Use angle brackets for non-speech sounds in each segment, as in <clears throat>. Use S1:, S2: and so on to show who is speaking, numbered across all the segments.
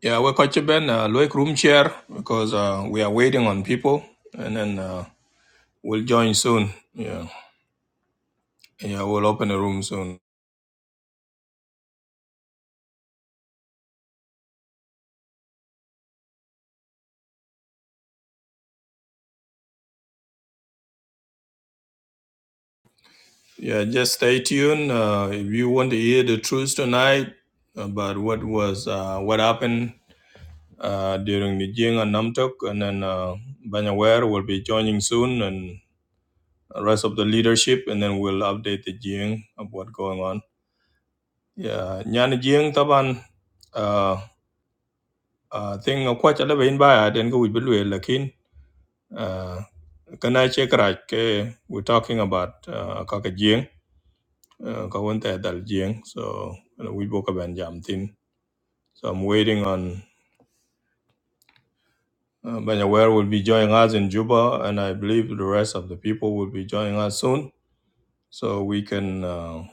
S1: Yeah, we're quite Ben, uh, Loic room chair because uh, we are waiting on people, and then uh, we'll join soon. Yeah, yeah, we'll open a room soon. Yeah, just stay tuned. Uh, if you want to hear the truth tonight about what was uh, what happened uh, during the Jing and Namtok, and then uh, Banyaware will be joining soon, and the rest of the leadership, and then we'll update the Jing of what's going on. Yeah, Nyan Jing Taban. uh, uh, thing of quite a level in by I didn't go with Bilwe Lakin. Uh, Can I check right? ke, We're talking about uh, Kaka Jing, uh, Kawante Dal Jing. So uh, we book a Benjam thing. So I'm waiting on uh, Banyaware will be joining us in Juba, and I believe the rest of the people will be joining us soon. So we can uh,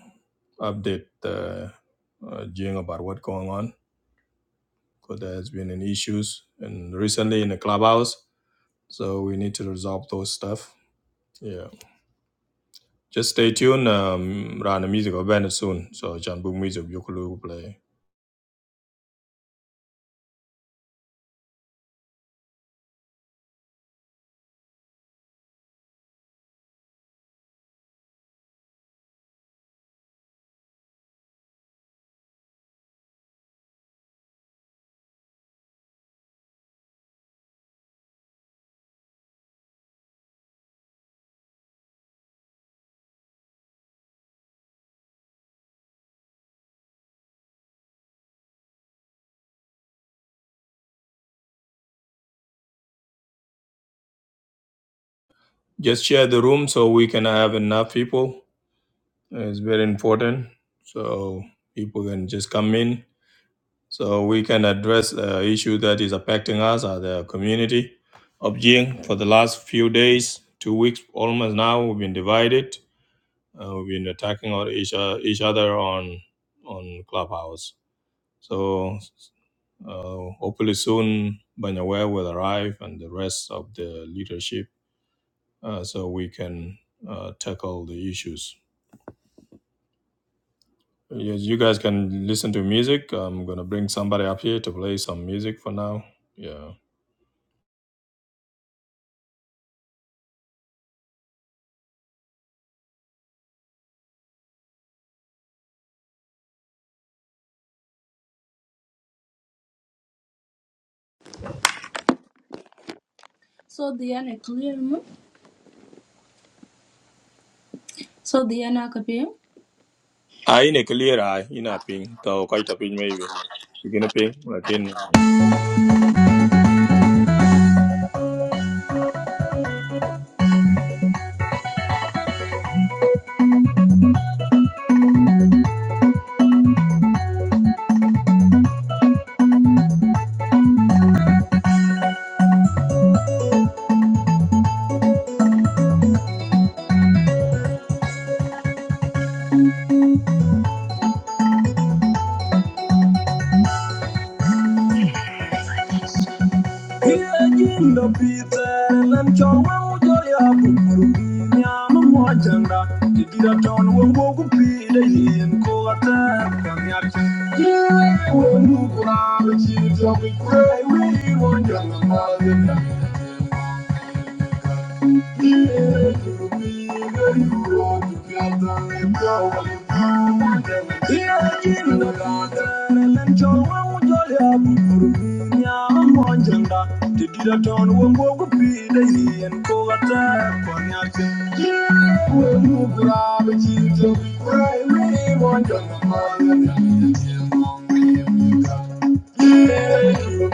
S1: update uh, uh, Jing about what's going on because there has been any issues and recently in the clubhouse. So we need to resolve those stuff. Yeah. Just stay tuned. Um, run the music event soon, so Chan Book music you could play. Just share the room so we can have enough people. It's very important, so people can just come in, so we can address the issue that is affecting us as the community of Jing. For the last few days, two weeks almost now, we've been divided. Uh, we've been attacking our each, each other on on Clubhouse. So Uh, hopefully soon, Banyawe will arrive and the rest of the leadership, uh, so we can uh, tackle the issues. Yes, you guys can listen to music. I'm gonna bring somebody up here to play some music for now. Yeah. Ah, in a clear eye, in a ping, though quite a ping maybe. You gonna ping, like in.
S2: Yajinda pite nen chorwa ujol ya bukuru Nyama mwajanga Jidira ton wongwo kupide yin kogate Kanyak Yewe wongukura Bichito kikure Wii wonjanga mazinda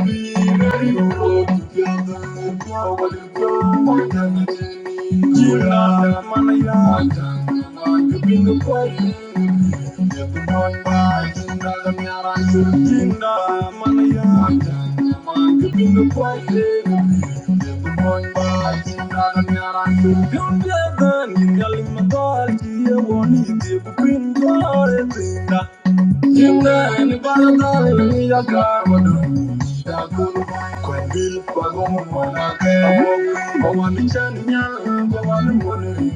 S2: yeah. You're the one who's the one Yemeni balada ya kamadu shakuru kwendil pagomu manake awani chanya awani mone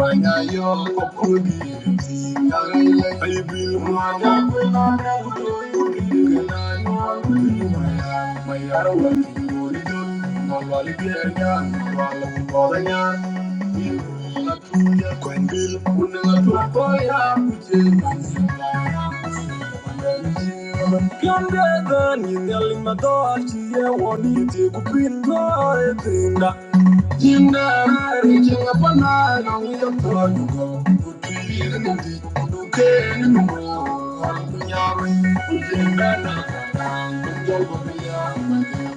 S2: wanya yo kokudi yagaile ibil manya kwena na utoi gena na mayaro wani goridon malwali biernya walu kodanya Thank you.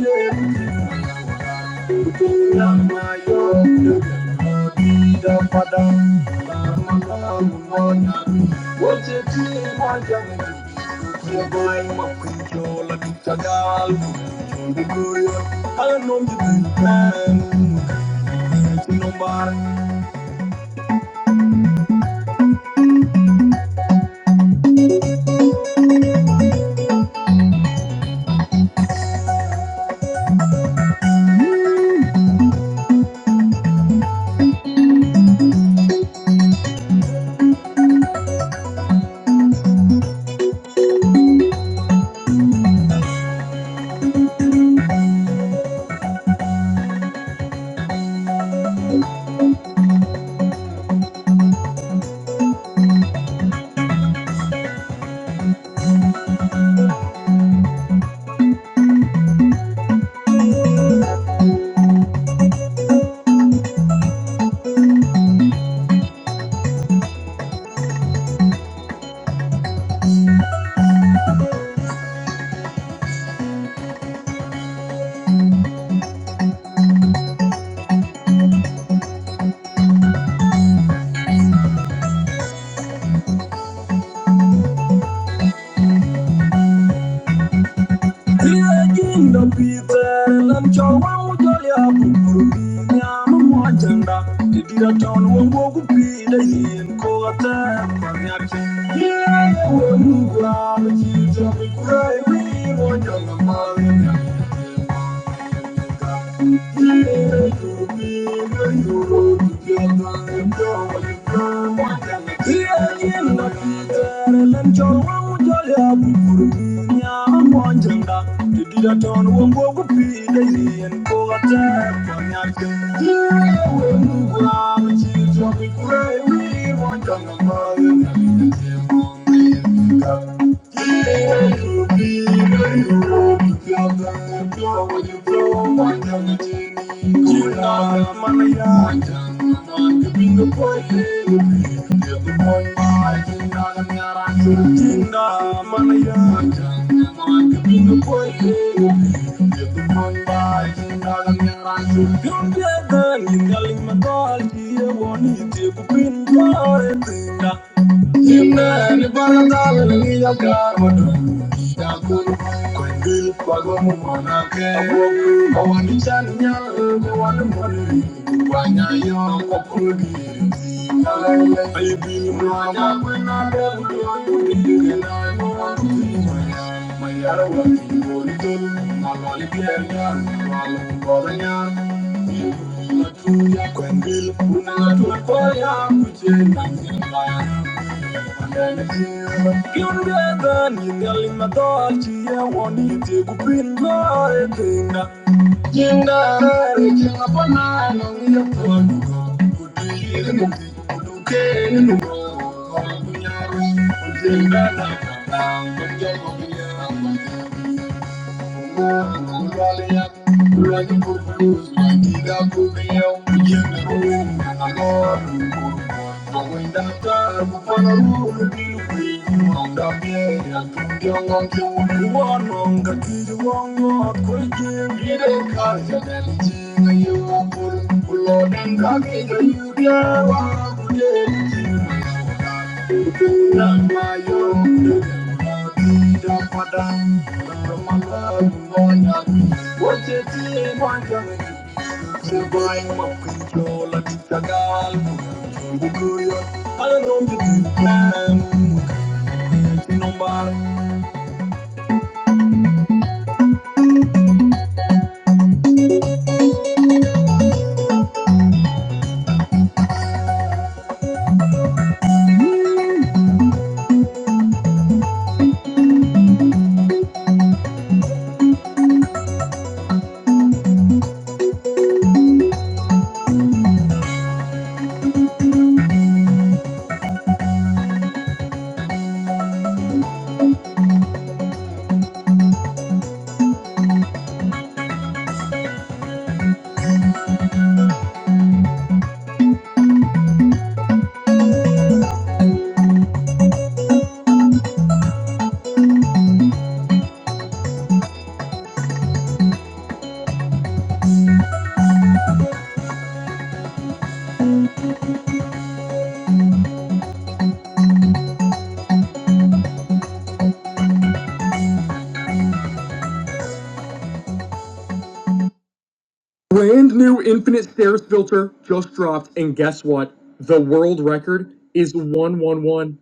S2: Thank you. Hello, Liyajin da pite nan chawa mujali abumburu Nyama mwajanda Tidira town wongo kupide yin kogate Panyachi Yewe nukwa mchita mkura Iwi mojanga mali Thank you. Don't get the little in my body, you want to be in Imani palatala niya karwatu Yakun kwendil pagwamu manake Awani chanya eme wani mwani Wanya yon kokugi Ayibini mwanya kwena devu yoyu Kena yon mwani Thank you. Thank you. Thank you. Brand new infinite stairs filter just dropped, and guess what? The world record is 111.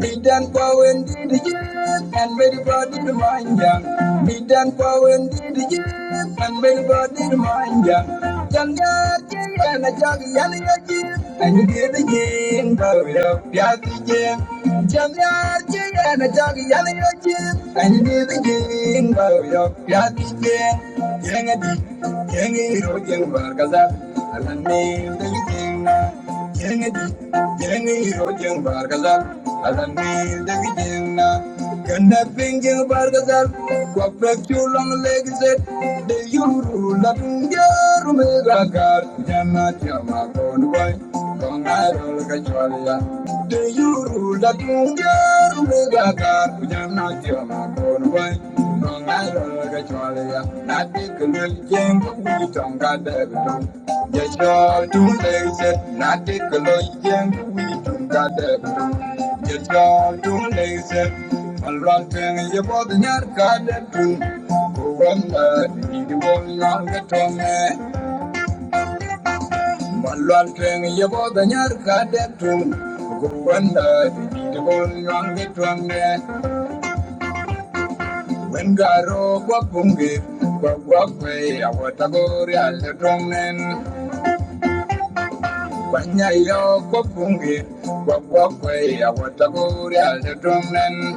S2: Bidan kwawen didi yen, and very body to mind ya. Bidan kwawen didi yen, and very body to mind ya. Janga ki and a jog yan ya ki, and you get the yen, but we are piati yen. Janga and a jog yan ya ki, and you get the yen, but we are piati yen. Yang a di, yangi a ro yang barkaza, and a name the yen. Yengi di, yengi hiro jeng bargazal, alam mir degi jengna. Ganda pingjeng bargazal, kwa pek chulang legizet, de yuru la tungyaru megagar, jana tiama konwai, kongarol kachwalia. De yuru la tungyaru megagar, Thank you. Wengaro kwa punge kwa kwa kwe ya watagori aletonen Kwanya iyo kwa punge kwa kwa kwe ya watagori aletonen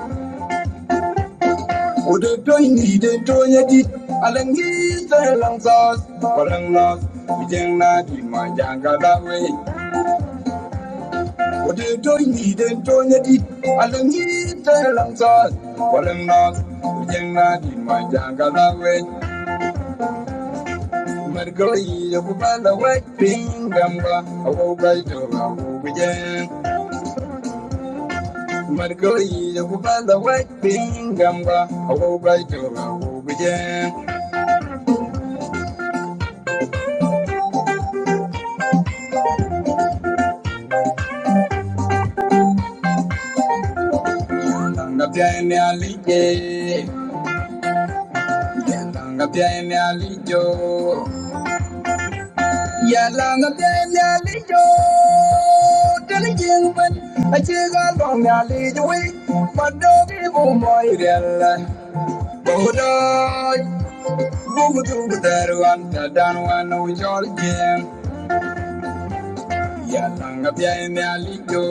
S2: Udoto ini dento nyeti alengi sa lang sos Walang nos Bijeng na di manjanga dawe Udoto ini dento nyeti alengi sa lang sos Walang nos Bijeng na di manjanga dawe Margoyi ya kubala waiting gamba awo baito awo bijen Margoyi ya kubala waiting gamba awo baito awo bijen Tanga piani alige Yalanga piani alijo Yalanga piani alijo Tani jingwen Achiga long alijo Madogi bumoy rel Bodoy Bumutu daru anta danu anu jorge. Yalanga pia ene alijo.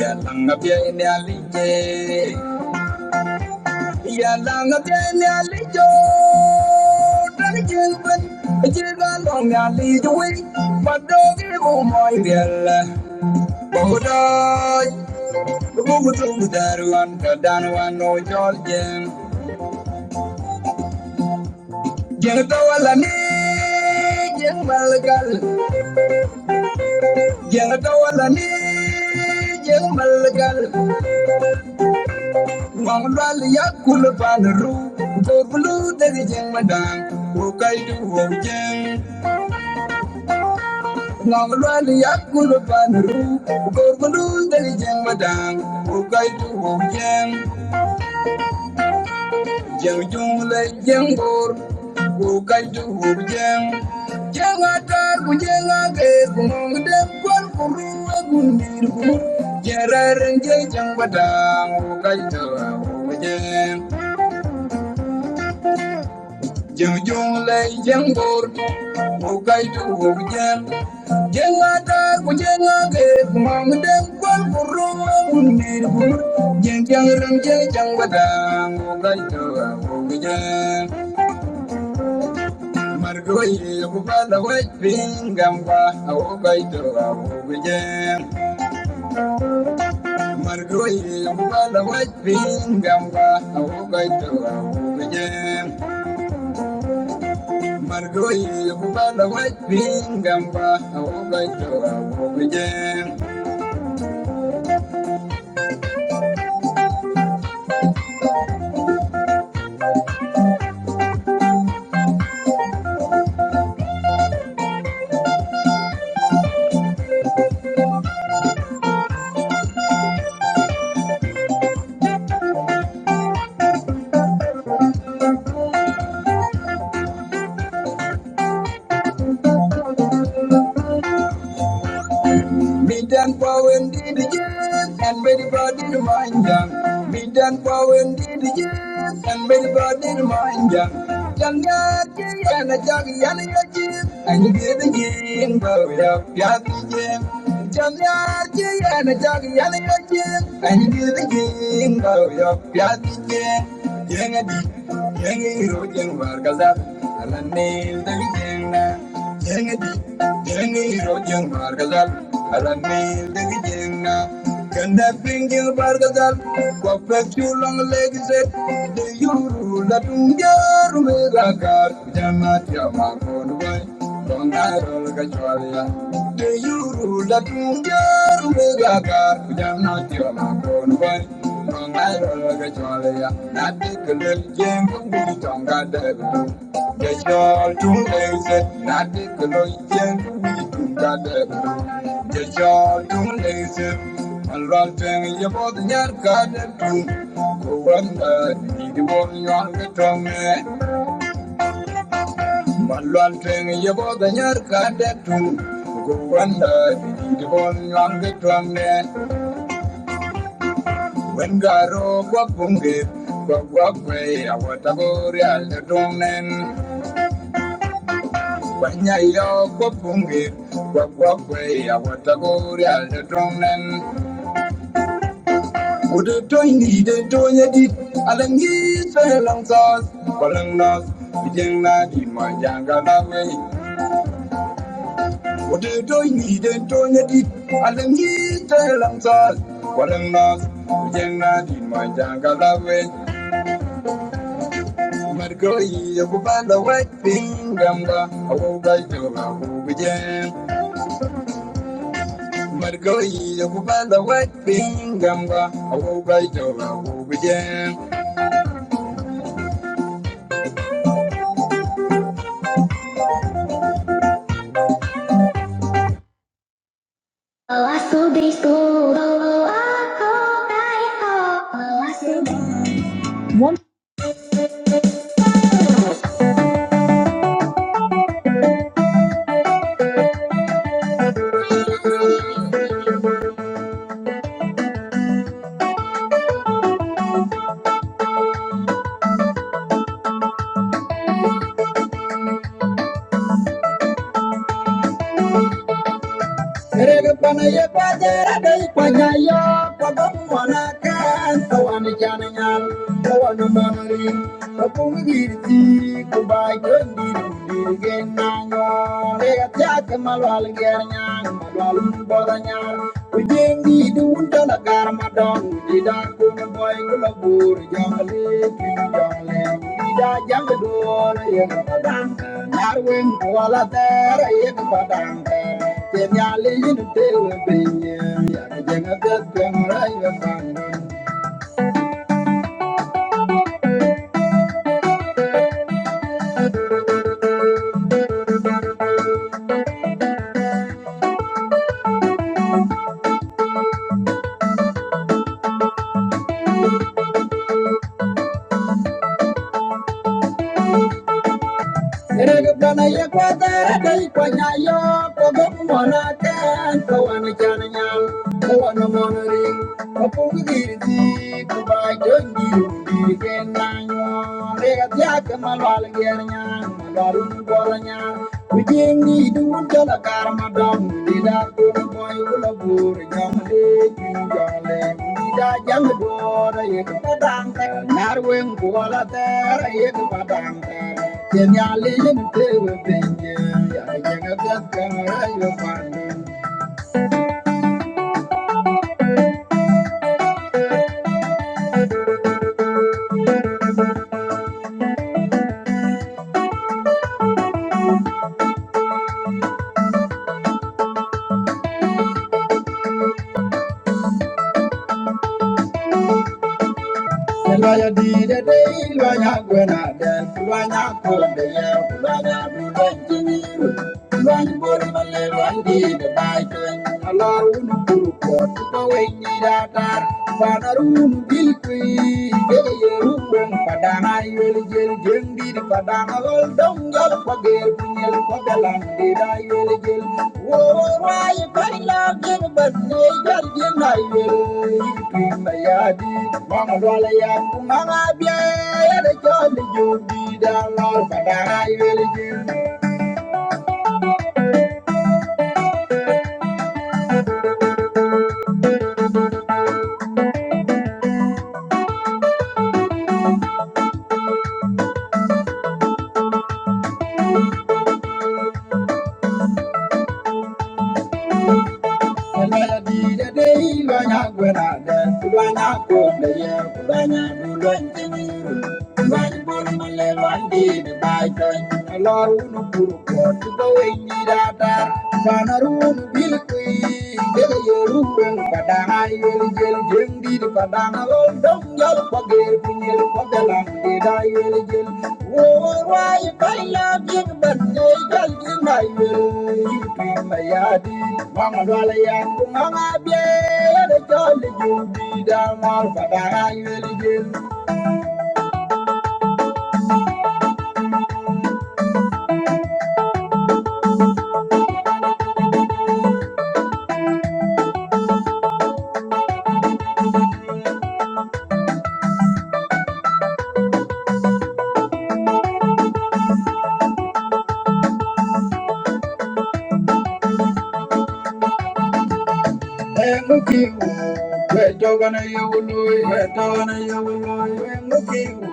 S2: Yalanga pia ene alije. Yalanga pia ene alijo. Dani kilben. Jiga long alijo we. Padogi umoi diela. Bogodoi. Bumutu daru anta danu anu jorge. Jenga tawala ni. Jenga malagal. Jenga tawala ni. jeng malgal yakul panru do blu de jeng madang ko kai yakul panru do blu de jeng madang ko kai du wo jeng jeng jung le jeng bor ko kai du wo jeng jeng atar ku jeng age ku Jeng jong lay jeng bor Wo gai du wo jeng Jeng ata ku jeng age Mam dem kwal ku roma un nir bur Jeng jeng rang jeng jang badang Wo gai du wo jeng Margo ye ku bala ping gam ba Wo gai du wo jeng ping gam ba Wo gai Margoyi, Bala White Bingham, Baha, Ogai, Tora, Ogai, Be done for when did you and very body remind ya. Be done for when did you and very body remind ya. Yanga and a jug yan and you get the game but we have Yaki. Janga and a jug yan and you get the game but we Yaki. Yang a deep, yang a road, yang wargazar, and a nail the game. Yang di, yang di rojang margazal, aramil de jengna. Kanda pingjil bargazal, wapet chulang legzet. De yuru latung jaru megagar, Dongarola Gacholia. Do you rule a tunger with a car? Jamna Tioma Cornwall. Dongarola Gacholia. Natik Lil Jim Tonga Devil. Gachol Tungaset. Natik Lil Jim Tonga Devil. Gachol Tungaset. And run thing you both in your garden too. Go on, uh, you won't want to tell me. Malwan tweng yebo da nyar ka de tung Gupanda di bon nyang de twang ne Wen garo kwa pungi Kwa kwa kwe awata bori al de tong nen Wanya yo kwa pungi Kwa kwa kwe awata bori al de tong nen Udu toy ni de tonya di Alangi sa lang sas Walang nas Bijeng na di manjang ka na What do you doing? He didn't doing I didn't need to long salt. What a loss. We can in my jungle that way. But go by the white finger. I will die to a who began. But go by the white finger. I will die to a who Oh, I so be school. Oh, I so die. Oh, I so be school. Thank you. We jing di du unta la gar ma don di da kun boy kula bur jamale pi jamale di da jang du la ye ma dang nar wen wala ter ye ma dang ke nyale yin te we bin ye ya jang ga kun rai ga Sirigbanaya kwadara dai kwanyayo kogobu mona ten kawana chananyal kawana monori kapungu diriti kubai jongi umbiri kenanyo rega tiaka malwal gernya malwalu ngolanya kujingi duun jala dida kuru boy Thank you. Lawyer did a day, lawyer when I then, lawyer called the year, lawyer do that to you. Lawyer body, my little did a bike, a lot of women who got to go in the other. Father, who will be free, get a gel mbiri kadana lol dongal ko gel punyel ko belan dira yel gel wo rai bala gel banne gal gel na yel yitu na yadi mama wala ya kuma biya ya da jol Banarun bilkui, dega yeru ben kadang ayul jel Jeng di depan dangal dong gal pagir pinyel padalang di dayel jel. Wawai pala jeng bande gal di mayel. Yipi mayadi mama dwala yang mama biaya da jol jumbi damal padayel jel. Emuki wu weto gana yawului weto gana yawului emuki wu.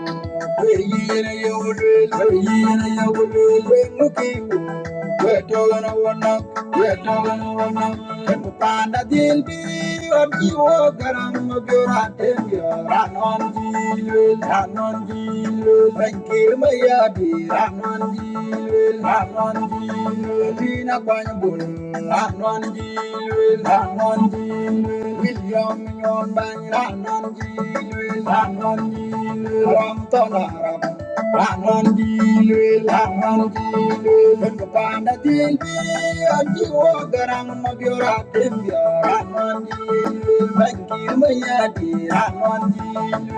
S2: Weyina yawului weyina yawului emuki wu. wetogana wona wetogana wona kanu panda dil biri on iwo garam gyora tengi ranon dilul ranon dilul bankir maya di ranon dilul ranon dilul dina kwany bun ranon dilul ranon William Nyon Banganan Gilwil Hanan Gilwil Ramtanaram Hanan Gilwil Hanan Gilwil Kepanda Gilbi Ajiwa Garang Magyora Timbya Hanan Gilwil Bangkir Mayadi Hanan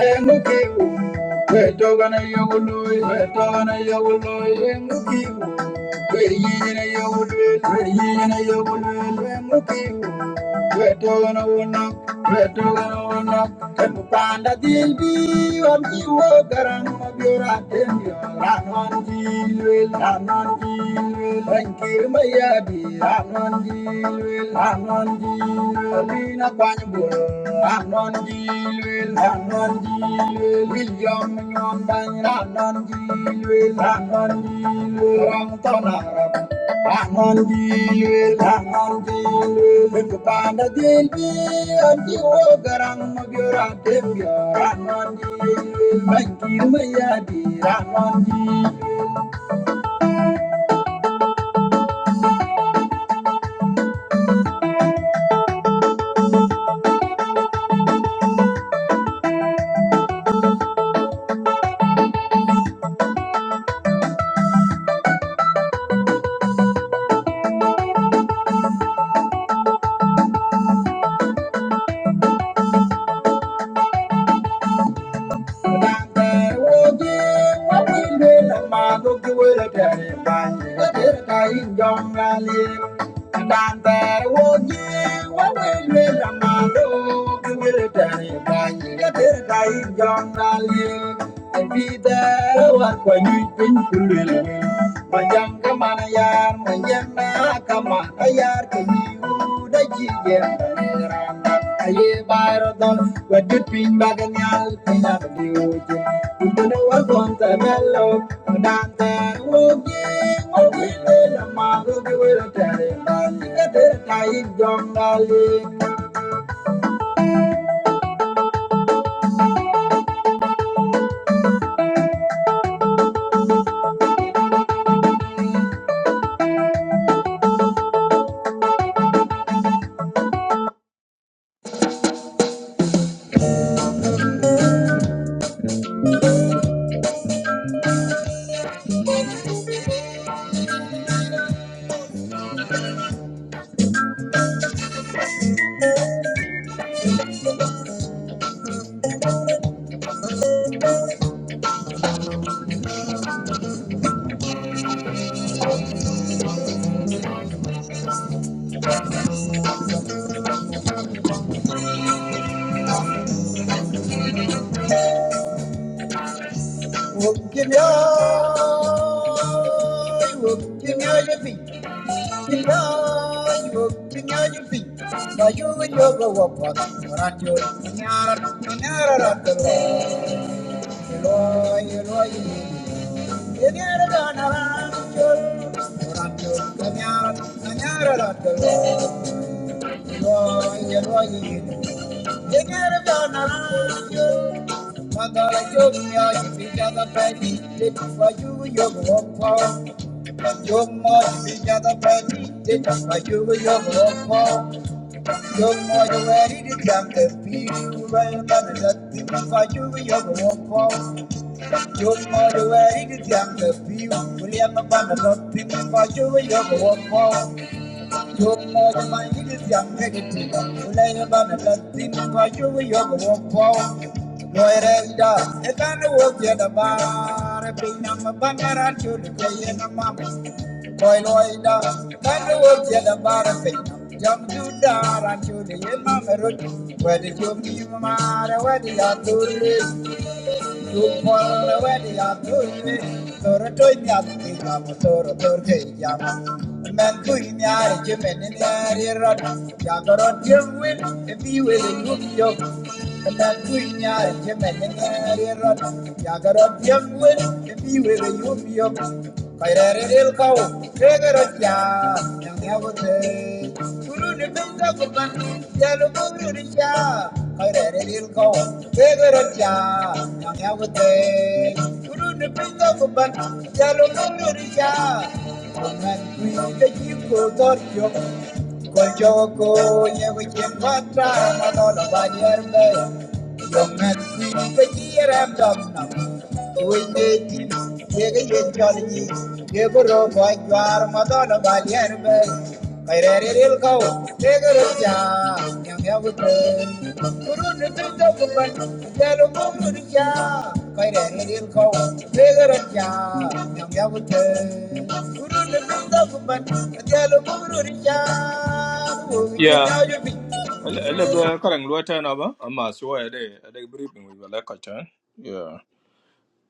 S2: Engukiwu, wetogana yogului, wetogana yogului, engukiwu. Weyijina yogului, weyijina yogului, engukiwu. Wetogana wonak, wetogana wonak. Empupanda dilbi, wamiwo garang mabiora tembio. Ranon dilwil, ranon dilwil, rankir mayabi, ranon dilwil. Amnon Gil, Lina Quanbull, Amnon Gil, Amnon Gil, William Yon Bang, Amnon Gil, Amnon Gil, Ramton Arab, Amnon Gil, Amnon Gil, Little Panda Gil, and you walk of your active, Amnon Gil, Mikey Mayadi, Amnon Gil. Young, and Be there, what when you think you will. My young manayar manyana kama ayar kayu da jigen aye bayro don wadut pin bagan yal pinya diuji kundo war kon ta mello dan ter wogi wogi la mago ge wera tare ban ga ter tai jongali wogi ya wogi Thank you you're You're you you're You're you're You're you're more ready to come to be right than that, like your your love for. You're more ready to come to be William Abandon, like you were your love for. You're more than to come to be William Abandon, like you were your my bar, Yo, Toy loida, tandu obiela barafe. Jam judara chudi yema merut. Wedi jum yumara wedi aturi. Jumpola wedi aturi. Toro toy nyati kamu toro torke yama. Men kui nyari jemeni nyari rot. Jagarot jemwin ebi wedi yuk Men kui nyari jemeni nyari rot. Jagarot jemwin ebi wedi yuk yuk. Kairere el kau, egera kya, Kuru ni tumda kuban, jalu kuru Kairere el kau, egera kya, Kuru ni tumda kuban, jalu kuru ni kya. Kaman kui te jiko dorjo, Kol joko, nyego chen patra, Yongan ka jiyer am dom nam Uy neji Yega yen chol ji Yego ro boy jwar madona bal yer be Kaire re ril kau Yega ro cha Yang ya wute Kuru ni tu to kuban Yelo kumu ni cha Kaire re ril kau Yega ro cha Yang ya wute Kuru ni tu to kuban Yelo kumu ni cha Uy chin
S1: Yeah.
S2: ya
S1: Elebe karang luata na ba? Ama siwa ede ede briefing we wala kachan. Yeah.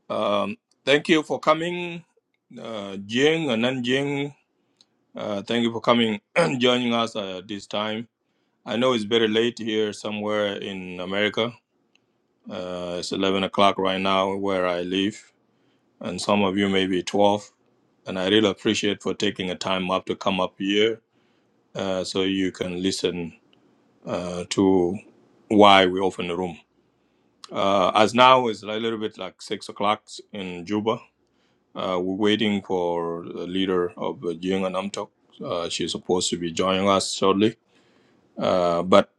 S1: Um. Thank you for coming, uh, Jing and Nanjing. Uh, thank you for coming <clears throat> and joining us uh, this time. I know it's very late here somewhere in America. Uh, it's 11 o'clock right now where I live, and some of you may be 12. And I really appreciate for taking a time up to come up here uh, so you can listen uh, to why we open the room. Uh, as now it's a little bit like 6 o'clock in Juba. Uh, we're waiting for the leader of the Jing and Namtok. Uh, she's supposed to be joining us shortly Uh, but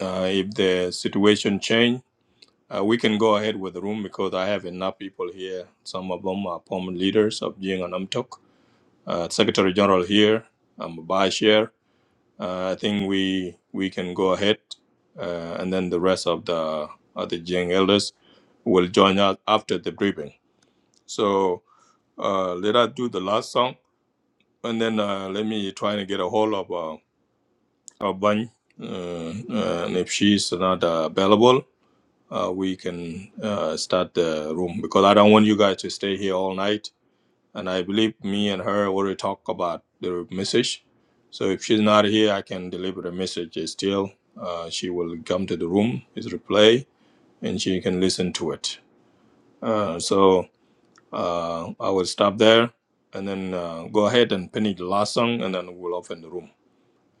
S1: uh, if the situation change, uh, we can go ahead with the room because I have enough people here. Some of them are former leaders of Jing and Amtok. Uh, Secretary General here, I'm a vice chair. Uh, I think we we can go ahead, uh, and then the rest of the of the Jing elders will join us after the briefing. So uh, let us do the last song, and then uh, let me try to get a hold of uh, our bunch, uh, uh, and if she's not uh, available. uh, we can uh, start the room because I don't want you guys to stay here all night. And I believe me and her already talk about the message. So if she's not here, I can deliver the message still. Uh, she will come to the room, it's replay, and she can listen to it. Uh, so uh, I will stop there and then uh, go ahead and finish the last song and then we'll open the room.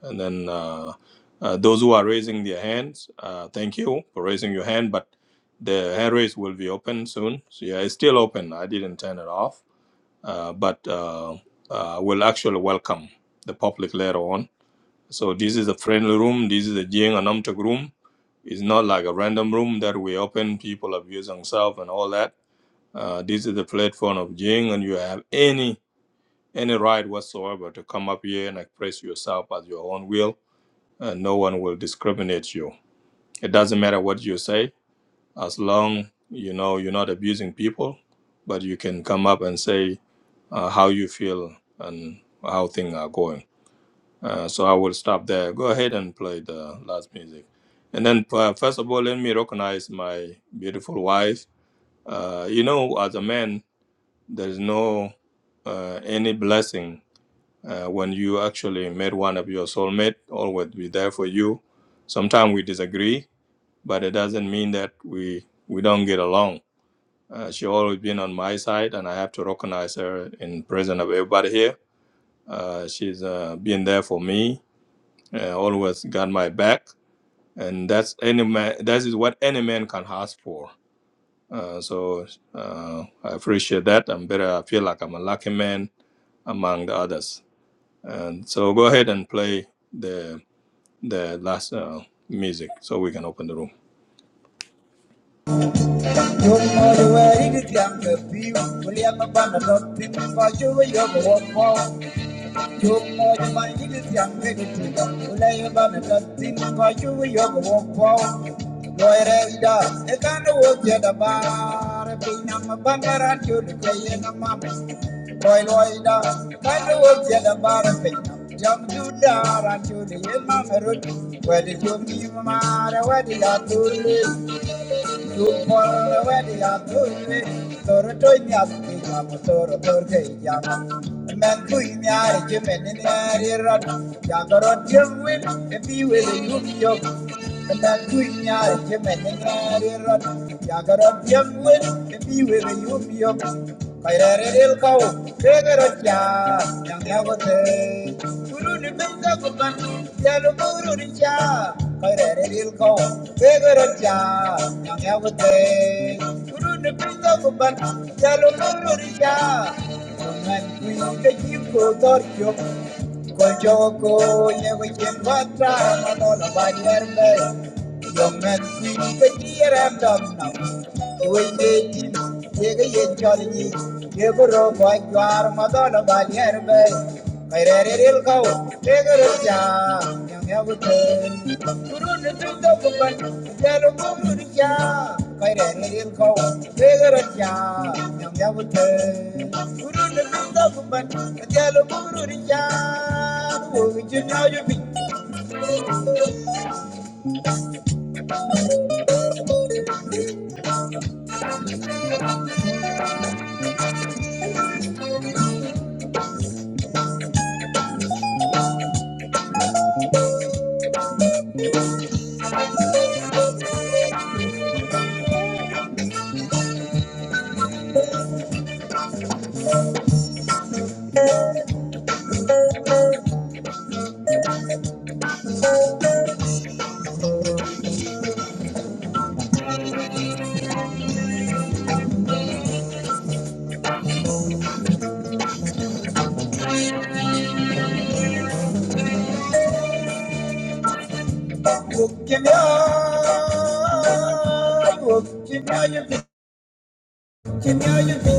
S1: And then uh, uh, those who are raising their hands, uh, thank you for raising your hand, but the hand raise will be open soon. So yeah, it's still open. I didn't turn it off, uh, but uh, uh, we'll actually welcome the public later on. So this is a friendly room. This is a Jing Anamtuk room. It's not like a random room that we open, people abuse themselves and all that. Uh, this is the platform of Jing, and you have any any right whatsoever to come up here and express yourself at your own will uh, no one will discriminate you. It doesn't matter what you say, as long you know you're not abusing people, but you can come up and say uh, how you feel and how things are going. Uh, so I will stop there. Go ahead and play the last music. And then, uh, first of all, let me recognize my beautiful wife. Uh, you know, as a man, there's no uh, any blessing uh, when you actually met one of your soulmate, always be there for you. Sometimes we disagree, but it doesn't mean that we we don't get along. Uh, she always been on my side, and I have to recognize her in presence of everybody here. Uh, she's uh, been there for me, uh, always got my back, and that's any man. That is what any man can ask for. Uh, so uh, I appreciate that. I'm better. I feel like I'm a lucky man among the others. And so go ahead and play the the last uh, music so we can open the room.
S2: Where did you mean, Mara? Where did you you Yagaro Kaireril kau, tegero cha, yang nyagote. Guru ni benda bukan, jalu guru ni cha. Kaireril kau, tegero yang nyagote. Guru ni benda bukan, jalu guru ni cha. Dengan kui keji ko torjo, ko joko nyego chembatra manola banyer Young men, the dear and dog now. When they did, they get jolly. They go rob by your mother by the airbag. I read it, it'll go. They go to Jam, young Yabutan. Purun the two document, Yellow Buruja. I read it, it'll go. They go to Jam, young Yabutan. Purun the two document, Yellow Buruja. Kimya, kimya yubi, kimya yubi,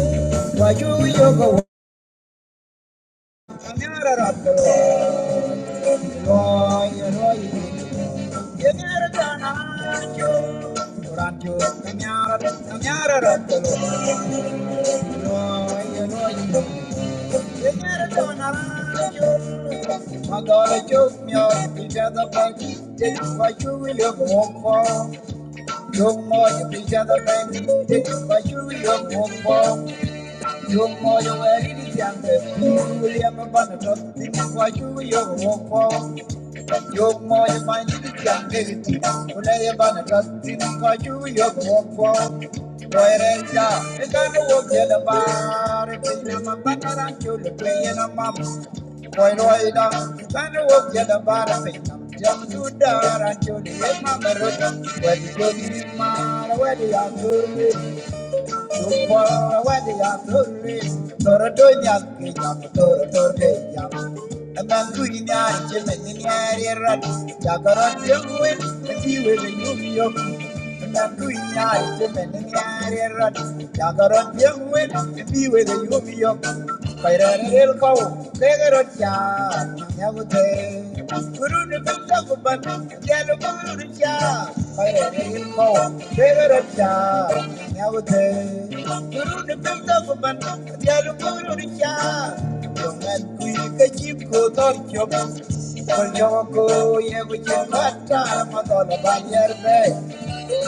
S2: wayu yoga kamera rato, roy roy, kamera dana jo, oran jo kamera kamera rato, roy roy, kamera dana jo, madal jo mya, ija da pagi, wayu yoga mo. You're more You be the other man, but you look more. You're more You are in the younger. you will have a banner, but you the the walk. are in Yo you're more You mo ye man yi di yang de ti. Kule ye ban rat tin ko ju yo walk for Boy re ja, e ga no wo ye la ba. Re ti na ma ba na ran ju le pe ye na ma. Boy roi da, ga no wo ye la ba ra pe na. Jam du da ran ju le ye ma ba ro Jacarot, young win, and you will be Thank you. Thank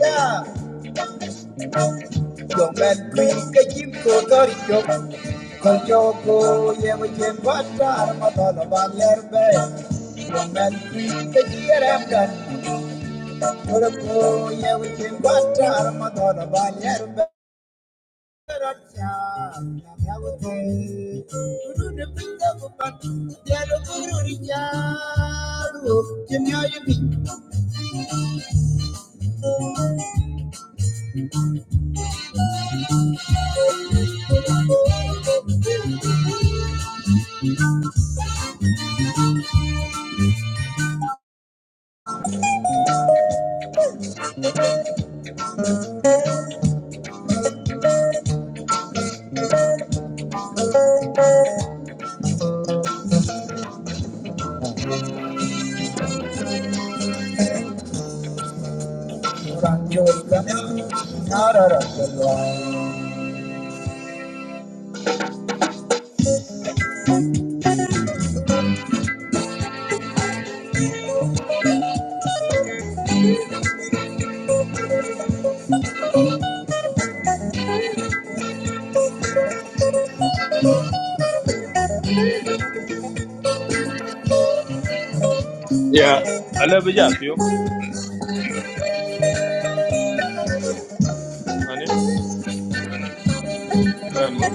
S2: you. Young man, please get him to the yoke. Kaljogo, Yemajem, Batar, Matala, Valerbe. Young man, please get here after. Kaljogo, Yemajem, Batar, Matala, Valerbe. Thank you.
S1: Yeah, I love it. Yes, you. Annie, you can move.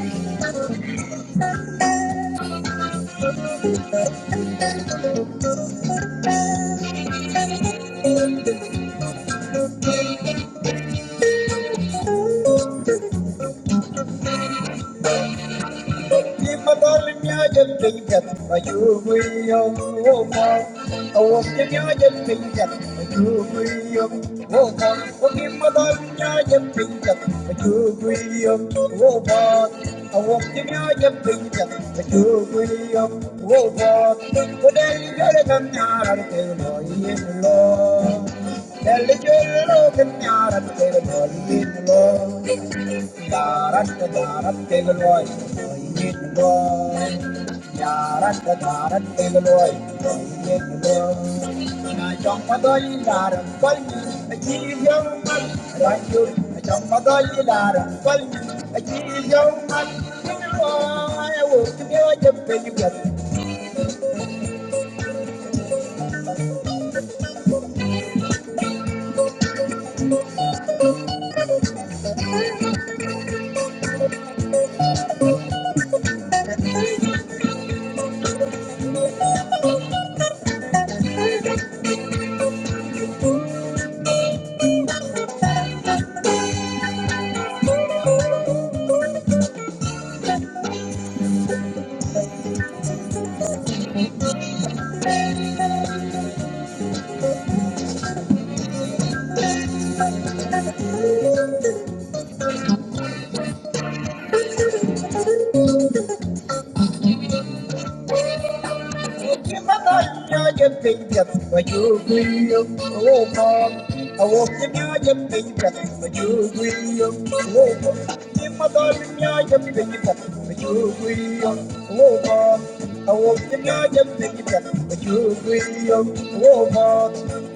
S2: Thank you. Darat darat tegaloi, oye loi. Darat darat tegaloi, oye loi. Na chong madoi darat kolmi, aji yoman. Ranjul na chong madoi darat kolmi, aji yoman. Loi, wo kibyo jep penyugat. Oh, Bob,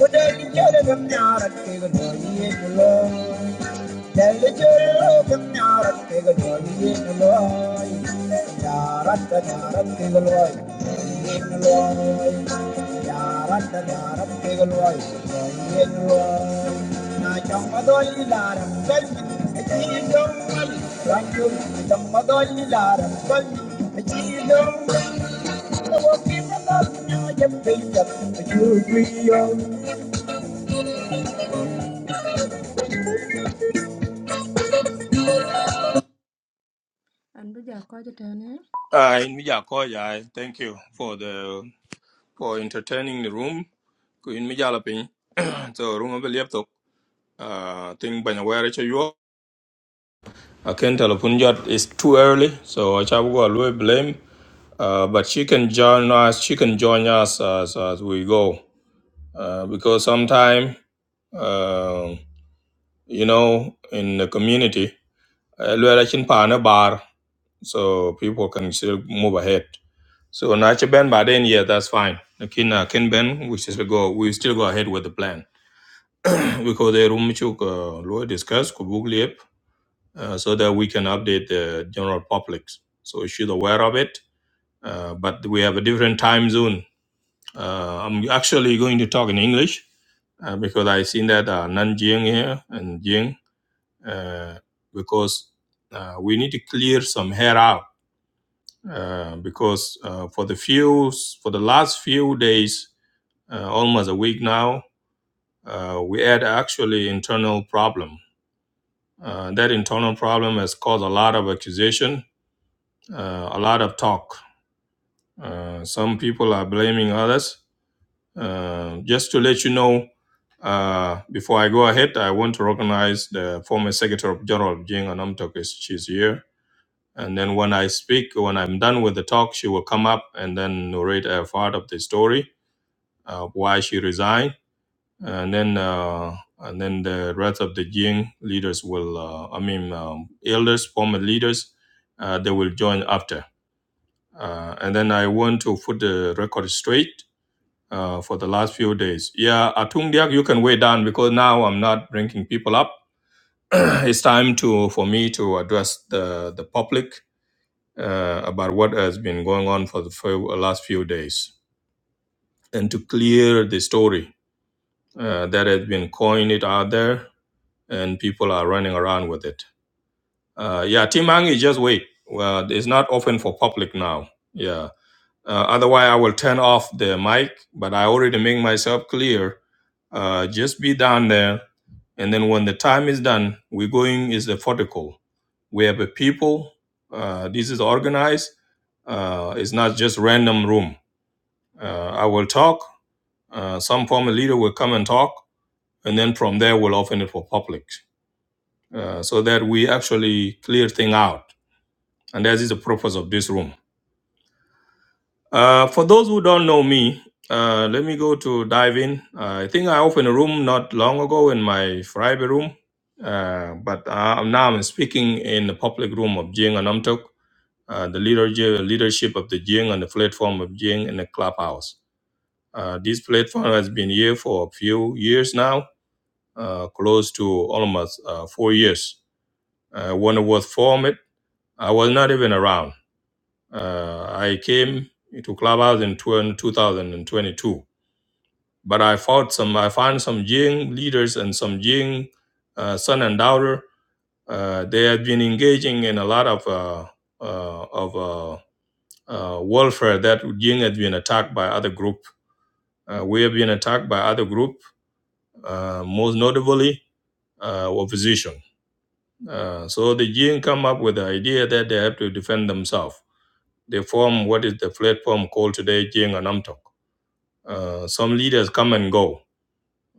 S2: what are you getting? I'm not a big one. I
S1: Uh, in Mija Koya, thank you for the for entertaining the room. Ku In Mija Lapin, <clears throat> so room of the laptop. Uh, think by the way, you. I can telephone jot is too early, so I shall go a blame. Uh, but she can join us. She can join us as as we go. Uh, because sometime. uh, you know, in the community. Uh, Luella Chin Pa na bar, so people can still move ahead. So na chi Ben by then, yeah, that's fine. Lakin uh, Ken Ben, we still go, we still go ahead with the plan <clears throat> because the room chuk lawyer discuss could book leap, uh, so that we can update the general public. So she's aware of it, uh, but we have a different time zone. Uh, I'm actually going to talk in English uh, because I seen that uh, Nan Jing here and Jing uh, because uh, we need to clear some hair out uh, because uh, for the few for the last few days, uh, almost a week now, uh, we had actually internal problem. Uh, that internal problem has caused a lot of accusation, uh, a lot of talk. Uh, some people are blaming others. Uh, just to let you know, uh, before I go ahead, I want to recognize the former Secretary of General of Jing Anamtok. She's here And then when I speak, when I'm done with the talk, she will come up and then narrate a part of the story, uh, why she resigned, and then uh, and then the rest of the Jing leaders will, uh, I mean, um, elders, former leaders, uh, they will join after. Uh, and then I want to put the record straight uh, for the last few days. Yeah, Atung Diak, you can weigh down because now I'm not bringing people up. <clears throat> it's time to for me to address the the public uh, about what has been going on for the few, uh, last few days and to clear the story uh, that has been coined it out there and people are running around with it. Uh, yeah, Timang is just wait. Well, it's not open for public now. Yeah, uh, otherwise, I will turn off the mic, but I already make myself clear. Uh, just be down there. And then when the time is done, we're going is the vertical. We have a people. Uh, this is organized. Uh, it's not just random room. Uh, I will talk. Uh, some former leader will come and talk, and then from there we'll open it for public, uh, so that we actually clear thing out. And that is the purpose of this room. Uh, for those who don't know me, uh, let me go to dive in. Uh, I think I opened a room not long ago in my private room, uh, but uh, now I'm speaking in the public room of Jing and Umtuk, uh, the leadership, leadership of the Jing and the platform of Jing in the clubhouse. Uh, this platform has been here for a few years now, uh, close to almost uh, four years. Uh, when it was formed, I was not even around. Uh, I came to Clubhouse in 20- 2022 But I fought some. I found some Jing leaders and some Jing uh, son and daughter. Uh, they had been engaging in a lot of uh, uh, of uh, uh, warfare that Jing had been attacked by other group. Uh, we have been attacked by other group, uh, most notably uh, opposition. Uh, so the Jing come up with the idea that they have to defend themselves. They form what is the platform called today Jing Anamtok. Uh, some leaders come and go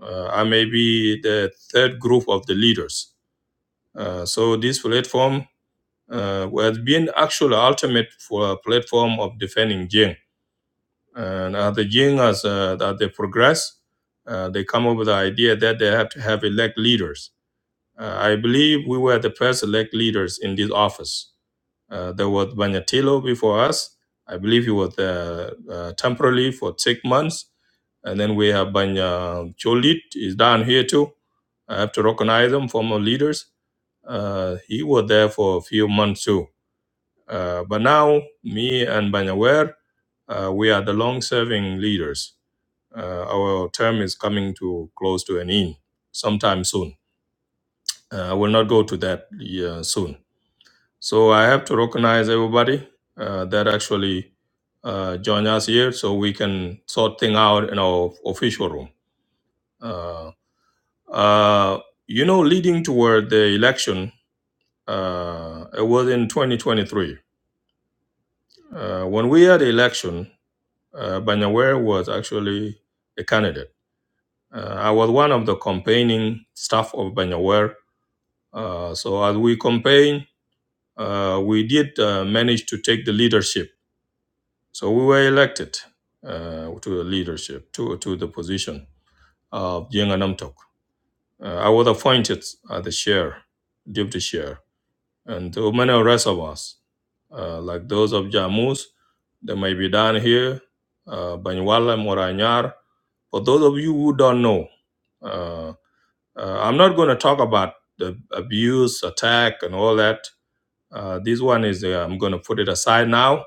S1: Uh, I may be the third group of the leaders. Uh, so this platform uh, has been actually ultimate for a platform of defending Jing. And as the Jing, as uh, that they progress, uh, they come up with the idea that they have to have elect leaders. Uh, I believe we were the first elect leaders in this office. Uh, there was Banyatilo before us. I believe he was uh, uh, temporarily for six months. And then we have Banya Cholit is down here too. I have to recognize them, former leaders. Uh, he was there for a few months too. Uh, but now, me and Banyawer, uh, we are the long-serving leaders. Uh, our term is coming to close to an end sometime soon. Uh, I will not go to that yeah, soon. So I have to recognize everybody uh, that actually uh, join us here so we can sort thing out in our official room. Uh, uh, you know, leading toward the election, uh, it was in 2023. Uh, when we had the election, uh, Banyaware was actually a candidate. Uh, I was one of the campaigning staff of Banyaware. Uh, so as we campaign, uh, we did uh, manage to take the leadership So we were elected uh, to the leadership, to, to the position of Jenga Namtok. Uh, I was appointed as the chair, deputy chair, and to many rest of us, uh, like those of Jamus, they may be down here, uh, Banyuwala, Moranyar. For those of you who don't know, uh, uh, I'm not going to talk about the abuse, attack, and all that. Uh, this one is, uh, I'm going to put it aside now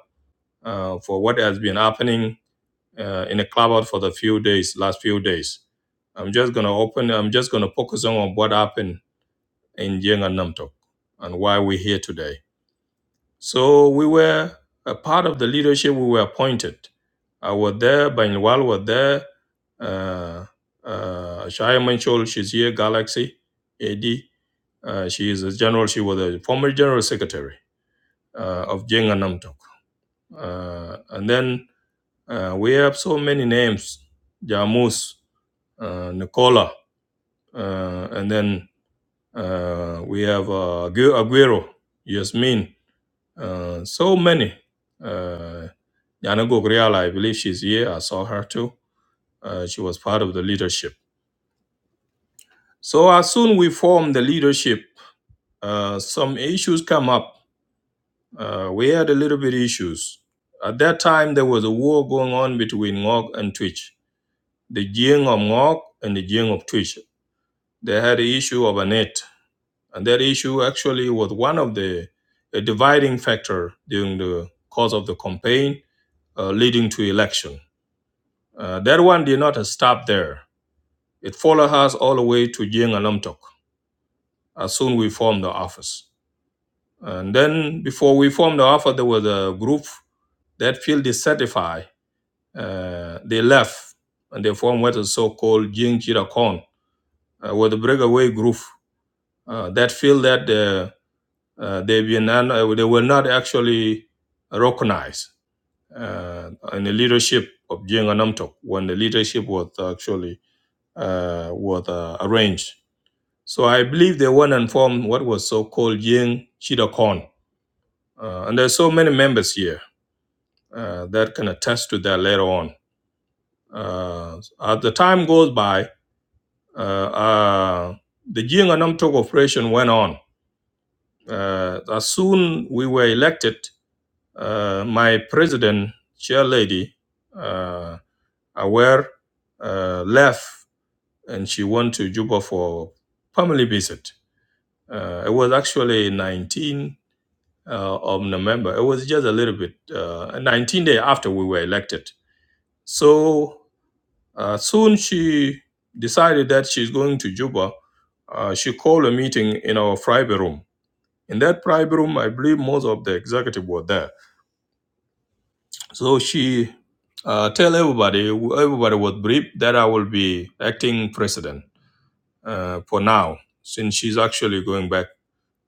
S1: uh, for what has been happening uh, in a clubhouse for the few days, last few days. I'm just gonna open. I'm just gonna focus on what happened in Jing and Namtok and why we're here today. So we were a part of the leadership. We were appointed. I was there. Banyawal was there. Uh, uh, Shaya Manchol, she's here. Galaxy, AD. Uh, she is a general. She was a former general secretary uh, of Jing and Namtok. Uh, and then uh, we have so many names. Jamus. uh, Nicola, uh, and then uh, we have uh, Agu- Aguero, Yasmin, uh, so many. Uh, Yana Gogrial, I believe she's here. I saw her too. Uh, she was part of the leadership. So as soon we formed the leadership, uh, some issues come up. Uh, we had a little bit issues. At that time, there was a war going on between Ngok and Twitch. The Jing of Ngok and the Jing of Twitch. They had an issue of a net. And that issue actually was one of the a dividing factor during the course of the campaign uh, leading to election. Uh, that one did not stop there. It followed us all the way to Jing and Lam as soon we formed the office. And then before we formed the office, there was a group that feel dissatisfied. Uh, they left and they formed what is so-called Jing Chirakon, uh, with the breakaway group uh, that feel that the Uh, they've been un- they were not actually recognized uh, in the leadership of Jenga Namtok when the leadership was actually uh, was uh, arranged. So I believe they went and formed what was so-called Yang Shida Khan. Uh, and there's so many members here uh, that can attest to that later on. Uh, as the time goes by, uh, uh, the Jing and Namtok operation went on. Uh, as soon we were elected, Uh, my president, chair lady, uh, aware, uh, left and she went to Juba for family visit. Uh, it was actually 19 uh, of November. It was just a little bit, uh, 19 day after we were elected. So uh, soon she decided that she's going to Juba. Uh, she called a meeting in our private room. In that private room, I believe most of the executive were there So she uh, tell everybody, everybody was briefed that I will be acting president uh, for now, since she's actually going back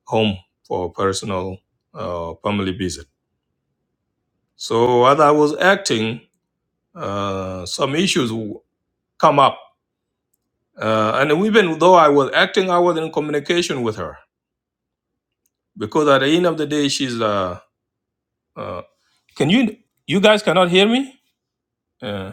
S1: home for personal uh, family visit. So as I was acting, uh, some issues w- come up, uh, and even though I was acting, I was in communication with her because at the end of the day, she's. Uh, uh, can you you guys cannot hear me? Uh,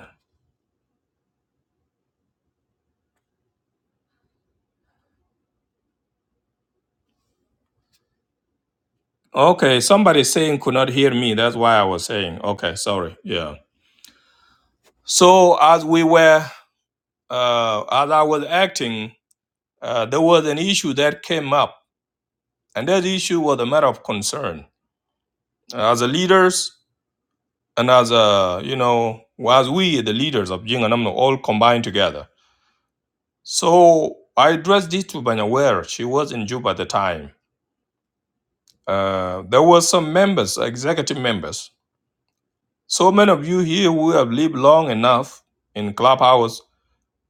S1: Okay, somebody saying could not hear me. That's why I was saying. Okay, sorry. Yeah. So as we were, uh, as I was acting, uh, there was an issue that came up, and that issue was a matter of concern. As a leaders, and as a you know, well, as we the leaders of Jing and Amno all combined together. So I addressed this to Banyawer. She was in Juba at the time. Uh, there were some members, executive members, So many of you here who have lived long enough in Clubhouse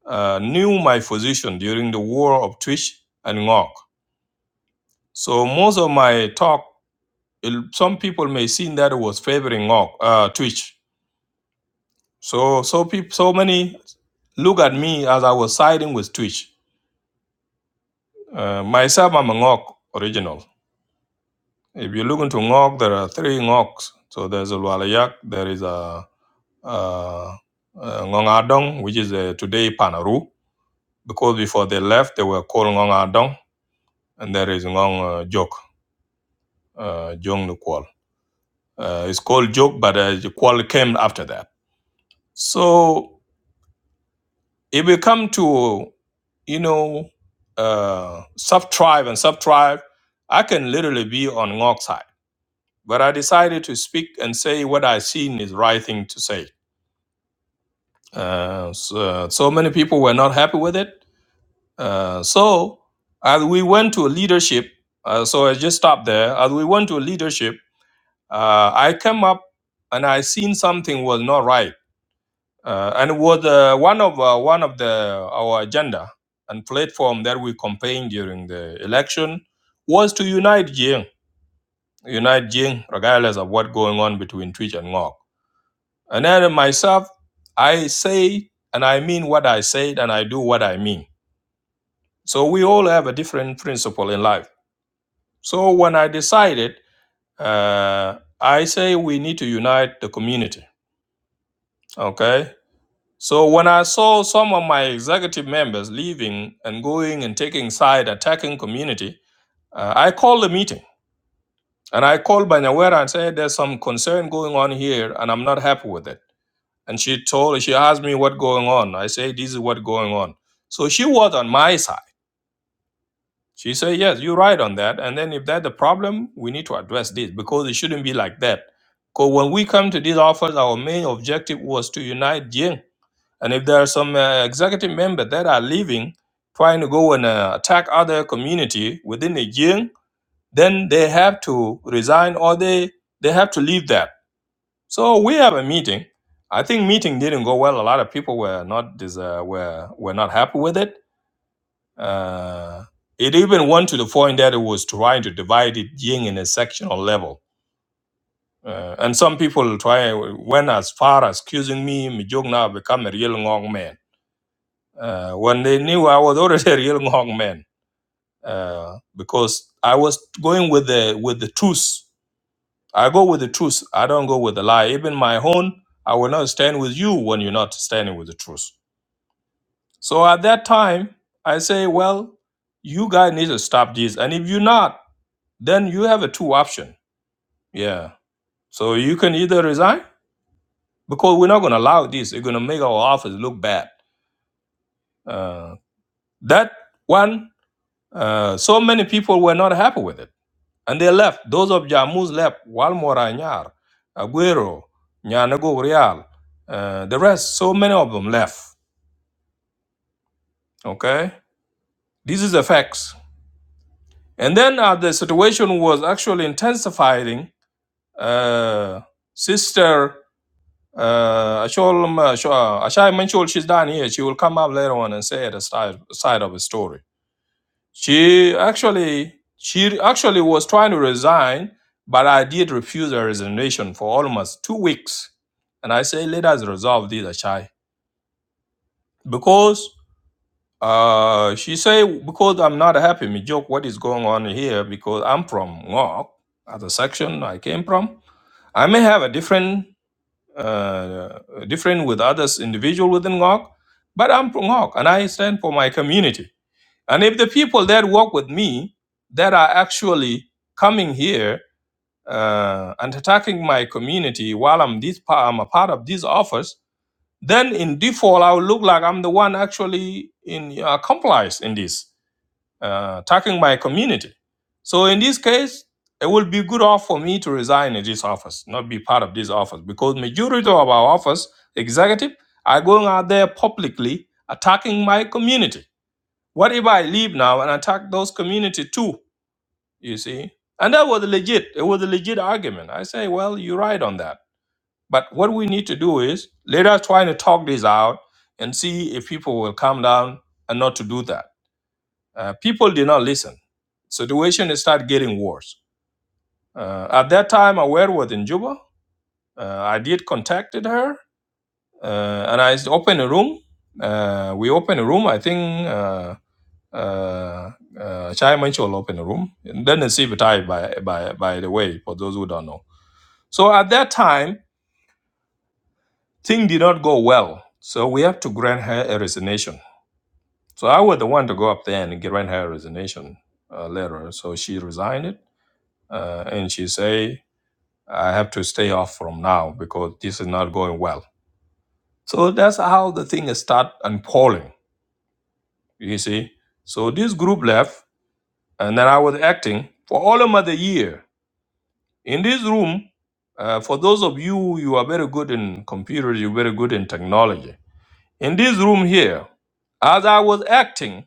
S1: uh, knew my position during the war of Twitch and Ngok. So most of my talk, il- some people may seem that it was favoring Ngok, uh, Twitch. So so peop, so many look at me as I was siding with Twitch. Uh, myself, I'm a Ngok original. If you look into Ngok, there are three Ngoks. So there's a Lualayak, there is a, uh uh Ngong Adong, which is uh today Panaru, because before they left, they were called Ngong Adong, and there is Ngong uh, Jok, uh, Jong Nukwal. Uh, it's called Jok, but uh, Kwal came after that. So if we come to, you know, uh, sub tribe and sub tribe, I can literally be on Ngok side. But I decided to speak and say what I seen is right thing to say. Uh, so, so many people were not happy with it Uh, so as we went to a leadership, uh, so I just stopped there. As we went to a leadership, uh, I came up and I seen something was not right, uh, and it was uh, one of uh, one of the our agenda and platform that we campaigned during the election was to unite Jing, unite Jing, regardless of what going on between Twitch and Ngok. And then myself, I say and I mean what I said, and I do what I mean. So we all have a different principle in life So when I decided, uh, I say we need to unite the community. Okay. So when I saw some of my executive members leaving and going and taking side, attacking community, uh, I called the meeting and I called Banyawera and said, "There's some concern going on here, and I'm not happy with it." And she told, she asked me what going on. I say, "This is what going on." So she was on my side. She said, Yes, you're right on that. And then if that's the problem, we need to address this because it shouldn't be like that. Because when we come to this office, our main objective was to unite Jing. And if there are some uh, executive members that are leaving, trying to go and uh, attack other community within the Jing, then they have to resign or they, they have to leave that. So we have a meeting. I think meeting didn't go well. A lot of people were not dis- uh, were were not happy with it uh, it even went to the point that it was trying to divide it yin in a sectional level. Uh, and some people try went as far as accusing me, Mijong now become a real Ngong man. Uh, when they knew I was already <laughs> a real Ngong man, uh, because I was going with the with the truth. I go with the truth. I don't go with the lie. Even my own, I will not stand with you when you're not standing with the truth. So at that time, I say, well, you guys need to stop this. And if you're not, then you have a two option. Yeah. So you can either resign because we're not going to allow this. It's going to make our office look bad. Uh, that one, uh, so many people were not happy with it. And they left. Those of Jammus left. Walmore Anyar, Aguero, Nyanago Real, uh, the rest, so many of them left. Okay. This is the facts. And then uh, the situation was actually intensifying. Uh, sister Uh, Ashol, um, uh, Sho- uh, Ashai Manchol, she's done here. She will come up later on and say the side, side of the story. She actually, she actually was trying to resign, but I did refuse her resignation for almost two weeks. And I say, let us resolve this, Ashai, because uh, she say because I'm not happy. Me joke, what is going on here? Because I'm from Ngok, other section I came from. I may have a different uh, different with others individual within Ngok, but I'm from Ngok and I stand for my community. And if the people that work with me that are actually coming here uh, and attacking my community while I'm this pa- I'm a part of this office, then in default I will look like I'm the one actually in uh, complies in this uh, attacking my community. So in this case, it will be good off for me to resign in this office, not be part of this office, because majority of our office executive are going out there publicly attacking my community. What if I leave now and attack those community too? You see, and that was legit. It was a legit argument. I say, well, you're right on that. But what we need to do is let us try to talk this out and see if people will calm down and not to do that. Uh, people did not listen. Situation started getting worse. Uh, at that time, Aware was in Juba. Uh, I did contacted her, uh, and I opened a room. Uh, we opened a room. I think uh, uh, uh, Chai Manchol opened a room. And then see Batai, by by by the way, for those who don't know. So at that time, things did not go well. So we have to grant her a resignation. So I was the one to go up there and grant her a resignation uh, letter. So she resigned it uh, and she say i have to stay off from now because this is not going well so that's how the thing start unfolding you see so this group left and then i was acting for all of the year in this room uh, for those of you you are very good in computers you're very good in technology in this room here as i was acting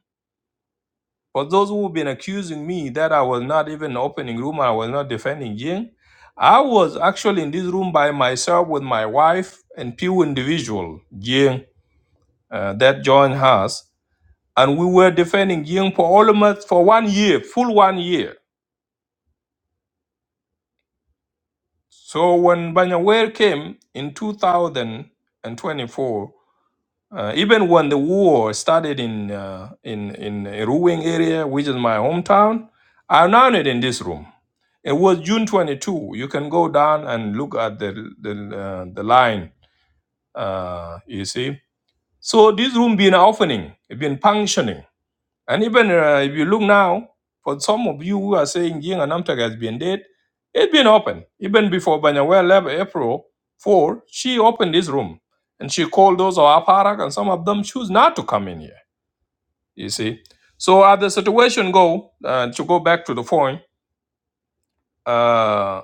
S1: For those who have been accusing me that I was not even opening room, I was not defending Ying, I was actually in this room by myself with my wife and few individual, Ying, uh, that joined us. And we were defending Ying for almost for one year, full one year. So when Banyawer came in 2024, Uh, even when the war started in uh, in in Ruwing area, which is my hometown, I announced it in this room. It was June 22. You can go down and look at the the, uh, the line. Uh, you see, so this room been opening, it been functioning and even uh, if you look now, for some of you who are saying Ying and Amtag has been dead, it's been open. Even before Banyawea left April 4, she opened this room and she called those of Aparak and some of them choose not to come in here, you see. So as the situation go, uh, to go back to the point, uh,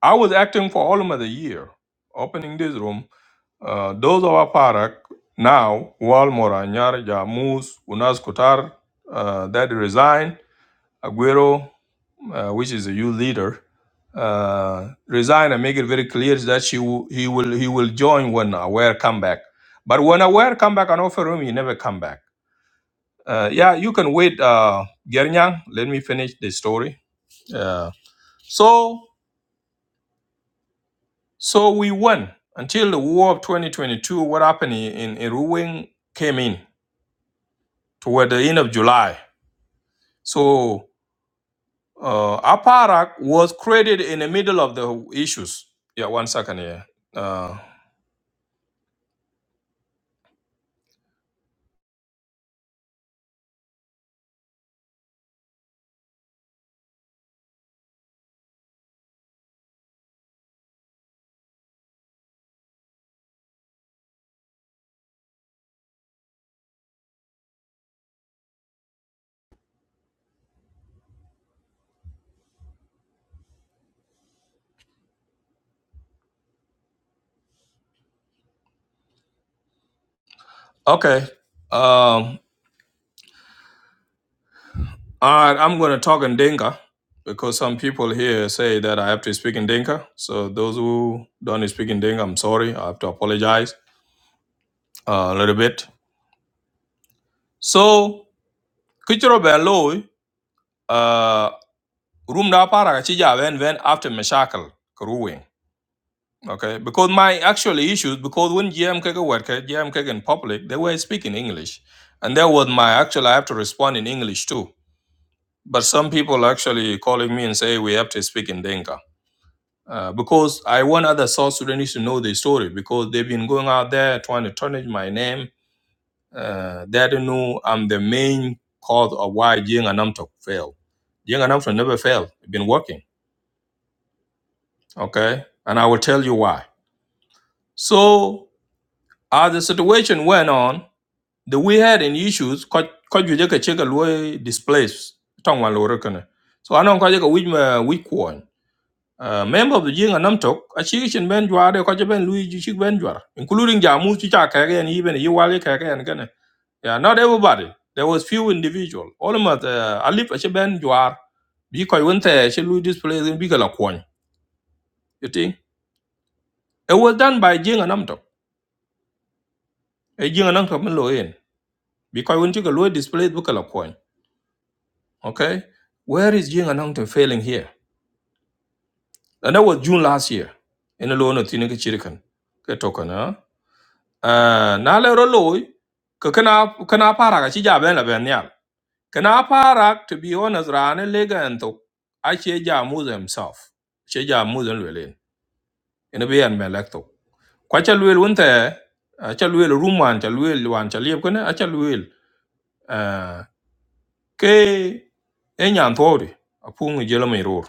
S1: I was acting for almost a year, opening this room. Uh, those of Aparak now, Wal Nyar, Jamus, Unas Kutar, uh, that resigned, Aguero, uh, which is a youth leader, uh, resign and make it very clear that she will, he will he will join when Aware come back. But when Aware come back and offer him, he never come back. Uh, yeah, you can wait, uh, Gernyang. Let me finish the story. Uh, so so we won until the war of 2022. What happened in, in Ruwing came in toward the end of July. So. Uh, APARAC was created in the middle of the issues. Yeah, one second here. Uh, okay. Um, I, I'm going to talk in Dinka because some people here say that I have to speak in Dinka. So those who don't speak in Dinka, I'm sorry. I have to apologize uh, a little bit. So, Kichiro Beloi, uh, room da APARAC, Chija, when, when after Meshakal, Kuruwing. Okay, because my actual issues, because when GM Kega worked, GM Kega in public, they were speaking English. And that was my actual, I have to respond in English too. But some people actually calling me and say, we have to speak in Denka. Uh, because I want other South Sudanese to know the story because they've been going out there trying to tarnish my name. Uh, they don't know I'm the main cause of why Jing and Namtok failed. Jing and Namtok never failed. It's been working. Okay. And I will tell you why. So as the situation went on, the we had in issues ko ko ju ka che ka lo displace tong wa lo kana so anon ko je ka wij ma wij kwon uh, member of the jing anam tok a chi chen ben jwa de ko che ben lui chi ben jwa including jamu chi cha ka ga ni ben yi wa ka ga ni kana yeah not everybody there was few individual all of us uh, alif a che ben jwa bi ko won te che lui displace bi ka la kwon you think it was done by jing anam tok e jing anam tok men lo yen bi ko won chi ka lo displace bu ka la kwon Okay? Where is Jing Anangte failing here? And that was June last year. In a loan of Tinaka Chirikan. Ketokan, huh? Uh, Nala Roloi, Kakana Parak, Achija Ben Benyal. Kana Parak, to be honest, Rane Lega and Tok. Achija Muz himself. Achija Muz and Lilin. In a Bian Melekto. Quacha Lil Winter, Acha Lil Ruman, Chalwil, Wan Chalip, Acha Lil. ke e nyan thori apung jelo mi rur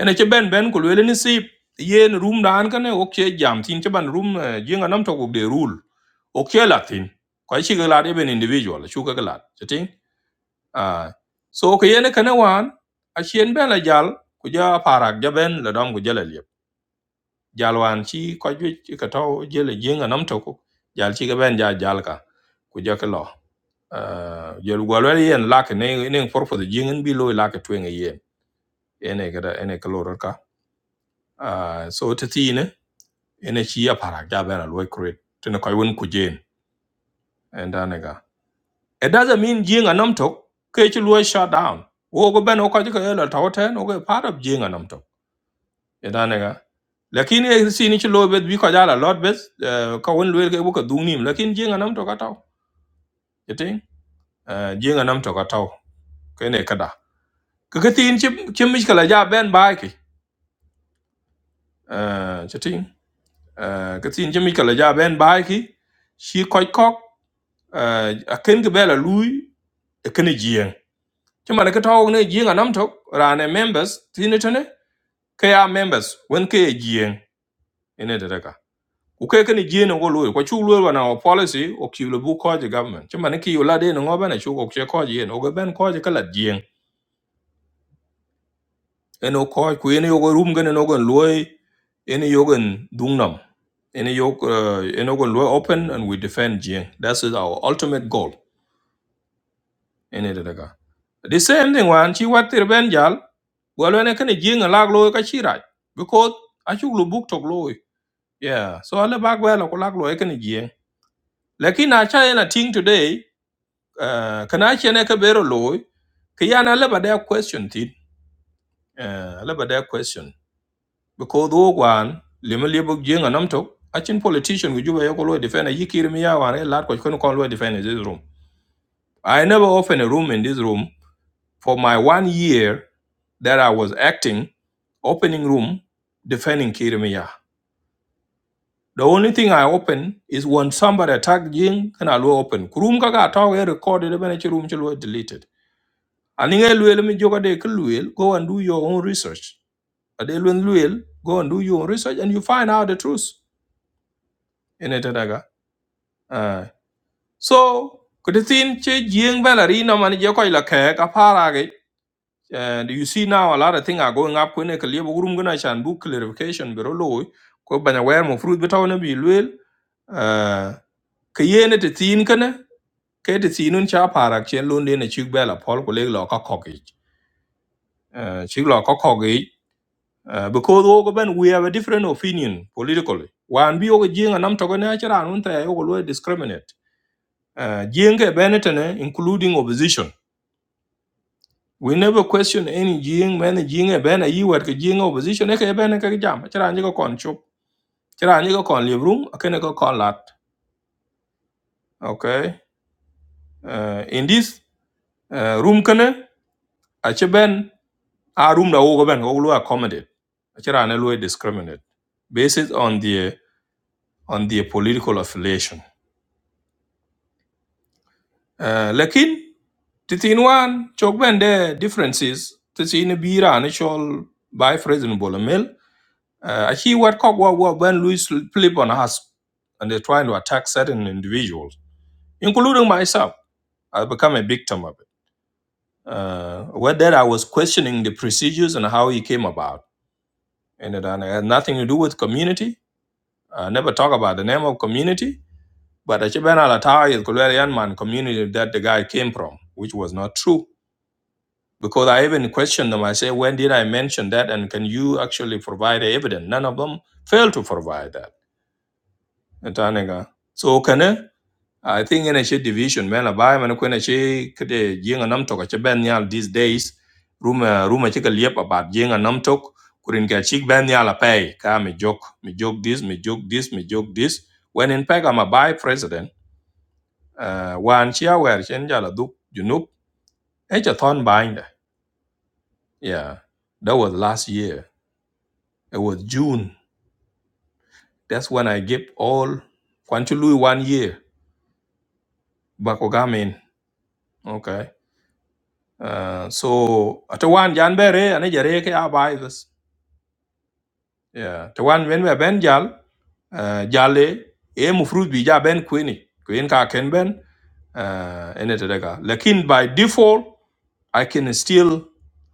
S1: ene che ben ben ko lele ni sip yen room dan kan ok che jam tin che ban room jinga nam to de rule ok che latin ko chi ga lat even individual chu ga lat chatin ah so ko yen kan wan a chien ben la jal ku ja parak ja ben la dom ku jela liep jal wan chi ko ju ka to jele jinga nam to jal chi ga ben ja jal ka ku ja ke lo uh, jël gwalwa li yen lak ne ne for for the jingen bi lo lak twen yen ene kada ene kaloro ka uh, so tatine ene chi ya para ja bena lo create tene koy won ku jen enda nega it doesn't mean jinga nam tok ke chi lo shut down wo go ben o ka ji ka la tawten o go part of jinga nam tok enda nega lakini e si ni chi lo bet bi ko jala lot bet eh, ka won lo ke bu ka dungnim lakin jinga nam tok ataw yeting uh jinga nam tok ataw kene kada ka ka tin chim chim mich kala ja ben bai ki eh chatin eh ka tin chim mich kala ja ben bai ki shi koi kok eh a ken ga bela lui e ken jieng chima ne ka taw ne jieng anam tok rane members tin ne tane ka ya members wen ka ye jieng ene da daga ku ke ken jieng ko lui chu lui wana policy o ki lu bu ko je government chima ne ki yo de no ngobana chu ko che ko je no ga ben ko je kala jieng eno koy ku eno yogo rum gane no gon loy eno yogon dungnam eno yog uh, eno gon loy open and we defend jing that's is our ultimate goal eno de daga the same thing wan chi watir ben jal gwalo ne kane jing a lag loy ka chi raj because achu lu buk tok loy yeah so ale bag welo ko lag loy kane jing lakini acha ena ting today uh, kana chene ka bero loy kiyana leba da question tin uh, leba da question because wo gwan lima liabok jeng anam tok achin politician gu juba yoko lo defend a yikir mi yawan e lat ko kono kon lo defend in this room i never opened a room in this room for my one year that i was acting opening room defending kirmiya the only thing i open is when somebody attacked. jing kana lo open room kaka taw e recorded e bene room chi deleted. And ani nge luel mi joga de kluel go and do your own research ade luen luel go and do your own research and you find out the truth in it Uh, so kudisin che jing belari na man je koy la ke ka para ge and you see now a lot of things are going up when ke liebo gurum gna chan book clarification biro loy ko banya wer mo fruit bitaw na bi lwel uh, ke yene te tin kana ke te tinun cha para chen lon de na chig bela pol ko leg lo ka kogi uh, chig lo ka kogi uh, because ogo ben we have a different opinion politically wan bi ogo jinga nam to gna chara nun ta ogo lo discriminate Uh, Jiang Benetton, including opposition. We never question any Jiang, many Jiang, a banner, you work a Jiang opposition, a banner, a jam, a charanjigo con chop, charanjigo con live room, a canical con lat. Okay. Uh, in this uh, room, can a chaban, a room the overban, all accommodate, a charanello discriminate, based on the on the political affiliation. Uh, lakin, Titin wan, chokben bende differences, titin bira ni chol by President Bolomel, Uh, actually, what Kogwa wa- when Louis flip on us and they're trying to attack certain individuals, including myself, I become a victim of it. Uh, with that I was questioning the procedures and how he came about, and it and it had nothing to do with community. I never talk about the name of community, but Achiban Alatai is Kulerian man community that the guy came from, which was not true. Because I even questioned them. I say, when did I mention that? And can you actually provide evidence? None of them failed to provide that. Tanaga. So kana I think in a shit division man a buy man when a she could a jing a numtok a cheban these days room a room a chick a liep about jing a numtok couldn't get chick ban a pay ka me joke me joke this me joke this me joke this when in fact I'm a buy president uh one chia where chen jala duk you know it's a thon binder yeah that was last year it was June that's when I gave all Kwanchului one year back okay Uh, so tawan jan bere ane jare ke abaivas yeah tawan wen we ben jal uh, jale e mufrut bi ja ben kwini kwin ka ken ben uh, ene tedega lakin by default i can still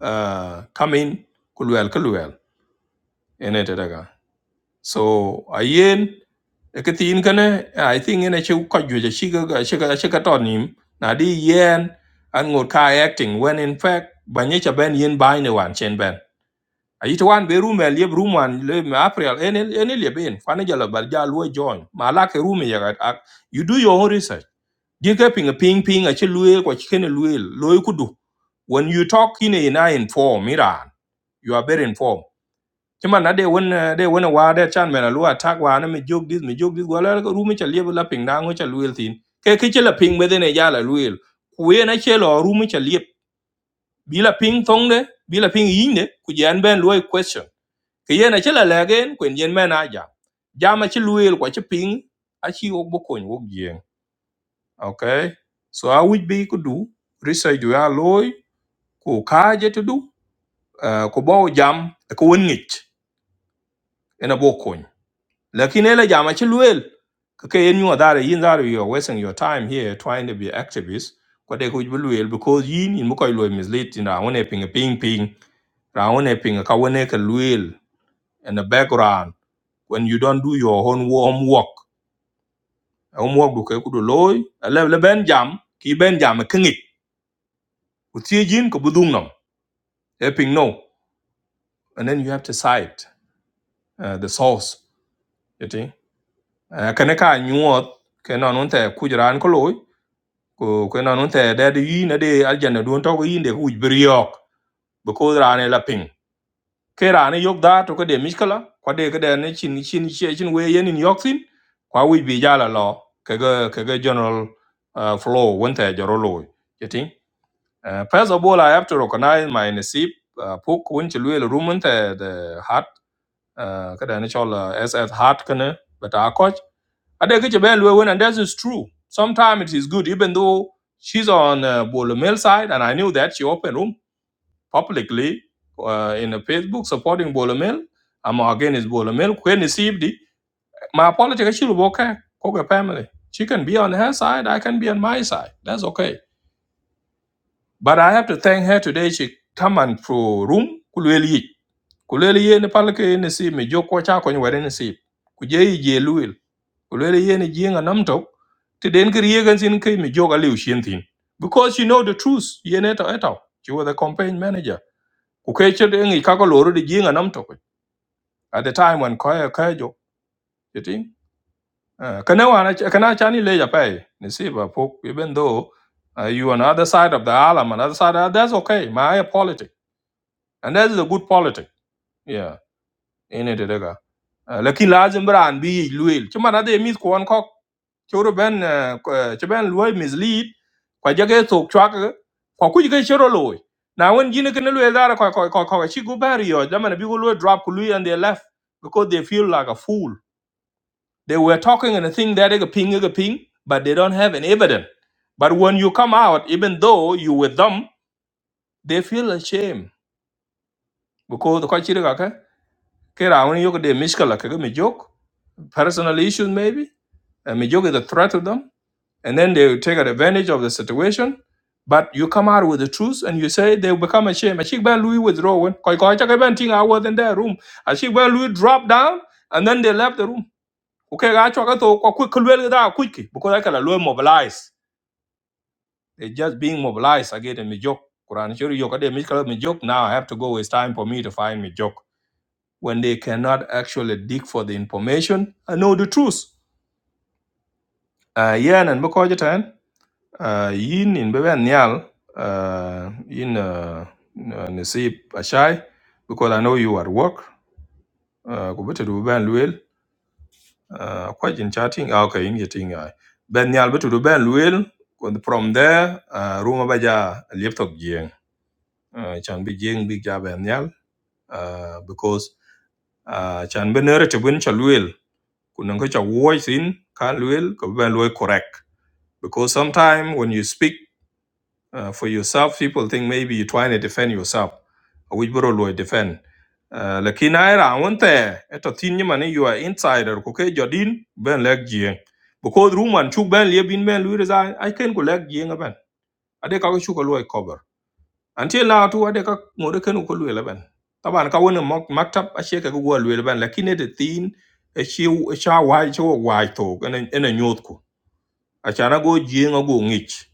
S1: uh, come in kulwel kulwel ene tedega so ayen eketin kane i think ene chu ko ju chi ga chi ga chi ga tonim na di yen an ngur ka acting when in fact banyi cha ben yen bai ne wan chen ben ayic one be rum el yeb rum wan le me april en el- en in. en kwan e jalo ja luo e join ma lake rum yeka ak- you do your own research You dike ping ping ping aci lueel kwa ci kene lueel looi kudu when you talk in a ina inform iran you are very informed cima na de wen eh, de wen wa de chan mena lu attack wa na me jog dis me jog dis wala ko rum cha lieb la ping dango cha lueel tin ke ke chi la ping me de ne jala lueel ku ye na chelo rum cha lieb bila ping thong de bila ping yin de ku jan ben luoi question ke yen aci la legen kuen yen men aja jam aci luel kwa ci ping aci wok bo kony wok jien okay so a wic be ku du research du ya loy ku kaje to du uh, ku bo jam ko won ngich ena bo kony lakin ele jam aci luel ke ke yen nyuwa dare yin dare you are wasting your time here trying to be activist kwa de ku wic luel because yin in mo koy loy mislead tin ra won e ping ping ping ra won e ping ka won e ke luel in the background when you don't do your own homework homework du ke ku du loy le le ben jam ki ben jam ke ngi ku ti jin ko budung nam e ping no and then you have to cite uh, the source you think uh, kana ka nyuot ke non un te ku ran ko loy ku ke non un te de de yi na de aljanna du to ko yinde ku briok because ko ran e la ping ke rane yok da to ke de miskala kwa de ke de ne chin chin chin chin we yen in yok sin kwa wi bi ja la lo ke ge ke ge general uh, flow won ta joro lo you think uh, first of all i have to recognize my nasib uh, puk won chi lu ru mun ta the heart uh, ke de ne chol uh, ss heart kana but a coach ade ke che ben lu won and that is true sometimes it is good even though she's on uh, Bolo Mill side and i knew that she open room publicly uh, in a Facebook supporting Bolomel. I'm against Bolomel. When received it, my political she will okay. Koga family. She can be on her side. I can be on my side. That's okay. But I have to thank her today. She come and pro room. Kulweli. Kulweli ye ni palke ye ni si me joko cha kwenye wade ni si. Kuje yi je luil. Kulweli ye ni jienga namto. Tiden kiri ye gansin kei mi joka liu shintin. Because you know the truth. Ye neto eto. She was the campaign manager ku kai ce da ngi kako loro di jinga nam to at the time when koya koya jo you think uh, kana wana kana chani le ja pai ni si ba po even though uh, you on the other side of the alam another side uh, that's okay my politic and that's a good politic yeah ene de daga lakin lazim bran bi yi luel ci mana de mis ko on kok churu ben eh, ko- eh, ci ben luel mislead kwa jage tok chwak eh, kwa kuj ke chero loy na wen gine ken luel dara kwa kwa kwa kwa chi go bari yo da mana bi go luel drop ku luel and they left because they feel like a fool they were talking and a thing that they ping a ping but they don't have an evidence but when you come out even though you with them they feel ashamed because the kwa chiri ka ke ke ra wen yo de mishkala ke mi jok personal issues maybe and Mijogi the threat of them and then they will take advantage of the situation but you come out with the truth and you say they will become ashamed Ashik Ben Louis withdraw when Koi Koi Chaka Ben Ting I was in their room Ashik Ben Louis dropped down and then they left the room okay I chwa to kwa quick kulwel da quick because I can allow mobilize they're just being mobilized again in Mijok Quran Shuri Yoka de Mijok Mijok now I have to go it's time for me to find Mijok when they cannot actually dig for the information and know the truth uh, yeah and because Uh, yin in bebe nyal uh, in uh, nasib achai because I know you at work. Uh, ko betu du ben luel uh, quite in chatting. Ah, okay, in getting uh, ben nyal betu du ben luel. and From there, uh, ruma baja laptop jeng. Uh, chan bi jeng big ja ben nyal uh, because uh, chan ben nere te ben cha luel. Kunang ko cha voice in kan luel ko ben luel correct because sometimes when you speak uh, for yourself. People think maybe you're trying to defend yourself, Uh, which bro will defend. Uh, lakini aira awante eto tin nyima ni you are insider ko ke jodin ben leg jien because room one chuk ben lie bin ben luire za i can go leg jien ben ade ka ko chuk ko loy cover until now to ade ka ngore ken ko luire ben taban ka wona maktab a che ka go luire ben lakini de tin e chi e cha wai cho wai to ene ene nyot ko achana go jien go ngich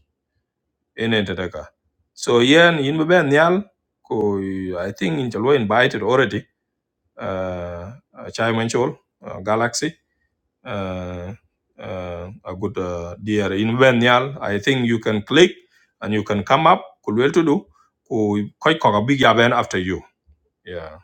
S1: ene teteka so yen in be ben nyal ko i think in chalwa invited already uh chai manchol uh, galaxy uh, uh, a good uh, dear in ben nyal i think you can click and you can come up kulwel to do ko koi ko big event after you yeah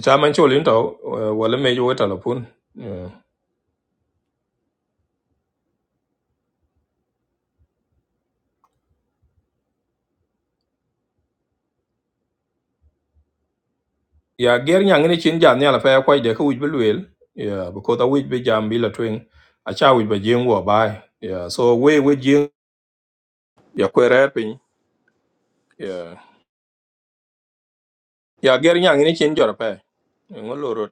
S1: chai manchol into wala me yo talapun Yeah, ger nyang ni chin jan nyala fa kwa de ku bi luel ya because a wich bi jam bi la twing a cha wich be jing wo bai Yeah, so we we jing ya kwere pin ya ya ger nyang ni chin jor pa ngolorot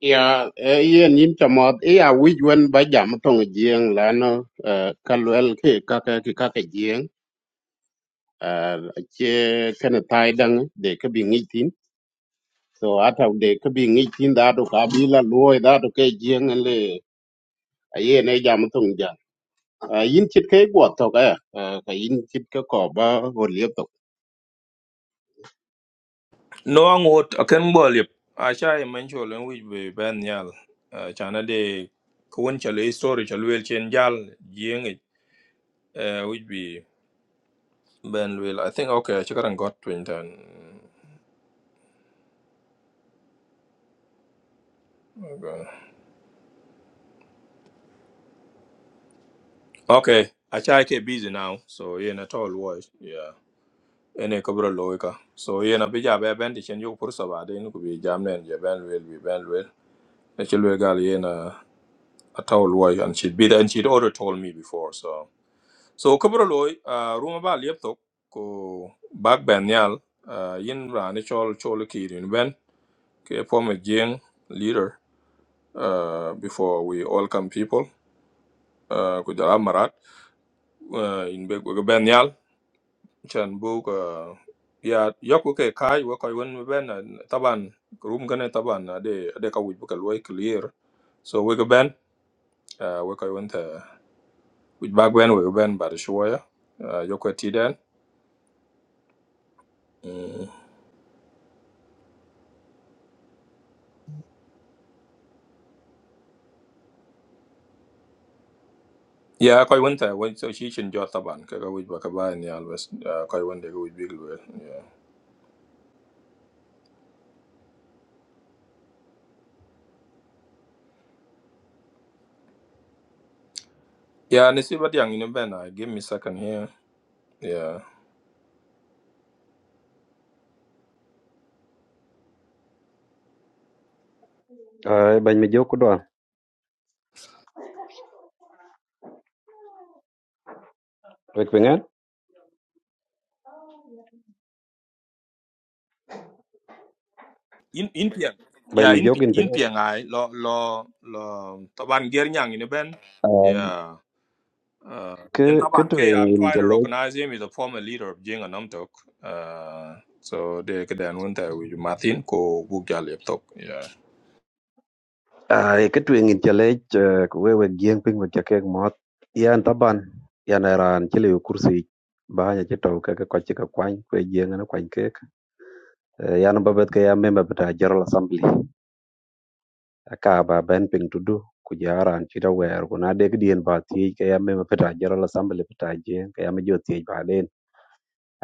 S3: Ya, eh, yen yin chamot, iya wij wen ba jam tong jieng lano, eh, kalwel ki kaka ki kaka jieng, eh, che kene tai dang de ka bi ngi tin. So ata de ka bi ngi tin da do ka bi la luoy da do ke jieng en le, a yen e jam tong jang. Eh, yin chit ke guo tok eh, eh, ka yin chit ke ko ba ho liep tok.
S1: no angot akan bol yep a cha e men cho len wich bi ben nyal Uh, chana de kun chale story chalwel chen jal jing it. Uh, wich be ben luel i think okay chikaran got twin tan Okay. Okay, I try to get busy now, so yeah, not all was yeah. Any couple of loika. So yeah, na bija be ben di chen yo pursa ba de nuku bi jam nen je ben will be ben will. Na chil we gal yeah na a towel was and she'd be there and she'd already told me before. So so couple of loy uh room ba liep tok ko bag ben yal uh yin ra ni chol chol ki rin ben ke form a jing leader uh before we all come people uh ku jala marat uh in be ben chan book uh, ya yoku ke kai wo koi won ben ah, taban room gane taban ah, de de ka wuj bu loy clear so we go ben uh, we koi won ta wuj bag ben we go ben ba de shoya uh, yoku ti den Mm. ya koi won ta won so shi chin jot taban ka ka wuj ba ba ni always uh, koi won de ka wuj big loy yeah yeah ni si bat yang ni ben ah, give me second here yeah
S4: Ờ, Bây mình dốt có đoàn về Ay, bañ mi jok doan. Rek pingan,
S1: in in pian
S4: bañ
S1: yeah
S4: mi
S1: in
S4: jogin
S1: in
S4: pingan.
S1: pian ai lo lo lo taban ger nyang ni ben
S4: Ay,
S1: yeah Uh,
S4: ke
S1: and
S4: ke
S1: Taban K,
S4: tuen
S1: I'm
S4: in
S1: trying to
S4: jalej.
S1: recognize him as a former leader of Jing and Namtok. Uh, so they could then went there with Martin ko Bugya Laptop. Yeah.
S4: Ay, ke tuen in jalej ko we we gieng ping we chakek mot. Yan taban, yan eran chile yo kursi. Bahanya che tau ke ke kwache ke kwany, kwe gieng na kwany kek. Eh, Yan babet cái ya member beta General Assembly. Aka ba ben ping tudu kujaran chita wer kuna cái dien ba thì cái ya member beta General Assembly beta jeng ke ya mejo tiye ba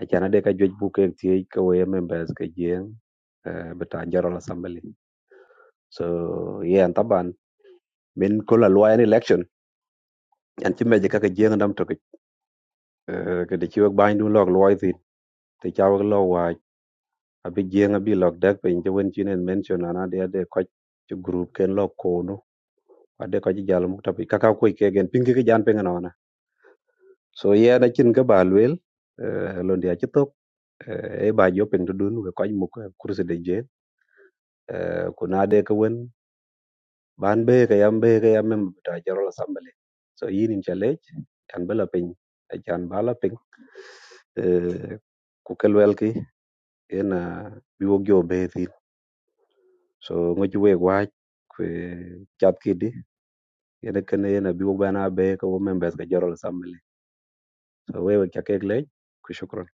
S4: achan ade ka juec bu kek thiec ke wee members ke jieŋ uh, bita general assembly so yen taban min ko la luwa en election an ci meje kaka jieŋ dam tokic uh, kede ci wek bany dun lok luwai thin te ca wek lo wa abi jieŋ abi lok dek piny ci wen cin en mention an ade ade koc ci group ken lo kono ade koc jal muk tapi kaka kuc kegen piny kiki jan piny nona so yen acin ke ba luel londi aci thok eh, e ba jo piny tudun we koc muk kursi de jen ku na ade ke wen ban be ke yam be ke yam member bita general assembly so yin in challenge, an be la piny acan ba la piny Eh, ku ke luel ki en biwok jo be so ŋo ci wek wach kwe chat kidi yene kene yene bi wo bana be ko wo members ka jorol assembly so we wek chakek lec ku shukran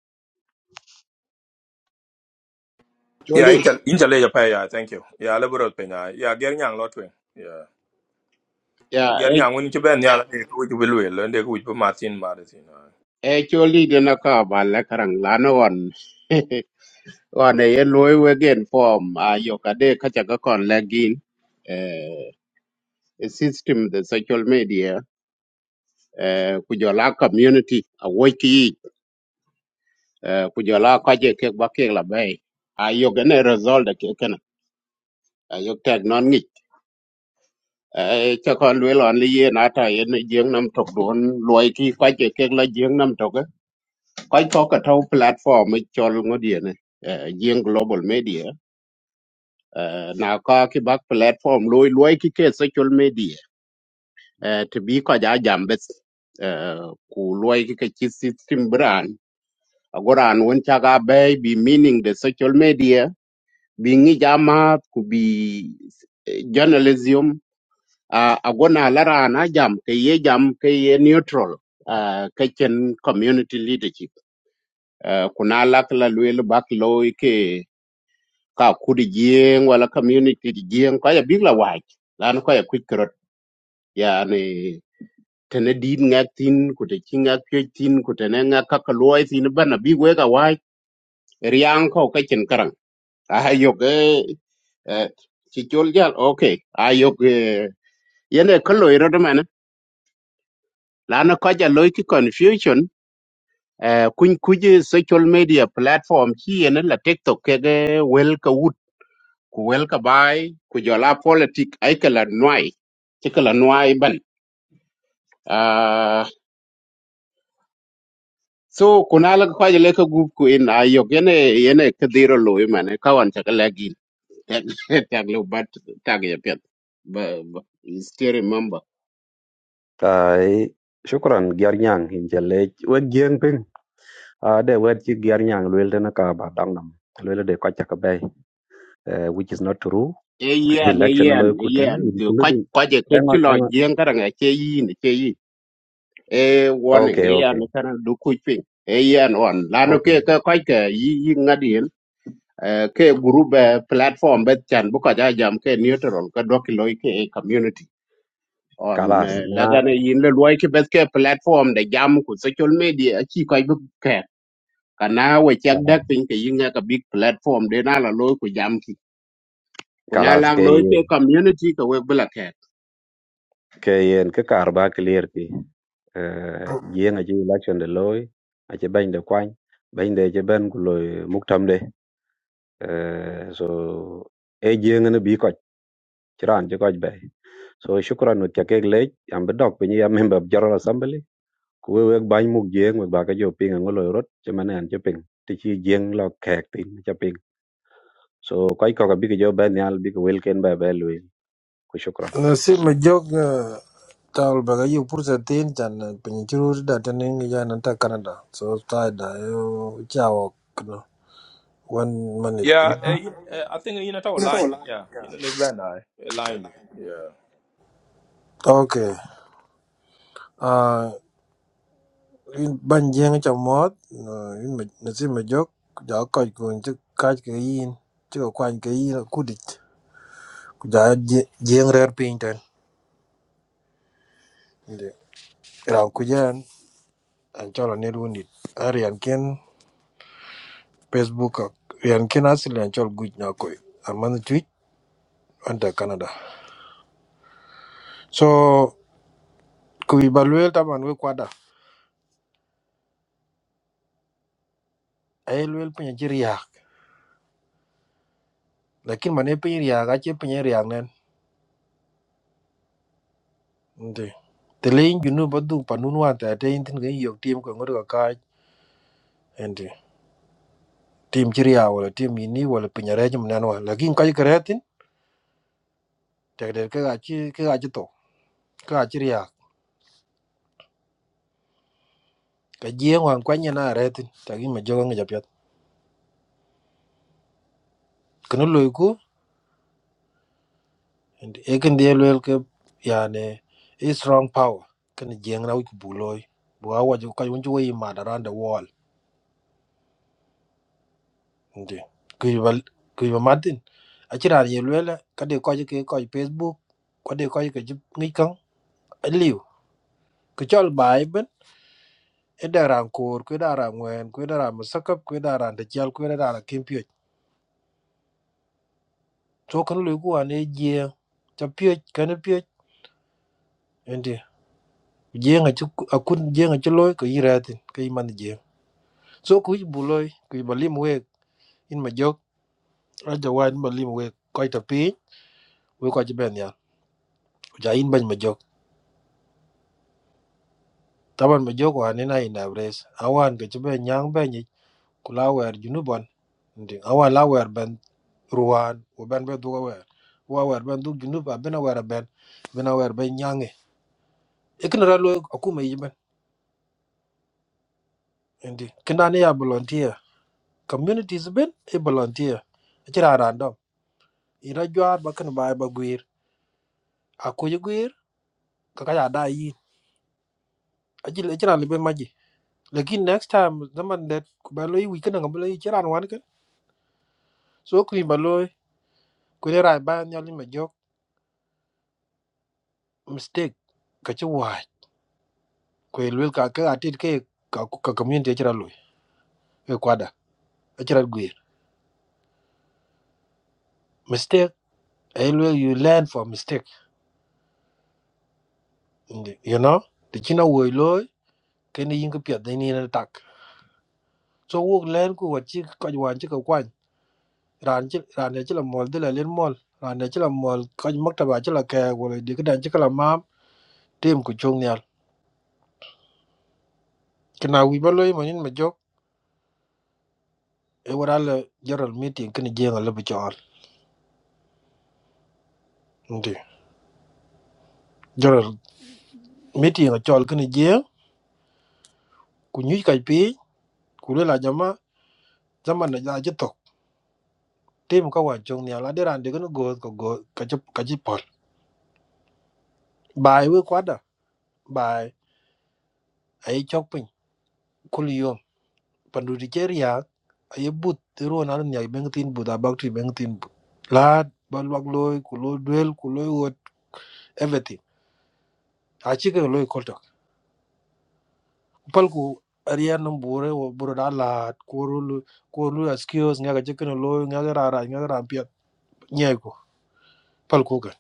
S1: Yeah,
S3: Choli,
S1: Intel Intel ya pay, yeah, thank you. Yeah, liberal penya. Yeah, getting young lot wing. Yeah.
S3: ya,
S1: Getting
S3: e
S1: young when you ben yeah, which will will and they could be Martin Martin. uh.
S3: e choli de na ka ba la karang lano on. <laughs> wane ye loy wegen form a yokade kacha ka kon lagin eh a system the social media eh kujola community a wiki eh kujola kaje ke bake la bay a yogene result ke kana a yok tag non ngi eh cha kon we lon li ye na ta ye ne jeng nam tok don loy ki kaje ke la jeng nam tok eh, kai ko ka tau platform e chol ngodie ne eh jeng global media eh na ka ki bak platform loy loy ki ke social media eh, ti bi ko ja jam bes eh, ku loy ki ka ci system bran agoran won cha ga be bi meaning the social media bi ngi jama ku bi eh, journalism uh, agona lara na jam ke ye jam ke ye neutral uh, ke chen community leadership uh, kuna lak la lwel bak loy ke ka kudi jieng wala community jieng ko ya bigla wach lan ko ya kwik kerot yani tene dit ngak tin ku te chi ngak pye tin ku tene ngak ka ka loy tin ban na bi we ka wa riang ko ka chen karang a yo ke chi chol jal okay a yo ke yene ka loy ro de man la na ka ja loy ki confusion eh, kuny kuj social media platform chi yene la tiktok ke ge wel ka wut ku wel ka bai ku jola politic ai ka la nwai chi ka la nwai ban Ah, So kunal ko je leka gup ku in ayok yene yene kadiro loy mane kawan chaka lagi tag <laughs> tag lo bat tag ya pet ba ba- you still remember
S4: tai shukran gyar nyang in je lec wek gieng ping ade wet ci gyar nyang luel tena ka ba dang nam luel de kwacha ka bay uh, which is not true
S3: e
S4: <laughs>
S3: yen e
S4: election lo
S3: yen e
S4: kutene
S3: yen do ko
S4: including
S3: ko je ke
S4: hang on
S3: chulo
S4: hang on
S3: yen karanga che yin che yin e warning
S4: okay
S3: e yen
S4: okay
S3: kana du ku pin e yen on lano ke
S4: okay
S3: ke ko ke yi yi ngadien ke group eh, platform bet chan bu ko ja jam ke neutral ka doki loy ke e community on
S4: kalas
S3: eh,
S4: na
S3: ladana yin le loy ke bet ke platform de jam ku social media chi ko bu ke kana we chak
S4: kalas
S3: dak pin ke yin ka big platform de na la loy ku jam ki ku na
S4: kalas
S3: la
S4: ke
S3: loy ke
S4: yen
S3: community ka we bla ke
S4: ke yen ke karba clear ki eh, jieng achi election de loy achi bany de kwany bany de chi ben ku loy muktam de Eh, so e jieng ne bi koch chiran chi koch be so shukran ut chakek lech am bi dok pinyi ya member of general assembly ku we wek bany muk jieng wek ba ka jo ping ang loy rot chi manen chế ping ti chi jieng lo kek tin chế ping so koch ko ka bi ki jo ben yal bi ki wel ken ba be luy ku shukran
S5: Nasi majok tal baga yu pursa tin chan pinchuru da tanin ya nanta Canada. So tai da yu chao kno. One minute.
S1: Yeah, eh,
S5: Yeah.
S1: you- eh, I think you know our line. Yeah, you know the Ben I eh, line. Yeah.
S5: Okay. Uh, in ban jeng cha mot in nasi majok ja ko kun chi ka ke yin chi ko kwan ke yin ku dit. Ku ja jeng rer pin tan. Inde. Ra ku jan an chola ne lunit. Arian ken Facebook ak- rian ken asil an chol guj na koy. Arman tweet under Canada. So kuiba luel taban we kwada. Ay luel punya jiriak. Lakin mana punya riak aje punya riak nen. ente, Telain junu badu Panunuan, ta ada intin ga yok tim ko ngor ka ente, Tim jiriya wala tim ini wala punya reje menen wa. Lakin kai kreatin tak der ka aje ka aje to. Ka aje riak. Ka jeng wan kwanya na retin. Tagin ma jogo ngajapyat. loiku ekin dia luel ke yani a strong power kan jeng na ku buloy bu awa ju ka yunju wi ma da ran the wall ndi ku ba ku ba martin a chira ye luel ka de ko ke ko facebook ko de ko ke ngi kan liu ku chol bai ben e da ran kor ku da ran wen ku da ran musakap ku da ran de chal ku da ran kim pye to kan lu ku ane jeng ta pye kan pye ndi jeng a chu akun jeng a chu loy ku yiratin kai man jeng so ku buloi ku balim wek in majok jok aja wa in balim wek koi ta we ko ben ya ja in ban majok jok taban ma wa ni na in avres awan ke be nyang be ni ku la wer bon ndi awan la ben ruwan wo ben be du wer wa wer ben du junu ba ben wer ben ben wer ben nyange e kin ra lo aku ma yiben ndi kina ne ya volunteer communities ben e volunteer ci random ira jwar ba kan ba ba gwir aku gwir ka ka ya da aci le ciran lebe maji lakin next time zaman det ku ba loi weekend ngam loi ciran wan ke so ku ba loi ku le rai ban yali ma jok mistake ka ci wa ku le ka ka atit ke ka ku- ka community ciran loi e kwada ciran guir mistake e le you learn from mistake Ndi- you know the china wo loy, ke ni yin ke pya de ni na tak so wo learn ku wa ci ka wa ci ka kwan ran ci ran ci la mol de la len mol ran ci la mol ka maktaba ci la ke wo le de ka dan ci kala mam tim ku chung Kina wi ba loy manin ma jok e wara la general meeting kini jeng la bi chol. Ndi. General meeting a chol kini jeng ku nyu kai pi ku le la jama zaman na ja je tok. Tem ka wa jong ni ala deran de kini go ko go ka ji ka ji pol. Bai we kwada bai ai chok pin kul yom pandu di cher ya ai but ro na ni ai beng tin but abak ti beng tin but. La ba lwak loy ku loy duel ku loy wot everything. A chi ke loy kol palku ariyan nan bore wo buro da la korulu korulu askios nga ga jekno lo nga ga rara nga ga rampia nyego palku ga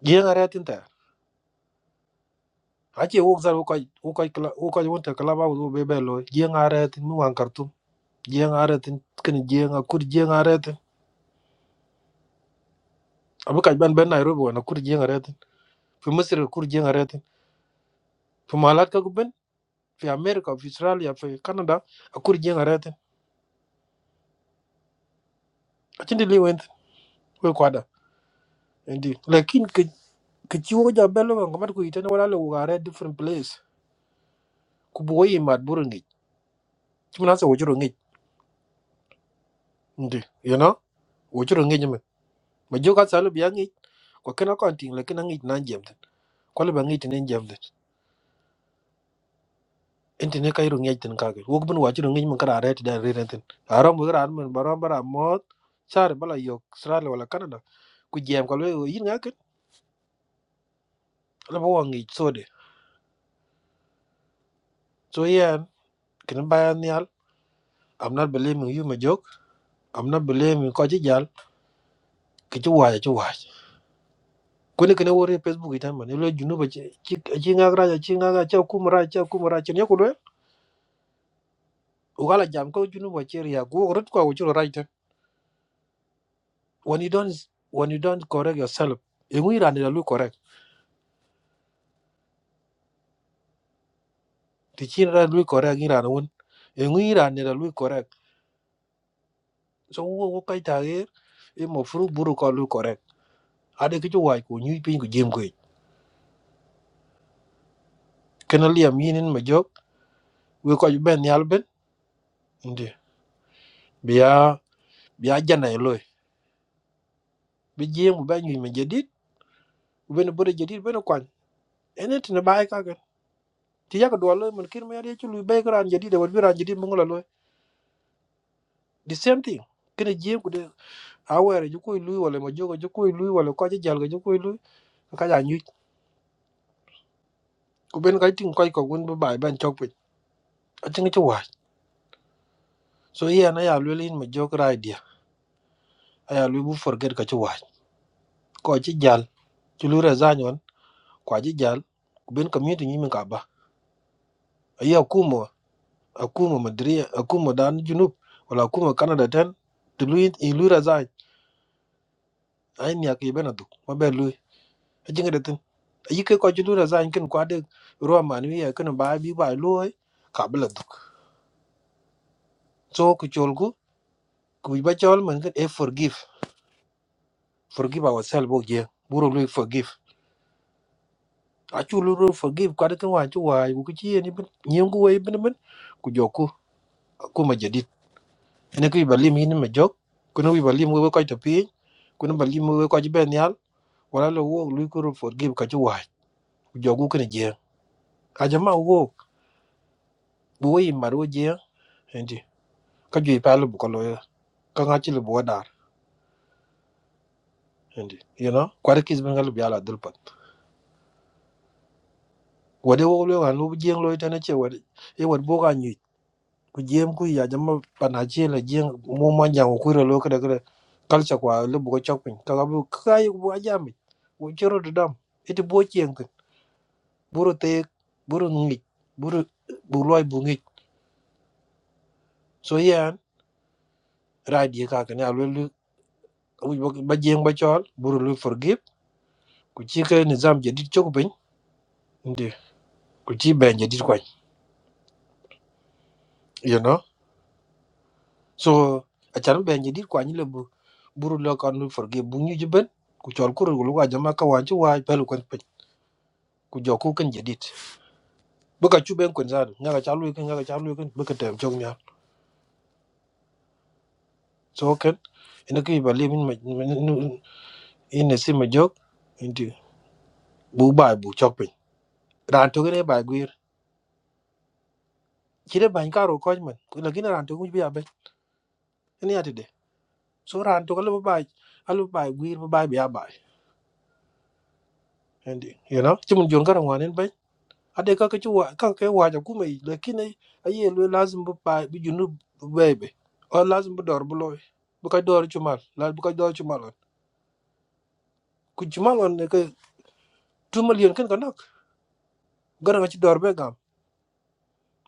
S5: ye nga retin ta ache wo zar wo kai wo kai kla wo kai won ta kala ba wo be be lo ye nga retin mu an kartu ye nga retin kin ye nga kur ye nga retin abu ka ban ben nairobi wana kur ye nga retin fi misir kur ye nga retin fi malat ka guben fi america fi australia fi canada a kur ye nga retin achindi liwent we kwada indi lakin ki ci wo ja belo ko mat ku itene wala lo ga re different place ku bo yi mat buru ngi ci na so wojuro ngi ndi you know wojuro ngi men ma jo ka salu bi ngi ko kena kon ting le kena ngi na jem den ko le ba ngi tene jem den ente ne kayru ngi ten ka ge wo bun wajuro ngi men kara re ti da re ten aram bu ran men baram bara mot sar bala yok sar wala canada ku jem ko le yi nga ken la bo ngi so de so yen ken bayan yal i'm not believing you ma jok i'm not believing ko ci jal ki ci waja ci waaj. kwene kene wore facebook itan man lo junuba ci ci ngak raja ci ngak ci kum raja ci kum raja ne ko do ugala jam ko junuba ci riya go rut ko ci raja when you don't when you don't correct yourself e ngi ran da lu correct ti ci ran lu correct ngi ran won e ngi ran da lu correct so wo wo kai ta e e mo fru buru ko lu correct ade ki ci way ko nyu pin ko jem ko kena liam yinin ma jog we ko ben yal ben ndi biya biya janay loy bi jem ben ngi me jadid ben bore jadid ben ene tene bai ka ga ti ya ka do lo mun kir me ari chu lu bai ka ran jadi de wor bi ran jadi mun lo the same thing kene jiem ku de awere ju koy lu wala ma jogo ju koy lu wala ko je jal ga ju koy lu ka ja nyu ku ben ka tin ko ko gun bai ban chok pe a tin chu wa so iya na ya lu lin ma jok ra dia aya lu bu forget ka chu wa ko ji jal chu lu ra za nyon ko ji jal ku ben community nyi min ka ba aya kuma akuma madria akuma dan junub wala akuma canada ten tulu in lu ra za ai ni akibe na du mabe ajin da tin yi kai kwaji lura za kin kwa da ruwa manu ya kan ba bi ba loy ka bla duk so ku cholgu ku ba chol man kan e forgive forgive ourselves bo je, buru loy forgive a chu luru forgive kwa da kan wa chu wa ku ku chi ni bin nyen ku wai bin bin ku joku ku ma jadid ene ku ba lim ni ma jok ku no ba lim we ko to pi ku no ba lim we ko ji ben yal wala lo wo lu ku ru forgive ka chu wa ku jogu kan je a jama wo bu wai maro je endi ka ju pa lu ko lo ka ŋa chili bo dar hindi you know kwari kis bin galu biala dul pat wade wo lo wan lu jeng lo tane che wade e wad bo ga nyi ku jem ku ya jama pana che la jeng mo ma jang ku ro lo kada kada kalcha kwa lu bo chok pin ka ga bu ka yi bo ajami wo chero de dam ite bo jeng tin buru te buru ngi buru bu loy bu ngi so yan radi ka ka na lu ba jeng ba chol buru lu forgive ku chi ka nizam jadid chok pin hindi ku chi ben jadid kwa you know so acan be nyidi kwa nyile bu buru lo kan lu forge bu nyu jiben ku chol ku ru lu wa jama ka wa ju wa pelu kan pe ku jo ku kan jedit bu ka chu ben kun zan nga ka chalu kan nga ka chalu kan bu ka tem chong nya so kan ina ki ba le min ma ina si ma jok inti bu ba bu chok pe ran to ne ba gwir chire ban ka ro ko man ku la gina ran to ku bi abe ina ya de so ran to ka le ba alu ba gwir ba ba ya ba indi you know chimun jon ka ran wanen ade ka ke wa ka ke wa ja kuma yi lakini aye lo lazim bu pa bu junu bebe o lazim bu dor bu loy bu ka dor chumal la bu ka dor chumal on ku chumal on ne ke 2 million ken kanak gara nga ci dor be gam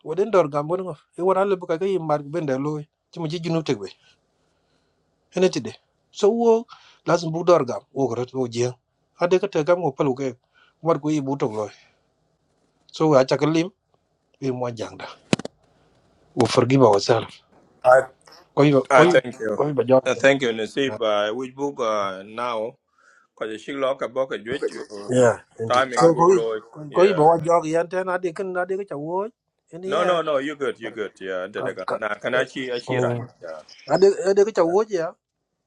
S5: woden dor gam woden e wara le bu ka ke yi mar bende loy ci mu ci junu tegbe ene tide so wo lazim bu dor gam wo ko rot wo jeng ade ka te gam wo palu ke war ko yi bu tok loy so wa cha ka lim e mo jang da wo forgive ourselves
S1: I
S5: koy
S1: I
S5: koy
S1: thank you.
S5: koy ba jor
S1: Uh, thank you, Nasib. Uh, which book uh, now? Because she lock a book a judge.
S5: Yeah, indeed.
S1: Timing of
S5: So go in.
S1: Bugloy.
S5: Go in.
S1: Yeah.
S5: Bawa jog yan ten ade kan ade ka chawo. Ini
S1: No,
S5: ya.
S1: no, no. You're good. You're good. Yeah. da- da-
S5: Ka
S1: ga-
S5: ka.
S1: Na can I see? I see right.
S5: Hmm.
S1: Yeah.
S5: Ade ade ka chawo ya.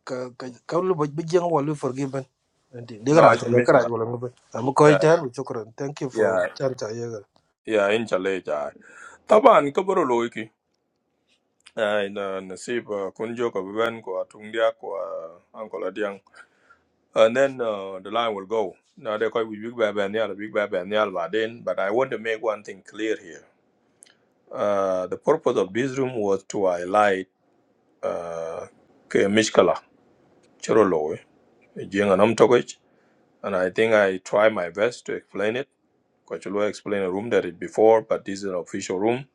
S5: Ka ka ka lu boj bijeng wa lu forgiven. Indeed. Dia
S1: No,
S5: kara
S1: I
S5: jog
S1: can miss
S5: kara
S1: it.
S5: jog lu boj. Am ko
S1: Yeah.
S5: iter bu chukran. Thank you for
S1: Yeah.
S5: chan cha ye ga.
S1: Yeah. In Chile. Yeah. Taban kaburo loiki. Uh, in uh, Nasib uh, Kunjo Kabiban Kwa Tungdia Kwa Uncle Adiang. And then uh, the line will go. Now they call we Big Bab and Yal, Big Bab and Yal Baden. But I want to make one thing clear here. Uh, the purpose of this room was to highlight uh, Ke Mishkala, Chirolo, Jenga And I think I try my best to explain it. Kochulua explained a room that it before, but this is an official room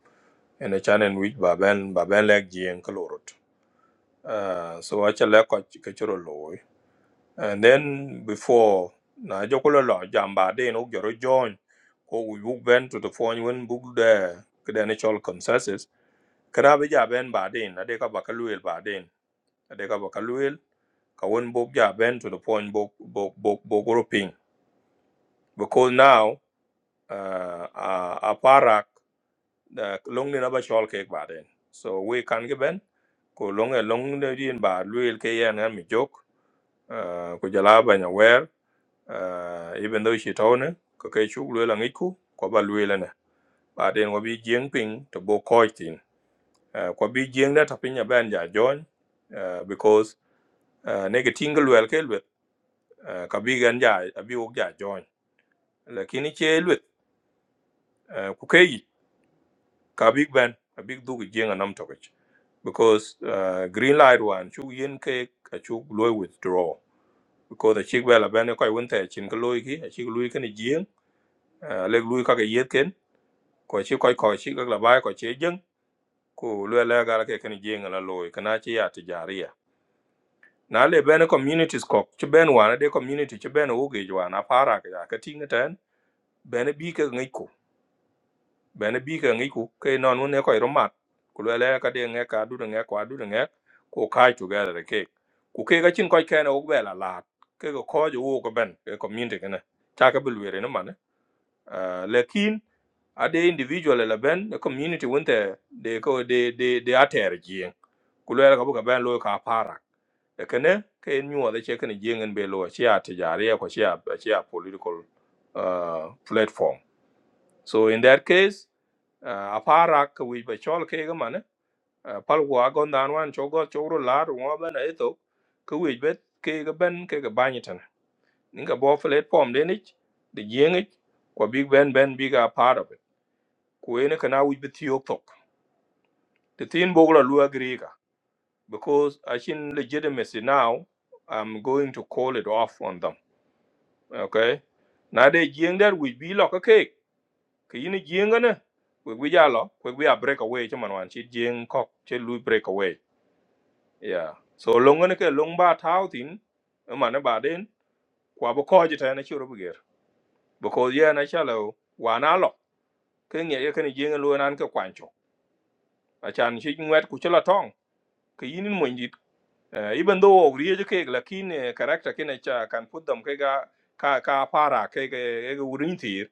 S1: and a channel in which Baben Baben Lek and Kalorot. Uh, so actually Kochuro Loy. And then before na jokola lo jamba de no joro join ko we book ben to the phone when book the credential consensus kada be ja ben ba de na de ka bakaluel ba de na de ka bakaluel ka won book ja ben to the phone book book book book grouping because now uh, uh, aparak uh, long ni naba chol ke baden so we kan ge ben ko long e long ne din ba luil ke yan ha mi jok uh, ko jala ba nya wer uh, even though she tone ko ke chu luil ang iku ko ba luil na baden wo bi jeng ping to bo ko tin uh, ko bi jeng da tapin ya ben ja jon uh, because uh, ne ge tingal wel ke lwet uh, ka bi gan ja abi wok ja jon lakini che lwet ka big ben a big du jing a nam tokich because uh, green light one chu yin ke a chu loy withdraw because the chick bella ben ko won te chin ko loy ki a chi loy ken jing a le loy ka ke yet ken ko chi ko ko chi la bai ko che jing ko le la ga ke ken jing la loy kana chi ya ti jaria na le ben communities ko chi ben one de community chi ben wo ge jwa na para ka ka ting e ten ben bi ke ngai ko bene bi ke ngi ku ke non un e ko romat ku le le ka de nge ka du de nge kwa du de nge ku kai tu ga de ke ku ke ga chin ko ke na u be la la ke ko ko ju u ko ben ke community ke na ta ka bul were ne man lekin a de individual la ben the community won te de ko de de de ater ji ku le ka bu ka ben lo ka para e ke ne ke nyu de che ke ne jingen be lo chi a ti ja re ko chi a chi a political uh, platform so in that case a para ka wi ba chol ke ga man pal wa gon dan wan cho go cho ro la ru wa ban e to ka wi bet ke ga ben ke ga ban tan nin ka bo flet pom de ni de yeng ko big ben ben big a part of it ko ene kana wi bet yo tok the tin bo la lu agri ka because i shin legitimacy now i'm going to call it off on them okay now de yeng that we be like ka ke ka yin yeng we we ya we we a break away chaman wan chi yeng kok che lu break away yeah so longo ne ke long ba tau tin mane ba den kwa bo ko jita na chiro buger because ye na chalo wa na lo ke nge ye kene jenge lo nan ke kwancho a chan shi ngwet ku chela tong ke yinin mo ndit Eh, even though ogriye je kek lakin eh, character kine cha kan put them kega ka ka para kege ege wurin tir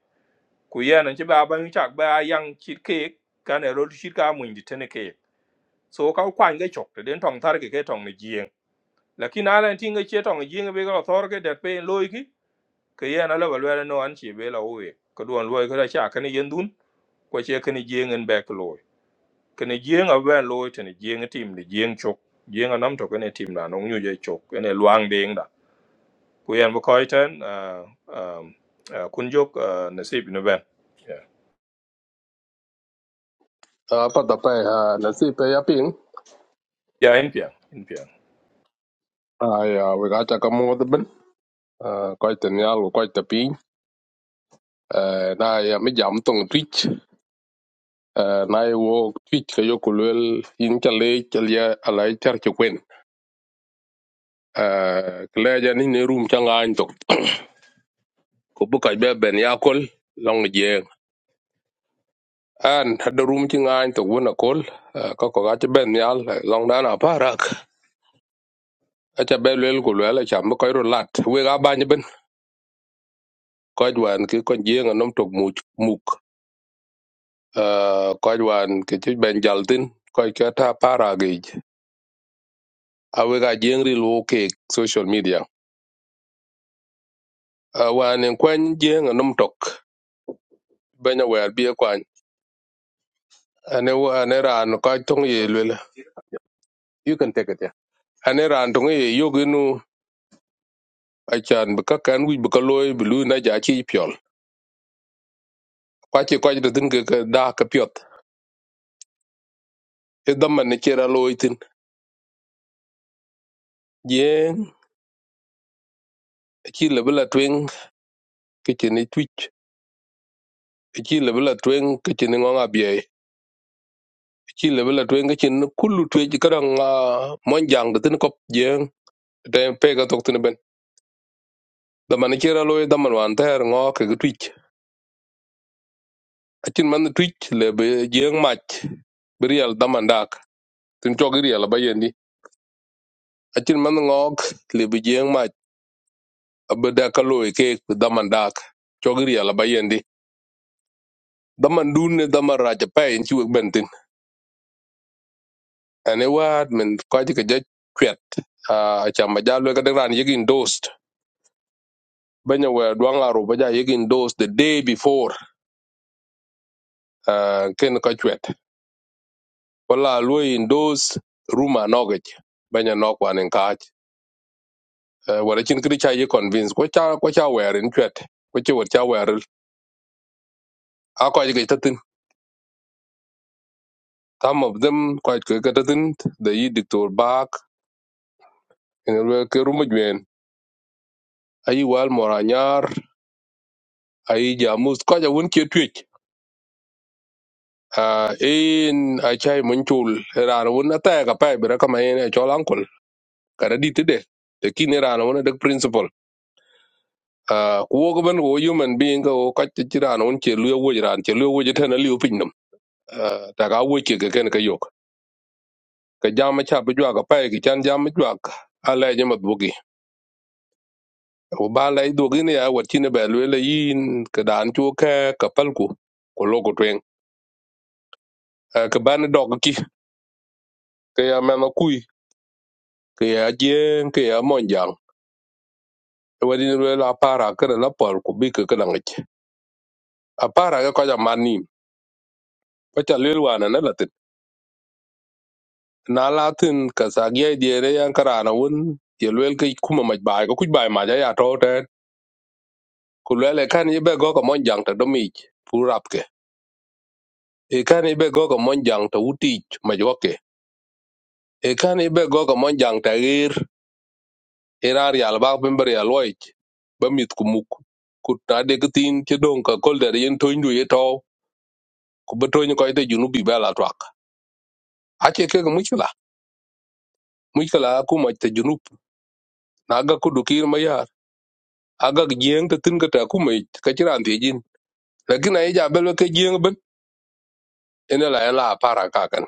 S1: ku yana ci ba ban chak ba yang chit kek kan ero chit ka mun di tene kek so ka kwan ge chok te den tong tar ke ke tong ni jing. lakin ala tinga che tong yinga be ko thor ke det pe loy ki ke yana la balwa no an chi be la we ko don loy ko cha kan yen dun ko che kan jeng en back loy kan jeng a ben loy ten jeng tim ni jeng chok jeng a nam to kan tim na no nyu je chok ene luang ding da ku yan bu koy ten ah, um, ah, kun jok ah, nasib no ben yeah
S6: Ah, pa tapai ha na si pe ya ping.
S1: yeah in pia in pia
S6: Ah ya we ga cha ka mo de ben. Ah koi ten ya lu koi te ping. Eh na ya me twitch. Eh na ye wo twitch ka yo kulel in cha le cha ya lại char che kwen. Eh kle ja ni ne room chẳng ai to. có bu cái be ben ya kol long je. An ta de room chi ngan to wona kol. Eh, Ka ko ga cha ben ya long da na parak. A cha be lel kulel cha mo koi ro lat. We ga ba ni ben. Koi dwan ki kon je ngam tok mu muk uh, koc wan ke cï bɛn jal thïn köc kë ta para ageic awek ajieŋ ri luw keek social media uh, wan en kuɛny jieŋ enum tök bɛny awɛɛr bie kuany ane wa ane raan köc töŋ ye luel you can take it yeah. ane raan töŋ ye yoginu acan bi kakän wic bi ka looi bi luui na ja ciic piöl kuaci köc ri thïn ke ke daa ke piöth i dhamën ni cir alooi thïn jieŋ aci lebi la tweŋ kecin twitch, twic aci lebi la tweŋ kecin i ŋöŋ abiëc ci lebela tuen ga chin kullu tue ji kadang ah, mon jang de tin kop jeng te pe ga tok tin ben da man ci ra loy da man wan ter ngo ke ga twich a chin man twich le be jeng mach berial da man dak tin to ga riel ba yendi a chin man ngok le be jeng mach abe da ka loy ke da man dak to ga riel ba yendi da man dun ne da man ra ja pe en ci wek ben tin ane waat men ko ji ka ja kwet a chamba jalo ga de ran yegin dost benya were duang aro baja yegin those the day before uh, ken ka chwet wala lui in those ruma nogich benya nok wan en kaj uh, wala chin kri cha ye convince ko cha ko cha were in chwet ko chi wot cha were a ko ye tatin some of them ko ke ke tatin the yi dictor back en we ke ruma gwen ayi wal moranyar ayi jamus ko ja won ke twich in a chai mun chul ran won ata ka pa bra kama en cholan kada di tede te kin ne rana wona dek principle Ah, ku wo ben wo human being ko ka ti rana won che luo wo ran che luo wo je tana liu pin nam Ah, ta ga wo ke ke ken ka yok ka jama cha bu jwa ka pa e ki chan jama jwa ka. ala je mat bugi o ba la do gi ne ya wat ti ne ba le le yin ka dan chu ka ka pal ku ko lo ko twen Ah, ka ban dog ki ka ya ma na kui ka ya je ka ya mon jang E wadi ne la para ka la pal ku bi ka ka na ngi a para ka ka ja man ni ko cha le na latin ka sagia diere yan karana won ye lwel ke kuma maj bai ko kuj bai ma ja ya to te ku lele kan ye be go ko mon jang ta domi purap ke e kan ye be go ko mon jang ta uti ma jo ke e kan ye be go ko mon jang ta gir irar yal ba pember ya loy ba mit ku muk ku ta de tin ke don ka kol der yen to ndu ye to ku be to ni ko te junu bi bela twak a che ke mu chula mu chula kuma te junu na ga ku du kir ma ya aga jeng te tin ka ta kuma ka chiran te lakini aija belo ke jieng ben ene la ela para kakan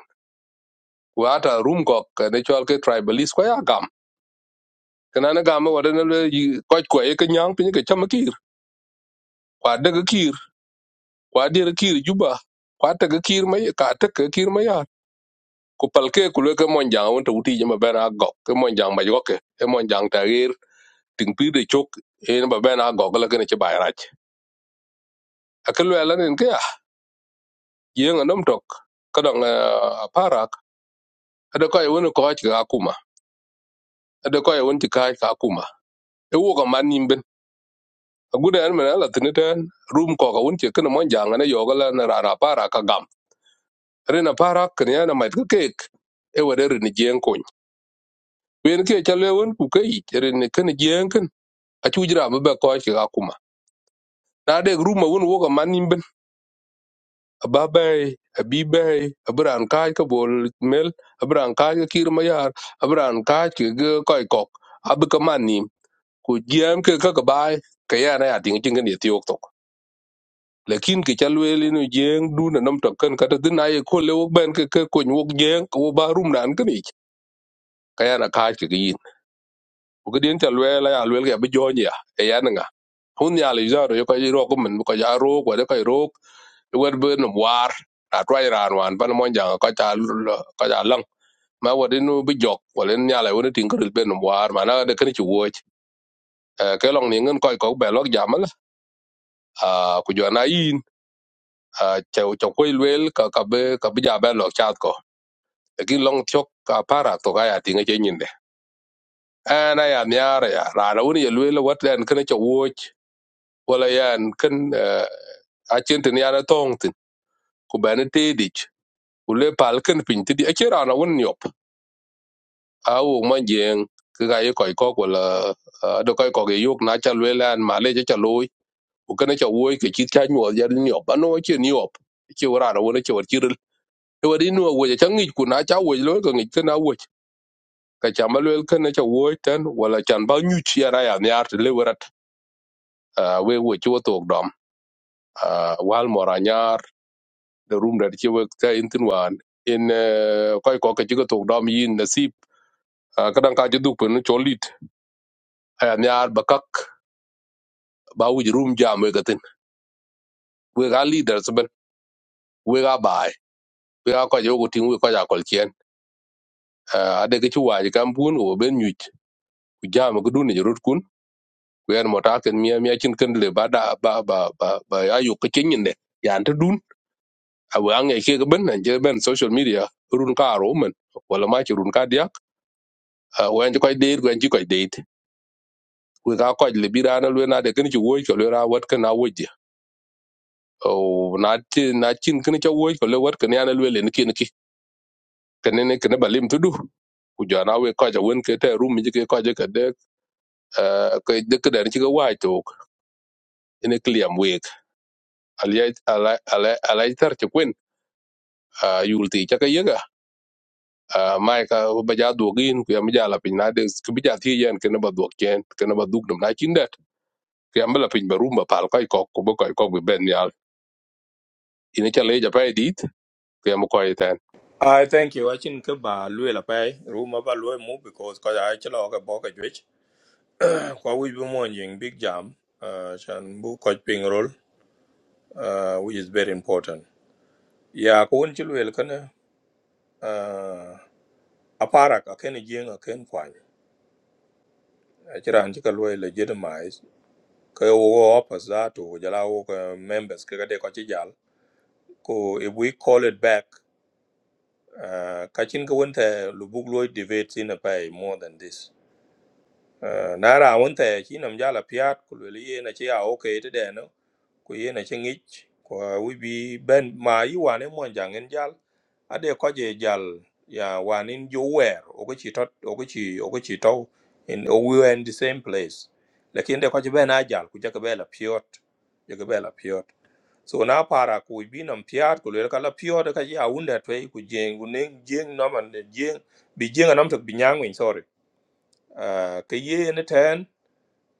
S6: wata rum kok ne chol ke tribalist ko ya gam kana ne gam wa ne le ko ko e ke nyang pin ke chama kir kwa de ke kir kwa de ke kir juba kwa te ke kir ma ka te ke kir ma ya ku pal ke ku le ke mon jang won to uti jama bena go ke mon jang ma yo ke e mon jang ta gir ting pi de chok e ne ba bena go la ke ne che ba rach akelu ala ne ke ya jieng anom tok kadang para ada ko e won ko ha ka kuma ada ko e won ti ka ewo ko man nimben agude an mena la tiniten rum ko ko won che kana mon janga ne yoga la na rara para ka gam rena para kanya na mait ka kek e wade rin jeng kon wen ke chale won ku kai rin kan jeng kan a chujira ba ba ko ki ga kuma na de rum won wo ko man nimben ba bai abi bai abran kai ka bol mel abran ka ka kir ma yar abran ka ki ga koi kok ab ka man nim ku jeng ke ka ka bai ka ya na ya ting ting ne ti lakin ki ca lueel ino jeŋ duna nam tok kan kata tin aye ko le wok ben ke ke kony wok jeŋ ko ba rum nan kan ich kaya na kaaj ke yin bu ke dien ca lueel ya lueel ke bi jony ya e yan nga hun ya le zaro yo ko ro ko men ko ja ro ko de ko ro wer be no war a twai ran wan ban mon jang ko ca ko ja lang ma wadin bi jok walen ya le woni tin ko be no war mana de kan ci wo Eh, ke long ni ngin koy ko be lok jamal a ku jona yin a che cho koy lueel ka ka be ka bi ja be lok chat lakin long chok ka para to ga ya tinga che nyinde ana ya miara ya ra na woni yelwe le watlen kana cha woch wala yan kan a chente ni ara tong tin ku bana te dich ku le pal kan pin ti di a che ra na woni yop a wo ma jeng ka ga ye koi ko wala do koi ko ge yok na cha le lan ma le cha loy ku kana cha woy ke chi cha nyo ya ni yop ano che ni yop che ra na woni che wa chi ril e wa di no wo cha ngi ku na cha wo lo ka ngi kana wo ka cha ma lwel ken cha wo ten wala chan ba nyu chi ara ya nyar te le werat ah, we wo chi wo tok dom Ah, wal mora nyar de rum de chi wo ka in tin wan in ko ko ka chi ko tok dom yin nasib Ah, ka dan ka ji duk pen cho lit aya nyar ba kak ba wi rum jam we ka tin we ga leader ben we ga bai we ga ko jo ko tin we ko ja kol chen ade ke chi wa ji kam bun wo ben nyu ku jam ko dun ni rut kun ku en mota ken mia mia chin ken le ba da ba ba ba ba ayu ko chen ne yan ta dun awe ange ke ga ben je ben social media run ka ro men wala ma ci run ka dia we an ko de we an ko de we ka ko le bira na le na de ken ci wo ko le ra wat ken a wo je o na ti na chin ken ci wo ko le wat ken ya na le ne ken ki ken ne ken ba lim tudu ku ja na we ko ja won ke te rum ji ke ko ja ke de ko de ke de ci ga wa to ne kliam we al ya ala ala ala tar ci kwen yul ti ca ka Uh, mai ka ba ja duok in ku yamba ja lapiny nade ku bi ja thi yen kena ba duok chen kena ba duk nam na chin det ku yamba lapiny ba rum ba pal koi kok ku ba koi kok bi ben yal ine cha le ja pa edit ku yamba koi ten
S1: I thank you. I think ba lue la pai. Ruma ba lue mu because ko ai chlo ka bo ka Kwa wich bi big jam uh, chan bu koj ping rol uh, which is very important. Ya ko won ci luel kana uh, aparak a ken jeng a ken kwany. A ci ran ci ka luel legitimize ka wo wo opas da to jala wo ka members ka ka de ko ci jal. Ko if we call it back uh, ka cin ka won ta lu buk luoy debate a pay more than this. Eh, na ra wun te chi nam ja la piat ku le ye na chi a o ke te de no ku ye na chi ngi ku wi bi ben ma yi wa ne mo jang en jal a de ko je jal ya wa nin ju wer o ko chi tot o ko chi o ko chi to in o we were in the same place lakin de ko chi ben a jal ku ja ke be la piot ja ke be la piot so na para ku bi nam piat ku le ka la piot ka ya wun de te ku jeng ku ne jeng no man de jeng bi jeng nam tok bi nyang win uh, ka ye ni ten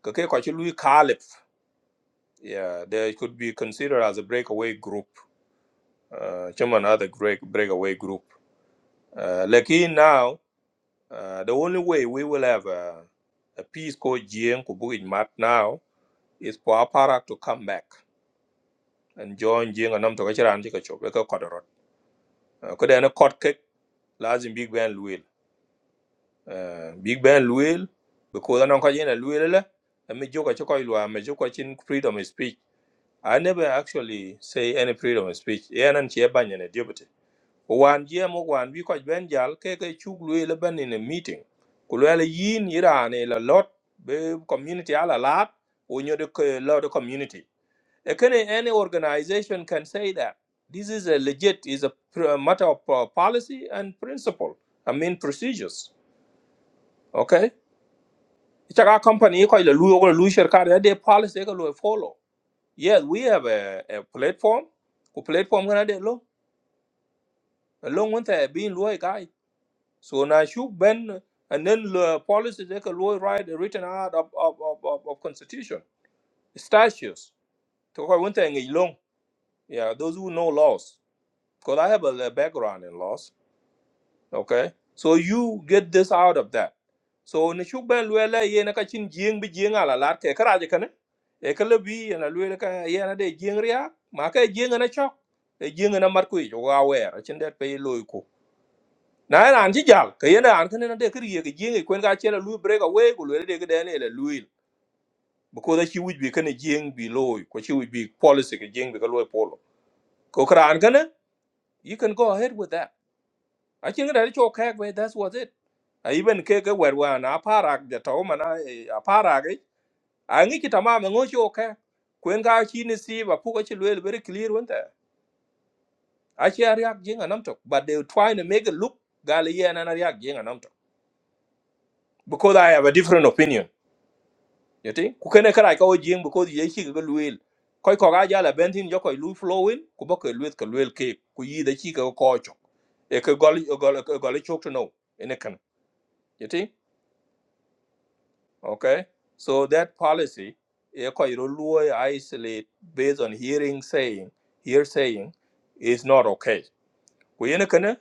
S1: ka ke kwachi lui kalif yeah they could be considered as a breakaway group uh chairman other break breakaway group uh lakin now uh, the only way we will have a, a peace called Jiang Kubuki Mat now is for Aparak to come back and join Jiang and Namto Kachiran Chikachop, like a Kodorot. Could then a court kick, Lazim Big Ben Luil. Uh, Big Ben Luil, because I'm not going to Luil, and me joke at Chokoilwa, me joke at freedom of speech I never actually say any freedom of speech. Yeah, and she ban in a deputy. One GM one because Ben Jal Keke Chuglu Eleven in a meeting. Kulwele yin Iran a lot be community ala lot when you're the lot of community. A can any organization can say that this is a legit is a, pr- a matter of uh, policy and principle. I mean procedures. Okay. It's a company called Louis or Louis Shirkar, they policy they follow. Yes, we have a, a platform. Ku platform kana de lo. Long one a being loy guy. So na shoot ben and then the policy they can loy right written out of of of, of, of constitution statutes. To ko went a long. Yeah, those who know laws. Because I have a, a background in laws. okay so you get this out of that so ne shuk ben luele ye na ka chin jing bi jing ala lat ke kara je kane e ka lebi na luele ka ye na de jing ria ma ka jing na chok e jing na mar ku jo ga wer a chin det pe loy ku na na an ji jal ka ye na an kane na de kri ye ke jing e kwen ga chela lu break away ku luele de ke de ne le luil because da chi wuj bi kane jing bi loy ko chi wuj bi policy ke jing bi ka loy polo ko kara an kane you can go ahead with that I think that cho kek we that's was it. I even kek we wan a parak the to man a parak it. I ngi kita ma ngo cho kek. Kwen ga chi ni si ba pu ga chi le very clear one there. I chi ariak jing anam tok but they were trying to make it look gali ye and ariak jing anam tok. Because I have a different opinion. You think? Ku kene kara ka o jing because ye chi ga luel. Koi ko ga jala bentin jo koi lu flowing ku ba ko luet ko luel ke ku yi da chi ka ko cho. E ka gol e gol e gol e chok to no. Ene kan. You think? Okay, so that policy, Ekoirului isolate based on hearing saying, hear saying, is not okay. Kuyene kene,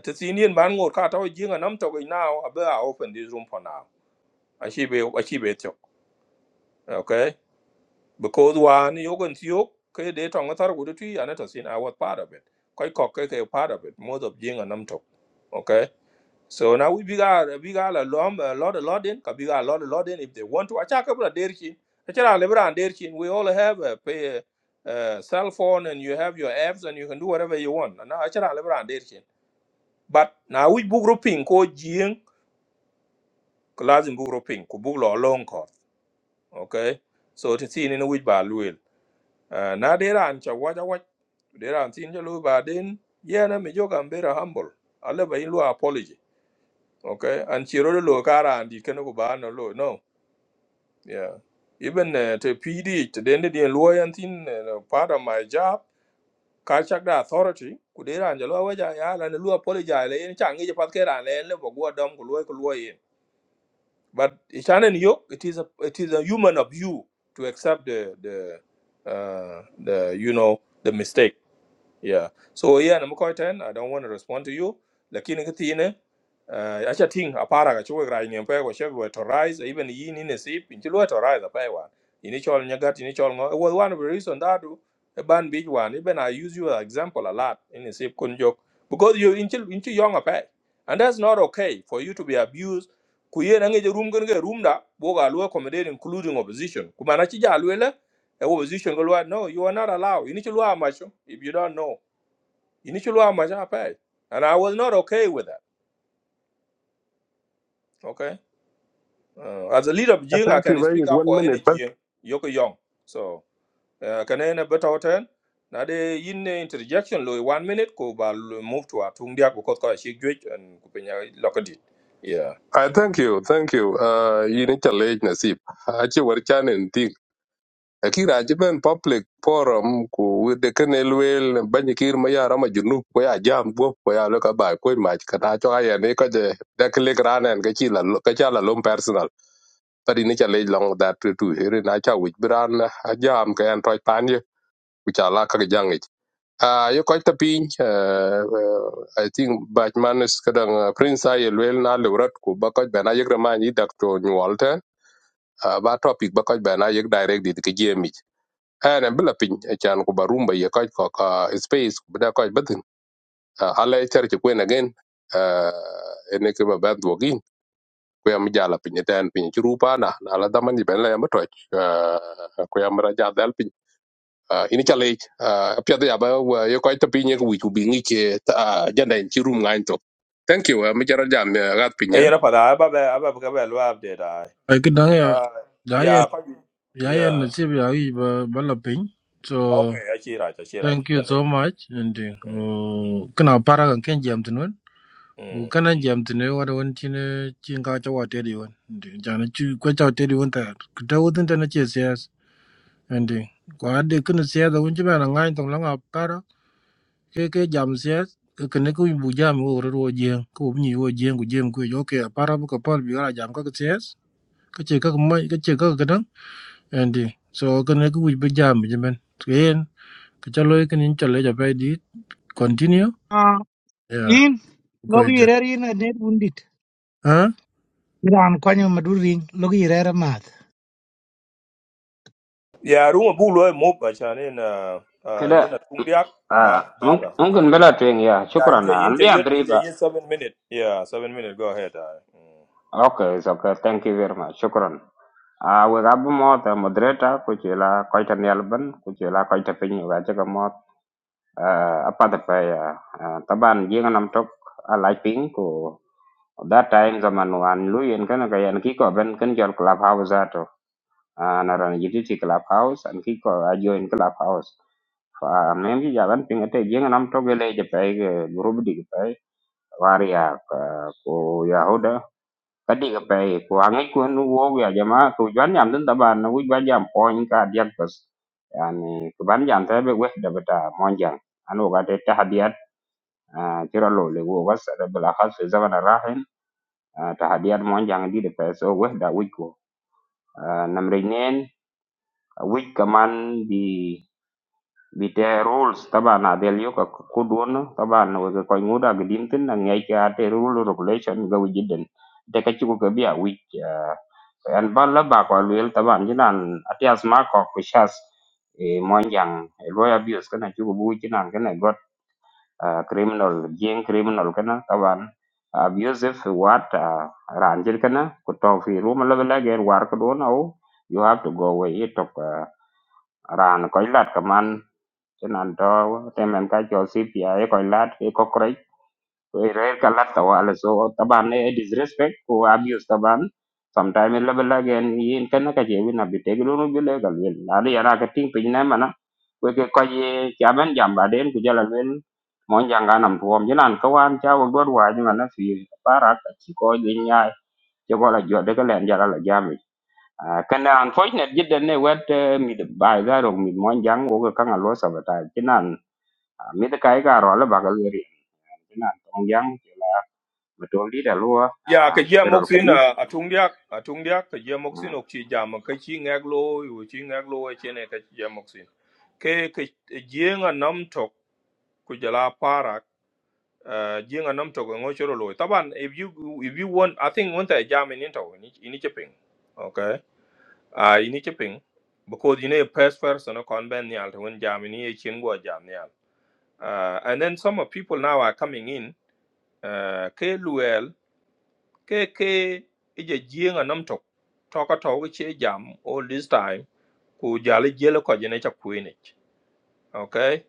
S1: tsi Indian man ngur ka tau jinga nam tau now, abe I open this room for now. Ashibe, ashibe chok. Okay, because one yogan tiyok, ke de tong atar kudu tui, anata sin, I was part of it. Koi kok ke ke part of it, most of jinga nam tau. Okay. So now we biga biga la lom a lot a lot in ka biga a lot a lot in if they want to acha kabla derchi acha la lebra derchi we all have a pay uh, cell phone and you have your apps and you can do whatever you want na acha la lebra derchi but now we book grouping ko jing class in book grouping ko book lo long ko okay so to see in which ba luel Uh, na dera ancha waja waj dera antin jalu ba den yeah na me joga mbera humble alle ba ilu apology okay and chiro de lo kara and it can go ba no lo no yeah even uh, to pd to the end of the lawyer and thing uh, no, part of my job kachak the authority kudera and lo wa ya la ne lu apologize le en changi je pat kera le en le bo go dom ko lo ko lo yin but chanen yo it is a it is a human of you to accept the the uh the you know the mistake yeah. So yeah, na mukoi ten. I don't want to respond to you. Lakini kiti ine. Uh, acha ting apara ka chuwe grai nyempe kwa shebi we to rise even yi ni nesip inchi we to rise apai wan ini chol nyagat ini chol ngo it was one of the reason that do a ban big one even I use you as example a lot in nesip kun jok because you inchi inchi young apai and that's not okay for you to be abused kuye na ngeje room genge room da boga luwe accommodate including opposition kumana chija luwe le eh, opposition go luwe no you are not allowed ini chulwa macho if you don't know initially I'm and I was not okay with that. Okay, uh, as a leader of
S6: Uh,
S1: Jing, I
S6: thank you
S1: can
S6: very
S1: speak
S6: much.
S1: up
S6: one
S1: for any
S6: minute but
S1: Jing, Yoko Young. So uh, can I better turn? Now the in interjection, lo one minute ko ba lo move to a tung dia ko kot ko shi gwej and ko penya lokadi. Yeah.
S6: i thank you thank you uh ine cha le nasip a che war chan en ti akira je ben public forum ku wede kene lwel banyi kir ma yara ma junu ko ya jam bo ko ya le ka ba ko ma ka ta cho ayen ne ka je dak le granen ka chi la ka cha la lum pari ni chale long that to to here na cha wich bran a jam ka an toy pan ye which ala ka jang it a yo ko ta pin à, à, i think batman is kadang ah, prince ay wel na le rat ko ba ko bana yek ma ni dak to nyol ten Ah, ba topic ba ko bana yek direct dit ke jemi ana bila pin a chan ko ba rumba ye ko ko ka space ko da ko batin ala ter ko again eh ne ke ba ba ku yam jala piny eten piny ci rupa na na la daman yiben la yam toj uh, ku yam ra ja dal piny uh, ini ca leej uh, piɛth yaba ye kɔc tapiny ye ku wic ku bi ŋic uh, janda en ci rum ŋany tok thank you uh, mi jara jam uh, gat piny
S1: Eh yana pada aba ba aba ba ba lo update ai.
S5: ai cái đó ya
S1: Uh
S5: giá ya
S1: yeah, ko
S5: giá ya là
S1: yeah.
S5: chỉ bây giờ ba ba là pin so
S1: Okay, I see right, I see right.
S5: thank you so much and
S1: Mm.
S5: uh, cái nào para cái kinh nghiệm
S1: mm.
S5: Wu kana jam tine wada wan chine chin ka chawa tedi wan. Jana chu kwa chawa tedi wan ta. Kuta wutin tana che siyas. Andi. Kwa adi kuna siyas wan chima na ngay tong langa para. Ke ke jam siyas. Ke kene ku bu jam wo ro ro jeng. Ku bu nyi wo jeng ku jeng ku yo ke para bu ka pal bi gara jam ka ka siyas. Ka che ka ka mai ka che ka ka kadang. Andi. So kene ku bu jam jimen. Tuyen. Ka chalo ikin in chale japai di. Continue.
S7: Uh,
S5: Yeah.
S7: in
S5: Ko
S7: logi
S5: ite.
S7: irer in adet undit. Iran kwanyo maduring logi irer math.
S1: Yeah, room bu lo mo pa chane na uh yin
S8: كده
S1: a
S8: آه
S1: ba
S8: ممكن
S1: bara. Yin-
S8: ممكن بلا توين يا
S1: Yeah,
S8: شكرا
S1: inte
S8: أنا
S1: inte
S8: بيا
S1: yut inte
S8: بريبا
S1: yut seven minute. Yeah, seven minute go ahead. Uh, mm.
S8: أوكي أوكي ثانك يو فيري ماتش شكرا <clears throat> Ah, we gab mo ta moderator ku ci la koy ta nelban ku ci la koy ta pin ga ci ga mo a pa ta pa ya Ah, taban gi nga nam tok a la pin that time zaman wan lu yen kan ga yan ki ko ben kan jol club house and aran jiti fi clubhouse and ki ko clubhouse fa men bi jalan ping ate jeng nam to gele je pay group di pay waria ko yahuda kadi ga pay ko angai ko nu wo ya jama ko jan yam den taban na wi ban jam point ka diak bas yani ko ban jam tabe we da bata monjang anu ga te tahadiyat tira lo le wo was da bala khas zaman rahin tahadiyat monjang di de pay so we da wi ko namre nen wi kaman di بتاع rules طبعا هذا اليوكا كودون طبعا وكوي مودا قديم تنا نيجي هذا rule regulation قوي جدا تكتشفوا كبيع ويك an ban la ba kwa luel taban jinan atias ma ko kushas e monjang e lawyer abuse kana chugo bu jinan kana got ah, criminal jing criminal kana taban abusive what ah, ranjil kana ko to fi room la la ger war ko don au you have to go away it tok ah, ran ko lat kaman nan to temen ka cho cpi ko lat ko kre ko re ka lat to ala so taban e disrespect ko abuse taban sometime le bela gen yin ken ka je wina bi te glu no bi le gal wel la de yara ka ting pin na mana ko ke ko ye jamen jam ba den ku jala wel mon janga nam tuom jinan ka wan cha wo god wa jina na fi para ka chi ko je nya je ko la jo de ka len jara la jami kana unfortunate jidden ne wet mi de bai da ro mi mon jang wo ka ngalo sabata Ah, mi de kai ga ro la ba ga ri na tong yang ke la ma to li da lo ya,
S1: yeah, ka ye
S8: ye
S1: mok
S8: ro ka
S1: sin
S8: dis
S1: uh, a tung dia a tung dia ka ye mok sin
S8: Mm.
S1: ok jam ka chi ngak yu chi ngak e chene ka ye mok sin. Ke ka nam tok ku jala para uh ye nam tok e ngo choro lo. Taban if you if you want I think want a jam in into in chi ping. Okay. a ini ci ping because you know a first person no kon ben nyal to when jam ni e chin go jam nyal uh, and then some of people now are coming in uh, ke luel ke ke ije jienga nam tok toka to we che jam all this time ku jale jelo ko jene cha kwinich okay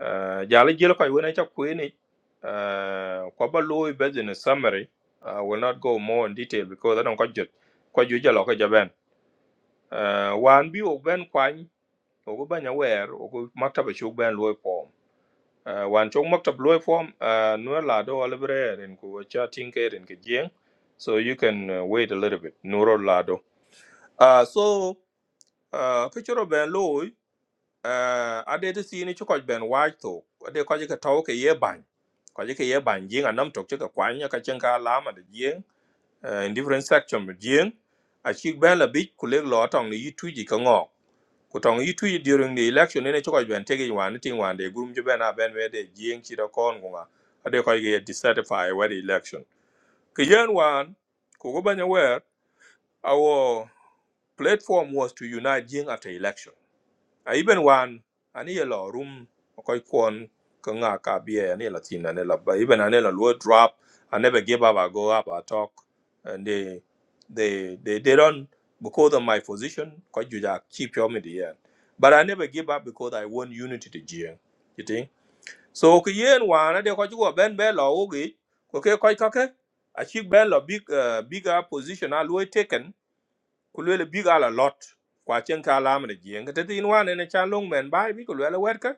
S1: uh, jale jelo ko we cha kwinich uh, ko ba loy business summary I will not go more in detail because I don't got jut ko ju jalo ko jaben uh, one bi ok ben ogu banya wer ogu maktaba chuk ben loy pom uh, wan chok maktab loy pom uh, nuer la do alibre rin ku cha tinke rin ke jieng so you can uh, wait a little bit nuro la do uh, so uh, ke choro ben loy uh, ade te sini chukoj ben waj to ade koje ke tau ke ye bany koje ke ye bany jieng anam tok chika kwanya ka chen ka lama de jieng uh, in different section of jieng achik ben la bich kuleg lo atong ni yi tuji ka ngok kutong yi during the election nene choko ben tege wan ting wan de gurum ben a ben we de jing chi da kon gunga ade ko ye dissatisfy with the election ke yen wan ko go banya wer our platform was to unite jing after election a iben wan ani ye lo rum ko kwon ko nga ka bie ani la tin ani la ba iben ani la lo drop i never give up i go up i talk and they they they, they don't because of my position ko just keep your me the end. but i never give up because i want unity to jing you think so ko yen one, I ko jugo ben be lo ugi ko ke ko ka ke a chi ben lo big uh, bigger position a always taken ku luele big ala lot kwa chen ka lam ne jien ka tetin wan ne chan long men bai bi ku luele wer ka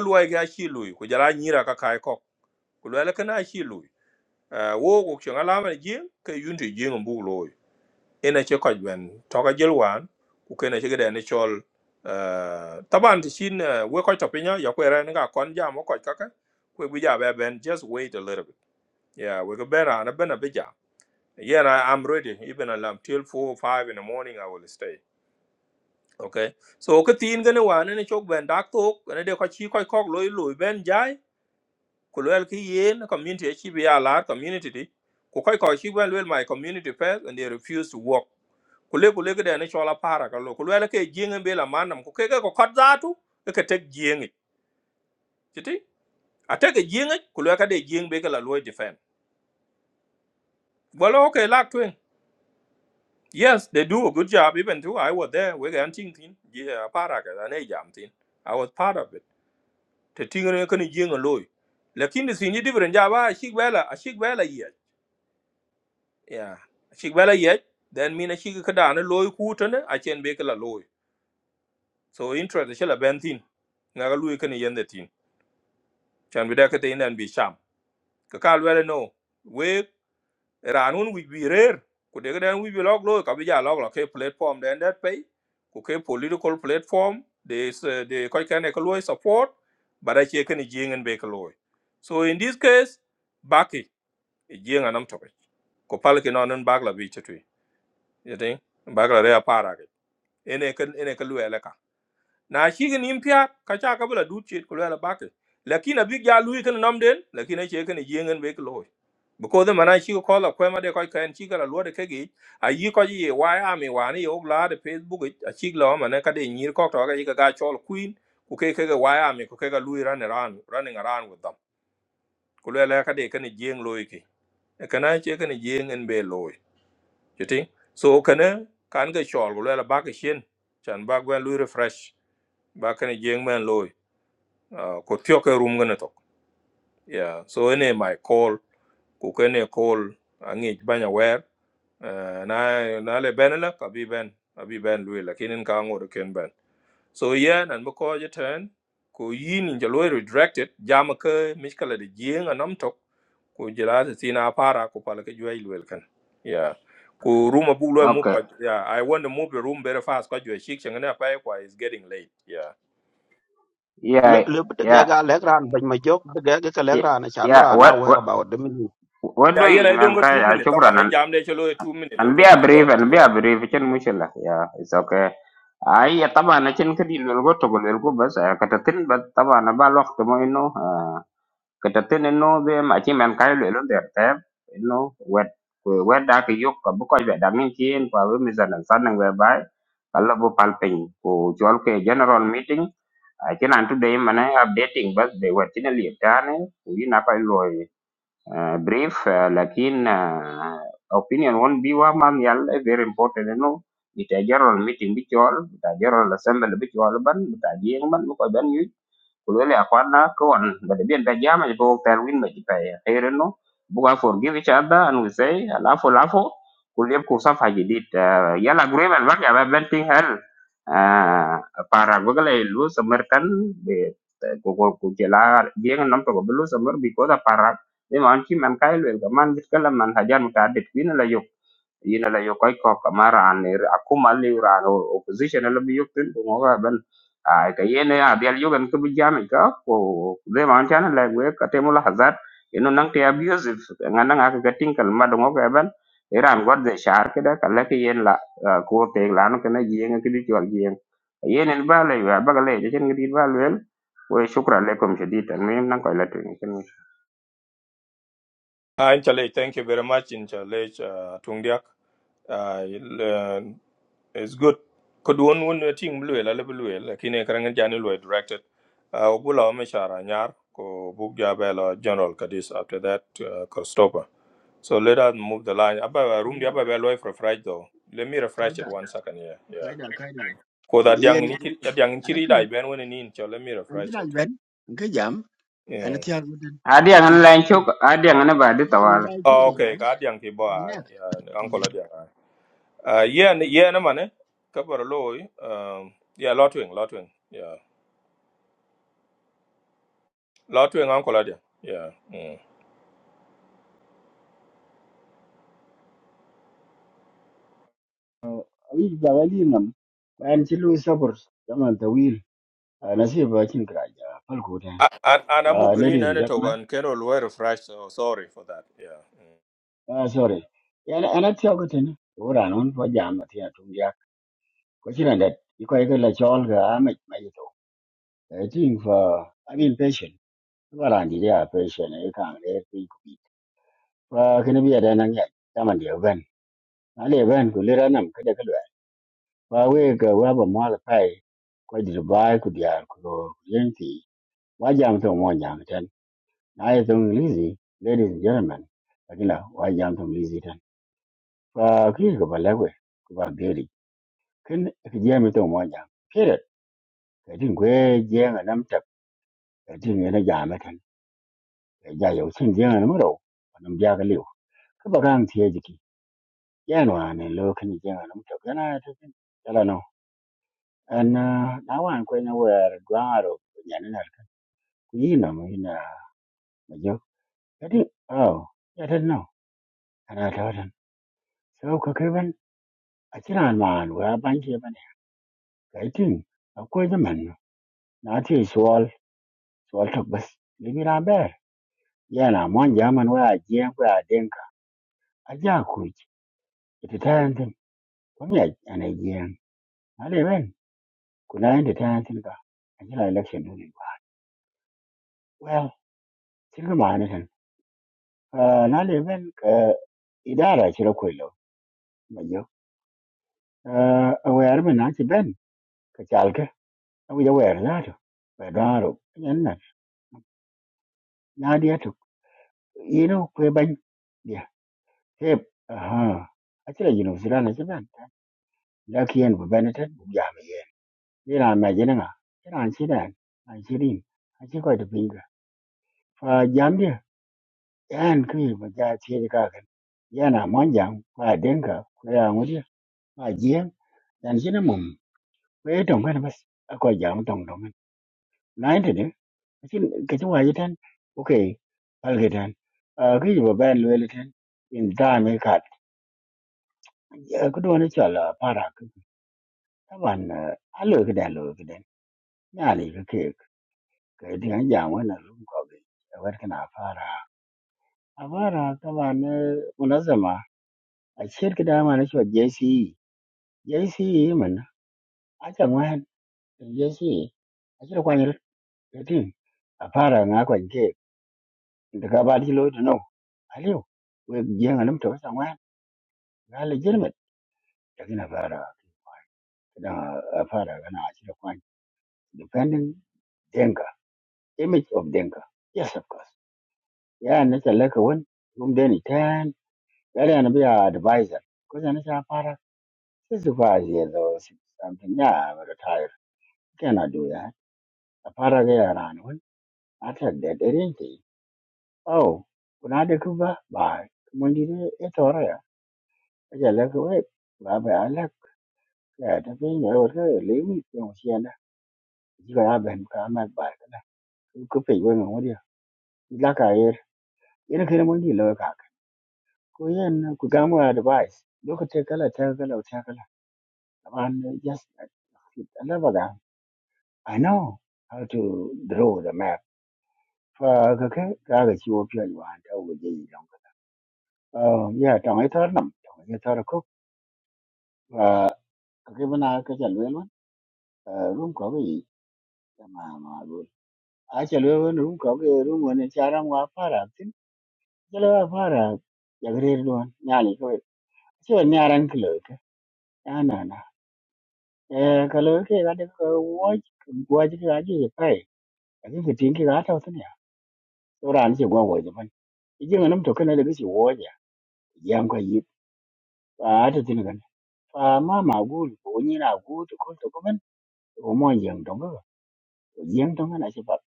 S1: luai ga chi lui ku jara nyira ka kai kok ku luele chi lui Eh, wo ku chen ala ne jien ka yun jien bu loi ene che ko gwen to ka jel wan ku ke che ga ne chol eh, taban ti chin eh, we ko to pinya ya ku era ne kon jam ko ka ka ku e bi ja be ben just wait a little bit yeah we go better and a ben bija yeah I, i'm ready even alarm till 4 or 5 in the morning i will stay okay so ka tin gane wane ne chok ben dak tok ne de ko chi ko kok loy loy ben jai ko lel ki yen community e chi bi ala community di ko ko ko chi ben lel my community first and they refuse to work ko le ko le de ne chola para ka lo ko lel ke jingen be la manam ko ke ke ko kot zatu e ke tek jingen titi a tek jingen ko le ka de jing be ka la loy defend well okay lak twin yes they do a good job even though i was there we can think thin yeah para ka ne jam thin i was part of it te tingre kan jeng loy lakin si ni different ja ba shi bela a shi bela ye yeah a shi bela ye then mina shi ka da na loy ku ta ne a chen be kala loy so interest shi la bentin na ga loy kan yende tin chan bi da ka te nan bi sham ka ka wele no we ranun wi bi rer ku de ga dan wi bi log loy ka bi ja log la ke platform den that pay ku ke political platform de de ko kan e ka loy support but a che kan jeng be ka loy so in this case baki jieng anam topic ko pal ki non bagla bi chetui yete bagla rea para ke ene kan ene ka luwe leka na shigin impia ka cha ka bula du chit ko luwe bake lakini bi ja lui kan nam den lakini che kan jieng be ko loy because the mana shi ko la ko ma de ko kan shi ga luwe de kegi a yi ko yi wa ya mi wa ni yo la de facebook yi, a shi la ma ne ka de nyir ko to ga yi ka ga chol queen ku ke ke ga wa ya mi ku ke ga lui ran ran running around with them ko luwe ka de kan jieng loiki kana che kan jieng be loy you so kana kan ga chol go la ba ga shin chan ba gwa lu refresh ba kana jeng man loy Ah, ko tyo ka rum gana yeah so ene my call ku kene call angi banya wer Ah, na na le benela ka ben abi ben lu la kinin ka ngor ken ben so yen and bako je ten ko yin in jalo redirected jama ke miskala de jeng anam tok ko jela ta tina para ko pala ke juai luel kan yeah ko room abu lo mu
S8: okay
S1: pa yeah i want to move the room very fast ko jua shik changana pa ko is getting late yeah
S8: yeah
S9: le bit ga
S8: yeah
S9: ga le ran ban ma jok de ga ga le
S8: yeah yeah. what what
S9: about the meaning
S8: what do
S1: yeah yen
S8: you
S1: i
S8: man
S1: don't got
S8: kai
S1: 2
S8: ah,
S1: minutes
S8: shukran
S1: taban i
S8: and,
S1: jam de chalo 2
S8: and be a brief and
S1: minutes
S8: be a brief chen mushila yeah it's okay ai ya taba na chen ka di lo go to go lo go bas ah, ka ta tin ba taba na ba lo to mo ino ah, ka ta tin no be ma chi man kai lo lo der te no wet we wet da ka yok ka bu ko be da min chin pa we mi zan san nang we ba Alabo palping ko jol ke general meeting a chinan today mana updating bas de watina li tane wi na pa loy uh, brief ah, lakin ah, opinion won bi wa man yal eh, very important eh, no ita general meeting bi chol ita general assembly bi chol ban ita jing ban ko ban kulele akwana kawan but bien da jama je bo tan win ma jipa ya khaireno buga forgive each other and we say lafo lafo kuliyab ku safa jidid Ah, yala agreement bak ya benting hal Ah, para bagale lu semerkan be ko ko ku jela bien nam to ko belu semer because para de man ki man kay wel ga man bit kala man hajar yina la yokoy ko kamara an er akuma li ran opposition la bi yoktin ko ngoga ben ay ka yene ya bial yogan ko bi jami ka ko de man tan la we ka temu la hazat ino nang te abusive ngana ngaka ka tinkal ma do ngoga ben iran god de shar ke da kala ke yen la ko te la no kana jiyeng ke di jwal jiyeng yenen ba le wa ba ga le je ngidi ba le we shukran lekum shadid tan min nang ko la tin ken
S1: Hi, Inchale, thank you very much, Inchale, uh, Tungdiak. Uh, il- uh, it's good. Could one one thing blue, la level blue, la kine karangan jani lue directed. Uh, Ogula omeshara nyar ko bugja bela General Kadis after that uh, Kostopa. So let us move the line. Aba uh, room di
S10: kaida
S1: aba for fried though. Let me refresh it
S10: kaida
S1: one second here. Yeah.
S10: kaida kaida
S1: Ko that yang
S10: yen
S1: ni that yang
S10: ana
S1: chiri
S10: tu
S1: dai ben when ni in so let me
S10: an
S1: refresh
S10: jira
S1: it.
S10: ben an ka jam ana
S1: Yeah.
S10: ti har mutan
S8: adi an
S10: i ki
S8: lan
S10: ki
S8: chok adi an ba di
S10: ki ne
S8: tawala
S10: ga ki
S1: Oh,
S10: ga
S1: okay,
S10: ai
S1: ka yang ki
S10: ne
S1: boy. Yeah, uncle dia. Uh, yeah, n- yeah, no money. Couple of low. Um, yeah, lot wing, lot wing. Yeah, lot wing, uncle. Adia. Yeah. Mm.
S10: ai ga wali nam an ti lu sabur zaman tawil ana sai bakin kiraja falko
S1: A- And, and I'm green
S10: ladies and
S1: and it
S10: gentlemen
S1: and can all wear fresh. So sorry for that. Yeah. Mm.
S10: ah, sorry yana ana ti har mutan ora non fa jam ti har tun ya ko kira da i ko ga la chol ga mai mai to i think for i mean patient wala ndi ya patient e kan wa kene bi ada nan ya taman dia ben ale ben ku lera nam kada kalwa wa we ga wa ba ma la pai ko dir bai ku dia ku lo yenti wa jam to mo jam tan na ye to lizi ladies and gentlemen akila wa jam to lizi tan wa ki ga bala we ku ba deri kin ki je mi to mo jam kire ka din gwe je ga nam ta ka din ne na jam tan ka ja yo sin je ga nam ro nam ja ga liu ka ba kan tie jiki yan wa ne lo kan je ga nam ta kana ta And uh, na wan ko ne wer dwaro nya ne na yi na mi na ma jo ati oh ya tan no ana ta tan so ka ke ban a kiran man wa ban ke ban ka tin man na ti suwal suwal ta bas ni mi na ber ya na mon ja man wa je ko a den a ja ku ki ita ta yan tin ko mi ana je na le ben ku na yin ta ta yan ka a kira election dole ba well tin ma ne tan na le ben ka idara kira ma jo uh, awer mi na ci ben ka chal awi awer la to ba daro nyen na na dia to yino kwe ban dia tep aha a ci yino sira na ci ben da ki yen bu ben ta bu ya mi yen ni na ma jina nga ni na ci dan na ci rin a ci ko to pinga fa jam dia yan ki ba ja ci ka kan yana mon jam ba denga ko ya ngudi ba jien dan jina mum kwe to ben bas ko jam tong tong Lakin ka ci tan okay alge tan uh, ka yuba ben lwele tan in dame kat uh, ka duwane chol uh, para ka taban uh, alo ka dan lo ka dan nyali ka ke ka dinga jam wana rum ko be war kana para a para taban uh, munazama a shir ka dama na chwa JCE JCE man a chan wan JCE a shir kwanyar tin a para nga kwan da ka ba di lo no aliyo we jenga nam to They are legitimate. Lakini Afara, kina Afara kana Achille Kwan defending Denga, image of Denga. Yes, of course. Yeah, and it's a like one. Whom then he turn. That and be our advisor. Because I'm a Afara. This is five years or six something. Yeah, I'm retired. Cannot do that. Afara they are on one. After that, they didn't think. Oh, when I kuba bye. When did it all right? I just like away. Bye bye. I like that. I think I would leave me. Don't see that. You got to have him come back. ku pei we ngo dia la ka yer ina kere mo ni lo ka ku yen ku ga mo advice do ka te kala te kala te kala an just another never I know how to draw the map fa ka ke ka ga ga chi wo pyo yuan ta wo ji yi long oh yeah tong ai thar nam tong ai thar ko fa ka ke bana ka chal we lo room ko ga yi ma ma ru a chal we won room ko ga room won cha ram wa pa ra tin chal wa pa ra ya gre ri don nya ni ko ช่วยเนี่ยรังเกลือ na na na eh kalau ke ga de ko wo wo ji ga ji pai a ji tin ki ga ta tin ya to ran ji go wo ji ban ji ga nam to kana da ji wo ja yan ko yi a ta tin ga fa ma ma gu ko ni na gu to ko to ko ban o mo yan dong ga yan dong na ji ba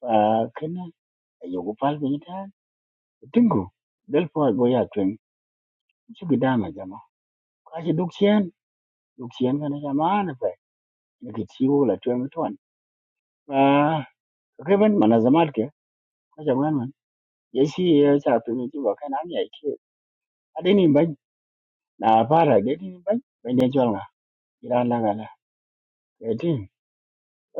S10: fa kana yo go pal ni ta tingu del po go ya twen ji ga da ma jama ka ji duk chen duk chen kana jama na fa ni ki ti wo la twen ton fa ka ban mana zamal ke ka ya shi ya sa pe ni jibo kan ami ai ke adeni ban na fara adeni ban ban de jol nga ira la gala etin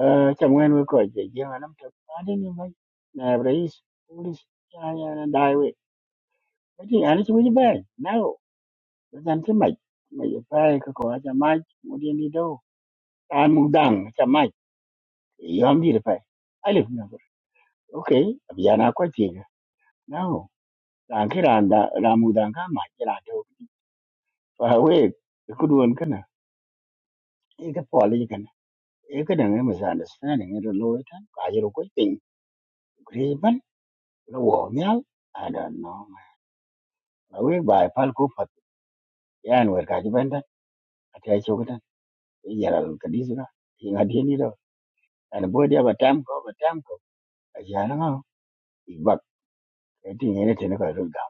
S10: eh cham ngen we ko je je anam to adeni ban na rais polis ya ya na dai we etin ani chi wi ban na o dan ti mai mai ya pai ka ko ta mai mu de ni do ta mu dang ta mai yom di pai alif na bar okay abiyana ko ti ga na o dan ki ran da ramu dan ka mai ra to fa we ku duon ega poli kan ega dang e misunderstanding ero lo ita ajero ko ping griban lo wo nyal i don't know la we bai pal ko pat yan wer ka jiban da atai chokutan e yara lo kadisra inga dini do an bodi aba tam ko aba tam ko ajara ngo ibak eti ngene tene ko ro ga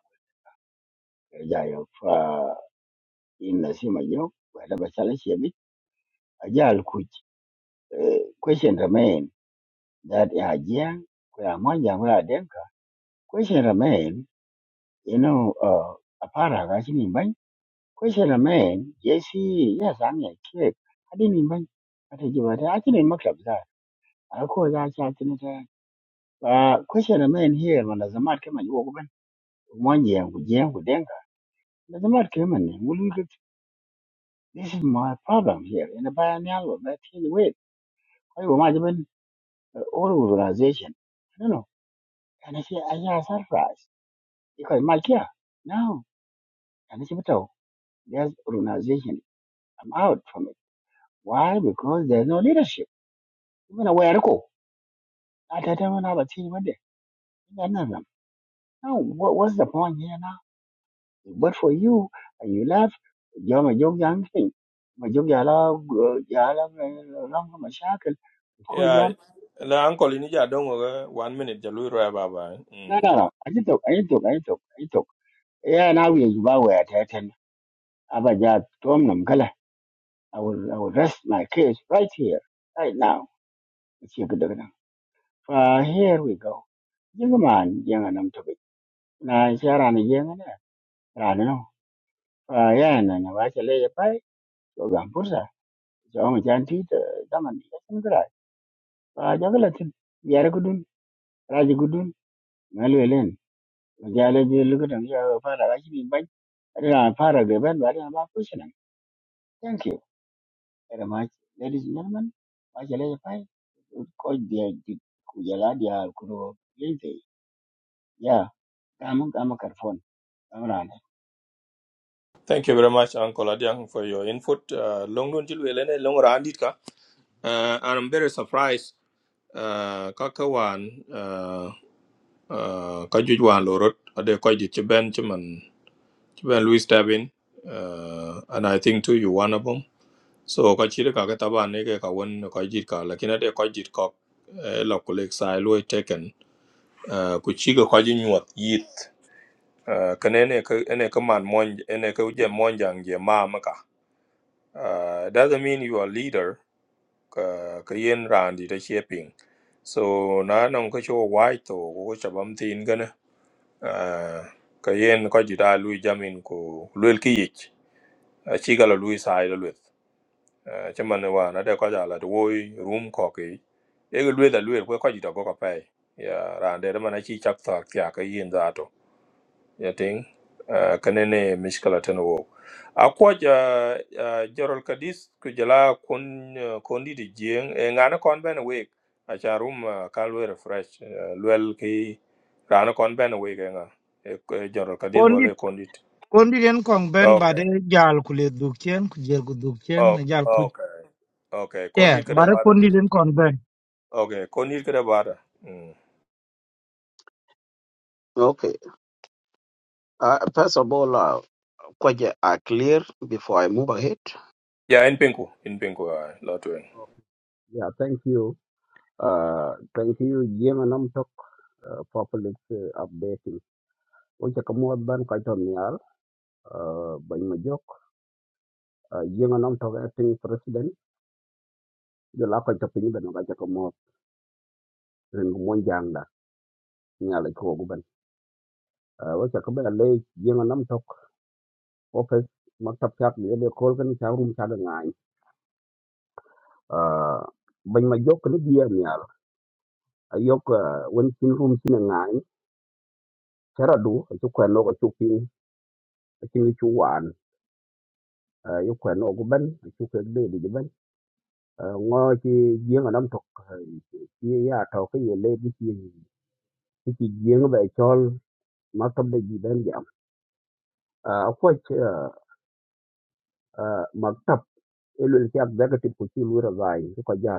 S10: ja yo fa in na sima yo wala ba sala shebi ajal kuch question remain that ya jia ko ya mon ya ko ya denka question remain You know, uh, apara gachini bany. Question a man, yes, he, yes, I'm a kid. I didn't bany. I think you were actually in maklab that. I call that chatting it. Uh, question a man here when there's a mad came and you open. One year with jam with denga. There's a mad came and will you get this is my problem here in the biennial that he wait. I imagine uh, all organization. I don't know. And I say, I am surprised because my care. No, and it's a There's organization. I'm out from it. Why? Because there's no leadership. Even a way to go. I tell them when have a team with them. You nothing. No, what, what's the point here now? But for you, and you left, you're my young young thing. My young yala, yala, long my shackle. Because
S1: Yeah.
S10: I'm,
S1: La uncle in India, don't worry. One minute, Jalu Roy Baba. eh,
S10: no,
S1: Mm.
S10: no, no. I took, I took, I took, I took. Yeah, now we are about where I attend. Abaja, Tom Namkala. I will, I will rest my case right here, right now. It's your good. Uh, here we go. Young man, young and I'm talking. rana no fa ya na na ba ce le pai to gam pursa to mu jan ti da daman da sun gira fa jagalatin yare gudun raji gudun malwelen ya le je lugudan ya fara rashi bin bai ina fara gaban ba ina ba kursi nan thank you very much ladies and gentlemen ba ce le pai ko dia ku ya la dia ku ro le ya kamun kamun karfon
S1: Thank you very much, Uncle Adiang, for your input. Uh, long run till we learn a long run, did ka? Uh, and I'm very surprised. Uh, Kakawan, uh, uh, Kajujuan Lorot, Ade Kajujuban Chiman. Even Louis Tabin, uh, and I think too you one of them. So kachiri kaka taba neke kawan kajit ka lakini ade kajit kok eh, la kulik sai lui taken uh, kuchiga kaji nyuat yit uh, kane ene ka ene ka man mon ene ka uje monjang je ma maka uh, doesn't mean you are leader ka ka yen randi da shaping so na nan ka cho wai to ko ko chabam tin gana uh, ka yen kajit a lui jamin ko luel ki yich achiga la lui sai la luet chaman wa na de ko ja la de woi room ko ke e ga luet la luet ko ko ji to go ka pai ya ran de man chi chak ta kya ka yin da to ya ting kanene ne mishkala tan wo akwa ja jorol kadis ku jala kun kun di di jeng e ngana kon ben we a cha room ah, ka lu refresh eh, luel ki ran kon ben we ke nga e jorol kadis
S7: Kondit
S1: wala kon dit
S7: kondit en kong ben bade
S1: okay
S7: jal kule dukchen kujel ku
S1: oh
S7: na jal ku
S1: okay okay kon
S7: yeah
S1: dit ka
S7: bare
S1: de
S7: kondit en kong ben.
S1: Okay, konir kada bada. Mm.
S9: okay uh, first of all uh, kwaje are clear before i move ahead
S1: Ya en penku, en penku ay lotwen.
S9: yeah thank you uh thank you jema nam tok uh, for public uh, updating oje ka mo ban ka ton yar uh, ban ma jok uh, jema nam tok acting president jo la ko to pin ben ga ka mo ren mo jang da nyala ko gu ban uh, oje ka ba le jema nam tok office maktab chap ni ele kol kan cha room cha da ngai uh, ban ma jok ni dia ni al ayok uh, wen room chin ngai chara du chu kwen no ko chu ping chin chu wan uh, kwen no ko ban chu ke de di ban uh, ngo chi gieng anam tok uh, chi ya to ke ye le bi chi chi gieng ba chol maktab de di ban jam uh, ko ch uh, elu ki ab daga ti ku chi lu ra gai ko ja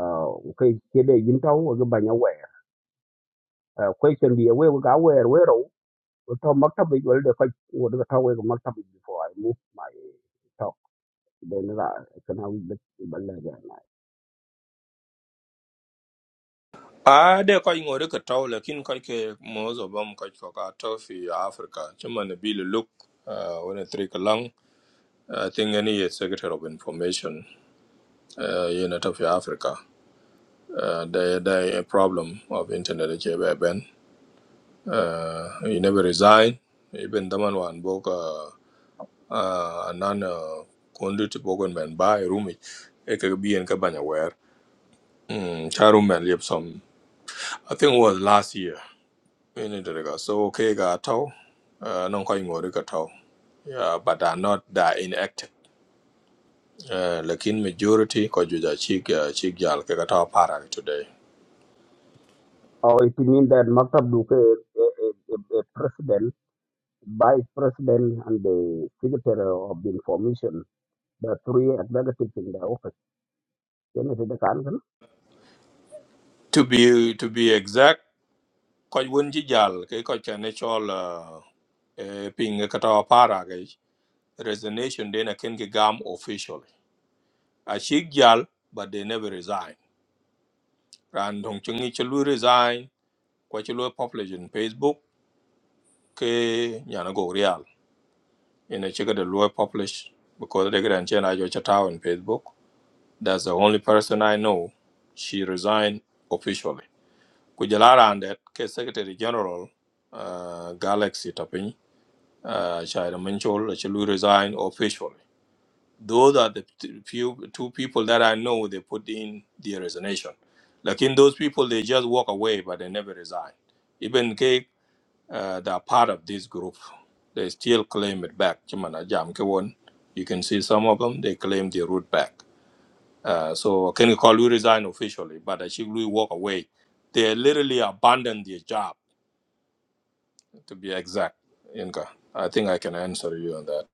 S9: uh, ke ke de yin tau ga ban ya Uh, question dia we ga where where we ro to maktab we de ko wo de to we maktab before i move my talk then ra kana we bit balla ga
S1: Ah, they ko ingo de ka taw la kin ko ke mozo bam ko ko ka taw fi Africa. Chuma ne Bill look uh when a three ka lang. I think any is secretary of information uh in out of Africa. Uh they they a problem of internet che be ben. Uh he never resign. Even the man one book uh uh nan uh, conduit bogon ben buy room. It could be in kabanya where. Mm, Charu man live some. I think it was last year. in Indonesia. So okay, got tau. Uh, non koi ngori ka tau. Yeah, but are not that inactive. Uh, lakin majority ko juja chik uh, chik jal ke ka tau parang today.
S9: or it mean that maktab do a, a, a, a president vice president and the secretary of the information the three executives in the office then it the kan kan
S1: To be to be exact, ko wun ji jal ke ko cha natural uh, eh, ping ka tau parang ke resignation den aken ke gam officially. A chik jal but they never resign. Ran dong chungi chalu resign. Kwa chalu publish in Facebook ke nyana go real in a check the lawyer publish because they can change your chat on Facebook. That's the only person I know. She resigned officially. Kujalara and that case Secretary General uh, Galaxy Tapin, uh, Shaira Minchol, she will resign officially. Those are the t- few two people that I know they put in their resignation. Like in those people, they just walk away, but they never resign. Even uh, that are part of this group. They still claim it back. Chimana jam ke won. You can see some of them, they claim the root back. Uh, so Ken Kalu resign officially, but Ashiglu walk away. They literally abandoned their job, to be exact. Inka, I think I can answer you on that.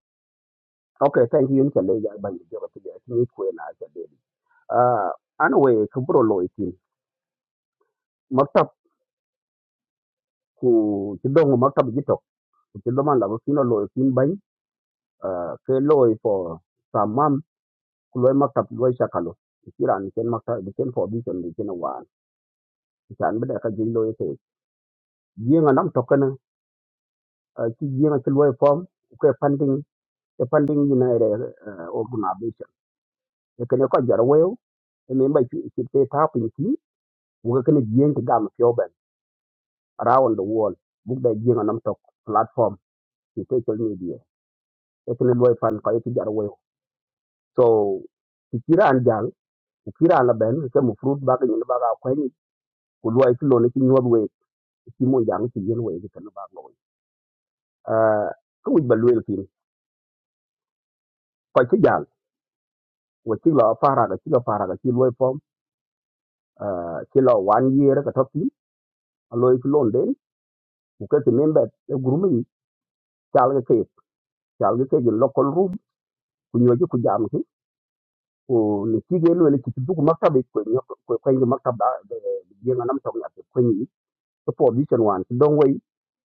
S9: okay thank you in kale ga ban jo ko ti ni ko na ga de ah anyway kubro lo itin maktab ku ci dong maktab ji tok ku ci dama la ko kino lo itin bany. uh, ke loy for samam loy maktab loy shakalo kiran ken maktab ken for vision de ken wan kiran bada ka jey loy te yenga nam tokana ki yenga ki loy form ko funding the funding united uh, organization e ken ko jar wew e me mbay ki te tapin ki wo ken yen ki gam fioben around the world book da yenga nam tok platform ki social media e ken loy fan ko ki jar wew so kiran jang kiran la ben ke mu fruit ba ke ni ba Kulwa luwai ki lone ki nyuɔt wei ki mon jaŋ yen wei ki kene bak loi Ah, ki wic ba luel thin kɔc ki jaŋ wa cik lɔ parak acik lɔ parak aci luoi pɔm ah, ci lɔ wan yeere ka tɔ thin aloi ki lon den ku ka ti member gurumi jal ga ke ki membet e gurumin cal ki keek cal ki local room ku nyuɔc ki ku jam ki ku ni cik ye luel ci ki duk maktab kwenye maktab da jieŋa nam tɔŋ nyathi kwenyi ko po di chen wan dong wei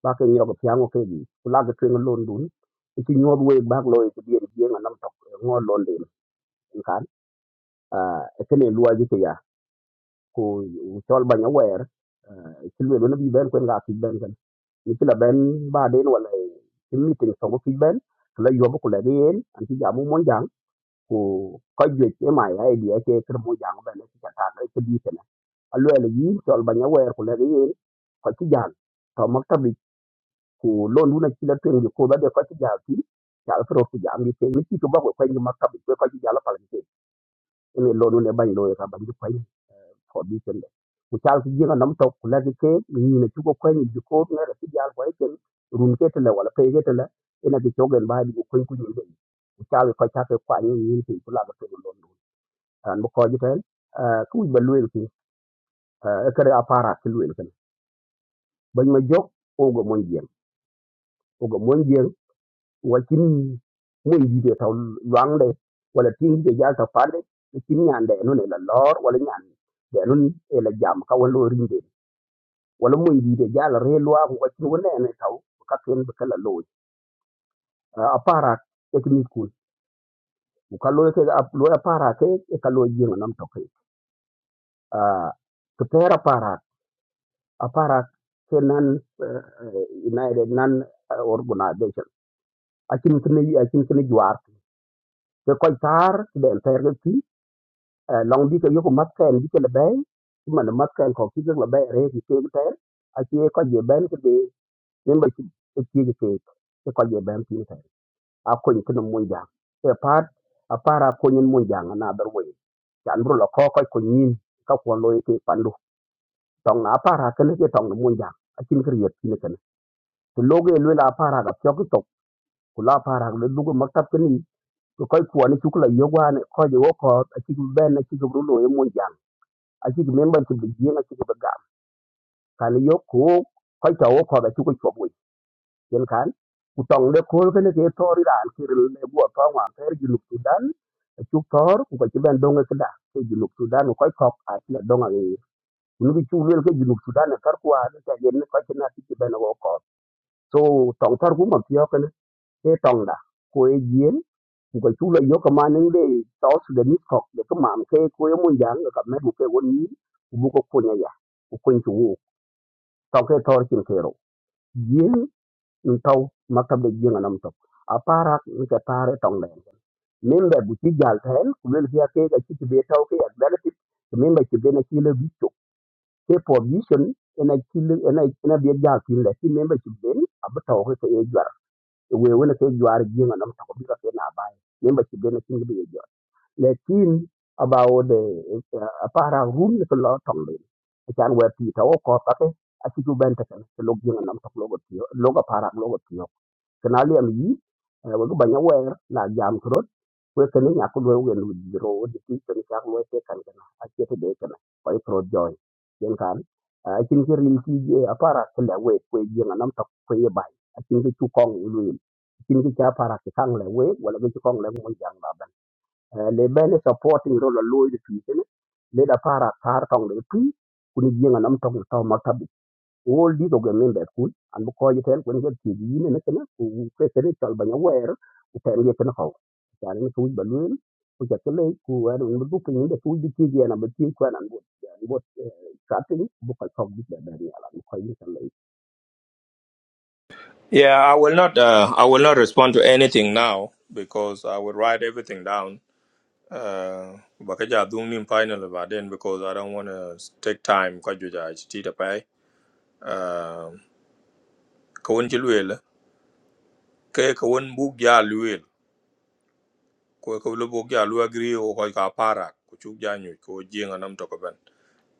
S9: ba ke nyoga piango ke di kula ke twen lon dun e ti nyod wei ba lo e di di nga nam tok ngo lon din en kan e ke ne luwa ji ke ya ko chol ba nya wer ti le no bi ben ko nga ti ben kan ni ti la ben ba den wala ti meeting so ko ti ben la yo ko la den an ti ja mu mon jang ko ko je e mai ai di e ke kre mo jang ben ti ta ta ke di ke na a lo le yi chol ba nya wer ko la den ko ti jang to mak ta bi ku lo lu na kila twen ko ba de ko ti ja ti ja pro ku ja mi te mi ko ba ko ko ni ma ka ko ti ja la pa ni te ni lo lu le ban lo ka ban ko ni ko bi sen de ku ta ti ji na nam to ku la ke ni na ti ko ko ni ji ko na ti ja ko ke run ke te la wala pe ke te la ina ki to gen ba di ko ku ni de ku ta ko ta ke kwa ni ni ti ku la ba te lo lu an bu ko ji te ku ba lu ki e ka a ki lu ki ba ma jok o go mon jiem wakin mun yi de taw luang de wala tin de ya ta fade kin nyan de no ne la lor wala nyan de nun e la jam ka wala rin de wala mun yi de ya la re lwa ko wakin wala ne taw ka ken be kala lo a para e kin ku ku ka lo ke a lo a para ke e ka lo yin nam to ke a to pera para a para ke nan united nan e, organization akin kin akin kin juar ke ko tar de ter ke Eh, long bi ke yoko mat ken bi ke le bay ti man mat ken ko ki ke le bay re ki ke te a ki ko je ben ke be men ba ki ki ke ke ke ko je ben ti te a ko ni ke no jang e part a para ko ni mon jang na dar wo kan ru lo ko ko ko ni ka ko lo ke pandu tong na para ke ne ke tong mon jang a kin ke ye ti ne ken to lo ge lo la para ga ko to ku la para le du ko maktab ke ni ko ko ko ni ku la yo wa ne ko je wo ko a ki ben a ki ru lo ye mon jang aci ki member ki jien aci ki begam kan yo ko koi to ko ga chu ko chobwe yen kan ku tong de ko ke ne ke tori ran ki rel ne to wa ter ju lu sudan chu donga ke da ke ju lu sudan ko ko a donga ni nu bi chu wel ke ju lu a ne ta yen ne ko ci ben wo ko so tong tar ku ma ti yo ke ne ke tong da ko e jien ku ka chu la yo ka ma ne de to su de ni ko de ka ma tau ke tor chin kero yin in tau maktab de yin anam tok aparak ni ka tare tong den member bu ci jal ten ku lel fiya ke ga ci ci be tau ak dala tip member ci be na ci le bicho ke position ena ci le ena ena be jal tin le ci member ci be ab tau ke ke e jwar we wona ke jwar yin anam tok bi ka na bay member ci be na ci be lakin about the uh, para room ko lo tongle chan we pi to ko ka ke a ti ju ben ta kan lo gi nam to lo ti lo ga para lo go ti kana li am yi eh, we ba nya wer na jam kro we ke ni nya ko lo we lu di ro di ti kan ka lo te kan kana a ti te de kana ko i pro joy yen kan a tin ki rin ti je a para ko la we ko gi nam to ko ye bai a tin ki chu kong lu yin tin ki cha para ki kang le we wala ki chu kong le mo jang ba Eh, le ben supporting role la loy de tuiten le da para tar tong de tui kuni jienga nam tong taw matabi all these of the members kun and ko ye tel kun gel ti yine ne kana ku ke tere tal banya wer ku pen ye kana ko yani ne tuj balun ku ja tele ku ero ne bu pin de tuj di ti ye na be ti ko nan bu yani bu cutting bu ka tok bi da dari ala ko ye tele
S1: Yeah, I will not. Uh, I will not respond to anything now because I will write everything down. Uh, bakaja doing in final about then because I don't want to take time. Kajuja, it's tea to pay. ka won ci luel ke ka won buk ja luel ko ka lu buk ja lu agri o ko ka para ku chu ja nyu ko jing anam to ko ben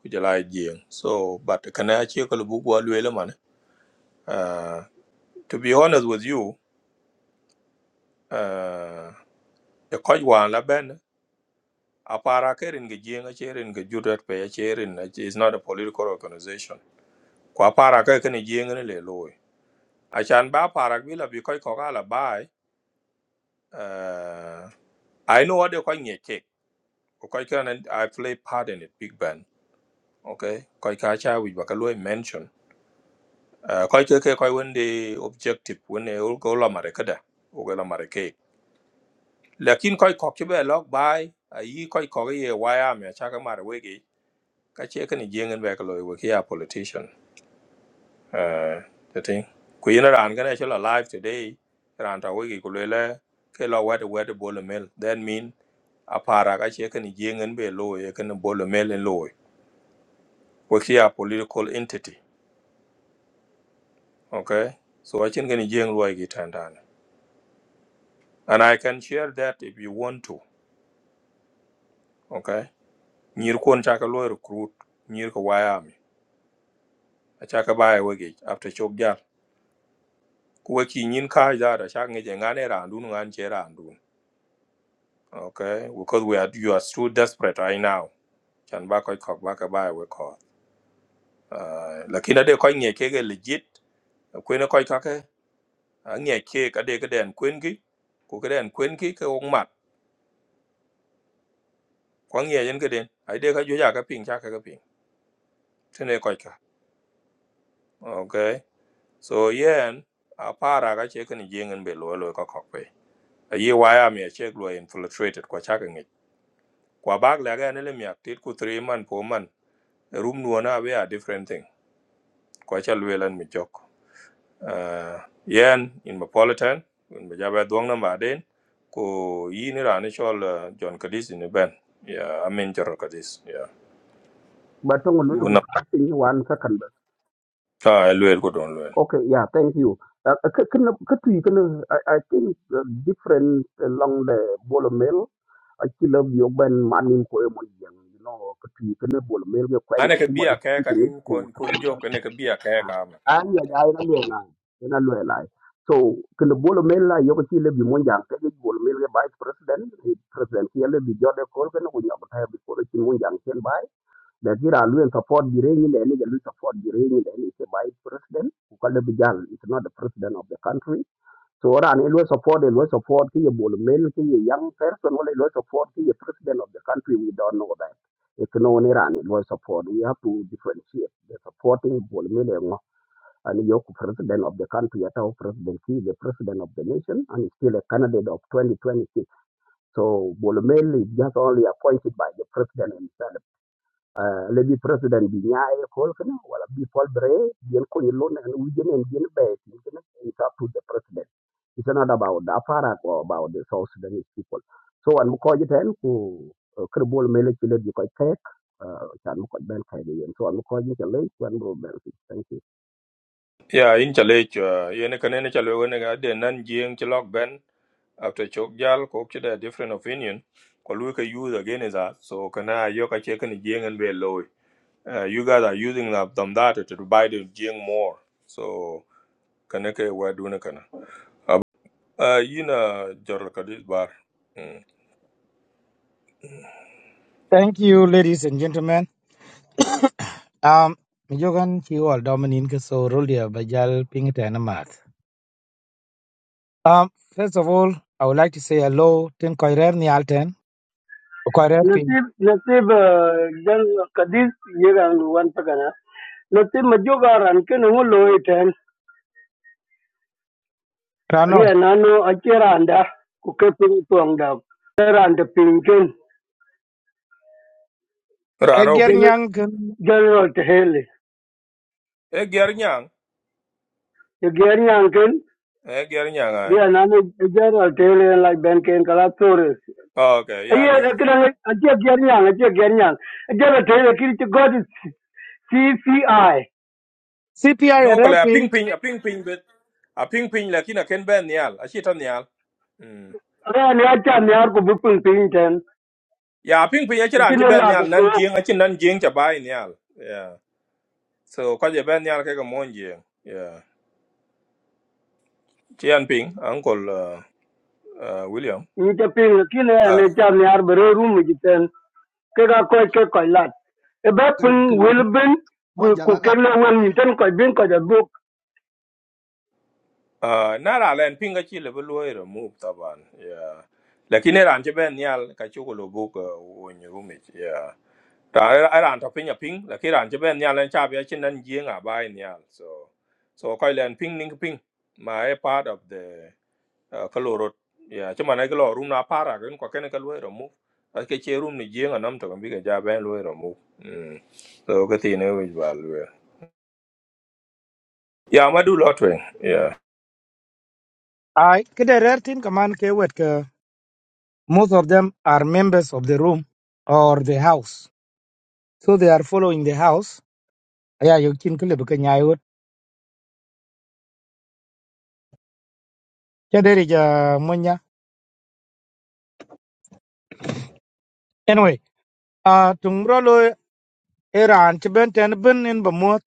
S1: ku ja lai jing so but kana ci ka lu buk wa luel man uh, to be honest with you uh, e ko wa la ben a para ke rin ge jing a che rin ge jurat pe a che rin is not a political organization ko a para ke ke ni jing ne le loy a chan ba para bi la bi ko ko ka la bai uh, i know what they call nyek Koika and I play part in it, big band. Okay, Koika cha which Bakaloi mention. Uh, Koika koi when the objective when they all go la marekada, Ogala mareke. Lakin koi kokchibe log by a ye koi kori a wire me a chaka marawegi. Kachekan a jing and Bakaloi were here politician. Uh, the thing. Kuyina ran gonna actually alive today. Ranta wigi kulele. Kela wet wet bowl mill. That mean a para kachekan a jing and be low, a can bowl mill and low. Wakia political entity. okay so I can get jeng luai ki tandana and i can share that if you want to okay nyir kon chaka luai recruit nyir ko waya mi a chaka baya wege after chok jal kuwe ki nyin ka ja da chaka ngeje ngane randu ngan che randu okay because we are you are too desperate right now chan ba koi kok ba ka baya we ko uh, lakini ade koi nye kege legit kwene koi kake a nye kege ade keden kwenki kukeden kwenki ke ka de ka den kwen ki ku ka den kwen ki ka ong mat kwa nye yen keden ade ka juja ka ping chaka ka ping tene koy ka okay so yen a para ga che kan jing be lo lo ka kok pe a ye wa ya mi che lo infiltrated kwa cha kan kwa bag la ga ne le mi aktit ku three man po man room no na be a different thing kwa cha lo lan mi jok uh yen in metropolitan in be ja ba dong na ma den ko yi ni ra ni chol uh, john kadis ni ben yeah i mean John kadis yeah
S9: ba tong ne ku
S1: buna
S9: cutting wan ka kan
S1: ta lo ko don
S9: Okay, yeah, thank you. Uh, uh, k- kena- ketui kena, I, I think uh, different along the bolo I still love your band money ko e mon yang, you know, ketui kena bolo mill ke kwanya
S1: ane ke
S9: kuma de
S1: bia ke
S9: tu
S1: ka
S9: ko ngi
S1: din
S9: ko.
S1: kon kun jo ke ne ke bia ke ka ma
S9: An ya ya na le
S1: Mm.
S9: na, So kena bolo mill la yo still love mon yang ke bolo mill vice president, eh, president ye le bi jode ko kena ko nyab ta bi ko ti mon yang da gira lu en support di re ni ni lu support di re ni ni ke by president ku kala bijal it's not the president of the country so ora ni lu support lu support ki ye bol mel ki ye young person wala lu support ki ye president of the country we don't know that it no ni ran lu support we have to differentiate the supporting bol mel e ngo and you president of the country at our president he is the president of the nation and is still a candidate of 2026 so bol mel is just only appointed by the president himself lebi president bi nyaaye kol kana wala bi pol bre yen ko yello na wi jenen yen be tin kana it up to the president it's not about the apparat or about the south sudanese people so an ko jiten ku kerbol mele ci lebi ko tek chan ko ben kay so thank you
S1: ya in chale cho ye ne kane ne chalo ne ga de nan jing chi lok ben after chok jal ko chi da different opinion ko lu ke use again is that so kana yo ka che kan jing and be low uh, you guys are using the them data to buy the jing more so kana ke wa du ne kana uh yina jor ka dis bar mm.
S7: Thank you ladies and gentlemen. Um mijogan fi all dominin keso so rolia bajal pingitana math. Um first of all I would like to say hello ten koirer ni alten koirer ping.
S11: नसीब नसीब अ, जण कधीच हे one पकना नसीब मज्जो गार आणखी नमो लोय ठेन
S7: Rano
S11: अरे नानो अचे रांदा कुके पिंग तुंगडा रांद पिंकेन
S1: rano
S7: eger
S1: ki
S11: जन
S7: nyang ken
S11: जनरल टेहले
S1: e ger nyang
S11: ये गेरी आणखीन
S1: e ger nyang ai
S11: dia nana jara tele la ben ken kala tore
S1: Oh, okay ya
S11: aye
S1: ger nyang
S11: rakran aje gernya aje gernya jara tele kirti god cci ara
S7: CPI
S1: no ko
S7: erer
S1: la
S7: ping.
S1: ping ping a ping ping bet a ping ping la a ken ben nyal a chita nyal mm
S11: ne acha ne ar ko bupun pinten
S1: ya a ping ping a chira an
S11: ajine
S1: ben
S11: la
S1: nyal
S11: ko
S1: nan jing a chin nan jing cha bai nyal yeah so ko je ben nyal ke ko mon jing yeah chian ping uncle uh, uh, william
S11: nje ping kine
S1: uh,
S11: ne cham yar bere rum ji ten ke ga ko ke ko lat e ba
S12: kin
S11: ping
S12: kin
S11: wil
S12: jam
S11: bin
S12: mon
S11: ku ku
S12: janga
S11: ke
S12: ga
S11: le wan ni ten ko bin ko da buk
S1: uh, na ra len ping a chi le bu lo remove taban yeah lakini ran chi ben nyal ka chu ko lo bu ko won ta era era to pinya ping la ki ran che ben nya len cha bia chin nan ji nga bai nya so so ko len ping ning ping ma e part of the uh, kaloro ya chuma na kilo room na para gen ko ken ka lo ro mu a ke che room ni ji nga nam to bi ga ja ben lo ro mu Mm. so ka ti ne wi ba lo ya ma du lo twen ya
S7: Ai kede erer tin kaman ke Most of them are members of the room or the house. So they are following the house. Aya yo kin kule buka nyayot. Chaderi ja munya. Anyway, uh, tungro lo Iran chiben ten bin in bamot.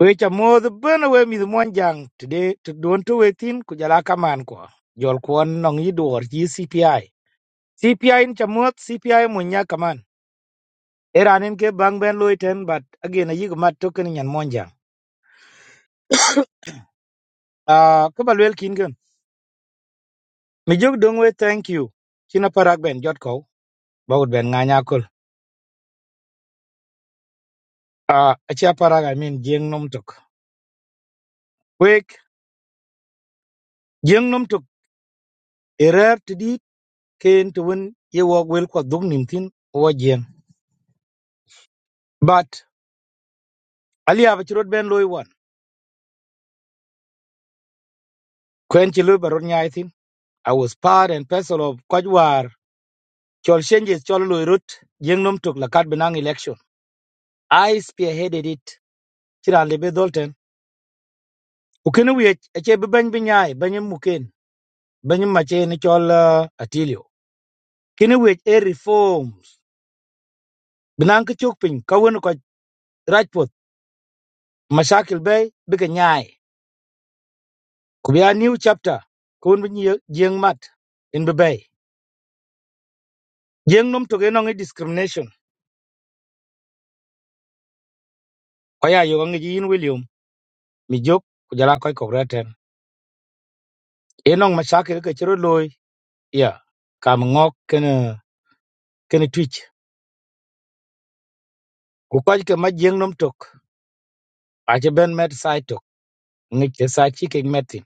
S7: Wecha moth bin we mi jang today to don to wetin kujala kaman kwa. Jol kwon nong yiduor ji CPI. CPI in chamot CPI munya kaman. Iran in ke bang ben lo ten but again a yig mat token nyan monjang. Uh, kubalwel kin Mijuk Dongwe, thank you. China parak ben jot ko bawut ben nganya kul. Ah, achi parak I mean jeng nom tok. Wek jeng nom tok erer tidi ken to win ye wok wel kwa dug nim thin wa jeng. But ali ava chirot ben loy wan. Kwen chilu barot nyai thin. I was part and parcel of Kwajwar. Chol changes chol loy rut jeng nom tok lakat benang election. I spearheaded it. Chira lebe dolten. Ukene wi ache bebany binyai banyem muken. Banyem mache ni chol uh, atilio. kini wech e reforms binan ki chuk piny ka wen ko rajput mashakil bei bi nyai ku new chapter ko wen bi nyi- jieng mat in bi bei jieng nom toke nong discrimination ko ya yo ngi yin william mi jok ku jala koy ko reten Enong nong mashakil ka chiro loy ya kam ngok ken ken twitch ku ko ke ma jieng nom tok a che ben met sai tok ngi ke sa chi ke metin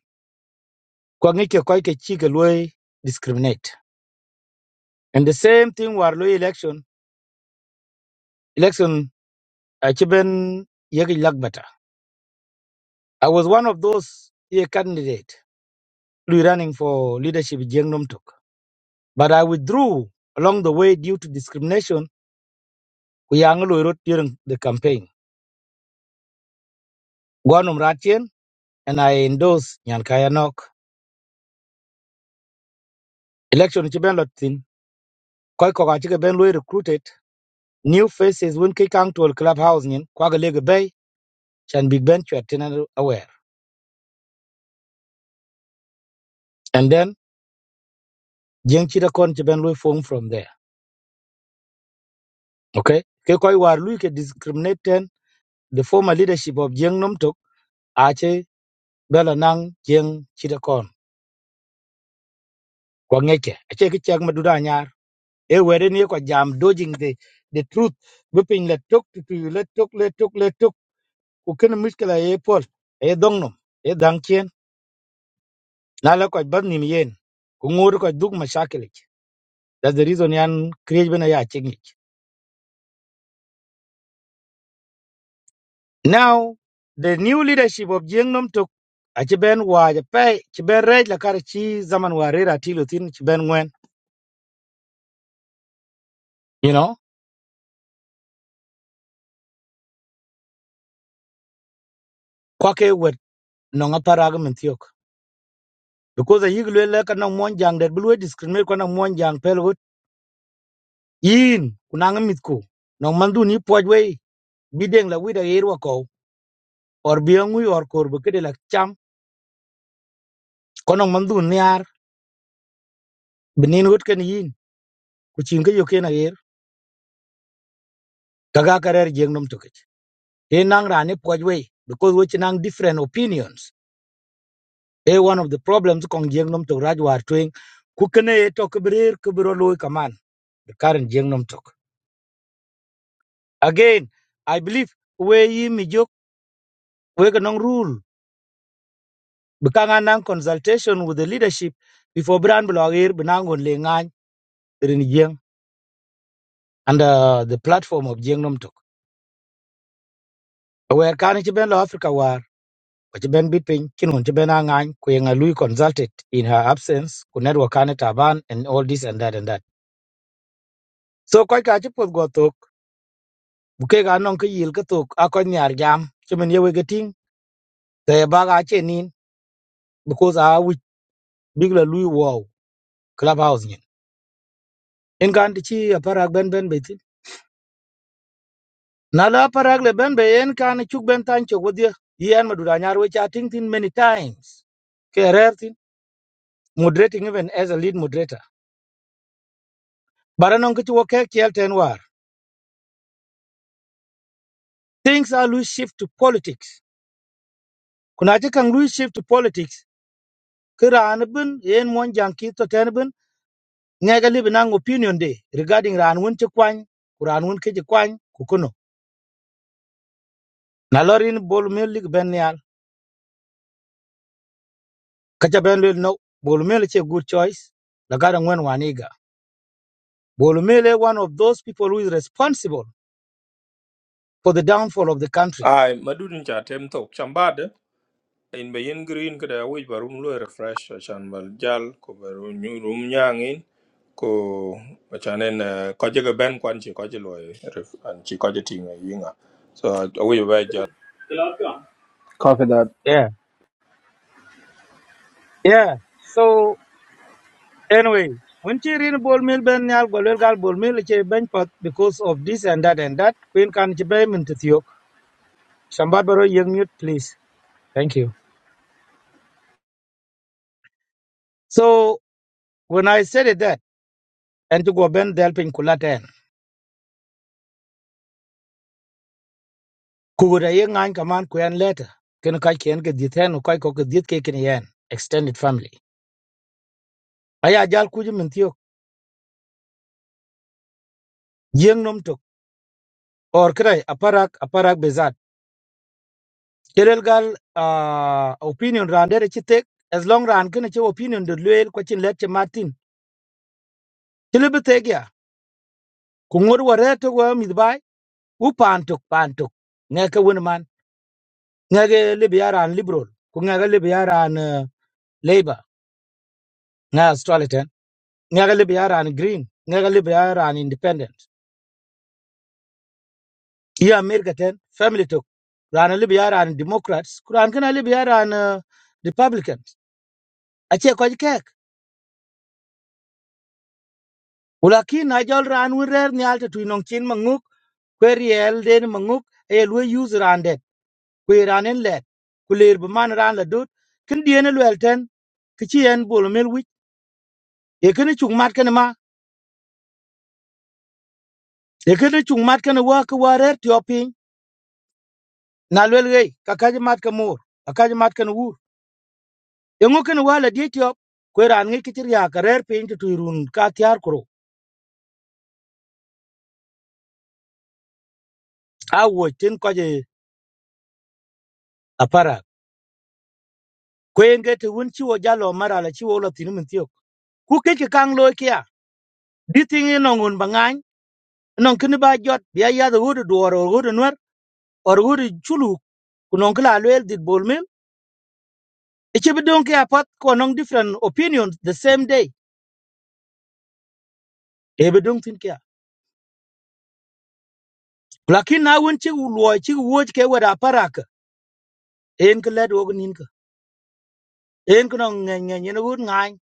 S7: ko ngi ke koy ke chi ke loy discriminate and the same thing war loy election election Achiben Yegi Lagbata. I was one of those year candidate who running for leadership Jeng Tok. But I withdrew along the way due to discrimination we Anglo wrote during the campaign. Gwanum Ratien and I endorsed Nyankaya Nok. Election Chiben Lotin. Koi Koka Ben Lui recruited new faces when Kikang to a clubhouse In Kwaga Lega Bay Chan Big Ben Chuatin aware. And then Jeng Chida Kon Chiben Lui formed from there. Okay? Ke Koi War Lui ke discriminated the former leadership of Jiang Nomtok ache bela nang Jiang Chitakon kwa ngeke ache kichak madura nyar e were ni kwa jam dodging the the truth bupin let tok to to let tok let tok let tok ku ken miskela e pol e dongnom e dangchen na la kwa bad nim yen ku ngur kwa dug mashakelik that's the reason yan create bena ya chingik now the new leadership of Jiang Nomtok ache ben wa je pe che ben rej la kar chi zaman warira tilo tin che ben ngwen you know kwake wet nonga parag min thiok because a yig lwel ka nong mon jang det blue discriminate ko nong mon jang pel gut yin kunang mit ku nong mandu ni poj we bideng la wida yerwa ko or biangu or kor bu kede la cham ko nong mandu niar benin gut ken yin ku chin ke yoken a yer kaga karer jeng nom toke e nang rane poj we because we nang different opinions e one of the problems kong jeng nom to rajwar twing ku kene to kbrer kbro loy kaman the current jeng nom tok Again, I believe we mijok we kanong rule bekanga nang consultation with the leadership before brand blogger benangon lengan rin jeng under the platform of jeng nom tok. Aware kan ci ben lo Africa war ko ci ben bit piny kin ci ben angan ko yenga lui consulted in her absence ku network kan taban and all this and that and that. So koy ka ci pod go tok buke ga non ko yil ka tok akon nyar jam ci men yewe gating te baga chenin because a wich bigla lui wow clubhouse en kan ti chi aparak ben ben be tin na la aparak le ben be en kan chuk ben tan cho godia yen madura nyar we cha ting tin many times ke rer tin moderating even as a lead moderator baranon ki wo ke kel ten war things are loose shift to politics kuna ti kan loose shift to politics ke ran bin yen mon jang ki to ten bin ne ga libi nang opinion de regarding ran won ti kwan ran won ke ti kwan ku kuno na lorin bol mel lig ben yal ka cha ben le no bol mel che good choice la garan wen waniga Bolumele, one of those people who is responsible for the downfall of the country.
S1: ai ma du din cha tem to chamba in be yen green kada wij ba room lo refresh achan bal jal ko ba room nyu room nyang in ko achan en eh, ko je ga ben kwan chi ko je eh, an chi ko je eh, yinga so wij ba jal
S13: Copy that.
S7: Yeah, yeah. So anyway, when she read Bolumele, ben nyal golwel gal Bolumele che ben pat because of this and that and that. Queen can che ben min tithiok. Shambat baro yeng mute, please. Thank you. So when I said it that, and to go ben delping kulaten. Kubura yeng an kaman kuyan letter. Kenukai Ken kai kien ke diten kai ko ke dit ke ken yen extended family. Aya jal kuju min thiok. Yeng nom tok. Or kray aparak aparak bezat. Irelgal uh, opinion ran dere ci tek as long ran kene ci opinion de luel ko ci let ci martin ci lebi tek ya ku ngur wore to go mi bay u pantuk pantuk ngeke won man ngeke lebi yaran liberal ku ngeke lebi yaran uh, labor nga australian ngeke lebi yaran green ngeke lebi yaran independent ya america ten family to ran lebi yaran democrats ku ran kene lebi yaran uh, republicans ache ko kek ulakin na jol ran wer ni alta tu nong chin manguk kwe riel den manguk e lu use randet kwe ranen let ku ler bi ran la dot kin dien lwel ten ki chi en bolo mel wich e kin e chung mat kin ma e kin e chung mat kin wa ki wa rer tio piny na lwel gei ka kaj mat ka mor ka kaj mat kin wur e ngo kin wa la die tio kwe ran ngi ki chi ka rer piny tu run ka tiar kro a wo tin ko je apara kwe nge te wun chi wo jalo mara la chi wo lo tin e min tio ku ke ki kang lo kia di nongun bangany non kin ba jot ya ya da wudu duwar or wudu nwar or wudu chulu kunon kila loyal dit bol mil ichi bi dong kia pat ko non different opinions the same day e bi dong tin kia lakin na wun chi luo chi wuj ke wada parak en ka lad wog nin ka en ka non ngen ngen yin wud ngai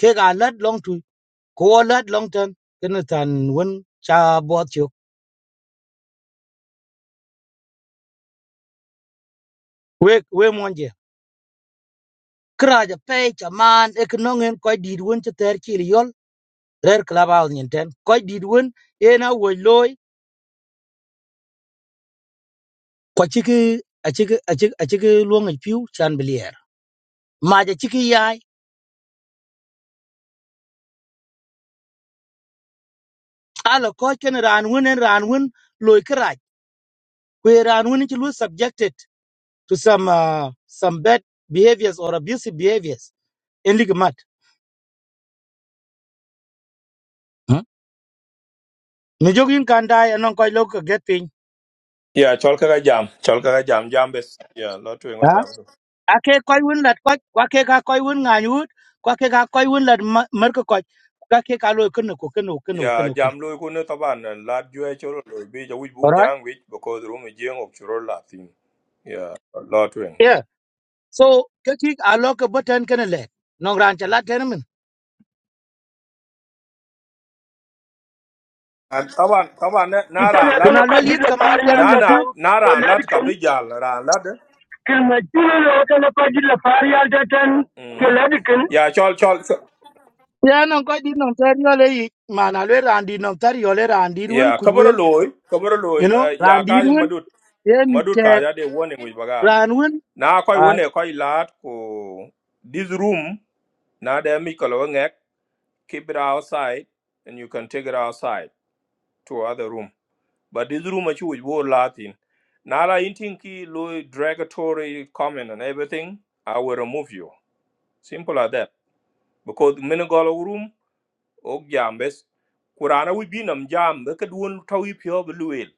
S7: ke ga lad long tu ko lad long ten kin tan wun cha bot chuk we we monje kra ja pe cha man e ka non en ko dit wun cha ter chi yol rer klaba nyen ten ko di wun en a woj loy ko chiki a chiki a chiki a chiki luong e piu chan bilier ma ja chiki yai ala ko ken ran wen en ran wen loy krach we ran wen chi lu subjected to some uh, some bad behaviors or abusive behaviors en lig mat Hmm? mi jogin kan dai anon ko lok get pin
S1: yeah chol ka jam chol ka jam jam bes yeah lo tu
S7: ha
S1: jam do
S7: ake ko wen lat ko ko ke ka ko wen ngan yut ko ke ka ko wen lat mer ko ko ka ke ka loy ken ko ken ko ken
S1: yeah
S7: ko ken
S1: jam lo ko ne taban eh, lad ju e chol lo bi ja wij
S7: all
S1: bu
S7: right
S1: nyang wij because rum je ngok chro la tin yeah lo tu en
S7: yeah so ke tik a lok button ken le nong ran cha lat
S1: taban taban na
S11: ki
S1: na
S11: ten
S1: ran
S11: ya kan
S1: lat
S7: Kuna
S11: ko
S7: lwe
S11: ji
S7: liet
S11: le
S7: kaman
S11: par ya
S7: tani
S1: na
S11: ta
S7: min
S1: na
S11: ten
S7: tiyo.
S1: na
S11: ke
S1: ran
S11: le
S1: lat ka
S11: kin
S1: be jal ran lat
S11: kin ma ji le ya kan ko ji le par ya ta ten ke
S1: Mm.
S11: le kin
S1: Yeah, chol chol. so-
S7: Ya nan ko di nan tari yole yi. Mana lwe randi nan tari yole randi rwen
S1: Yeah, kaburo
S7: kujwel.
S1: loy, kaburo loy.
S7: You know,
S1: Uh, yeah,
S7: randi
S1: kaja
S7: rwen.
S1: madut,
S7: Ye mit
S1: madut
S7: ke
S1: kaja de warning with bagam.
S7: ran rwen.
S1: Na koi
S7: Ay,
S1: wone koi lad ko this room na de mi kolongek keep it outside and you can take it outside to other room. But this room achu which wo latin. Na la inting ki loy derogatory comment and everything. I will remove you. Simple as that. Because minigolo room ok jam bes kurana wi binam jam be ka duwon tawi pio be luel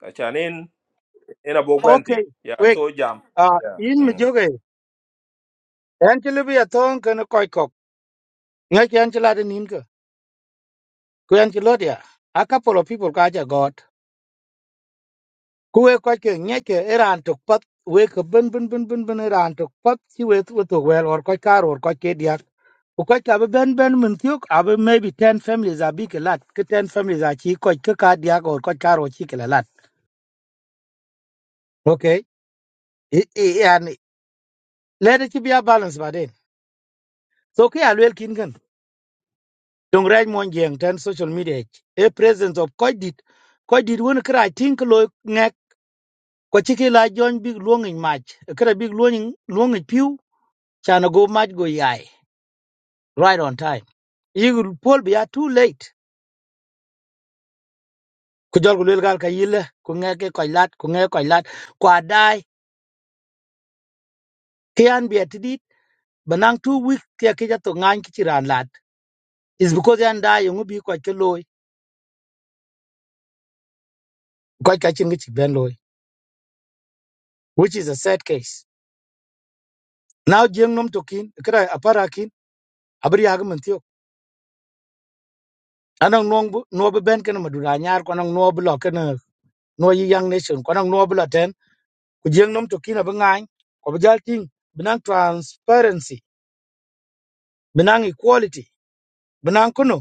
S1: ka chanen ena bo gwantin
S7: okay.
S1: ya yeah,
S7: Wait,
S1: so jam
S7: ah,
S1: ya yeah.
S7: in mi
S1: mm.
S7: joge. Yan chile bi atong kene koi kok. Ngay ki yan chila de nin ke. Ku yan chilo dia. A couple of people ka aja god. Ku we koi ke ngay ke iran tuk pat. We ke bin bin bin bin bin iran tuk pat. Si we tu tu wel or koi kar or koi ke dia. Because abe ben ben min tiok abe maybe ten families are big a lot. Ke ten families are chi ko ke ka dia ko ko karo chi ke lot. Okay. I, I, and let it be a balance by then. So ke well kin gan. Dong raj mon jeng ten social media. ik. A presence of ko did? ko did one cry? think lo ngek ko chi ke la join big long in match. Kra big long in luong in pew. chana go match go yai right on time. You Paul be are too late. Ku jol ku lwel gal ka yile ku ngeke ko lat ku ngeke ko lat ku Kian bi atidit banang two week kia kija to ngan kichi ran lad is because yan da yungu bi kwa chiloi kwa kachin kichi ben loi which is a sad case now jeng nom tokin kra apara kin abri ag mentio anang nong bu no bu ben kana madura nyar ko nang no bu lo kana no yi young nation ko nang no bu la ten ku jeng nom tokin ab ngan ko bu jal ting banang transparency banang equality banang kuno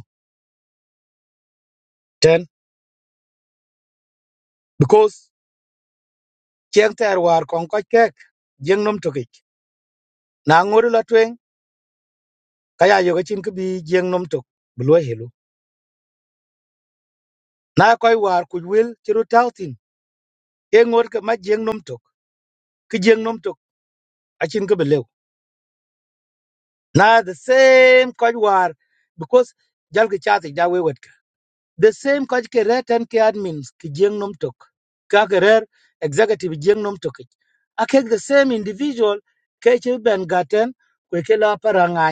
S7: ten because jeng ter war kon ko kek jeng nom tokik na ngori la kaya yo chin ke bi jeng nom tok bu lo helu na koy war ku wel ci ru tawtin e ngor ke ma jeng nom tok ke jeng nom tok a chin ke be na the same koy war because jal ke chat ja we wet ka. the same koy ke reten ke admins ke jeng nom tok ka ke rer executive jeng nom tok a ke the same individual ke ci ben gaten ku ke la paranga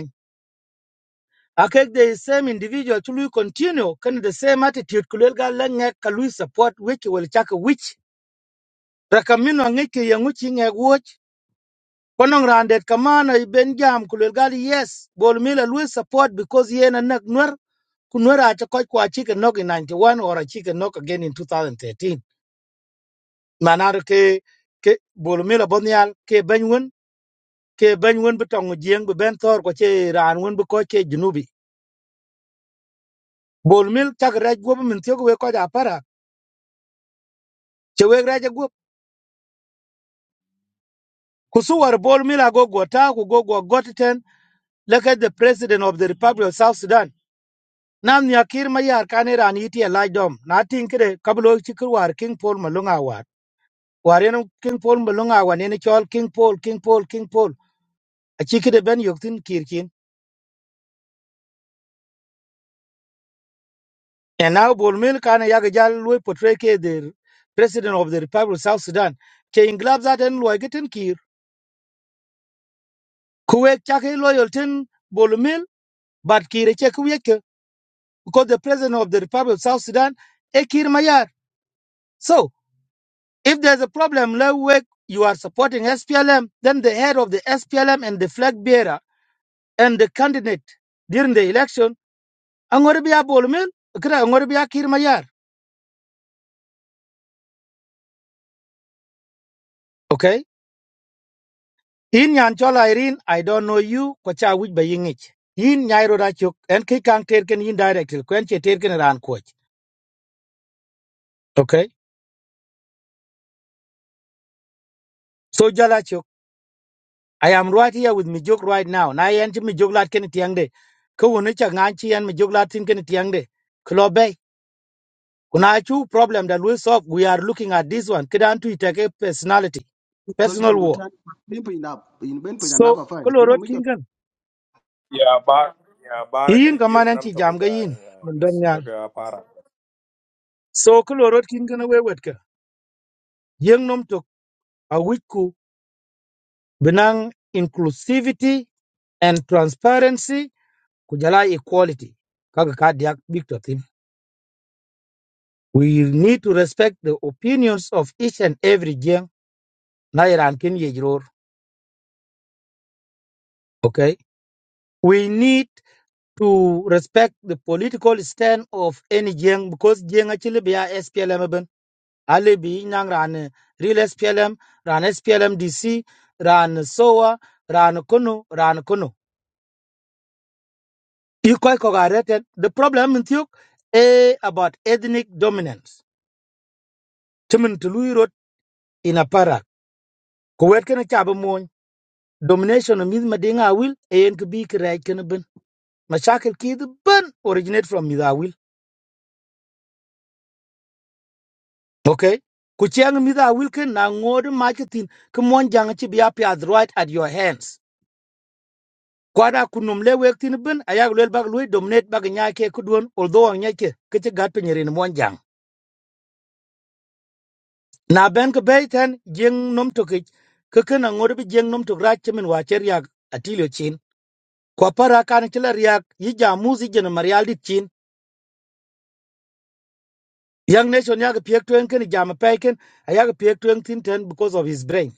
S7: akek the same individual to lui continue kan the same attitude ku lel ga support which will chak which rakamino ngek ke yangu chi ngek woch konong randet kamana i ben jam ku yes bol mila lui support because yen na nak nwer ku nwer a cha koch kwa chi ke in 91 or a chi ke again in 2013 manar ke ke bol mila bonyal ke benwen ke benwen betong jieng be ben thor ko che ran wen be ko che junubi bol chak raj gobe min tiyo ko ja Kusuwar Bol Mila go Gwata ku go gwa Gotiten leke the President of the Republic of South Sudan. Nam nya kir ma yar kane ran yiti a laj dom. Na tin kire kablo chikir war King Paul Malunga war. War yenu King Paul Malunga war nene chol King Paul, King Paul, King Paul. A chikide ben yoktin kirkin. And now Bol Mil kane yaga jal lui portray ke the President of the Republic of South Sudan. Ke inglab zaten lwa getin kir. Kuwek chake loyaltin Bol Mil, but kire che kuwek because the president of the Republic of South Sudan, Ekir Mayar. So if there's a problem, let us work, you are supporting SPLM, then the head of the SPLM and the flag bearer and the candidate during the election, Angoribia Bolmin, Angoribia Kir Mayar. Okay? In Yanchola Irene, I don't know you, Kwacha Wij Bayingich. Yin Nyairo Rachuk, and Kikang Terken in direct, Quenche Terken Ranquach. Okay? So Jalachuk. I am right here with Mijuk right now. Na yen chi Mijuk lat ken tiang de. Ko woni cha ngan chi yen Mijuk lat tin ken tiang de. Klo bay. Kuna chu problem that we solve. We are looking at this one. Kidan tu itake personality.
S12: tol jam
S7: Personal
S12: du
S7: war.
S12: tan bin pin na in ben pin na
S7: So
S12: ba fa
S7: klo
S12: mo
S7: rot
S12: mi ko
S7: kin kan.
S1: ya yeah, ba ya yeah, bara
S7: Yin
S1: kana je
S7: kamanan
S1: nam
S7: chi
S1: to ko
S7: jam ga
S1: ja
S7: yin.
S1: ya
S7: Mun don
S1: bes ka
S7: nyal.
S1: ga para
S7: So klo rot kin kan we wet ka. Yeng nom tok a wich ku benang inclusivity and transparency kujala equality. Kaga ka diak big to We need to respect the opinions of each and every Jiang, Nairan Kin Yejror. Okay? We need to respect the political stand of any Jiang because Jiang actually be a SPLM. ben. Ali be Nang Ran eh, Real SPLM, Ran SPLM DC, Ran SOA, Ran Kono, Ran Kono. You quite correct. The problem in Thuk about ethnic dominance. Timin Tului wrote in a para. domination of Miss Madinga will and could be correct can ben. Mashakil ki the ben originate from Miss Awil. Okay. Kuchiang Miss Awil can na ngod marketing come one jang chi be up right at your hands. Kwada kunumle wek tin ben ayag lel bag lui dominate bag nyake kudwon although ang nyake kete gat penyerin one jang. Na ben ke bay ten jeng nom tokich keken ngod be jeng nom tok rach chemin wacher yak atilio chin. Kwa para kan chila riak yija muzi jena marialdi chin Young nation yaga piek tuen ken jam paiken ayaga piek tuen thin ten because of his brain.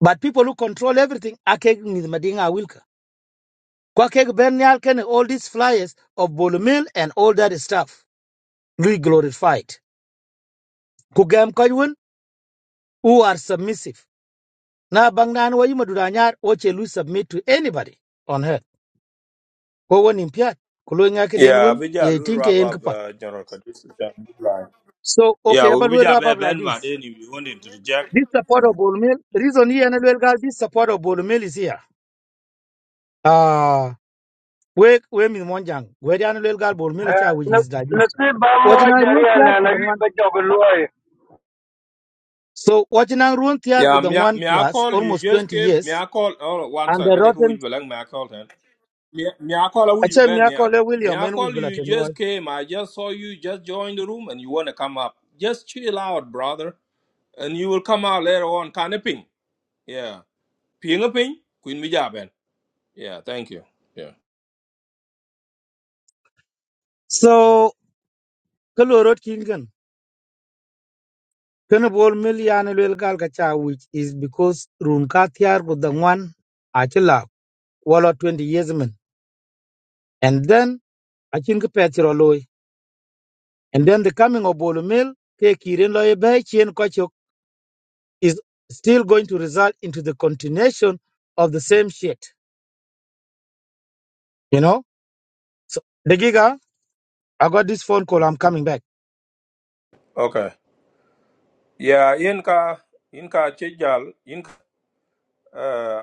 S7: But people who control everything akeg ni madinga wilka. Kwa keg ben nyal ken all these flyers of Bolumil and all that stuff. Lui glorified. Kugam kajun who are submissive. Na bang nan wa yuma dudanyar wache lui submit to anybody on earth. Kwa wan impiat. Kulu nga ke
S1: ya
S7: den
S1: yeah,
S7: wun
S1: be ja
S7: ye
S1: lu
S7: tinke
S1: ra
S7: yen
S1: ba
S7: kapat.
S1: ba general kadis jam line ya
S7: So
S1: yeah,
S7: okay,
S1: we
S7: about we
S1: be ja
S7: wrap
S1: be
S7: up like
S1: ben ma
S7: this.
S1: de ni we want to reject
S7: This support of Bolumil, reason here and this support of Bolumil is here. Ah. we we mi mon jang we dan lel gal bor mi le cha which
S11: na
S7: is like
S11: na
S7: this
S11: ti ba mo
S7: wajina ruon
S11: jari
S7: tiar
S11: na
S7: ku
S11: na
S7: the
S11: wi
S7: one
S11: ba jo ko loy
S7: so wajina ruon tiar ku
S1: yeah,
S7: the
S1: me,
S7: one
S1: me I
S7: plus
S1: call you
S7: almost
S1: just
S7: 20
S1: came. Me
S7: years
S1: I call. Oh, one
S7: and the
S1: second. I take a
S7: rotten
S1: which belang. Me I call then. Me, me, I call you, you
S7: achem
S1: Ben
S7: ya ko
S1: Nial.
S7: le
S1: Me,
S7: william
S1: I
S7: en
S1: call
S7: which bla
S1: you, you
S7: ten loy
S1: just came. I just saw you, just joined the room, and you want to come up. Just chill out, brother. And you will come out later on. Kind of ping. Yeah. Ping a ping. Queen Bija, Ben. Yeah, thank you. Yeah.
S7: so kalo rot kingen kana bor mi ya ne lel gal ka cha which is because run ka tiar ku the one achila wala 20 years men and then achin ka petro loy and then the coming of bol mil ke kiren loy be chien ko is still going to result into the continuation of the same shit. You know? So the giga, I got this phone call, I'm coming back.
S1: Okay. Yeah, Inka, Inka Chijal, Inka. Uh,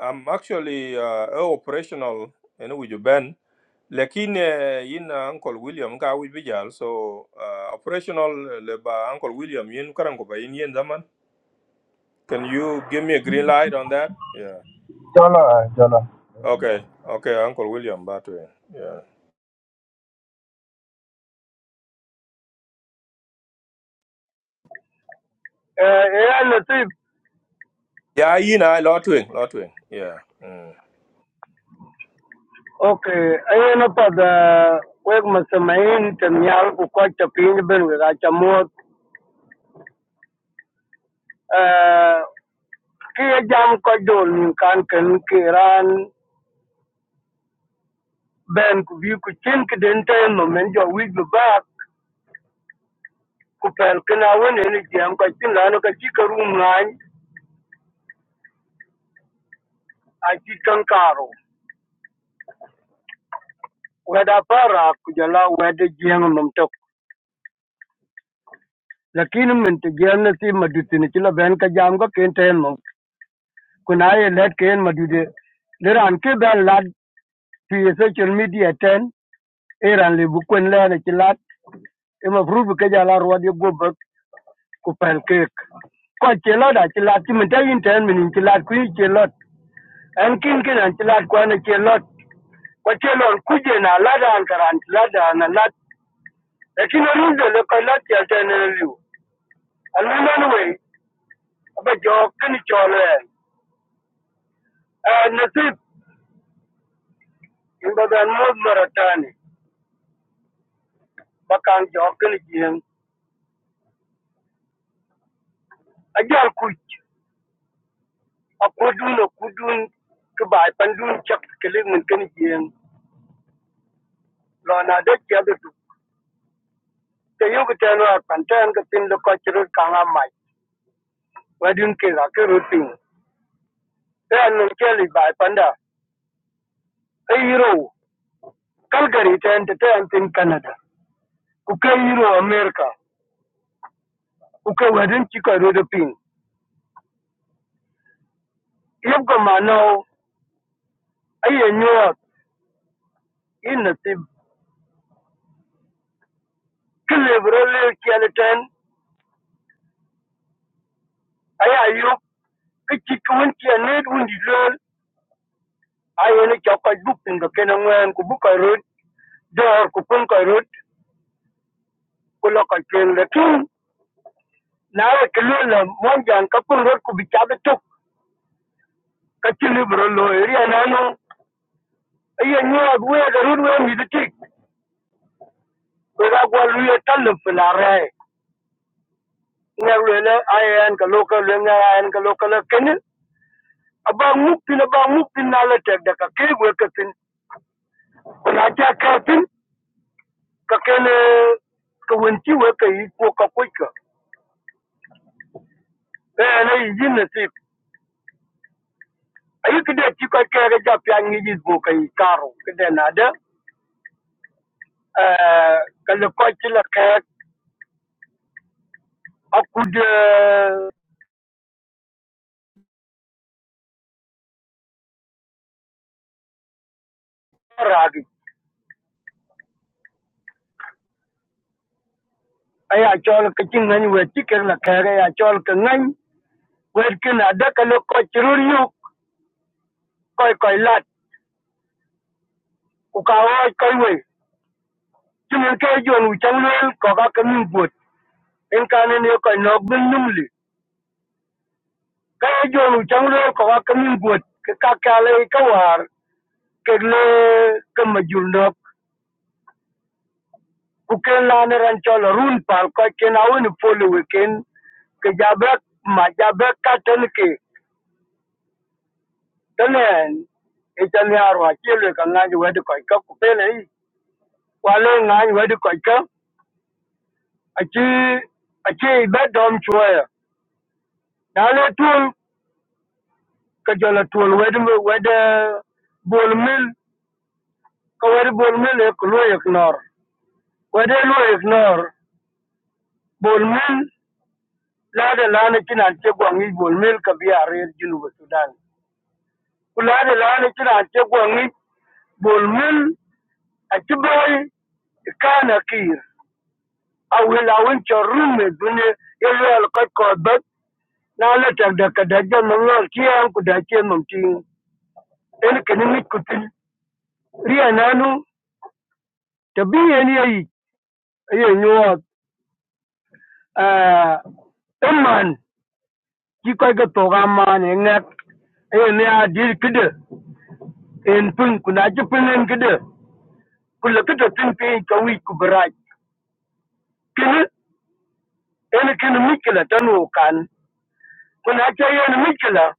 S1: I'm actually uh, operational in with you, Ben. Lakin uh, in uh, Uncle William ka with Bijal, so uh, operational uh, le ba Uncle William yin karango ba yin yen zaman Can you give me a green light on that? Yeah.
S14: Jala, jala.
S1: Okay. Okay, Uncle William, Batwing. Yeah.
S11: e ya na ti
S1: Yeah, you know, Lotwing, Lotwing. Yeah. Mm.
S11: okay ayo na pa da wek masamain tem yar ku ko ta pin ben ga ta mo ki ya jam ko jol nin kan ken ki ran ben ku bi ku chin ki den te no men jo wi bu ba ku pel kana won ni jam ko tin la no ka chi ka rum nan a chi kan karo weda para ku jala weda jeng num tok lakini men te jeng na si madut ni chi la ben ka jam ko ken te no ku na ye let ken madude le ran ke ben lad fi social media ten eran le bu kwen le ne chi lad e ma fru bu ke jala ro de go ku pancake ko ci lot a ci lat ci min tayin ten min ci lat ku ci lot an kin kin an ci lat ko an ci lot ko ci lot ku je na lat an karan ci lat an lat e kin rin de le ko lat ya ten riu an min nan we ba jo kin cho le e nasib inda dan mo maratani ba kan jo kin jin a jar ku a ko dun ku dun ku ba pan dun chak kelin min kin jin lo na de ya de Teyukutelwa panten ke tin loko chirut kang amai. Wadun ke ga ke rutin. Te anun keli bai panda. E hero. Calgary ten te ante te an tin Canada. Uke hero America. Uke wadun chiko rudu pin. Yep go manao. Aye nyuat. In nasib. Kilebro le kiali ten. Aye ayuk. Kichik wunti anet wundi lol. Aye ne chokaj buk tin ga kena ngwen. Kubuka rut. Dor kupun ka rut. Kuloka ken lekin. nawe kelula monjang kapung rot ku bicabe tuk kachili bro lo area nanu iye nyua we garun we mi dik we ga gwa luye talu filare ngar we le ayen ka loka le ngar ayen ka loka le ken aba mupin aba mupin na le tek da ka ke we ka tin na ja ka tin ka ken ka won ti we ka yi ko ka ko ka e na yi yin ne ti ayi ka de ti ka ka ga ja pya ngi ji ko ka yi karo ka de na da eh, kalakotila kek akud ragi aya chol ka chin ngani we tiker la kek aya chol ka ngani we kin ada kalokoch rur yuk koi koi lat ku ka wai koi we chimin ke jonu chang lel ko ka kamin buot en kanen yo koi nok bin numli ka jonu chang lel ko ka kamin buot ka ka kale ka war ke le ka majul nok kuken na ne ran chol run pal ko ken awun polo weken ke jabe ma jabe ka ten ke tenen e chan ya ro chi le ka nga ju wed ko ka ku pe nei wa le nga ju wed ko ka a chi a chi be dom chue na le tul ke jol tul wed me wed bol mil ka wed bol mil e ku lo ignor wed lo ignor bol mil la de la ne kinan che gwangi bol mil ka bi are junu sudan kula da lana kina ake gwangi bolmin a kibai kana kir a wilawin charrun mai duniya ya zo alkai kobat na latar da kadajen manyan kiyan ku da ke mamti ɗan kanin mikutin riya nanu ta biyan yayi yayin yawa ɗan man ki kai ga toga ma ne ngak ayo ne a dir kida en pun kuna ji pun en kida kula kita tun pe ka wi ku barai kini ene kene mikila tanu kan kun acha yen mikila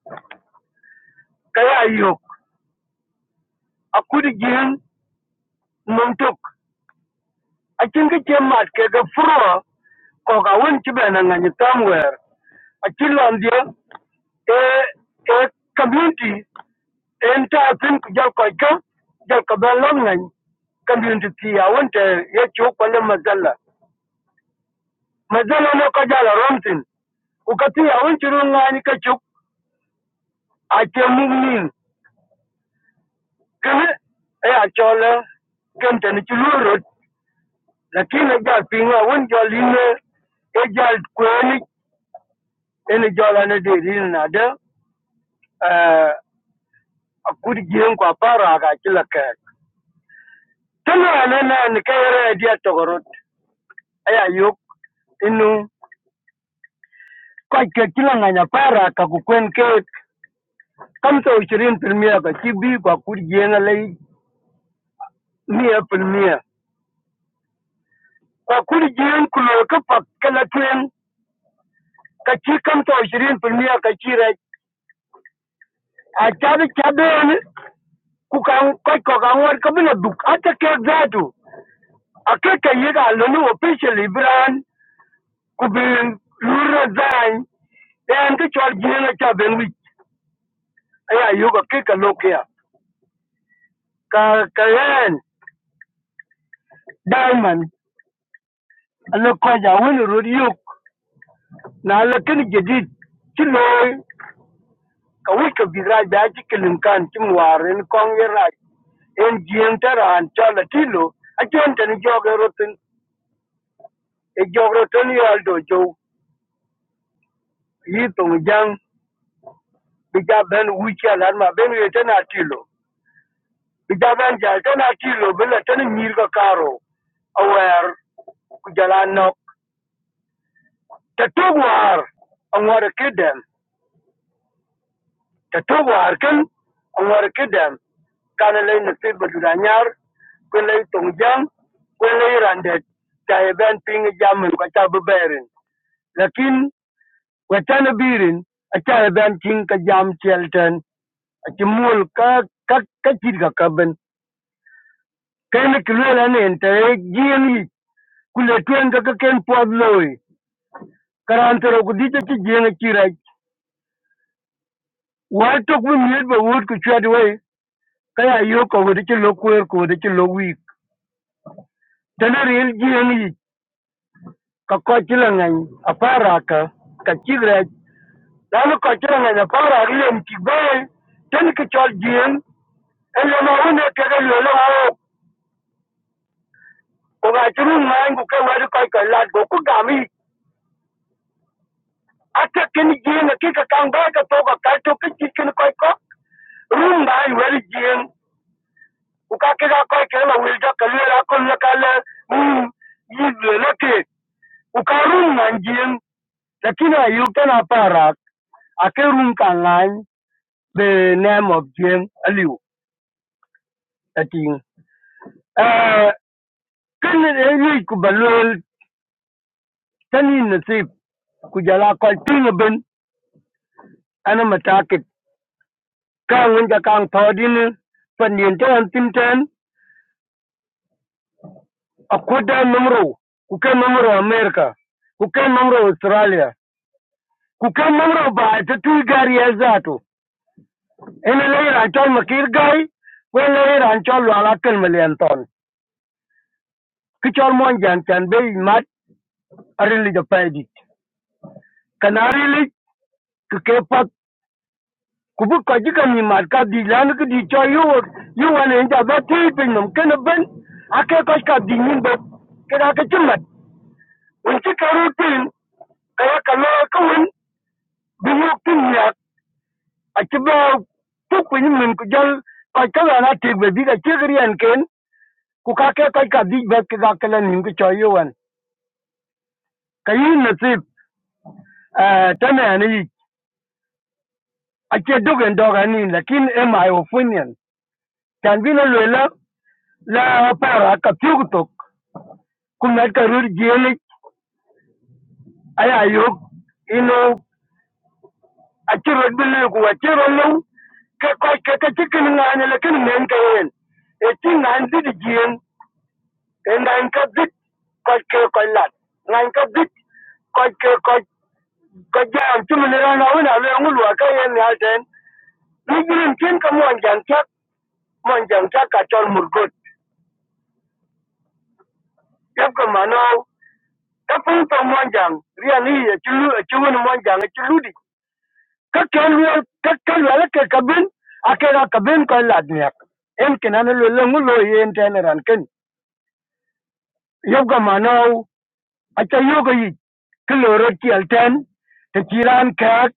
S11: kaya ayok akudi jin mumtuk achin ke chemat ke ga fro ko ga won tibena ngani tamwer achin landia e e community en ta tin ku jal ko ka jal ka ben lon ngani community ti ya won te ye chu ko le mazalla mazalla no ko jala romtin ku ka ti ya won chirun ngani ka chu ache mugnin kɨ e ya cho le ken ten ci lu rot la ki na ja pin wa won jo li ne e ja kwe ni e ni jo la ne de ri na de eh a ku di gen kwa para ga ki la ke tan na ne na ni ke re dia to gorot e ya yok inu kwa ke ki la nganya para ka ku kwen ke kam to 20 premier ka ci bi kwa ku di gen la mi e premier kwa ku di gen ku lo ka pa ka la twen kaki kamto ishirini filmia kachira achari chabeni kukakoiko kang'war kabila duk ata kek zatu akeka yega loni officially bran kubin lura zany en ke chwal jina chaben wich aya yoga keka lokia ka lokia. ka en diamond alo koja wini rod yuk na alo kini jedid chiloy Kawuka bizaj bia chikilim kan chimwar in kong yeraj. En jien tara an chola tilo. Achon tani joge rotin. E joge rotin yoldo jo. Yitung jang. Bija ben wichi alarma ben yeten atilo. Bija ben jal ten atilo bila ten mirga karo. Aware. Kujala nok. Tatugwar. Angwara kidem. Tattobo harkan nwarkida kanalei nasib badudanyar kwelei tongjiang kwelei randet chai ben ping jam ko cha beberin lakin wetana birin achai ben ting ka jam chelten achimul ka ka ka chit ka kaben kene kilwela ne ente jieni kule tuen ka ka ken pod loi karantero kudita chi jieni chira wa tok wi miet ba wut ku chwet wei kaya yo ko wudi chi lo kwer ko wudi chi lo wik Tanuriel GME ka kochila ngany apara ka ka chigre lalu kochila ngany apara riem kibel ten ke chol GM en yo ma une ke ke yo lo ho ko ga churu ngany ku ke wadi koi ka lad go ku gami ate ken GM ke ka kang ba ka to ka ka to ke chi ken koi ko rum ngany wadi GM ku ka ke ga koi ke la wil da ka le la ko le ka le mm yi le ke ku ka rum ngany GM lakini ayu ken apara Akerun Kangan, the name of Jim Aliu, Ating. Uh, kan Eli Kubalul, Tani Nasib, Kujala Kalping Ben, Anamatakit, Kang Winja Kang Todin, Pandiente and Tinten, Akuda Numro, Kuka Numro America, Kuka Numro Australia, Kuka Numro Ba, the two Gary Azato, and a layer Anchol Makir Guy, well, layer Anchol Alakan Malianton, Kichol Monjan can be mad. arin liga paidi kanari lik ke kepat kubu kaji kami mat ka di lan ke di cho yu yu wan en ja ba ti pin nom ken ben ake kos ka di nin bo ke da ke chumat un ti karu tin kaya kalo ka un bi yu tin ya a ti ba tu ku ni min ku jal ka ka na ti be bi ka ti gri an ken ku ka ke kos ka di ba ke da ke lan nin ke cho yu wan kayi nasib eh tana ne yi ake dogen dogan ni lakin e my opinion Danvilliers-le-Roi laaparwa kapiugutok kumekerut jiilik ayayuk ino achirot bi le ku achiro lew ke koc ke ke ci kin ŋaani le kin men ke yen e ci ŋaan dit jieŋ e ŋaañ ka dit koc ke koc lat ŋaañ ka dit koc ke koc ko jaam ci min ran awin a leŋul wa ka yen nial ten ni jirin kin ka mon jang cak mon jang cak ka col murgot yep ka mano kafunta mwanjang riani ya chulu chulu mwanjang chuludi ka kelwe ka kelwe ke kabin akela kabin ko ladniak en kenan lo lengu lo yen teneran ken yoga manau acha yoga yi kiloro tiel ten te chiran kak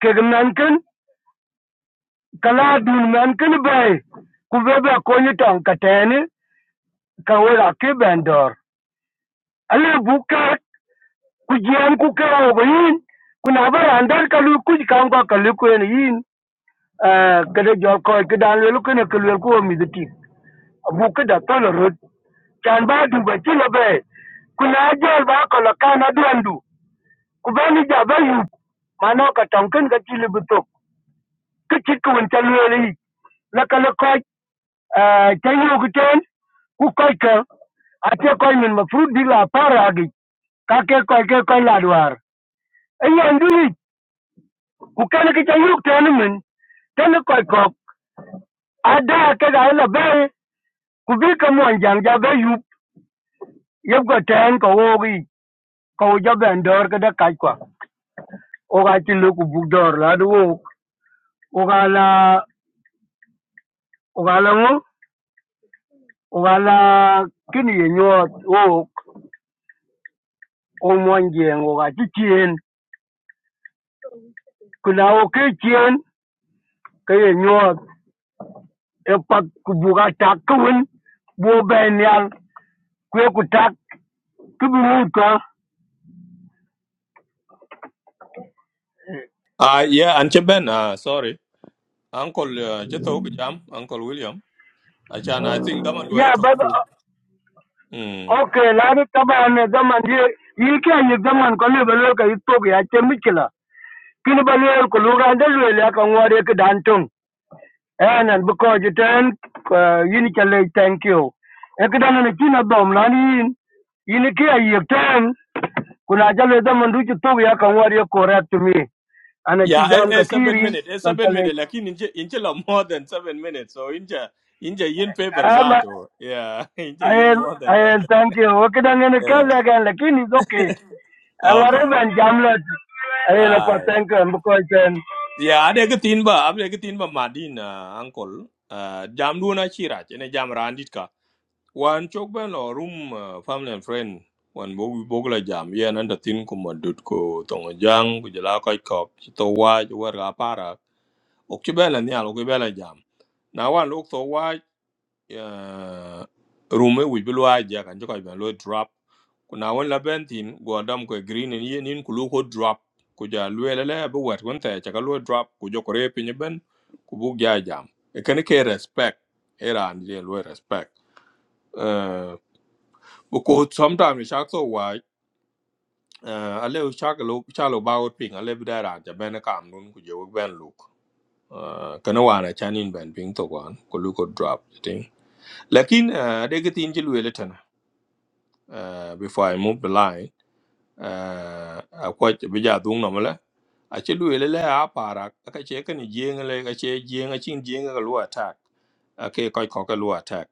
S11: ke gnan ken kala dun man ken bay ku bebe ko ni tong kateni ka wera ke bendor Alivuka kujian kuka yin kuna bara andar kalu kuj kan ko kalu ko yin yin eh, kada jor ko kidan le ko ne kalu ko mi diti abuka da tolo rot kan ba du ba ti be kuna jor ba ko la kana duandu ku ba ni ja ba yu mano ka tonkin ka ti le buto ka ti ko won ta le yi la kala ko Eh, kay wo kiten ku koy ke ate koy min ma fruit di la para gi ka ke koy ke koy la duar e yen du yi ku kan ke tayu ten min ten koy ko ada ke ga e la be ku bi ka mon jang ja be yu yeb go ten ko wo gi ko wo jo ben dor ke da kai kwa o ga ti lu ku bu dor la du wo o ga la o ga la ngo o ga la kini ye nyot wo o mon jeng o ga ti tien Kinaokiciën ki ye nyuɔɔn ekpak kubuk atak ki wun bu obɛ nial kue kutak ki bi wu utua.
S1: Uh, yeah, and Cheben, uh, sorry. Uncle uh, Chetok Jam, Uncle William. Achan, I think Daman do I
S11: Ya ba
S1: talk
S11: ba-
S1: to? Mm.
S11: ok ladu taban ne zaman ye yi ke yi zaman ko le belo ka yitok ya che mikila. Kini ba le ko lu ga de le ya ka ngore ki dan tung. And and because you turn yini chale thank you. Ekidana ne china dom lani yin yini ke yi turn kuna jalo zaman du chitok ya ka ngore correct me. ana ki
S1: Yeah,
S11: katiri,
S1: a,
S11: ka
S1: a seven minutes. a seven minutes. Like in inch, inch a more than seven minutes. So inja, inja yin paper
S11: ama
S1: zato. Yeah, <laughs> inja yin
S11: ayen
S1: more than that.
S11: ayen tanke o kidan ne
S1: Yeah.
S11: kala gan lakini zoke angare
S1: Okay.
S11: ban jam la ayen pa
S1: Aye.
S11: tanke am ko ten
S1: Ya, ada ketin ba, ada ketin ba Madina, uncle. Uh, jam dua na chira, Ini jam randit ka. Wan chok ben lo room uh, family and friend. Wan bog bog la jam, Ya, nan da tin ko madut ko tong jang ko jela ko kop. To wa jo war ga para. Ok chi ben la nyal ko ben la jam. Na wan ok to wa uh, rume wic bi luwa ja kan ci ko ben lo drop kuna won la ben tin go dam ko green ni yen in kulu ko drop ku ja luele le bu wet won ta ja ka lo drop ku jo ko re pin ben ku bu ja jam e kan ke respect era and ye lo respect uh ko sometimes shak so wa uh ale shak lo chalo ba ot pin ale bi dara ja ben e kam nun ku jo ben look uh kana wana chanin ben pin to kwan ku lu ko drop thing lakin uh de ga tin ji luele uh, before I move the line uh, a kwac bi ja dhuŋ a kyɛ lu ele lɛ a paarak a ka kyɛ kani jieŋa lɛ ka kyɛ jieŋa ciin jieŋa ka lu attack a ke kɔc kɔ ka lu attack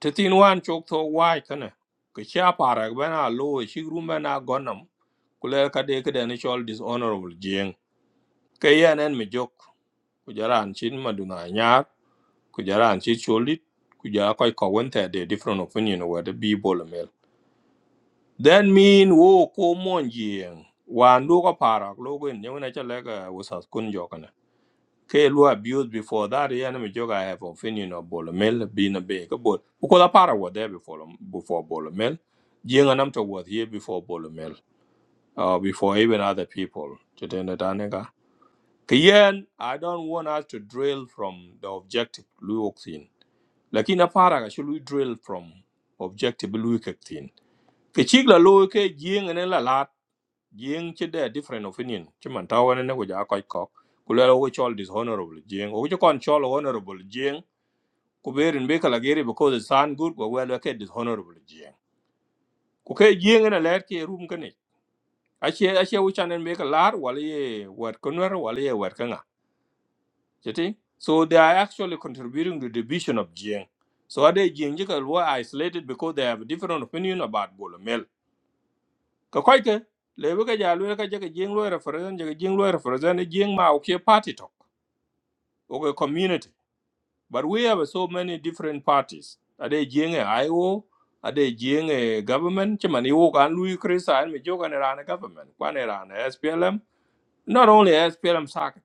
S1: ti thin waan cok thɔ waai kana ka kyɛ a paarak bɛn a loo cik rum bɛn a gɔnam ku lɛ ka de kedɛni cɔl dishonorable jieŋ ke yɛn ɛn mi jok ku jɛ raan cin maduna a nyaar ku jɛ raan cin colit ku jɛ a kɔc kɔ wɛn thɛ de different opinion wɛ de bii bol That mean wo ko mon jing. Wan lu ko parak lu ko in yewna chalega usas kun jokana. Ke lu abused before that yeah na mi joke I have opinion of Bolomel being a big but because a parak was there before before Bolomel. Jing and Amto was here before Bolomel. Uh, before even other people. Chitenda tanega. Kiyen, I don't want us to drill from the objective lu ok thin. Lakini a parak should we drill from objective lu ok thin. Kichigla lu ke jing and la lat jing ci de different opinion ci man taw wane ne ko ja koy kok ku lelo wo chol dishonorable jing o ko kon chol honorable jing ku berin be kala gere because it sound good ko welo ke dishonorable jing ku ke jing na ler ke rum kane ache ache wo chanen be kala lar wala ye wat konwer wala ye wat kanga jeti so they are actually contributing to the division of jing so are they jing jikal were isolated because they have a different opinion about bolomel ka koy ke le bi ka ja lu ka je ka jing lu represent je ka jing lu represent jing ma o ke party talk, o ke community but we have so many different parties ade jing e io ade jing e government che man yo kan lu krisan me jo kan ran government kwan ran SPLM not only SPLM sak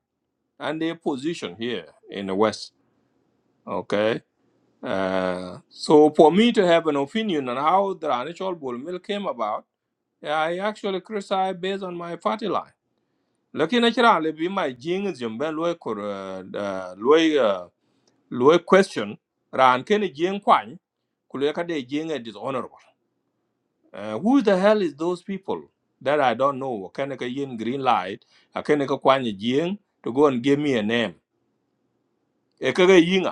S1: and their position here in the west okay uh, so for me to have an opinion on how the Ranchol Bull Mill came about, I actually criticize based on my party line. lakini achira le bi mai jing jim ben loy kor loy loy question ran ken jing kwan kule ka de jing is dishonorable uh, who the hell is those people that i don't know ken ka yin green light a ken ka kwan jing to go and give me a name e ka ga yinga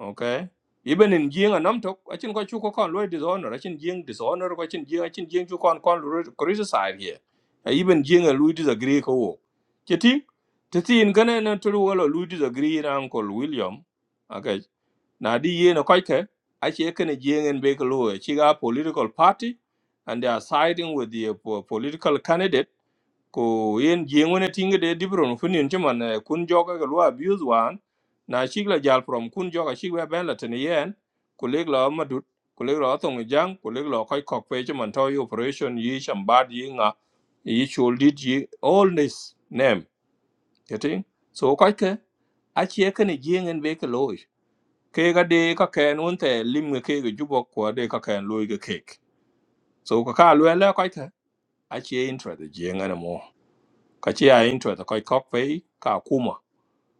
S1: okay even in jing and tok I think chu ko kon lo dishonor achin jing dishonor ko achin jing I think jing chu kon kon lo criticize here Uh, even jing a lo disagree ko wo cheti teti in gane na tulu wala lo disagree na uncle william okay na di ye na koike achi ekene jing en be ko lo chi ga political party and they are siding with the uh, po- political candidate ko yen jeng tinga de dibron funin chiman eh, kun joga ga lua abuse wan na shigla jal from kun joga shigla ben tene yen ku la madut ku la tong jang ku la kai kok pe chiman to operation yi shambad yi nga yi choldit yi all this name yeti so kai ke a che ke ne jeng be ke loy ke ga de ka ken un te lim ke ga jubo ko de ka ken loy ga kek so ka ka lue la kai ke a che intra de jeng mo ka ci ya interest ko kok fe ka kuma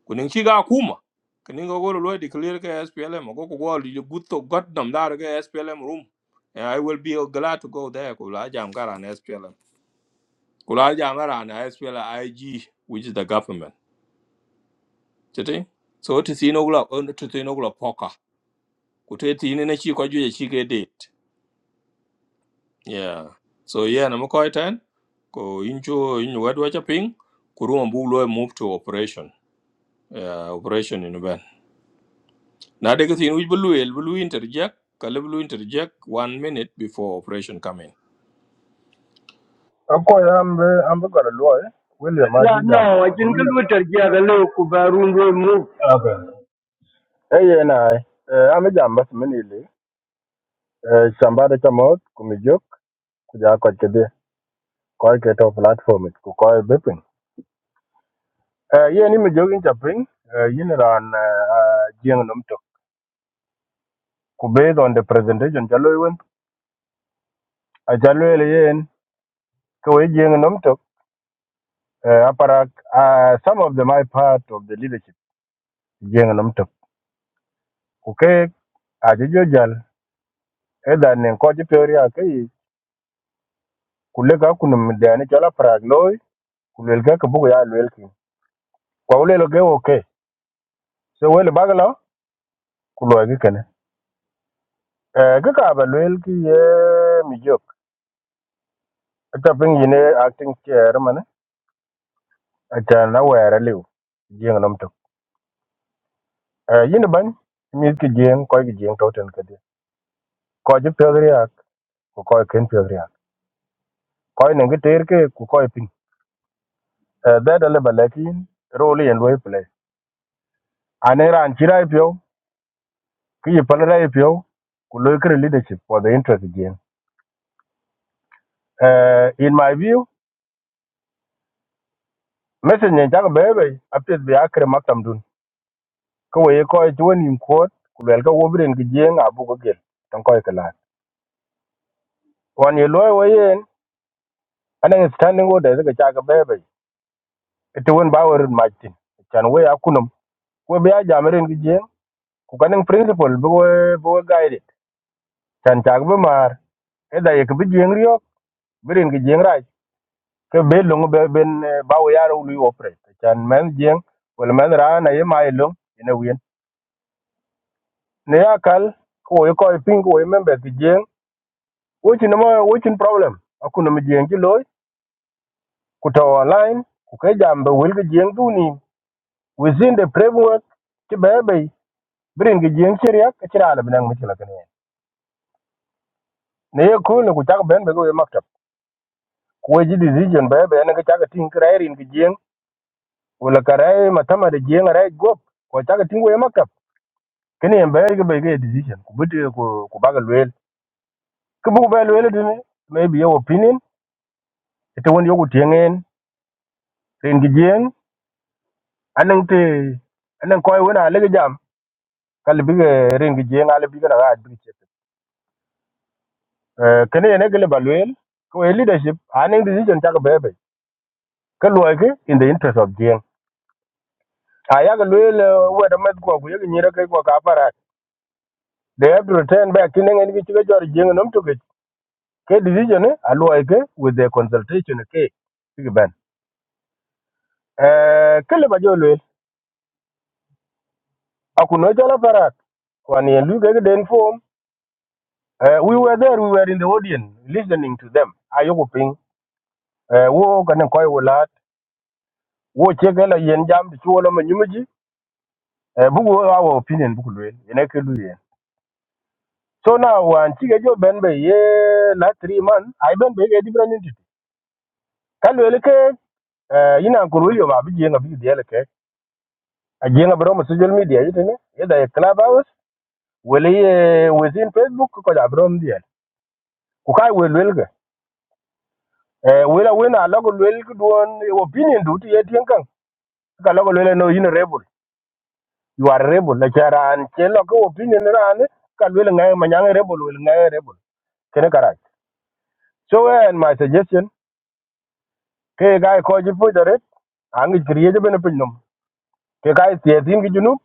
S1: kunin ci ga kuma kunin go go lo declare ka SPLM go go go li good to god nam da ga SPLM room and i will be glad to go there ko la jam kara SPLM ko la jam kara na SPLM IG which is the government tete so to see no glo on to see no glo poka ku te ti ne ci ko ju ci ke date yeah so yeah na mo ko ten ko injo in wad wa chaping ku room bu lo move to operation yeah operation in ben Now they can see which blue will blue interject, color blue interject one minute before operation come in.
S14: Ako ya ambe ambe kwa lwa eh. William
S11: la
S14: aje jam.
S11: no
S14: Ako
S11: ajin ka
S14: William.
S11: lutar ja da lo ku barun mu
S14: Abe. Eh ye na eh. Eh, Ambe jam basi mimi ile. Eh shambada cha mot kumijok kuja kwa kedi. Kwa ke to platform it ku kwa bepin. Eh ye ni mijogi cha ping. Eh yin ran eh jeng nom tok. Ku be on the presentation jalo wen. A jalo ile yen ko we jeng nom tok. Eh aparak uh, some of them are part of the leadership jeng nom tok. Ku ke aje jo jal eda nen ko ji peori a kai kule ka kunum de ani chola prag loy kulel ka kubu ya lel ki kwa ule lo ge oke so wele bagalo kulo gi kene eh ga ka ba lel ki ye mi jok ta ping yine acting chair mane ta na were liu jeng nom to eh yine ban mi ki jeng ko gi jeng to ten kede ko ji peori a ko ko ken peori a ko ne gi ter ke ku ko pin eh da da le balakin role yen loy play ane ran chirai pio ki ye palala ye pio ku lo kre leadership for the interest again uh, in my view message ne jaga bebe apet bi akre maktam dun ko ye ko ye woni im ko ku wel ka wobren ki jeng abu ko gel tan ko ke lat wan ye lo wo yen anen standing order ga jaga bebe ete won ba wor majtin chan we akunum ko be a jamren ki jeng ku kanen principle bo bo guide chan jaga be mar eda ye ki bi jeng riyo birin ki jeng ke be long be ben eh, ba we yaro lu operate chan men jeng wel men ra na ye mai long ina wien ne yakal ko ye ko ping ko ye membe ti jeng wo chin mo wo chin problem akuna mi jeng ki loy ku to online ku ke jam be wel ki jeng du ni within the framework ti be be bring ki jeng cheria ke chira na benang mi chila kene ne ye ku ne ku chak ben be ko ye maktab ku ye ji decision be be ne ke chak tin kra erin ki jeng wala kare matama de jeng ra gop ko chak tin ko ye maktab kini en bayar ga bai ga decision ku bute ku ku baga lwel kubu ku bu ba lwel dine maybe your opinion ita won yoku tiengen ren gi jeng anan te anan koy wona le jam kal bi ga ren gi jeng ale bi ga na ga bi che eh kini ne gele ba lwel ko e leadership anan decision ta ga bebe ka lwa ke in the interest of jeng a ya ga lwel wa da mat ko ku ye ni ra ko ka para they have to return back kini ngi ni ga jor jeng nom to ke ke decision a lwa ke with the consultation ke eh kele ba jolwel akuno jala parak wan yen lu gege den form eh we were there we were in the audience listening to them ayoku ping eh wo kanen koy wulat wo chegela yen jam di chulo ma nyumuji eh bugu our opinion bugu lwel ene ke lu so now wan chige jo ben be ye la 3 months. i ben be ge different entity kalwel ke eh ina kun wilio ma bi jenga bi diele ke a bro ma social media yitene yeda club house. wele ye within facebook ko ja bro ku kai we lwel ga eh we la we na lo lwel ku don opinion du ti ye tien kan ka lo lwel no in rebel you are rebel la charan che lo ko opinion ran ka lwel ngai ma nyang rebel wel ngai rebel kene kara so eh, and my suggestion ke ga ko ji fu dare ang kriye je bene pinyum ke kai tie tin gi junu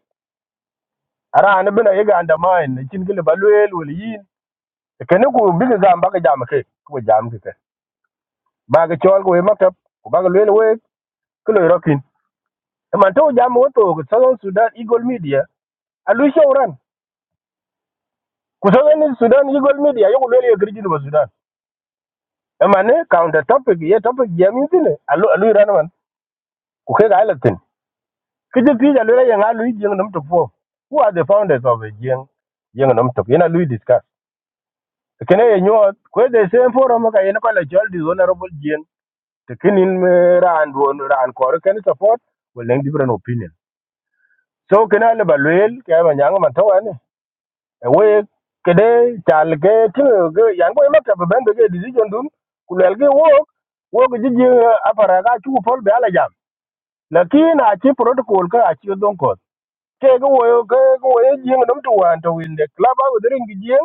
S14: ara an bene ye ga undermine chin gele ba lwel wel yin E kene ku bi ga ba ga jam ke ku jam ke ba ga chol ko e maktab ku ba ga lwel we ku lo rokin man to jam woto ko Southern Sudan Eagle Media alu shauran ku Southern Sudan Eagle Media yo ko lele griji ba Sudan e man ne counter topic ye topic jam tine alu alu ran man ku ke ga alatin kije ti alu ra yang alu jeng nam to fo who are the founders of a jeng jeng nam to ina lu discuss kene ye nyo ko the same forum ka ina ko la jol di honorable jeng te kinin ran won ran ko ken support well different opinion so kena le balwel ke ma nyang man to we kede chal ke tinga ke yan ko mata ba ben ke decision dun kulel ke wo wo ke ji apara ka chu pol be ala jam lakin a chi protocol ka a chi don ko ke ke wo ke ke wo ji ngam dum tuan to in the club a wudrin gi ji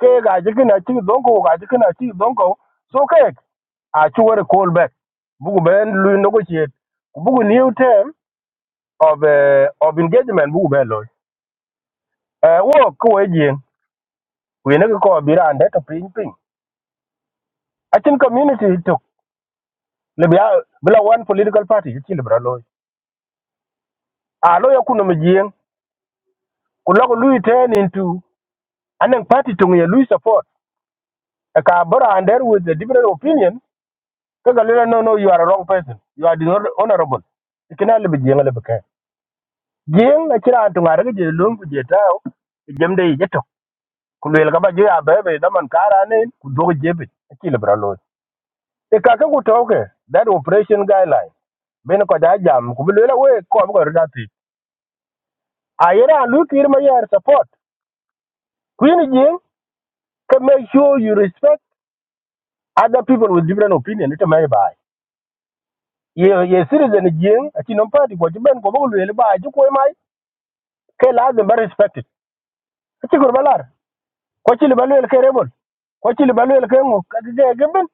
S14: ke ga ji kina chi don ko ga ji kina chi don ko so ke a chu wor call back bugu ben lu negotiate bugu new term of uh, of engagement bugu ben lo eh wo ko e ji we ne ko bi ran de to ping ping achin community to le bia bila one political party chi le bra loy a lo ya kuno mjien ku lo lu into anen party to ye lu support a ka and under with a different opinion ka ga no no you are a wrong person you are dishonorable ikina le bjien le bka jien na kira to ngare je lum ku je tao e jem de je to ku le ga ba je ya be be da kara ne ku do je be loy e ka ka that operation guideline ben ko da jam ku le we ko ko da Ayera look here my year support. Queen Jing can make sure you respect other people with different opinion. It may buy. Ye ye citizen Jing, a chin party what you been go to buy you quay my ke la them very respected. A chikur balar. Kwachil balu el kerebol. Kwachil balu el kengo kageben.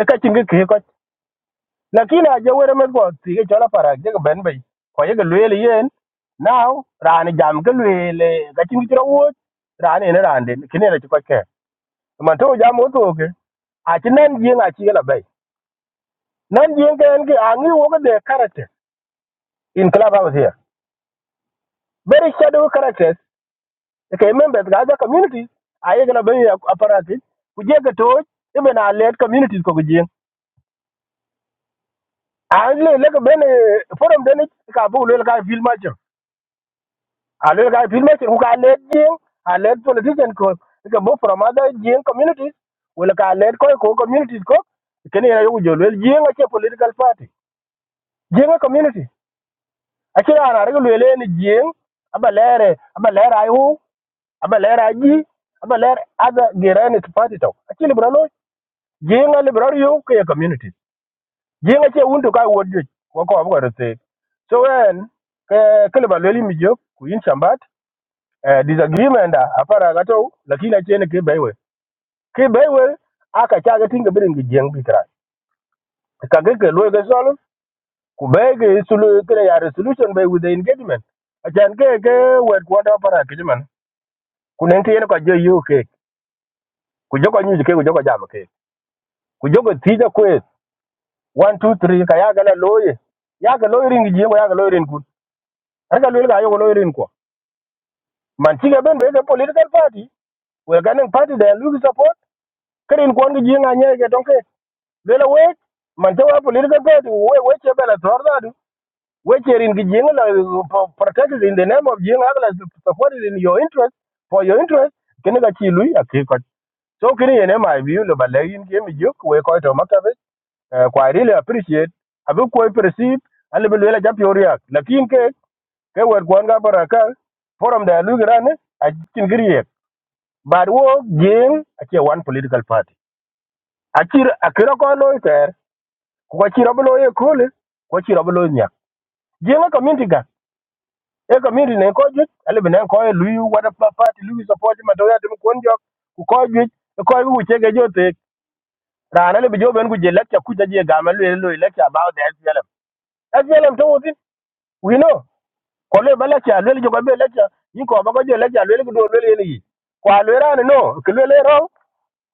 S14: E kachin ke ke kwach. Lakina jawere men go ti ke chola para je ben bay. Kwa ye lu el yen. Now ran jam ke lu el kachin kira wo ran ene ran den kinere mà to jam muốn to ke a ti nan jing a ti la bay nan jing ke en ke a ngi wo de character in club house here very shadow characters ke members ga the community a ye la bay apparatus ku je cái to e be na let communities ko jing a le le ke ben forum đấy, ni ka bu le ka film ma a le ka film ma ku ka let jing a let politician ko cái bộ from other jing communities wala ka let coi ko communities của cái này là cái gì, jolwel jinga cái political party jinga community Ake ya na rege lwele ni jing, aba lere, aba lere ayu, aba lere aji, aba lere ada gere ni tupati tau. Ake libra lo, jing a libra yu ke ya community. Jing a che undu kai wodju, wako wabu kwa rete. So en, ke, ke libra lwele mi jok, ku yin chambat, eh, disagreement da, apara gato, lakini a che ni ke baiwe. Ke baiwe, aka chaga tinga biri ngi jing bitra. Kage ke lwele ku be ke sulu kre ya resolution be with the engagement achan ke ke wet kwada para kijiman ku nen ke ko je yu ke ku jogo nyu ke ku jogo jam ke ku jogo tija kwes 1 2 3 ka ya gala loye ya ga loye ring je ya ga loye ring kun har ga loye ga yo loye ring ko man ti ga ben be ke political party we ga nen party da lu support kren ko ngi je nga nye ke donke le la we man te wa political party we we che bela torda du which are in Gijinga protected in the name of Jing Agla supported in your interest for your interest kene ka chi lui akiko so kini yene my view lo balayin ke mi juk we ko to makabe eh, kwa I really appreciate abu ko perceive ale bel wela jap yoria lakin ke ke wer kwan ga baraka forum da lu grane a kin griye but wo jing a ke one political party akir akira ko lo ter ko chiro blo ye kule ko chiro blo nya jing a community e community ne ko juic alibi ne ko lui wada pla- party lui support ma to ya tim kon jok ku ko juic e ko wi chege jote ran alibi jo ben ku je lecture ku je ga ma le lo lecture about the SPLM SPLM to wotin we know ko le ba lecture le jo be lecture yin ko ba ko je lecture le ku do le ni kwa le ran no ke le le ro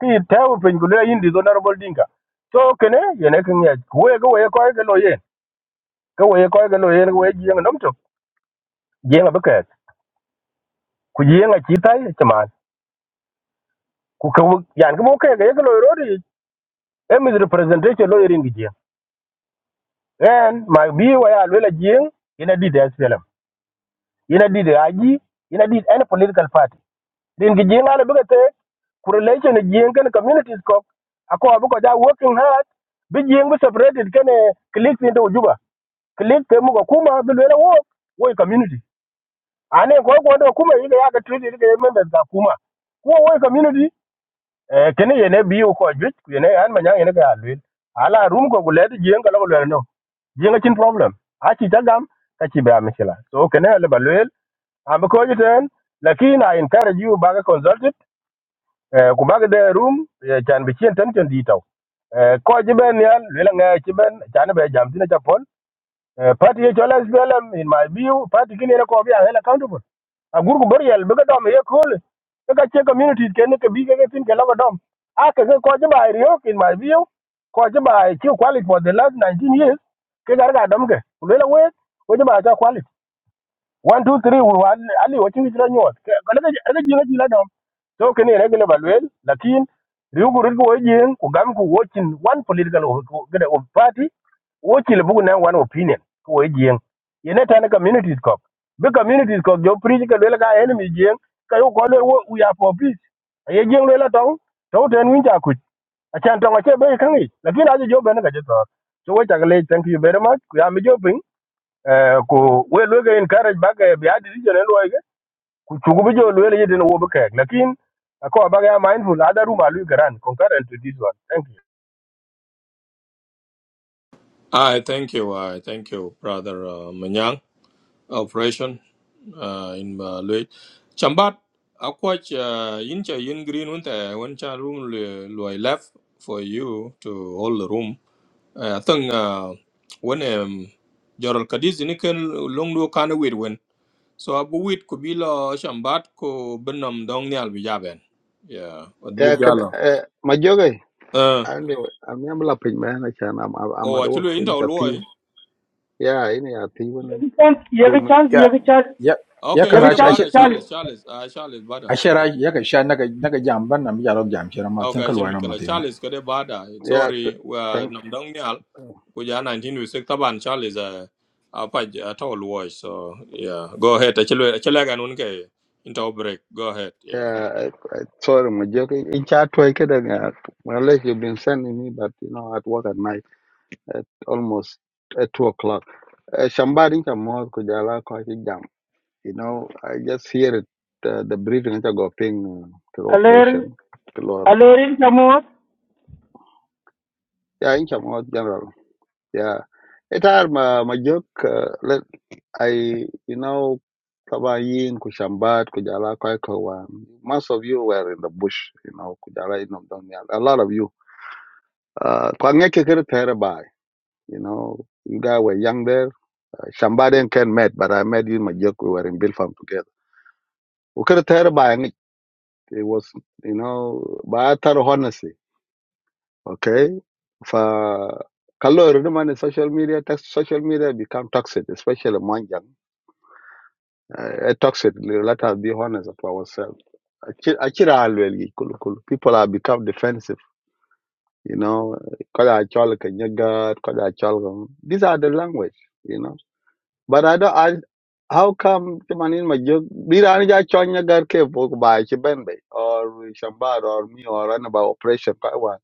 S14: ki te wo pin ku le yin di honorable dinka so kene yene kin ya ko ye ku we ko we ko ke lo ye ko we ko ke lo ye we ji ngom to je ngabe ke ku ji ngabe chitai ku ka wuk- yan ko ke ga ko lo rodi e mi representation lo irin gije en ma bi wa ya lo la jing ina di da SPLM ina di da aji ina di any political party din gije ngale bi te ku relation jing kan communities ko ako abu ko ja working hard bi jing bi separated kan click ni to juba click ke mu ko kuma bi lo la wo wo community ane ko ko do kuma yi ga ya ga treat yi ga members ga kuma ko wo community Eh, kini yene biu ko juic ku yene an manya yene ga lwil ala rum ko gule di jeng kala gule no jeng chin problem a chi tagam ka chi ba mikila so kene le balwil am ko jiten lakin i encourage you baga consulted eh, ku baga de room eh, chan bi chen tan chen di taw Eh, ko ji ben yal lwil nga chi ben chan be jam tin japon Eh, party ye chola SPLM in my view party kini na ko bia hela accountable a gurgu burial be ga dom ye kol be ga che community ken ke bi ke tin ke la ga dom a ke ke ko ba rio in my view ko ba ki quality for the last 19 years ke gar ga dom ke le la we ko ba ta quality one two three wo ali wo chingi chila nyot kala ga ga jinga chila dom so kene ne gele balwel lakin riugu riugu wo jing ku gam ku wo chin one political of gede of party wo chile bugu na one opinion ku wo jing yene tane communities kok be communities kok jo preach ka lwel ga enemy jing ka yo ko le wo we are for peace ye jing lwel la tong to ten win ja ku achan tong ache be kangi lakin aje jo be ne ga je to so wo chakle thank you very much ku ya mi jo piny. Eh, ku we lwege encourage baga bi adi region en loige ku chugu bi jo lwele yedin wo be kek lakin ako baga ya mindful ada room alu garan concurrent to this one thank you
S1: I thank you, I thank you, brother uh, Manyang. Operation uh, in Malaysia. Chambat, akwach uh, incha yin green unta one cha room loy left for you to hold the room. Uh, I think uh, when um, Jorol Kadiz nikan long do kana wait when. So abu wait kubila chambat ko benam dong nyal bijaben. Yeah, but
S15: Eh, kad,
S1: bugala.
S15: eh, majoge,
S1: Uh,
S15: ande, i am la pin man, I can, I'm, I'm I'm
S1: oh,
S15: at work
S1: actually, into
S15: in Chatiu.
S1: Loy.
S15: Yeah, in a thief.
S7: Kan
S15: two,
S7: yagi
S15: min-
S7: chance
S13: Yeah,
S7: yagi chance
S13: yeah, yeah.
S1: Okay,
S7: yagi
S1: kade
S13: Karaj, I
S7: chance
S1: bada
S13: should,
S7: chance
S1: Charles, Charles, ah Charles bada.
S13: I should, I yeah. Kisha naga naga jam ban nam jalo jam shira mat. Think
S1: Okay, chen
S13: kalwa no
S1: Michael,
S13: matin.
S1: Charles kade bada.
S15: yeah, th-
S1: Sorry, we
S15: thank,
S1: nam dang nyal. Kuja 19 we sek taban Charles uh, apa ato Loy. So yeah, go ahead. Actually, actually gan unke into break. Go ahead. Yeah.
S15: yeah, I, I, sorry, majoge. In chat, I could, uh, unless you've been sending me, but you know, at work at night, at almost at two o'clock. Uh, Shambari, Chamor, Kujala, Kwaji Jam. You know, I just hear it, uh, the breathing, I go ping, uh, to
S7: aler
S15: operation, to Laura.
S7: alerin chamot
S15: Yeah, in Chamor, General. yeah etar ma ma jok uh, let i you know taba yin ku kwai ko most of you were in the bush you know ku jala in a lot of you uh kwa ngeke kere tere you know you guys were young there uh, shambat and ken met but i met you in my we were in Bilfam together u kere tere bai ngi it was you know ba tar honesty, okay For, kalor the man in social media text social media become toxic especially among young a toxic let us be honest to ourselves Achi- achira alwel gi kulu kulu people are become defensive you know kada chol ka nyagat kada chol ka- these are the language you know but i don't i how come the chamanin ma jog dira ni ja chon nyagat ke pok ba chi benbe or shambar or me or an about operation ka wan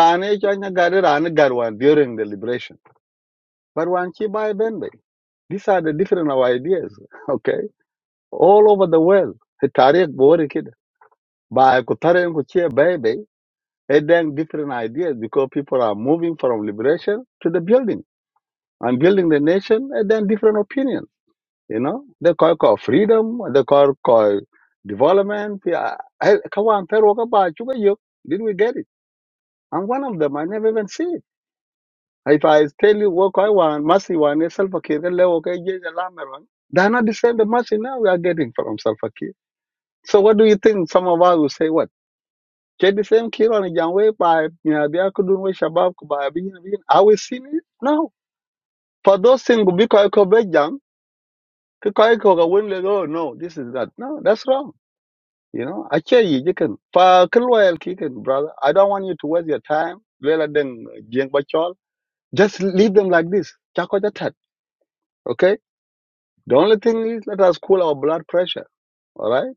S15: rani chon nyagat rani garwan during the liberation but wan chi ba benbe these are the different of ideas <laughs> okay all over the world the tariq bore By comparing with here, baby, it then different ideas because people are moving from liberation to the building. And building the nation, and then different opinions, you know. They call call freedom, they call call development. Yeah. Hey, Come on, tell what about you, you- did we get it? And one of them, I never even see it. If I tell you what I want, mercy one is self-care, they're not the same the mercy now we are getting from self-care. So what do you think? Some of us will say what? Get the same kilo and a young by you know they are could do with Shabab by being being are we seeing it? No. For those things because I could be young, because I could win like oh no, this is that. No, that's wrong. You know, I tell you, you can for Kilwell kicking, brother. I don't want you to waste your time. Lela deng jeng bachol. Just leave them like this. Chako jatat. Okay? The only thing is let us cool our blood pressure. All right?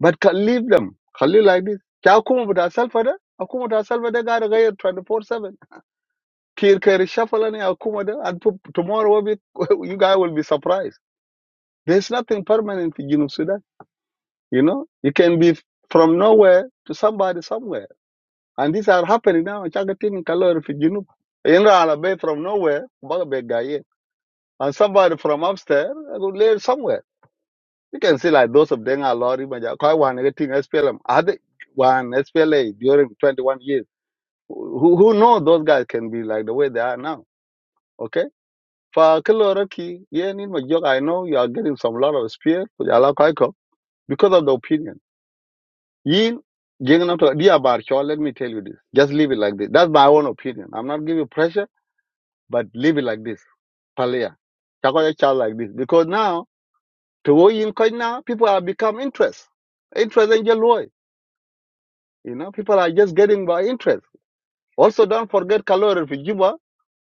S15: But can leave them. Can leave like this. Cha akuma bata salfa da. Akuma ta salfa da gara gaya 24-7. Kir kari shafala ne akuma da. And po- tomorrow will be, <laughs> you guys will be surprised. There's nothing permanent in Junub Sudan. You know, you can be from nowhere to somebody somewhere. And these are happening now. Chaka tin kalor fi Junub. Inra ala bay from nowhere. Baga be gaye. And somebody from upstairs, I go live somewhere. You can see like those of Denga Lori Maja Koi one getting SPLM. Other one SPLA during twenty one years. Who who know those guys can be like the way they are now. Okay? For Kiloraki, yeah need my joke, I know you are getting some lot of spear for Jala Koiko because of the opinion. Yin Jing not to dear Barcho, let me tell you this. Just leave it like this. That's my own opinion. I'm not giving you pressure, but leave it like this. Palia. Chakoya child like this. Because now to wo yin koi now, people have become interest. Interest in Jaloi. You know, people are just getting by interest. Also, don't forget Kalori Juba.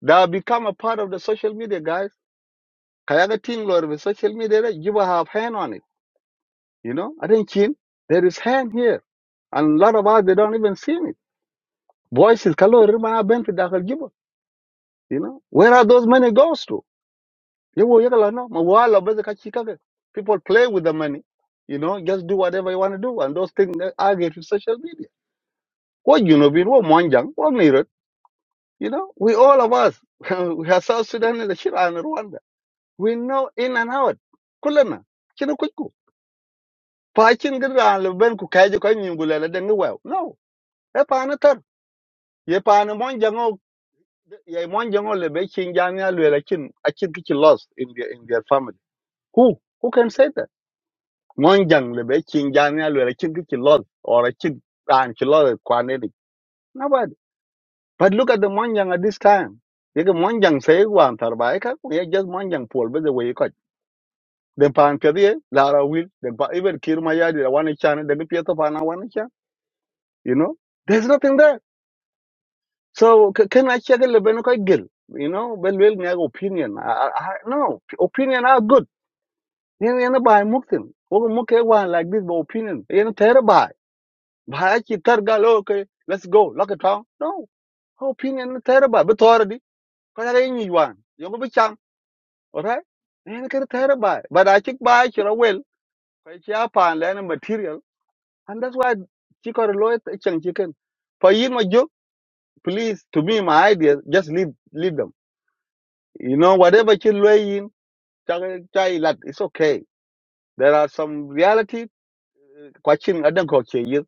S15: They have become a part of the social media, guys. Kayaga Ting Lori social media, that Juba have hand on it. You know, I think Chin, there is hand here. And a lot of us, they don't even see it. Voices Kalori Mana Benfi Dakal Juba. You know, where are those money goes to? Yewo yekala no, mawala beze kachikake. People play with the money. You know, just do whatever you want to do. And those things they are get to social media. What you know, what Monjang, what mirror. You know, we all of us, <laughs> we are South Sudan and the Shira and Rwanda. We know in and out. Kulana, chino kuku. Pachin gira leben ku kaje ko nyingula la denga wew. No, e pa na tar. Ye pa na mon jango ye mon jango le be chin janya le la chin a chin kichi lost in their in their family. Who who can say that? Mon jang le be chin janya le la chin kichi lost or a chin ran kichi lost kwanedi. Nobody. But look at the Monjang at this time. Yeke Monjang say one tarba eka, just Monjang pull by the way you cut. Then pan pedi, Lara will, then pa even Kirmaya did a one chan, then the Pietro Pana one chan. You know, there's nothing there. So c- can I check a Lebenuka Gil? You know, well, well, my opinion. I, I, I- no, opinion are good. You know, by Muktim. Ogo Muke one like this, but opinion. You know, terabai. Bahachi Targal, okay, let's go, lock it down. No, opinion terrible, but already. Because I didn't want. all right and can tell by but i think by you know well quite yeah pan learn material and that's why chicken loy chicken chicken for you my joke please to me my idea just leave leave them you know whatever you loy in chai chai lat it's okay there are some reality question i don't coach you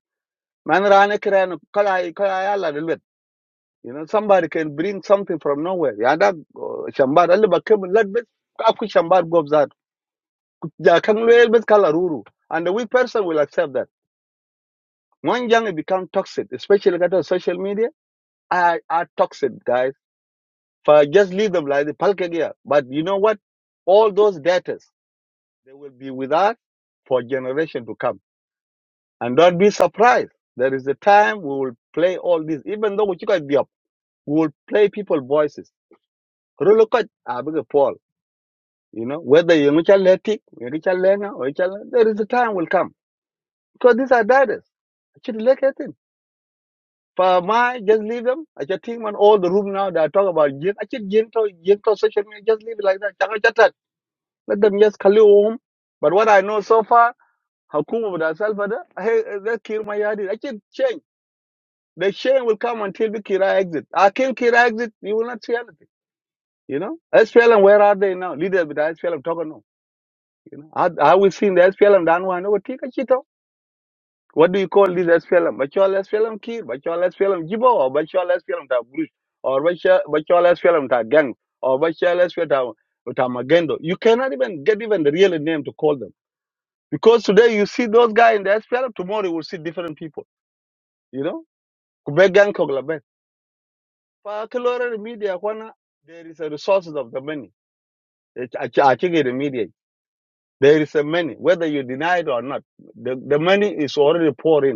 S15: man rana kiran kala kala yalla de lwet. you know somebody can bring something from nowhere yeah that uh, shambar alle bakem lat bes aku shambar gobzat. Yeah, can well but color ruru. And the weak person will accept that. When young it become toxic, especially got on social media, are are toxic, guys. For just leave them like the palkagia. But you know what? All those debtors, they will be with us for generation to come. And don't be surprised. There is a time we will play all this. Even though we could be up, we will play people voices. Rulukat, abiga Paul. You know, whether you're Letik, you're Lenga, or Richard- there is a time will come. Because these are debtors. For my, just leave them. I just think man, all the room now that I talk about jing, I just jing to jing to social media, just leave it like that. Chaka chatak. Let them just call you home. But what I know so far, Hakuma with herself, hey, they kill my yard. I just change. The shame will come until the Kira exit. I kill Kira exit, you will not see anything. You know, SPLM, where are they now? Leaders with SPLM, talk or no. You know, I, I we seen the SPLM down one over Tika Chito. What do you call this SPLM? Bachol SPLM Kir, Bachol SPLM Jibo, or Bachol SPLM Ta Bruce, or Bacha- Bachol SPLM Ta Gang, or Bachol SPLM Ta Ta Magendo. You cannot even get even the real name to call them. Because today you see those guys in the SPLM, tomorrow you will see different people, you know? Kubek Gang Koglaben. For Kalora media, kwana, there is a resources of the many. Ach- ach- achige the media. There is a many, whether you deny it or not. The, the money is already pouring.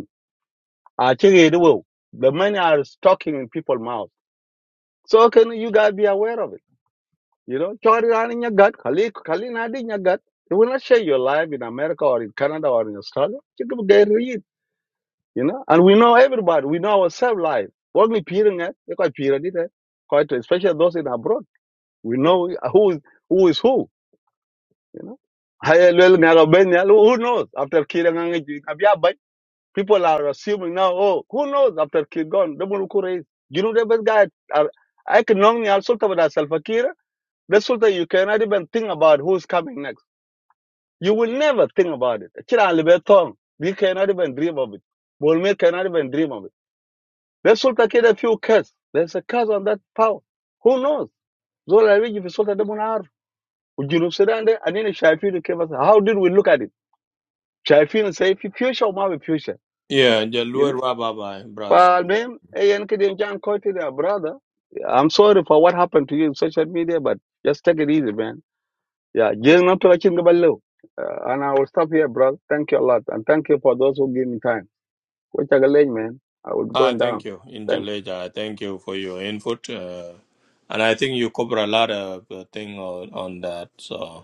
S15: I check it well. The money are talking in people's mouth. So can you guys be aware of it? You know, chori rani in your gut, kali kali nadi in your gut. You will not share your life in America or in Canada or in Australia. You can get read, you know. And we know everybody. We know ourselves life. Only peering eh? you quite peer it, eh? quite especially those in abroad. We know who is who is who, you know. Haya lel ngaga ben yal, Who knows? After killing, People are assuming now, oh, who knows after Kir gone, the Muluku raised. You know, the best guy, are, I can normally also talk about Salfakir. The Sultan, you cannot even think about who's coming next. You will never think about it. Chira Libetong, you cannot even dream of it. Bolme cannot even dream of it. The Sultan kid a few curse. There's a curse on that power. Who knows? Zola Rigi, the Sultan Demonar, Junub Sudan, and then Shafin came and said, how did we look at it? Shafin say, future, my future.
S1: Yeah, The
S15: You know?
S1: Loy wa bye bye, brothers.
S15: فالمهم ايا كده ان كان كويتي يا brother I'm sorry for what happened to you in social media but just take it easy man yeah جيل نطلع لكن قبل له Uh, and I will stop here brother thank you a lot and thank you for those who give me time which I man I will go
S1: Ah,
S15: down
S1: thank you. In
S15: Thank.
S1: Jaleja, thank you for your input. Uh, and I think you cover a lot of uh, thing on, on that. So.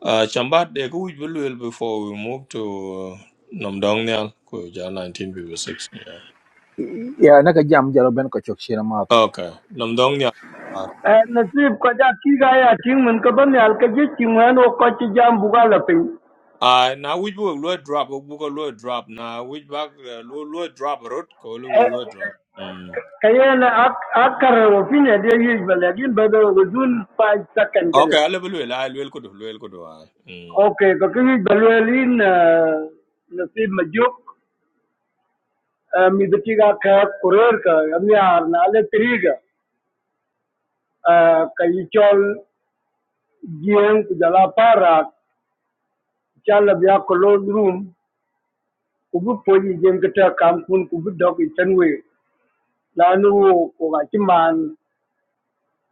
S1: Uh, Shambat, they could be well before we move to uh, Namdongnyal, Kuja 1956. Yeah.
S13: Yeah, naga jam jalo ben kachok shira mat.
S1: Okay, Namdongnyal.
S11: Eh, nasib ko ja ki ga ya tin mun ka ban al ka ji tin o ko ci jam bu ga la pin
S1: Uh, now which will low drop, we will low drop. Now which back low low drop road, call low drop. Mm.
S11: kayen akar wo fine de yi balakin ba da wuzun 5 second kada
S1: Okay, I will well, I will go to will go to I. Mm.
S11: Ok, có cái Berlin nasib majuk midkiga ka ka kurer ka amni arna le triga ka yichol gien ku jala para chala bya close room ku bu poji gen ka ta kam kun ku bu dog chanwe lanu ku ga chiman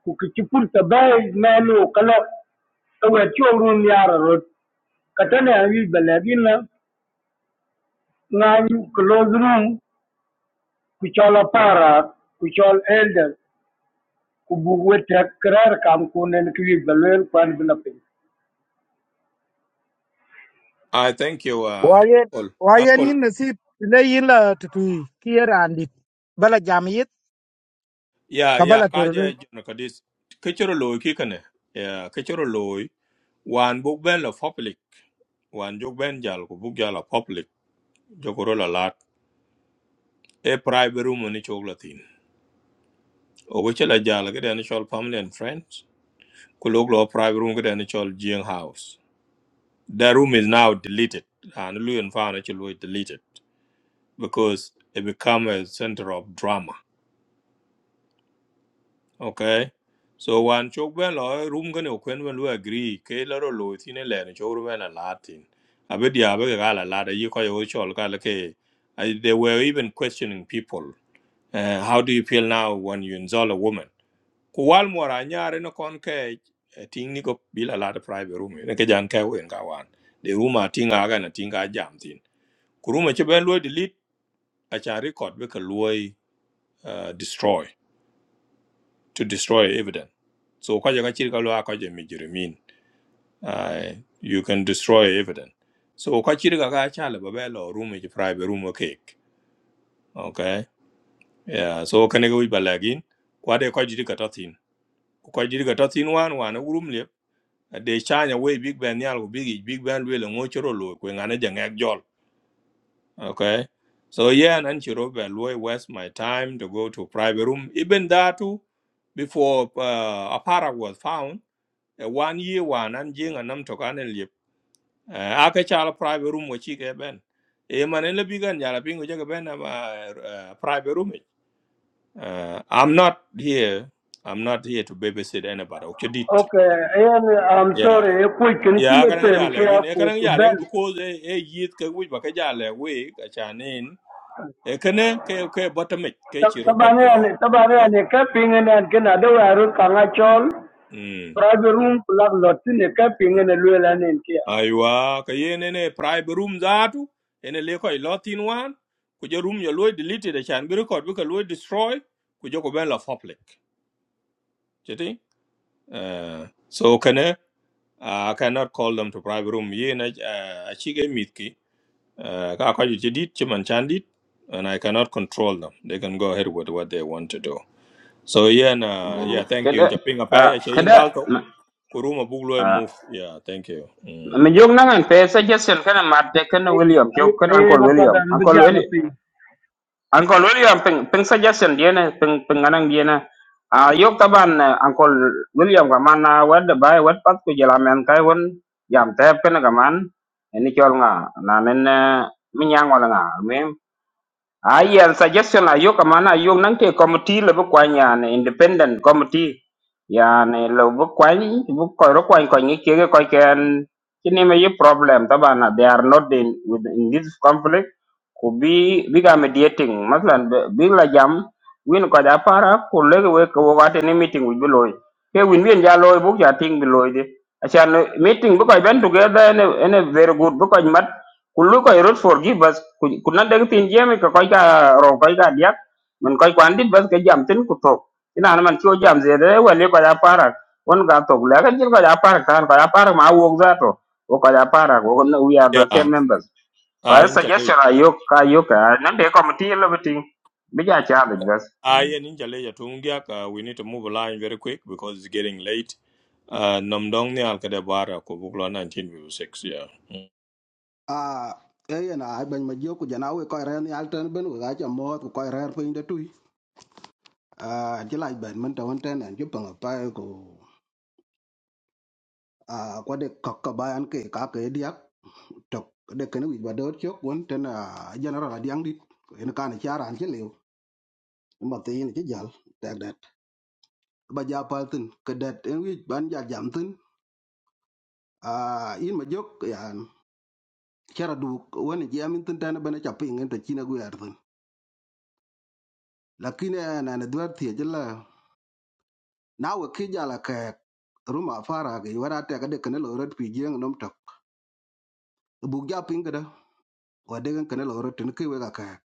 S11: ku ki chipur ta bai menu kala ka we chorun yara rot ka ta ne wi belagin na ngan close room ku chala para ku chol elder kubuwe tekrar kam kunen ki balwel kwan bila pin
S1: I thank you, uh,
S7: Wayen
S1: Uncle.
S7: wayen
S1: Uncle,
S7: yin nasib le yin la tutui kira andit bala jamiyet
S1: yeah, yeah,
S7: kabala turle
S1: Kaja Jonakadis. Kitchen loy kikane, yeah, kitchen loy. One book bell of public, one joke ben jal, book jal of public. jokoro la lat e private room ni chok thin o go chela jala ke den chol family and friends ku lok lo private room ke den chol jing house that room is now deleted and lu and found actually deleted because it become a center of drama okay so wan chok ben lo e room ke ne kwen ben lu agree ke la ro lo thin e le ni chok ben la latin. thin abe dia be ga la lat yi ko yo e chol ka la ke I, they were even questioning people. Uh, how do you feel now when you insult a woman? ku wal mora nyare no kon ke eh, ting ni ko bila la de private room ne ke jan ke wen ga wan de room a ting aga na tinga jam tin ku room e che ben lo delete a cha record be ka lo destroy to destroy evidence so ka ja ka chir ka lo ka ja mi jiri min ai you can destroy evidence so ka chir ka ga cha le ba be lo room e che private room okay okay yeah so ka ne go ba lagin kwa de ka jiri ka ta tin ku ka jiri ka ta wan wan e room le de chanya we big ben yal big Big big ben we ngo choro lo kwe ngane jang jol okay so yeah nan chiro be lo waste my time to go to private room even that too before uh, Aparag was found a one year one and jing and nam tokan and lip uh, aka chala private room wachi ke ben e manele bigan yala pingu jaga ben am, uh, private room uh, i'm not here i'm not here to babysit anybody okay dit
S11: okay ayan i'm sorry e ku ken ki
S1: ya
S11: le
S1: karang
S11: pem ke
S1: jale
S11: a
S1: gin e
S11: ku
S1: karang
S11: ku
S1: jale
S11: bel
S1: because e e yit ke wi ba ke jale we ka chanin e kene ke ke bottom it ke chiro pa
S11: tabane ane
S1: jo
S11: tabane
S1: yeah
S11: ane ka pingen an ken ada waru kanga chol
S1: mm
S11: prabe room plug lot ne ka
S1: mm.
S11: pingen lwel anen ke
S1: aiwa ka yene ne private room zatu ene le ko lotin wan ku je room yo loy delete de chan bi record bi ka loy destroy ku je ko ben la public cheti uh, so kene I cannot call them to private room. Ye na a chige mitki. Uh, ka kwaji chi dit, chi man chan dit, and I cannot control them. They can go ahead with what they want to do. So yeah, na, yeah, thank you.
S8: kada
S1: Nchaping apai ache
S8: kada
S1: indalto. Kuruma buglo e
S8: Uh,
S1: move. Yeah, thank you. Mm.
S8: mi jong nangan pe suggestion kana matte kana William jok kana
S11: ay
S8: Uncle
S11: na
S8: William
S11: padan
S8: Uncle
S11: bigala
S8: William
S11: pin
S8: Uncle William peng, ping suggestion dia na peng, penganang dia na ah yok taban eh, Uncle William ka mana wad bai wad pat ku jalamen kai won jam tep kana ka man ini chol nga na nen eh, mi nyang wala nga ai an suggestion ayok amana ayok nang te committee le bu kwany yani independent committee yani le bu kwany bu ko ro kwany ko ngi ke ko ken kini me ye problem tabana they are not in with in this conflict ku bi biga mediating maslan be- big la jam win ko ja para ku lege we ko wa te ni meeting wi loy ke win win ja loy bu ja ting bi loy de asan meeting bu ko ben together ne ne very good bu ko mat ku lu ko root for give us ku nan de tin jemi ko ko ka ro ko ka dia man ko ko andit bas ke jam tin ku to ina na man cho jam zede we le ko ja para won ga to le ga jil ko ja para kan ko ja para ma wo za to ko ja para ko we are the
S1: Yeah,
S8: same members
S1: ah,
S8: Ba
S1: inchale.
S8: suggestion ayuk ayuk a nan de committee lo biting. Bija challenge bas.
S1: Ah, yeah, inchale ya tungia ka. We need to move along very quick because it's getting late. Uh, namdong ni alkade bara ko buglo 1956. Yeah. Mm.
S12: a e na ai ben ma jio ku jana we ko ren yal tan ben we ga cha mo ku ko ren pin de tu a ti lai ben man ta won tan an ju pa pa ko a ko de kok ka ba an ke ka ke diak tok de ken wi ba do chok won tan a general adiang dit en kan cha ran che lew ma ti ni che jal tak dat ba ja pal tin ke dat en wi ban ja jam tin a in ma jok ya cara du wani ji amin tin tane bana chapi ngin ta china gu yar tin lakini na na dwar tie jala na we ki jala ka ruma fara ga wara ta ga de kana lo rot pi jeng nom tok bu ja pin ga da wa de gan kana lo rot tin ki we ga ka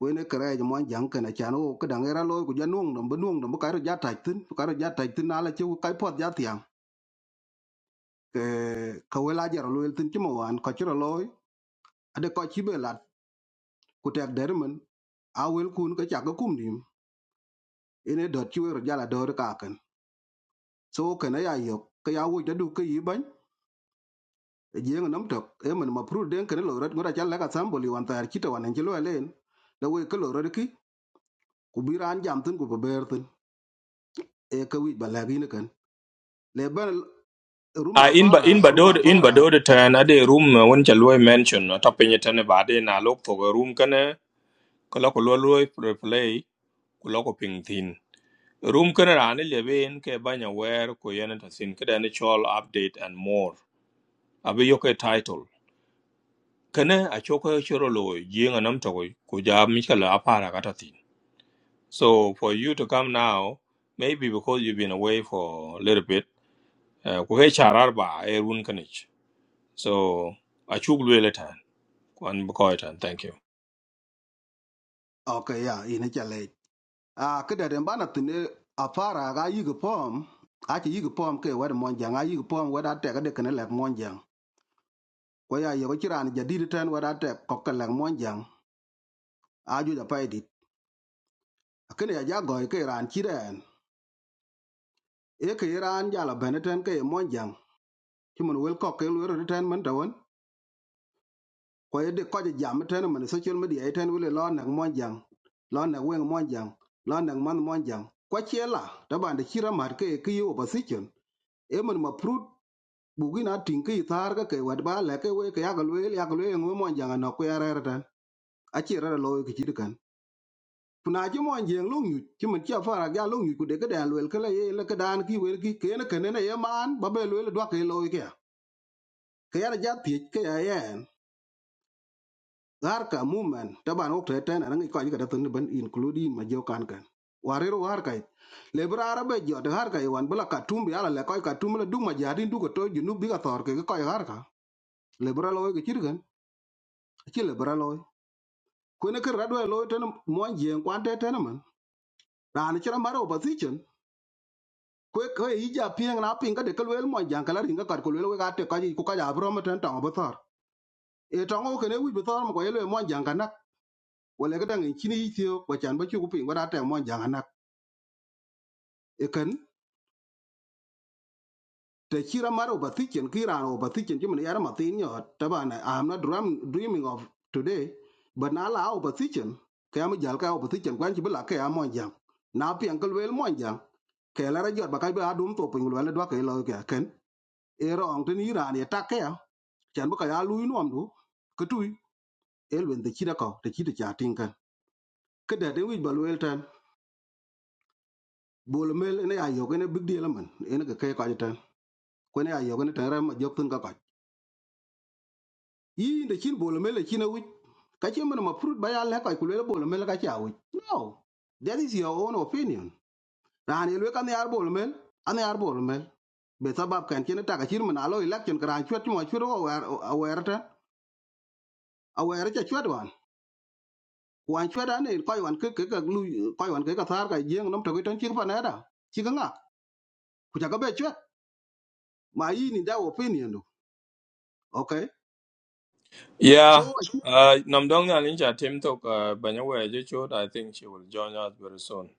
S12: we ne kare ji mon jang kana chan o ka dang era lo ku ja nuong dom bu nuong dom bu ka ro ja ta tin bu ka ro ja ta tin na la chi ku kai pot ja tiang ke ka we la jara lo el tin chi mo wan ka chi ro lo ade ko chi be lat ku tek der men a wel kun ka cha ga kum nim ene dot chi we ro jala dor ka ka so kana ya yok ka ya wo jadu ka yi ban e jeng nam tok e man ma pru den kana lo rat ngora chal ka samboli wan tar kita wan jelo len la we ka lo rat ki ku bi ran jam tin ku ba ber tin e ka wi ba la gi ne kan le ban
S1: Ah,
S12: ruma
S1: in ba
S12: fara
S1: in
S12: ak,
S1: ba do
S12: ruma
S1: in ba
S12: fara
S1: tan ade room uh, won chalwe mention uh, tapenya tane ba de na lok to room kana kala ko lo lo play ku lo ko ping tin room kana rane le ben ke banya wer ko yana ta sin kada ni chol update and more abi yo ke title kana a choko choro lo jinga nam to ko ja mi kala apara kata tin so for you to come now maybe because you've been away for a little bit eh, ko he charar ba e run kanich so a chuk le tan kwan bu tan thank you
S12: o ka ya ine chale a ka da den bana tin e a fara ga yi ga pom a ci yi ga pom ke wa mon jang a yi ga pom wa da te ka de kana la mon jang ko ya yo ci ran jadi ten wa da te ko ka la mon jang a ju da pa di kene ya jago ke ran ci den e ke iran jala bene ten ke mon jang timun wel ko ke lu ten man tawon ko e de ko je jam ten man social media e ten wele lo nak mon jang lo nak wen mon jang lo nak man mon jang ko chela da ban de chira mar ke ke yo opposition e man ma prut bugina tin ke tar ga ke wad ba le ke we ke ya ga lu ya ga lu ngwe mon jang na ko ya re ten a chira lo ke chir kan kuna ci mon jeng lu nyu ci man ci fara ga lu nyu ku de ke da lu ke le ye le ke dan ki wer ki ke ne ke ne ye man ba be lu le do ke lo ke kayar jathiec ke ya yen dhar ka mumen taban wok teten anangi koj ka dathin ban including ma jo kan kan warir war kai lebra arabe jo de har kai wan bula katumbi ala le koj katumbi le duma jadin duko to junu biga thor ke koj har ka lebra loy ke chirgan achi lebra loy kwene ke radwe loy ten mon jeng kwan teten man ran chira maro opposition kwe kwe ija pieng na pinga de kelwel mon jang kala ringa kar kelwel we ka te koj ku koj abro meten tong bo thor e tongo kene wi bo thor mo ko yelwe mon jang wala ga dangin kini yitio kwa chan ba chuku pin wada ta mon jang anak ekan te chira maro bathichen kira ro bathichen jimin yara mathin yo tabana i am not dream, dreaming of today but na la au bathichen kaya mi jal ka au bathichen kwan chi bila kaya mon jang na pian kal wel mon jang kaya la ra jot ba kai ba dum to pin wala dwa kai lo ka ken era ong tin iran ya takya chan ba kaya lu nom du ketui elwen te chira ko te chira cha tin kan kada de wi ba wel tan bol mel ne ayo ne big deal man ene ka kai ka kwene ya yogoni tan rama jopin ka koch yi de chin bolo mele chin awi ka chi mana ma fruit ba ya le ka kulele bolo mele ka chi awi no that is your own opinion ran yelwe kan yar bolo mel an yar bolo mel be sabab kan chin ta ka chin mana alo election kran chwet mo chwet o awerta awere cha chwet wan wan chwet an en koy wan ke ke ka lu koy wan ke ka thar ka jeng nom to kitan chi pa na da chi ka nga ku cha ka be chwet ma yi ni da opinion do okay so
S1: Yeah, uh, Namdong Nalinja Tim Tok uh, Banyawe Jichot, I think she will join us very soon.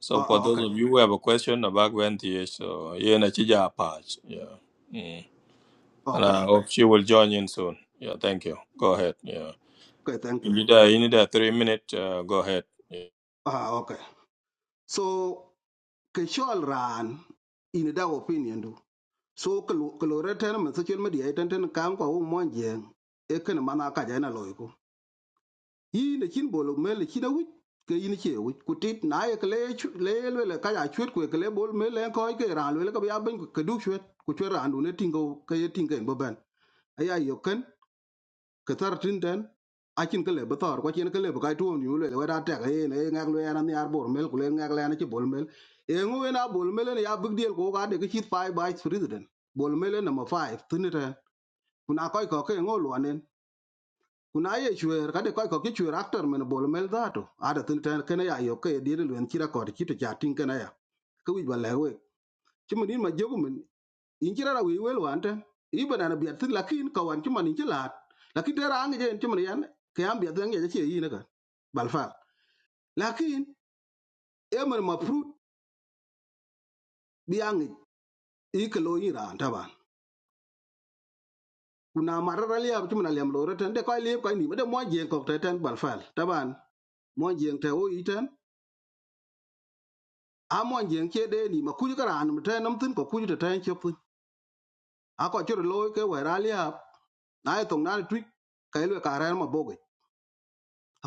S1: So
S12: oh,
S1: for
S12: oh,
S1: those
S12: okay
S1: of you who have a question about Gwen TH, so yeah, na chija patch. Yeah. Mm. And
S12: okay
S1: I hope she will join in soon. Yeah, thank you. Go ahead. Yeah.
S12: okay thank
S1: You
S12: you
S1: need a, you need a three minute, uh, go ahead. Yeah.
S12: ah uh, okay so ke shol ran in da opinion do so kalore ten man social media e ten ten kan ko mon jeng e kan mana ka jana loy ko yi ne kin bolo mel kin awi ke yin che wi kutit na ye kle le le le ka ya chwet ko kle bol mel en ko e ke ran le ka ya ben ko du chwet ku chwet ran du ne tingo ke ye tinga en boban aya yo ken katar tinten akin kale batar ko chen kale ba tuom ni le wada ta e ne ngak le an ni arbor mel kule ngak le an chi bol mel e ngu we na bol mel ne ya big deal ko ga de ki five by president bol mel number 5 tinita kuna koy ko ke ngo lwanen kuna ye chwer ka de koy ko ki chwer after men bol mel da to ada tinita kana ya yo ke dire lwen kira ko ki to chatin kana ya ka wi ba le we chi mun ma jogu men inchirara wi wel wante iben ana biat tin lakin ka wan cuman inchi lat lakin tera ange jen cuman yan ke am biat ange jachi yin ka balfa lakin emer ma prut bi ange ikelo yin ran taban kuna marara li ab cuman alem lo reten de koy li koy ni de mo jen kok teten balfa taban mo jen te o iten a mo jen che de ni ma kuju karan mte nam tin ko kuju te ten chop a ko chiro loy ke wa ra li ab na e tong na twik kai lo ka ran ma boge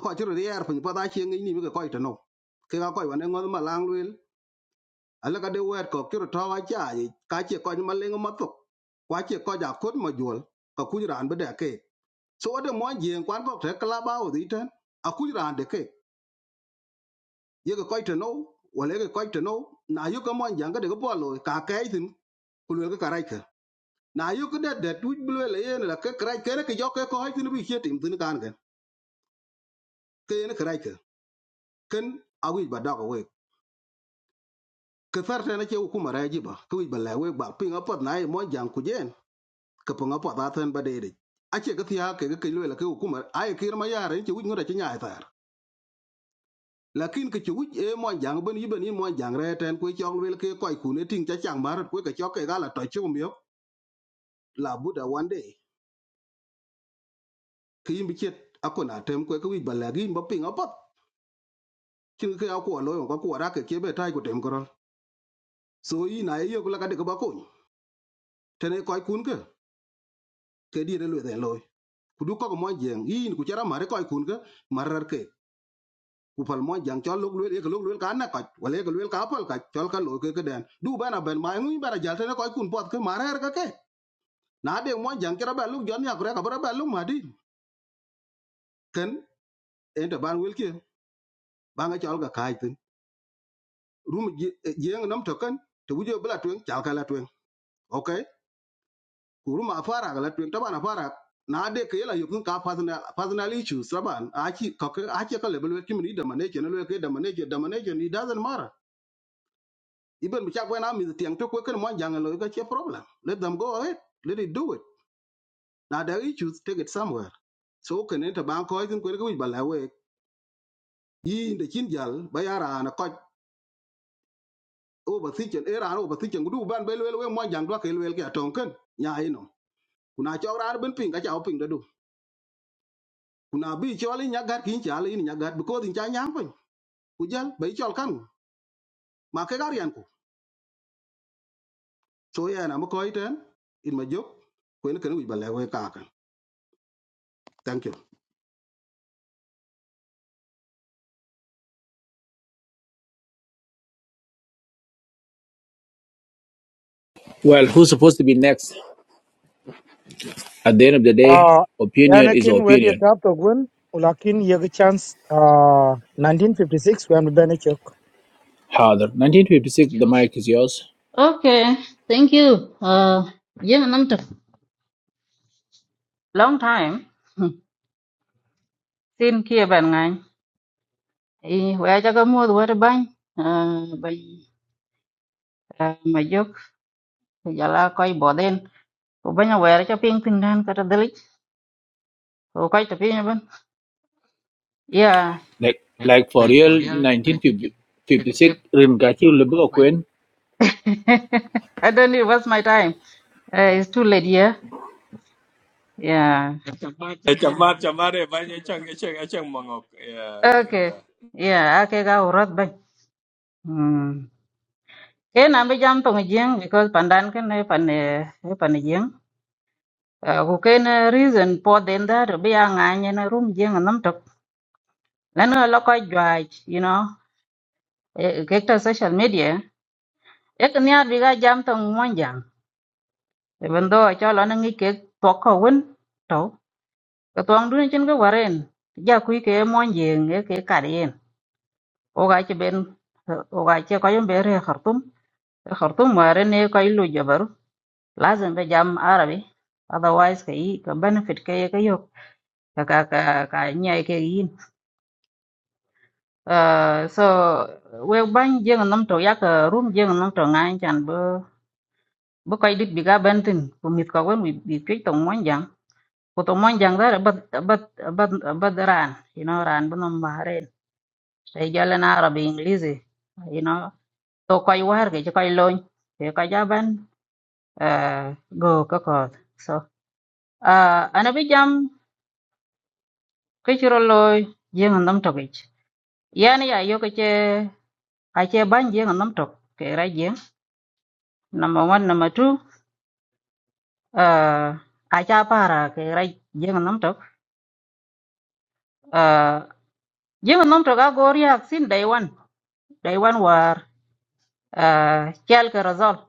S12: ko chiro ri er pin pa da chi ngi ni mi ko ito no ke ga ko wa ne ngod ma lang lwel ala ka de wer ko chiro to wa cha ji ka chi ko ma lengo ma to kwa chi ko ja kut ma jol ka ku ran be de ke so de mo jien kwan ko te kla ba o di ten a ku ran de ke ye ko ito no wala ye ko ito no na yu ka mo jang ka de ko bo lo ka ke tin ku lwel ka ra ke na yu ka de de tu bu lwel ye na ke kra ke ne ke jo ke ko ha tin bi che tim tin kan ke ke ne kra ke ken a wi ba da ko we ke thar tena che ukuma ra jiba ku ba la we ba pinga pot na e mo jang ku jen ke pinga pot a ten ba de de a che ke thia ke ke lwe la ke ukuma ai kir ma yare che wuj ngora che nya thar lakin ke che wuj e mo jang ben yiben ni mo jang re ten ku chok lwe ke koi ku ne ting cha chang mar ku ke chok ke gala to chum yo la buda one day ke yim chet akona tem ku ke wuj ba la gi ba pinga pot chin ke a ku lo ko ku ra ke ke be tai ku tem koro so yi na ye yo ku la ka de ko ba ku tene koi kun ke ke di re lwe den loy kudu ko mo jeng yin ku chara mare ko kun ga marar ke ku pal mo jang chol lok lwel ek lok lwel ka na ka wale ek lwel ka pal ka chol ka lo ke ke den du bana ben ma ngi bara jal tane ko kun pot ke marar ka ke na de mo jang chara ba luk jon ya kure ka bara ba luk ma di ken en da ban wel ke ba nga chol ga kai tin rum jeng nam to kan to bu jo bla twen chal ka la twen kuruma afara gala twen taban afara na de ke yela yokun ka personal personal issues taban aki ka aki ka level wetim ni da manage na leke da manage da manage ni doesn't matter even mi chakwe na mi tiang to kwe kan mo jangalo ka che problem let them go ahead let it do it na da issues take it somewhere so kan ta ban ko izin kwe ko bala we yi de kin jal bayara na ko over thichen era over thichen gudu ban belwel we mo jang do ke lwel ke atonken nya ino kuna chawra ben ping ka chaw ping da kuna bi chol in nyagat kin chal in nyagat because in cha nyam pin ku jal bai chol kan ma ke gar yan ku so ya na mo ko iten in ma jok ko en kan wi bale we ka kan thank you
S13: Well, who's supposed to be next? At the end of the day,
S7: ah
S13: opinion
S7: yana
S13: is
S7: kin wedi
S13: opinion.
S7: tap to gun ulakin yeg chance ah 1956 when we benechok
S13: Harder. 1956, the
S16: Yes.
S13: mic is yours.
S16: Okay, thank you. Uh, yeah, nam tuk. Long time. Sin kia ban ngai. I wea cha ka mua duwa bany. Uh, bany. Uh, ma juk. Jala koi bo den. Ko banya wea cha ping tin dan kata delik. Ko koi ta ping ban. Yeah.
S13: Like,
S16: Like
S13: like for
S16: like
S13: real,
S16: for real, like it, it, it,
S13: 1956,
S16: it, I'm
S13: Ringachi
S16: catching the book,
S13: Libuko
S16: man.
S13: Queen.
S16: <laughs> I don't know, what's my time? Uh, it's too late here. Yeah.
S1: Eh, Chamar, chamar, eh, banya chang, eh, chang, eh, chang mangok. Yeah, en
S16: Okay.
S1: ga.
S16: Yeah, ake ga urat bay. Hmm. Ke na be jam tong jing because pandan ken ne pan eh, e pan jing. Ku ken eh, reason po den da do be anga ne na room jing nam tok. Lan lo ko jwaj, you know. eh, Ke ta social media. Ek ni ar bi ga jam tong mon jang. Even though cho lo na ngi ke to ko won to. Ka tong du chen ga waren. Ja ku ke mon jing e ke karien. O ga che ben o ga che ko yom be re Khartoum are ne ko ilu jabaru lazim be jam Arabi otherwise ka yi ka benefit ka ye ka yok ka ka ka ka nyai ke yin uh, so we ban jeng nam to yak room jeng nam to ngai chan bo bo ko dit biga bentin ko mit ka wen wi bi pe tong mon jang ko tong mon jang da bat bat bat bat ran you know ran bo nam baharen sai jalan Arabi English e. you know to koy war ke koy lon ke ka jaban uh, go ka ko Uh, ana bi jam ke chiro loy jeng nam tok ich. Yani ya yo ke che a che ban jeng nam tok ke ra jeng. Number one, number two, uh, a cha para ke ra jeng nam tok. Uh, jeng nam tok a gori ak sin day one. Day one war uh, chal ke razol.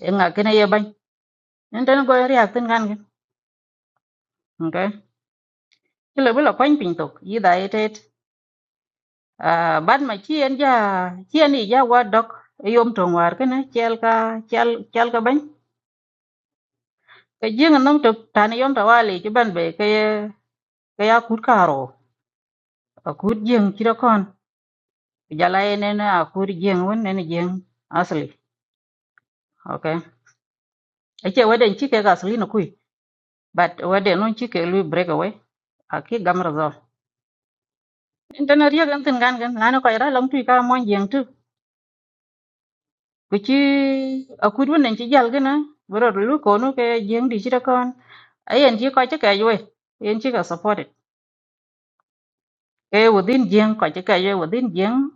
S16: Nga kene ye ban. Nten go ri ak tin gan gen. Okay. Kilo bilo kwany pin tok. Yida etet. Uh, ban ma chien ja chi ni ja wa dok yom tong war kene chal ka chal chal ka ban cái riêng nông trực tani yom tawali chứ ban bể cái cái a cút caro a cút riêng chỉ đó con giờ lại nên a cút riêng vẫn nên riêng asli ok ấy chứ vấn đề chỉ cái asli nó cùi but vấn đề nó chỉ cái lui break away a khi gam ra rồi nên nó riêng cái gan gan là nó cái ra lòng tùy cả mọi riêng trước cái chứ a cút vẫn nên chỉ giờ cái nó bữa rồi lúc cô nó cái riêng đi chỉ đó con ấy anh chỉ coi chắc cái vậy anh chỉ có support it. cái within riêng coi chắc cái vui within riêng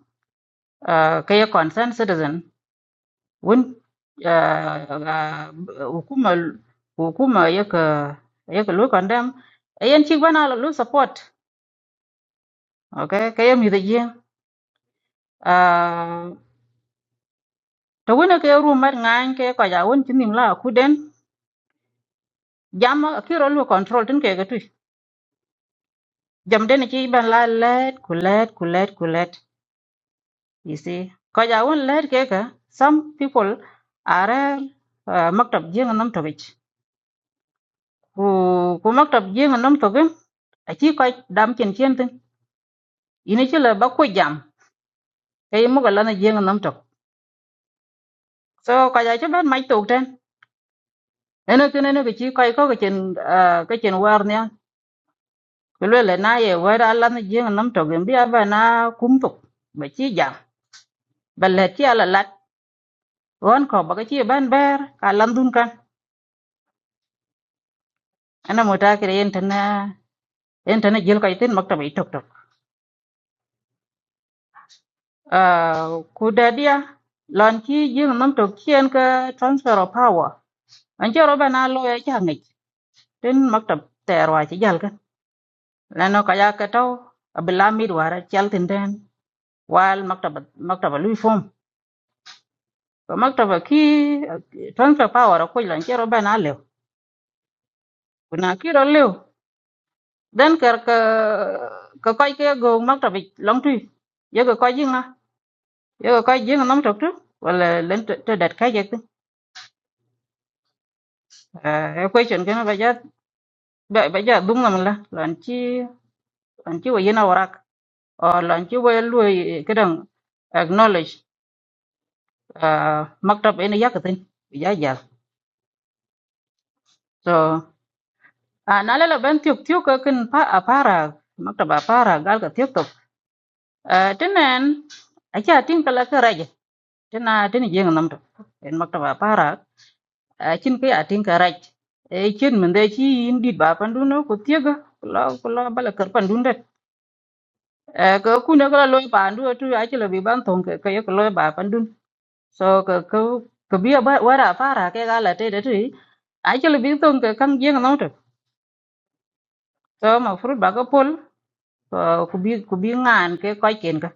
S16: à, cái concern citizen wun ah, ah, hukuma hukuma yaka yaka lo condemn yan chi bana lo support okay kaya mi de ye ah to wona ke ru mar ngan ke ko ja won tinim la ku den jam ki ro lo control tin ke gatu jam den chi ban la let ku let ku let ku let you see ko ja won let ke ka some people are ah, maktab jeng nam to bich ku ku maktab jeng nam to gen achi ko dam chen chen ini ci la ba ko jam e yi muga lana jeng nam tok so ka ja ci ben mai tok ten ene kene ne ke ci kai ko ke chen ke chen war ne ko le le na ye war ala na jeng nam tok em bi aba na kum tok ba ci jam ba le ci ala lat won ko ba ci ben ber ka lan dun kan ana mo ta kire yen tan yen tan jil kai tin maktab i tok tok ku da dia lon ci jeng nam tok chen ka transfer of power an ci ro ba na lo ya ci hangit tin maktab terwa ci jal ka lên học cái gì cả thôi, ở bên Lamid vừa ra trại sinh then, Wall, mặt tráp mặt tráp với form, mặt tráp với ki, trúng phải vào rồi quay lên chơi ở bên Á Lệu, bên Á Lệu, đến cả cả cái cái gì, mặt tráp với Long Thủy, với cái cái gì nữa, với cái cái gì nó nằm trong đó, là lên trượt trượt cái gì đó, equation cái nó bây giờ bây bây giờ đúng rồi mình là, lên chơi lên chơi với cái nào vào rắc, hoặc lên chơi với cái nào cái đó, acknowledge, mặt tráp ấy nó ra cái gì, giá giá. so a na le ben tiok tiok ka kin pa a para maktaba para gal ka tiok tok a tenen a cha tin kala ka raj tena teni jeng nam to en maktaba para a chin ka ya tin ka raj e chin men de chi in dit ba pandu no ko tiega kula kula bala kar pandun det e ka ku ne kala loy pandu tu a chi le bi ban thong ka ka loy ba pandun so ka ka ka bi ba wara para ke gala te de tu a chi le bi thong ka kam jeng nam to so ma fruit ba ka pol Uh, kubi kubi ngan ke koi ken ka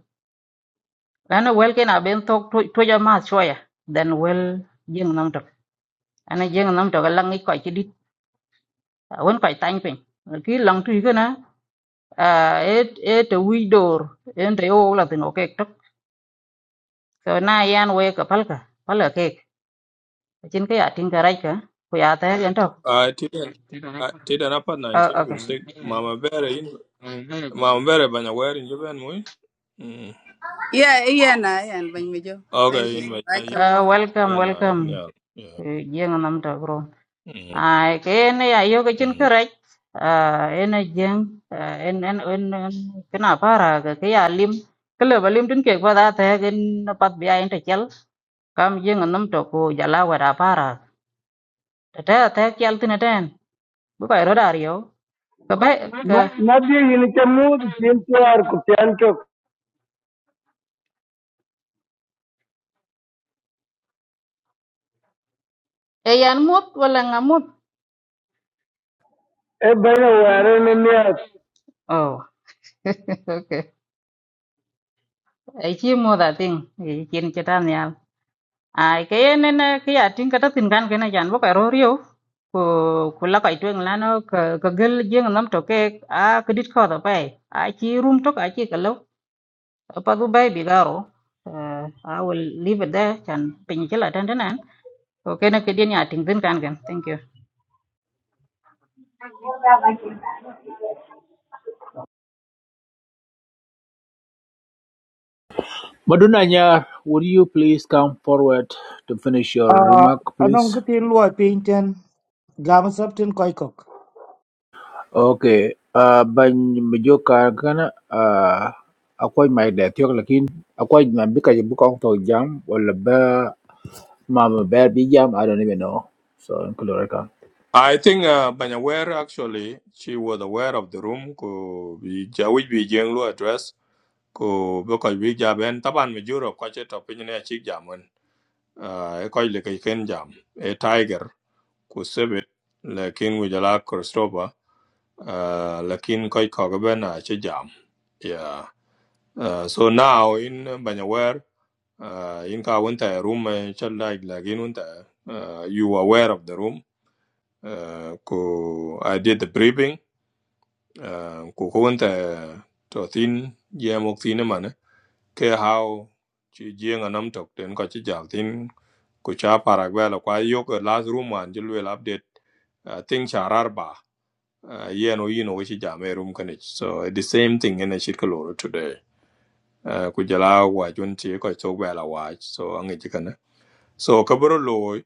S16: lana wel ken aben tok to to ja ma choya then wel jeng nam tok ana jeng nam tok lang i koi chi dit won koi tang pin ki lang tu ka na et et wi dor en te o la tin o kek tok so na yan we ka pal ka pal ka kek chin ka ya tin ka rai ka ku ya ta yan tok
S1: Uh, tidan, uh, tidan apa
S16: okay
S1: 1956, Mama Bere, in- Mama Bere Banyawe in Japan, mui? Mm.
S17: Yeah, yeah, na, yeah, bany me jo. Thank
S1: Okay,
S17: you.
S1: in my
S17: Right,
S1: yeah, you
S16: uh,
S17: chamot.
S16: welcome
S1: can, uh,
S16: welcome
S1: yeah, yeah.
S16: to jeng nam tok bro
S1: Mhm,
S16: ai cái này ayo cái chân
S1: mhm.
S16: cái rách à en jeng en en en cái nào para cái cái alim cái level alim trên cái qua đó thế cái nó bắt bia anh ta chel cam jeng anh nằm chỗ cô jala qua đó para thế thế chel tin anh bữa bay rồi dario cái bay cái
S11: na bi yin ke mu tin tuar ku tan ke
S16: ai anh mốt hoặc là ngắm
S11: e bene ware ne ne
S16: oh <laughs> okay ai chi mốt à tiếng ai chi cái ta ai ke yen ne ke ya tin kata tin kan ke na jan bo ka ro rio ko ko la kai twen la no ka ka gel jeng nam to ke a kedit ko da pai a chi room to ka chi ka lo pa du bai bi garo Uh, I will leave it there chan pin chela tan tan an ko ke na ke din ya tin tin kan ken thank you
S13: Maduna Nyar, would you please come forward to finish your
S7: Uh,
S13: remark,
S7: anong
S13: please?
S7: ka tin lua pinten gam sabtin koi kok.
S13: Okay, uh, ban mejo kar kana uh, akwai mai da tiok lakin akwai na bika je buka to jam wala ba mama ba bi jam I don't even know. So in
S1: I think uh, Banyaware actually she was aware of the room ko bi jawi bi jenglu address ko be ko bi jaben taban mi juro ko che to pin ne chi jamon uh, e ko le kai ken jam e tiger ku sebe lakin wi jala Christopher uh, lakin ko ko ga ben a chi jam yeah uh, so now in Banyaware Uh, inka wanta room eh, challa lagin wanta. Uh, you were aware of the room. Uh, ko I did the briefing. Uh, ko ko wanta to thin ye mok thin man. Ke how chi jeng anam tok ten ko chi jal thin ko cha paragwa la kwa yok eh, last room man jilwe update. I think charar ba. Uh, ye no yino wichi jame room kanich. So eh, the same thing in a shirkaloro today. Uh, ku jala wa junti ko So bela wa so angi chikana. So kaburo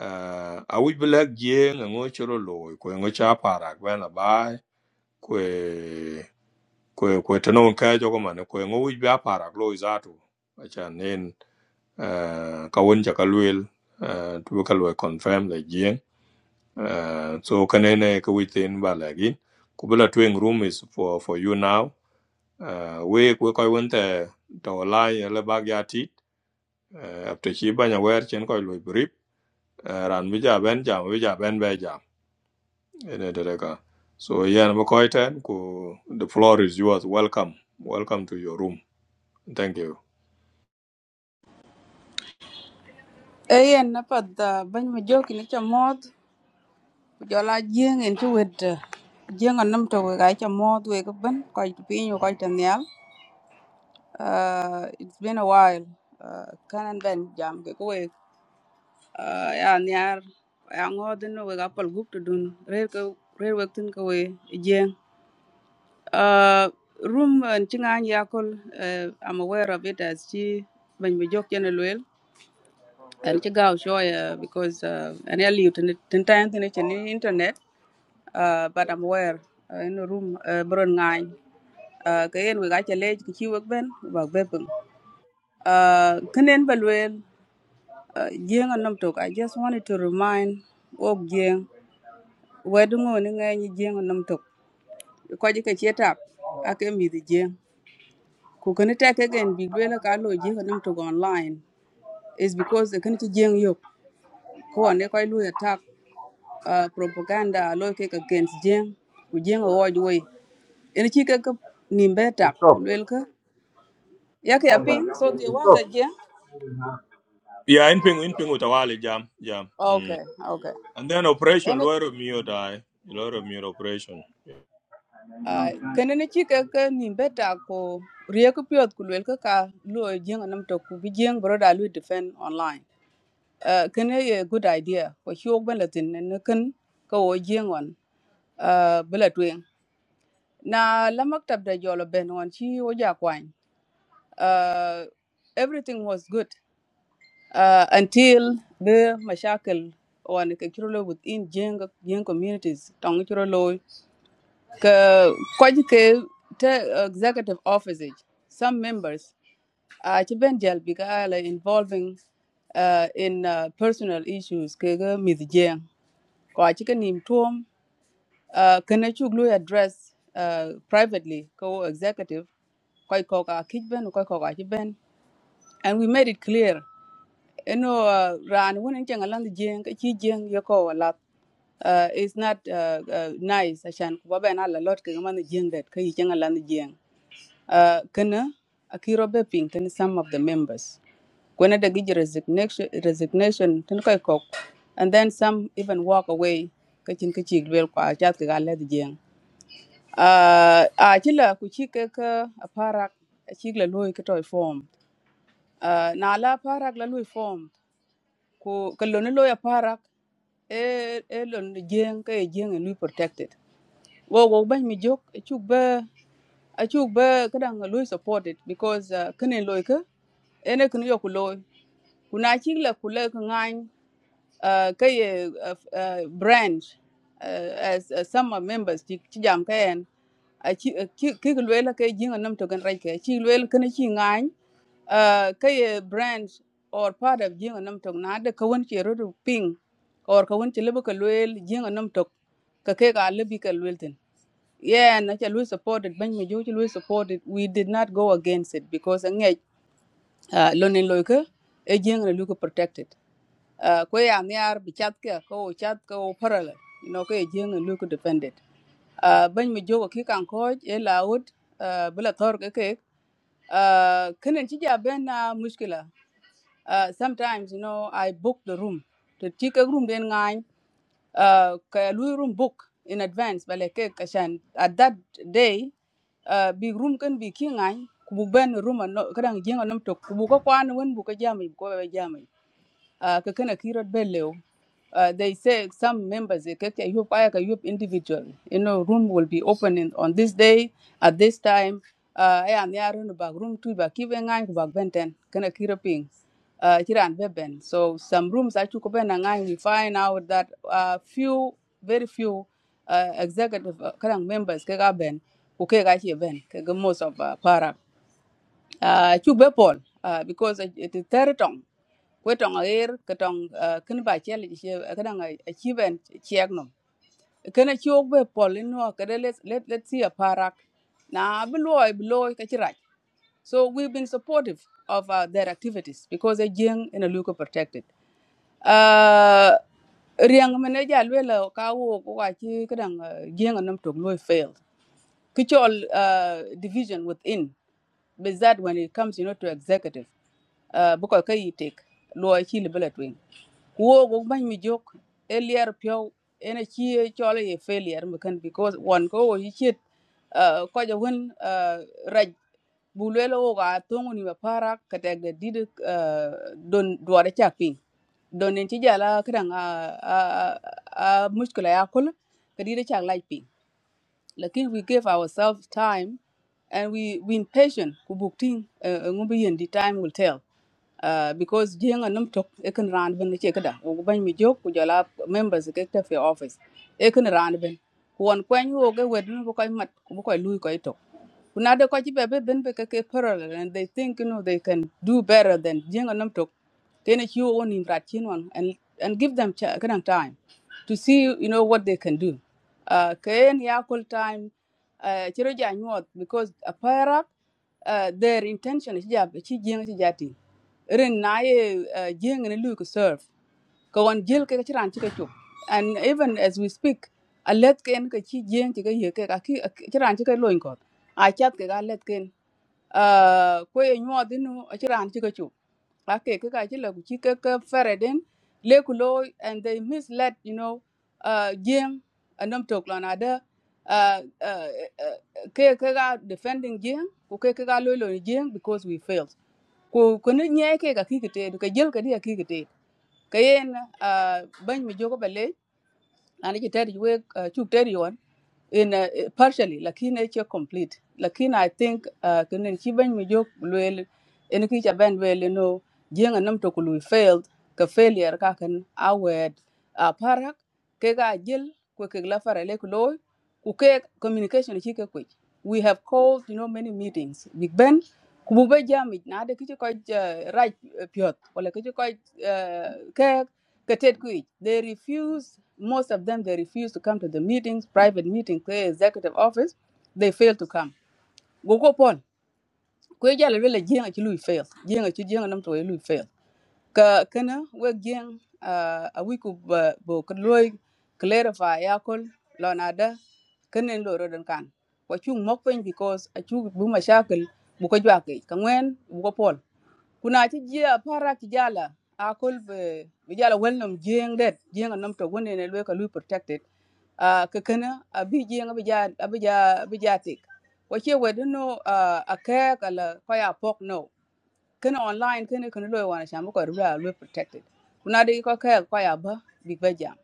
S1: uh, a wic bï lëk jïëng ëngö cïro lüü kwë ëngö caa parak bën abaï kwë kwë kwë tïnön kër jö köman kwë ëngö wic bï aparak lüü zatü acan nen uh, ka wen cë ka lwel uh, tïbï ka lwel confirm lë jïëng uh, so kënën kï wic thïn ba lëk in ku bï la tweng room is for, for you now uh, wek we köc wen thë tö laï ëlë bak ya tic uh, apteci banya wër cen köc lwec bï rip uh, raan bï jö abën jam bï jö bë jam Ede Dedeka. So yeah, Makoiten, ku the floor is yours. Welcome. Welcome to your room. Thank you.
S17: Eh, yeah, na pad da bany me jo kini chamot. Jola jing into with jing a num to we guy chamot we ban quite pin you quite an Uh, it's been a while. Uh, can and ben jam ke we. Uh, yeah, near. Yeah, ngod no we gapal gup to dun. Rare ke rare we tin ke we jing. Uh, room and chingan yakol. Uh, I'm aware of it as she bany me jo kene luel. and ci gaaw show because uh, an early tin tan tin ci internet uh, but I'm aware uh, in the room uh, bron ngai uh, ka yen we ga ci lej ki ci wak ben ba bepeng uh, kenen balwel uh, jeng a nam tok I just wanted to remind ok jeng wedu ngo ni ngai ni jeng a nam tok ko ji ka ci tap ak mi di jeng ku kan ta ka gen bi lwela ka lo jeng a nam tok online is because the kan ci jeng yok ko ne koy lu attack uh, propaganda lo ke ka against jeng ku jeng o woj we en chi ka ka nim ku
S14: Stop.
S17: lel ka ya ka ya ping so the was
S14: Stop.
S17: the jeng
S1: Yeah, in ping in ping utawali jam. Jam. Mm.
S17: okay okay
S1: And then operation
S17: en
S1: Loro Mio die. Loro Mio operation.
S17: uh, kene ne chi ka ka nim ko rie ku pyot ku lel ka ka lo jeng nam to ku bi jeng bro da lu defend online uh, kene ye good idea ko chi ok ben latin ne kan ka wo jeng on uh, bila tweng na la maktab da jolo ben on chi wo ja kwany Uh, everything was good uh, until the mashakal wan ke chirolo within Jing Jing communities tong chirolo ke kwaji ke te executive office age, some members uh, ci ben jal bi involving uh, in uh, personal issues ke ga mith jeng ko a ci ka nim tuom uh, kana chuk address uh, privately ko executive koy ko ka kij ben koy and we made it clear you know uh, ran when in land jeng ka chi jeng yo ko la uh, it's not uh, uh, nice ashan ko ba na la lot ka man jeng that ka changa land jeng uh, kana akiro be ping some of the members when they give resignation resignation then ko ko and then some even walk away ka chin ka chi bel kwa chat ka la jeng uh, a chila ku chi ka ka aparak chi la loy ka toy form Ah, na la parak la lui form ko ke loni lo ya parak e e lon jeng ke jeng e lui protected wo wo ban mi jok e chuk ba a chuk ba kadang lui supported because uh, kene loy ke ene kene yo ku loy kuna chik la ku le ke ngany uh, ye uh, uh, branch uh, as uh, some members ti jam ke en a chi ki ki ke la ke jeng nam to gan rai ke chi loy kene chi ngany uh, ka ye branch or part of jing anam tok na de kawon ke rodu ping or kawon ke lebe ka loel jing anam tok ka ke ka lebe ka loel tin yeah na cha loel supported ban me jo cha loel supported we did not go against it because ngej uh, lonin loy ke e jeng na luka protected uh, ko ya niar bi chat ke ko o chat ko parala you know ko e jeng na luka defended uh, ban mi jogo ki kan ko e laud uh, bila tor ke ke uh, kenen ci ja ben na muskila uh, sometimes, you know, I book the room. To take a room, then I uh, ka room book in advance but like kashan at that day uh, big room can be king I, kubu ben room and no kadang jinga nam to kubu ko kwan won bu ko jami bu ko be uh, ka kana kirot bellew. Uh, they say some members they kake yup aya ka yup individual. You know, room will be open on this day at this time. Uh, aya ne arun bag room tu ba kibe ngai ku benten kana kiro ping. Uh, kiran beben. So some rooms I took ben ngai we find out that uh, few very few uh, executive uh, kanang members kaga ben ku kaga here ben kaga most of uh, para. Uh, chuk be uh, because it is territory ku tɔŋ er ku tɔŋ ah, kin ba chɛl kadang a chi ben chɛk nom kana ok no let let let see a parak na bi loy bi so we've been supportive of uh, their activities because they are young and a local protected uh riang mene ja lwela ka wo ko ka chi kadang jing nom tok loy failed kichol uh, division within but when it comes you know to executive uh, bukoy ka yi tek luɔi ci libɛ tuiny kuwoo ku bany mi jok e lier piöu ene ci e cɔl ye failure mëkën because wɔn ko wo yicit kɔjɔ wen ah, rac bu luele wok a thöŋun yim aparak ketɛk de dit ah, don duɔt acak piny don en ci jal a kädaŋ a, a, a, a muskula ya kul kedit acak lac piny like we gave ourselves time and we we impatient kubukting uh, ngubiyen the time will tell. Uh, because jenga num tok ekin rand ben che kada o ban mi jok ku jala members ke ta fi office ekin rand ben won kwen ho ge wedun bu koy mat bu koy lui koy tok kuna de ko ci bebe ben be ke parallel and they think you know they can do better than jenga num tok kene ci wo won in rat chin wan and and give them ch- kind of time to see you know what they can do uh, kayen yakul time uh, ci reja because a uh, their intention is jab ci jeng ci jati ren na ye uh, jeng ne lu ko serve ko won jil ke ci ran ci ko and even as we speak a let ken ke ci jeng ci ke ye ke ka ki ci ran ci ke loin ko a chat ke ga let ken uh, ko ye nyuɔɔdhi nu ëcï raan cï k'ëcüp ëka kï ka cï lëk cï kë ku loo and they misled you know uh, jing anëm tök lö na dë uh, uh, ke ke ka defending jing ku ke ke ka loi loni jing because we failed ku köni nye ke ka ki kiteed ka jel kadi aki kiteed keyen uh, bëny mi jök ba leec na ni cï tëd wek uh, cuk tëd yon in uh, partially lakini it's complete lakini i think uh, kinin chi ban mi jok luel en ki cha ban wel no jenga nam to kului failed ka failure ka kan awed a parak ke ga jil ko ke la fara le ko loy ku ke communication chi ke ku we have called you know many meetings big ben ku bu ba jam na de ki ko uh, raj uh, wala ki ko uh, ke Katet Kuich, they refuse, most of them, they refuse to come to the meetings, private meetings, the executive office. They fail to come. Gogo pon, kwe jala wele jenga chi fails. fail. Jenga chi jenga nam tuwe lui Ka kana, we jeng, uh, a wiku ba, bo kaloi, clarify yakol, lonada, kana lo rodan kan. Kwa chung mokwen because a chung buma shakil, buka jwake, kangwen, buka pon kuna ci jiya para ci jala a kul be be jala welnum jeng det jeng nam to woni ne lwe lu protected a ka kana a bi jeng bi ja bi ja bi ja tik wa no a ka kala ko ya pok no Ken online kene ken lo wana shamba ko rula lo protected kuna de ko ka ko ya ba big ba jam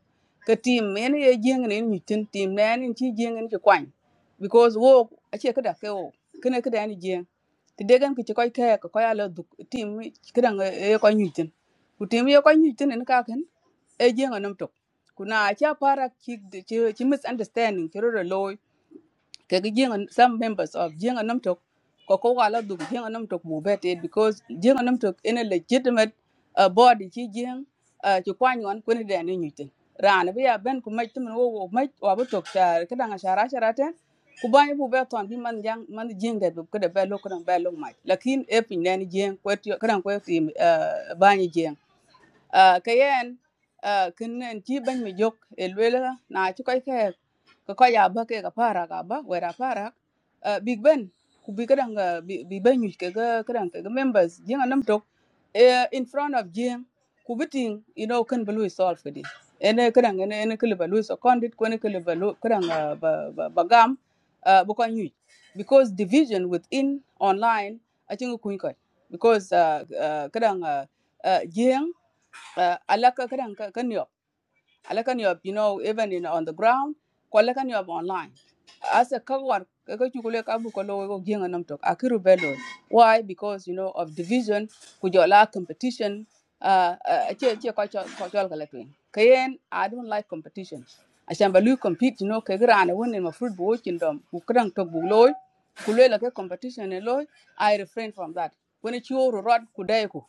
S17: ka team men ye jeng ne ni tin team ne ni ti jeng ni kwan because wo a che kada ke wo kene kada ni jeng ti de gan ki ko ka ko ya lo du team kada e ko ni tin ku team ye ko ni tin en ka ken e jeng nam tok kuna a cha para ki chi chi misunderstanding ki ro lo ke jenga some members of jenga nam tok ko ko wala dug jenga nam tok bu because jenga nam tok in a legitimate uh, body chi jeng uh, chi kwa nyon ko ni den ni nyuten ran bi ya ben ku mai tum wo wo mai wa bu tok ta ka danga shara shara ten ku ba bu be ton bi man jang man jeng de bu ko de be lo ko dang be lo mai lakin e pin den jeng ko ti ka dang ko ti ba ni uh, ka yen uh, kin nen chi ban mi jok e na chi koy ke ka koy ya ba ke ka para ka ba wera para uh, big ben ku bi ka dang uh, bi bi ke ga ka ke members jinga nam tok uh, in front of jing ku biting you know kan bulu solve for this ene ka dang ene ene kle balu so condit ko ene kle balu ka dang uh, ba ba ba uh, bu ko nyu because division within online I think ko because uh, uh, ka dang uh, uh, alaka kadang ka kan yob alaka kan yob you know even in on the ground ko alaka kan yob online asa ka war ka ka chukule ka bu ko lo go gienga nam tok akiru bello why because you know of division ku jola competition uh uh, che che ko cho ko chol kala twin kayen i don't like competition ashan balu compete you know ke grana wonen ma fruit bo kin dom ku kadang tok bu loy ku lo la ke competition ne loy i refrain from that when it's your rod ku dai ku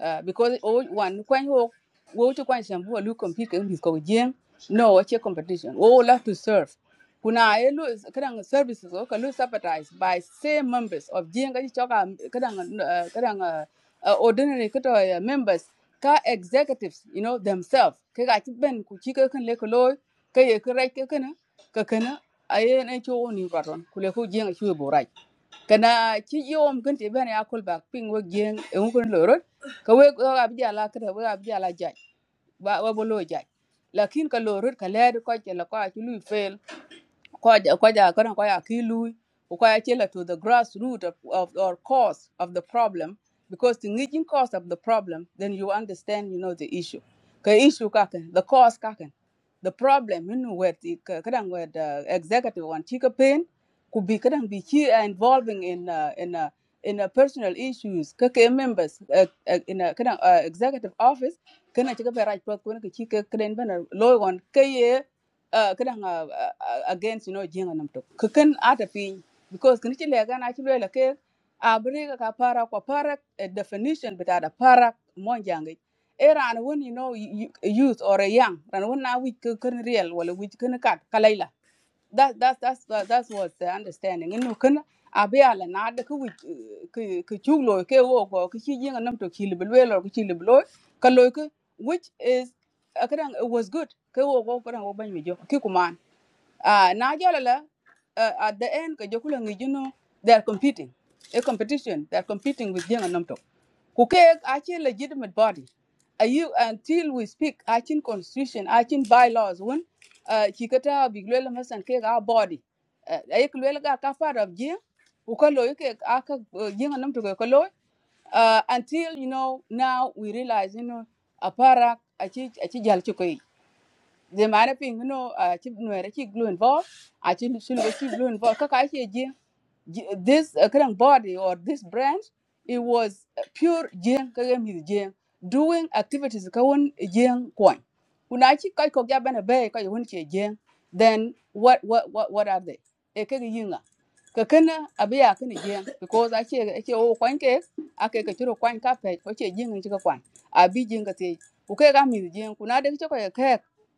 S17: uh, because o wan kwan ho wo to kwan sham ho lu compete kan bis ko jeng no che competition wo love to serve kuna e kadang services o ka lu subsidized by same members of jeng ka choka kadang uh, kadang uh, uh, ordinary kato uh, members ka executives you know themselves ka ga ti ben ku chi ka kan le ko loy ka ye ka rai ka kana ka kana aye na cho ni baron ku le ko jeng chu e bo rai kana chi yom kan ben ya kul ping wo jeng e ka we we ab ka we ab jala jaj ba wa bo lo jaj lakin ka lo rut ka le ko je la ko a chu lu fail koja koja kana koja kilu koja chela to the grassroots of, of or cause of the problem because the ngijin cause of the problem then you understand you know the issue ka issue kaken the cause kaken the problem you know where the kadang where the executive one. chika pain could be kadang be chi uh, involving in uh, in uh, in uh, personal issues kake members uh, uh, in a kadang uh, executive office kana chika be right pot kuna ka chika kren bana loy on uh, kadang uh, uh, against you know jenga nam tok kakan ata piny because kini chile gan achi lela ke abrega ka para kwa para eh, definition but ada para monjange era and when you know youth or a young ran when na we can real wala we can cut that that's that's that, that's what the understanding in can abia la na de ku ku ku chulo ke wo ko ku chi jinga nam to chili belo lo ku chili belo ka lo ku which is akran it was good ke wo ko kan wo ban mi jo ki kuman ah na jo la uh, at the end ka jo ku la ngi juno they are competing a competition they are competing with jinga nam to ku ke a chi legitimate body are you until we speak achin constitution achin bylaws when ci ka ta big lwel masan ke ga body ay ka lwel ga ka far of jing u ka loy ke a ka jing nam to ka loy Eh, until you know now we realize you know a para a ci a ci jal chukoi the mana you know, uh chip no era glue involved i chip should go chip glue involved kaka che ji this uh, current body or this brand it was uh, pure jing kage mi jing doing activities ka won jing coin. When I chi kai ko ga bana be ka won che jing then what what what what are they e kage yinga ka kana abiya kana jing because i che che o kwan ke ake ka chiro kwan ka pe ko che jing ni ka kwan abi jing ka te okay, ke ga mi jing kuna de che ko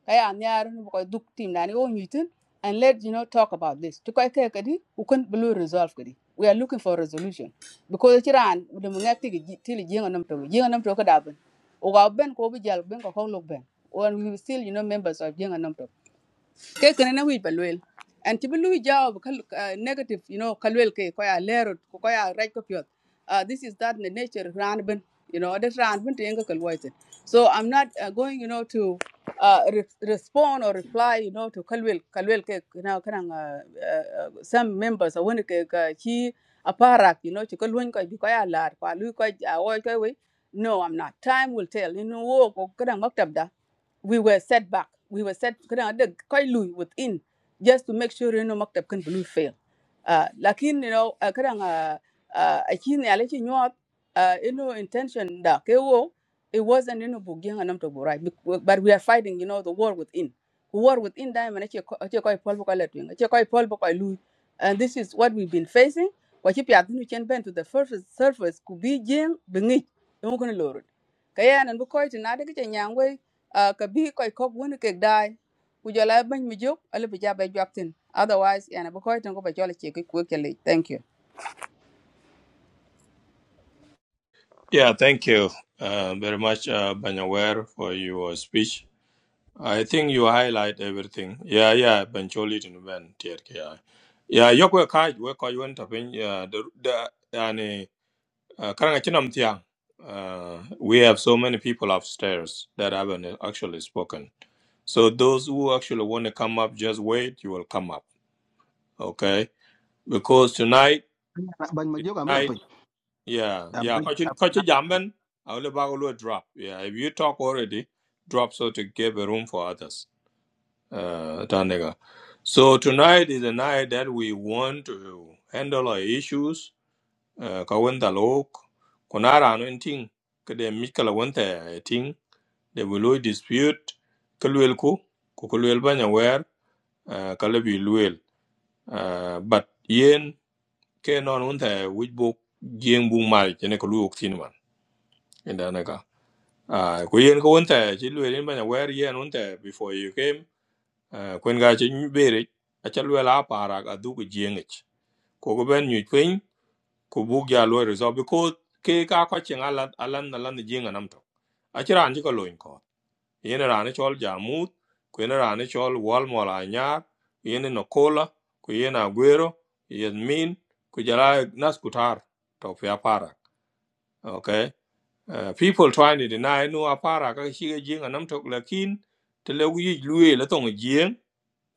S17: kaya nyar ni ko duk team na ni o nyitin and let you know talk about this to kai kai kadi u kun blue resolve kadi we are looking for resolution because chiran de mo ngak tigi tili jinga nam to jinga nam to ka daben o ga ben ko bi jal ben ko ko lok ben and we were still you know members of jinga nam to ke kene na wij ba luel and ti bi lui jawab ah, negative you know kalwel ke ko ya lero ko ko ya right ko pyot uh, this is that in the nature ran bin you know that ran bin tenga kalwaite so i'm not uh, going you know to uh, re- respond or reply you know to kalwel kalwel ke na kan uh, uh, uh, some members i want ke ka chi aparak you know chi kalwen ko bi ko ya lar ko lui ko ja ko we no i'm not time will tell you know wo ko kan maktab da we were set back. We were set kena ada koi lui within just to make sure you know maktab kan blue fail. Uh, lakin you know uh, kadang uh, uh, akin ni alaji nyuat uh, you know intention da kewo it wasn't you know bugiang anam to borai Bec- but we are fighting you know the war within. War within da man achi achi koi pol bokoi letwing achi koi pol bokoi lui and this is what we've been facing. Wachi piadinu chen ben to the surface surface kubi jeng bengi. Emu kena lorot. Kaya nan bukoi tinade kiche uh, ka bi koy kop woni kek dai ku jola ban mi jop ala bi jabe jwaptin otherwise yana bu koy tan ko ba jola che ko kele thank you
S1: Yeah, thank you uh, very much, uh, Banyawer, for your speech. I think you highlight everything. Yeah, yeah, Bencholi to Nuban, TRKI. Yeah, Yoko Kaj, Weko Yuan Tapin, yeah, the, the, yani, Uh, Karanga Chinam Tiang, uh, we have so many people upstairs that haven't actually spoken. So those who actually want to come up, just wait. You will come up, okay? Because tonight,
S12: ban ma jok am
S1: tonight,
S12: pin
S1: yeah, yeah. Kochi Kochi Jamben, I will about to drop. Yeah, if you talk already, drop so to give a room for others. Uh, Tanega. So tonight is a night that we want to handle our issues eh, ka wanda lo kuna rano ting kede mikala wanta eh, ting de lo dispute ka luel ku ku luel banya wer eh, ka luel Eh, but yen ke non wanta wij bo jeng bu mal jene ka lu ok tin man inda na ka Ah, yen ka wanta ci luel banya wer yen wanta before you came eh, kwen ga ci bere a ca luel a para ka du ko jengich ko ko ben nyu ku buk ya resolve because ke ka ko chen alan alan alan jinga nam to a chira an ko loin ko yene ra chol jamut ku yene chol wal mola nyar. yene no kola ku yene aguero yen min ku nas kutar to ya para okay uh, people trying to deny no apara ka shi ga jinga nam to lakin te le wi luye le tong jing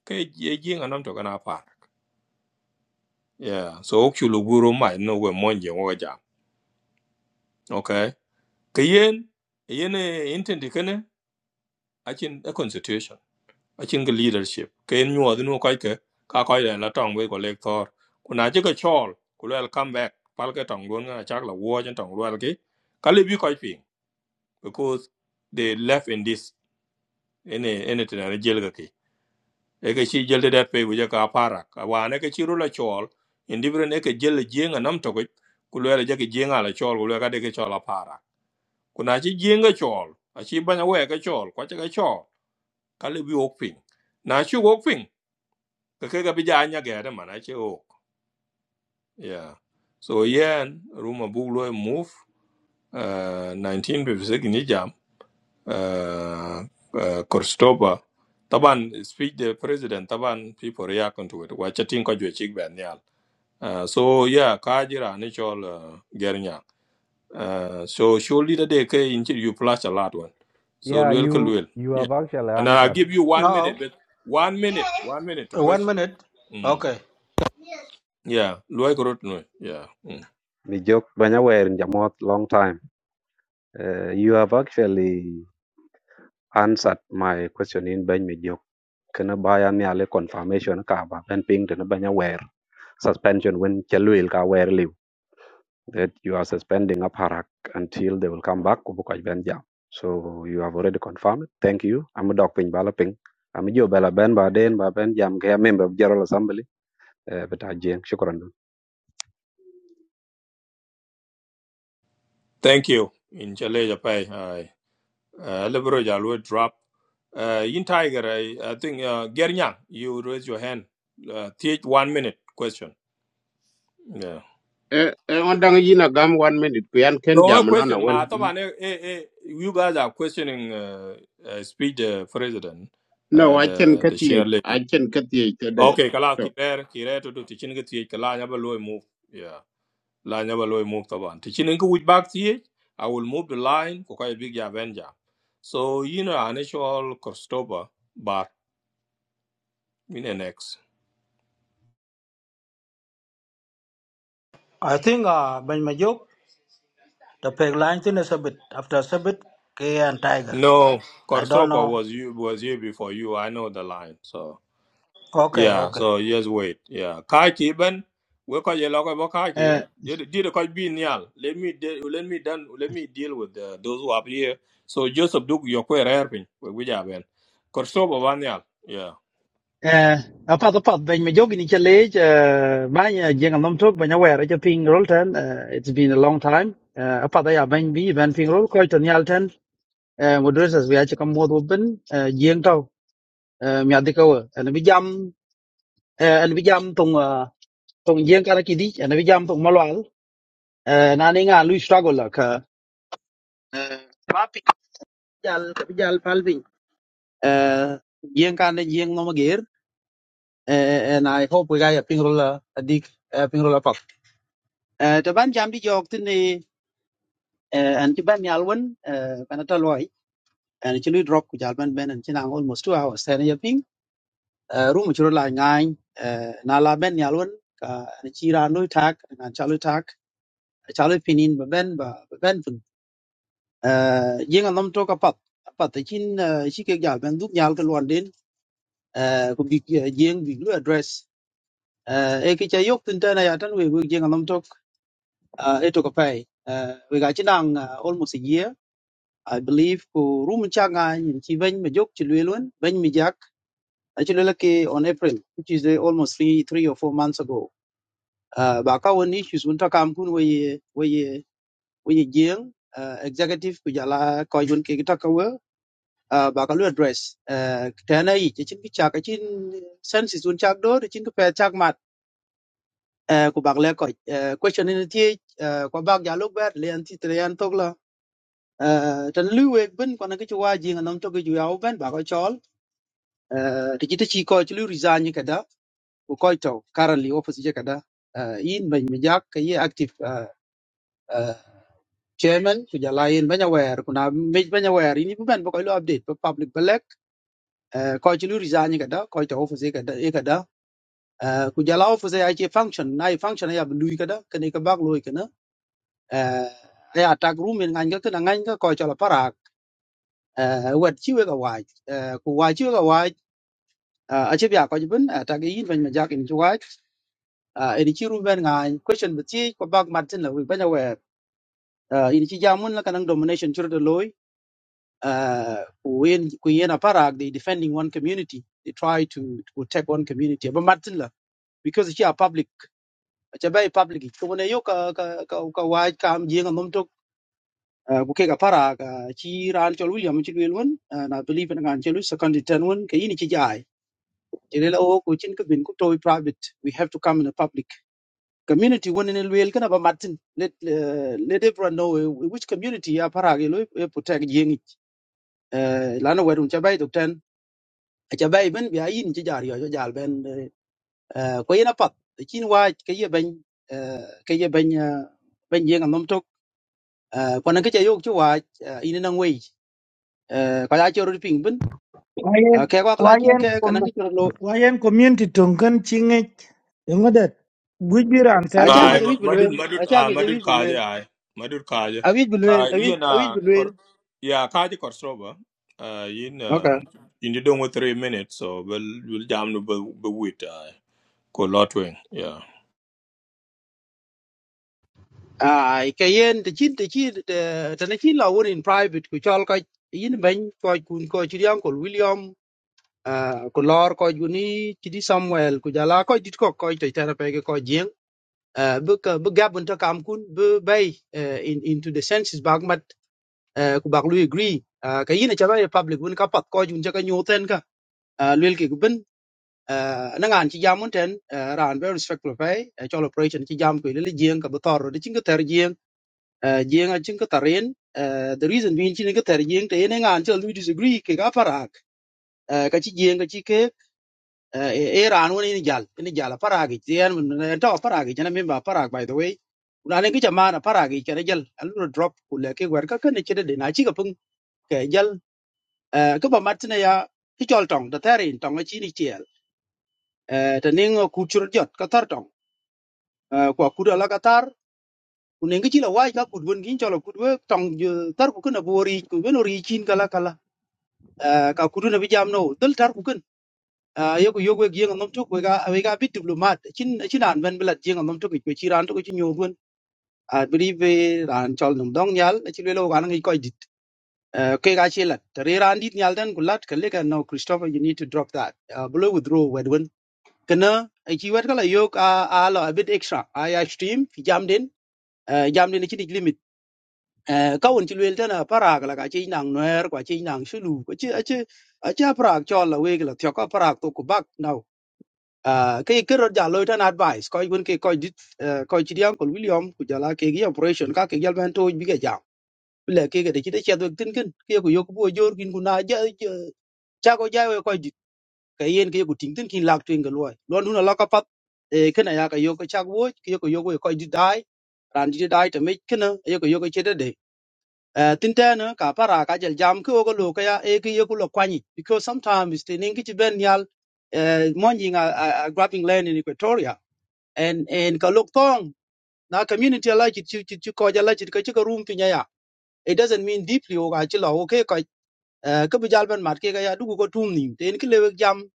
S1: ke ye jinga nam to kana para yeah so ok guru mai no we monje wo jam okay ka yen yen intend kene achin a constitution achin ga leadership ka yen nyuwa dinu kai ke ka kai da la tong we ko lek thor kuna je ka chol ku lel come back pal ka tong don na chak la wo chen tong lwal ki ka le bi kai ping because they left in this in anything. in a tena jel ga ki e ka chi jel de dat pe ku je ka para ka wa ne ka chi ru la chol in different e ka jel jenga nam to ku lel je ka jenga la chol ku lel ka de ka chol a para kuna ci jieng ka chol a ci banya we ka chol kwa ka chol ka le bi wok ping na ci wok ping ka ke ka bi ja man a wok yeah so yen ruma bu lo move uh 1956 ni jam uh, uh Korstoba taban speech the president taban people react to it wa chatin ko jwe chik ben uh, so yeah ka jira ni chol uh, gernya uh, so surely the day ke in you flash a lot one so
S4: Yeah,
S1: luel ka
S4: you
S1: luel
S4: you have actually
S1: And I'll
S4: answered.
S1: give you one
S18: No,
S1: minute, but one minute, one minute to
S18: one
S1: question.
S18: minute.
S1: Mm.
S18: Okay.
S1: Yeah, Luai Korot Noi. Yeah. Mm.
S4: mi jok banya wer jamot long time Uh, you have actually answered my question in Ben Mijok. Kena baya ni ale confirmation ka ba ben ping to banya wear suspension when chaluil ka wear liu that you are suspending up harak until they will come back kubuka ben jam. So you have already confirmed. it. Thank you. I'm a dog ping bala ping. I'm a jo bala ben ba den ba ben jam ke member of General Assembly. Uh, but ajeng shukran.
S1: Thank you. In Chale Japai, I Lebro Jalwe drop. Uh, in Tiger, I, I think uh, Gernyang, you raise your hand. Uh, take one minute question. Yeah.
S3: e e on dang yin a gam one minute ku yan ken
S1: No a
S3: jam no na
S1: question.
S3: wen
S1: Ma, I
S3: i.
S1: thought, eh, eh, eh, you guys are questioning uh, uh, speech uh, president,
S3: no
S1: uh,
S3: a chen
S1: the
S3: ka
S1: the
S3: ti
S1: chair
S3: a
S1: lady.
S3: chen ka ti ke de
S1: Okay, kala
S3: to
S1: kirer kirer to do teaching get kala yaba loy move. Yeah. la never loy move taban ti chinen ko which back the i will move the line ko kai big avenger so you know an actual corstoba bar in the next
S18: I think uh, Ben Majuk, the peg line thing is a bit after a bit, K and Tiger.
S1: no
S18: I don't
S1: corstoba
S18: know.
S1: was you was here before you i know the line so
S18: Okay,
S1: yeah
S18: okay.
S1: so just wait yeah kai ki ben we ko ye lokoy bo kai ki
S19: eh
S1: did did ko bi nyal let me de- let me done let me deal with uh, those who are here so joseph duk your ko rare pin we we ja ben corstoba ban nyal yeah
S19: eh apa da pat ben me jogin in challenge ba ya jeng nom tok ben aware ja ping roll ten eh, it's been a long time Eh, apa da ya ben bi ben ping roll ko ton yal ten eh, moderators we acha kam mod ben jeng tau eh, mi adik ko en bi jam eh, en bi jam tong eh, tong jeng kana ki di en bi jam tong malwal eh, na ni nga lu struggle la ka eh, traffic jal ka bi jal pal bin Eh, jeng kana jeng nom ger and i hope we ga ya ping roll adik eh, ping roll apa Eh, ta ban jam di jog tini eh, an ci ban yal wen eh, kana ta loy an ci luy drop ku jal ban ben an ci almost two hours tani ya ping eh, room ci ro la ngaany eh, na la ben yal wen ka an ci ran lui tak an cha tak cha pinin ba ben ba ba ben fun eh, jeng an lam to ka pat pat ta cin eh, ci ke jal ben duk nyal ka lon den eh, ku bi eh, jeng bi lu address eh, e ki ca yok tin tana ya tan we we jeng an lam tok eh, e to ka pay eh, we ga ci nang eh, almost a year I believe ko room changa in chi ben me jok chi lwelun ben mi jak actually like on April which is uh, almost three three or four months ago uh, ba ka won issues un ta kam kun we we we jeng uh, executive ku jala ko yun ke ta ka we uh, ba ka lu address uh, ta na yi chi chin ki cha ka chin senses un chak do chin ka pe chak mat uh, ku bak le ko uh, question ni ti uh, ko bak ja lu ber le an ti tre an tok la uh, tan lu we ben ko na ki chi wa jeng nam to ki ju ya ben ba ko chol ti jita chi ko chulu resign kada ko ko to currently office je kada uh, in ban mi jak ka active uh, uh, chairman ku jala in banya wer ku na me banya wer ini bu ban bu ko lu update bu public belek uh, ko chulu resign kada ko to office je kada e kada uh, ku jala office ai che function na function ya bu lui kada kene ka bak lui kana uh, ya tag room in ngan ga kana ngan ga ko chala parak uh, wet chi we ka waj uh, ku waj chi we ka waj uh, a che bya ko jibin uh, tag in ban mi jak in chi waj uh, ini chi rumben ngai question bi chi ko bag martin la wi banya wer uh, ini chi jamun la kanang domination chur de loy uh, ku yen ku yen aparak they defending one community they try to to protect one community but martin la because chi a public cha bay public ko ne yo ka ka ka ka wa ka am jing ngom tok uh, ku ke ka para ka chi ran chol william chi wel won uh, na believe in ngan chelu second ten won ke ini chi jai Chỉ đây là ô, của chính cái việc của tôi private, we have to come in the public. community won in Luel kana ba Martin. Let uh, let everyone know uh, which community ya para ge lo e putek yengi. Uh, lana wedun chabai to ten. A chabai ben bi ayin chi jar yo jo jal ben uh, ko yena pat. Chin wa ke ye ben uh, ke ye ben uh, ben yenga nom tok. Uh, kwana ke chayok chi wa uh, ina nang wei. Uh, ka ya choro ping ben. Uh,
S7: Wayen
S19: ke kwa kala chin
S7: wayen
S19: ke
S7: kom
S19: kana ke choro lo.
S7: wayen community tungkan chinge yungadet bujiran
S19: A cha
S7: selma
S19: nge
S1: Aye,
S19: je wit
S1: Madud
S19: bilwen. A
S1: Madud
S19: cha
S1: ah,
S19: nge je
S1: Madud
S19: wit bilwen.
S1: Kaja, aye. Madud Kaja.
S19: A wit bilwen.
S1: Ah,
S19: A wit
S1: Ian
S19: a wit
S1: uh Kor
S19: bilwen.
S1: yeah, Kaja Korsova. Uh in uh in the done with three minutes, so we'll we'll jam no, be be wait. aye. Ko lotwing, yeah.
S19: ai ka yen te chin te chi te ne chin law in private ku chol ka yin ben ko kun ko chi yang ko william ah, ku lor ko juni chi di samuel ku jala ko dit ko ko te tera pe ko jing à bu ka bu gabun ta kam kun bu bay eh, in into the senses bag mat eh, ku bag lu agree Ah, ka yin cha bay public bun ka pat ko jun cha ka nyoten ka à lel ki ku ben à na ngan chi jamun ten ah, ran be respect lo pe chol operation chi jam ku le jing ka bu tor de chin ka ter jeng achin ka tarin eh, the reason being chin ka tar jeng te ne ngan chal we disagree ke ka parak eh, ka chi jeng ka chi ke eh, e e ran woni ni jal ni jal parak ti an mun ta parak jana min ba parak by the way una ne ki jama na parak ke ne jal an lu drop ku le ke wer ka ka ne chede de na chi ka pung ke jal eh, ka ba mat ne ya ki chol tong da tarin tong a chi ni tiel eh, ta ne ngo ku chur jot ka tar tong eh, kwa ku da la ka tar ku ne ngi chi la wai ka ku dun gin chol ku tong je tar ku na bori ku ben ori chin kala kala Ah, ka kudu na bijam no dal tar ku kun yogo yogo gi ngam tok we ga we ga bit diplomat chin chin an ben belat gi ngam tok ku chi ran to ku chi nyogun a bri be ran chol num dong nyal chi le lo gan ngi koy dit Ah, ke ga chi lat re ran dit nyal den gulat ke le ka no christopher you need to drop that Ah, below withdraw wedwen kana a chi wet kala yok a a lo a bit extra i extreme fi jam den Ah, jam den chi limit eh kawun ci luel tena parak la ka ci nang noer kwa ci nang shulu ko ci ci ci parak cho la we la thio ka parak to ku bak now ah ke ke ro ja lo tan advice ko gun ke ko dit ko ci diam ko william ku jala ke gi operation ka ke gal ban to bi ga jam le ke ga de ci de che do tin kin ke ku yok bo jor kin ku na ja cha ko ja we ko dit ka yen ke ku ting tin kin lak twin ga loy lon dun la ka pat e kana ya ka yok ka chak wo ke ko yok we ko dit dai ran dit dai te me kana yok yok che de Eh, tin tena ka para ka jel jam ko ko lo ka e ki yo ko kwani because sometimes tin ngi ti ben yal eh, monji nga a, a grabbing land in Equatoria and and ka lok tong na community la chi chi chi ko ja la chi ka chi ka room pinya ya it doesn't mean deeply o ga chi lo okay ke ka eh, ka bi jal ben mat ke ka ya du ko tum ni tin ki le jam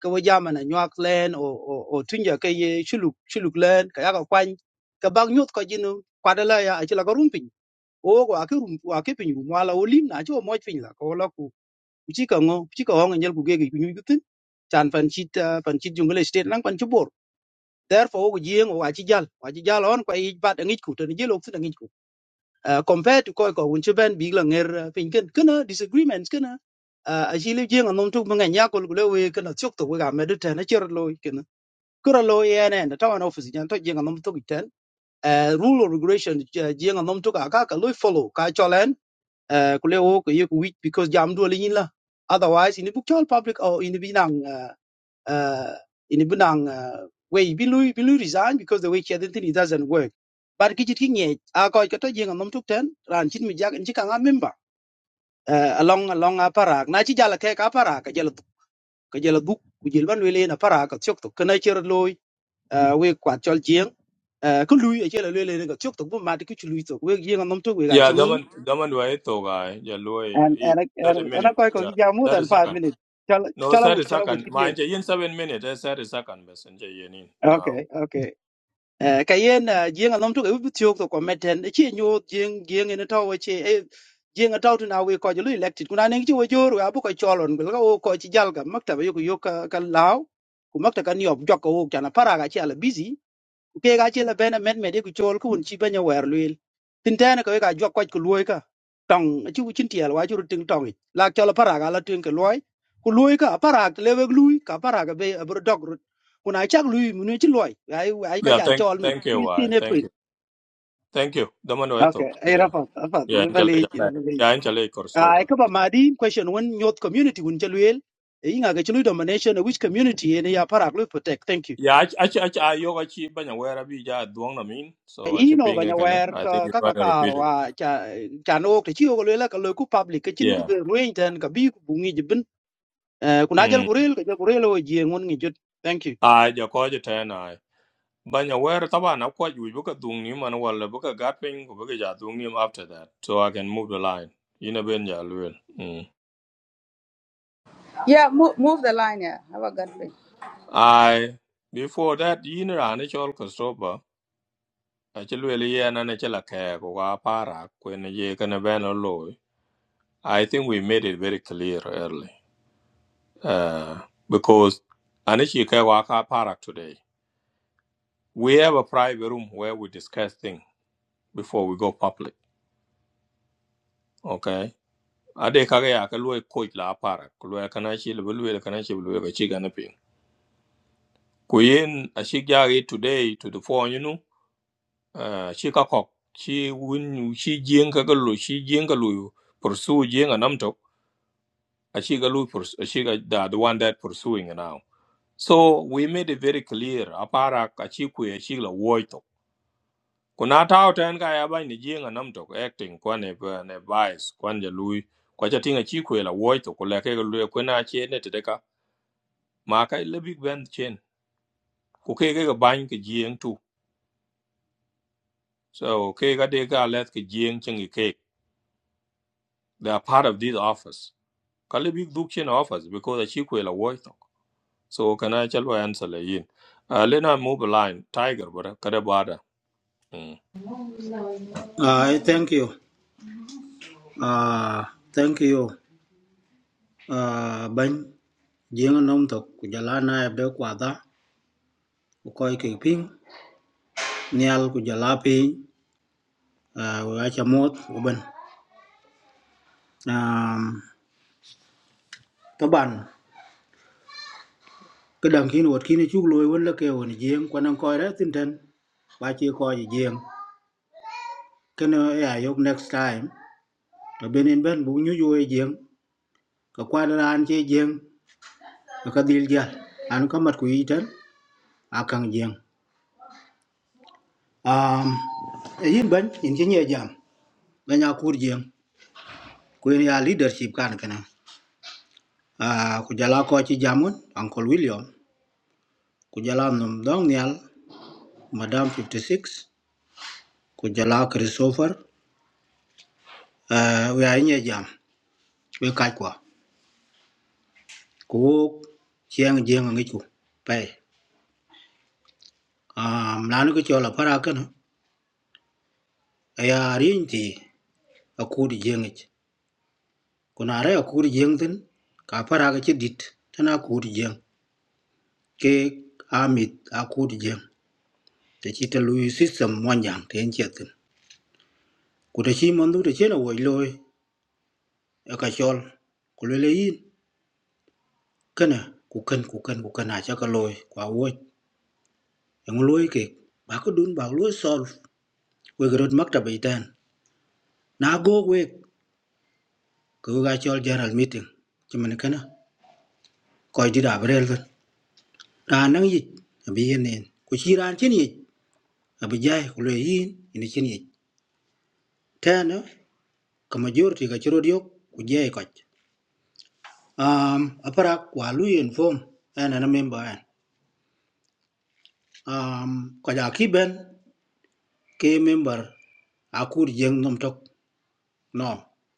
S19: ka wo jam na nyak land o o o tunja ke ye chuluk chuluk land ka ya ka kwani ka bang nyut ka jinu kwadala ya a chi la ka room pinya o ko ake rum ko ake piny rum wala olim na cho moj piny la ko la ku chi ka ngo chi ka ngo nyal ku ge gi ku nyu tin chan pan chit ah, pan chit jungle state lang pan chubor therefore ko jieng o achi jal o achi jal on ko i bat ngi ku tan jelo tin ngi ku Ah, compared to ko ko un chben big la nger eh, piny ken kana disagreements kana a chi le jieng anom tu manga nya ko le we kana chok to we ga medu tan cher lo kana kura lo yen en ta wan office jan to jieng anom tu ten Eh, rule or regulation eh, jieng anom tu ka ka lo follow ka cholen uh, kule wo ko yek week because jam do le yin la otherwise in book chol public or in bi nang uh, uh, in bi nang uh, way bi lui bi lui resign because the way he identity doesn't work but ki chit ki nge a ko ko to jeng nom tuk ten ran chin mi jak en chi ka nga member uh, along along a parak na chi jala ke ka parak ka jala duk ka jala duk ku jil ban we le na parak ka chok to kana cher loy uh, we kwat chol jeng uh, ku lui e chela le le ka chok to bu ma ti ku lui to we jeng nom tuk we ga
S1: Yeah,
S19: chinin
S1: daman daman wa ito guy, yeah loy
S19: and
S1: in
S19: and I-
S1: thirty
S19: and and I
S1: minute,
S19: quite
S1: yeah.
S19: could jam more
S1: Thirty
S19: than five
S1: second.
S19: minutes. Chala
S1: No,
S19: chala
S1: thirty
S19: wood chala wood
S1: second. Ma,
S19: kid
S1: you in seven minutes, eh, thirty second messenger you in now.
S19: Okay, okay. Uh, kayen uh, jing alom to ubi tiok to kometen chi nyo jing jing in a tower chi eh, jing a taught now we call you elected kuna ning chi wajor we abu ko cholon gul ko ko chi jalga makta ba yoku yoka ka law ku makta kan yob jokko wo kana para ga chi ala busy ke ga che la bena met me de ku chol ku un chi benya wer luil tin tane ko ga jwa kwat ku luoi ka tong chi u chin tiel wa ju tin tong i. la chol para ga la tin ke luoi ku luoi ka para ga le weg lui ka para ga be abro dog rut kun ai chak lui mun chi luoi ai ai ka
S1: Yeah,
S19: jal
S1: thank
S19: chol min
S1: thank you, why
S19: 15
S1: thank
S19: april
S1: you. Thank you. Daman wa ito.
S19: okay ai
S1: Yeah.
S19: rafa rafa
S1: Yeah,
S19: ina
S1: in
S19: bale
S1: Chile.
S19: ina bale
S1: Yeah, in Chile
S19: ai ka ba
S1: Korsova.
S19: madi question when youth community un che luil e inga ga chi domination which community ene ya para ga lui protect thank you
S1: Yeah, I I I I yoga chi banya where bi ja duong na min. So I chi
S19: ino ba
S1: ping again.
S19: nyawer
S1: I think
S19: ka
S1: you
S19: ka
S1: try
S19: ka
S1: to repeat
S19: karo
S1: it.
S19: wa cha cha no ke chi ko lela ka lo ku public ke chin ku
S1: Yeah.
S19: be ruin tan ka bi ku bungi jibin ku na jal
S1: Mm.
S19: kurel ka jal kurel o ji ngun ngi jot thank you
S1: I ja ko ja ten I. Banya where taba na ko ju bu ka dung ni man wala bu ka gat ping ko bu ka ja dung ni after that. So I can move the line. You know ben ja luel. Mm.
S17: yeah move, move the line yeah have a good day
S1: I before that you know ran chol ko soba. I chi luel ye na na chi la ke ko wa para ko ne ye ka na ben lo. I think we made it very clear earlier. uh, because Anichike Waka Parak today, we have a private room where we discuss things before we go public. Okay. Ade kage ya kalwe coach la parak, kulwe kanachi lwelwe kanachi lwelwe kachi ganaping. Kuyin ashigya today to the phone, you know, uh, shika kok, she win, she jing kagalu, she jingalu, pursue jing and amtok, ashigalu, ashiga the, the one that pursuing now. So we made it very clear, aparak, achikwe, ashigla, woito. Kuna tao ten ka ya bai ni jinga nam tok acting kwa ne pa- ne vice kwan ja lui kwa cha tinga chi kwela woi to kula ke lu ko na che ne te ka ma ka le big band chen ku ke ke ban ke jing tu so ke ga de ka let ke jing chen ke ke they are part of this office ka le big duk chen office because a chi kwela woi to so kana chal wa answer le yin uh, le na move line tiger bra ka da bada mm.
S18: Uh, thank you. Uh, thank you. Uh, ben, jing nom to kujala na ebde kwada ukoi kiping nial kujala ping uh, wa chamot uben um taban kedang kin wot kin e chuk loy won la ke won jing kwanang koi ra tinten ba chia coi koi jing kene ya yok next time to benin ben bu nyu yu jeng ka kwa da an che jeng ka dil ja an ka mat ku yitan akang jeng um a yin ban in che nye jam na nya kur jeng ku yin ya leadership kan kana a ku jala ko chi jamun uncle william ku jala num dong nyal madam 56 ku jala christopher uh, we are nye jam we ka kwa ku chiang jeng ngi ku pe um lanu ko chola para kana ya rin ti a kur jeng ich kuna re a kur jeng tin ka para ga chi dit tana kur jeng ke amit a kur jeng te chi ta lui system mon yang ten che tin ku ta chi mon du te chen a woi loi a ka chol ku le le yin kana ku kan ku kan ku kan a cha ka loi kwa woi yang loi ke ba ko dun ba loi sol we grod makta be tan na go we ku ga chol general meeting chi man kana koy di da brel tin ra nang yik abi yenen ku chi ran chen yik abi jai ku le yin ini chen yik ta no ka thì ka chiro diok ku jai ko à, apara kwa lu yin form an an member anh, à, ko ja ki bên, cái member akur jeng nom tok no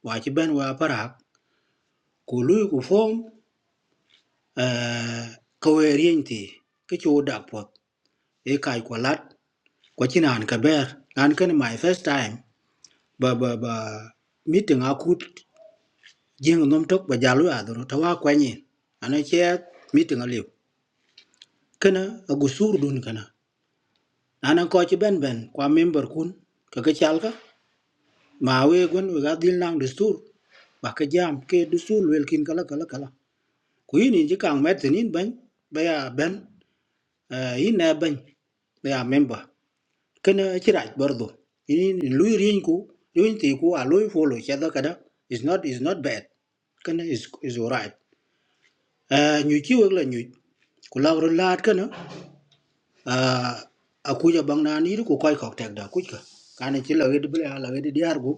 S18: wa chi ben wa apara ku lu ku form à câu ka we rin ti ke chu dak cái e kai ko lat ko anh cả ka anh an ken my first time ba ba ba meeting akut riêng nông trọc và jeng nom tok ba jalu adoro tawa kwenye ana che meeting aliu kana agusur dun anh ana coi ci bên bên, qua member kun ka ka chalka ma we gon we ga dil nang dustur ba cái jam ke dustur wel kin kala kala kala ku yin ji kang met nin ban ba ya ben eh, yin na ban ba ya member kana ci raj bordo yin in lui rin ku yin ti ku a lui folo che da kada is not is not bad kana is is alright nyu chi wek la nyu ku law ru laat ka na a ku ja bang na ni ru ku kai kok tek da ku ka ka ne chi la wed bla la wed di ar gu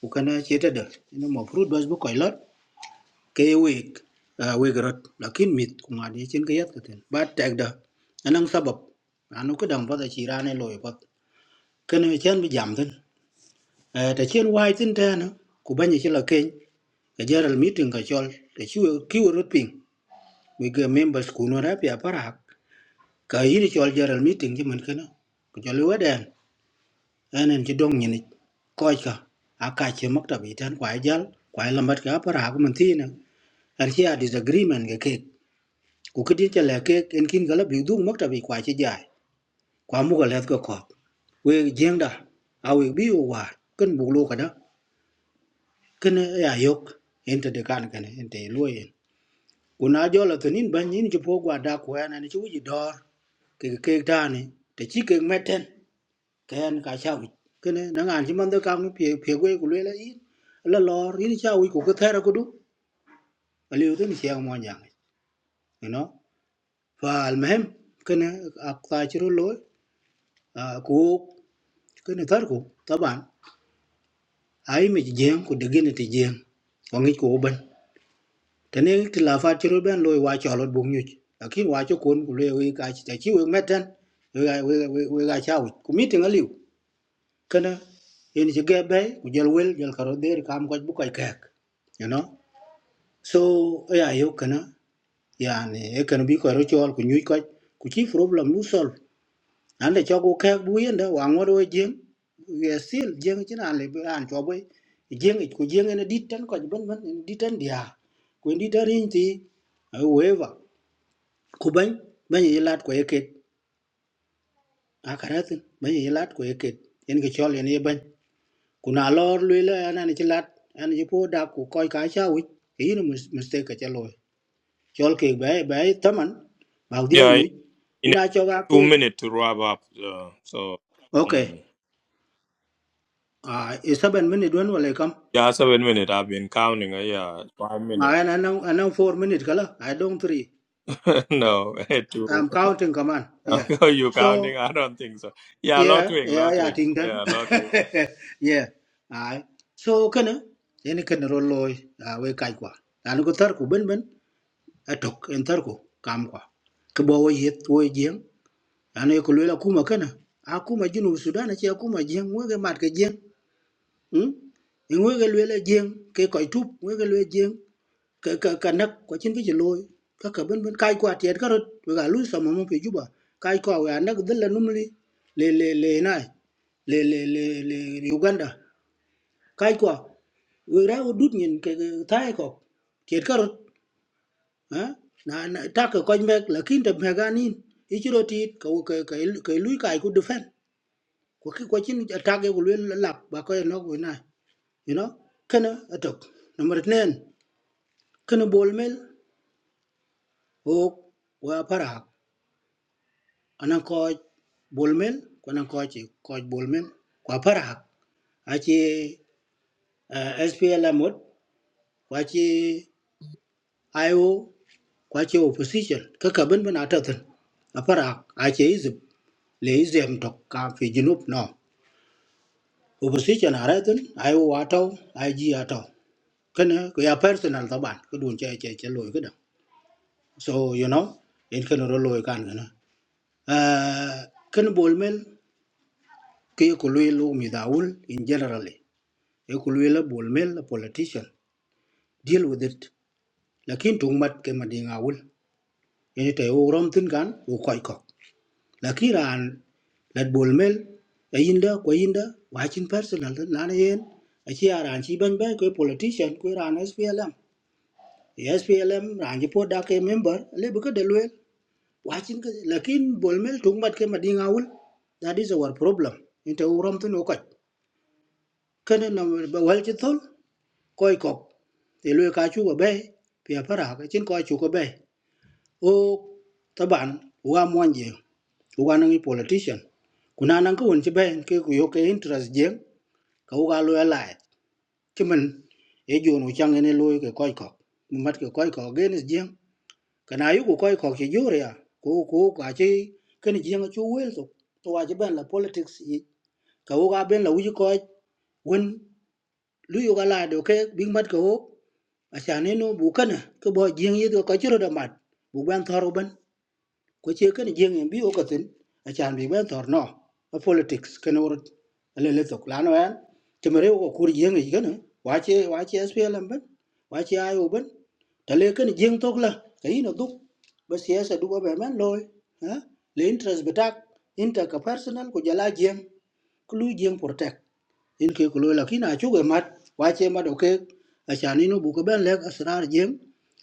S18: ku ka na che ta da ni mo fruit bas bu kai lot ke wek wek rot lakin mit ku ma di chen ka yat ka ten ba tek da anang sabab anu ka dang pa da chi ra ne loy pa ka ne chen bi jam ten ta chen wai tin ta na ku ba ni chi la ken ka jaral meeting ka chol ta chi ki ru ping we ga members ku no ra pi ka yiri chol general meeting ji man kana ku chol weden enen ji dong nyini koy ka aka che makta bi tan kwa jal kwa lambat ka par ha man tina an chi a disagreement ga ke ku kidi che le ke en kin gala bi dung makta bi kwa che jai kwa mu ga let ko ko we jeng da a we bi o wa ken bu lu ka da ken ya yok ente de kan kan ente luoyen kuna jola to nin ban nin ji po gwa da ko enen ji wi dor ke ke tani te chi ke meten ken ka cha wi kene na ngan ji man da kam pie pie gwe ku le la yi la lor yi cha wi ku ka thera ku du ali u tin che mo nyang you know fa al mehem kene ak ta chi ro lo ku kene tar ku taban ai mi jeng ku de gene ti jeng ko ngi ku ban tene ti la fa chi ro ben lo wa cha lot bu nyu lakin wa cho kon ku le wi ka chi ta chi wi meten wi ga wi ga wi ga cha wi ku mi tin ali kana yen ci ge bay ku jël wel jël karo der kam ko bu koy kek you know so eh, ya yo kana yani e kana bi ko ro chol ku ñuy ko ku ci problem lu sol ande cho ko kek bu yenda wa ngor we jeng we sil jeng ci na le an cho boy jeng ku jeng ne dit tan ko ben ben dit tan dia ku dit tan ti weva ku bany bany ye lat ko yeket akarat bany ye lat ko yeket yen ke chol yen ye bany kuna lor luela ana ni chilat ana ji po da ku koy ka cha wi yi ni mistake ka cha loy chol ke be be taman ba dial
S1: yeah
S18: nyu
S1: in in a
S18: mina cho ga ke
S1: two minute to wrap up uh, so
S18: okay
S1: mm.
S18: ah uh, 7 minute don wala kam
S1: Yeah, seven minutes. I've been counting. uh, Yeah, five
S18: ma
S1: minutes.
S18: ana nan anan 4 minute kala i don't 3
S1: <laughs> no, eh,
S18: i
S1: two.
S18: am counting come on
S1: <laughs> Are
S18: yeah
S1: you
S18: so
S1: counting? I don't think so. Yeah,
S18: yeah
S1: lot wing,
S18: yeah
S1: lot
S18: yeah
S1: wing.
S18: ting dan
S1: Yeah, lot wing.
S18: <laughs> yeah ai so kana yani kana ro loy a we kai kwa an ko tar ku ben ben atok en tarko kam kwa ke bo yet wo jeng ane ko lela kuma kana akuma jinu sudan ci akuma jeng wo ge mat ke jeng hm en wo ge lela jeng ke ko tup wo ge lela jeng ka ka ka nak ko cin ke loy ka ka ben ben kai kwa tiet karot we ga lu sama mo pe juba kai kwa we anak dalla numli le le le nai le le le le Uganda kai kwa we ra udut nyin ke tai ko tiet karot eh, na na ta ka ko mek la kin ta me ganin i chiro ti ka ka ka ka lui kai ku defen ko ki ko chin ta ke ku la la ba ko no ku na you know kana atok number 10 kana bol mel o wa para anan ko bol mel ko nan ko chi ko bol mel ko para a chi SPL mod ko chi IO ko chi opposition ka ka ban ban atatan a para a chi izip le izem tok ka fi junub no opposition haratin ai wa tau ai ji atau kana ko ya personal taban ko dun che che che loy kada so you know in kana ro loy kan kana eh kan bolmel ke ko loy lo mi daul in generally e ko loy la bolmel a politician deal with it lakin tung mat ke madinga ul yani te o rom tin kan o koi lakin ran lat bol mel a yinda ko yinda wa chin personal lan yen a chi a ran chi ban ban ko politician ko ran S P L M, S P L M ran ji po da ke member le bu ka de lwel wa chin ka lakin bol mel tung mat ke madinga wul that is our problem inte urom tu no ko kene na ba wal chi thol koy kok thì lùi cá chú của bé phía phát hạ cái trên coi chú của bé ô ta bạn qua uga nang i politician kuna nang ko won ci ben ke ku yo interest je ka uga lo ya lai ci man e jo no chang ne lo ke koy ko mat ke koy ko gen is je kana yu ku koy ko ci jure ya ku ku ka ci ken je nga chu wel to to wa ci ben la politics i ka uga ben la uji ko won lu yu ga la do ke big mat ko a cha ne no bu kana ke bo je ngi ko ko ci ro da mat bu ban thoro ban ko che ken jeng en bi o ka tin a chan bi ben tor no a politics ken wor le le tok lan wan te mere ko kur jeng e ken wa che wa che SPLM ben wa che ayo ben ta le ken jeng tok la ka ino duk ba siyasa du ba ben loy ha le interest betak inter ka personal ko jala jeng ku lu jeng protect in ke ko loy la kina chu ge mat wa che ma do ke a chan ino bu ko ben le asrar jeng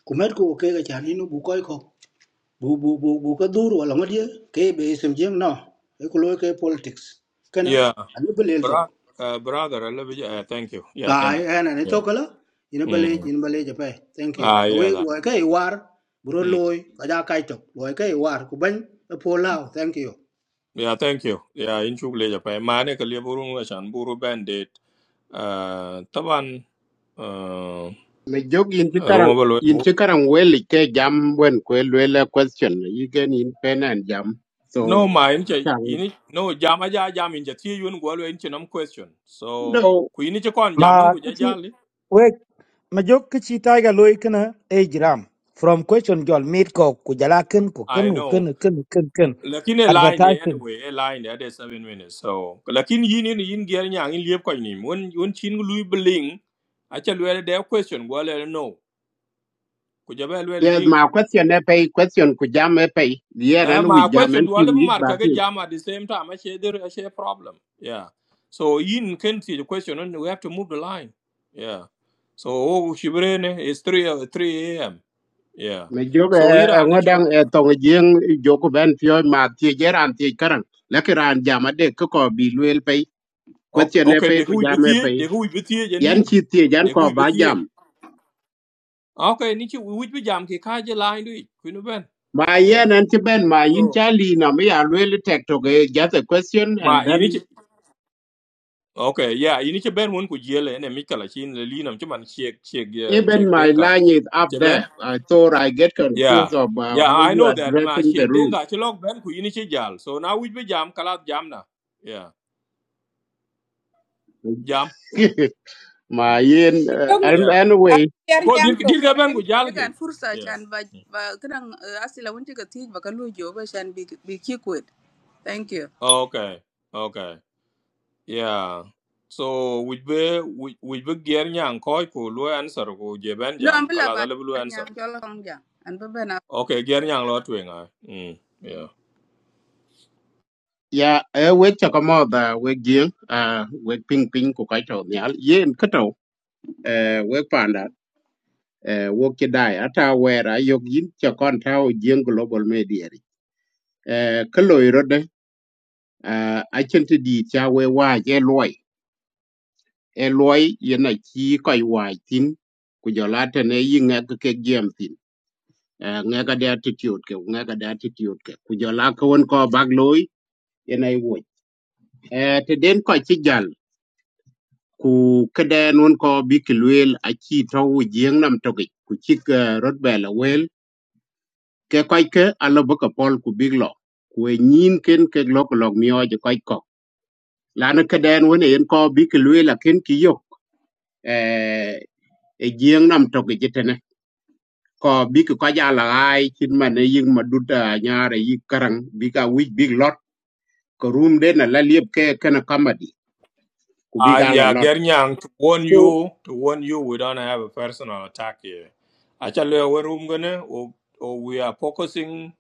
S18: ku met ko ke ga chan ino bu ko ko bu bu bu bu ka dur wala ngodie ke be sem jeng no e ko loy ke politics kana
S1: Yeah,
S18: ani belel to
S1: bro, uh, brother, I love you. Uh, thank you. Yeah, thank
S18: ay
S1: you.
S18: ana ne to
S1: Yeah.
S18: kala ina bale
S1: Mm.
S18: ina bale je pay thank you
S1: Ah,
S18: ka we
S1: yeah, that.
S18: loy ke war bro
S1: Mm.
S18: loy ka ja kai to loy ke war ku ban e po lao thank you
S1: Yeah, thank you. Yeah, in chuk leja pa. Mane kalia burung la chan buru bandit. Uh, taban. Uh,
S3: me jog yin ti karang yin ti karang we li ke jam wen ku le le question yi gen yin pen and jam so
S1: No, ma, in che,
S3: chang
S1: in no, jam aja jam in che tie yun gwa lo in che nam question. So,
S3: no
S1: ku in che kon jam un
S7: ma
S1: ja
S7: kichi
S1: jali.
S7: wek majok kichi taiga loy kana e jiram from question jol meet ko kujala ken ko ken
S1: I
S7: ko
S1: know.
S7: ken ken ken ken
S1: Lakin e line de
S7: advertising
S1: anyway, e line de de 7 minutes. So, lakin yin in yin ger nyang in liep ko ni. Won won chin lu bling. Acha lu de question gwa le no. Ku ja ba lo
S3: Yes,
S1: di
S3: my question e pay question ku jam e pay. Yeah,
S1: Uh,
S3: and
S1: my
S3: we jam
S1: question
S3: and
S1: do all
S3: team
S1: of
S3: you back
S1: market get
S3: in.
S1: jam at the same time. I share there I share problem. Yeah. So in can see the question and we have to move the line. Yeah. So oh Shibrene is three uh, three AM. Yeah.
S3: Me job e
S1: So Iran it's all
S3: ngodang e tong jing joku ben fio ma ti e jeran ti e karang. Laki ran jam ade ko ko bi luel pay.
S1: okay
S3: Question e
S1: okay,
S3: pay
S1: they
S3: ku
S1: who
S3: jam
S1: with
S3: e
S1: you
S3: pay.
S1: they who with you
S3: Yan
S1: Janin.
S3: chi ti e jan
S1: They who
S3: ko ba
S1: with you.
S3: jam.
S1: Okay, Nichi we would be jam ki kaja line do it. Queen Ben.
S3: Ma
S1: Yeah.
S3: yen and ti ben ma yin
S1: So
S3: cha li na me ya luel e tek to ge just a question and
S1: my you need
S3: then
S1: to. okay, yeah, you need to bend one could yell and a Mikala chin the lean of Chuman shake shake uh,
S3: even
S1: shake
S3: my
S1: denka.
S3: line is up there. I thought I get
S1: Yeah.
S3: confused about
S1: Yeah,
S3: how
S1: I
S3: you
S1: know
S3: are
S1: that. Ma
S3: addressing the
S1: Sheikh
S3: room.
S1: Denga Chilok Ben ku yini chi jal. So now we be jam kalat jam na. Yeah. Jam.
S3: <laughs> my in
S17: mi
S3: uh,
S17: jop na
S3: um,
S1: Yeah.
S17: a
S3: anyway
S17: yer
S1: Ko
S17: nyang
S1: dir
S17: to
S1: dir
S17: ko
S1: ga ben
S17: den
S1: ku jal ke.
S17: jegan fursa
S1: Yeah.
S17: chan ba ba gran asila wonti ka ti ba ka lu jo ba chan bi bi ki kwet thank you
S1: Okay. Okay. Yeah. So we be we we be ger nyang ko ku lu answer ku je ben
S17: no am
S1: jam kalat
S17: ba
S1: ale lu
S17: yer
S1: answer.
S17: nyang jola kong ja an ba ben a
S1: Okay, ger nyang lo twenga. Mm. Yeah.
S3: ya e we cha ka mo da we gi a we ping ping ku ka to ya ye en ka to e we pa na e wo ki da ya we ra yo gi cha kon ta o global media ri e ka lo ro de a chen ti di cha we wa ye loy e loy ye na chi ko wa tin ku jo la te ne yi nga ka ke gem tin e nga ka da attitude ke nga ka da attitude ke ku jo la ko won ko bag loy ye na i wo e te den ko chi jal ku kede nun ko bi ki luel a chi to wu jieng nam toki ku chik eh, rot bela wel ke koi ke alo baka pol ku big lo ku e nyin ken ke lo ko lok mio je koi ko lana kede nun en ko bi ki luel a ken ki yok eh, e jieng nam toki jitene ko bi ki ko ja la ai chin mane ying ma duta nyare yi karang bi ka wich big lot ko rum de na la liep ke kana kamadi ku bi
S1: Uh,
S3: ka la
S1: yeah,
S3: lot
S1: Gernyang, to warn
S3: so
S1: you, to warn you, we don't have a personal attack here. Actually, we room gonna, or, or we are focusing,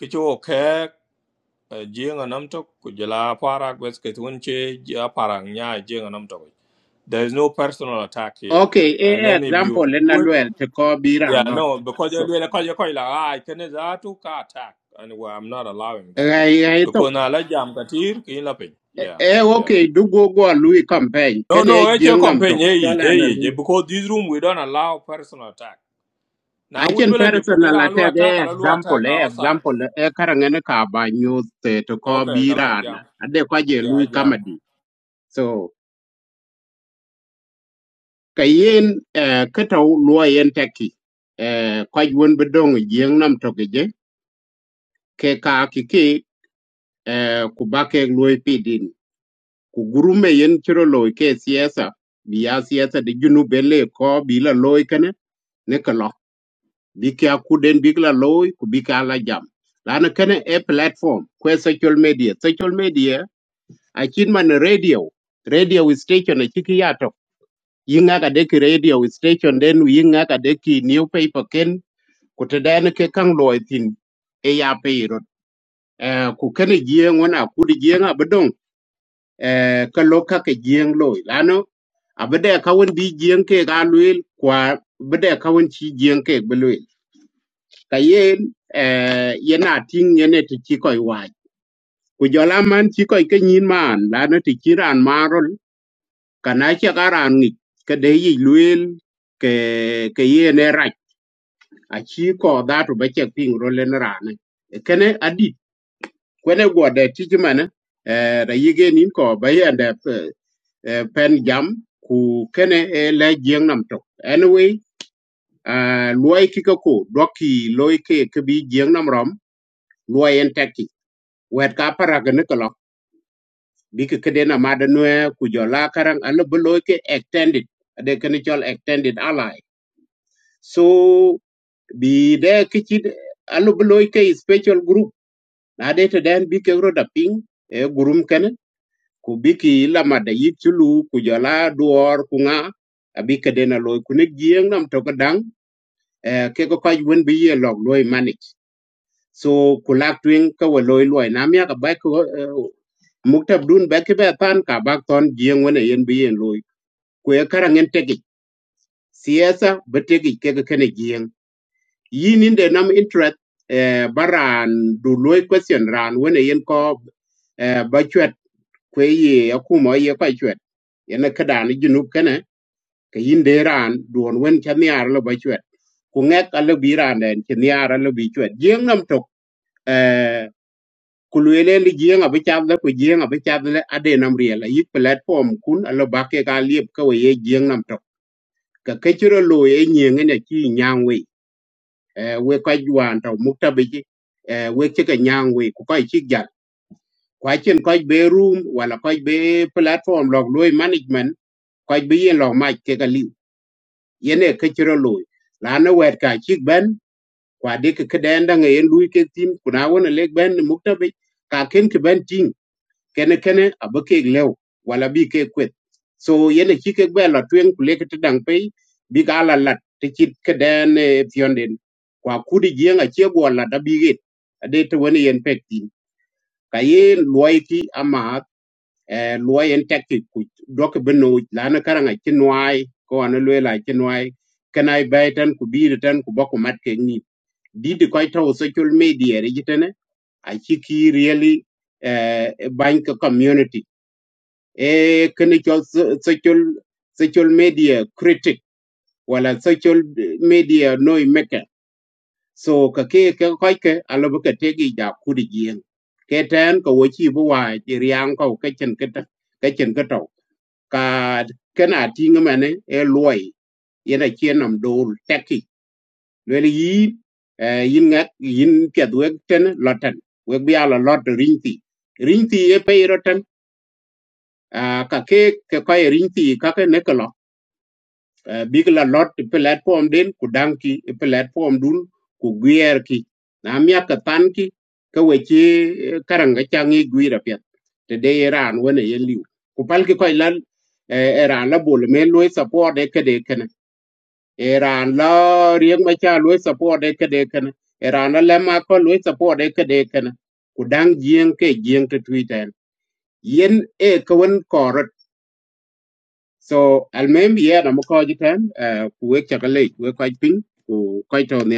S1: kicho kek, jing and amtok, kujala parak, wesketwinche, ja parang nya, jing and amtok. There is no personal attack here.
S3: Okay, e
S1: And then if you
S3: example na
S1: do it,
S3: lwel te ko biran
S1: yeah,
S3: lot.
S1: no, because you're
S3: So,
S1: like, you're like, ah, I can't, ka attack. And well, I'm not allowing that.
S3: rai rai to
S1: Because na la jam katir, kin lapin.
S3: e
S1: Yeah,
S3: e,
S1: yeah.
S3: okay du go go lui campaign
S1: No,
S3: ken
S1: no,
S3: e
S1: it's your
S3: jeng nam
S1: campaign,
S3: to.
S1: eh, eh,
S3: Chola na
S1: eh, eh,
S3: lui.
S1: because this room we don't allow personal attack.
S3: I
S1: Now we
S3: can
S1: believe for there
S3: personal
S1: are no
S3: attack
S1: attack,
S3: e
S1: a lot of
S3: example
S1: attack
S3: e
S1: outside.
S3: example e karangene ka ba news te to ko
S1: Okay, Kalat,
S3: biran.
S1: jam.
S3: Ade kwa je
S1: Yeah,
S3: lui
S1: jam.
S3: kamadi. So, kayen e keta luo yen teki. E kwa jwen bedong jeng nam to ke je ke ka kiki e kubake lui pidin. ku gurume yen chiro loy ke siasa bi ya siasa de junu bele ko bi la loy kane ne ka bi ka ku den bi la loy ku bi ka la jam lana kane e platform ko social media social media a kin man radio radio station a chiki yato yinga ka de ki radio station den yinga ka de ki newspaper ken ku te den ke kang loy tin e ya pe ku kene jieng wana ku di jieng abdong eh, ka lo ka ke jieng loi lano abede ka won bi jieng ke ga luil kwa bede ka won chi jieng ke be luil ka yen eh, yena ting yene ti chi koi wach ku jola man chi koi ke nyin man lano ti chi ran marol kana chi ka ran ngi ka de yi luil ke ke yene rach a chi ko da to be che ping ro len rane kene adit kwene gode ti chi mane eh, da yige nin ko bayende eh, pen jam ku kene e le jeng nam tok anyway uh, luai kika ko doki loi ke ke bi jeng nam rom luai en taki wet ka para ga ne kala bi ke kede na ma da ku jo karang ala bu ke extended ade kene chol extended ally so bi de kichi ala bu loi ke special group na de te den bi ke ro ping e gurum kene ku biki lama da yit chulu ku jala duor ku nga abika dena loy ku nek gieng nam to ka dang eh, ke ko kaj wen bi ye log loy manage so ku lak twing ka wa loy loy nam ya ka ba ko uh, muktab dun ba ke ba tan ka ba ton gieng wen e yen bi yen loy ku ye karangen tegi siasa betegi ke ka kene gieng yin in de nam interest eh, baran du loy question ran wene yen ko eh, ba chwet kwe ye akuma ye kwa chwet yana kada ni junub kene ka yin de ran duon wen chaniar lo ba chwet ku ngek ala bi ran den chaniar ala bi chwet jeng nam tok eh, ku luele li jeng abi chadle ku jeng abi chadle ade nam riel yi platform kun ala bakke ka liep ka we ye jeng nam tok ka kechiro lo ye nyeng ne chi nyang we eh, we ko juan taw muktabe ji eh, we ci ka nyang we ko koy ci jar kwa chen ko be room wala ko be platform log loy management ko be yen log ma ke ga liw yene ke ci ro loy la na wet ka ci ben kwa de ke ke den da ngayen luy ke tin kuna wona leg ben muktabe ka ken ke ben ting kene kene abake lew wala bi ke kwet so yene chi ke bela twen kuleke te dang pe bi gala lat te chit ke den eh, fionden kwa kudi jienga che go la da bi get ade te woni yen pekti ka ye loyki ama eh, loy en tekti ku dok beno lana karanga chinwai ko an lela chinwai kanai baitan ku bi tan ku bako mat ke ni didi koy taw social media re jitene a chi ki really eh, bank community e kene so- social social media critic wala social media noi maker so ka ke ka koi ke alo ba ka tegi ja kudi gien ke tan ko wo chi bo wa chi riang ko ka chen ka ta ka chen ka to ka kana tinga mane e loi yena chien nam dol teki le yi eh, yin ngat yin piet wek ten loten wek bia la lot ringti ringti e pe roten ka ke ke ko ringti ka ke ne ka uh, big la lot i platform den ku dang ki i platform dun ku gwer ki na mia ka tan ki ka we ki eh, karanga changi gwira pet te de iran wona ye liu ku pal ki koy lan eh, iran la bol me loy support e kede kana iran la riek ma cha loy support e kede kana iran la lema ko loy support e kede kana ku dang jien ke jien te tuiten yen e ka wen so almem ye na mo ko jiten ku wek cha kale we ko pin ku ko to ne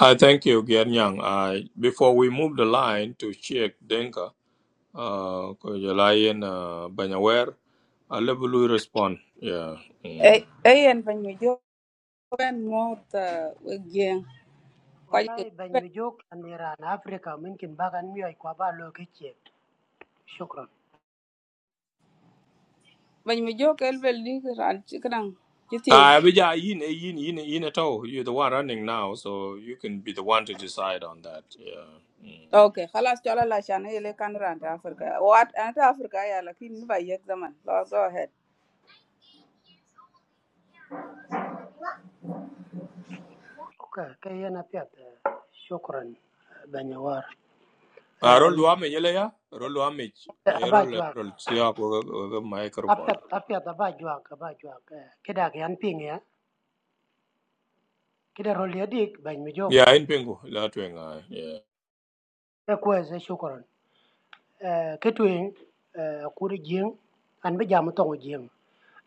S1: I thank you, Gian Yang. I before we move the line to Sheikh Denka, uh, Kojalayan, uh, Banyawer, I level will respond. Yeah.
S17: ay
S1: Mm.
S17: ay en ban mi jop ben mo ta we gen
S20: và lại bảy
S17: ko
S20: mươi chục anh em ở Nam Phi có có thể bắt anh ấy qua ba lô kia, xin cảm ơn.
S17: Ba mi jo kel bel ran ci
S1: Uh, but yeah, yin, eh, yin, yin, yin at all. You're the one running now, so you can be the one to decide on that. Yeah. Mm.
S17: Ok, khalas chola la ele kan ran ta Afrika. Wat an ta Afrika ya la kin ba go ahead.
S20: OK, cái chuyện này thì xin cảm ơn, bảy mươi hoặc,
S1: Uh,
S20: à,
S1: roll damage, yele ya? Roll damage.
S20: làm
S1: Yeah,
S20: ba
S1: roll,
S20: chuyện,
S1: roll. See, I ko ko
S20: bắt
S1: microphone.
S20: tết, cái chuyện làm ba chuyện, làm ba chuyện, cái đó cái anh Ping à, cái đó rồi liền đi bảy mươi chục,
S1: Yeah, in pingu. La tuenga. Yeah.
S20: tôi xin cảm ơn. à, cái chuyện à, cô đi giang, anh bây giờ muốn tôi đi giang,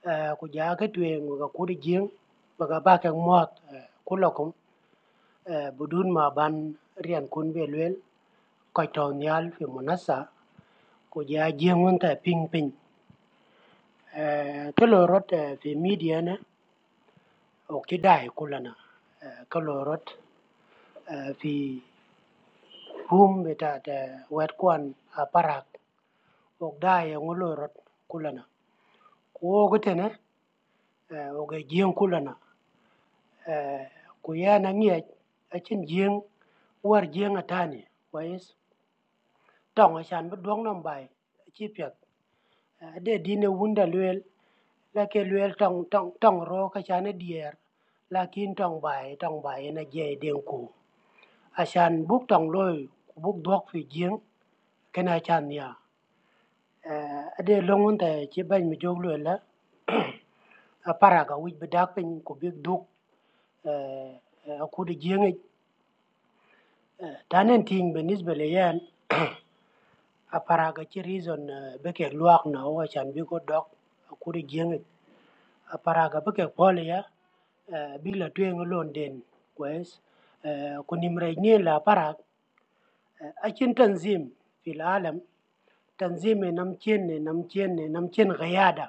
S20: à, bây giờ cái chuyện mà cô đi giang, bà cái ông mất, cô lo con, à, buồn mà ban riêng cô về lui. cái cái về về một nát sa, có giá riêng hơn tại pin pin. Cái lò rót về media Kaiṭaw nial fi Munassa kuji ajienŋwuntè piŋpiŋ ee kɨ lorot ee fi midianè au kidai kulana ee kɨ lorot ee có ruumvitat wetkwaan aparak og dai au ngu lorot kulana ku oogɨtɨnə og ajieŋ kulana ee kuyen aŋiec achi jieŋ war jieŋ atani kwais toŋ achan bɨ dwong naŋ bai achi pyet a de din ewunda lwel là cái luyện trong trong trong rô cái luel nó tong là kashan e dier lakin tong nó dễ bai ena à chan asan buk tong loi buk phi giếng, cái này chan ya Eh, long longun ta chế ban mi jog loi la à para ga wich bedak pin ku bik duk à à khu a giếng de jing e tanen bên benis bele yan <coughs> a para cái chi reason eh, cái luộc luak à chan biết có dok khu ku giếng jing Parag apah keh pol yah eh bik latueng London kwes eh kunimranyeh le aparag uh, akin tanzim fi العالم tanzim inamchen inamchen inamchen قيادة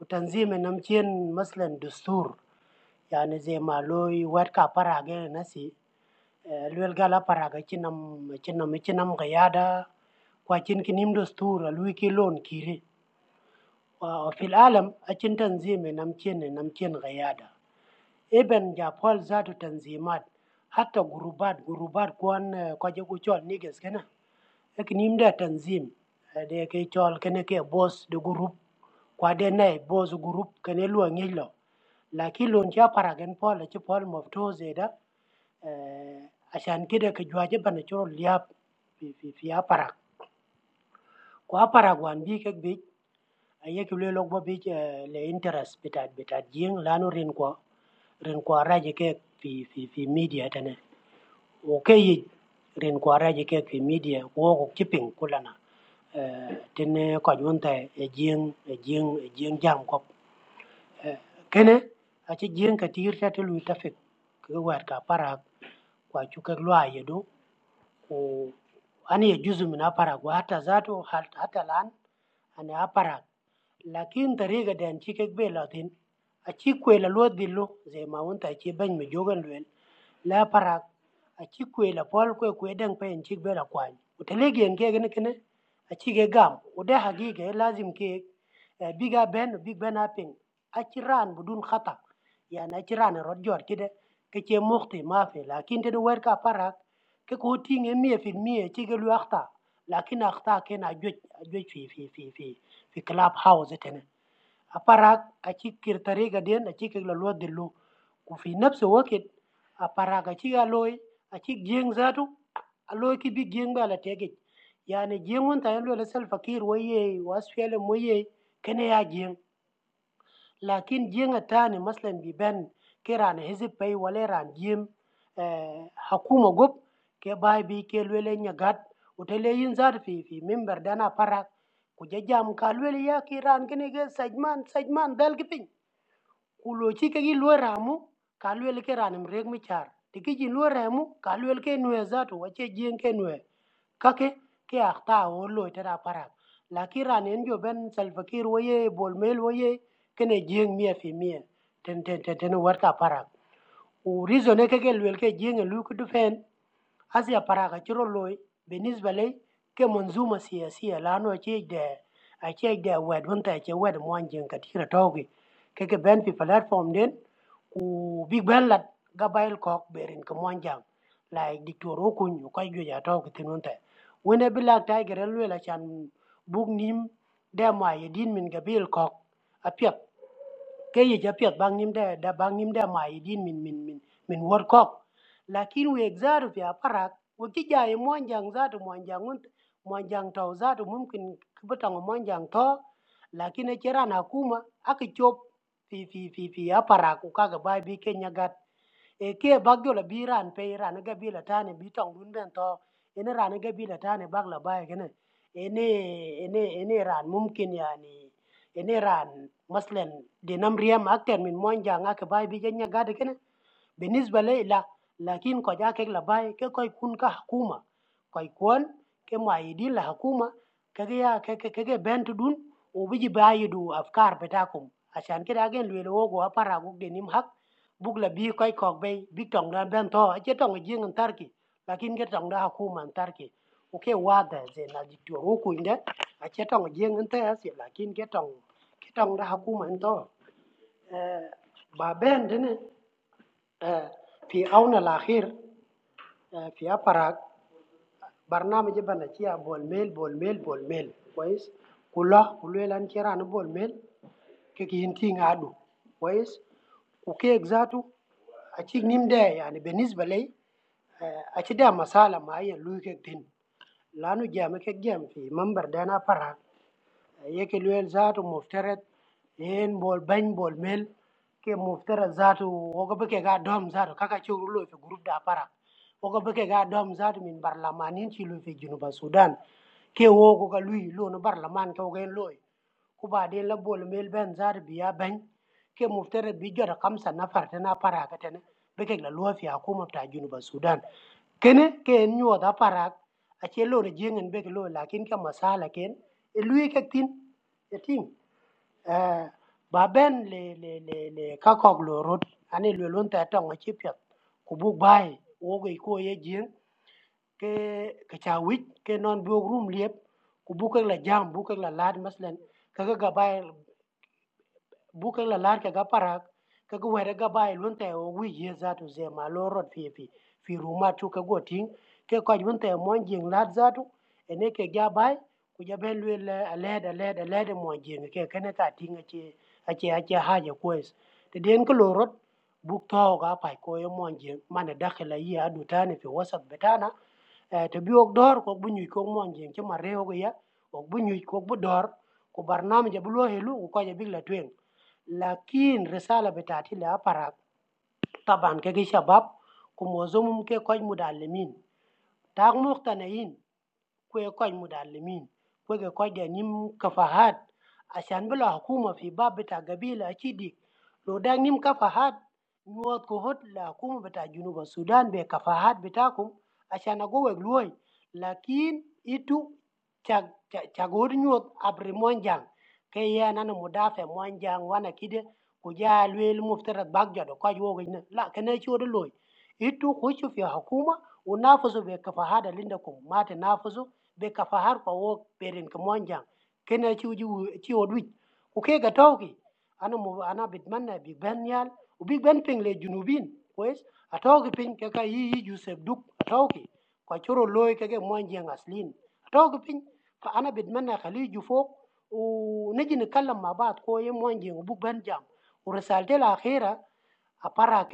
S20: وتنظيم inamchen مثلا دستور يعني زي ما لو يوات كا parag eh nasi Eh, luel gal aparag achinam achinam achinam قيادة ku achin kinim desturi alui ki lon kiri وفي العالم أكن تنظيمي نمكن نمكن قيادة إبن جابول ذاته تنظيمات حتى جروبات جروبات كون كوجي كوشول نيجس كنا لكن يمدا تنظيم de ke chol kene ke boss de group kwa de nai boss group kene lu ngilo lakini lon cha paragen pol cha pol moftoze da eh, asan kida ka jwaje bana choro liap fi fi fi aparak ko aparak wan bi kek bi ayekule lok bo bi eh, le interest bitat bitat jing lanu rin kwa rin kwa raje ke fi fi fi media tane o ke yi rin kwa raje ke fi media ko ko kiping kulana eh tene ko junta e jing e jing e jing jam ko Eh, kene a ci jing ka tir ta tulu ta fik ko war ka para kwa chu ke lwa yedo Oh, ane juzu mina parak. Walaupun zat tu hal, hatta lan ane parak. Lakin teriaga dia ciket bela tin. Cikku elaluat dulu, jadi mawon tadi bancu jogan luil. Lepak. Cikku elapal kuai kuai deng peinci bela kuai. Untuk lagi angkai angkai kene. Ciket gam. Udah haji kene, lazim kene. Biga ben, big ben apaing. Cikran bodun khatam. Ya, cikran rot jor kira. Kecik mukti maaf. Lakin teno worker parak. Keko ti nghen mye fin mye chi ke lwak ta lakin ak ta ken a jwet a jwet fi fi fi fi fi club house tene a parak a chi kir tariga den a chi ke la luat de lo dillo ku fi nafsi wakit a parak a chi a loy a chi jeng zatu a loy ki bi jeng ba la tege yani jeng won ta yelo la sel fakir waye wasfele moye kene ya jeng لكن جينا تاني مثلا بيبان كيران حزب باي ولا ران جيم آه، حكومة جوب كي باي بي كي لولا نجات وتلي ينزار في في منبر دانا برا كجاجام كالولا يا كيران كني كي سجمان سجمان دال كبين كلوشي كي لولا رامو كالولا كيران مريك مشار تكيجي لولا رامو كالولا كي نوزاتو وشي جين كي نوي kake ke akta wo lo tera parak la ki ran en jo ben salva kir wo ye bol mel wo ye kene jeng mia fi mien ten ten ten ten war ka parak u reason e ke lwel ke jeng lu ku dufen asia paraka chiro loy benisba le ke monzuma siasia lano che de a che de wed hunta che wed monjen katira togi ke ke ben pi platform den ku big ben lat gabail kok berin ke monjang like dictor okun ko gyo ya togi tinunta wennabilak dah kereluilah jam buk nim da mai diin min gabil kok apiat kaya jadi apiat bangnim da da bangnim da mai diin min min min min work kok. Lakinu eksaru tiaparat, waktu jaya muanjang zatu muanjang unt muanjang tauzatu mungkin kebetulan muanjang to. Lakin enciran aku mah aku chop ti ti ti ti tiaparat uka gebai bikin jagat. e kia bak la biran, ran pe ran ga bi la tane bi tong dun ben to ene ran ga bi la tane bak la bay gene ene ene ene ran mumkin yani ene ran maslan de nam riam akter min mon janga ke bay bi janya gade gane بالنسبة لي لا لكن كو جاكك لباي كي كو يكون كحكومة كو يكون كمؤيدين لحكومة كجا كجا بنت دون وبيجي بايدو أفكار بتاعكم عشان كده أجن لولو وجو أبارا وجو دينيم حق buk la bi koy kok bay bi tong dan ben to a che tong ji ngan tarki lakin ge tong da hakuma an tarki o ke wa da ze na ji to ro ku inde a che tong ji ngan ta se lakin ge tong ge tong da hakuma an to Eh, ba ben de ne في أونة الأخير في أبرق برنامج بنتيا بول ميل بول ميل بول ميل كويس كله كله لان كيرا بول ميل كي ينتي نعدو كويس وكيك ذاته أشيك نيم ده يعني بالنسبة لي أشي ده مسألة معين لوي كيك دين لأنه جامع كيك جامع في منبر دانا أبرق يكل ويل ذاته مفترض ين بول بن بول ميل ke muftara zatu wogo beke ga dom zatu kaka churu lo fi group da para wogo beke ga dom zatu min barlamanin ci lo fi junuba sudan ke wogo ga lui lo no barlaman ke wogo en loy ku ba de la bol mel ben zatu biya ben ke muftara bi jota kamsa nafar ta na para ka tane beke la lo fi hukuma ta junuba sudan kene ke en nyo da para ache lo re jeng en be ke lo lakin ka masala ken e lui ke tin e ting eh, ba ben le le le le ka kok lo rot ani lo lon ta tong ache pyat ku bu bai wo ge ko ye jeng ke ke cha wit ke non bu rum liep ku bu ke la jam bu ke la lad maslen ka ga bai Bukan la lar kega parak kega wera ga bai lunte o wi ye za tu ze ma lo rot fi fi fi ruma tu ka go ting ke ko lunte mon jing lat za tu ene ke ga bai ku ja ben lwe le ale da le da le da mon jing ke kene ta ting a che a che a che ha ja kwes te den ko lo rot buk to ga pai ko yo mon jing mana dakhla yi adu tani fi wasat betana Eh, te bi ok dor ko bu ñuy ko mon jeng ci ma rew go ya ok bu ñuy ko bu dor ko barnam ja bu lo helu ko ja big la twen lakin resarea betatii le-a parat taban carei schiabap cu mozumul carei modalmin dar nu obtine in kuwe kwai mudali min kuwe kwai dani kafahad ashiambulisha hukuma hivyo ba beta gabiria chini lodai dani kafahad mwananguo hut la hukuma beta juu na Sudan be kafahad beta hukuma ashiangogo weglui lakini hitu cha cha cha goronyo abrimo njang kaya nane mudali femo njang wana chini kujia luele muvtera bagja do kwajuwe glui lakini hicho dui huu huto kuchofia hukuma unafuzo be kafahad linda hukum matenafuzo be kafahar kwa wo perin ke monjang kena ci uji ci odwi ku ke ga tawki ana mo ana bitmanna big ben yal u big ben ping le junubin kwes atawki ping ke ka yi yi jusef duk atawki kwa choro loy ke ke monjang aslin atawki ping fa ana bitmanna khali ju fok u naji ni kallam ma baat ko ye monjang u big ben jam u risalte la akhira أفرح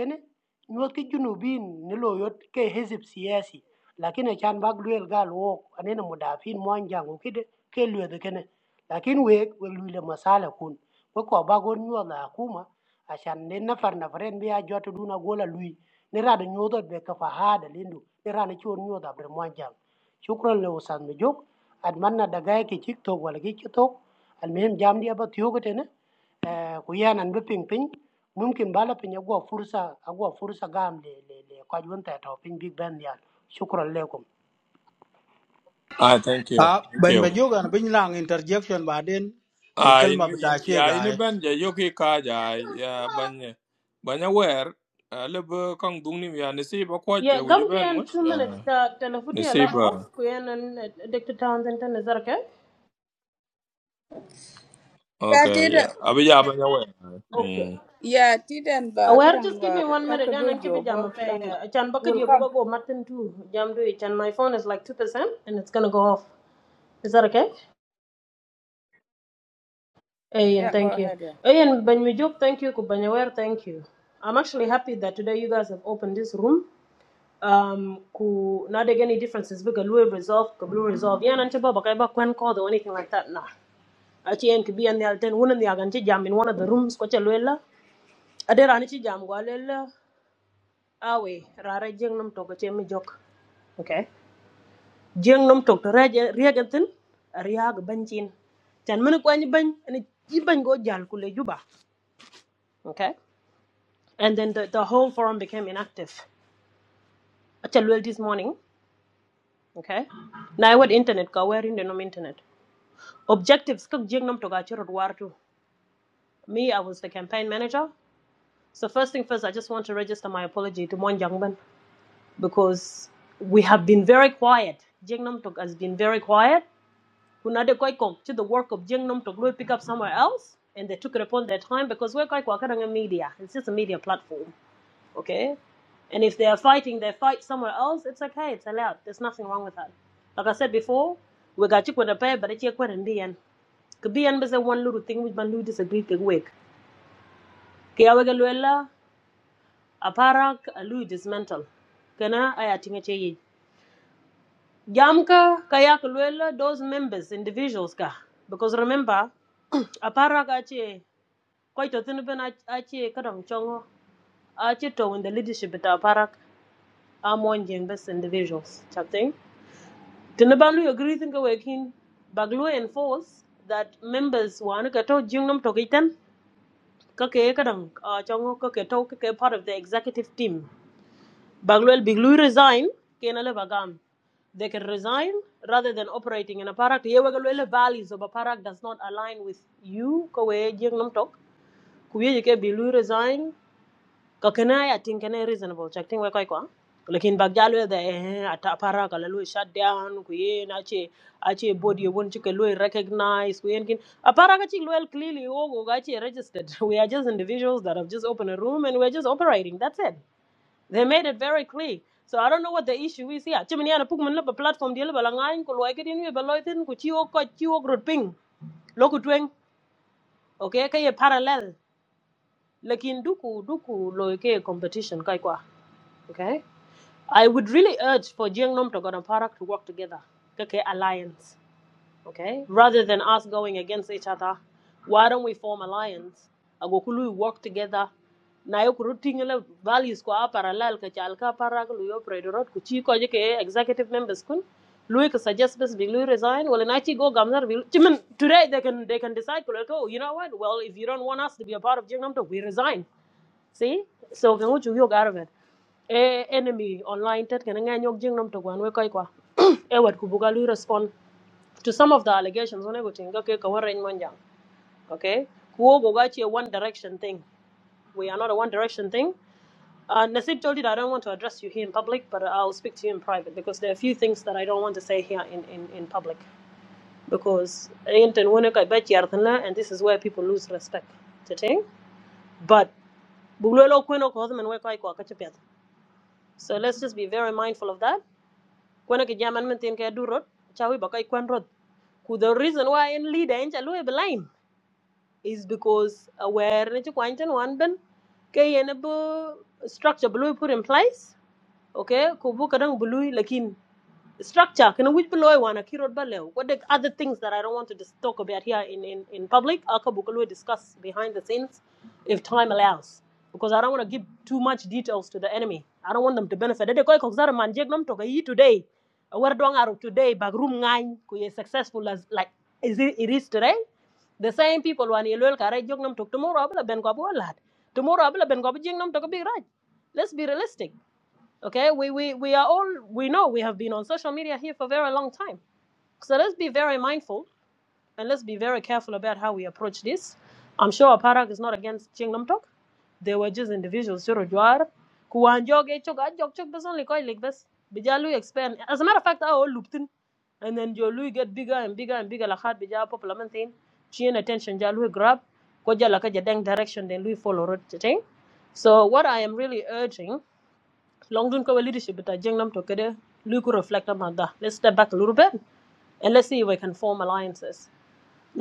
S20: يوت كجنوبيين نلو يوت كحزب سياسي lakini chan bak luel gal wo anene mudafin mwanjang ukide ke luedhe kene lakin wek we luile masala kun we ko bagon nyuodha akuma ashan ne nafar nafaren bi a jotu duna gola lui ne rada nyuodho be kafa hada lindu ne rana chon nyuodha bre mwanjang shukran le usan me jok ad manna daga ke chik tok wala ke chik tok al mehem jam dia ba tiyo gete ne kuyana nbe ping ping mumkin bala pinya go fursa agwa fursa gam le le le kwa junta to ping big band ya shukran lekum
S1: Ah, thank you.
S18: Ah,
S1: Thank
S18: ban ba
S1: you.
S18: joga na bin lang interjection ba den le
S1: Ah,
S18: kalma
S1: in
S18: bata
S1: in
S18: ce
S1: yeah,
S18: ga
S1: in
S18: ai.
S1: ban ja yoki ka ja ya ban ban ya wer. Ah, lebo kang dung ni ya nasi ba ko
S21: Yeah,
S1: ja wuju
S21: gum
S1: ban
S21: can
S1: mus.
S21: two minutes
S1: Ah,
S21: the telephone
S1: nasi
S21: la off
S1: ba.
S21: kuyen and uh, Doctor Townsend and Nazarka.
S17: Ya
S1: Okay,
S17: tiden.
S1: yeah. Abi ya ban ya wer.
S21: Okay.
S1: Hmm.
S17: Ya tiden ba
S21: Aware,
S17: kanan
S21: just
S17: ba
S21: give me one
S17: ka
S21: minute and Anchibi Jam of a chan
S17: you
S21: bucket
S17: will
S21: you
S17: come.
S21: go Martin too. Jam do it and my phone is like two percent and it's gonna go off. Is that okay? Ayan,
S17: Yeah, go
S21: thank you.
S17: ahead. Yeah.
S21: Ayan Banyujuk, thank you, Kubanyaware, thank you. I'm actually happy that today you guys have opened this room. Um ku not any differences because we resolve, Kablu resolve. Yeah, and Chiba Bakaiba can call or anything like that. Nah. aci en kibi an yal ten wunen yagan ci jam in one of the rooms ko ca luella ade rani ci jam go alel awe rara jeng nam togo ci mi jok okay jeng nam tok to reje regentin riag bancin tan mun ko ni ban ni ci ban go jal ku le juba okay and then the, the whole forum became inactive aca luel this morning okay na what internet ka where in the nom internet objectives kak jeng nam toga ci rod wartu me i was the campaign manager So first thing first, I just want to register my apology to Mon Jangban because we have been very quiet. Jeng Nom has been very quiet. Kunade koi kok to the work of Jeng Nom Tok, we pick up somewhere else, and they took it upon their time because we're quite a media. It's just a media platform, okay? And if they are fighting they fight somewhere else, it's okay. It's allowed. There's nothing wrong with that. Like I said before, we got you with a pair, but it's your quite and BN. Could be the one little thing which man who disagreed with. Kiawaga Luella. aparak lui dismantle kana aya tinga che yi jam ka kaya kulwela those members individuals ka because remember aparak ache koi to tinu ben ach- ache kadang chongo ache to in the leadership at aparak amon jeng best individuals chatting tinu ban lu agree thinga wekin baglu enforce that members wan ka to jingnam to kitan ka ke kadang ah, chongo ka to ka part of the executive team Bagluel Biglu resign, Kenale Bagam. They can resign rather than operating in a parak. Yewagalwele values of a parak does not align with you, Kawe Jing Namtok. Kuye Yike Biglu resign. Kakana, I think, any reasonable. Check thing Wakaikwa. Lakin Bagjalwe, the eh, at a parak, a shut down, Kuye, ache Ache body, won't you recognize, Kuyenkin. A parakachi well clearly, Ogo, Gachi registered. <laughs> We are just individuals that have just opened a room and we're just operating. That's it. They made it very clear. So I don't know what the issue is here. Chimney and put up a platform deal balangain ko loike din we baloitin ku chiwo ko chiwo grouping loku tweng okay kay parallel lakin duku duku loike competition kai kwa okay I would really urge for Jiang Nom to Parak to work together Okay, okay, alliance okay? Rather than us going against each other, why don't we form alliance? Agokulu, we work together. Na yo kuruting le values ko a parallel ka ka para ko yo predorot ku chi ko je ke executive members kun lui suggest bes big lui resign well na chi go gamzar bi chimen today they can they can decide ko oh, you know what well if you don't want us to be a part of jingnam we resign see so kan uchu yo out e enemy online tet kan nga nyok jingnam to gwan we koi kwa <clears throat> e wat ku buga lui respond to some of the allegations okay kawan rain monjang okay kuo gogachi a one direction thing we are not a one direction thing uh, Nasib told you that I don't want to address you here in public, but I'll speak to you in private because there are a few things that I don't want to say here in, in, in public. Because أنت وينك أبيت يا رتنا, and this is where people lose respect. But So let's just be very mindful of that. Kwenye kijamii mimi tinka durot, chawi bakai kwen rot. the reason why in leader incha is because aware ne ci kwanten wan ben ke yene bu structure bu lui put in place okay ko bu kadang bu lui lakin structure kana wij beloy wana kirot balew what the other things that i don't want to dis- talk about here in in, in public akabu will discuss behind the scenes if time allows because i don't want to give too much details to the enemy i don't want them to benefit de koy ko zara man jeg nam to ka yi today war do ngaru today back room ngai ku ye successful as like is it, it is today the same people wan ye lol kare jog nam to tomorrow abla ben ko abu lad tomorrow abla ben ko abu jeng nam to ka big right let's be realistic Okay, we, we, we are all, we know we have been on social media here for a very long time. So let's be very mindful and let's be very careful about how we approach this. I'm sure Aparak is not against Chingnam Tok. They were just individuals, Shiro Jwar, Kuwanjog, Echok, Ajok, Chok, Bas, only quite like this. Bijalu expand. As a matter of fact, I all looped in. And then Jolu get bigger and bigger and bigger. Lahat Bija popular man thing. Chien attention, Jalu grab. Koja Laka Jadang direction, then Lui follow. road, So, what I am really urging long dun ko leadership but jengnam to kede lui ku reflect about that let's step back a little bit and let's see if we can form alliances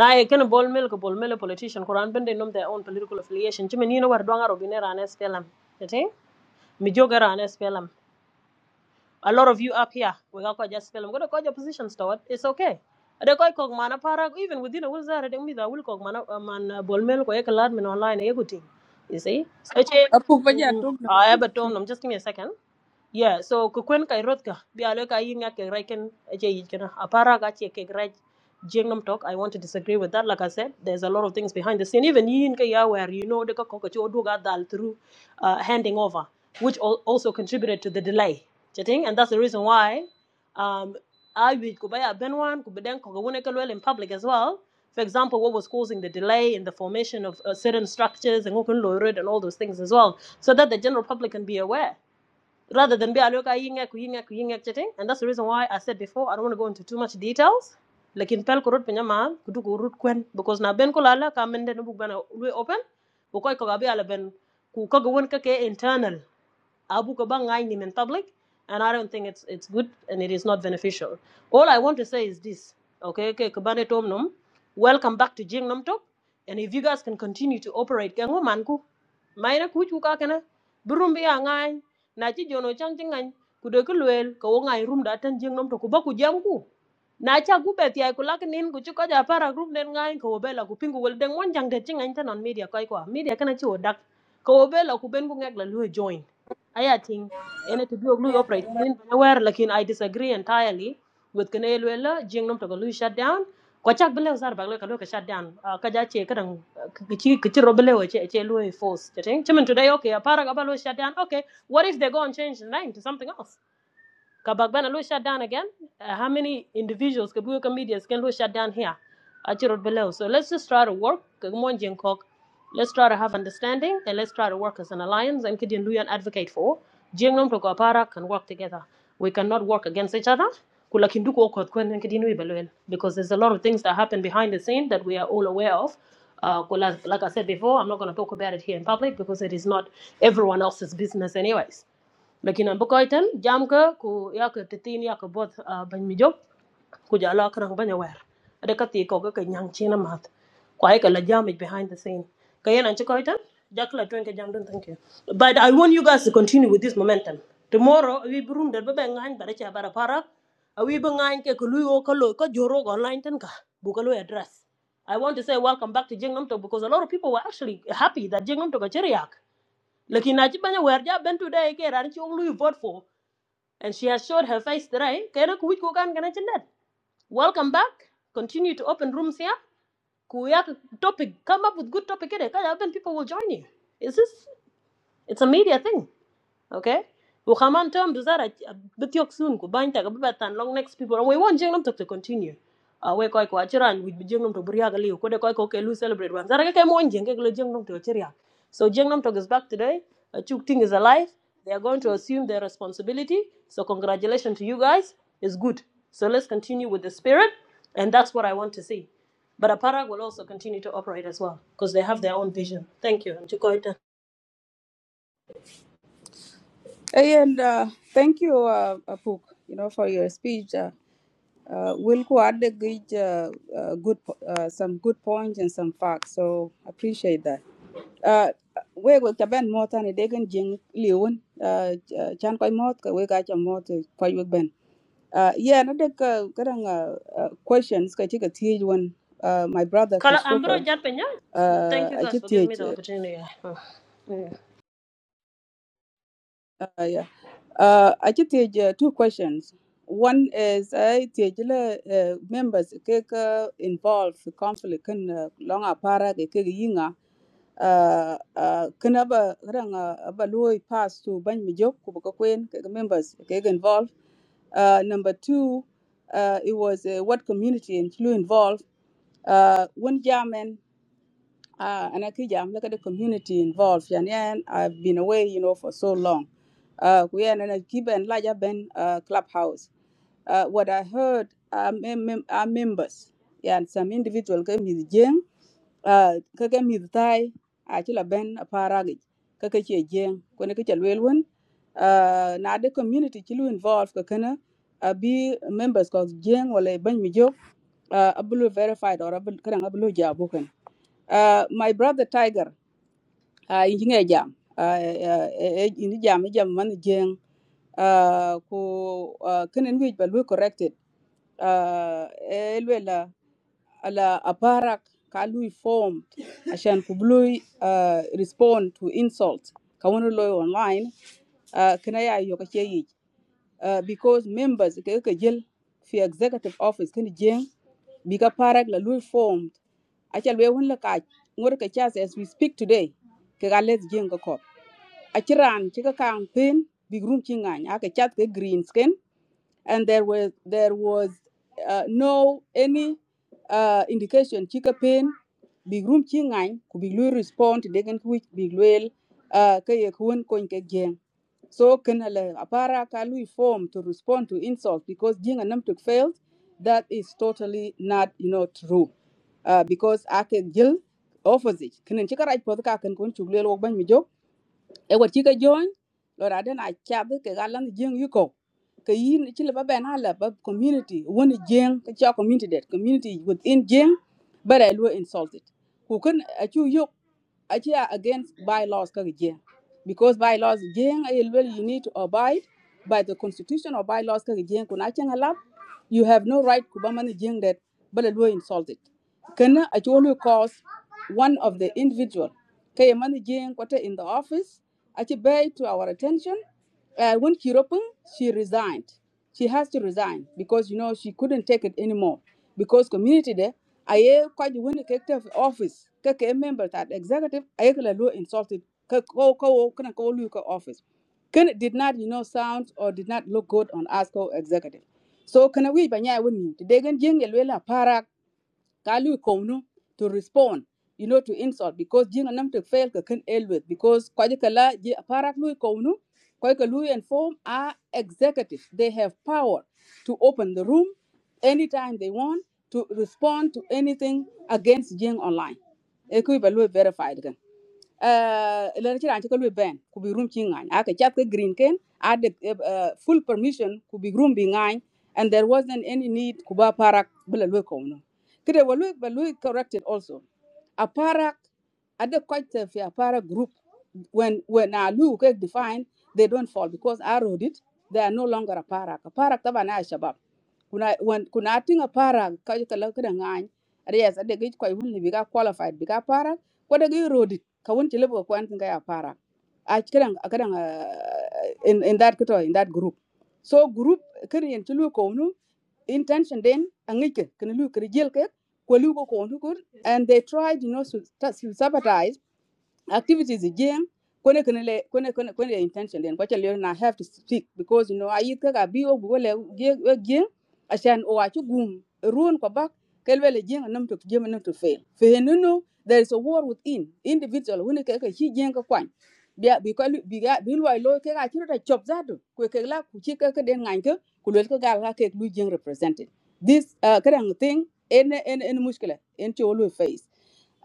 S21: na e ken bol mel ko bol mel politician kuran bende nom their own political affiliation chimen yino war donga robine ran SPLM tete mi joga ran SPLM a lot of you up here, we are just film. Gonna call your positions toward it's okay. They call cog mana para even within a wizard They with a will cog mana uh, man bolmel ko ek lad men online eguting. You see? So
S17: Apuk ba ja tum na.
S21: I have a tone, um, just give me a second. Yeah, so ku kwen kai rot ka bi alo ka yin ngak jingam talk I want to disagree with that like I said there's a lot of things behind the scene even yin ya where you know the ka ko dal through uh, handing over which al- also contributed to the delay Chatting, And that's the reason why um, I would go buy a Benwan, go buy them, go go naked well in public as well. For example, what was causing the delay in the formation of uh, certain structures and open road and all those things as well, so that the general public can be aware. Rather than be a look at yingek, yingek, yingek, you and that's the reason why I said before I don't want to go into too much details. Like in Pelko Road, Penyama, Kuduku Road Kwen, because na Ben Kolala, Kamende Nubuk Bana, we open, Bukoy Kogabi Alaben, Kukogawan Kake internal. Abu Kabang ngañ him in public, and I don't think it's it's good and it is not beneficial. All I want to say is this, okay? Okay, Kabane Tom Nom, welcome back to Jing Nom Tok, and if you guys can continue to operate, kengo manku, mayna kuchu ka kana, burumbi ya ngañ, jono chang chi ngañ, kude ku luel, ka wo ngañ rum da tan Jing Nom Tok, kuba ku jam ku. Na cha gu bet yai ku lak nin ku ja para group den ngañ, ka wo bela ku pingu wel den jang de chi ngañ on media kai kwa, media kanachi chi wo dak, ka wo bela ku ben ku join aya ting ene to biog lui operate nin bana lakin i disagree entirely with kene lwela jing nom to ko lui shut down ko chak bele usar bagle ka lui ka shut down Ah, ka ja che kadang ah, ka chi ka force che today okay apara ka shut down okay what if they go and change the name to something else Kabagbana lo shut down again. Uh, how many individuals, Kabuyo comedians, can lo shut down here? Achirot below. So let's just try to work. Kagumon Jinkok. Let's try to have understanding and let's try to work as an alliance and Kidin Luyan advocate for. Jingnom to Kapara can work together. We cannot work against each other. Kula kinduku okot kwen and Kidin Wibalwel. Because there's a lot of things that happen behind the scene that we are all aware of. Uh, like I said before, I'm not going to talk about it here in public because it is not everyone else's business, anyways lakin an bukoy tan jam ka ku ya ka titin ya ka bot ah, ban mi job ku ja la krang banya wer ada ka ti ko ga ka nyang china mat ku ai ka la jam it behind the scene ka yan an chikoy tan jak la twen ka jam dun thank you but i want you guys to continue with this momentum tomorrow we brum der ba ba ngan ba da cha bara para we ba ngan ke ku lu yo ka lo ka joro online tan ka bu ka lo address I want to say welcome back to Jingam Talk because a lot of people were actually happy that Jingam Talk a chiriak. Lakin na ci banya wer ja ben today ke ran ci lu vote for and she has showed her face today. Kay nak wuj ko kan gana ci net. Welcome back. Continue to open rooms here. Ku yak topic come up with good topic here. Kaya ben people will join you. Is this it's a media thing okay we come on term to that but yok soon ku bang ta ba tan long next people and we want jeng to continue uh, we koi ko achiran with jeng to buriya gali ko de koi ko ke lu celebrate wan zara ke mo jeng ke to achiria so jeng to is back today uh, chuk ting is alive they are going to assume their responsibility so congratulations to you guys it's good so let's continue with the spirit and that's what i want to see but aparag will also continue to operate as well because they have their own vision thank you
S17: And uh, thank you uh, Apuk, you know for your speech. Uh, Uh, Wilco had a good, uh, uh, good, po- uh, some good points and some facts, so appreciate that. Uh, we go to Ben Mot and Degan Jing Leon, uh, uh, Chan Koi Mot, ka we got your mot, Koi Wig Ben. Uh, yeah, another uh, getting, uh, uh, questions, I take a teach one, uh, my brother
S21: Kala, I'm bro,
S17: Christopher, uh,
S21: Thank you
S17: I
S21: guys
S17: just
S21: for giving me
S17: teach.
S21: the opportunity. Yeah.
S17: Uh, yeah. Uh, I just take uh, two questions. One is I take uh, members cake uh, involved in conflict can uh, long apara ke ke yinga uh, uh, can aba rang uh, aba loy pass to ban mi jok ku ko kwen ke members ke involved. Uh, number two, uh, it was uh, what community and clue involved. Uh, one German Ah, and I Akija, look at the community involved. yeah, And yeah, I've been away, you know, for so long. Uh, we are in a given larger Ben uh, clubhouse. Uh, what I heard are, mem- mem- are members. Yeah, and some individual came with Jing, uh, came with Thai, Achila Ben, a paragage, Kakachi Jing, Konakacha Lilwin. Uh, now the community chilu involved, Kakana, uh, be members called Jing, or Ben Mijo, uh, Abulu verified or Abulu Jabukan. Uh, my brother Tiger, uh, engineer jam, uh, uh, ini jam, ini jam mana jeng, uh, ku uh, kenen wij ba lui corrected, uh, elwe la ala aparak ka lui form, ashan ku lui uh, respond to insult, ka wani lawyer online, uh, kena ya yoka cheyi uh, because members ke ke jël fi executive office ken jeng bi ka parak la lui formed acal we won la ka ngor ka chas as we speak today ke ga les jeng ko ko aciran ci ka kan pen big room ci ngany aka chat ke green skin and there was there was uh, no any uh, indication chika pain big room chi ngai ku big lui respond to degen ku big well. uh, ka ye kun kon ke gen so can la apara ka lui form to respond to insult because jing and to failed that is totally not you know true uh, because ake gil opposite kinen chika right pod ka kan kun chuglel wok ban mi e wat ci ka jony lo ra den a chabe ke ga lan jeng yu ko ke yin ci le ba ben ala ba community woni jeng ke cha community that community within jeng but i lo insulted ku kun a chu yok actually are against bylaws ka jeng because bylaws jeng ay well you need to abide by the constitution or bylaws ka jeng kuna changa lab you have no right ku ba man jeng that bala lo insulted kana actually cause one of the individual kay man jeng kwata in the office achi bay to our attention uh, when kiropung she resigned she has to resign because you know she couldn't take it anymore because community de aye kwaji woni ke te office ke ke member ta executive aye ke la lo insulted ke ko ko kana ko lu ko office can did not you know sound or did not look good on us co executive so kana wi banya woni de gen jeng el wela kalu kownu to respond you know to insult because jino nam to fail ka kan elwet because kwaje kala je parak lu kownu kwai ka lu and form are executive they have power to open the room anytime they want to respond to anything against jing online e ku ba lu verified lan ci ran ci ko lu ben ku bi room ci ngany aka chat ko green ken had uh, full permission ku be room bi and there wasn't any need ku ba parak bela lu ko no kede wa lu ba lu corrected also a parak ada quite fi a fair para group when when I look at defined, they don't fall because I wrote it they are no longer a parak a parak tabana shabab kuna when kuna tinga para ka ka la ka ngai arias ade gi ko hun bi ka qualified bi ka para ko de gi rodi ka won chile ko kwan tinga ya para Ach kiran a in in that kito in that group so group kan yen chulu ko nu intention den angike kan lu kri jel ke ko lu ko ko nu kur and they tried you know to, to sabotage activities again kone kone le kone kone kone intention then kwacha leo na have to speak because you know I ka ga bio bole ge ge ashan o achu gum ruon kwa bak kelwe le jeng nam to jeng nam to fail fehenunu there is a war within individual who ne ka ka hi jeng ka kwan bia bi ko bi ga bi lo lo ke ga chiru da chop zadu ku ke la ku chi ka ka den ngan ka ku le ka ga la ke lu jeng represented this uh, kind of thing en en en mushkila en cholo face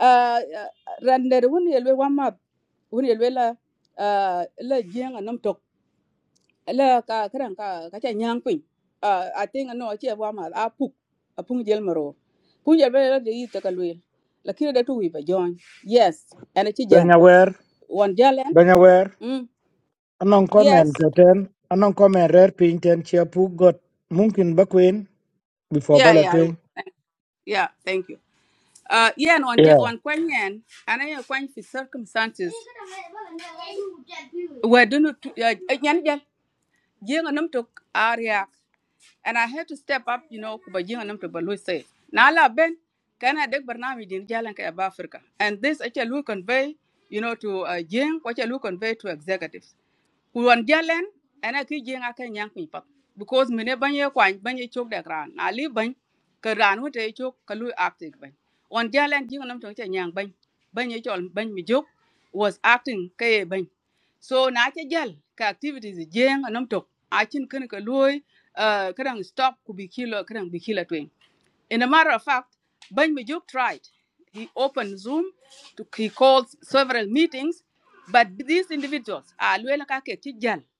S17: Uh, uh, rande de wun yelwe wan wun yelwe la ah, la jeng anam tok la ka kran ka ka cha nyang pin a ting no che wan map a puk a pung jel maro pung jel be la de yita ka lwe la kire da tu wi ba jon yes ana chi jan
S7: benyawer
S17: wan jalen
S7: benyawer
S17: mm
S7: anong comment
S17: yes
S7: ten anong comment rare pinten chia pu got mungkin bakwin before
S17: yeah yeah I will.
S7: balatwe
S17: Thank- yeah thank you uh yeah and on on kwen yen ana ye kwen fi circumstances we do not yan jal jeng anam tok aria and I had to step up, you know, kuba jinga nam to balu say. Na ala ben kana dek barnami din jalan ka ba Africa. And this actually will convey, you know, to uh, jing, what will convey to executives. Kuwan jalen and I ki jing aka nyang mi Because mine banye kwany banye chok dek ran. Na li bany ka ran wote chok ka lui acting bany. On jalen jinga nam to cha nyang bany. Banye chol bany mi jok was acting ka bany so na cha jal ka activities e jeng anom tok a chin kan ka loy uh, kadang stop ku bi kilo kadang bi kilo twing in a matter of fact ban Majuk tried he opened zoom to, he called several meetings but these individuals are loy la ka ke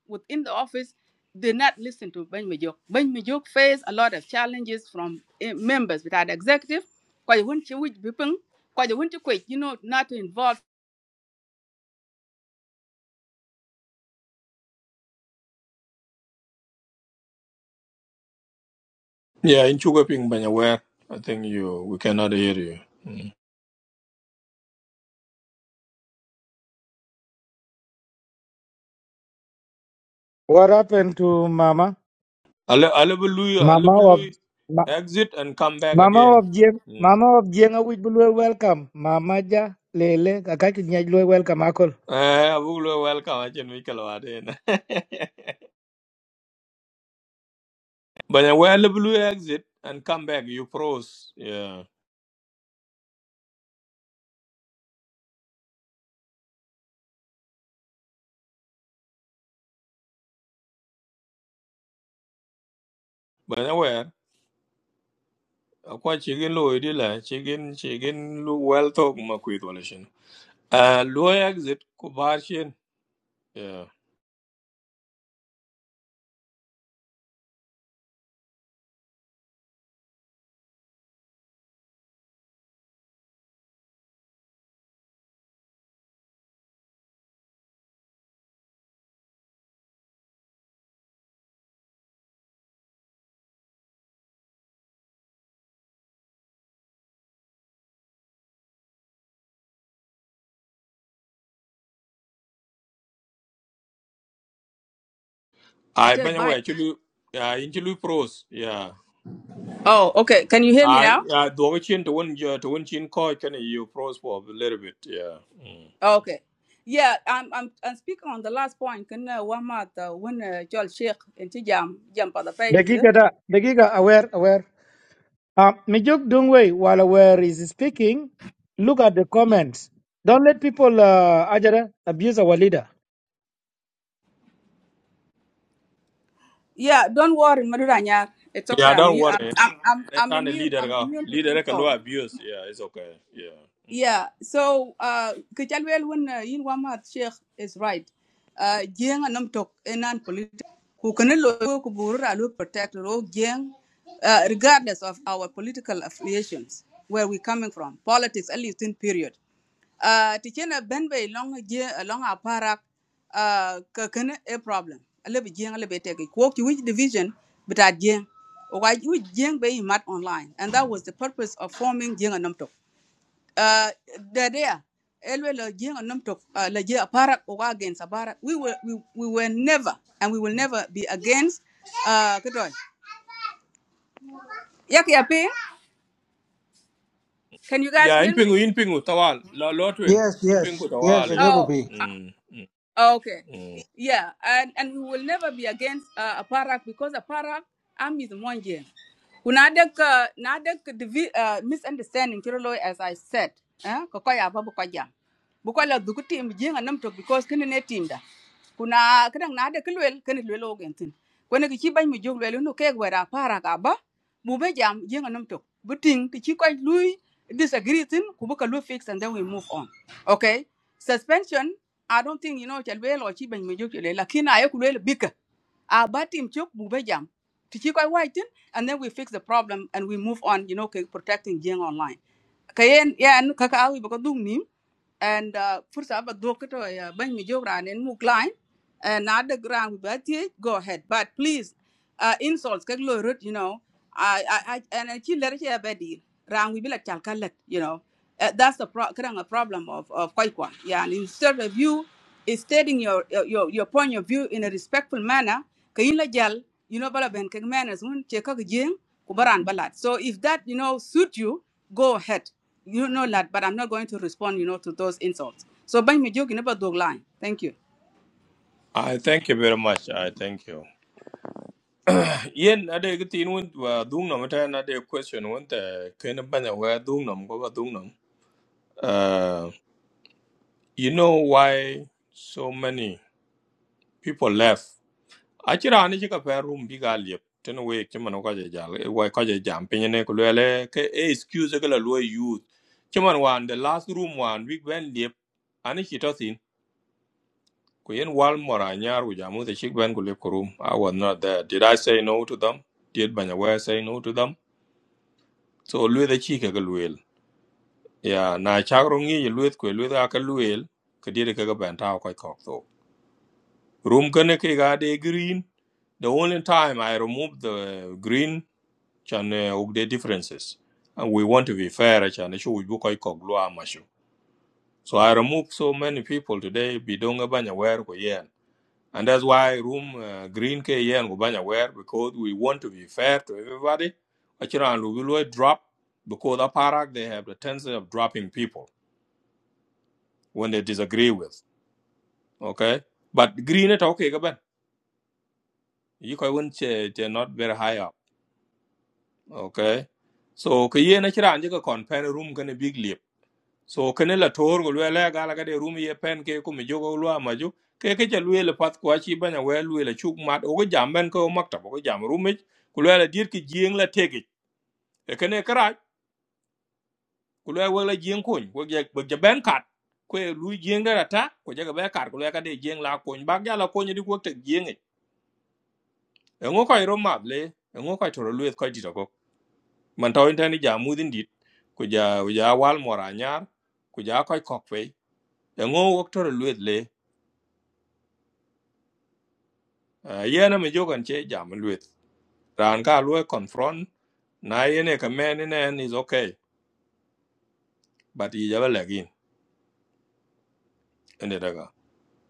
S17: within the office did not listen to ban Majuk. juk Majuk faced a lot of challenges from eh, members without executive kwa yun chi wij bipeng kwa yun chi kwek you know not to involve
S1: Yeah, in chuga ping ban ya wer. I think you we cannot hear you. Hmm.
S7: What happened to Mama?
S1: Ale- Alleluia,
S7: Mama of
S1: Alleluia.
S7: Ma-
S1: Exit and come back
S7: Mama
S1: again.
S7: of Jeng
S1: Mm.
S7: Mama of Jeng awich bulu welcome. Mama ja lele kakaki nyaj lu welcome akol.
S1: Eh, Abuglo, welcome. I can make a lot in. <laughs> But where Alleluia exit and come back, you froze. Yeah. But where? quite chicken lo idila chicken chicken lo well talk ma kwit walishin. Uh, low exit ku barshin. Yeah.
S17: at
S1: I
S17: a
S1: banya
S17: by
S1: we actually, yeah in chulu pros. Yeah.
S17: oh okay can you hear me
S1: I
S17: now
S1: yeah do chin to one to one chin ko can you froze for a little bit. Yeah. Mm.
S17: Okay. Yeah, I'm I'm I'm speaking on the last point. Can uh, one month when uh, Joel Sheikh and Jam jam for the did.
S7: Dakika da dakika aware aware. Um, Mijuk Dungwe while aware is speaking, look at the comments. Don't let people uh, ajara abuse our leader.
S17: Yeah, don't worry, Maduranya. It's okay.
S1: Yeah, don't worry.
S17: I'm I'm I'm
S1: They
S17: I'm
S1: turn the
S17: immune.
S1: leader
S17: I'm
S1: go.
S17: immune to
S1: Leader ka lo
S17: insult.
S1: abuse. Yeah, it's okay. Yeah. Mm.
S17: Yeah, so uh Kachalwell when uh, Yin Wamat Sheikh is right. Uh Jiang Anam Tok Enan political who can lo protect ro Jiang uh, regardless of our political affiliations, where we're coming from, politics at least in period. Uh Tichena Benbe long a long a parak uh kakana a problem. A little Jiang a little bit walk to which division but at Jiang or why you Jiang be mat online and that was the purpose of forming Jiang Anam Tok uh, there, Elwe la jeng anum tok uh, la against aparak. We were we, we were never and we will never be against uh kadoy. Yaki yaping. Can you guys
S1: Yeah, in
S17: hear me?
S1: pingu in pingu tawal. La lo twing.
S18: Yes,
S1: In
S18: yes,
S1: pingu
S18: yes,
S1: tawal
S18: ne go
S1: yeah.
S18: bi.
S17: Oh.
S1: Mm. mm,
S17: Okay.
S1: mm.
S17: Yeah, and, and we will never be against uh, Aparak because Aparak army is Monje. Kunadek uh, nadek divi- uh, misunderstanding Kirolo as I said. Eh? Kokoya babu kwaja. Bukola dukuti mjinga namtok because kene ne timda. Kuna kadang nadek lwel kene lwel ogentin. Kwene kichi bany mi jog lwel unu keg wera Aparak aba. Mube jam jinga namtok. Buting tichi kwa lui disagree tin kubuka lui fix and then we move on. Okay? Suspension I don't think you know chalwe lo chi ben me jok chule lakini ayo kulwe bika a batim chok bube jam to chi kwai wai tin and then we fix the problem and we move on you know ke protecting jeng online kayen yan kaka awi bako dung nim and uh, fursa ba dok to ya ben me jok ran en muk line and na the ground. But go ahead but please uh, insults kak lo rut you know I, I, I and chi lere chi abedi ran we be la chal kalat you know uh, that's the pro- kind of a problem of of kwai kwan yeah and instead of you is stating your your your point of view in a respectful manner kayin la jal you know bala ben kek manners mun che kak jing ku baran balat so if that you know suit you go ahead you know that but i'm not going to respond you know to those insults so bany me jogi ne ba dog line thank you
S1: I thank you very much. I thank you. Yen ade ga tin wa dung nam ta na de question won ta ken ban ya wa dung nam go dung nam. Uh you know why so many people left a ci raan ci ka pɛr rum bi gaa liep tene week ci man kɔc jal wai kɔc jam piny ne ku ke e excuse ke la luɔi youth ci man wan the last room wan wik bɛn liep ani ci tɔ thin ku yen wal mɔr anyar ku the wuth acik bɛn ku liep i was not there did i say no to them did banya say no to them so lueth aci keke lueel ya na cak ro ŋic lueth kue lueth ake lueel ke diede keke bɛn tau kɔc kɔk thok rum kene kek ade green the only time I removed the green chan ugde differences. And we want to be fair, chan issue iko glua mashu. So I remove so many people today bidonga banya wear ko yen. And that's why room uh, green ke yen ko banya wear because we want to be fair to everybody. Achiran we will drop because aparak they have the tendency of dropping people when they disagree with. Okay, but green it okay kaban. You can win che, they're not very high up. Okay, so ke yen achiran jika kon pen room going big leap. so kene la tor go lwela gala gade rumi ye pen ke ku mi jogo lwa maju ke ke cha lwe le pat kwa chi banya we lwe le chuk mat o go jam ben ko makta go jam rumi ku lwela dir ki jing la tege e kene kra ku lwe we la jing kun go ge go ge ben kat ku e lu jing da ta ko je ga be kar ku lwe gade jing la kun bag ya la kun di ko te jing e ngo ko ro mab le e ngo ko to lwe ko di to go man taw intani jamu din dit ku ja ku ja wal mora nyar ku ja ko kok fe ngo wok to lwe le Uh, yene mi jogan che jam luet. Ran ka lue confront. Na yene e man in and is okay. But yi jabe legin.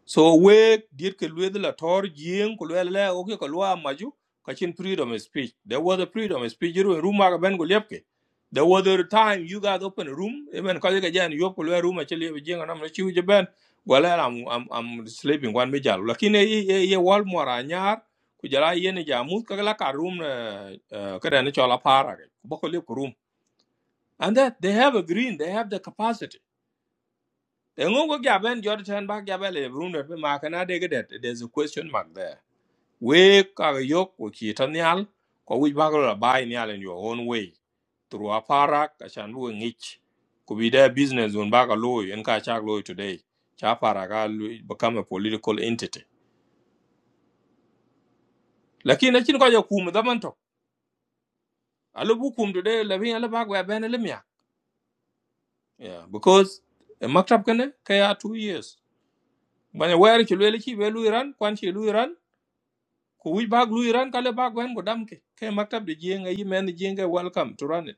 S1: so we did ke lwe la tor jing ko lwe la o ke ko lwa maju ka chin freedom of speech there was a freedom of speech ru room ma ben go lepke there was a time you guys open a room even ka ga jan yo ko lwe room a chele jing na ma chiu je ben wala i'm i'm i'm sleeping one me jal lakini ye ye wal mora nyar ku jara ye ne jamu ka la ka room eh, eh, ka da ne chola para ke bo ko lep room and that they have a green they have the capacity Engo go gaben jor chan ba gabel e brun be and kana de gedet. There's a question mark there. We ka yok ko ki tanyal ko wi ba in your own way. Through a parak ka chan bu ngich. Ko bi da business on ba ka loy en ka chak loy today. Cha paraka become a political entity. Lakini na chin ko ya kum da man to. Alu bu kum today la bi ala ba ga ben le mya. Yeah, because e maktab kana ka ya 2 years. Banya wer ki lele ki be lu iran kwan ki lu ku wic bak lu iran kale bak wen ku dam ke ke maktab de jeng ayi men Jenga welcome to run it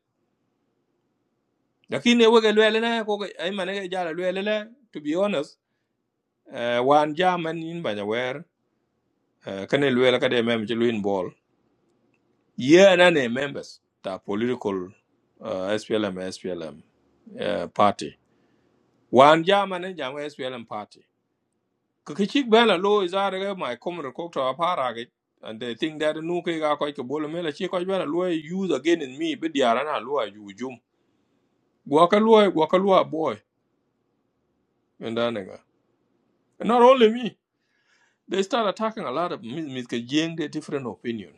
S1: lakin e wege lwele ne ko ko- ay mane ge jala lwele le to be honest uh, wan jaman in banya wer uh, kane lwele kade mem ci luin ball ye na ne members ta political uh, SPLM SPLM uh, party wan jaman ne jam SPLM party ke ke chik bela lo izare ge my comrade ko to apara ge and they think that nu ke ga ko ke bolo mela chi ko bela lo e use again in me be diara na lo yu Wakalua, Wakalua boy, and Danega. And not only me, they start attacking a lot of me, me, ke jeng different opinion.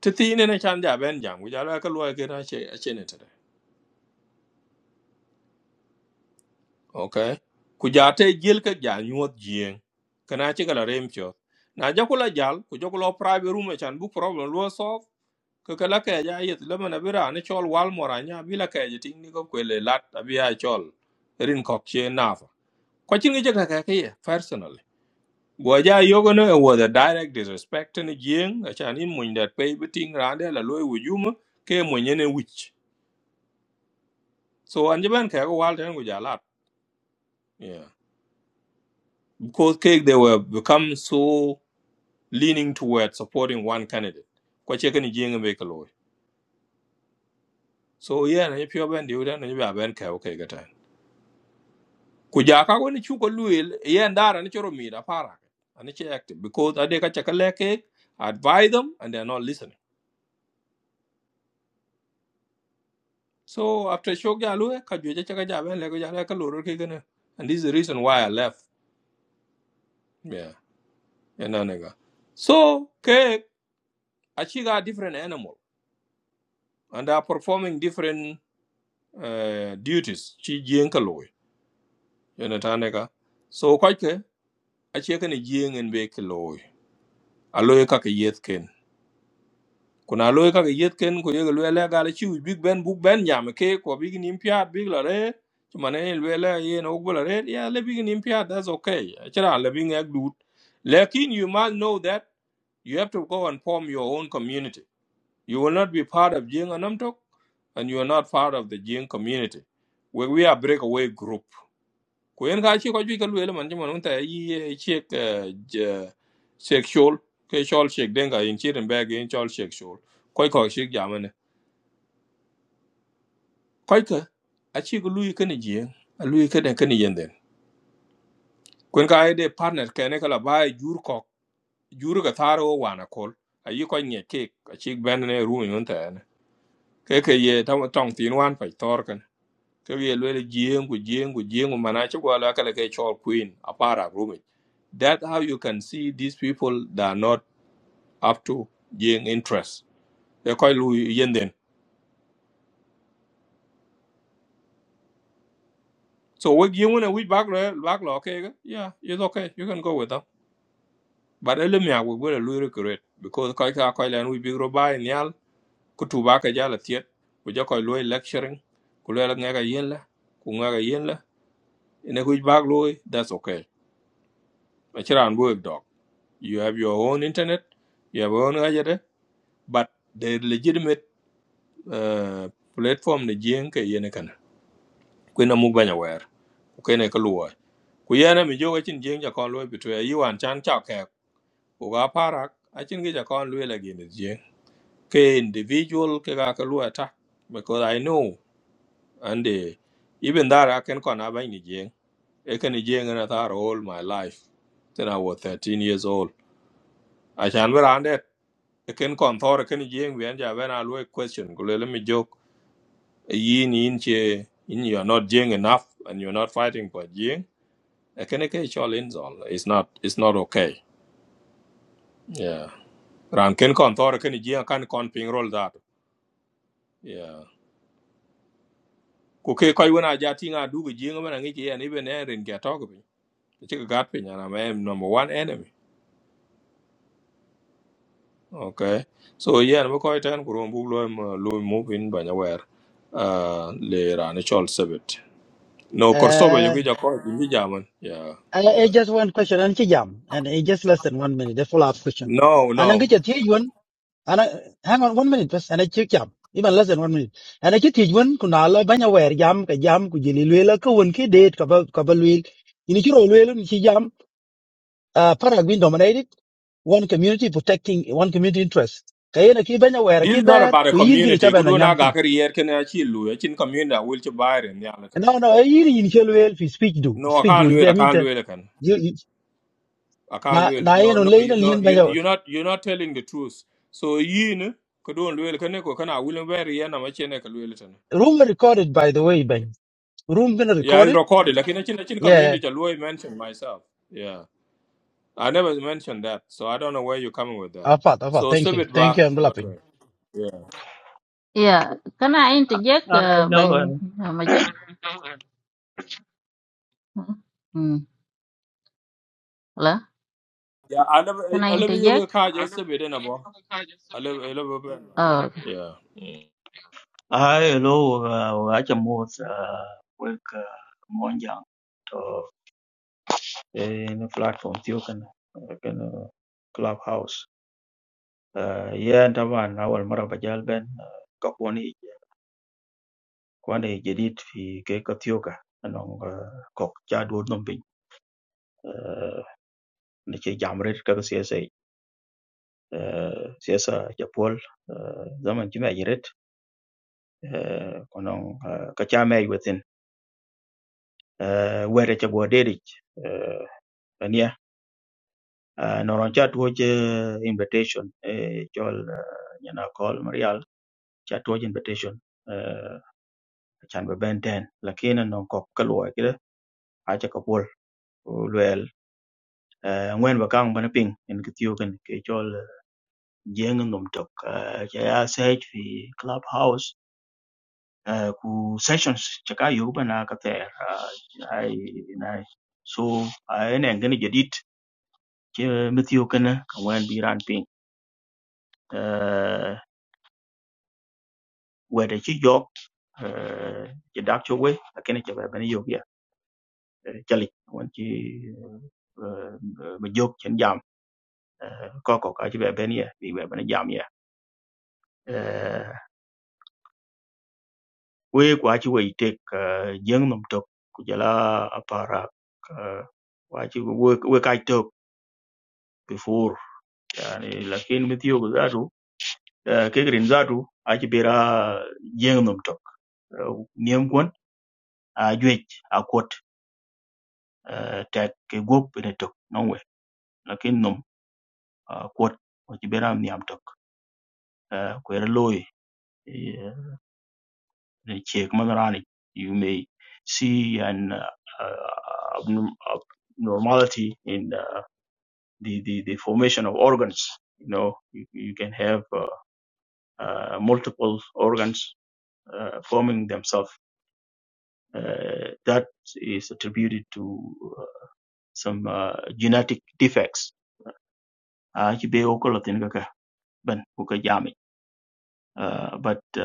S1: Titi in a chan ja ben jam, which I like a lawyer get a chin today. Okay? Kujate jilka jan yuot jeng. Can I check a rem shot? Na jakula jal, kujokula private room a chan book problem lo solve. Kakala kaja yet lemon abira and a chol wal moranya, bila kaja ting niko kwele lat abia chol. Rin cock chain nafa. Kwachin gijaka kaya, personally. Gwaja Yogono it was a direct disrespect in the Jing, a Chanin Mun that pay betting Randa, La Loy Wujuma, came when any witch. So Anjaban Kago Walton with a lot. Yeah. Because cake they were become so leaning toward supporting one candidate. Kwachekan Jing and Bakaloy. So yeah, and if you're Ben Dudan and you are Ben Kao Kagatan. Kujaka when you go Luil, yeah, and that and it's your meat, a para. And it's active because I take a chakalake, advise them, and they're not listening. So after show Galue, Kajuja Chakajabe, Lego Jalaka Loro Kigana. And this is the reason why I left. Yeah. And nega. So K Achiga a different animal and are performing different uh, duties. Chi Jienkaloi. Yanatanega. So quite Achikan a Jien and Bekaloi. Aloe Kaka Yetken. kuna loy ka yet ken ko yega lwele ga la chi big ben bug ben nyam ke ko big nim piat big la re mane lwele ye no go la re ya le big nim piat that's okay chira le big ek dut lekin you must know that you have to go and form your own community you will not be part of jing and namtok, and you are not part of the jing community we we are breakaway group ku yen ka ci ko ju ka lwel man jama nun ta yi chek chek shol ke shol chek denga in chiren bag in chol chek shol koy ko shek jamane koy ka a ci ko lui kan ji a lui ka den kan yen den kun ka ai de partner ka ne kala ba jur ko jur ga taro wana kol a yi ko nye ke a ci ben ne ru mi nun ta ne ke ke ye ta tong tin wan pa tor kan ke ye lwele jieng ku jieng ku jieng ku mana ci ko la kala ke chol queen apara rumi that how you can see these people that are not up to jieng interest They call lu yenden so we jieng wona we back lo back lo okay ga? yeah it's okay you can go with them but ele mi agu gole lu recruit because koy ka koy len we big robai nyal ku tu ba ka jala tiet ku jo koy lu lecturing ku le la ngaga yen la ku ngaga yen la ene ku back lo that's okay ma chiran work dog. You have your own internet, you have your own agenda, but the legitimate uh, platform the jeng ke yene kana. Kwena mubanya wer. Kwena kaluwa. Kuyana mi joga chin jeng ja kon loy betwe you and chan cha ke. Uga parak a chin ge ja kon loy la gene jeng. Ke individual ke ga kaluwa ta because I know and uh, even that I can kon abang ni jeng. Ekani jeng na tar all my life. Then I was 13 years old. I shan wer ken kon thor ken jeng wen ja when I look question go let me joke yin yin che yin you are not jeng enough and you're not fighting for jeng a ken ke e chol in zol it's not it's not okay yeah ran ken kon thor ken jeng kan kon ping roll that yeah ku ke koi wona ja tinga du go jeng man ngi ye ni ben erin ga talk bi che ga gat pin na I am number one enemy okay so yeah no ko ten ku rom bu lo lo move in ba nyawer uh le ran chol sebit No, Kosovo, you
S19: Uh,
S1: get German. Yeah,
S19: I, I
S1: yeah.
S19: just one question, and she jam, and it's just less than one minute. The follow-up question,
S1: No,
S19: and I
S1: no.
S19: get your teach one, and I hang on one minute, first, and I check jam, even less than one minute, and I get teach one. Kunala banya wear jam, ka jam kujili luela ka won ki date kaba kaba luel. Ini chiro luel ni she jam. Uh, para gwin dominated. one community protecting one community interest kayena ki banya wera
S1: This
S19: ki
S1: is not
S19: ber
S1: about a
S19: ku yir ki
S1: community.
S19: chaba
S1: could do
S19: na
S1: Kudu na
S19: nyang pin
S1: gakari yer kena chilu. Chin community I will to buy in Yalatan.
S19: no no e yir yin chelo el fi speech do
S1: No, I
S19: speech
S1: can't do
S19: won
S1: it.
S19: ge
S1: I can't
S19: mita
S1: do it. I can. I can't
S19: na
S1: do it.
S19: na
S1: No,
S19: yen on
S1: no, you,
S19: leina
S1: no.
S19: lien
S1: You,
S19: banya
S1: you're not. You're not telling the truth. So yin kudu nlu el kene ko kana will buy yer na machine kalu el tan.
S19: room recorded by the way ben room been
S1: Yeah, it's
S19: recorded
S1: recorded. Like in a chin a chin
S19: yeah
S1: community, I mentioned myself. Yeah, I never mentioned that. So I don't know where you're coming with that.
S19: apa apa
S1: So
S19: thank
S1: save
S19: you
S1: it
S19: thank
S1: back.
S19: you i'm
S1: Not
S19: laughing
S1: right. Yeah.
S16: Yeah, can I interject,
S22: anh
S16: uh,
S22: lâu
S16: Ben uh, Majuk? Mm. Hello?
S1: Yeah, I never.
S16: Can
S1: I
S16: I
S1: I never yoga
S16: interject?
S1: card yesterday, then abo. I never. I never. been like that.
S16: Oh,
S1: Yeah. Mm.
S22: anh lâu ở cái mối với môi trường đó nền platform tiêu con cái nó clubhouse à yeah đó là năm đầu mà ra bắt đầu lên các quan hệ quan hệ giới thiệu khi các tiêu cả những cái chat word nấm bì những cái game rồi các cái sự sự tập hội cái mình chỉ mấy rồi cái những cái chat mấy bữa tin người chơi qua đời đấy ania uh, noron cha tuwo che invitation e chol uh, nyana call marial chat tuwo che invitation uh, chan be ben ten lakini non kok kalwa kida acha kapol luel uh, ngwen ba kang bana ping en kitiyo kan ke chol uh, jeng nom tok uh, cha ya sech fi club house uh, ku sessions cha ka yu bana ka ter uh, ai nai so ai ne ngani jadit che mithiyo kan ka ngwen bi ran ping Uh, whether ci jok eh, ci dak ci we akene ci ben yogia ci li won ci ma jok chen jam eh, ko ko ka ci ben ye bi ben jam ye Eh, we kwa ci we tek eh, jeng nom tok ku jala apara eh, wa ci we we ka tok before yani lakin mit yo zatu eh, ke green zatu a ci bera jeng nom tok Eh, niem kon a jwej a kot eh, tek ke gop ne tok non lakin nom ah, kuot ko ci beram niam tok Ah, ku era loy eh, ne chek magarani you may see an uh, uh, abnorm- abnormality in uh, the, the the formation of organs you know you, you can have uh, uh, multiple organs uh, forming themselves uh, that is attributed to uh, some uh, genetic defects uh, ci be ko latin ka ka ban ku ka jami. Uh, but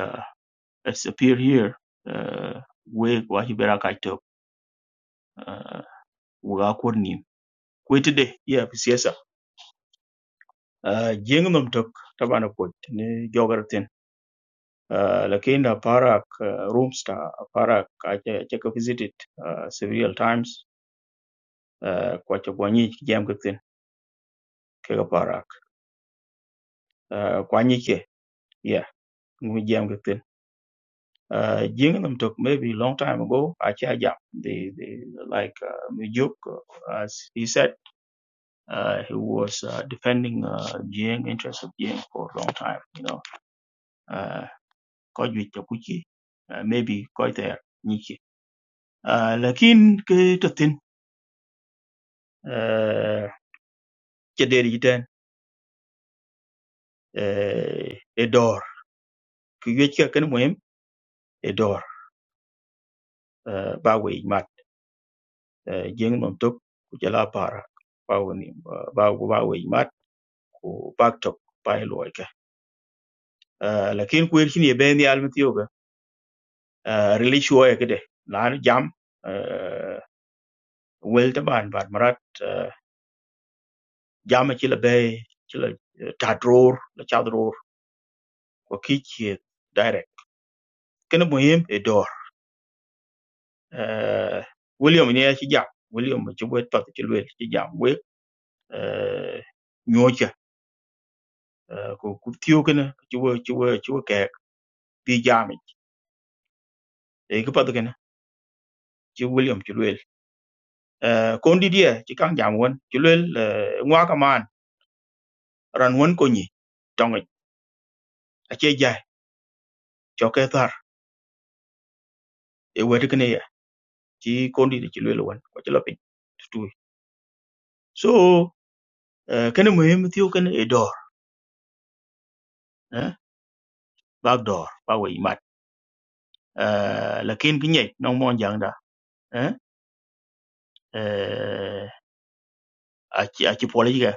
S22: It's appear here. Uh, we wachi bera kai tok. Uh, we ga kur nim. Kwe today, yeah, pisiesa. Uh, jeng nom tok tabana pot ni jogar tin. Uh, lakini na parak uh, rooms ta parak ache check visited uh, several times. Uh, kwa chakwanyi jam kitin kega parak. Uh, kwanyi ke, yeah, ngui jam kitin. Uh, jeng nom tok maybe long time ago ache jam. They they like uh, Mijuk, uh, as he said. uh, he was uh, defending uh, Jiang interests of Jiang for a long time. You know, uh, có duy cho Kuchi, uh, maybe có thể như kia. Uh, lakin cái trật tin, uh, cái đề gì tên, uh, Edor, cái duy cho cái mềm, Edor, uh, ba quỷ mặt, uh, Jiang nằm tục, của gia la para, ba quỷ niệm, uh, ba ba quỷ mặt, của bác trọc, ba lỗi cả. Uh, lakin quên khi nhớ bên đi almatiyoga, uh, relation cái đấy, là nó jam, wel taban bar marat eh, jama ci la bay ci la eh, ta dror la cha dror ko ki ci direct kene muhim e dor Eh, william ne ya ci jam william ci bo tot ci wel ci jam we nyocha ko ku tiyo kene ci wo ci wo ci wo ke bi jami e ko pat kene ci william ci wel ko ndi dia ci kan jam won ci wel ngwa ka man ran won ko ni tongi a ce jai cho ke thar e wet ci kondi de ci lwelo wan ko ci lopin tutui so uh, kene muhim thiu kene e dor eh bag dor ba we mat uh, lakin ginye nong mon jang da eh eh, aci aci politika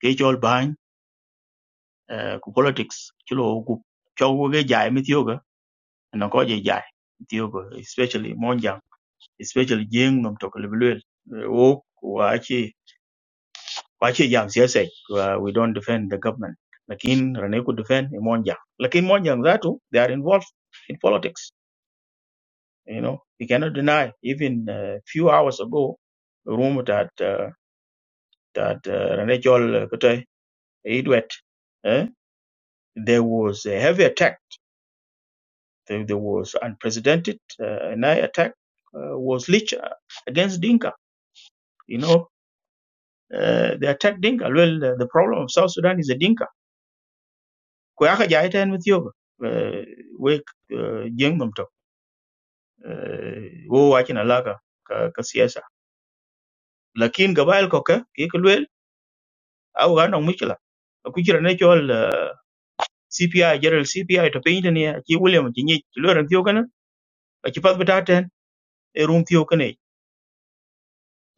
S22: ke chol bany eh, ku politics ci lo ku chogu ge jai mi thiu ga no ko je jai thiu especially mon jang especially jeng nom to ko lwel o ku aci kwa jam siasa uh, we don't defend the government lakin rane could defend monja lakin monja zatu they are involved in politics you know you cannot deny even a uh, few hours ago rumor that uh, that uh, rane chol kutay idwet eh, there was a heavy attack there, there was unprecedented uh, an attack uh, was leached uh, against dinka you know uh, they attacked dinka well uh, the problem of south sudan is a dinka ko aka jai ten with yoga eh, we eh, jeng dum tok eh, wo wa kina laka ka ka siyasa lakin cái cái ka ke ko lwel aw ga no mukila ku jira là chol eh, CPI general CPI to pin ne này, ki William ki ni ki lwel tiyo kana a ki pat bata ten e rum tiyo kana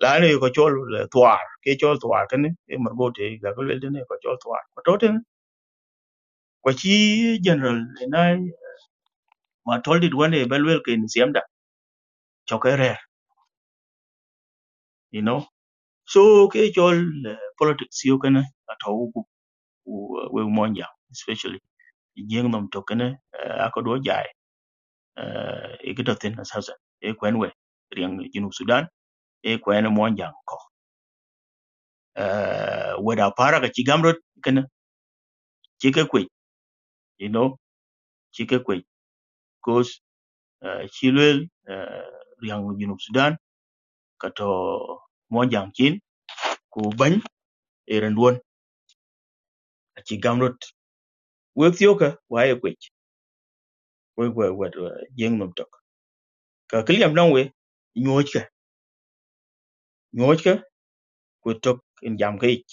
S22: la ne ko chol eh, twar ke chol twar kana e margote ga ko lwel ne ko chol twar ko to ten ko chi general na ma told it one e belwel ke ni siamda chokere you know so ke chol eh, politics yo kana ato ku ku, eh, we monja especially jeng nom to kana akodo jai eh, e kita tin asasa e kwen we riang jinu sudan e kwen monja ko Eh, weda para ka chigamrot kana chike kwe you know chike kwe cause chilwel riang jinu sudan kato monja kin ku bany e renduon achigamrot wek yoka wae kwe we we we jeng nom to ka kiliam don we nyoch ka nyoch ka ko tok in jam ka ich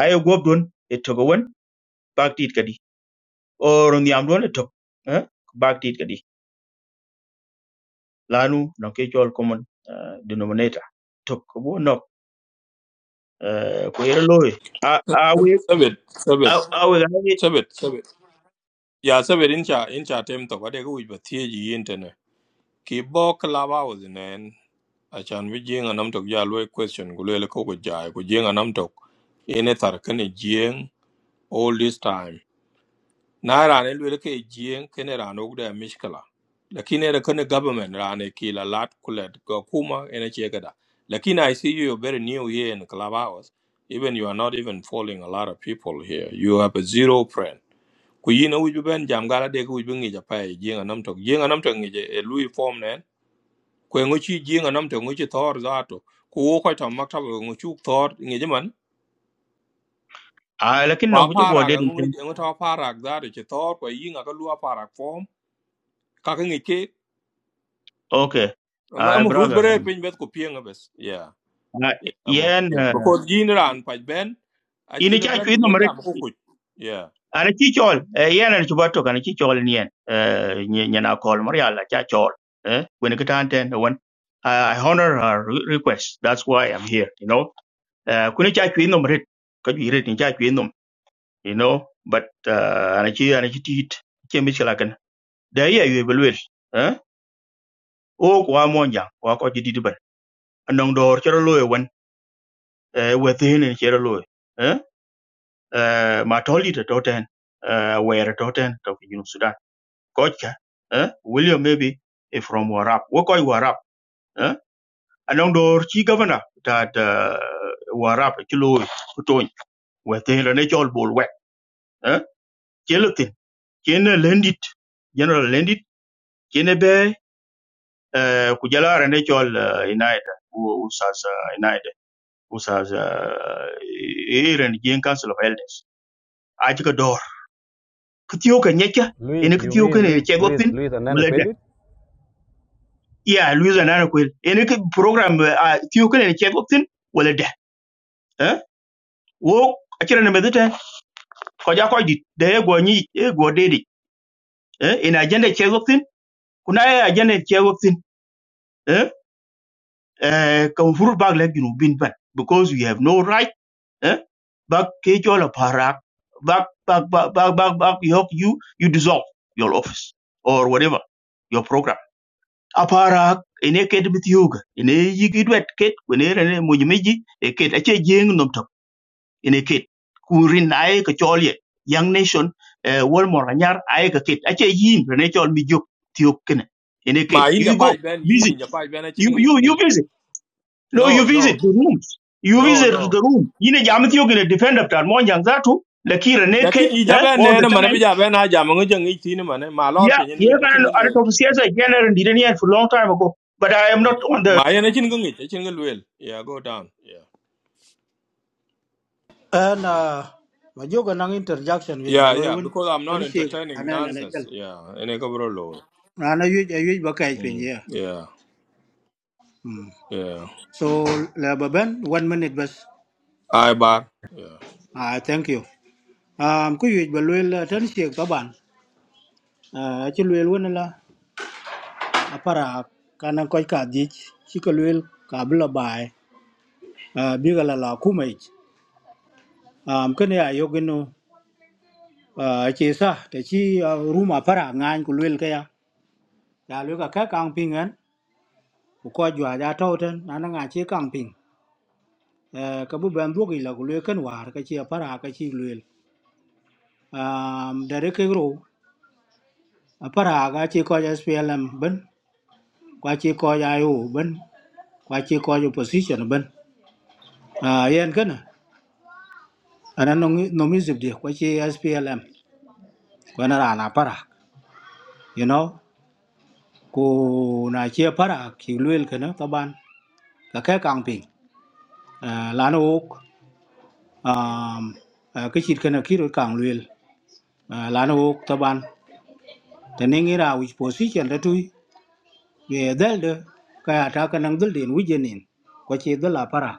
S22: ay gob don e to go won bak tit ka di or on yam don e tok eh bak tit ka di lanu no ke chol common eh, denominator tok ko bo no eh, ko yero loy a a we
S1: Sabit,
S22: a
S1: sabit,
S22: a we ga ni
S1: sabit, sabit. Yeah, sabit. Incha, incha. Time to what they go with the theory internet. Kibo kalaba was in an. Achan vi jing anam tok ya lwe question gulwe le koko jai ku jing anam tok. Ine tar kani jing all this time. na rane lwel ke jien kene rane ugde ya mishkala lakini era kene government rane kila lat kulet go kuma ene chegada lakini i see you you're very new here in clubhouse even you are not even following a lot of people here you have a zero friend ku yina wuju ben jam gala de ku wuju ngi japa e jien anam tok jien anam tok ngi je e lui form nen ku ngo chi jien anam tok ngo chi thor zato ku wo ko ta maktaba ngo chu thor ngi jaman
S22: a lakin non
S1: pa
S22: ko go
S1: para
S22: de
S1: ga ngo
S22: den
S1: ngo ta para ga zato chi thor ku yinga ka lua para form
S22: okay
S1: I'm
S22: ay
S1: I'm root
S22: brother
S1: bere pin bet ko pieng abes. Yeah.
S22: Ah,
S1: Yeah. I'm
S22: yen
S1: yeah.
S22: eh,
S1: Because yin ran pa ben a chi
S22: ini cha
S1: ben
S22: chwi
S1: ku
S22: no
S1: je jam
S22: mare
S1: ko ku. Yeah.
S22: ana ci chol eh, yen ana chuba to kana ci chol nien eh, nyi- nyana kol mar yalla cha chol eh, when it can't end when I I honor her re- request. That's why I'm here, you know. Uh, kuni cha chwe nom rit, ka jwi rit ni cha chwe nom, you know. But uh, ana chi ana chi tit, chi mi chila kan. Da ye ye belwel, eh? O ko amo nya, ko ko ji didi bar. Anong dor chero loye wen, eh, wethin ni chero loye, eh? Eh, ma toli to toten, eh, were toten to ten to ki Junub Sudan. kocha eh william maybe eh, from warap What koy warap eh anong the chi governor that uh, warap chi loy kutoy we te ne chol bol we eh chelotin chene lendit general lendit chene be eh ku jala ne chol uh, united u- usas uh, united usas uh, iren gen council of elders I took a chi ka dor kitiyo ka nyeka ene kitiyo ka ne chegopin Yeah, Luis and Anna Quill. Any program, uh, you can check up in, well, there. Eh? Wo, akira na medita, kwa jako di, da ya gwa nyi, ya gwa dedi. Eh? In agenda check up in, kuna ya agenda check up in. Eh? Eh, kan furu bag leg, you know, bin ban. Because we have no right, eh? Back, ke chola parak. back, back, back, back, back, back. you, you dissolve your office or whatever, your program. aparak ene ket bi thiuga ene yigi dwet ket kwene rene mujimiji e ket ache jeng nom ene ket kurin ae ka cholye young nation eh, wol mora nyar ae ka ket ache yin rene chol mi jok thiuk kene ene
S1: Ma
S22: ket
S1: yin ja
S22: you
S1: pa
S22: go
S1: ben yin
S22: visit
S1: in ja pa ben a chi
S22: you
S1: ngi
S22: you you
S1: tin.
S22: visit no
S1: No,
S22: you
S1: no.
S22: visit the rooms you
S1: No,
S22: visit
S1: no.
S22: the room yine jam thiuk ene defend up tar monjang zatu la kira ne ket
S1: Lakin i ja
S22: eh,
S1: ben
S22: all
S1: ne
S22: the
S1: na man bi
S22: time
S1: ja ben a jam ngi je ngi tin man ma lor
S22: yeah
S1: pin ni
S22: yeah
S1: na chin
S22: kan
S1: ngi
S22: ara to
S1: wel.
S22: siasa general didn't for long time ago but i am not on the
S1: Ma yin a chin ngi a chin ngi wel. Yeah, go down. Yeah.
S18: Ana ma joga nang interjection ye ba
S1: Yeah,
S18: loy
S1: yeah,
S18: won
S1: because I'm not
S18: dan ce ga
S1: entertaining
S18: na na na
S1: nonsense. Yeah, in a cover low.
S18: Rana yuj a yuj ba kaj pin
S1: Mm,
S18: ye.
S1: yeah,
S18: Mm.
S1: yeah.
S18: So la ba one minute bas.
S1: I bar. Yeah,
S18: Ah thank you. Um ku yuj ba luel tan siek ba ban. Ah ci luel wona la apara kana koj ka dich ci ka luel ka bla bai. Ah bi ga la la kumai. Um kene ya yogino ah ci sa te ci ruma para ngan ku luel ka ya. Ya luel ka ka kang pin an ku ko jwa ja to ten na na nga ci kang pin. Eh ka bu ben duogi la ku luel kan war ka ci apara ka ci lwel. um, da reke ro apara ga chi ko ja SPLM ben kwa chi ko ja IO ben kwa chi ko ja position ben uh, yen kana ana no no mi zib de kwa chi SPLM kwa na ra na para you know ko na chi para ki luel kana taban ka ka kang ping uh, lana ok um, uh, cái chit kana ki ro kang luel uh, lana ok taban ta ne ngira which position da tui về del de ka ta ka nang dul din wijenin kwa chi dal para.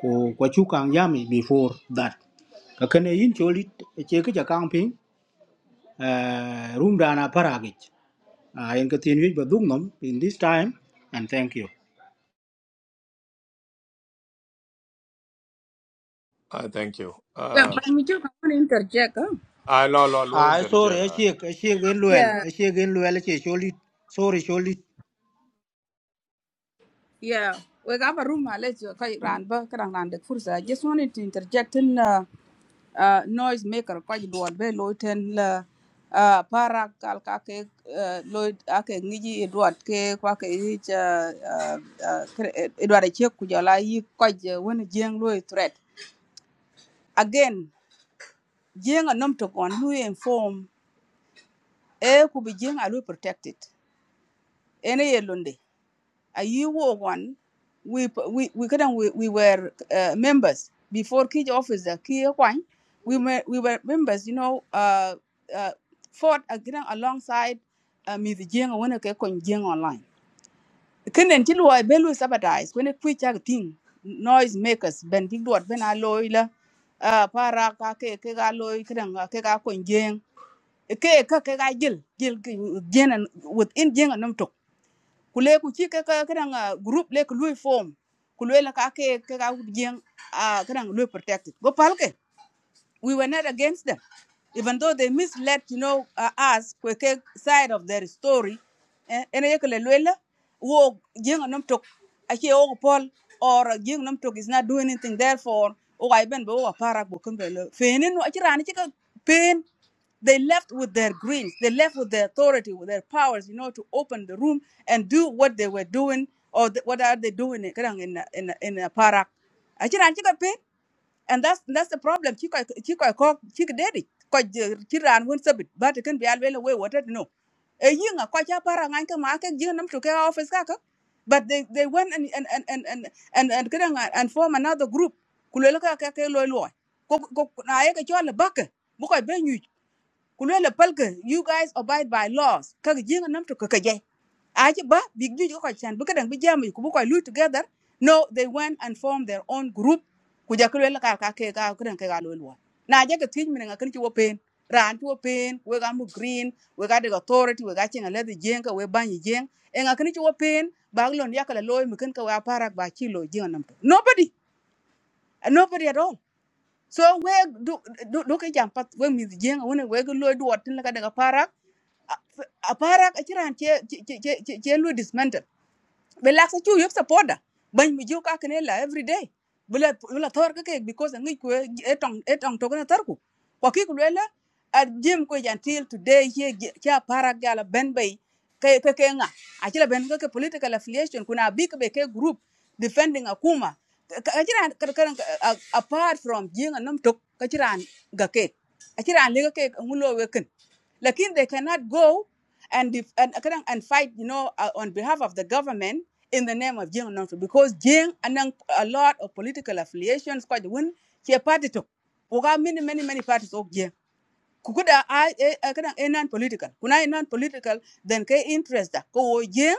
S18: ko ko chu kang yami before that ka kane yin cholit che ke ja kang ping eh, room dana paragi a yen ka tin wi ba dung nom in this time and thank you
S1: I thank you.
S17: Yeah,
S1: Ah.
S17: but me too, I want to interject. Huh?
S1: I lo lo lo
S18: I sorry
S1: interject.
S18: a
S1: I.
S18: che a che gen luel
S17: Yeah,
S18: a che gen luel che cholit sorry cholit
S17: Yeah, we got a room. Let's go. Ran ba karang ran dek fursa. I just wanted to interject in uh, uh, noise maker. Quite duat be loy ten la uh, para kal Kake ke uh, loy ake ngiji duat ke kwa ke ich duat e chek kujala yi kaj when jeng loy threat. Again, jeng a nom to kon loy inform. E ku be jeng a loy protected. Ene ye lunde. a year one we we we couldn't we, we were uh, members before key officer key one we were we were members you know uh, uh fought again alongside uh, Ms. when I can Jing online kenen until luwa be sabotage when a quick thing noise makers ben big dot ben a la uh, para kake ke alloy. ga loy kren ke ga kon jing ke ka ke ga jil jil jin ku le ku ci group le lui form ku la ka ke jeng a kadang lui protected go pal we were not against them, even though they misled, you know, uh, us kweke side of their story. Eh, Ene yekele lwela, wo jenga namtok, akie wo Paul or jenga namtok is not doing anything. Therefore, o aiben bo wa parak bo kumbelo. Fenin no achira ani chika pain. They left with their greens. They left with their authority, with their powers, you know, to open the room and do what they were doing or th- what are they doing in in in, in a parak. Achira ani chika pain and that's that's the problem ci koy ci koy ko ci dedi ko ci ran won sabit ba te kan bi alwele we wotet no e yinga ko cha para ngan ka ma ke jinam to ke office ka ka but they they went and and and and and and and kidang and form another group kulelo ka ka ke loy loy ko ko na ye ke chola bak bu koy be nyu kulwela palka you guys abide by laws kak jinga nam to kaka jay aje ba big juju ko chan bu kadang bi jamu ku bu ko lu together no they went and formed their own group ku ja kulwela ka ka ke ka kadang ke ga lu lu na je ka tin mi nga kan ti ran ti wo we got mu green we got the authority we got chinga le the jenga we ban yi jeng e nga kan pain. wo pen ba lon yakala loy mi kan ka wa parak ba chi lo jinga nam nobody nobody at all so we du du du ke jam pat we mi jeng wona we go loy duot tin la ka daga parak a parak a chiran che che che che che lo dismantle be lak sa chu yop support da ban mi ju ka kene la every day bula bula tor ka ke because ngi ku etong etong to kana tar ku ko ki ku la at jim ko until today here kya para gala ben bay ke ke ke nga a chila ben ka ke political affiliation kuna big be ke group defending akuma ka chiran kan apart from jinga nam tok ka chiran ga ke a chiran le ka ke ngulo we ken lakin they cannot go and def- and and fight you know uh, on behalf of the government in the name of Jiang Nongso because Jiang anang a lot of political affiliations quite win he a party to Oga many many many parties of Jiang. Kukuda I kadang e non political. Kuna e non political then ke interest da ko Jiang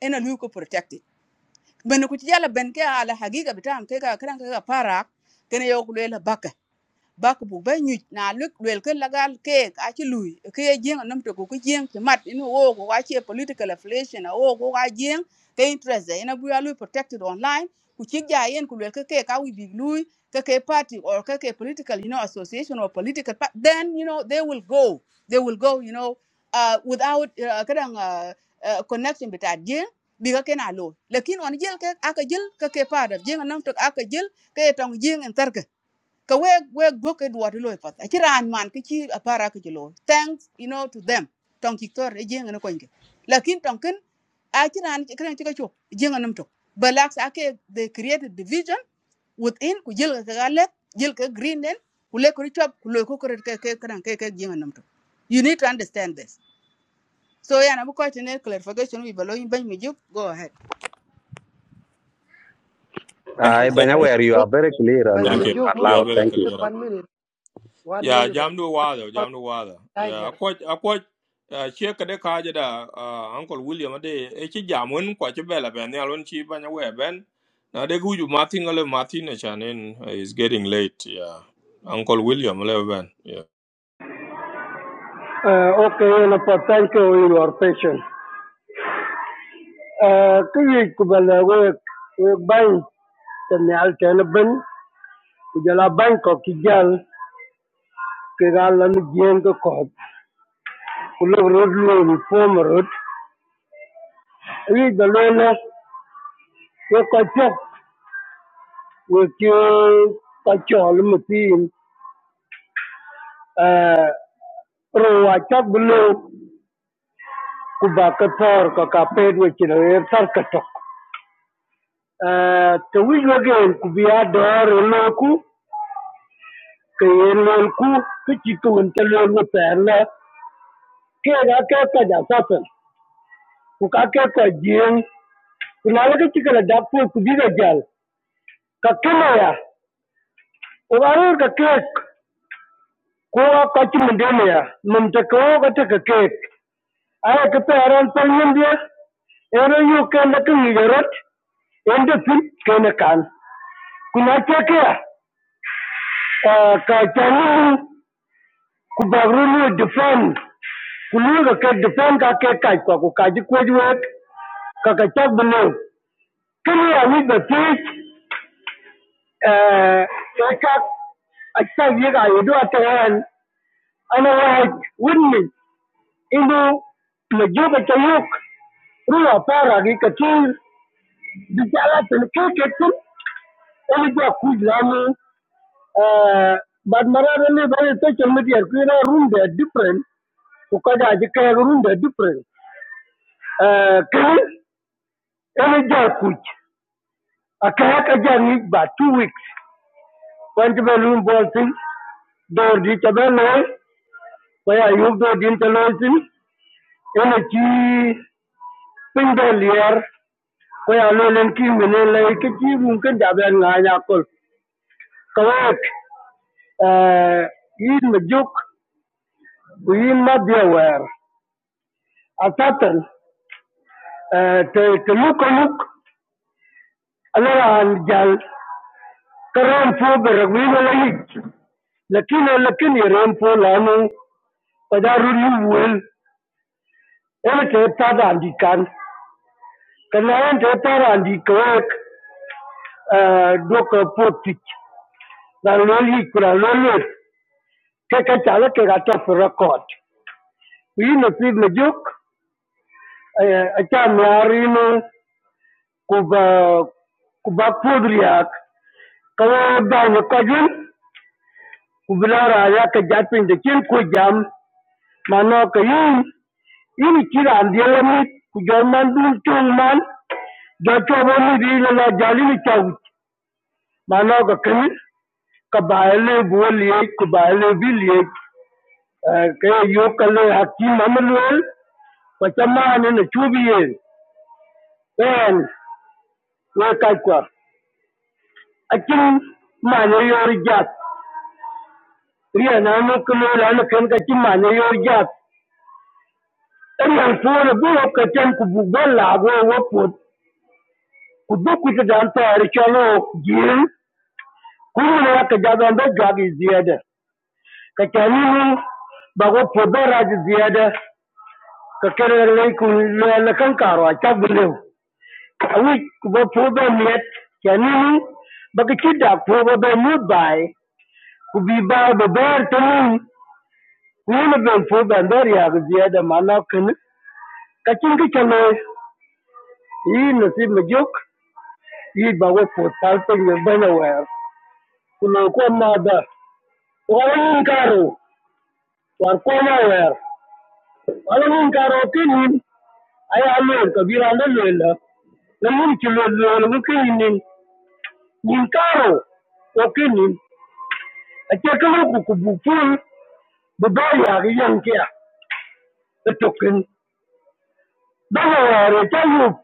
S17: ena lu ko protected. Ben ku tiyala ben ke ala hagiga bitam ke ka kadang ke ka parak kene yo kulela ba ku buk ba nyuc na luk luel ke lagal keek aci lui ke ye jieŋ a nom toku ku jieŋ ci mat ina wo ko aci political affiliation a wo ko a jieŋ ke interest de ina buya lui protected online ku cik ja yen ku luel ke keek a wic bik lui ke ke party or ke ke political you know association or political pa- then you know they will go they will go you know uh, without uh, kadang uh, uh, connection bita jieŋ bi ka ken a lo lakin on jel ke aka jel ke ke part of jieŋ a nom tok aka jel ke tong jieŋ en tarke ka we we goke dwa to loy pat achi ran man ki chi apara ki lo thanks you know to them tong ki tor e jeng na ko nge lakin tong ken achi ran ki kren ti ka chok jeng nam tok balax ake they created division within ku jil ka gale jil ka green den ku le ko chop ku loy ko ko ke ke kran ke ke jeng nam tok you need to understand this so yeah na bu ko tene clarification wi balo ban mi juk go ahead
S4: I
S1: Thank,
S4: banya
S20: bay
S4: wear you are very clear and, and,
S1: thank
S20: mi
S1: you.
S20: jog
S4: and
S1: You are
S20: mumkin
S4: loud.
S1: very
S4: Thank you.
S1: clear.
S20: one minute one
S1: Yeah,
S20: minute
S1: jam do wada, jam do wada. Yeah,
S20: tiger
S1: akwa akwa che kade kaje da ah, Uncle William ade e chi jam won kwa che bela ben ya lon chi banya we ben. Na de guju Martin ale Martin e chanen is getting late. Yeah. Uncle William le ben. Yeah.
S11: okay e na patan ke we your patient آه، Cái gì của bà là quê quê bánh Thì nè al chai là bánh Của gia la bánh có kỳ gian Kì gà là nó dien cái cọp Của lúc rốt luôn phô mà rốt Ý bà lê nè Quê có chọc Quê chê Có chọ là cái cái chỗ, cái cái chỗ là một tiên Rồi hòa chọc bà lê Của bà cái thor Có cà phê Quê chê là ế thar cà chọc Thì quý bà ghen Của bia đỏ rồi lô cú Kì ế lô cú Cái chì tùn chà lô ngô tè lạ Kekakaja sasa kukakekwa jieng kunalaka cikala dakpu kubiga jal kakeme ya ukarir ka kek kuwa kaci mendeme ya memta kawo kata ka kek aya kape aran panyen dia ero yu kenda ka ngigarot ende pin kena kan kuna ceke ya ka cani kubagru lu defend kulu ka kek defend ka kek kaj kwa kukaji kuwaj wek kaka cak benew kini ya wi ba pich uh, Saka attack yaga ay do atagan ana wahid winni inu majuba tayuk ruwa para gi katir bijala tan keketin ele do kujlamu uh, but marara ne bare social media ku na room they are different ku kada ji kaya room they are different uh, kai ele do kuj akaya ka jani ba two weeks when the balloon ball thing door di chabelo Kwaya yugdo din taloisin, ene chi pindo lier, kwaya lo len ki mene lai ke chi mungkin dabe nga yakul. Kawak, eh yin majuk, yin madya wer. Atatan, te te luk luk, alara an jal, karam po beragwi wala yik. Lakin eh, lakin yiram po lanu, kwaya ruli wuel, ene te tada andikan. Kanayan te tada andikawak, doka potik. Barologi Kuralolet, Kakachala Kagata Furakot. Yin a Pid Majuk, a Chamarino, Kuba Kuba Pudriak, kalau dah Kajun, Kublara raya Japin the Chin Kujam, Manoka Yin, Yin Chira and the Elamit, Kujaman Dun Chungman, Jacobani Rila Jalini Chau, Manoka Kamin, Kabaile Buliak, bilik, Biliak, Kayokale Hakim Amanuel, Wace maanini tjubiyeeni pen weekakua acin maana yoor jaat riya naanu kiloolan ken ka ci maana yoor jaat eriyan suwani bu wop ka cen ku buk ban laab wo wo puot ku duk ku ci daan toori col wo jiin kuruna ya ka jaban ba jwaag i ziyada ka canini ba wo puot ba raaj ziyada ka kerere lay ku leela kan kaaro a caggulew which were proven yet canini bakachida proba be mudbai kubi ba be ber tani kuna be proba ber ya gziya da mana kan kacin ka kalo yi nasib majuk yi ba wai for talpin ya bana wayar kuno ko ma da wani karo war ko ma wayar wani karo kinin ay amen kabira na lela na mun ki lolo kinin nin karo okinin akeka ko kinin a ce kamar ku ku bufun Babaria riankia etoken babaria chayu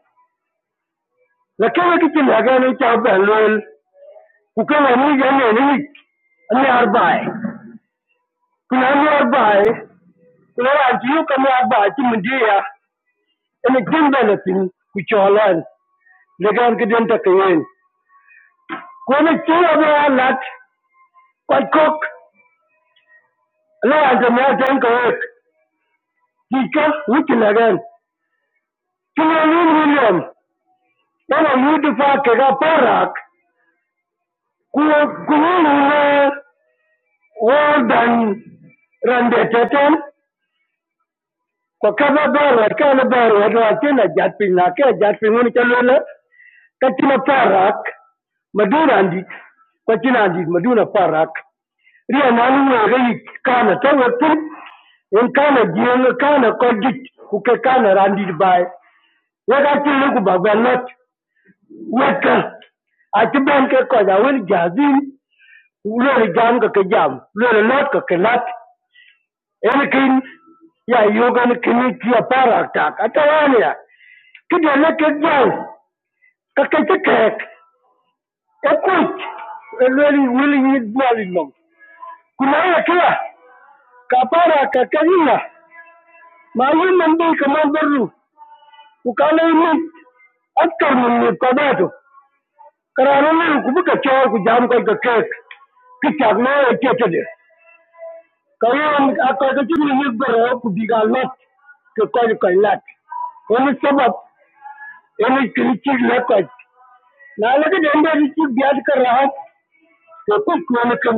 S11: la kawa kitina gani cha balwel kukawa ni gani ni ni arbae kuna ni arbae kuna antiyo kama arbae timundia ene kimba na tin kucholan legan kiden takayen kone chira be alat kwai kok la ante ma tan kawek kika witina gan kuna ni william yana yudu fa kaga parak kuwa kuwa Orban rande teten ko kaba baro kala baro ro tena jat pin na ke jat pin ngun chalula katina parak madura andi katina andi madura parak ria nanu ngai kana tawa pin en kana jeng kana kojit ku ke kana randi bai wega tilu ku bagalot weka ati ben ke koja wel jazin lori jam ka ke jam lori lot ka ke lot ولكن يا يوغان كنيتي بارك تاك اتوانيا كده لك الجاي ككيتك هيك اكوت الولي ولي يدوالي الموت كنا يا كده كبارك ككيلا ما يمن بي كمان برو وكان يموت اكتر من قضاته قرارنا لكم بكتشاور كجام كيك كتاب ما يكتده كيوم اكتشف يبقى رب ديغالات كقول كيلات wani sabab wani kirkir lakwas na laga da yanda rikki biya da kan rahat to kus ko na kan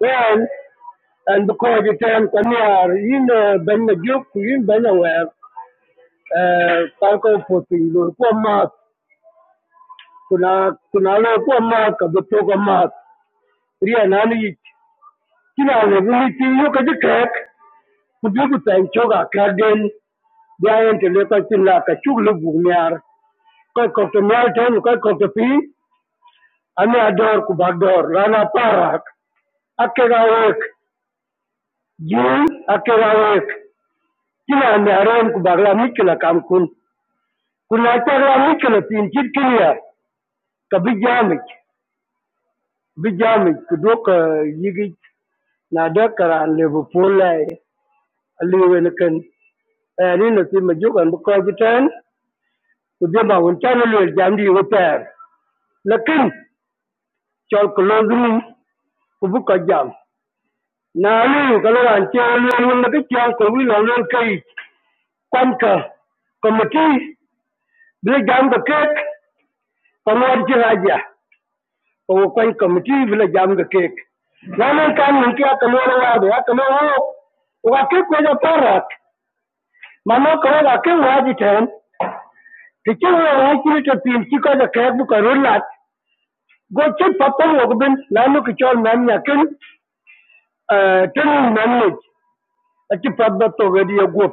S11: wayan an da kowa da ta yan kwamiyar yin ban na gyo ku yin ban na wayar farko fosin lo ko ma kuna kuna lo ko ma ka da to ko ma riya na ni kina da ni kin yo ka dika ku bi ku tan choga ka den bayan ta lokacin la ka chuglu bugmiyar kai ko to miyar ta ko ko to fi ana ador ku bagdor rana parak akegawek jur akegawek kila naren ku bagla mikla kam kun kuna tagla mikla tin chit kilia ka bi jamik bi jamik ku dok eh, yigi na da karan le bu polai aliwe ne kan ani na si majukan bu ko bitan ku de ba won tan le jamdi wo per lakin chol ko lodum ku bu ko jam na lu ka lo ran chol le mun na ke chol ko wi lo lo kai kwanka komati Bila jam ga kek, kanuwar jin hajiya, kawo kwai kamiti bila jam ga kek. Ranar kan nan kiya kanuwar wado, ya kanuwar wado. Wa kek wajen parak, mama kawo ga kek waji ten, ta kin wa wa kiri ta fi shi ko da kek buka rullat. Go cin papar wa gubin, na nuka cewa na miya kin, tun nan ne, a ci fabbar to gadi ya gwab.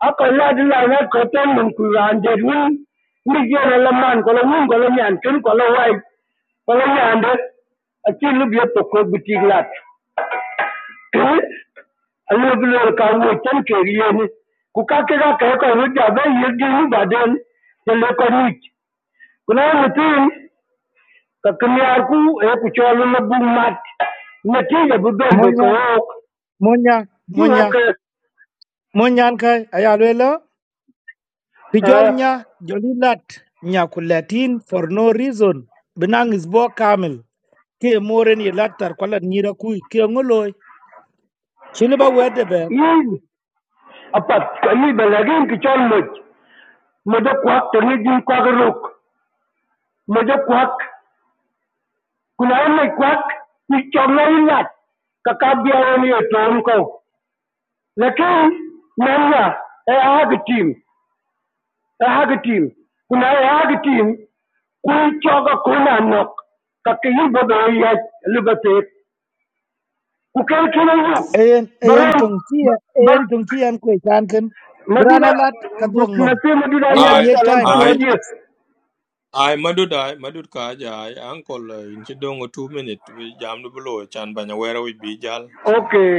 S11: akoladilawe koto mun kuyandet win mikyene lo man kolo win kolo nyan kin kolo wai kolo nyande achi lubye tokwe butik lat alubulor ka wo chen ke yeni ku ka ke ka ke ko ruja be yedi u baden ye le ko ruj kuna mutin ka kumyar ku e ku cholu lo bu mat ne ti ye bu ben be ko
S7: Monya
S11: ok
S7: monya
S11: di ok
S7: monya monya kai ayalwela pijol
S11: eh
S7: nya jolilat nya kulatin for no reason. Benang is bo kamil. ke moren ye latar kwala nyira kui ke ngoloi chile ba wede be
S11: yin apat kali belagin ki chol moj Moja-kwak tengejin kwak eruk, moja-kwak kunaemej kwak ichome ilach kakabiawen ye tom kou lakini namna ehagi tim ehagi tim kuna ehagi tim kuichoka kuna nok kakiyibodo yach libatet kukelkina yuk
S7: E en e en
S11: baram
S7: tung chi
S11: bar
S7: en tung chi an kwe chan ken
S11: madina
S7: brana lat ka nom
S11: nasi madina
S7: aya
S11: nyaya
S1: I
S7: ye
S11: calon
S7: time
S11: tu
S7: two
S1: I
S11: wadiya
S7: weeks
S1: I madud I madud kaje I Uncle uh, in chi dongo 2 minute we jam do below chan banya wera ra we bi
S11: okay
S1: So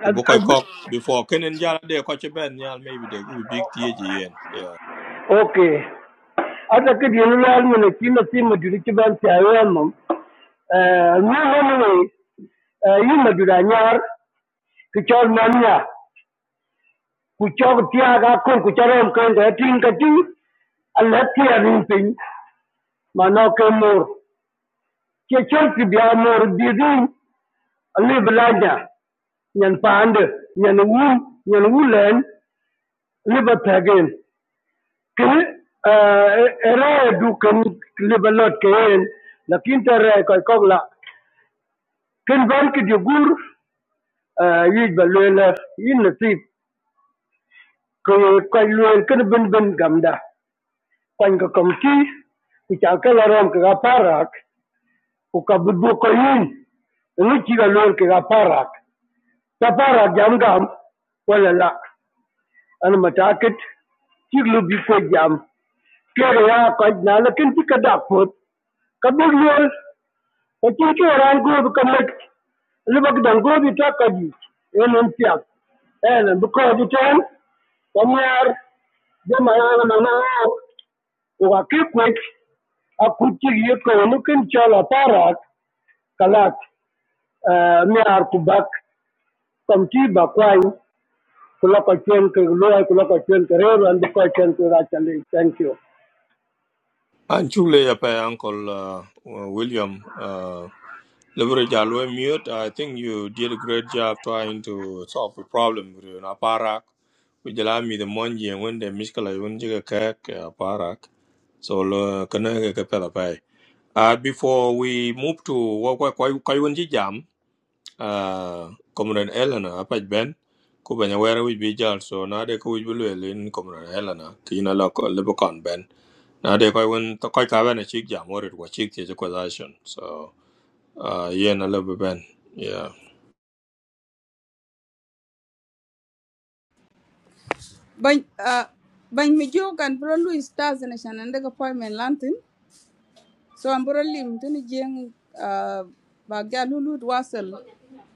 S1: Ubu
S11: az-
S1: koy
S11: az-
S1: kok before kenen jala de ko ben nyal maybe de we big tie yen. Yeah.
S11: okay Ataupun di luar negeri nasi majulah juga saya memang, memang pun. Ia majulah nyar, kacau mania, kacau tiaga, kau kacaukan ketingkat tinggal hati yang paling mana kemur, jejak si biamur di dalam levelannya, yang pande, yang ul, yang ulen level tergen. Kau era itu kan level tergen, nak kintera kalau Ken ban Kijugur yik ba luel yin nasib ke kai luel ken ben ben gamda kwan ka komti ku cha ka laram ka parak ku ka budbu ko yin ngi chi ga luel ka parak ta parak jam gam wala la an mataket chi lu bi ko jam ke ya ka na la ken ti ka da pot ka bu Ekinkyora nkubikamek lubagda nkubita kajik en en piak en because ten kanyar jama yana mana uga kikwek akuchi yeko nukin chola parak kalak miar kubak kamti bakwai kulaka chuen ke loy kulaka chuen ke reru and ko chuen ke rachali thank you
S1: And chule ya pa uncle uh, uh, William uh Leverage Alwe mute. I think you did a great job trying to solve the problem with an aparak. We jala me the money and when the miskala yun jiga kek eh, aparak. So lo kana ke pela pai. Uh, before we move to what what what jam? uh, Comrade Eleanor apach ben ku banya were wich bi jal so nade ko wich bi lwel in Comrade Eleanor ki na lo ko lebo kon ben nade ko wen to ko ka ben a chik jam orit wa chik ti ko dashon so uh, ye na lebo ben yeah
S17: Bany, uh, bany mi jo kan bro Louis Stars na shan and appointment lantin. So I'm lim tini jing uh bagya lulu dwasel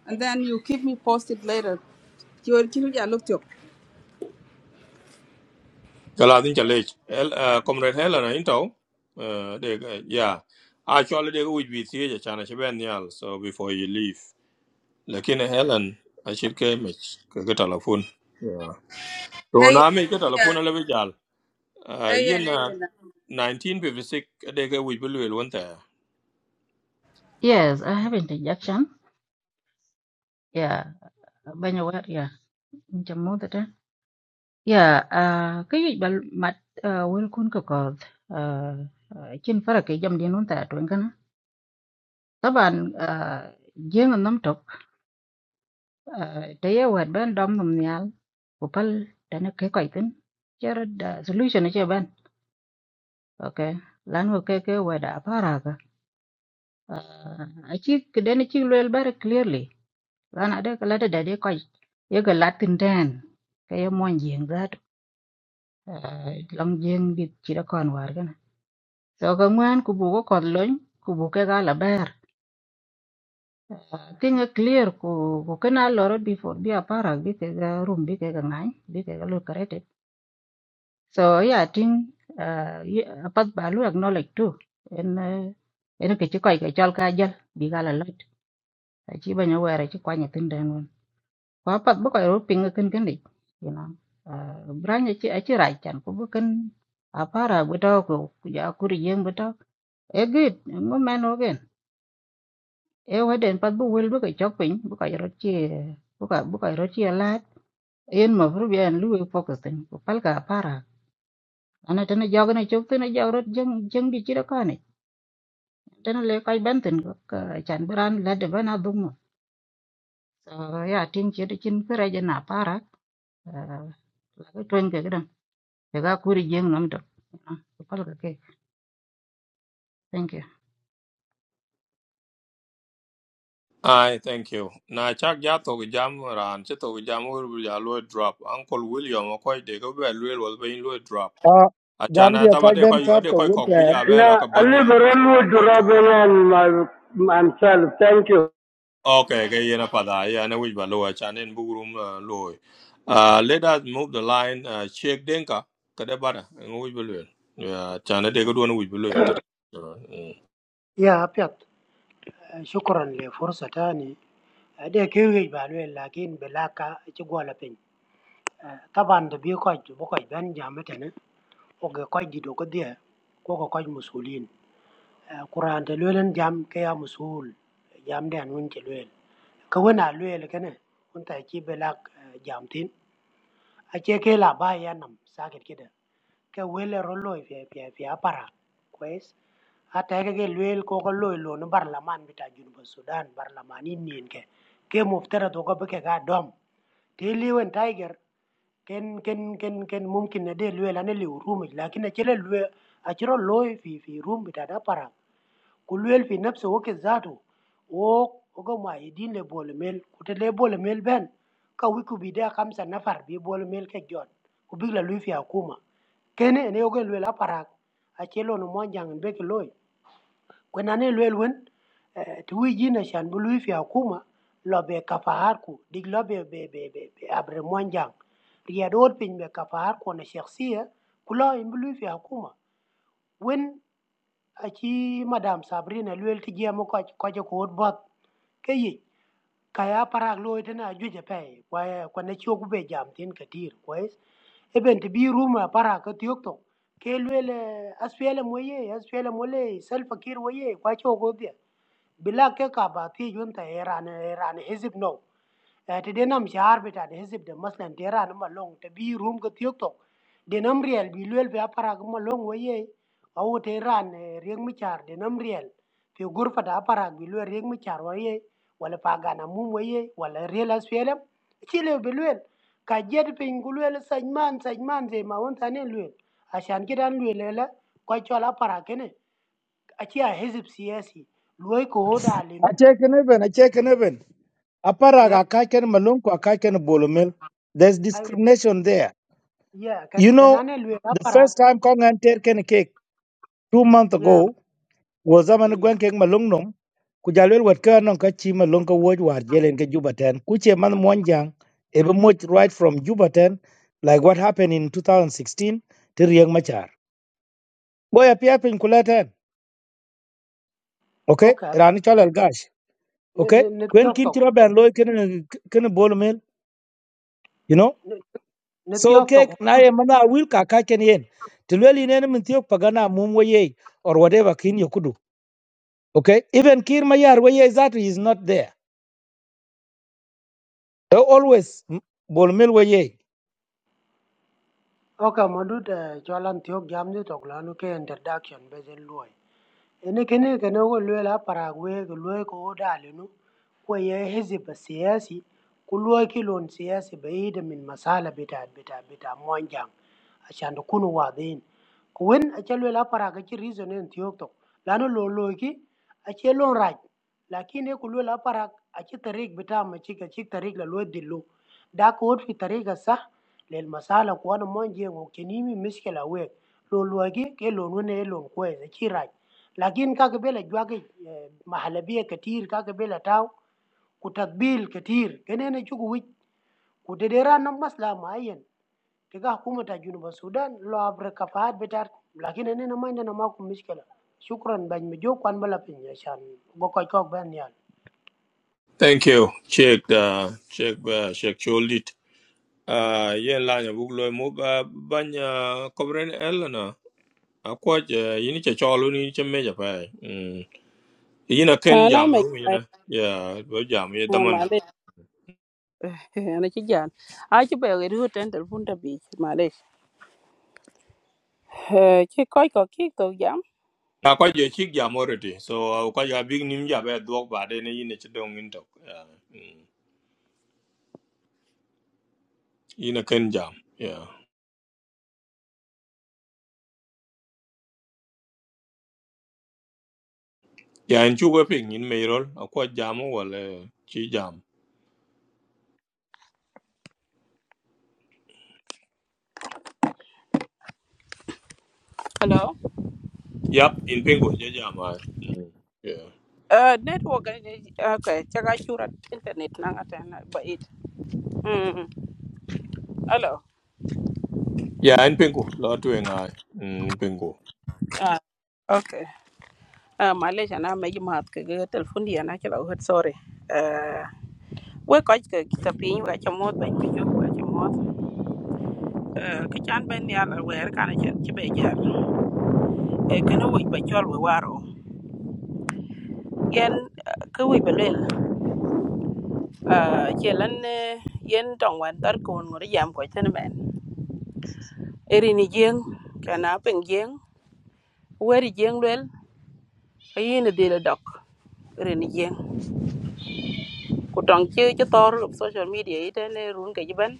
S17: and then you keep me posted later. Kiwar kinu ya look to.
S1: kala din chalech el uh, Comrade Eleanor into uh, de uh, yeah actually they ko wich bi ti je chana so before you leave like in Helen I should mech ke ke telephone. yeah So
S17: Ay
S1: now me ke
S17: yeah,
S1: telefon lebo jal uh, yin
S17: ay
S1: 1956 adeke wic bi luel wen thɛɛ
S16: yes, I have interjection. Yeah, Ben, yeah, Yeah, uh, cái gì bà mặt uh, will kun cực cột trên phải là cái dòng điện luôn tại truyền cái nó các bạn riêng anh nắm trục thấy ở ngoài bên đông nằm nhà của pal đã nó cái quậy tính chứ rồi đã solution nó chưa bên ok lan hồ cái cái ngoài đã phá ra cả ấy chứ cái đấy nó chỉ luôn rất clearly lan ở đây cái là để để coi yêu cái Latin đen cái em muốn riêng ra lòng riêng bị chỉ đã còn vào Yo ka ngwen ku bu ko kod lony ku bu ke ga la ber. Tinga clear ku ku kena loro before bi apara bi ke ga room bi ke ga ngany bi ke ga lo karete. So yeah, ting uh, apat balu acknowledge too. En uh, en ke chikoy ke chal ka jal bi ga la lot. Achi banya were chi kwanya tinden won. Ko apat bu ko ro pinga ken ken dik. You know. Uh, branya chi achi rai chan ku bu ken apara bu to ku ku ja ku ri yeng bu to. E good, mo man e waden pat bu wel bu ka chok pin bu ka ro chi bu ka bu ka ro chi la en ma fru bien lu e focus tin ko pal ka para ana tan jog na chok tin jog ro jeng jeng di chi ra ka ne tan le ka ben tin ko ka chan bran la de bana dum so ya tin chi de chin ka ra je na para la ko twen ke gran e ga kuri jeng nam to pal ka ke thank you
S1: ai thank you na chak ja thok jam raan ci thok jam wer ja luoi drop uncle william ɔkɔc deke bi bɛ luel wɔl piny luoi drop
S7: a jam
S1: acan
S7: dia
S1: athab
S7: ka
S1: ade
S7: ben tap to
S1: kɔc kɔk bi
S7: winter
S1: ja bɛ
S11: na
S1: lɔke bɔth nyal
S11: aliberal
S1: so
S11: wo
S1: i want to
S11: durabel and my, myself thank you
S1: okay ke yen apadha yen wic ba luoi acan en bi wurum uh, luoi uh, let us move the line uh, Sheikh denka kede bada ŋo wic bi luel acan adeke duon wic bi luel
S20: ya apiat shukran le fursa tani ade kewi balwe lakin belaka ci gola pin taban da bi ko ko ban jamata ne o ga ko dido ko dia ko ko ko musulin Qur'an te lwel n jam ke ya musul, jam de an wun ce lwel. Kawon a lwel kene wun ta ci be lak eh, jam tin. A ce ke la ba ya nam sakit kida. Ke wele ro loy fi fi fi apara. Kwes. A ta ke ke lwel ko ko loy lo no barlaman bita Junuba Sudan barlaman in nien ke. Ke muftara to ko be ke ga dom. Te liwen tiger ken ken ken ken mumkin na de lwel ane liw rumit lakin a chele lwel a chiro loy fi fi rum bita da para kulwel fi nafsi wake zatu wo oga ma idin le bole mel kute le bole mel ben ka wiku bidea kamsa nafar bi bole mel ke jon kubigla lui fi akuma kene ene oga lwel aparak achelo no mwanjang mbeke loy kwenane lwel wen eh, tuwi jina shan bu lui fi akuma lobe kafaharku dig lobe be, be, be, be abre mwanjang riyador pin be kafaharku na shakhsiya kula imbu lui fi akuma wen Aqui, Madame Sabrina lweltigia mo kwa kwa ko hot bot ke yi ka ya parak lo tena ju je pe kwa kwa ne chu ku be jam tin ka tir kwes e ben ti bi rum para ka tiok to ke lwele asfele mo ye asfele mo le sel fakir wo ye kwa chu go dia bila ke ka ba ti jun ta era ne era ne hizib no Eh, ti denam shahar bita de hizib de maslan tera numa long te bi room ga tiok tok denam riel bi luel be apara kuma long waye awu te ran rieng mi char denam riel fi gurfa da apara bi luel rieng mi char waye wala pa gana mum waye wala riel asfelem chile be luel ka jed pin gu luel sajman sajman ze ma won tane luel ashan kidan luel la ko chola para kene achi a hizib siyasi luoy ko hoda
S7: a
S20: linu
S7: check in even a check in even a para
S20: ya
S7: ga ka ken malung ko ka ken bolomel there's
S20: ai
S7: discrimination there
S20: ya kan
S7: you know
S20: kanane
S7: the first time kong an ter ken cake 2 month ago wo zaman
S20: Diyen.
S7: gwen ke malung nom ku jalwel wat ka non ka chi malung ka woj war jelen ke juba ku che man mon jang e be much right from juba like what happened in 2016 to rieng machar go ya pia pin kula okay
S20: Oka apia.
S7: rani chalal gash
S20: Ne
S7: okay
S20: ne ne
S7: kwen
S20: tiok
S7: kin
S20: tok.
S7: tiro ben loy ken ken bol mel you know
S20: Ne ne
S7: so
S20: tiok
S7: okay
S20: tok.
S7: na ye mana wil ka ka ken yen to lel ne min tiok pagana mum wo ye or whatever kin yokudu okay even kir mayar wo ye that is not there They always bol mil we ye.
S20: Oka madut cholan tiok jam ni tok lanu ke introduction bezen luoi. Ene kene kene ko luoi la paragwe ko luoi ko dale nu. Ko ye hizib siyasi. Ku luoi kilon siyasi baida min masala bita bita bita monjang. عشان نكون واضحين وين أجلو لا براغ أجي ريزون إن تيوكتو لأنه لو لوكي أجي لون راج لكن يقولوا لا براغ أجي طريق بتاع ما أجيك أجيك طريق للود دلو داك ود في طريق الصح للمسالة كوانا مونجي وكنيمي مشكلة ويك لو لوكي كي لون وين لون كويس أجي راج لكن كاك بلا جواكي محلبية كتير كاك بلا تاو كتقبيل كتير كنين أجوك ويك وتديران مسلا معين Kegah aku muda junubusudan lo abrekah fahad becar, lagi ni nene nama ina nama aku Miss Kela. Syukuran banyak jauh kuan bela pinjasan bokai kau banyal.
S1: thank you Check the check. uh, check your lead. Uh, yen lanya buk loy mo ba banya kobren elna akwa je yini che cholu ni che meja pa mm yina ken
S23: à nói
S1: jam
S23: mấy
S1: room yina yeah bo jam ye daman
S23: Malaysia anh nói chuyện, anh chỉ bảo người đưa đến điện thoại đã bị Malaysia, chỉ có cái kia tôi giảm
S1: akwa je chik jam already so akwa ya big nim ja ba dog ba de ne yini che dong in tok yeah mm yina ken jam yeah yeah in chu ping in meirol akwa jam wala chi jam
S23: alo,
S1: yap in pingo je jam ai mm yeah
S23: network ok, chả có surat internet ngắt điện, bị ít, hmm alo,
S1: ya en pingo lo tu ngai mm in pingo
S23: ah ok, ah Malaysia na mấy mật cái cái điện thoại điện anh chỉ bảo hốt sorry, à quên cái cái cái cái pin và cái modem bị chôn và cái modem, à cái anh bên nhà anh gửi cái này chỉ bảo gì, cái nó bị bị chọi bị vỡ rồi, cái nó bị vỡ lên uh, che lan eh, yen tong wan tar ko ngor jam ko tan men eri ni jeng kana pen jeng weri jeng lwel yin de le dok eri ni jeng ku tong che che tor social media ite ne run ke jiban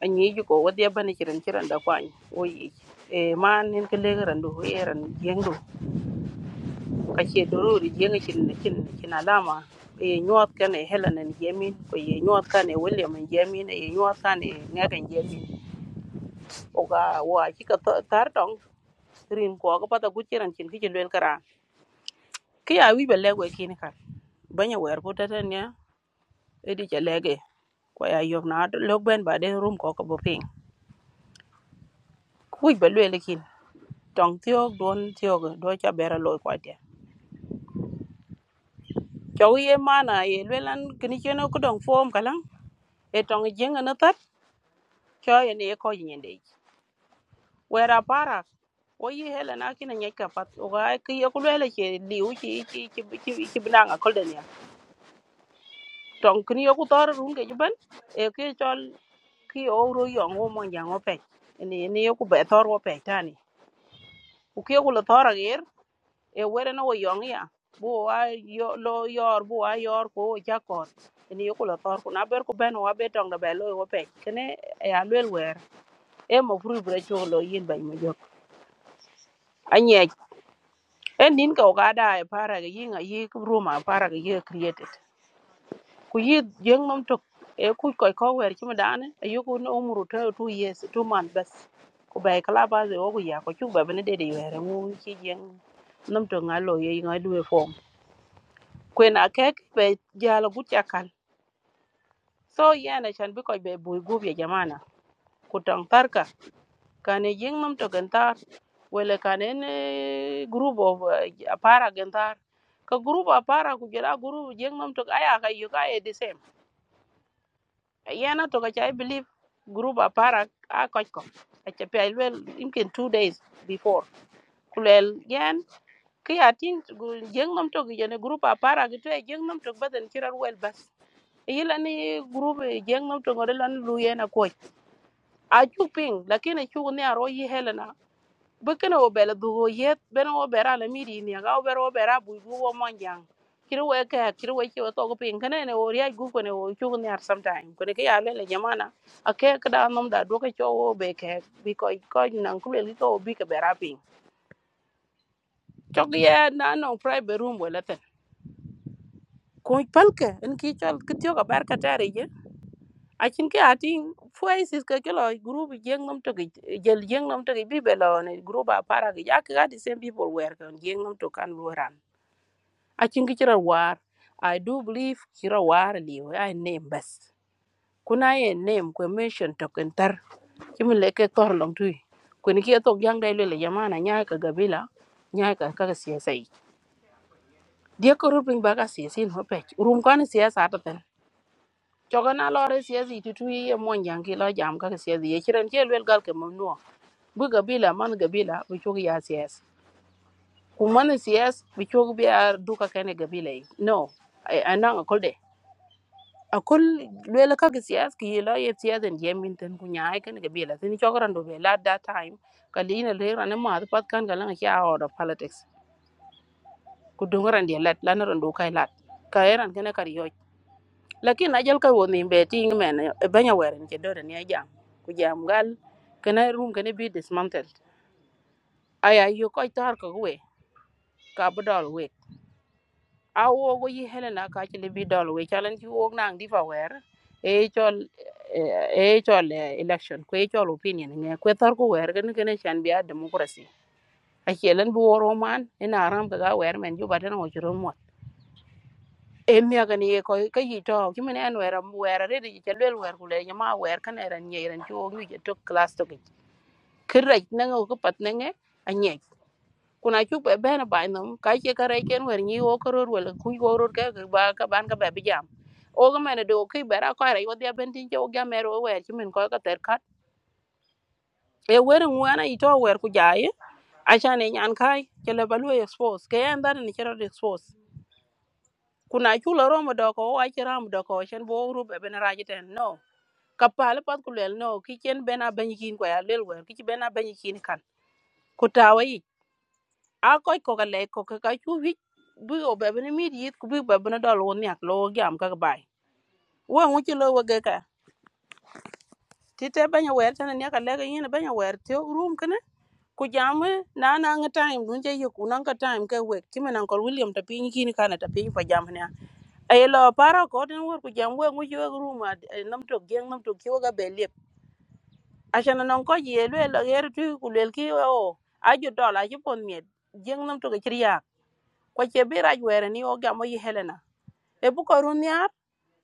S23: anyi ju ko wadi ban chỉ cần da kwan o yi e man nin ke le ran du e ran jeng du ka che doru ri jeng chin chin chin alama e nyuat kan e helen en jemin ko ye nyuat kan e william en jemin e nyuat kan e ngakan jemin oga wa ci ka to- tar tong rin ko ko pata ku ciran cin kicin wel kara ki ya wi bele we kini kan banya wer ko tatan ya edi ja lege ko ya yob na do log ben ba den rum ko ko bo ping ku wi bele le kin tong tio don tio do cha bera lo ko dia cho wi e mana ye lelan kini cheno ko dong fom kalang e tong jenga na tat cho ye ne ko nyende wera para wo yi hele na kina nyeka pat oga ki ye ku lele che liu chi chi chi chi binanga kolden ya tong kini yoku tor run ke juban e ke chol ki o ro yo ngo mo nya ngo pe ni ni yoku be tor wo pe tani u ke ku lo tor agir e were no wo yong ya bu wa yo lo yor bu wa yor ko ja ko ni yoku lo tor ku na ber ku ben wa be tong da be lo wo pe kene e a lwel wer e mo fru bre cho lo yin ban mo jok anye en nin ka o ga da e para ga yin a yi room a para ga ye created ku yit jöŋ nomtok e ku koy ko wer cï mëdënë ayüku n'umuru two years two months bes ku bay kala ba ï kalabas ïwö ku yaa köcük ba bene dede ywërë ŋu cï jöŋ nomtok nga lo ye ŋö dwe fom kwen akëk ba jal agut cakal so yen acan bï köc ba eboi gup ya jamana ku töŋ tharka kan ejïŋ nomtok yn thar wele kan en eh, group of eh, apara gyn thar ka group apara ku jöla group jöŋ nomtok aya kayük aye the same yana to kacha i believe group apara a kochko achapi alwel imkin two days before kulel yen ki atin jeng nom tok jene group apara gitu e jeng nom tok baden chirar wel bas yila ni group eh, jeng nom tok ngore lan lu yen akoy a chuping lakini chu ne aro yi helena bukan wo bela dugo yet bena wo bera la miri ni ga wo bera wo bera bu bu wo monjang kiri we ka kiri we ki wo to ko pin kana ne wo ri gu ko ne wo chu ne ar sometime ko ne ke ya le le jamana a ka da nom da do ka cho wo be ke bi ko ko nan ku le li to bi ka bera pin chok ye na no private room wala ten ko palke en ki chal ki tyo ka bar ka tare je a ke atin fois is ka ke lo group jeng nom to jel jeng nom to bi be lo ne group a para ge ya ka di same people wer kan jeng nom to kan lo ran acin ki cïdhö war I do believe cïdhö war elïö ëa name bës kun na ï name kwe mention tökën thër cë mïn lëk kek thörö long tui kwen kï ëthök jang da ilwelo jamana nyaï ka gabila nyaï ka kaka ciëca yic dyek kor piny ba ka ciëcin mëpëc rum kwan ï ciëca atëthën cökö na lörë ciëca ï tutwi ïë mwöny jang kï lö jam kaka ciëca ïë cïdhën cë lwel gal ke mamnwö bï gabila man gabila bï cükö ya ciëc Kumana man ï ciëc bï cükö bïa duka kënë gabila yic no ënönö kulde akul luela ka ki siyas ki yelo ye siyas en yemin ten ku nyaay ken ke biela tin chokran do be la that time ka lina le ran ma pat kan ga lan ya out of politics ku do ran de lat lan ran do kai lat ka eran ken kar yo lakin ajal ka woni be ting men e banya weren ke do ne jam ku jam gal ken room ken be dismantled aya yo ko tar ko we ka budal we a wogo yi helena ka ci libi dol we chalan ci wog nang di fa wer e chol e chol eh, election ko e chol opinion nge ko tar ko wer gan gan chan biya democracy a chelan bu woro man ina ram ka ga wer men ju badan o juro mo e mi ga ni ko ka yi to ki men en wer am wer re di chel wel wer ku le ma wer kan era nye ran ci wog ni to class to ki kiraj na ngo ko pat na nge a nye kuna cuk be bena bai nam ka che ka rai ken wer ni o koror wala ku go ror ka ka ba ka ban ka ba bi jam o ga mena do ki bera ka rai wadi ben tin jo ga mero wer chi min ko ka ter kat e wer ngu ana i to wer ku jaye a cha ne nyan kai ke le balu expose ke en dar ni chero expose kuna chu lo romo do ko wa chi ram do ko chen bo ru be ben ra jiten no ka pale pat ku lel no ki chen bena ben kin ko ya lel wer ki chi bena ben kin kan ku tawa a koc ko ka lɛc ko ka ka cu hic bi o bɛ bini mit yit ku bi bɛ bini dɔl wun niak lo giam ka bai wen wu ci lo wege ka ti te banya wɛr tɛni niaka lɛka yini banya wɛr ti rum kini ku jam na na ngi time dun je yiku nan ka time ke wek ti men ankol william ta pin piny kini kana ta pin pa jam ne ay lo para ko tin wor ku jam wen wu ci wek rum a nam tok geng nam tok ki wega be lep asana non ko ye lwe lo yer tu ku lel ki o a ju dɔl a ju pon miet geng nam tok ci riak kwa che bi raj wɛrɛ ni o gam o yi helena e bu ko ru niar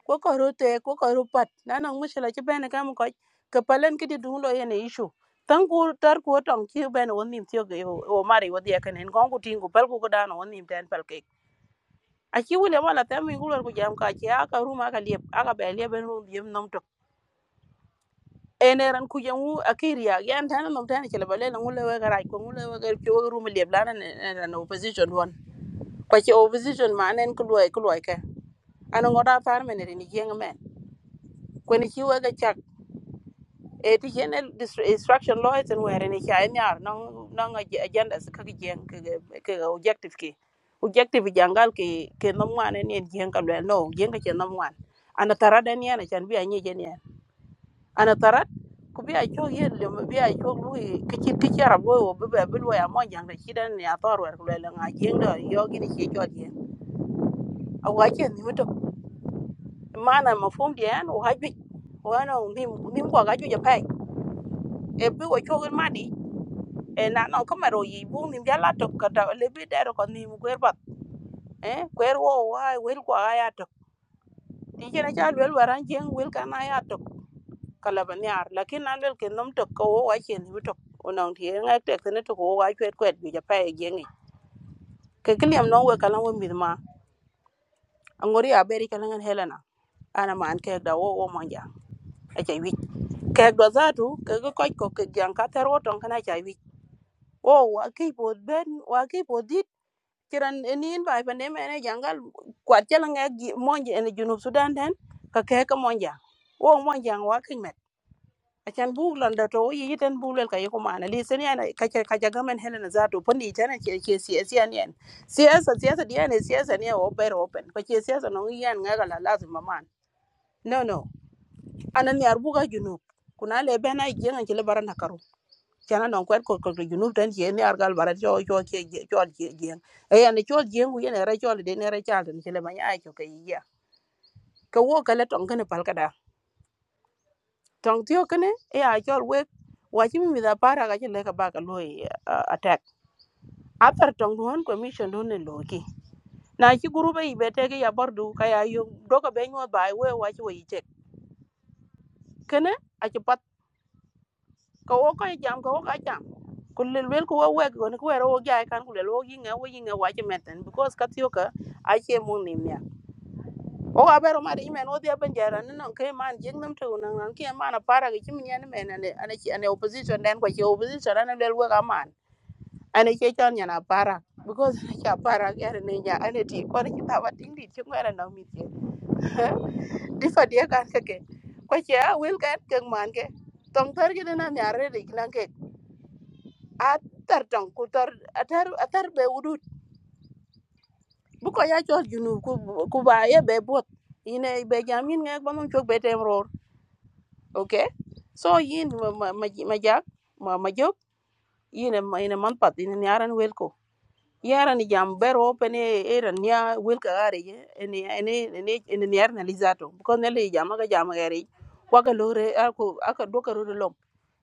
S23: ko ko ru te ko ko ru pat na no mushila ci bene kam ko ke palen ki di dun lo yene issue tan ku tar ku tong ci bene won nim tiyo ge o mari wodi ya kanen kon ku tingu pal ku ko dano won nim ten pal ke a ci wule mala tam mi ngulor ku jam ka ci aka ru ma ka liep aka be liep en ru yem nom to ene ran ku jamu akiria yan tan nom tan ci le bale na ngule we garaj ko ngule we gar ci we ru mi liep la na na opposition won ko ci opposition ma nen ku loy ku loy ke ana ngoda tar men ni jeng men ko ni ci we ga e ti chen instruction lawyers and where ni cha ni ar non non agenda ka ki jen ke ke objective ki objective jangal ki ke no mwan ni jen ka le no jen ka chen no mwan ana tarad ni ana chan bi ani jen ya ana tarad ku bi a cho ye le bi a cho lu ki ki ki cha rabo wo bi be bi lo ya mo jang da chi dan ya tor wer ku le nga jen do yo gi ni chi cho jen a wa chen ni to mana mafhum dia an wa ju wa no mi mi ko ga ju ja pai e bi wo cho ma di e na no ko mero yi bu nim jala to ka da le bi dero ko nim gwer bat e gwer wo wa wel ko aya to ti jena ja wel waran jeng wel ka na ya to kala ban yar lakin na lel ke nom to ko wo wa chen bi to onong ti nga te ke ne to ko wa chwet kwet bi ja pa e jeng ke kliam no we kala wo mi ma angori a beri kala ngan helena ana man ke da wo wo manja a chai wi ke do za tu ke ko ko ke jan ka ter wo ton kana chai wi wo wa ki po ben wa ki bo di kiran enin bai pa neme ene jangal kwat jala nga gi monje ene junub sudan den ka ke ka monja wo monja wa kimet achan bug lan da to yi ten bulel ka yiko mana li sen yana ka ke ka jaga men helena za to pandi tana ke ke siyasa yan yan siyasa siyasa diya ne siyasa ne wo ber open ko ke siyasa no yan nga gala lazim man no no anan yar buga junub kuna le bena gi ngan ke le baran cana non kwet ko ko junub tan je ne argal bara cho cho che cho je je e ya ne cho je ngu ye ne ra cho de ne ra cha tan chele ma ya cho ke ya ka wo ka le tong kana pal kada tong tio kana e ya cho we wa chi mi da para ga chele ka ba ka lo attack after tong don commission don ne lo ki na chi guru be be te ke ya bar du ka ya yo do ka be nyu ba we wa chi we che kana a chi pat ka wo ka jam ka wo ka cha kulel wel ko wawe ko ne ko ro ga kan kulel wo yinga wo yinga wa che meten because ka tiyo ka a che mo ni mya o ga bero ma de men o dia ban jara ne non ke man jing nam to nan nan ke man a para ga chim nyen men ne ana chi ana opposition den ko che opposition ana del wo ga man ana che chan nyana para because ana cha para ga ne nya ana ti ko ne ta ba ting di chi ngara na mi ti di fa dia kan ke ke ko che a wel ga ke man ke tong tar gi na nyare ri nan ke a tar tong ku tar atar atar be udu buko ya chol junub ku ku ba ye be bot ine be jam yin ngak ba mum chok be tem ror okay so yin ma ma ma ma jak ma ma jok ine ma ine man pat ine nyaran wel ko yaran ni jam ber o pene eran nya wel ka are ye ene ene ene ine nyar na lizato buko ne le jam ga jam ga re wa ga lore ako aka doka ro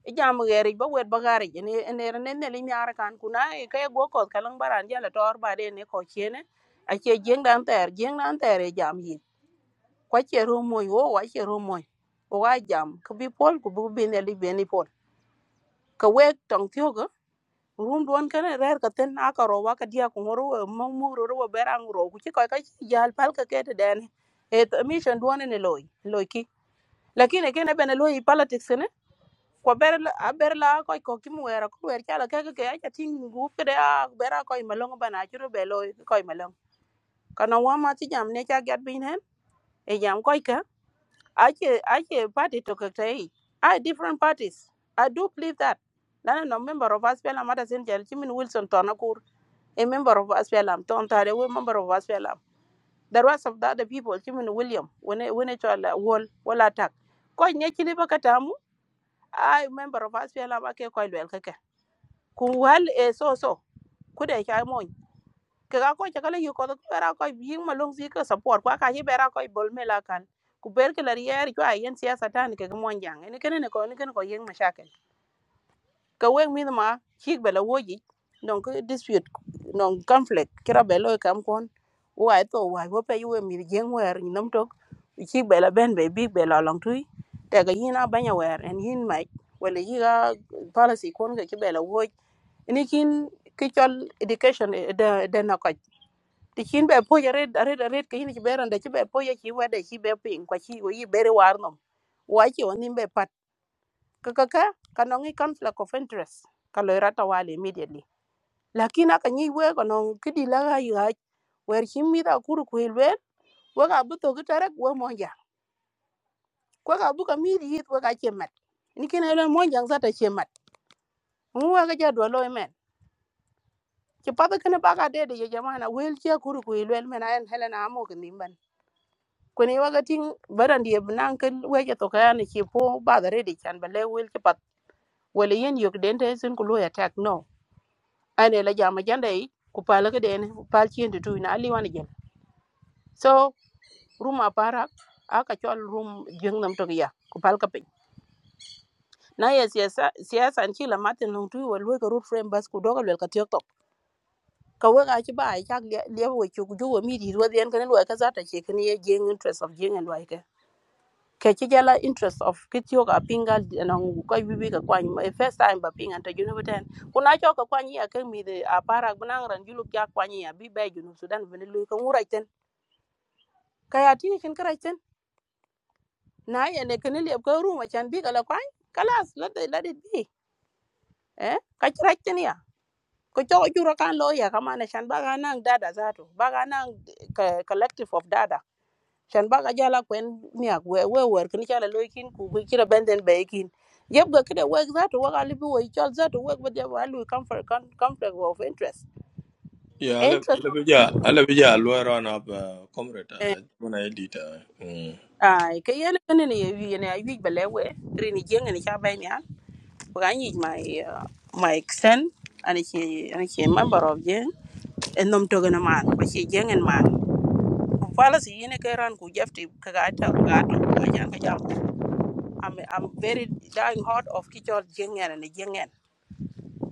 S23: ijam geri ba wet ba gari ne ne ne ne li nyar kan kuna e kay go ko kalang baran jala tor ba de ne ko chene a che jeng dan ter jeng dan ter e jam yi kwa che ro moy wo wa che ro moy o wa jam ku bi pol ku bu bi ne li be ni pol ka we tong thio ga rum don kan rer ka ten na ka ro wa ka dia ku ro mo mu ro ro berang ro ku che ko ka jal pal ka ke te den e mission don ne loy loy ki lakini kene bene loy politics ne ko ber a ber la ko ko kim wera ko wer chala ka ka ka cha ting gu ke da ber a ko ma long ba na churu be loy ko ma long kana wa ma ti jam ne cha gat bin hen e jam ko ka a che a che party to ka tai i different parties i do believe that Lana no member of Aspelam Mata Sinjal Jimin Wilson Tonakur, a member of Aspelam, Tom Tare, a member of Aspelam. The rest of the other people, Jimin William, when e, when it all wall wall attack. Koi nyekili bakatamu, I member of Aspelam Ake Koi ku wal e so so ku de cha mo ke ga ko cha kala yu ko ku bera ko bi ma long si ka support kwa ka hi bera ko bol me la kan ku ber ke la yer ko ayen siyasa tan ke mo jang ne ken ne ko ne ken ko yeng ma shakel ka we mi ma chi be la wo ji non ko dispute non conflict kira be lo kam kon wa to wa wo pe yu we mi jeng wer ni nam tok chi be la ben be bi be la long tui te ga yin a banya wer en yin mai wala yi ga policy kon ga ki be la woj ini kin ki chol education de de na ko ti kin be po yare are are ke yin ki beran de ki be po ye ki wa de ki be pin kwa ki yi bere war nom wa ki oni be pat ka ka ka ka no ngi conflict of interest ka lo rata wale immediately lakin aka ni we ko no ki di la ga ya wer ki mi da kuru ku ilwe wa ga bu to ki tarak wa mo ja ko ga bu ka mi di hit wa ga che mat ni kin ele mo ja za ta che mat mu wa ga ja do lo men ci pata kene baka dede ye jamana wel ci akuru ku ilwel mena en helena amo kini ban kuni waga ting barandi ye binan kan weje to kayani ci po bada rede chan bale wel ci pat wala yen yok dente sen ku loya tak no ane la jama janda yi ku pala ka dene ku pal ci ndu tu na ali wani jam so ruma para aka chol rum jeng nam to ya ku pal ka pe na ye siyasa siyasa an ci la matin nung tu wal we ka rut frame bas ku dogal wel ka tiok ka we ga ci ba ya le le wo ci ku ju mi di ro den kan lo ka za ta ce kan ye jing interest of jing and like ke ci jala interest of kit yo ga pinga na ngu ka bi bi ka kwan ma first time ba pinga ta junu beten ku na cho ka kwan ya kan mi de a para bunan ran julu ya kwan ya bi ba junu sudan bin lu kan wura ten ka ya ti kin kara ten na ya ne kan le ka ru ma chan bi ka la kwan kalas la de la de bi eh ka ci ra ten ya ko cho ju ro kan lo ya ka ma na chan ba ga nan dada zato ba ga nan collective of dada shan ba ka jala kwen niak we we wer kini chala loikin kin ku ku chira benden baikin, kin yeb ga work that za to waka libi we chol that to wek but yeb alu comfort con- conflict of interest
S1: Yeah, I love, I
S23: interest
S1: love
S23: of
S1: Yeah, I love it. Yeah, lawyer on up, uh, comrade.
S23: eh,
S1: Uh, when I did, uh, mm.
S23: ai ke yene kene ni yewi yene ayu bele we rini jenge ni cha ben ya ku ga nyi my uh, my exen ani chi ani chi member of jeng en nom to gana man ba chi jengen man Ku fala si yene ke ran ku jefti ka ga ta ga to ka jan ka jam I'm, I'm very dying hot of kichol jengen ni jengen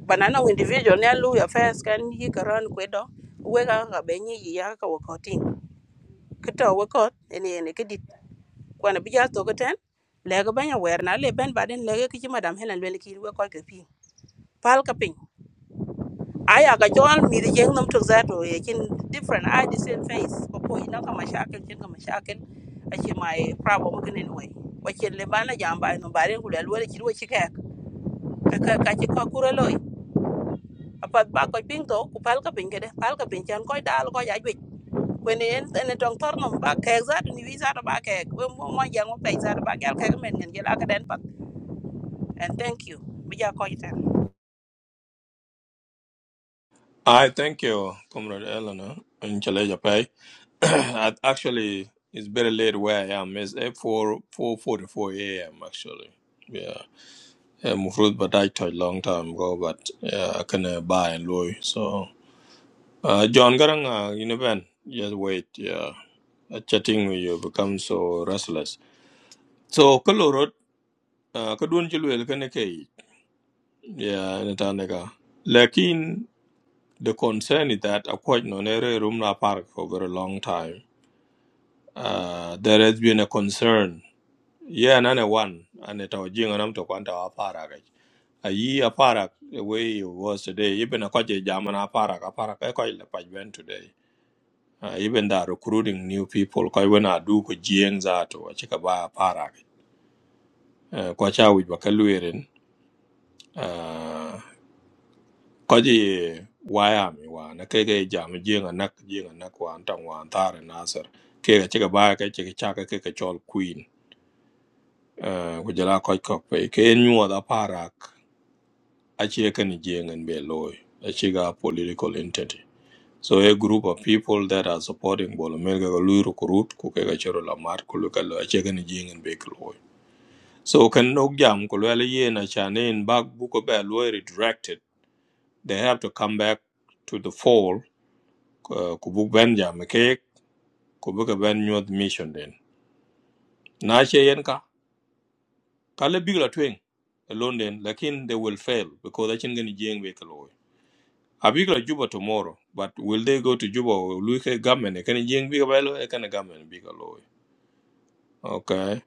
S23: banana individual ne lu ya fes kan yi karan kwedo we ga ga be ni yi ya ka wakotin kito wakot ene ene kidit kwana bija to goten le ga banya wer na le ben baden le ga kici madam helen le ki we ko ke pi pal ka pin aya ga jol mi de jeng nam to zato ye kin different i the same face ko ko ina ka mashakil kin ka mashakil ake mai problem kin anyway wakin le bana jamba no bare ku le lo ki ro ki ka ka ka ki ka kuro loy apat ba ko ping to ku pal ka ping kede pal ka ping chan ko dal ko ya jwi kweni en en tong tor nom ba kek za ni wi za ba kek we mo mo yang mo pe za ba gal kek men ngen gela ka den pat and thank you bi ja ko ita
S1: I thank you, comrade Eleanor. In Chalaja Pai. <clears throat> I- actually, it's very late where I am. It's at 4 four forty four a.m. Actually, yeah. I'm fruit, but I took long time ago. But yeah, I can uh, buy and loy. So, uh, John Garang, you know, Ben, just wait. Yeah, Uh, chatting with you become so restless. So, Kalorot, uh, Kadun Chilwell, Yeah, Natanega. Lakin, the concern is that Akwaj Nonere Rumna Park for a very long time. Uh, there has been a concern. Yeah, none one, and it was Jing and I'm to Quanta Aparak. A ye Aparak, the way it was today, even a Kwaja German Aparak, Aparak, a Kwaj Lapajben today. Uh, even that recruiting new people, quite when I do Kujienza to a Chikaba Aparak. Kwacha with Bakaluirin. Koji Wyoming wan keke jam jing anak jing anak wan tang wan tare nasar keke chike ba ke chike chake keke chol queen uh, kujala koj kok pe ke nyuwa da parak achie kani jing en be loy achiga political entity so a group of people that are supporting Bolomel ga lui recruit ku keke chiro la mat ku luka lo achie kani jing en be loy so kan nok jam ku lele yen achanen bak buko be loy redirected they have to come back to the fold uh, ku buk ben jam ke ku bu ka ben nyuat mission den na che yen ka ka bigla twing alone den lakin they will fail because they chin gani jeng be kalo a bigla juba tomorrow but will they go to juba or lu ke gamen e kan jeng bigla belo e kan gamen bigla lo okay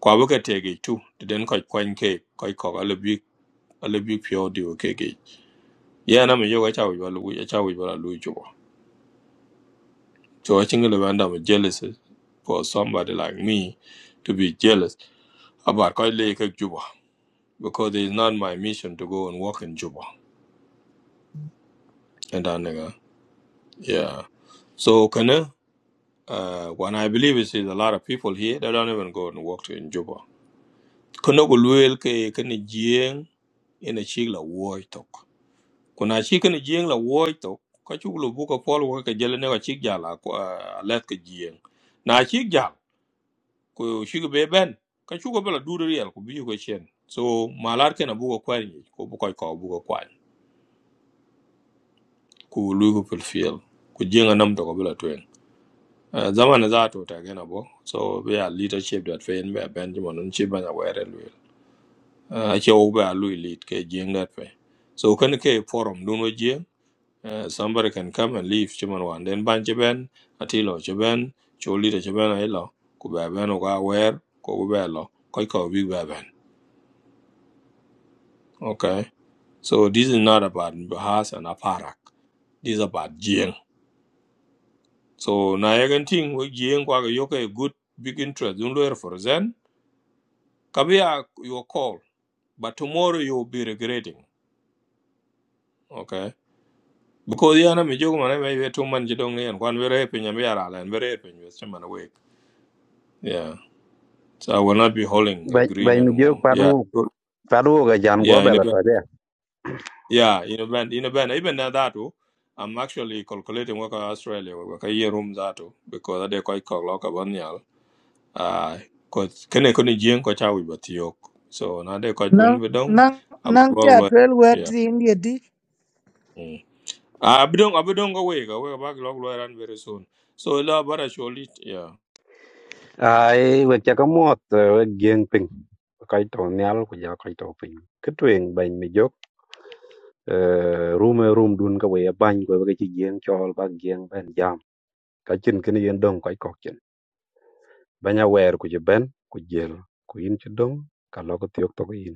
S1: kwa bu ka tege tu to den ko kwen ke ko ko ale big ale big pure di o ke ge yeah na me yoga cha wi lu ya cha wi bala lu juba so i chin gani banda jealous for somebody like me to be jealous about quite late Juba because it's not my mission to go and work in Juba. And then, uh, yeah. So, Kana, uh, when I believe is a lot of people here that don't even go and work in Juba. Kana gulwel ke kana jieng in a chig la woi tok. Kuna chig kana jieng la woi tok. Ka chuk lu buka pol wa ka jale ne ka chig jala ko uh, let ka jieng. Na chig jal ko chig be ben ka chuk bela duri real ko biyu ko chen. So malar kana buka kwani ko buka ko buka kwany. ku lugu fulfill ku jinga nam to bila twen uh, zaman za to ta gena bo so we are leadership that fe be benjamin un chi banya were lu uh, che o ba lu lead ke jinga fe so kan ke forum dun wo jing uh, somebody can come and leave chiman wan den ban che ben atilo che ben cho leader che ben ai lo ku ba ben o ga wer ko ku ba lo ko ko bi ba ben okay so this is not about bahas and aparak this is about jing So na yagen ting we jien kwa yoke a good big interest in lawyer for Zen. Kabia your call, but tomorrow you will be regretting. Okay. Because yana mi jogo mane maybe two man jidong ne and kwan very pin yami ara and very pin with chairman awake. Yeah. So I will not be holding a
S4: Ba
S1: green
S4: ba mi
S1: anymore.
S4: jog pat
S1: Yeah.
S4: wu
S1: Good.
S4: Faru ga jan go
S1: Yeah, in a
S4: bela
S1: band.
S4: to de.
S1: Yeah, in a band. In a band. Even at that too, I'm actually calculating work Australia work a year room that too because I dey quite call lock up uh cause kene kone jien ko chawi batiok so na de ko chun
S7: Nang
S1: bedong
S7: nang
S1: abak
S7: nang te
S1: log lo
S7: atwell wet
S1: yeah
S7: the India di
S1: mm. ah bedong abedong go we go we abak log lo ran very soon so la bara cholit yeah
S4: Ai we cha ka mot we gieng ping. Kai to nyal ku ja kai to ping. Kitwing ban mi jok. Room room dun ka we ban go we chi gieng chol ba gieng ben jam. Ka chin kin yen dong kai kok chin. Banya wer ku je ben ku jel ku yin chi dong ka lo ko tiok to ko yin.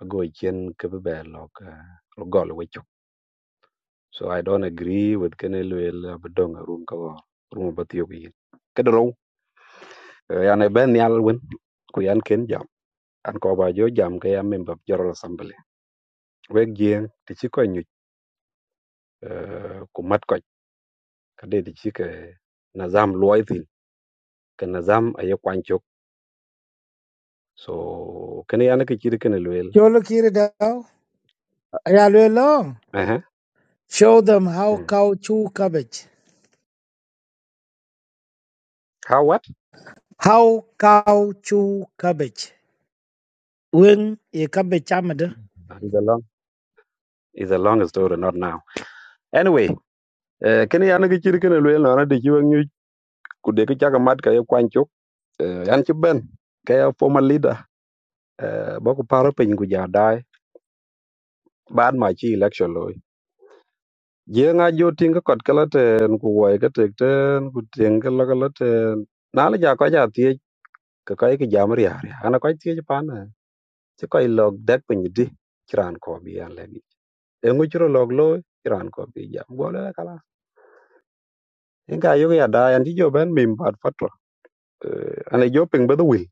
S4: Ago chen ke be lo ka lo gol we chok. So I don't agree with kenelwel bedong room ka go. Room ba tiok yin. Kedro. Yan ben nyal wen. Ku yan ken jam. an ko ba jo jam ke ya member of general assembly wek jeng ti ci ko nyuc ku mat ko kade ti ci ke nazam loy tin ke nazam ayo kwanchok so kene yana ke ci de kene loyel
S7: cholo kiri dao ayalwe long.
S4: eh
S7: Show them how cow chew cabbage.
S4: how what
S7: How cow chew cabbage. When ye cabbage amada.
S4: is a long is a long story not now anyway eh, kene yana ke ci de kene loyel na ti ci wek nyuc ku de ke ci mat ka yo kwanchok uh, yan ci ben ke ya former leader eh, ba ko paro pe ngu ja dai ban ma ci election lo Jeng a jo ting ka kot ka la ten ku wai ka tek ten ku tieng ka la ka la ten. Na la ja ko ja tie ka kai ka jam ria ria. Ana ko tie ja pana. Ti ko log dak pe ni di. Kiran ko bi an le bi. E ngu chro log lo kiran ko bi jam. Go le kala. En ka yo ya da an ti jo ben mim pat fatwa. Ana jo ping ba the will.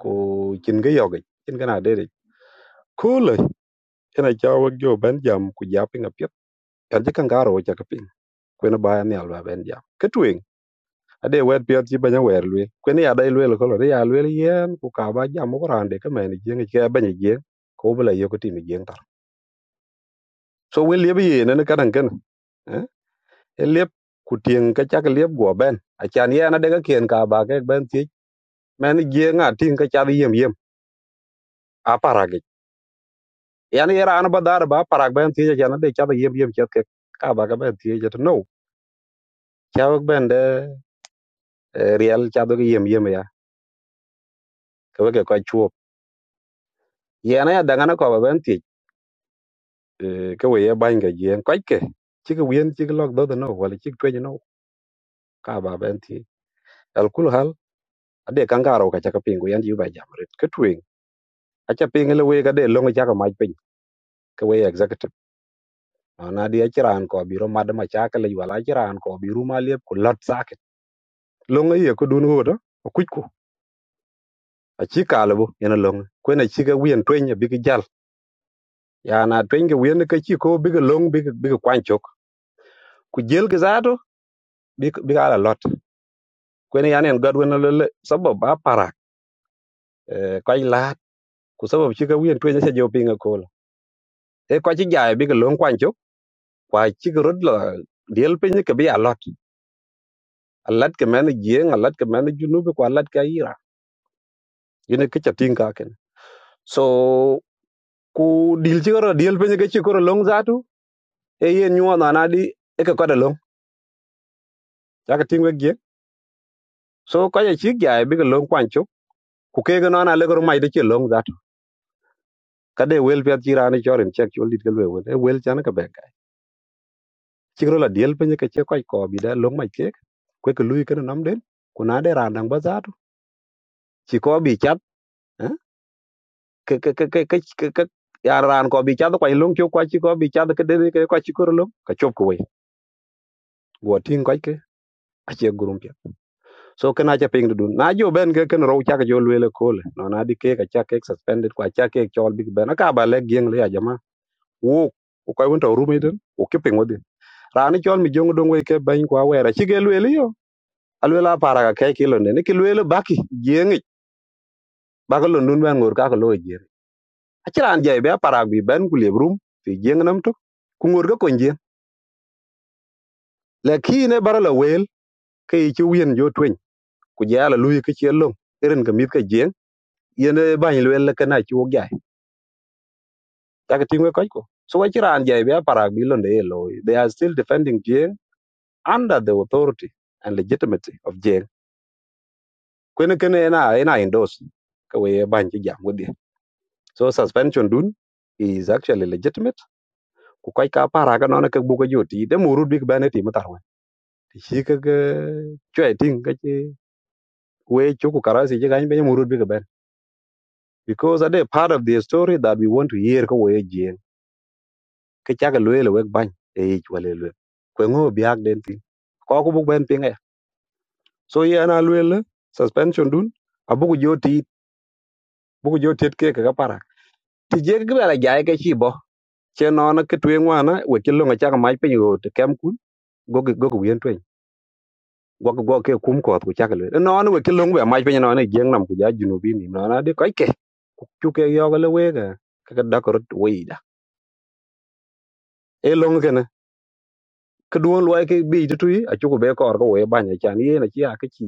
S4: Ku chin ga yo ga. Chin ga na de de. Cool. Ena cha wa jo ben jam ku ja ping a pip. Kan ji kan garo ja ka ping. Ku na ba ni al ba ben jam. ka tu ade wet piot ci banya wer lwel kweni ya dai lwel kolo de ya lwel yen ku ka ba jam ko rande ka men jeng ke banya jeng ko bula yo ko timi jeng tar so wel yeb ye ne ka dan ken eh e lep ku tieng ka chak lep go ben a chan ye na de ka ken ka ba ke ben ti men jeng a tin ka cha yem yem a parage yan era an ba dar ba parag ben ti ja na de cha yem yem chet ke ka ba ka ben ti ja no cha ben de real riel cha do yem yem ya ka we ke ko chuo ye na ya da ngana ko ba ben ti eh, ka we ye bany ka yen kwaj ke chi ka wien chi ka lok dhodo no wala chi ka tweji no ka ba ben thi al kul hal ade kan ga ro ka ngaro ka chaka pingu yan yu ba jamret ka twing acha ping le we ka de longo chaka maj piny ka we executive no na di achiran ko biro mad ma chaka le wala achiran ko biru ma liep ku lot saket longo ye ko dun godo kuj ku achi kala bu ena longo kwena chi ka wien twenye bigi jal ya na twenye wien ka chi ko bigi long bigi bigi kwanchok ku jel ki zato bigi ala lot kwen yani en god wen le sabab ba parak eh, kwa lat ku sabab chi ka wien twen se jo pinga kola e kwa chi jae bi ka lon kwan chok kwa chi ka rod la diel pin ka bi alot alat ka men gieng alat ka men junub kwa alat ka ira yene ke chatin ka ken so ku dil chi ro diel pin ka chi ko long zatu e yen nyu na na di e ka koda long ya ka tingwe gieng so kwa chi jae bi ka lon kwan chok ku ke ga na na le gor mai de chi long zatu ka de wel pet chi ra ni chorin chek chul dit ka le wel e wel chan ka be chỉ chikro la diel penye cái che quay ko bị đã long mai chết, kwe ke lui cái nó ke nam den kuna de ran dang bazar chi ko bi chat eh, ke ke ke ke ke ke ke- ya ran ko bi chat ko long chu ko chi ko bi chat ke de cái ko chi ko long ka chop ko we go tin ko ke a che gurum pya so ke na cha ping du na jo ben ke ken ro cha jo le le ko le no na di ke ka cha ke suspended ko cha ke chol big ben ka ba le gieng le ya jama wo ko ko won to ru me den o ke ping wo ran chol mi jong dong we ke ben ko wa ra chi ke le alwela aparaga ke kilo nene ki lwelo baki jieŋic baka lo nun ben ŋor kaka lo jieŋ aciran jai be aparak bi ben ku liep rum fi jieŋ nam tok ku ŋor ka kon jieŋ lakine bara la wel ka yi ci wien jo tweny ku je ala luyi ka chie loŋ erin ka mit ka jieŋ yene bany lwel la kana ci wok jai chaka tiŋwe koc ko so waciran jai be aparak bi londe ye lo they are still defending jieŋ under the authority and legitimacy of jieŋ kwene kene na ena indos ka we ye bany ci jam wodi So suspension dun is actually legitimate. Ku kai ka para ka nona ka buga joti de murut big bane ti matar wan. Ti shi ka ga chwe ting ka che we chu ku karasi je gany be murut big ban. Because ade part of the story that we want to hear ka we jien. Ka cha ga loele wek bany e ich wale lwe. Ku ngo biak den ti. Ko ku bug ben pinga. So ye ana lwele suspension dun abugu joti bugu joti ke ka para. Ti je ga la jae ka chi bo. Che nona ke twen wana we ke longa cha ka mai pe yo te kam ku. gogi gogi wien twen gogi gogi ke kum ko ku chak le no no we kilung be mai pe no ne jeng nam ku ja junu bi ni no na de kai ke ku chu ke yo le we ga ka ka da ko we da e long ke na ka duon lo ke bi tu tu a chu ku be ko ko we ba ne chan ye na chi a ke chi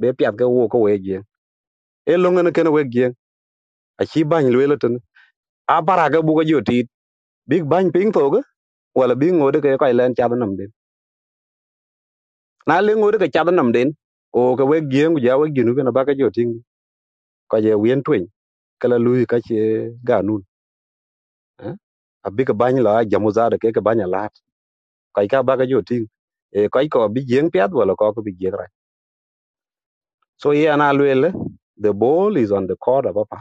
S4: be pya ke wo ko we je e long ne ke na we je a chi ba ni le le ten a para ga bu ga yo ti big bang ping to ga wala bi ngo de ke kai len cha nam den na le ngo de ke cha nam den o ka we je ku ja we junu ke na ba ka yo ting ko je wien twen kala lui ka che ga nun eh? a big bany la jamu za de ke ke banya lat kai ka ba ga jo ting e kai ko bi jeng piat wala ko ko bi jeng ra so ye ana luel the ball is on the court of apa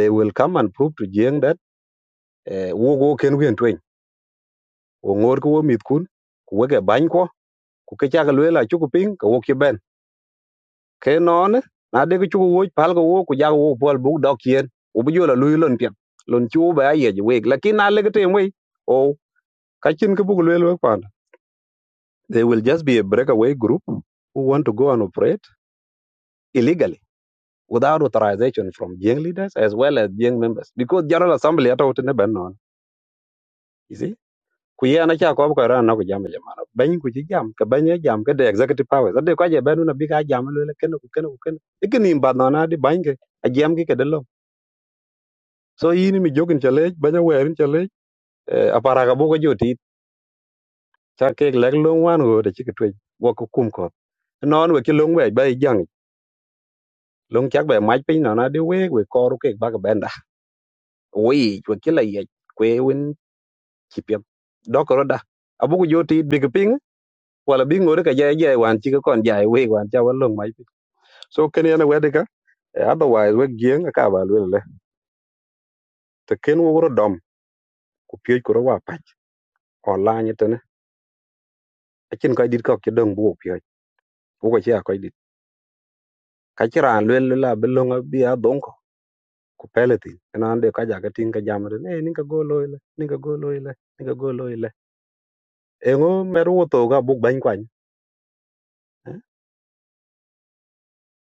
S4: they will come and prove to jeng that eh, wo go ken wen twen wo ngor ko wo mit kun ku we ke bany ko ku ke cha ga luel a chu ku ping ko wo ki ben ke non eh? na de ku chu wo pal ko wo ku ja wo bol bu dok yen wo bi jo la lui lon pian lon chu ba ye ji we lakin na le ke tem we o ka chin ke bu luel we There will just be a breakaway group who want to go and operate illegally without authorization from Jiang leaders as well as Jiang members. Because General Assembly hata wote ne ban non. You see? Kuye ana cha ko ko ran na ku jam jamana. Ban ku ji jam ka ban ye jam ka the executive powers. Ade ko je banu na bi ka jam lo le ken ku ken ku ken. Ikini ba non adi ban ke a jam ki ke de lo. So yini mi jogin chale banya werin chale apara ka bo ko joti. Cha ke lek long wan go de chi ke twe. Wo ku kum ko. Non we ki long we ba long chắc be mach piny no na de weg we kor ke ba ga benda we we đó, có đó à bố win chipia dokoro da abugu joti big ping wala bi ngore ka jay jay wan chi ka kon jay we wan cha walong mach piny so cái này yana wede ka cả, otherwise we gieng ka ba lwe le te ken wo ro dom ku pye ko ro wa pa online te ne achin ka dit ko ke dong bu pye bu ko cha ko dit ka chiran lwe le la belonga bi a dong ko ku peleti ena ande ka ja ka tin ka jamre ne ninka go loile ninka go loile ninka go engo meru wuotho buk bany kwany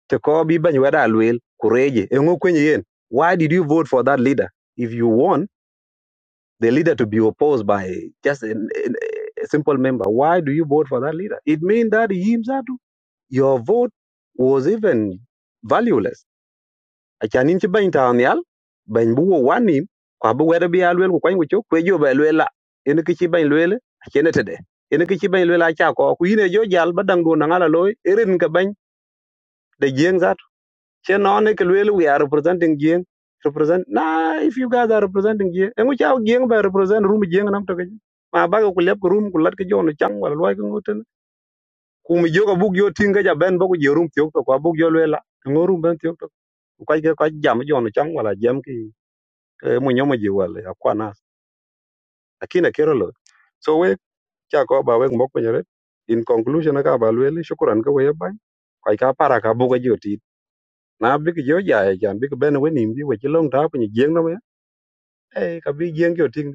S4: te ko bi bany weda alwel kureje engo kwenye yen why did you vote for that leader if you want the leader to be opposed by just an, an, a simple member why do you vote for that leader it means that he himself your vote was even valueless achanin ci bany tawn yal bany bu wo wanim kwa bu weda bi alwel ku kwany ku chok kwe jo ba lwela en ki ci bany lwele achene tede en ki ci bany lwela cha ko ku yine jo jal badang do nangala loy erin ka bany da She non ke lwel we are representing Jing. Represent nah if you guys are representing Jing. And which our Jing by represent room Jing nam to ke. Ma ba ko lep ko room ko lat ke jo no chang wala loy ko ngoten. Ku mi jo ka bug yo tinga ja ben ba ko je room tiok to ko bug yo lwela. Ngo room ben tiok to. Ku kai ke ka jam jo no chang wala jam ki eh, mu nyomo ji wala ya kwana. Akina kero lo. So we cha ko ba we mok penyere. In conclusion ka ba lwel shukran ka we ba. Kai ka para ka bug yo ti. Na bi ki jo ja e jan bi ki ben we nim bi we chi long ta pe ni Jing e ka bi jeng yo ting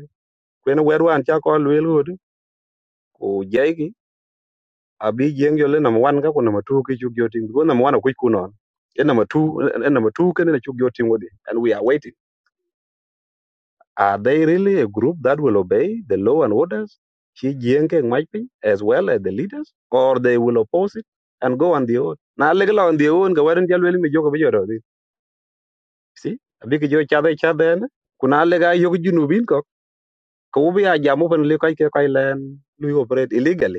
S4: kwen wer wan cha ko lwel hod ku jai ki a bi jeng yo le number 1 ka ku number 2 ki chu yo ting ko number 1 ku ku non e number 2 e number 2 ken ne chu yo ting wodi and we are waiting are they really a group that will obey the law and orders chi jeng ke mai pin as well as the leaders or they will oppose it and go on their own na le la on their own ga waran jalwel mi jogo bi yoro di si abi ki jo cha de cha de ne ku na le ga yo ku junubin ko ko bi a jamu pan le kai ke kai len lu operate illegally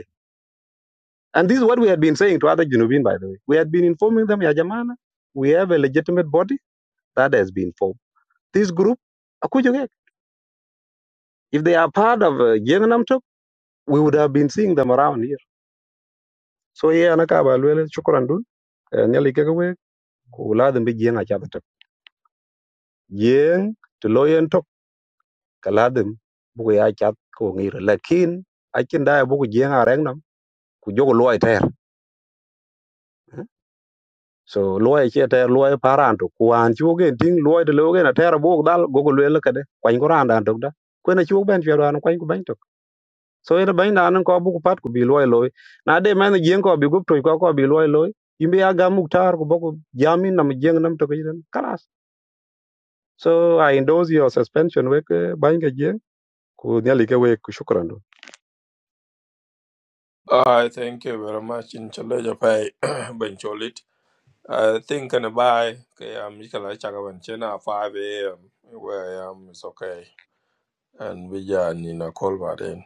S4: And this is what we had been saying to other Junubin, by the way. We had been informing them, Ya Jamana, we have a legitimate body that has been formed. This group, Akujugek, if they are part of uh, Jengnam Tok, we would have been seeing them around here. So, yeah, Anakaba, Lwele, Chukuran Dun, Eh, Nyali Kagawe, Kuladim be Jeng Achabatok. Jeng, to Loyan Tok, Kaladim, Buya Chat, Kongir, Lakin, Akin Dia Buku Jeng Arangnam, Kujogo Loy so loy che ter loy paran to kwan chu gen ting loy de logen ter buk dal go go le kade kwan ko ran dan to da ko na chu ben che ran kwan ko ben to so ina ben dan ko bu ko pat ko bi loy loy na de men gen ko bi gup to ko ko bi loy loy imbe ya ga muktar ko boko jamin nam jeng nam to gen kalas so i endorse your suspension we ban ge je ku nyali ke we ku shukran
S1: i thank you very much in chale ja pai <clears throat> ben cholit <coughs> i think can buy okay am ikala chaka ban chena 5 am where i am is okay and we are in a call by then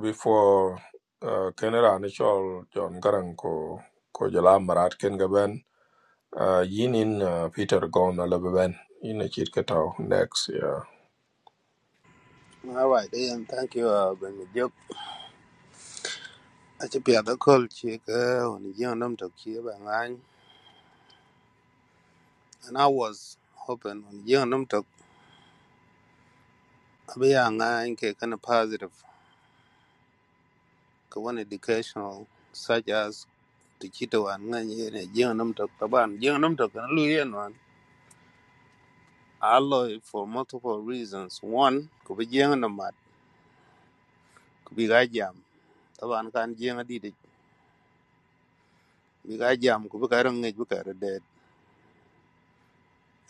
S1: before uh, Canada initial John Garang ko ko jala marat ken gaben uh, yin in uh, Peter Gon ala beben in a chit kato next yeah
S24: All right, then. Thank you, uh, Brenda Duke. I should be at the call, chick, uh, when you young them to keep an eye. And I was hoping on the young them to be an eye, kind of positive, positive, one educational, such as the Chito and Nany and a young them to Taban, young them to Luyan one. I love for multiple reasons. One, could be young them mad, could be guy jam. Taban can young a did it. Be guy jam, could be guy on dead.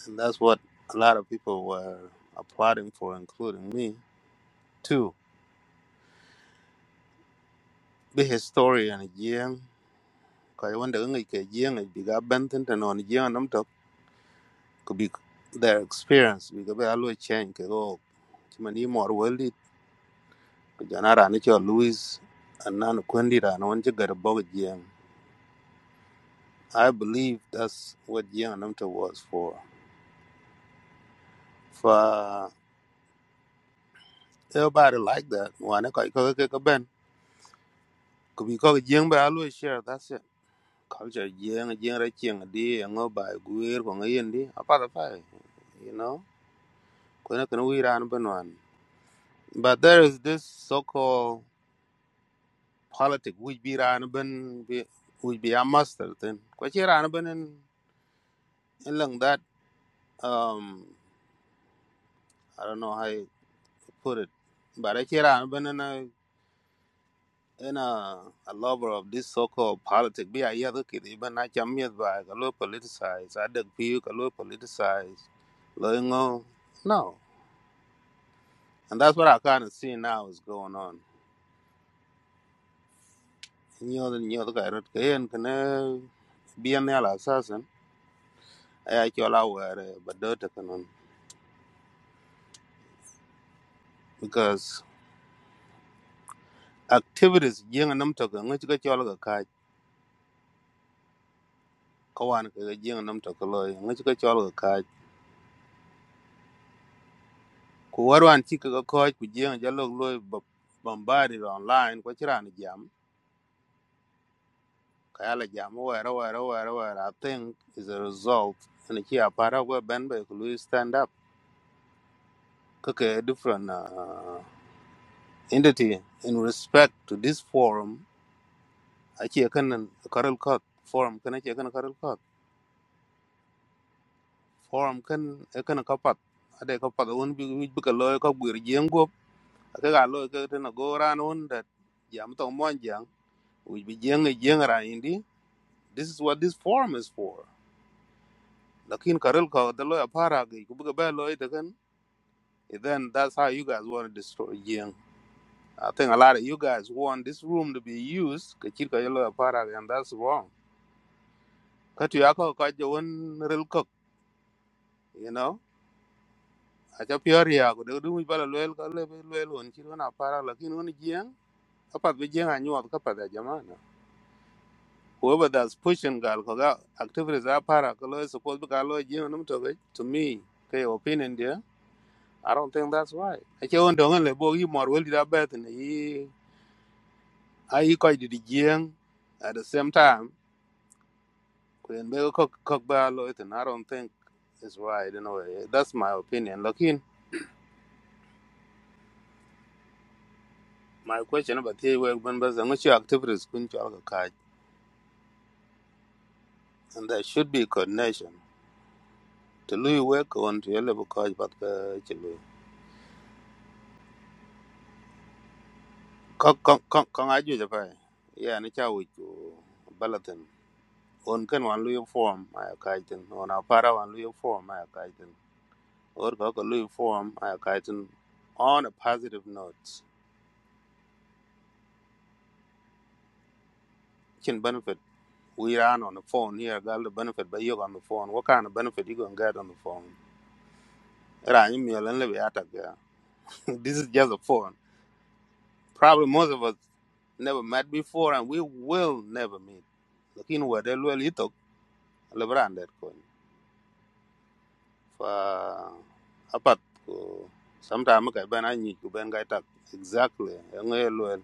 S24: And that's what a lot of people were applauding for, including me, too. Be historian Jiang, because when the English Jiang is big up bent and on Jiang them talk, could be their experience, because they always change, because oh, many more worldly, because you're not an Louis and non Quendi, and when you get a bug Jiang. I believe that's what Jiang them talk was for. For everybody like that, one, because Ben, could be called Jiang, but always share, that's it. culture jeng jeng ra cheng di ngo by, guer ko ngayen di apa da pa you know ko na kan wi ran ban one, but there is this so called politic which be ran ban which be a master thing. ko che ran ban in in lang that um i don't know how to put it but i che ran ban in a in a, a lover of this so-called politics, be a yellow kid even not your myth by a little politicized i dig for you a little politicized no And that's what I kind of see now is going on. Nhiều the nhiều the guy rot kayen kana biyan ya la sasan ay chola ware badota kanon because activities jing nam to ka ngi ka chola ka ka kawan ka jing nam to ka loy ngi ka chola ka ka ku warwan ti ka ko ku jing jalo loy bombarded online ko chiran jam ka yala jam ware ware ware ware I think is a result and ki apara go ben be ku stand up ka ka different Uh, entity in respect to this forum ake kan karal ka forum kan ake kan karal ka forum kan e kan kapat ade kapat won bi bi ka loy ka gwir jeng gop ka ga loy ka tan go ran on that jam to mon jang wi bi jeng jeng ra indi this is what this forum is for lakin karal ka da loy para ga ku bi ba loy da kan eh, then that's how you guys want to destroy jeng I think a lot of you guys want this room to be used. ka chir ka yellow para, ga, and that's wrong. ka tu ya ko ka je won rel ko you know a cha pior ya ko de du bala lel ka le lel won chi na para la kin won jiang, ka pat be jian anyu ka pat da jama whoever that's pushing gal ko ga activities are para ko lo suppose ka lo jiang, num to ge to me ke opinion there i don't think that's right a che won dong le bo yi mor wel da bet ne yi ai ko di jiang at the same time ko en be ko ko ba lo it and i don't think it's right in a way that's my opinion lakin My question about the work members and which activities kun chal ka kaj and there should be coordination to lui work on to your level kaj but ka chilu. Kong kong kong aju japa. Yeah, ni cha wich balatin. On kan wan lui form ay kaitin. On a para wan lui form ay kaitin. Or ka ka lui form ay kaitin on a positive note. Chin benefit. We ran on the phone here, got the benefit, by you on the phone. What kind of benefit you gonna get on the phone? Rangi miolen lebe <laughs> This is just a phone. Probably most of us never met before and we will never meet. Lakin wade luel itok lebran det kon. Fa apat ko sometime ka ben anyi ku ben ga tak exactly ngue luel.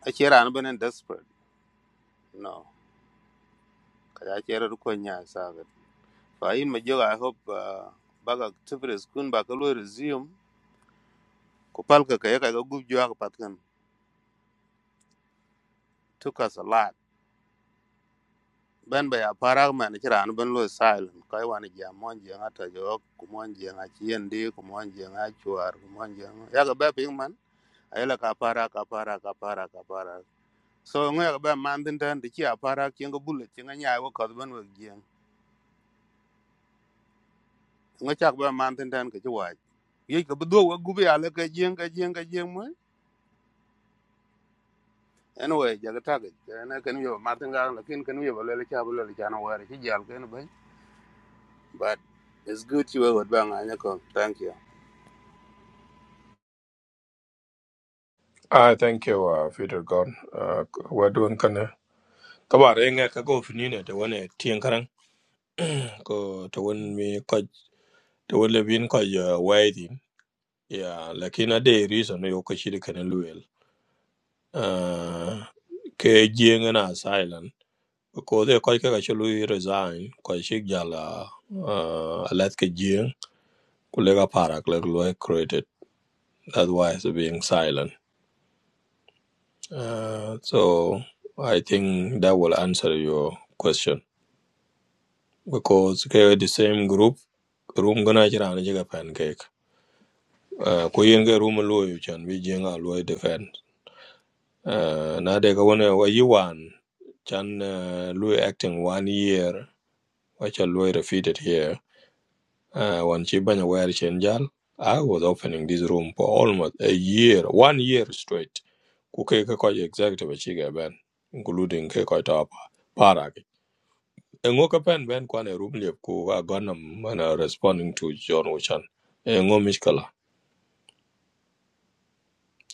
S24: A chera an ben desperate. No. Ka ya chera ko nya sa ga. Fa in ma joga I hope uh, bag activities kun ba ka luel resume ko pal ka ka ya ka gup jo ka pat kan. Took us a lot. ben be aparak man ci ran ben lo silent koy wan jam mon je ngata jo ku mon je nga ci yende ku mon je nga chuar ku mon je ya ga be ping man ay la ka para ka para ka para ka para so nga ga be man tin tan ci aparak ci nga bulle ci nga nyaay wo ko ben wo je nga chak be man tin tan ke ci wa ye ko do wo gu be ala ke je nga je nga je mo anyway ja ga tag na ken yo man tin ga la ken ken yo le le cha bu le cha na wa ci jal ken ben but it's good you were bang anya thank you
S1: I thank you uh, Peter Gon uh, we're doing kana kabar enga ka go finine to one tien karang ko to one mi ko to one lebin ko uh, waiting yeah lakini ade reason yo ko chiri kana luel uh, ke jieng na silent ko de ko ke ga chulu resign ko shi jala uh, alat ke jing kulega para kulega lo created that's why it's being silent uh, so i think that will answer your question because ke the same group room gana jira na jiga pancake uh, ko yin ga room lo yu chan bi jing a lo defend uh, na de ga wona wa yi wan chan uh, lo acting one year which I lo defeated here Uh, when Chibanya were Chenjal, I was opening this room for almost a year, one year straight. Kukeke kwa executive chiga ben, including ke kwa tapa parag. Engoka pen ben kwa ne room liep ku ka ganam responding to John Ocean. Engo mishkala.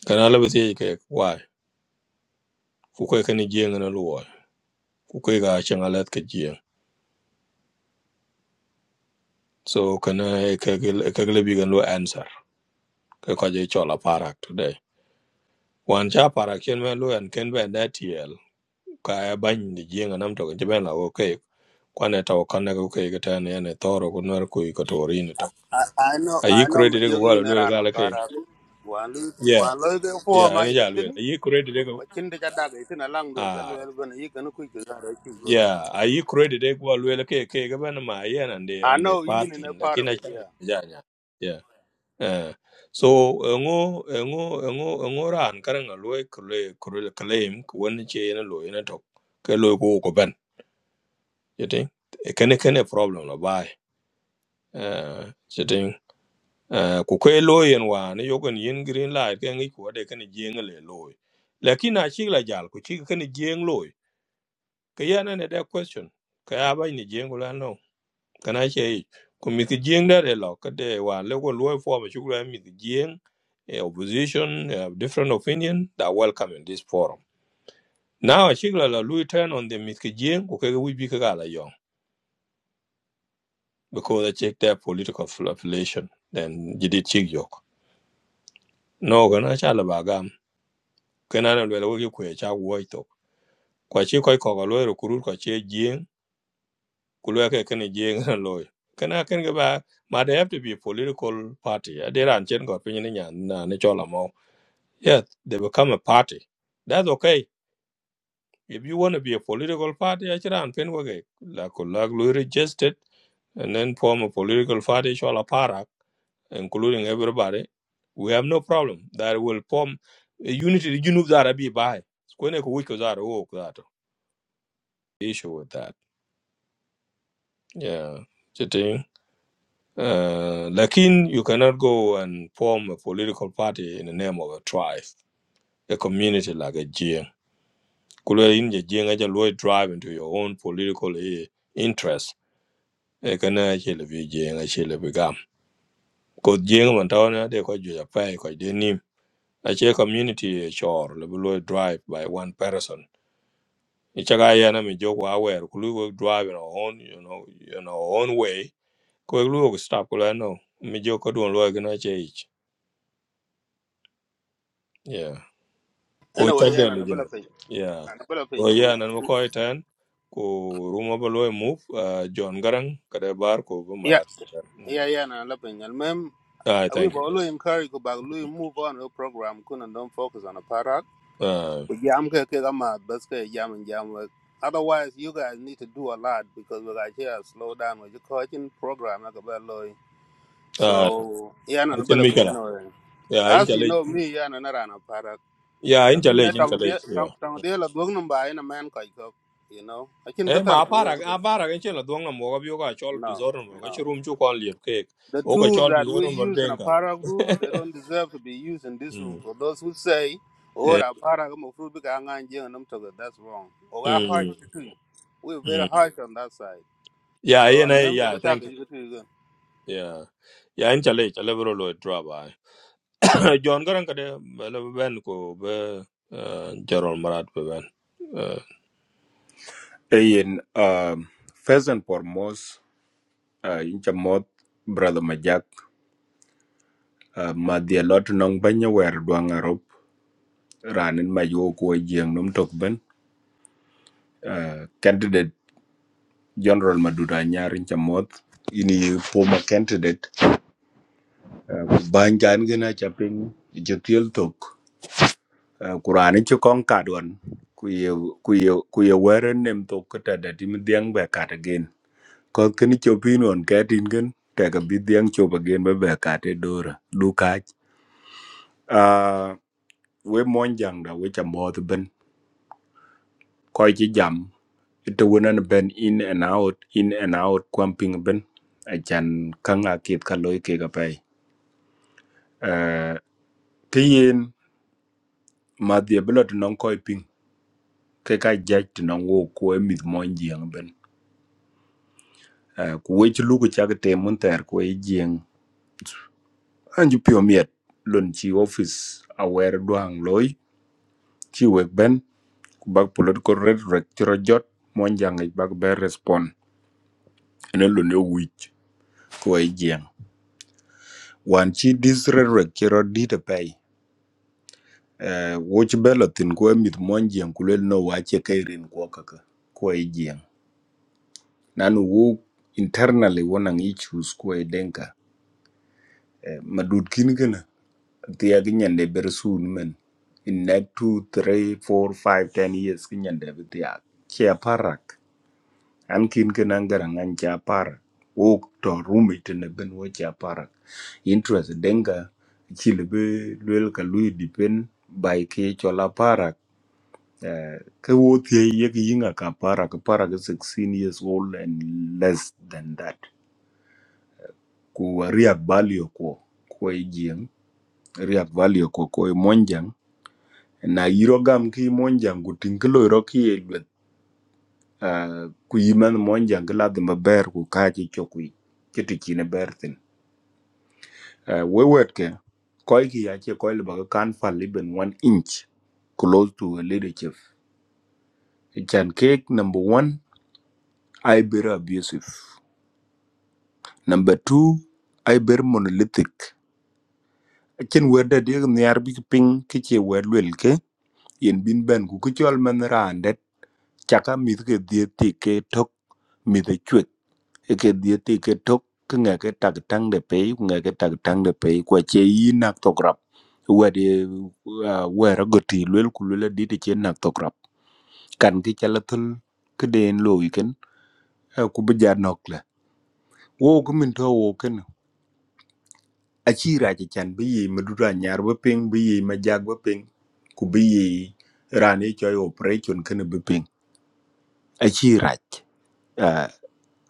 S1: Kana lebe tiye why? Kukeke ni jieng na luwa. Kukeke achang ke jieng. So kana ekeke lebi gan lu answer. Ke chola parag today. Wan cha parag chen ben lu and ken ben that TL. kaya bany ni jenga nam to je ben la wo ke kwane to kana ko ke ga tan ne toro ko nor ko ko to ri ni to
S24: I, I know
S1: ayi
S24: I know mà
S1: credit ko
S24: giờ ghi
S1: wala lo
S24: nữa ra
S1: ga
S24: nó
S1: la
S24: bà
S1: ke
S24: ra hoàn lưu
S1: yeah
S24: hoàn lưu cái phố
S1: yeah
S24: mà
S1: ene
S24: ít
S1: ja lo
S24: tin
S1: ayi credit ko
S24: quá chín thì chắc đã cái tin là lăng rồi chắc
S1: ah
S24: luôn bên ấy cái nó quy cái ra đấy chịu rồi
S1: yeah ayi credit ko wala lo ke ke ga ben ma yen ande
S24: I
S1: ande
S24: know you
S1: party
S24: in a part of
S1: lakini
S24: it
S1: acha
S24: yeah
S1: ja nya yeah eh so ngo ngo ngo ngo ran karan lo ko le claim ko ne che ene lo ene to ke lo ko ko ben yete kene kene problem la uh, sitting uh, ku kwe lo yen wa ne yogon yin green light ke ngi ko de kan jeng le lo lakin a chi la jal ku chi kan jeng lo ke ya na ne da question ka ya ba ni jeng la no kana che ku mi ti jeng da de lo ka de wa le ko lo fo ma chu la mi ti jeng eh, opposition eh, different opinion that welcome in this forum now a chi la la lu turn on the mi ti jeng ku ke wi bi ka la yo because they check their political affiliation then you did check no ga na cha la ba gam ke na le wo ki kwe cha wo to kwa chi koi ko lo ro kuru kwa che jing ku ke kene jing na <laughs> lo ke na ken ba ma they have to be a political party a de ran chen ko pin ni nya na ne cho la mo yes they become a party that's okay if you want to be a political party a chi ran pen wo ge la ko la lo registered and then form a political party cho la including everybody, we have no problem that will form a unity. You know that I be by. Kwenye kuwiko that walk that issue with that. Yeah, sitting. Uh, lakin you cannot go and form a political party in the name of a tribe, a community like a Jiang. Kule inje Jiang aja lwe drive into your own political eh, interest. E kana chile vi Jiang chile vi gam. Ko Jiang man tawana de ko juja pai ko ache community e chor le drive by one person ichaga yana mi jogo aware kulu we drive in our own you know in our own way ko lu go stop kulu no mi jogo don lo gna che ich yeah ko
S24: anyway yeah
S1: chaga mi
S24: nó bela
S1: jeno
S24: pin
S1: yeah
S24: nó bela
S1: so
S24: pin cũ
S1: yeah nan mo ko iten ko rumo below move uh, john garang kada bar ko bu
S24: yeah
S1: marat mm.
S24: yeah yeah nó bela pin and mem
S1: ah
S24: we
S1: thank
S24: will
S1: you
S24: always encourage go back we move on your program couldn't don't focus on a product
S1: ah
S24: we jam ke ke gama bas ke jam and jam work otherwise you guys need to do a lot because we got here slow down with the coaching program like a bad lawyer.
S1: ah
S24: So yana no,
S1: achen
S24: bala kun
S1: mikala
S24: yana wayan.
S1: yeah in
S24: As you
S1: challenge
S24: know me yana na rana para.
S1: yeah in
S24: Laki na
S1: challenge in
S24: tang dia
S1: challenge
S24: tang tang dia la gong num ba yana man kai ko. You know, I can
S1: e
S24: get her
S1: ma aparak
S24: go.
S1: aparak e chelo duong na moga bio chol
S24: No,
S1: disorder mo ka
S24: no.
S1: chirum chu kon liep ke
S24: The
S1: o
S24: tools
S1: chol
S24: that we
S1: disorder mo
S24: use in a
S1: denga
S24: para room, they don't deserve to be used in this room.
S1: mm
S24: For those who say, "Oh,
S1: Eh,
S24: a para go mufru bi ka ngan jeng num to that's wrong. Oga harsh
S1: mm
S24: too. We're very
S1: mm
S24: harsh on that side.
S1: yeah
S24: So,
S1: yeah na
S24: I'm
S1: yeah
S24: jaga ta
S1: thank
S24: ga
S1: you
S24: jiga tu
S1: yeah yeah in chale chale bro lo drop by <coughs> john garan kade le ben ko be eh, jarol marat be ben Eh,
S25: Eyin uh, first and foremost uh, incha moth brother Majak uh, ma dhi alot nong banya wer dwang arop ranin ma yo kuo jieng num tok ben uh, candidate general Maduda Anyar incha moth ini former candidate uh, ban jan gina chaping jetiel tok uh, kurani chukong kadwan kuye kuye kuye weren nem tok kata datim dhiang be kata Koth keni chopin on katin ken teka bi dhiang chop again be be kate dora du kach. Uh, we monjang da we cha moth ben koi chi jam ito wunan ben in and out in and out kwamping ben achan kang akit ka loy ke ka pai. Ki yin madhia bila tinong koi ping ke ka jaj tinong wo kwe mith monjang ben. Uh, kuwe chuluku chak te mun ter kwe jieng anju pio miet lun chi office awer duang loy chi wek ben ku bag political rhetoric ci ro jot mo jangi bag be respond ene lo ne wich ko ai jeng wan chi this rhetoric ci ro di te pay eh wo ci belo tin ko mit mo jeng ku lel no wa ce kay rin ko kaka ko ay jeng nanu wo internally wonang issues ko ay denka eh, madud kin gana tiya gi nyande ber sun men in next two, three, four, five, ten years ki nyande bi tiya che parak an kin ken an garang an cha parak wok to rumi tene ben wo cha parak interest denga chile be lwel ka lui dipen by ke chola parak eh, ke wo thie ye ki yinga ka parak parak is 16 years old and less than that ku riak value ko ko jing riak value ko ko monjang na yiro gam ki monjang ku tin Ah, ku yiman mon jang la de ber ku ka ci chokwi ci ti ci ne ber tin Ah, we wet ke koy ki ya ce koy le ba kan fal liben 1 inch close to a leadership chan cake number one, i ber abusive number two, i ber monolithic chen wer da de ne ar bi ki ping ki ce wer wel ke yen bin ben ku ku chol man randet chaka mit ke die ti ke tok mit cái địa ti cái thúc cái nghe cái trạc trăng để pe nghe cái trạc trăng để pe qua chế y nak to grab qua đi qua ra goti lul ku lul đi đi thì chế nak to grab cần cái chala thul cái đèn lo weekend ku bây giờ nọc là ô cái mình thua ô cái nào a chi ra chi chan bi yi ma dura nyar ba ping bi yi ma jag ba ping ku bi yi rani choi operation kan bi ping a chi ra à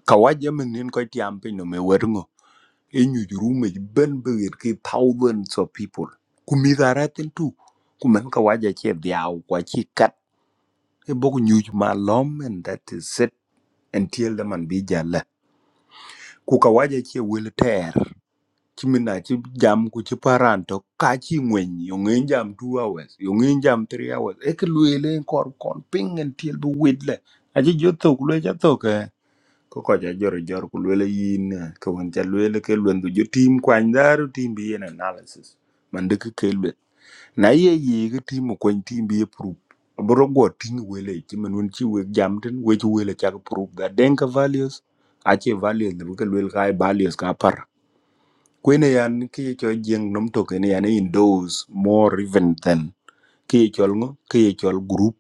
S25: kawaja mình nên coi tiêm pin nó no me werngo inyu jurume ben begir ki thousands of people kumidharatin tu kumen ka waja che dhiau kwa chi kat e boku nyuj ma lom and that is it until the man bi jala ku ka waja che wel ter chimina chi jam ku chi paran to ka chi ngwen yo ngin jam 2 hours yo ngin jam 3 hours e ke luele kor kon ping until bu wit le aji jo tok le ja Kokocha jor jor ku lwele yin eh, ka wan cha lwele ke lwen du jo tim kwany daru tim bi yen analysis man de ke ke lwen na ye ye ke tim mo kwany tim bi e proof abro go tin wele ti man won chi we jam tin we chi wele cha proof da den ka values a che values de ke lwel ka ai values ka par kwene yan ke ye cho jeng nom to ke ne yan e in those more even than ke ye chol ngo ke ye chol group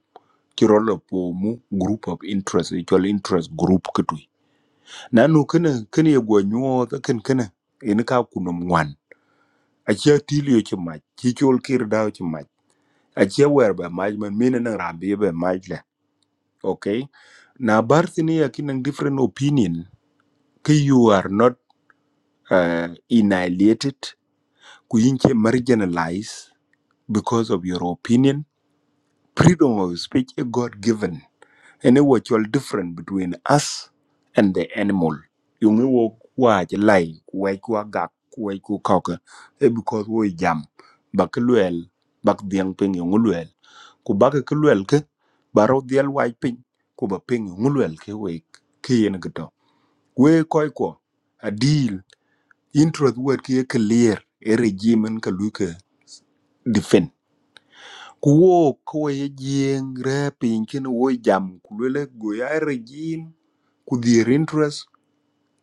S25: ci rolo po mu group of interest ye chol interest group nanu kene kene ye gwo nyuo ka ken kene in ka kunom ngwan achia tilio chi mach chi chol kir dao chi mach achia wer ba mach man mine nang rambi be mach le okay na bar sini ya kinang different opinion ka you are not uh, annihilated ku yinche marginalized because of your opinion freedom of speech is god given and a virtual difference between us and the animal. Yung wo kwa je lai kwa kwa gak kwa kwa kaka e because wo jam bak luel bak diang ping yung luel ku bak ke luel ke baro diel wai ping ku ba ping yung luel ke we ke yen gato we koi ko a deal intro the word ke clear e regime ka lu ke defend ku wo ko ye jing ra ping ken wo jam ku le go ya e regime ku dhier interest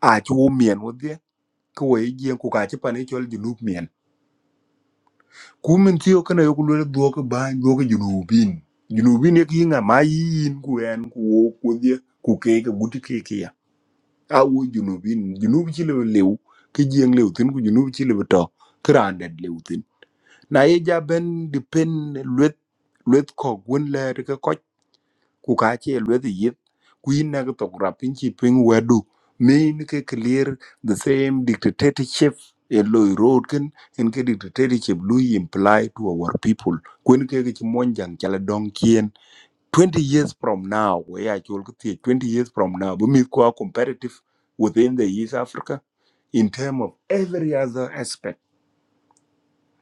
S25: a ci wo mien wo dhie ku wei jiem ku ka ci pane chol junub mien ku min tiyo kana yo ku lwele dhuok bany dhuok junubin junubin yek yinga ma yin ku en ku wo ku dhie ku keke guti keke ya a wo junubin junub ci lewe lew ki jieng lew thin ku junub ci lewe to ki raan det lew thin na ye ja ben depend lwet lwet kok wen ler ku ka che lwedhi yit ku yin na to rap in chi ping wedu mean ke clear the same dictatorship a loy road ken in ke dictatorship lui imply to our people kun ke ke mon jang chala dong kien 20 years from now we are chol ke tie, 20 years from now we meet ko competitive within the east africa in term of every other aspect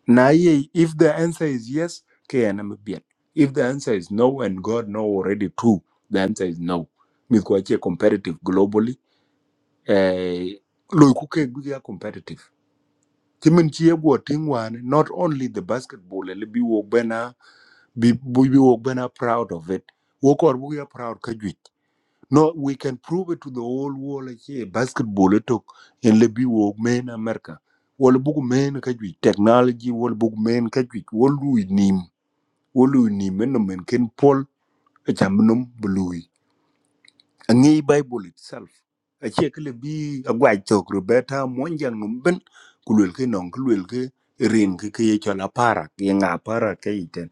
S25: Na ye, if the answer is yes, KNMBL. If the answer is no, and God know already too, the answer is no. Mikwache competitive globally. Eh, loikuke guya competitive. Chimin chiegwo tingwan, not only the basketball, ele bi wogbena, bi bi bi wogbena proud of it. Wokor buya proud kajwit. No, we can prove it to the whole world like basketball it took in Libby wog men America. Wol bug men kajwit, technology wol bug men kajwit, wol wo lui ni men no men ken pol a cham nom blui a ngi bible itself a che kle bi a gwa to roberta mon jang nom ben kulwel ke non kulwel ke rin ke ke ye chola para ke nga para ke iten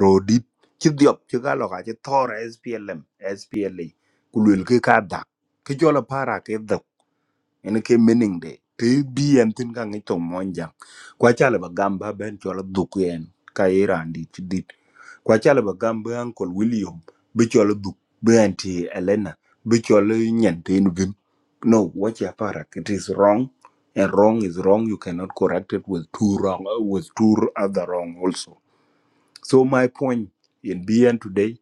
S25: rodit chi diop chi ga lo ga chi thor splm spla kulwel ke ka dak ke chola para ke ene ke mening de te bi en tin ka ngi to monja kwa chala ba gamba ben chola duku en ka irandi ti dit kwa chala ba gamba uncle william bi chola duk bi anti elena bi chola nyantin vim no what ya para it is wrong and wrong is wrong you cannot correct it with two wrong uh, with two other wrong also so my point in bn today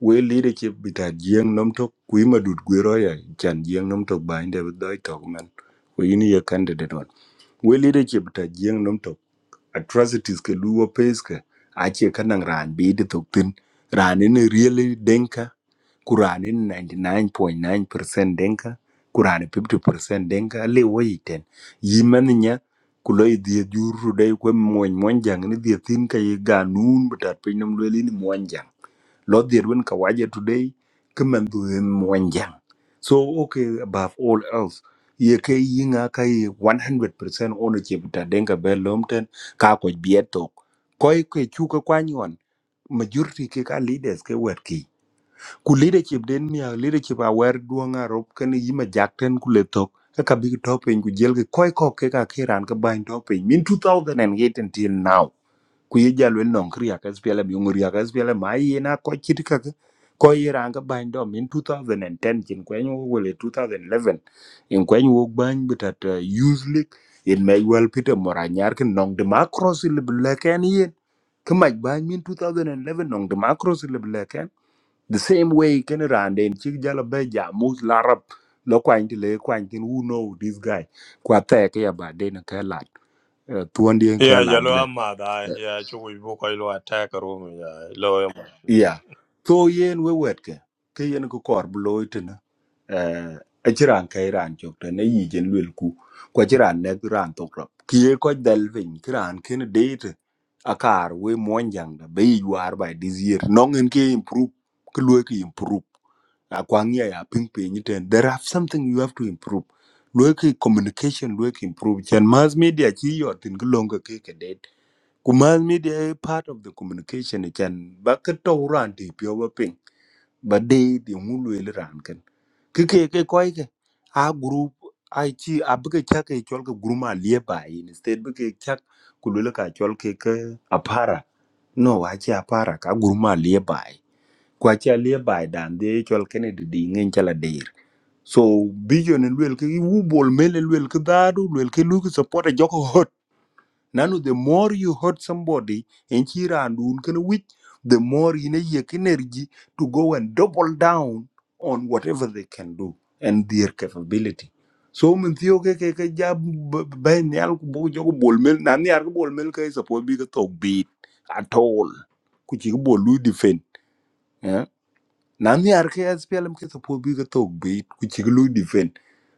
S25: we leadership bita jieng nom tok kui madut gwero ya chan jieng nom tok ba inde doi tok man we ini ye candidate on we leadership bita jieng nom tok atrocities ke luwo pace ke ache kanang ran bi de tok tin ran ini really denka kurani 99.9% denka kurani 50% denka le wo yiten yiman nya kulo idhi juru dai kwe mwen mwen jang ni dhi thin ka ye ganun bata pinyom lweli ni mwen jang lo dir win ka waje today kuman du mwanjang so okay above all else ye ke yinga kai 100% ono chepta denga be lomten ka ko bieto koy ke chuka kwanyon majority ke ka leaders ke werki ku leadership den mia leadership aware duanga rob kan yima jakten ku letok ka big top en ku jelge koy ko ke ka kiran ka bain top min 2008 until now ku ye ja lwel nong kriya ka spele bi ngur ya ka spele ma yi na ko chit ka ka. ko yi ran ka ban dom in 2010 chin kwen wo wele 2011 in kwen wo ban bitat uh, youth league in may well peter moranyar kin nong de macros le ble ken yen kemach ban min 2011 nong de macros le ble ken the same way ken ran den chik jala be ja mus larab lo kwany ti le kwany who know this guy kwa te ke ya ba den ka lad tuon dien ka
S1: yeah jalo
S25: lad
S1: amma da yeah chu wi bo ko lo attack room yeah lo em Mm.
S25: yeah so yen we wet ke ke yen ko kor bloy tena eh achiran kai ran chok tena yi jen lwel ku kwa chiran ne ran tok rap ki ye ko dal vin kran ken date akar we monjang da be yuar by this year nongen ke improve ke lwe ke improve akwang ya ya ping ping ni ten there have something you have to improve lwe ke communication lwe ke improve chen mass media chi yotin ke longa ke ke date Kumal media part of the communication ni chan ba ka to ran ti pyo ba ping ba de di ngulu le ran kan ke ke ke koi ke a group ai chi a ba ke cha ke chol ke group ma lie ba in instead ba ke cha ku le ka chol ke ke a para no a chi a para ka group ma lie ba kwa chi a lie ba dan de chol ke ne di di ngen chala de so vision and wel ke i wu bol mele wel ke daru wel ke lu ke support a joko Nano, the more you hurt somebody, and Chira and Unkanawit, the more you need energy to go and double down on whatever they can do and their capability. So min tiyo ke ke ke jab ben yal ko bo jogo bol mel na ni ar ko bol mel kay support bi ka tok beat at all ku ci ko bol lu defend eh na ni ar ke SPLM ke support bi ka tok beat ku ci lu defend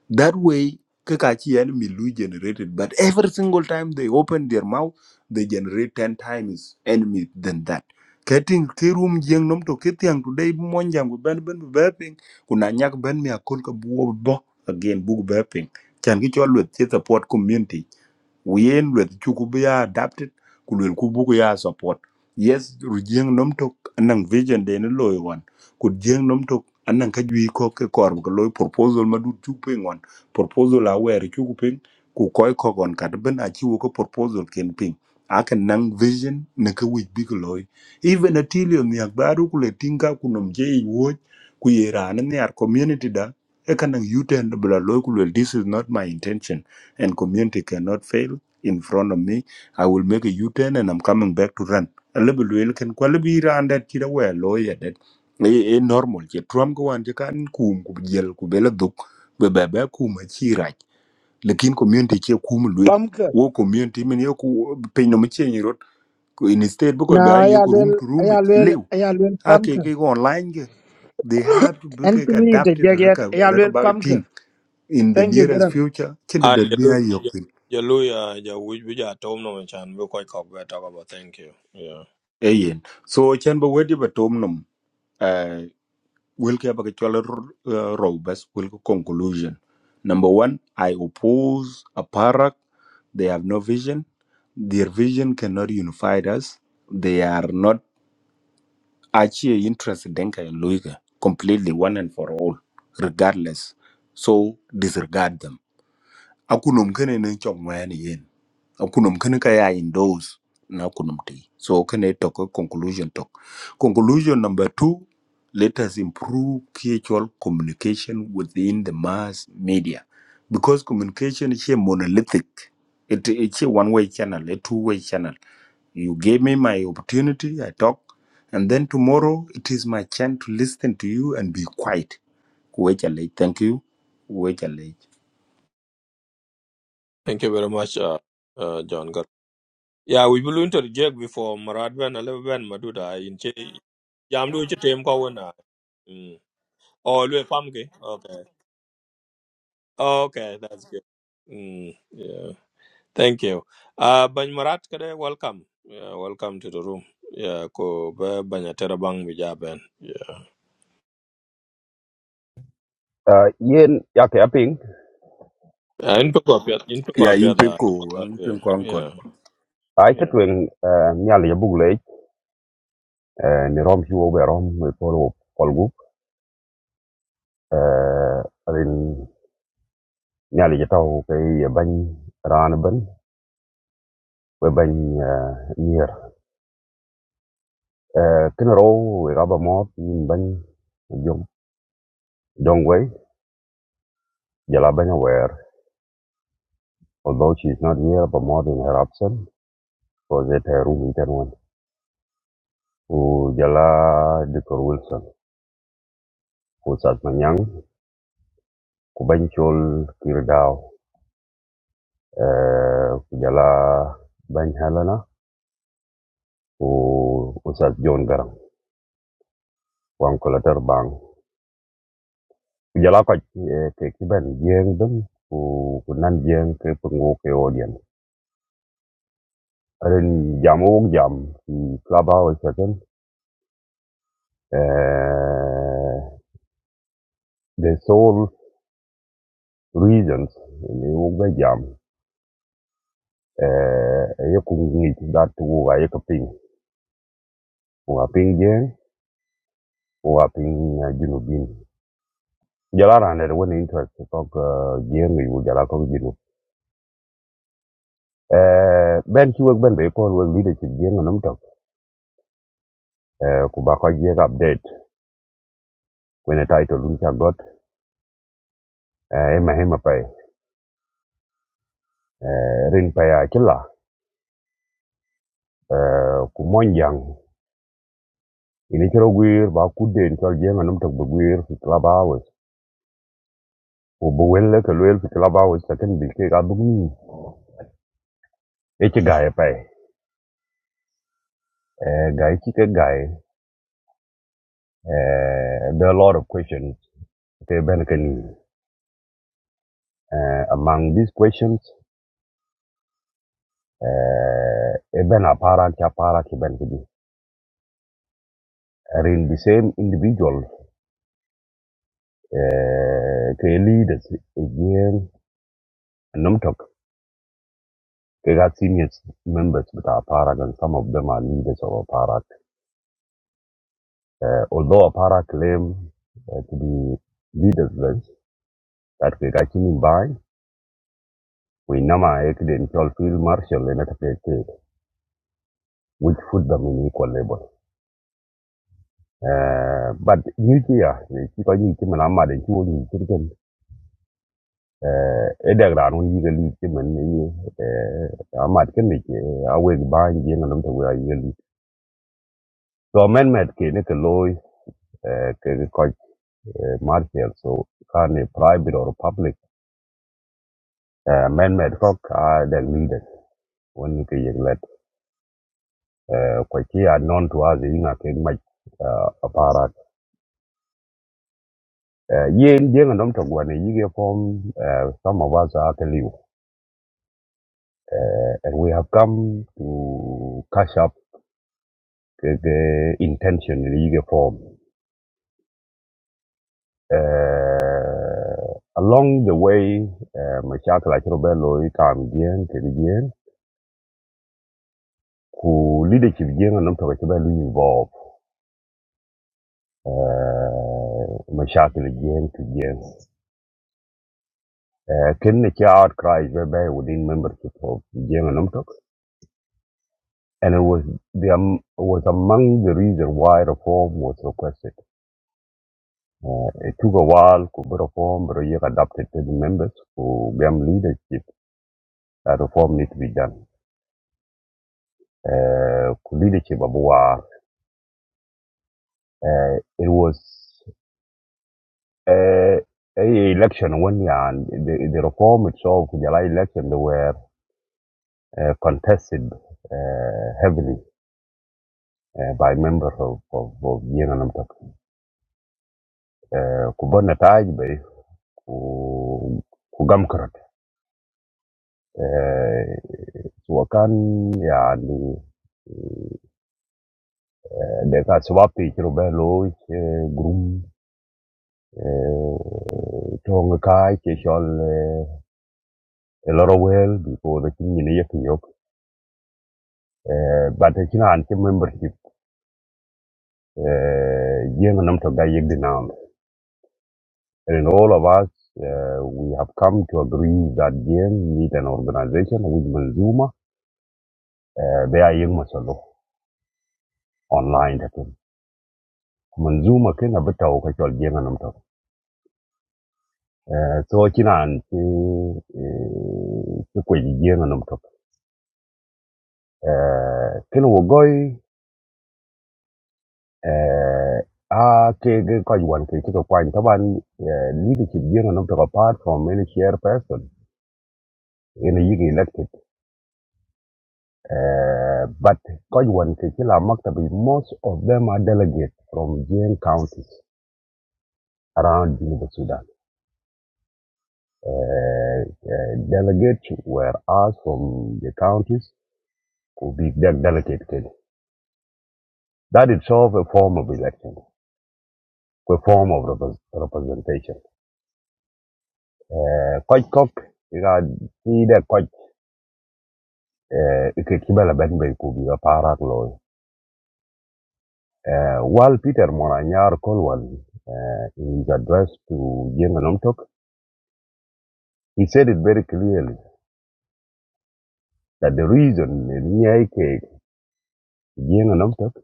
S25: That way, Kakachi enemy Lu generated, but every single time they open their mouth, they generate ten times enemy than that. Keting kirum jeng nom to kitiang today monjam ku ben ben beping kuna nyak ben mi akol ka buo bo again bug beping chan ki chol with the support community yen lueth chu ku bi ya adapted ku luel ku bu ku ya support yes ru jeng nom tok anang vision de ne loy wan ku jeng nom tok anang ka jui ko ke kor ko loy proposal ma du chu pe ngon proposal a wer chu ku ping ku koy ko gon kat ben a chi wo ko proposal ken ping a kan nang vision ne ka wi bi ko loy even a tilio mi akbaru ku le tinga ku nom je i wo ku yera ne ar community da e kan nang yuten bla loy ku lwel, this is not my intention and community cannot fail in front of me. I will make a U-turn and I'm coming back to run. A little bit can quality run that kid away lawyer that a normal je tram go an je kan kum ku jel ku bela duk be be be kum chi rach lekin community che kum lwe
S7: Pumpkin.
S25: wo community men yo ku pe no me chen rot ku in state bu ko
S7: Now
S25: ba yo ku room
S7: ayalwe
S25: to room ich
S7: ayalwe
S25: lew
S7: ayalwe
S25: a ke
S7: pumpkin.
S25: ke go online ge they have to be
S7: And
S25: like
S7: to me the
S25: adapted
S7: jagat
S25: reka reka
S7: ayalwe
S25: bag
S7: pumpkin.
S25: thing in the
S7: Thank you,
S25: nearest
S7: Garam.
S25: future chen
S1: ah
S25: da bi
S1: jalo
S25: a yok tin
S1: jalo ya ja wi bi ja tom no chan bo ko ko be talk about thank you yeah
S25: ayen so chen ba wedi ba uh, will ke ba uh, robust will conclusion number 1 i oppose a parak they have no vision their vision cannot unify us they are not actually interested in denka and luiga completely one and for all regardless so disregard them akunum kene ne chong wen yen akunum kene ka ya in those na kunum ti so kene to conclusion to conclusion number 2 let us improve cultural communication within the mass media because communication is a monolithic it it's a one way channel a two way channel you gave me my opportunity i talk and then tomorrow it is my chance to listen to you and be quiet Kuwait Challenge. Thank you. Kuwait Alej.
S1: Thank you very much, uh, uh, John. Gar. Yeah, we will interject before Marad Ben, Aleb Ben, Maduda, in Che, Yamdu Chitim Kawana. Oh, Lue Pamke. Okay. Okay, that's good. Mm, yeah, thank you. Uh, Bany Marat, kade, welcome. Yeah, welcome to the room. Yeah, ko ba banya terabang bija ben. Yeah.
S26: uh, yen yake aping
S1: Uh, In pick up in pick
S25: Yeah,
S1: up
S25: impenko,
S1: yeah.
S25: impenko ankon.
S1: Yeah.
S26: ai Yeah. chetwing uh, nyal ya bug uh, ni rom hiwo be rom me polo kolgu uh, rin nyal ya tau ke ya ran ban we ban nier uh, kina ro we raba mot yin bany jong jong wei jala bany aware although she is not here but more than her absence because at her room in ten one ku jala Dr. Wilson ku sat manyang ku bany chol kir daw eh, kujala bañ helena ku usas jon garam wan ko latar bang kujala ko ke ki ben jeng dum ku ku nan jeng ke pungu ke odien ren jamu jam ki klaba o second eh the sole reasons ni wo ga jam eh ye ku ngi dat wo ga ye ka ping wo ga ping jeng wo ga junubin jala ran der woni interest ko jeng ni wo jala ko jinu Eh, ben ci wëg ben be kon wëg leadership jeng nam tok eh, ku ba ko jeng update when a title dun ca got eh, ma hema pay eh, rin pay a ci la eh, ku monjang ini ci rogwir ba ku den tol jeng nam tok bu gwir fi club hours ku bu wel ke wel fi club hours ta ken bil ke ga bu ni e ci gaay pay eh, gaay ci ke gaay eh, there are a lot of questions ke ben ke ni eh, among these questions eh, e ben apara ki apara ki ben ki Ril the same individual uh, ke leaders again Namtok they got senior members with our parak and some of them are leaders of our parak. Uh, although our parak claim uh, to be leaderless, that we got him by we nama in field marshal and which put them in equal level. Uh, but you here, you not eh edek ran un yige li ti men ni eh amat ken ni a we ba ni ngan dum to we yige li so men met ke ne ke loy eh ke ko martial so kan ni private or public eh men met ko ka de leader when you ke yig let eh ko ti are known to us in a ke ma aparat eh yen je ngan dum to we ne yige form eh some of us are the you. uh, and we have come to catch up the, intention in the form. Uh, along the way, uh, mashakil achiro belo itam jien, kiri jien, ku leadership jien anam toka chiba lu involve, uh, mashakil jien to jien. Uh, ken ne cha outcry whereby within membership of jien anam tok, and it was the, um, was among the reason why reform was requested. Uh, it took a while to reform, but you adapted to the members who became leadership. That reform need to be done. uh, leadership abuwa uh, it was uh, a election when yeah, and the, the reform itself kujala election they were uh, contested uh, heavily uh, by members of of, of Yenanam uh, kubona taj bay ku kugamkarat uh, wakan yeah, the deka swapi ci rubelo ci grum tong kai ci a lot of well before the king in yek yok Eh, but the china and membership uh and nam to ga yek and all of us uh, we have come to agree that game need an organization with manzuma uh, they are young masalo online that thing. manzuma ken abata ka chol game nam to Eh, so china anti Kuji Jim and eh, eh, ko game nam to ken wo Uh, a ke ge ko wan ke ko kwan taban eh, leadership you know not apart from any share person in a year elected eh but ko wan ke kila maktabi most of them are delegates from Jane counties around Juba Sudan eh eh, delegates were asked from the counties to be de- delegate kid. that itself a form of election a form of repres- representation eh quite cock you got see that eh, ike kibala ben kubiga parak loy eh, while peter moranyar kolwal eh, in his address to jenga nomtok he said it very clearly that the reason nia ike jenga nomtok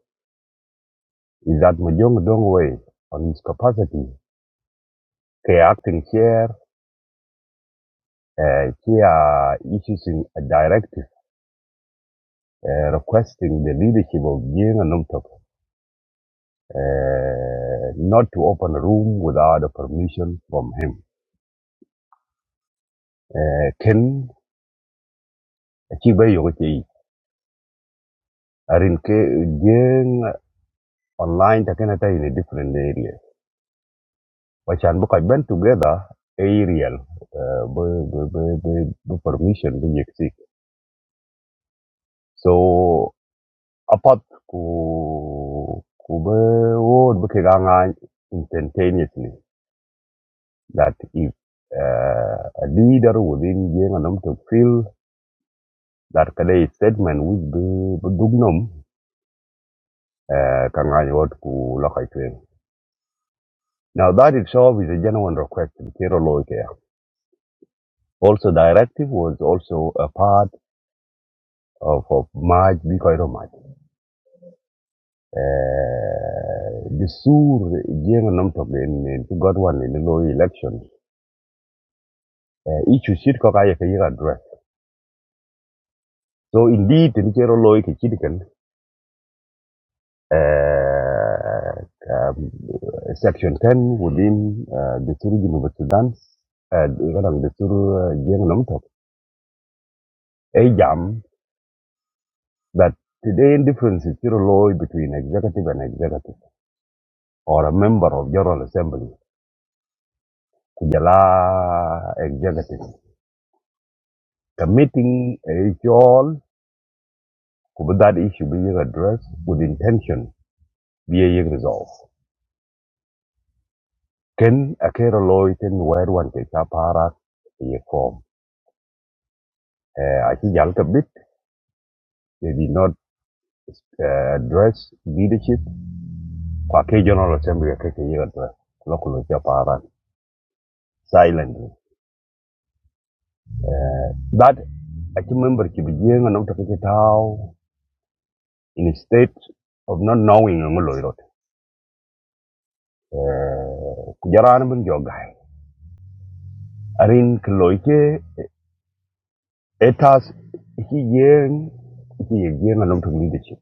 S26: is that mojong dongwei on his capacity ke acting chair uh, kia issuing a directive uh, requesting the leadership of jenga nomtok uh, not to open a room without a permission from him uh, Ken Achi bai yogo che yi. Arin ke jeng online takena ta in a different area. Wachan bu kaj ben together aerial. Uh, bu, bu, bu, bu, permission bu yek So apat ku ku be word bu kegangan instantaneously that if uh, a leader within jeng anam to feel that kada statement which bu bu dugnum uh, kangany word ku lokaj Now that itself is a genuine request to the Kero Loike. Also directive was also a part of, of Maj Bikoiro Maj. Uh, the Sur Jeng Namtok in, in who got one in the low election. Uh, issue shit kokaya kaya address. So indeed the Kero Loike Chidikan, uh, um, section 10 within uh, the Sur University Sudan, uh, the Sur Jeng Namtok. A jam that today difference is still law between executive and executive or a member of general assembly kujala executive committee is all could that issue being addressed with intention be a resolve ken a care law It loiten where one take up para a form uh, i think Yalka bit they did not uh, address leadership kwa ke general assembly akeke address local chapara silently That achi member ki bijieng anam to kiti tau in a state of not knowing ang loy rot. Kujaran ben jogai. Arin kloy ke etas ki yeng ki yeng anam to leadership.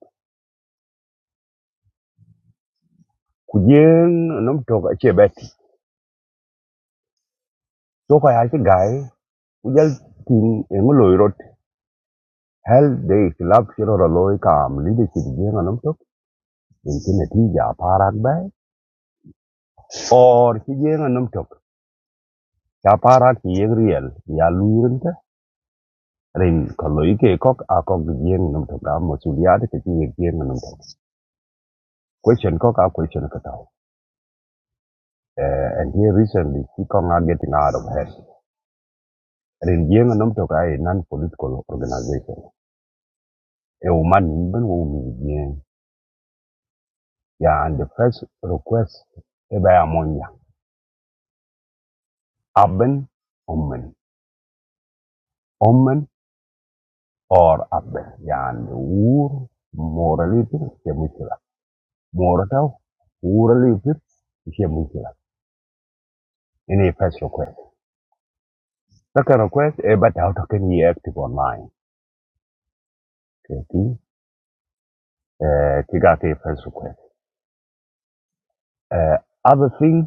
S26: Kujeng anam to achi beti. So kaya achi gai kujal tin ang loy rot. Hell day club shiro loy kam leadership yeng anam to. Intin ati ja parak bay. Or ki yeng anam to. Ja parak ki yeng real. Ya luirinte. ren ko lo ike ko a ko yen num to ga mosuliade ke ti yen num to question ko ka question ka tau Eh, and here recently she come are getting out of hand ren yen num to ga a non political organization A woman, ben wo mi yen ya and the first request e ba amonya aben omen omen or aben ya and ur morality ke mutila morata urality ke mutila ene first request That kind of request, uh, but how can he active online? Okay, uh, kiga ke first request. Uh, other thing,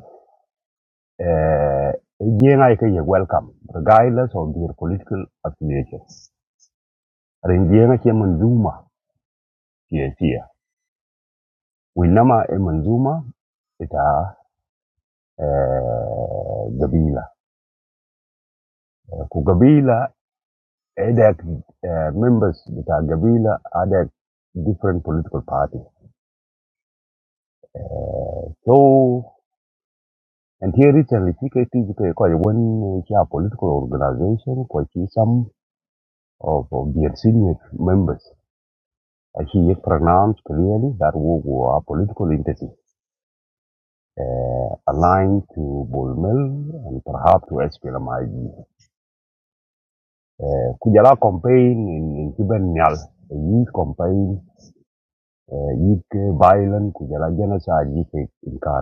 S26: uh, jenga welcome, regardless of their political affiliations. Rin jenga ke manzuma ke siya. Winama e manzuma ita uh, eh, gabila. Uh, ku gabila, edek uh, members ita gabila, edek different political party. Eh, So And here recently, TKT is quite one uh, yeah, political organization, quite some of, of their senior members. Uh, He pronounced clearly that we were a political entity uh, aligned to Bolmel and perhaps to SPLMIG. Uh, Kujala campaign in, in Kibenial, a youth campaign, uh, youth violence, Kujala genocide, youth in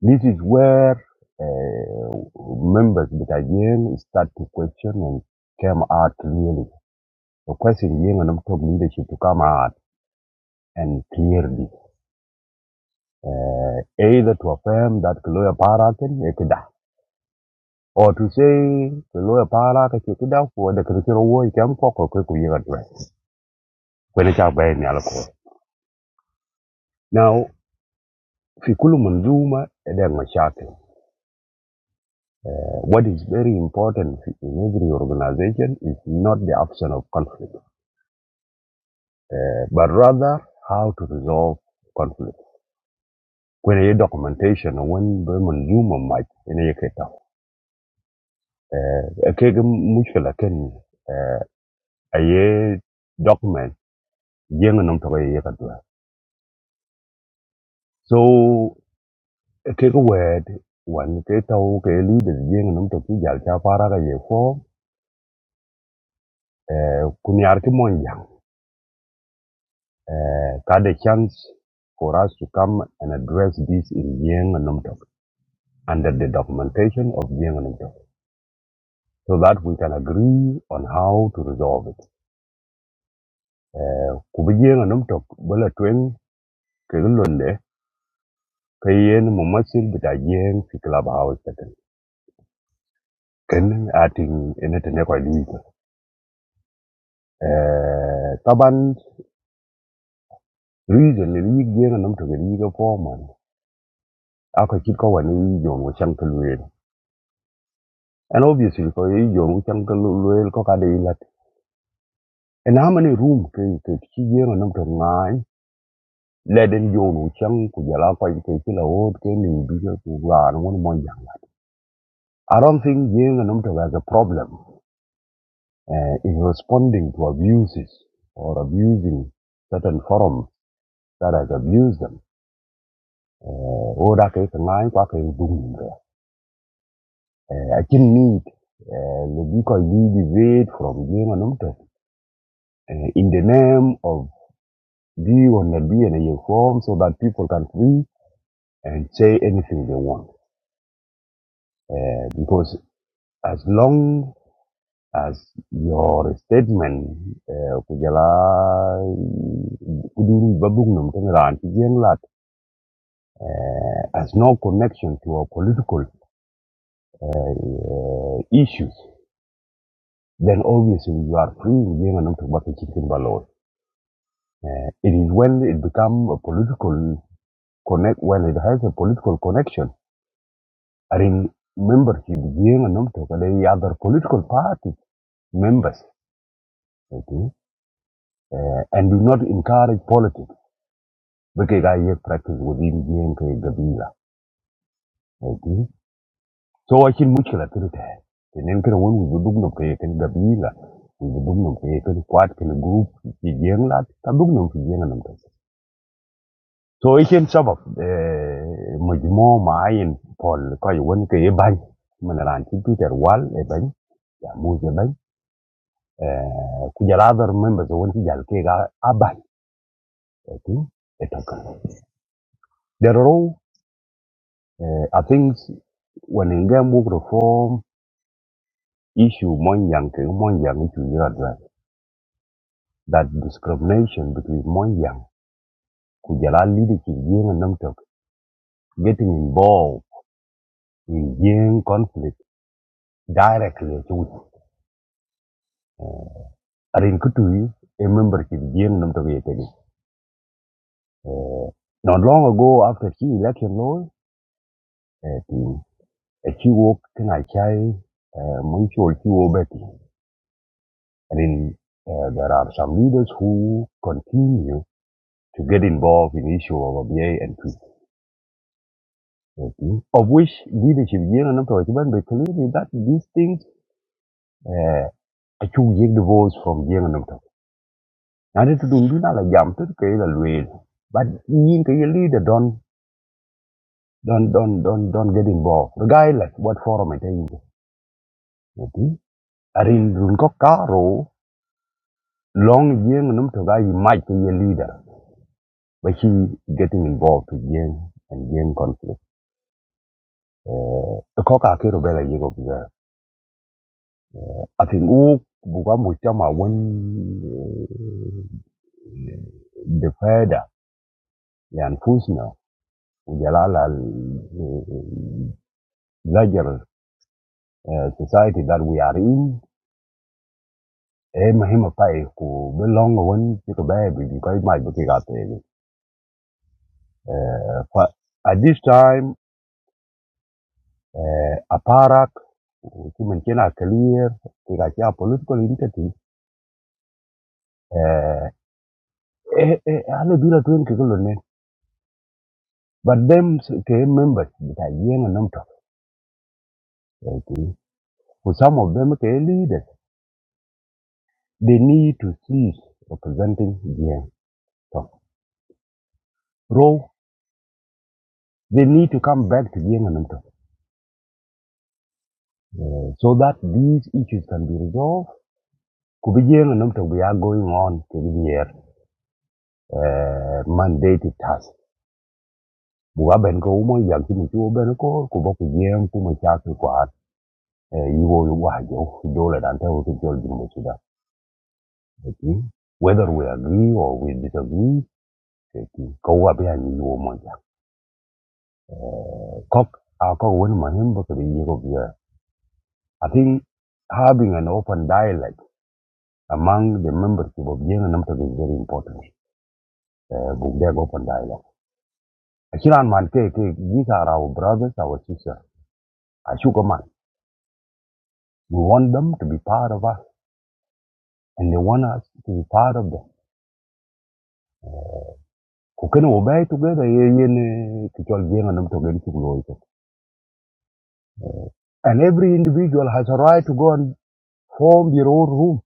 S26: This is where uh, members of the Yen start to question and come out clearly. The question Yen and top leadership to come out and clearly, uh, either to affirm that Kaloya Parakan Ekida, or to say Kaloya Parakan Ekida for the Kirikiro War Kam Koko Kiku Yen address. When it's out by Nalako. Now, Fikulu Manduma Edema Shaki. What is very important in every organization is not the absence of conflict uh, but rather how to resolve conflict. When a documentation, when Bremen Zuma might in a keta, a keg mushkela ken, a ye document, young and umtaka yakadwa. So, a keg word, one keta oke leaders, young and umtaki jalcha paraga ye form, kunyarki monjang, had a chance for us to come and address this in young and umtaka under the documentation of young and umtok. so that we can agree on how to resolve it. Uh, Kubijenga numtok bala tweng kegulonde kayen mumasil bita jeng fi clubhouse taken. Ken ating enetene kwa liga. Uh, taban reason ni liga jenga numtok liga foreman. Ako chitko wani yong wachang kalwele. And obviously ko yong wachang kalwele ko kada ilat. And how many room ke ke chi jenga numtok ngai le den yo no chang ku ya ko ke ti la o ke ni bi ku la no mo yang i don't think yin and um to has a problem uh, in responding to abuses or abusing certain forums that has abused them Or that da ke ke ngai kwa ke du ni de uh, i can need uh, le bi ko ni wait from yin and um to uh, in the name of be on the be in a form so that people can free and say anything they want uh, because as long as your statement eh, ku jala kuduru babuk nam tan ran ti jen lat eh, has no connection to our political eh, issues then obviously you are free in jen nam to bak chicken balot Eh, it is when it become a political connect when it has a political connection i mean membership jen nam to kale other political party members okay? Eh, and do not encourage politics bike ga ye practice within yen ke gabila eti so wa chin mushkila kirte tenen kira won wi dug nom ke ken gabila wi dug nom ke ken kwat ken group ki yen lat ka dug nom ki yen nam ta so ichen sabab eh mujmo maayin pol ko won ke ye ban man ran ti peter wal e ban ya mu je ban eh ku jala dar members won ti jal ke ga aban eti etokan there are all, eh i think when in game work reform issue Monyang ke Monyang itu juga address that discrimination between Monyang kujala leadership yang enam tok getting involved in yang conflict directly to uh, arin kutu a membership yang enam tok ya tadi uh, not long ago after she election law uh, she walk can I chai uh, Monchol she obeti arin uh, there are some leaders who continue to get involved in issue of ABA and P. Okay. Of which leadership, young and Namtok, even be clearly that these things, uh, I took young divorce from young and Namtok. And it don't do not like jam to the way. But you can leader don't, don't, don't, don't, don't get involved. Regardless what forum it is, tell you. Okay. Are in Runko Karo, long young and Namtok, I might be a leader. But he getting involved with young and young conflict. Uh, the cock are I think who buga mujtama when the further لأنفسنا وجلال ال- larger uh, society that we are in eh mahima pai ku belong when you baby because my buti uh, but at this time uh, aparak ki men kena clear ki ga political entity eh eh eh, ala dura tuen ke But them came members that are young and not talking. For some of them came leaders. They need to cease representing young talk. Row, they need to come back to young and not talk. Uh, so that these issues can be resolved. Could be young and not talk. We are going on to the year uh, mandated task. Buga ben ko umo yang kini chuo ben ko kubo kujem kuma chasu kwa eh, iwo wajo dole dante utu jol jumbo suda. whether we agree or we disagree ki ko wa be ani wo mo ja Eh, kok a ko won ma i think having an open dialogue among the members of the nam to is very important Eh, bu open dialogue akiran man ke these are our brothers our sisters ashuka man we want them to be part of us and they want us to be part of them ku kene wo together ye yene ki chol jenga nam to gen chuk lo and every individual has a right to go and form their own room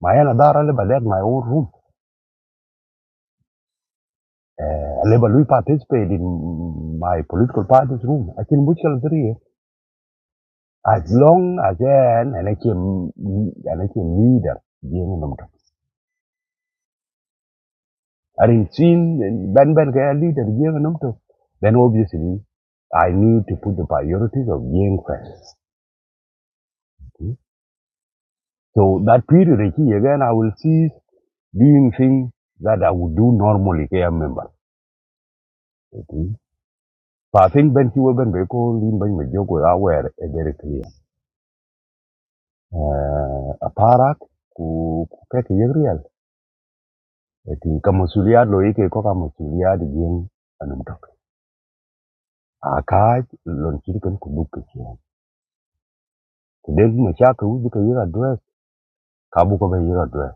S26: My Aladar Aleba my own room. Uh, Aleba participated in my political party's room. I can mutual three. As long as an and I came and I came leader given them I didn't see Ben Ben Gaya leader given them to. Then obviously I need to put the priorities of game first. Hmm? So that period again I will cease doing things that I would do normally as a member. Okay? So I think Ben Chiwa Ben Beko Lin Ben Majoko are aware uh, very clear. eh, aparat ku ku kek yek riel eti ka masuliyat lo yike ko ka masuliyat jing anum tok a kaj lon chiriken ku buk ke chen ku den ma cha ka ubi ka address ka bu ko ba yek address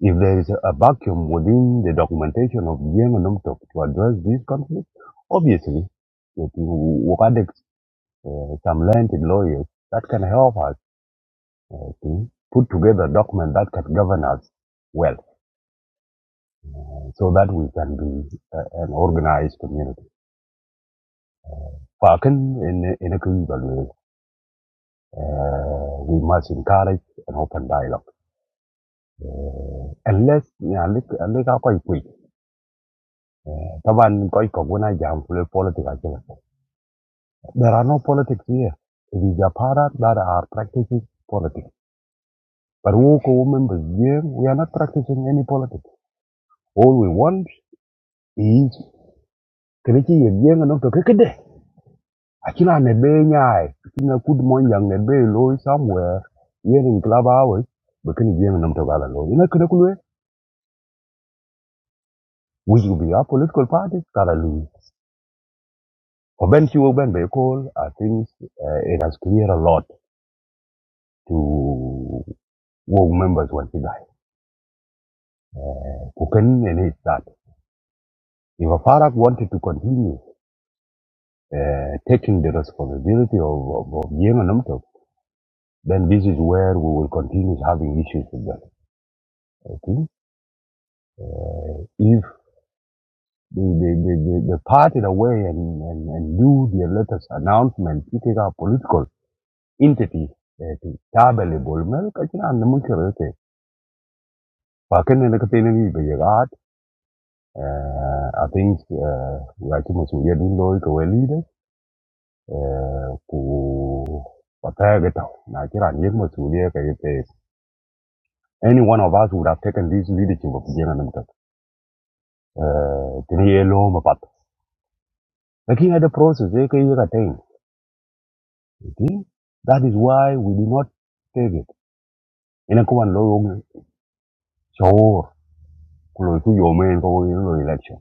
S26: if there is a vacuum within the documentation of jing anum tok to address this conflict obviously that we wakadek some learned lawyers that can help us uh, to put together a document that can govern us well so that we can be uh, an organized community. Parkin in in a community, uh, we must encourage an open dialogue. Unless yeah, look look how quite quick. Taban koi koguna jam kule politics actually. There are no politics here. It is a product that are practicing politics. But who co members here, we are not practicing any politics. All we want is kenichi yeng anok to kekede. Akina ne be nyai, kina kud mon yang ne be loy somewhere, yen in club hours, but can yen nam to gala loy. Ina kina kulwe, we should be our political parties, gala loy. For Ben Chiu Ben Bay Call, I think uh, it has cleared a lot to work members once again. Uh, who can need that. If a Farak wanted to continue uh, taking the responsibility of, of, of Yen and Namtok, then this is where we will continue having issues with them. I think Uh, They, they, they, they, they parted away and, and, and do their latest announcement, picking our political entity. eh, ti- Tabele bolmel kachina and mukirete. Pakene na katene ni beyagat. I think wachi masuya dundo ikawe leaders. eh, Ku patageta na kira ni masuya kaya Any one of us would have taken this leadership of jenga namka. Tini yelo mapat. Looking at the process they eka yeka See? That is why we did not take it. Ina kuwa loyo shaur kulo ku yome ko lo election.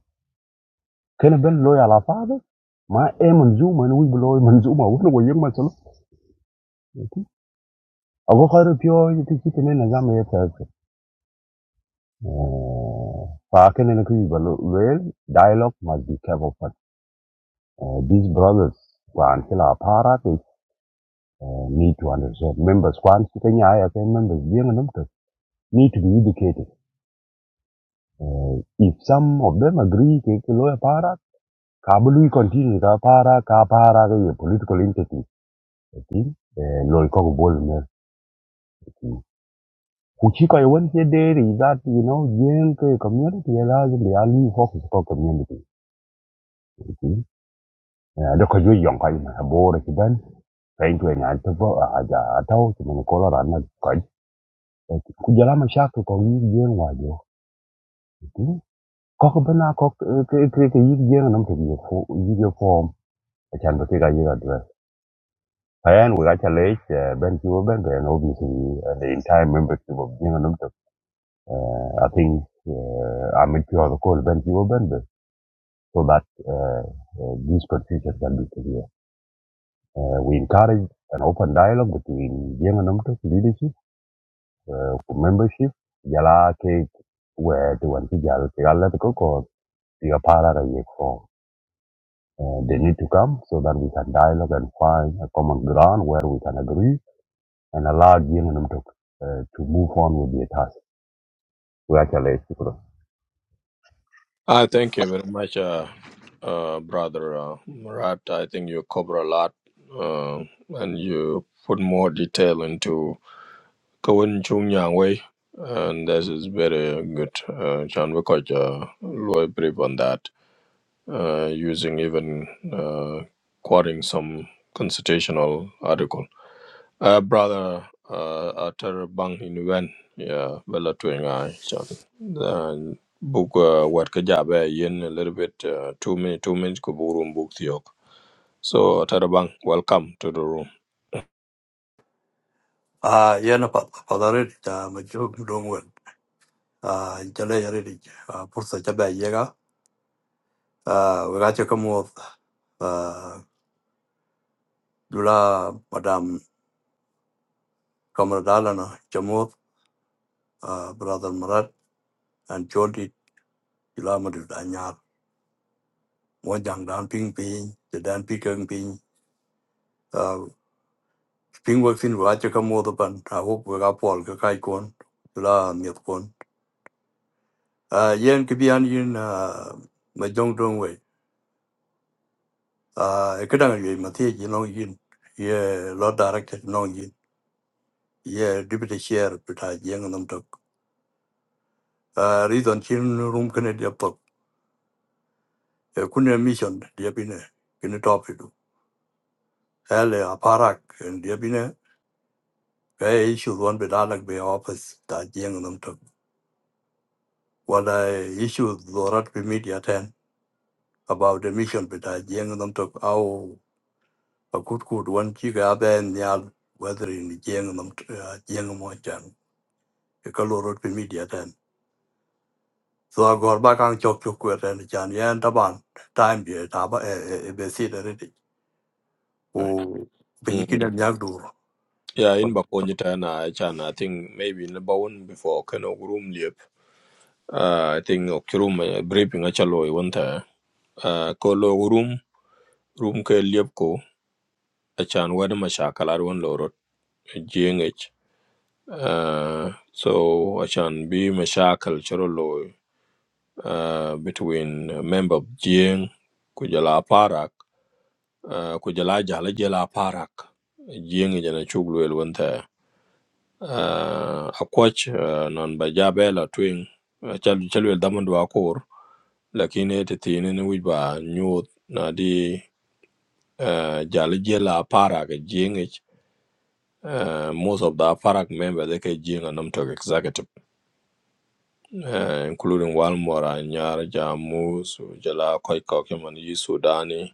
S26: Kena ben loyo ala fabe ma e manzuma ni wibu loyo manzuma wono wo yema solo. Ago kharo pyo yiti kiti ne nazama ye tsaatse. Fa kene ne kuyi balo well dialogue must be careful uh, these brothers kwan kila para they uh, need to understand members kwan kita nya ya members bien nam to need to be educated Uh, if some of them agree ke ke loya para kabulu continue ka para ka para ke political entity uh, loy ko bol me kuchika ye ke there is that you know yen ke community ye lazim be ali focus ko community ki da ko jo yon kai na bore ki ban kain to nya to bo a ja taw ki men ko la na ko ku jala ma shak ko yi yen wa jo ki ko ko bana ko ke ke ke yi yen nam ke ye form a chan ba ke ga ye Ayan we got a late, uh, Ben Kiwa and obviously uh, the entire membership of Jingan Umtuk. Uh, I think uh, I'm at the call Ben Kiwa so that uh, uh, this confusion can be clear. Uh, we encourage an open dialogue between Jingan Umtuk leadership, membership, Yala Cake, where the one Kijal Kigala Koko, Pigapara Yekfo. Uh, they need to come so that we can dialogue and find a common ground where we can agree and allowed young and to, uh, to move on with their task. We actually executed.
S1: I thank you very much, uh, uh, brother uh, Murat. I think you cover a lot, uh, and you put more detail into Kawin Chung Yang Wei, and this is very good. Uh, Chan Wikoj, uh, Loy brief on that, uh, using even uh, quoting some constitutional article. Uh, brother, uh, atar bang in when? yeah, bella twing I so then book uh, what kajabe yen a little bit uh, two minutes two minutes kuburum book thiok. So atar bang, welcome to the room.
S27: Ah, yana fadarit ta majuk dongwen. Ah, jale yare di ah, pursa jabe yega. Ah, waga che kamuot. Ah, jula madam kamradala na chamuot. Ah, brother Marat and Jody jula madu danyar. Mo jang dan ping ping, the dan pi keng ping. Ah, ping wak sin waga che kamuot pan. Ah, wuk waga pol ka kai kon. Jula miet kon. Ah, yen kibian yin ah, majong dongwen. Uh, kadang yo mati ji long yin ye lo director long yin ye deputy chair pita jeng nam tok uh, reason chin room kene dia pok uh, kunne mission dia bine kene top itu hele aparak en dia bine kaya issue don be dalak be office ta jeng nam tok wala issue dorat be media ten about the mission pita jeng nam tok au akut kut wan chi ga ben nyal whether in jeng nam uh, jeng mo chan kalorot be media ten s h a g o r ba kang chok chok kwe r a n chan y a n taban time ye taba e e e be si de redi. U pinyi kine
S1: Mm.
S27: nyak dur.
S1: Yeah, in bakonyita na chan I think maybe in the bone before kano room lip. Uh, I think okrum uh, briefing achalo one time. Uh, ko lo room room ke liep ko achan wede mashakalar one, lorot jeng uh, so عشان بي مشاكل شرلو uh, between member of جين كجلا بارك uh, كجلا جهل جلا بارك جين جنا chuglu الونتا uh, أكوتش uh, non bajabe la بجابلا توين chal chalwel daman dwa kor lakini titini ni wiba nyuth na di uh, jala jela aparak jingich uh, most of the aparak member they ke jinga nam tok executive uh, including Walmora, Nyar, Jamus, Jala, Koi Kokeman, Yi Sudani,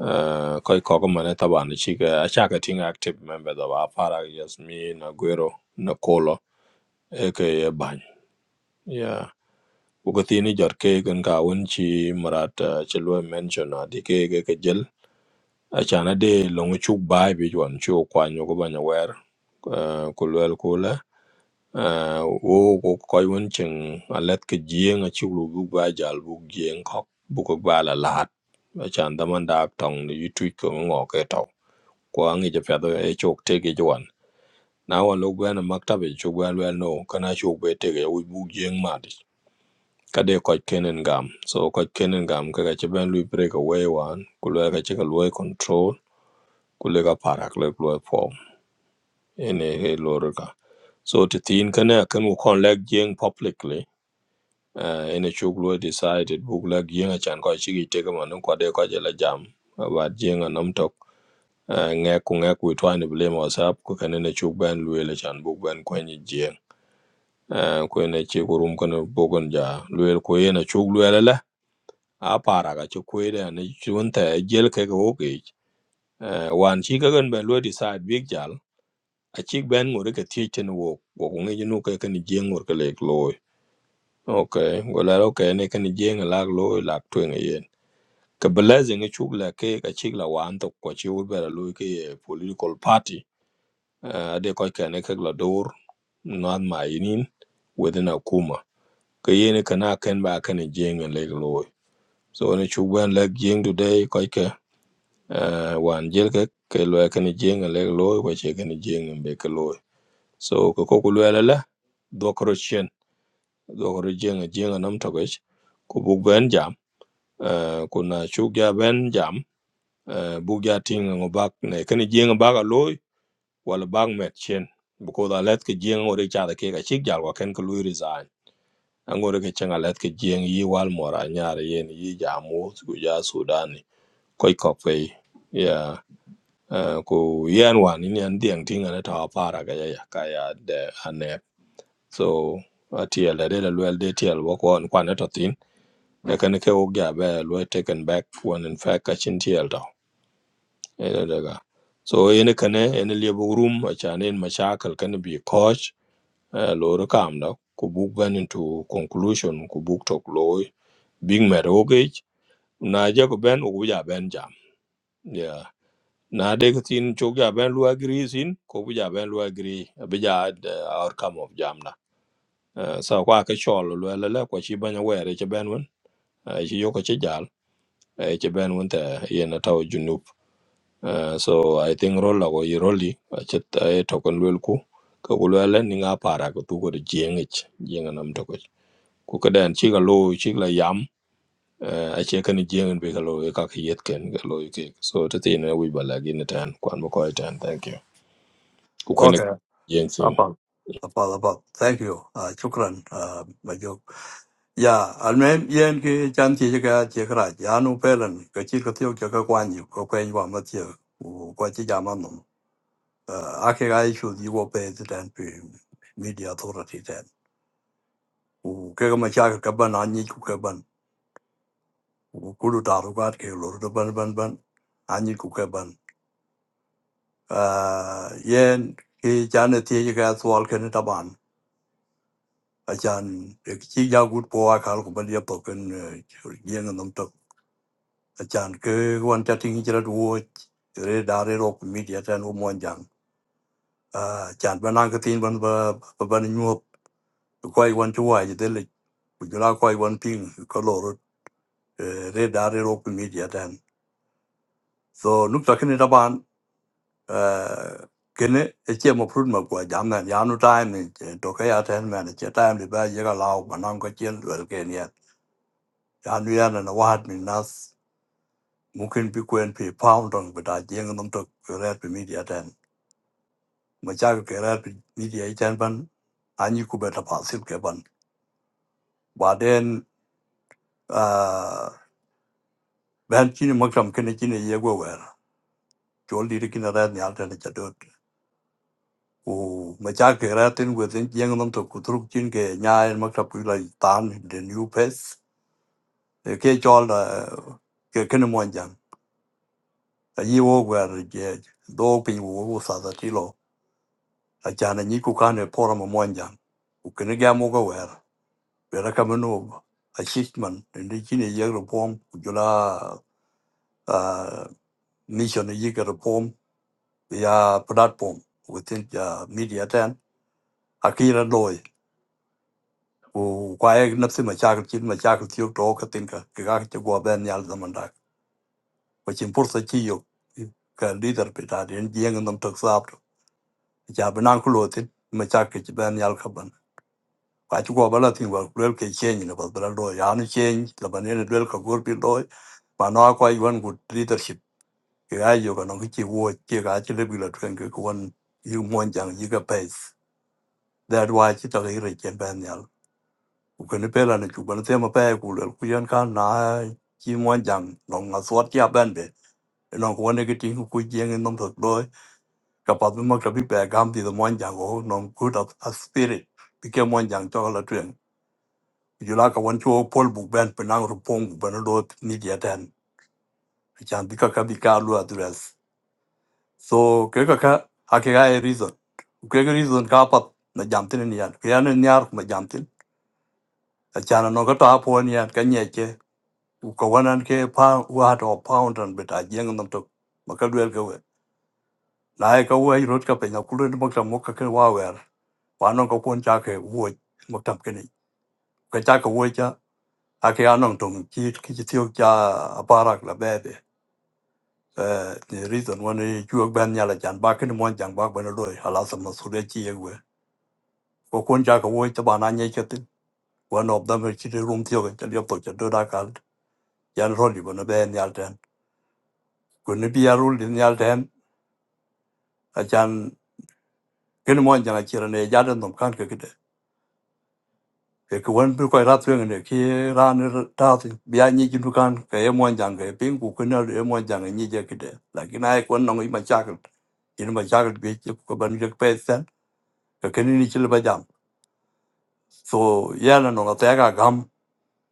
S1: uh, Koi Kokeman, Taban, Chica, Achakating active members of Afara, Yasmin, Aguero, Nakolo, aka Bany. Yeah. Ugatini jot kek and kawun chi marat uh, chelwe mention a di kek ke jel Achan ade long chuk bai bi juan chu kwan yo ko banya wer eh, ku lwel kula eh, wo ko koy won cheng alet ke jieng a chuk lu bu ba jal bu jieng kok bu ko ba la lat achan da man da tong ni yu tu ko ngo ke to ko angi je pya do e chok te ge juan na wa lo gwen maktabe chu gwen wel no kana chu be te ge u bu jieng ma di kade koy kenen gam so koy kenen gam kaka ci ben lu break away wan ku lwel ka ci ka luoi control kulega parak lek loy po in he lorga so to tin kana kan ko kon leg jeng publicly uh, in a decided book leg jeng chan ko chi te man ko de ko je jam about jeng a tok uh, nge ku nge ku twa ni blame whatsapp ko kan in a chuk ban lo chan book ban ko ni jeng uh, ko in chi ko kan bogon ja lo ko in a la a para chu ko de ne jel ke ko ke uh, wan chi ka gan ban lo decide big jal A gbɛn ŋɔ di ka tii tini wɔ wɔ ku ŋeji nu ka kini jieŋ ŋɔ ka lek looi ok ŋɔ la ok ni kini jieŋ lak looi lak tueŋ yen ka bi lɛziŋ icuk la ke ka cik la waan tok kɔ ci wur bɛla looi ke ye political party eh, ade kɔc kɛni kek la door nath ma yinin within a kuma ka yeni kana ken ba kini jieŋ lek looi so ni cuk gbɛn lek jieŋ today kɔc ke eh, wan jel ke ke lɔɛ kini jieŋ lek looi kɔ ci kini jieŋ be ke looi so ka kok ku luɛla la dogoro jenga jenga nam tokic ku buk ben jam eh, ku na cuk ja ben jam eh, buk ja tinga ngo bak ne kani jenga bak loy wala bak met chen because a let ke jenga ngore cha da ke ka chik jal wa ken ko lui resign angore ke chenga let ke jenga yi wal mora nyar yen yi ja ku ja sudani koi kok fe ya eh, ku yen wan ni an dieng tinga ne ta para ga ya ya ka ya de ane so atiel de la luel de tiel wo kon kwane to lakini ke wok ja be lo taken back when in fact ka tiel do ene daga so ene kane ene le room a chan en kan bi coach eh, lo ro kam do ku buk ben into conclusion ku buk tok lo big matter oge na ja ko ben u ja ben jam yeah na de tin chok ja ben lu agree sin ko bu ja ben lu agree be ja eh, outcome of jam na Eh, so kwa ke chol lo le le ko chi banya were che ben won chi yo ko chi jal e ci ben wonte yen taw junub Eh, so i think rolla ko i rolli a ci e to kon lel ku ka ku lele ni nga para ko tu ko jeng ich jeng nam to ko ku ka den ci ga lo ci la yam eh, a ci kan jeng be ka lo ka ka yet ken ga lo e ke so to te ne wi bala gi ne tan kwan mo ko tan thank you ku ken
S27: Okay,
S1: jeng sin
S27: apal. Apal apal. Thank you. Uh, chukran. Uh, majok. Ya, almen yen ki chan ti chika chikra. Ya nu pelan. Ka chi k ke tiyo chaka kwanyi. Ka kwenyi wa ma tiyo. U kwa chi jama num. h ake ga ishu di wo pe z e ten pi media a u t h e r i t y ten. kega ma chaka kaban anyi kulu tarukat ke lor do ban ban ban anyi ku ke ban Ah, yen ki chane tie ji ka swal ke ne taban achan k i ja gut po a kal ku ban ye to ken yen n a m to achan ke wan ta ting j ra du re da re ro k mi dia tan u mon jang Ah, achan ban an ka tin ban ba ba ban nyu ko ai wan chu wa ji de le ku ju la ko ai wan ping ko lor eh, re da re ro k m e dia tan so nuk ta ken taban uh, kene eche mo prut ma kwa jam na ya nu time ni che to ka ya ten man che time li ba ye ga lao ba nam ka chen wel ke ni ya nu ya na na wa hat ni nas mu ken pi kwen pi pound on ba da jeng nom to re pi media ten ma cha ko ke re pi media i ten ban a ni ku ba ta pa sil ke ban ba den uh, ben chi ni ma kam ken chi ni ye go wer chol di ki na ra ni al ten cha do ku machar ke ratin within jeng nam to kutruk chin ke nya en makta pula tan the new pace ke chol da ke ken mon jang a yi wo gwer je do pin wo wo sa da ti lo a cha na ni ku kan e pora mo mon jang ku ken ga mo ga wer be ra ka mo no a shit man ndi chin e yeg ro pom ku jula a mission e yeg ro pom ya platform within uh, media ten akira loy kwaye nafsi machakil chin machakil tiyo to ka tinka ka ka che gwa ben yal zaman dak ko chin pursa chi yo ka leader pe ta den jeng nam tak sap to ja banan ku lotin machakil chi ben yal ka ban kwa chi gwa bala tin wa lel ke chen ni ba bala do ya ni chen la ban ne lel ka gor pi do ma no kwa yuan ku leadership ka ga yo ka no ki chi wo chi ga chi le bi la twen ke ko wan yu mon jang yi ka pace that why chi ta ga ri chen ben yal ukene pela ne chubane tema pa ku le ku yan kan na chi mo jang no nga suat ya ban be no ko ne ke ti ku jeng en nom thot doy ka pa me mak bi pa gam ti mo jang go no good of a spirit bi ke mo jang to la twen ju la ka won chu pol bu ben pe na ru pong bu ban do ni dia ten chan bi ka ka bi ka lu address so ke ka ka a ke ga e reason ke ga reason ka pa na jam tin ni yan ke ya ne nyar ma jam tin a chan no ka ta po ni yan ka nye ko wanan ke pa wa to poundan bit a jeng nam to makalwel ke we na e ko we rot ka pe na kulun mo ka mo ka ke wa wer wa non ko kon cha ke wo mo tam ke ni ka cha ko wo cha a ke anong tong chi ki chi tiok cha a parak la be de eh ni reason wan e chuok ban nya la chan ba ke ni mon chang ba ba no loy hala sam no su de chi ye we ko kon cha ko wo cha ba na nye che tin one of them chi de rum tiok cha liop to cha do da kal yan ro li bo no be nyal ten ko ni bi ya rul ni nyal ten achan kene mo jana chira ne jaden cái kan ke kide ke ke wen bi ko rat wen ne ki ran ta ti bia ni jin kan cái ye mo chẳng cái pin ku ke ne ye mo jang ni je kide la ki nai kon nong i ma chak in ma chak bi ti ko ban je pe sen ke ke ni chil ba jam so ya na no thấy ga gam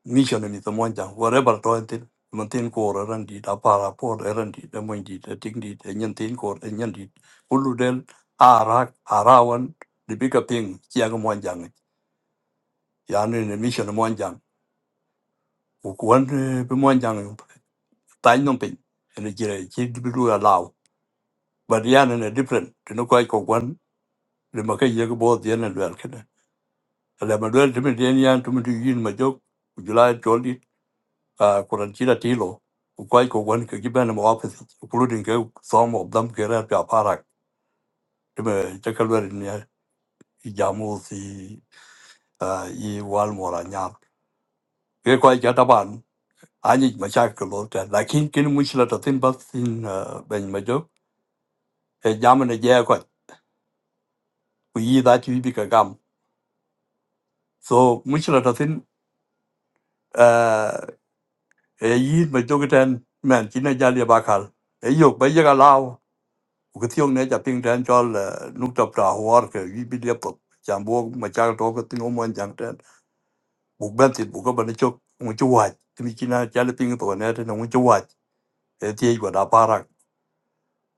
S27: mission này thì to mo whatever thôi re mình to tin mon tin ko ra ran di da pa đi, po ra ran di da đi, di da ting di da nyen tin ko da nyen di ulu del ara arawan di bi cái ping chi yani ne mission mwanjang ukuan pe mwanjang tai nom pin ne jire chi du ya law but yani ne ne different to no kwai ko kwan le ma kai ye ko bo de ne lwel kene le ma lwel de me de yan to me du yin ma jok jula joli a kuran chi da ti lo ku kwai ko kwan ke gi ban mo office including ke some of them ke ra pa parak de me ta ka lwel ne ya i jamu si ah, i wal mo ra nya ke kwai ja ta ban anh ấy mới chắc được thôi, là khi cái lúc mình chờ đợi tim bắt sinh bên trong, em đã nhận ra con, cái gì đã chỉ biết cái cam. Sau lúc chờ đợi tim, cái gì bên trong cái thân mình chỉ là chỉ là bao khát, cái dục bây giờ là lao, cái tiếng này chỉ tiếng tròn, lúc tập ra hoa rồi, chỉ biết để bụng, chẳng bao, mới chắc rồi cái tiếng omu anh chẳng tràn, bụng bên thịt bụng cái bên trong, omu chuột, chỉ biết là chỉ là tiếng tuổi này là omu chuột, cái tiếng gọi là ba răng.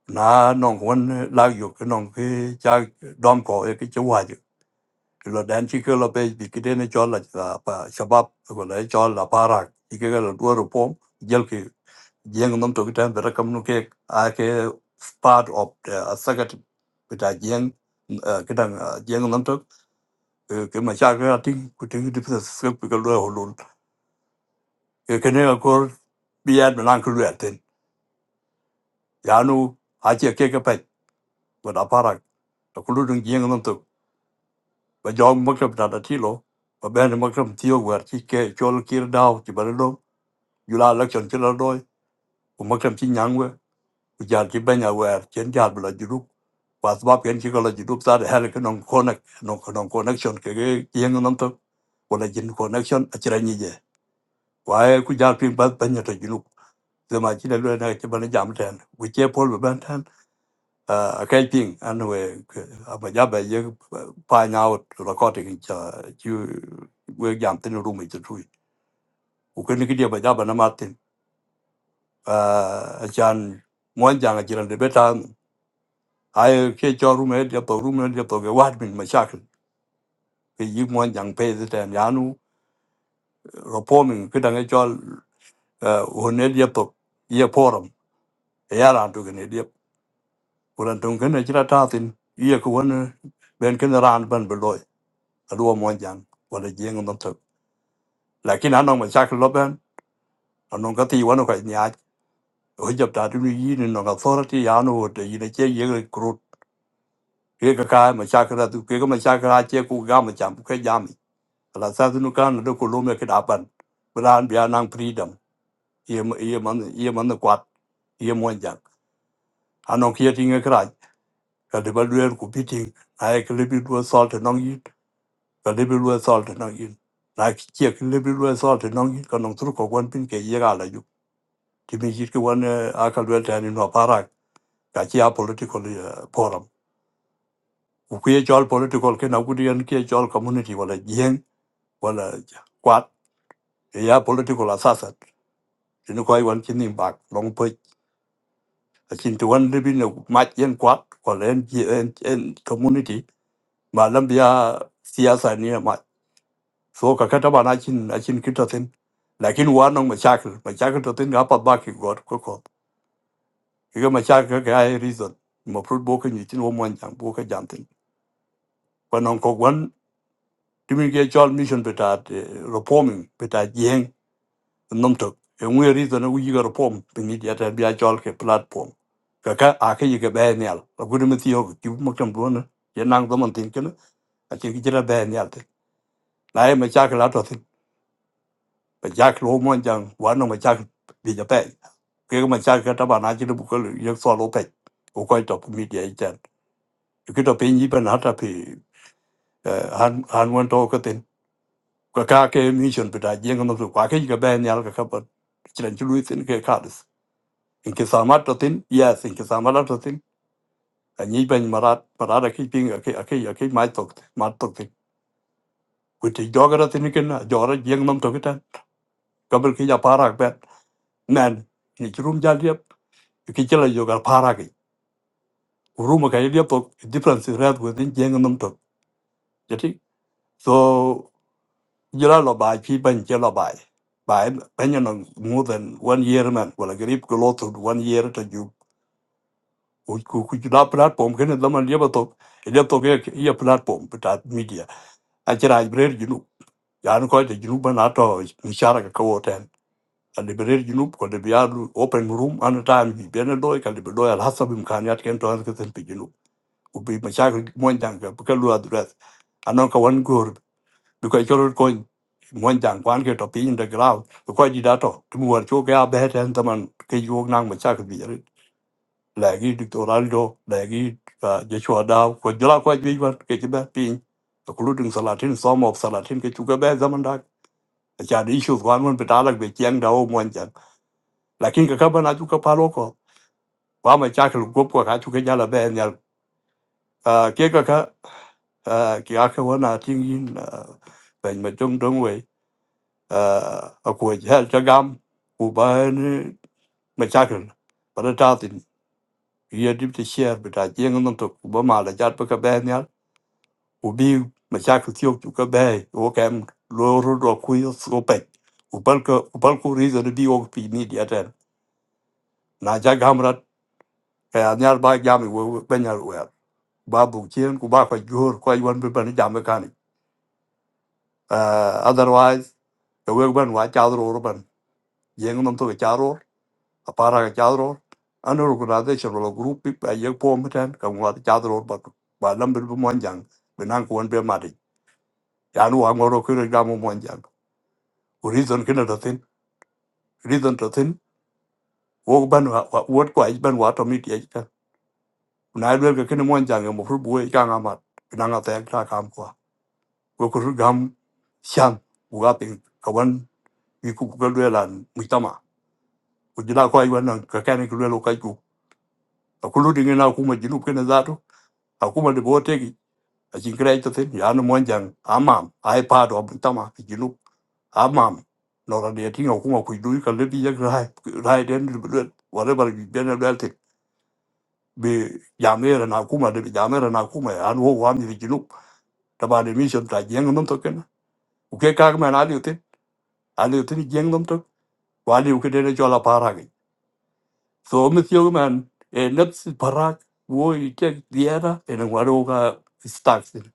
S27: na nong wan la yu ke nong ke cha dom ko e ke chwa ju lo dan chi ke lo pe bi ke de ne chol la cha pa shabab ko le chol la para ki ke lo du ro pom jel ke jeng nom to ke tan bera kam nu ke a ke part of the sagat ke ta jeng ke dang jeng nom to ke ma cha ke ti ku ti di pe se ke lo ho lo ke ke ne ko bi ad man ku le ten ya nu a che ke ke pe ko da para ko lu dung jeng nom to Bajong makrab tata tilo. b a b e n makrab tiyo wer ki ke chol kir dao ki barado. Yula election kila doi. U makrab ti nyangwe. U jar ki benya wer chen jar bila jiduk. a s a a b e n ki kala j i d u tada hele ke non c o n n e Non non connection ke ke yeng nam to. Wala jin connection achira nyije. Wa e ku jar p i n b a benya ta jiduk. Zema chile lwe na ki bana jam ten. Wiche pol baben uh, a kai ping and we aba ja ba ye find out recording cha you we jam tin room it tui u ken ki dia ba ja ba na martin uh, chan mo jang ji ran de beta ai ke cho room e dia to room e dia to ge wat min ma shakl ke yi mo jang pe de tan ya nu ropo min ki dang e cho uh, ne dia to ye forum ya ran tu ge ne dia kuran tung ken e chira ta tin ye ko ne ben ken ran ban beloy ruo mo jan wala jeng non to lakin anong ma chak loben anong ka ti wano ka nya ho jab ta tu yi ni no ka authority ya no te yi ne che ye krut ke ka ka ma chak ra tu ke ka ma chak ra che ku ga ma cham ke jam la sa tu nu ka no ko lo me ke da ban bran bia nang freedom ye ma- ye man ye man na kwat ye mo jan anong ke ti nge kra ka de ba luer ku piting ai ke le bi du salt no yi ka lebi lue thol te nang yin. Na ki kia ki lebi lue thol te nang yin, ka nang tru ko kwan pin ke ye ga la yu. Ti mi jit ki wan eh, a ka lue te anin wa parak, ka ki a political h forum. U ki ye jol political ke na kudi yan ki ye jol community wala jeng, wala kwat, e ya political assassin. Ti ni koi wan chin ning bak, long pej. A chin ti wan lebi na mat yen kwat, wala en, en, en community, ma lam biya siyasa ni ya mat. so ka ka taban achin achin kita tin lakin war nong machakil machakil to tin ga pat ba ki god ko ko ki ga machakil ka ai reason mo prut bo ka ni tin wo mon jang bo ka jam tin ko nong ko wan timi ge chol mission beta reforming beta jeng nom to e ngwe reason u yi ga reform pin ni ya ta bi a chol ke platform ka ka a ka yi ga ba nyal la gudu mi ti yo ki mo tam bo na ye nang do man tin ken a ti ki jira ba nyal tin la e machakil a to tin ba jack lo mon jang wa no ma jack bi ja pe ke mà cha cái ta bà na chỉ lu ko lu yo so lo pe ko ko to mi dia i jan ki to pe ni ba na ta pe han han quan to cái tin cái ka ke mi bị đại da je ngam so ka ke ga ba ni cái ka ka pa chran chu lu tin ke ka des in ke sa ma to tin yes in ke sa ma to tin a ni ba ni ma ra pa ra cái ping cái cái ke ma to máy to tin ku ti jo ga ra tin cái na jo ra je ngam to ka ta ka bel ki ja pa ra nên nan ni chrum ja kichila yogal paragi uruma ka ilia po difference red within jeng nam to jadi so jila lo ba chi ban che lo ba ba ban no more than one year man wala grip ko lot of one year to you ku ku ku la platform ken da man liba to ilia to ke ia platform but media a jira ibrer junu yan ko te junu ban ato ni shara ka ko ten a liberer junu ko de bialu open room an time bi ben do ka de do al hasab imkaniyat ken to an ke ten ubi machakil mwanjang ka buka lua durat anon ka wan gur because cholo coin mwanjang kwan ke to pin the ground because di dato tu war cho ka bet han taman ke yog nang machakil bi rit lagi dictoraldo lagi je chwa da ko jla ko bi war ke ti ba pin to kulu ding salatin som of salatin ke chu ka be zaman da cha di issues kwan mon betalak be chiang da o mwanjang lakin ka ka bana chu ka palo ko wa machakil gop ko ka chu ke jala be nyal ke ka ka à kia cái vấn là thiên nhiên à bệnh mà trong trong vậy à ở quê cha cho gam cụ ba mà cha cần bà đã trao tiền kia đi tới xe bà đã giang nông thôn cụ ba mà là cha bà cái bé nhá cụ bi mà cha cứ thiếu chú cái bé ô kem lô rô rô khuya sô bệnh cụ ba cái cụ ba cụ rí rồi đi ô phi mi đi ở na cha gam ra cái nhà ba gam rồi bên nhà rồi ba bụng chiến cụ ba phải gỡ coi quân bên bên nhà mới otherwise Ewe ban wa chadro urban. Yeng nom to ke chadro. Apara ke chadro. Ano organization lo group pip a yek po mten ka wa chadro urban. Ba lam bir monjang. Benang kuan be mari. Ya nu wa ngoro kire ga mo monjang. Reason kina da tin. Reason da tin. Wo ban wa wot kwa ban wa to mit ye ka. Na be ke kina monjang mo fur buwe ka ngamat. Benang a tek ta ka kam kwa. Wo kur gam shang. Wa ping ka wan. Iku kukalwe lan mitama. Kujila kwa iwan ka kani kulwe lo ka ku akuludi ngina akuma jinup kena zato akuma de botegi ajinkira ito thin yanu mwanjang amam ai pado jinup amam nora de tinga akuma kuidui ka lebi yak rai rai den duet whatever you been about it be jamera na akuma de jamera na akuma anu ho wami de jinup taba de mission ta jeng nom to kena uke ka ma na liutin aliutin jeng nom to wali uke de jola para Thomas Youngman, en n a p s parak, wo ikek diera, en waro ga staxin.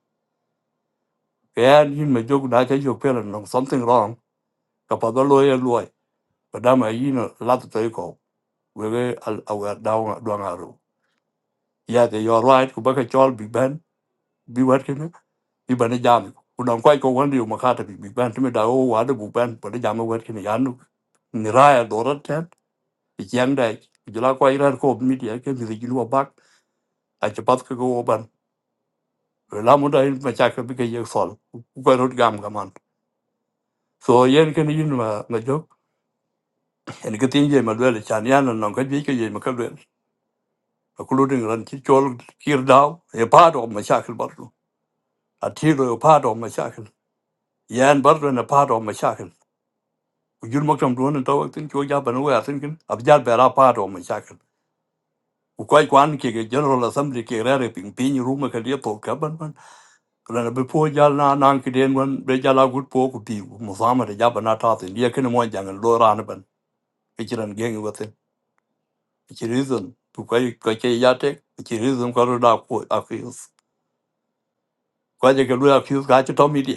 S27: k a y yin me jok na k a jok pera nong something wrong, kapada l o y loy, padama yin l a t t o ko, wege al awa dawa doang aro. Ya te y o u r right, kubaka chol big band, bi wat k e n bi b a n jam. Unang kwai ko wandi umakata big b i n t m i da o wada big band, a n e jam wat k e n yanu. Niraya dorat ten, i k a n g dai, jela kwai rar ko media ke mi jilu b a k achapat ka go ban. la mu da in ma cha ka bi ka ye fol ku ko rut gam ga man so yen ken yin ma ma jok en ke tin je ma le chan yan non ka bi ka ye ma ka le ku lu ding ran ki chol kir daw e pa do ma cha ka bar lu a ti ro pa do ma cha ka yan bar do na pa do ma cha ka ku jul ma kam do na taw tin ko ja ban wa tin kin ab ja ba ra pa do ma cha ka ku ko kwan ke ge general assembly ke re re ping ping ru ma ka dia to ka ban rana before po jal na nan ki den wan be jala gut po ku pi mu fama de jaba na ta tin ye ken mo jang lo ban e chi ran geng e wa tin e chi reason tu ka ka che ya te e chi reason ka ro da ko a ki ka je ke lu a ki ka che to mi de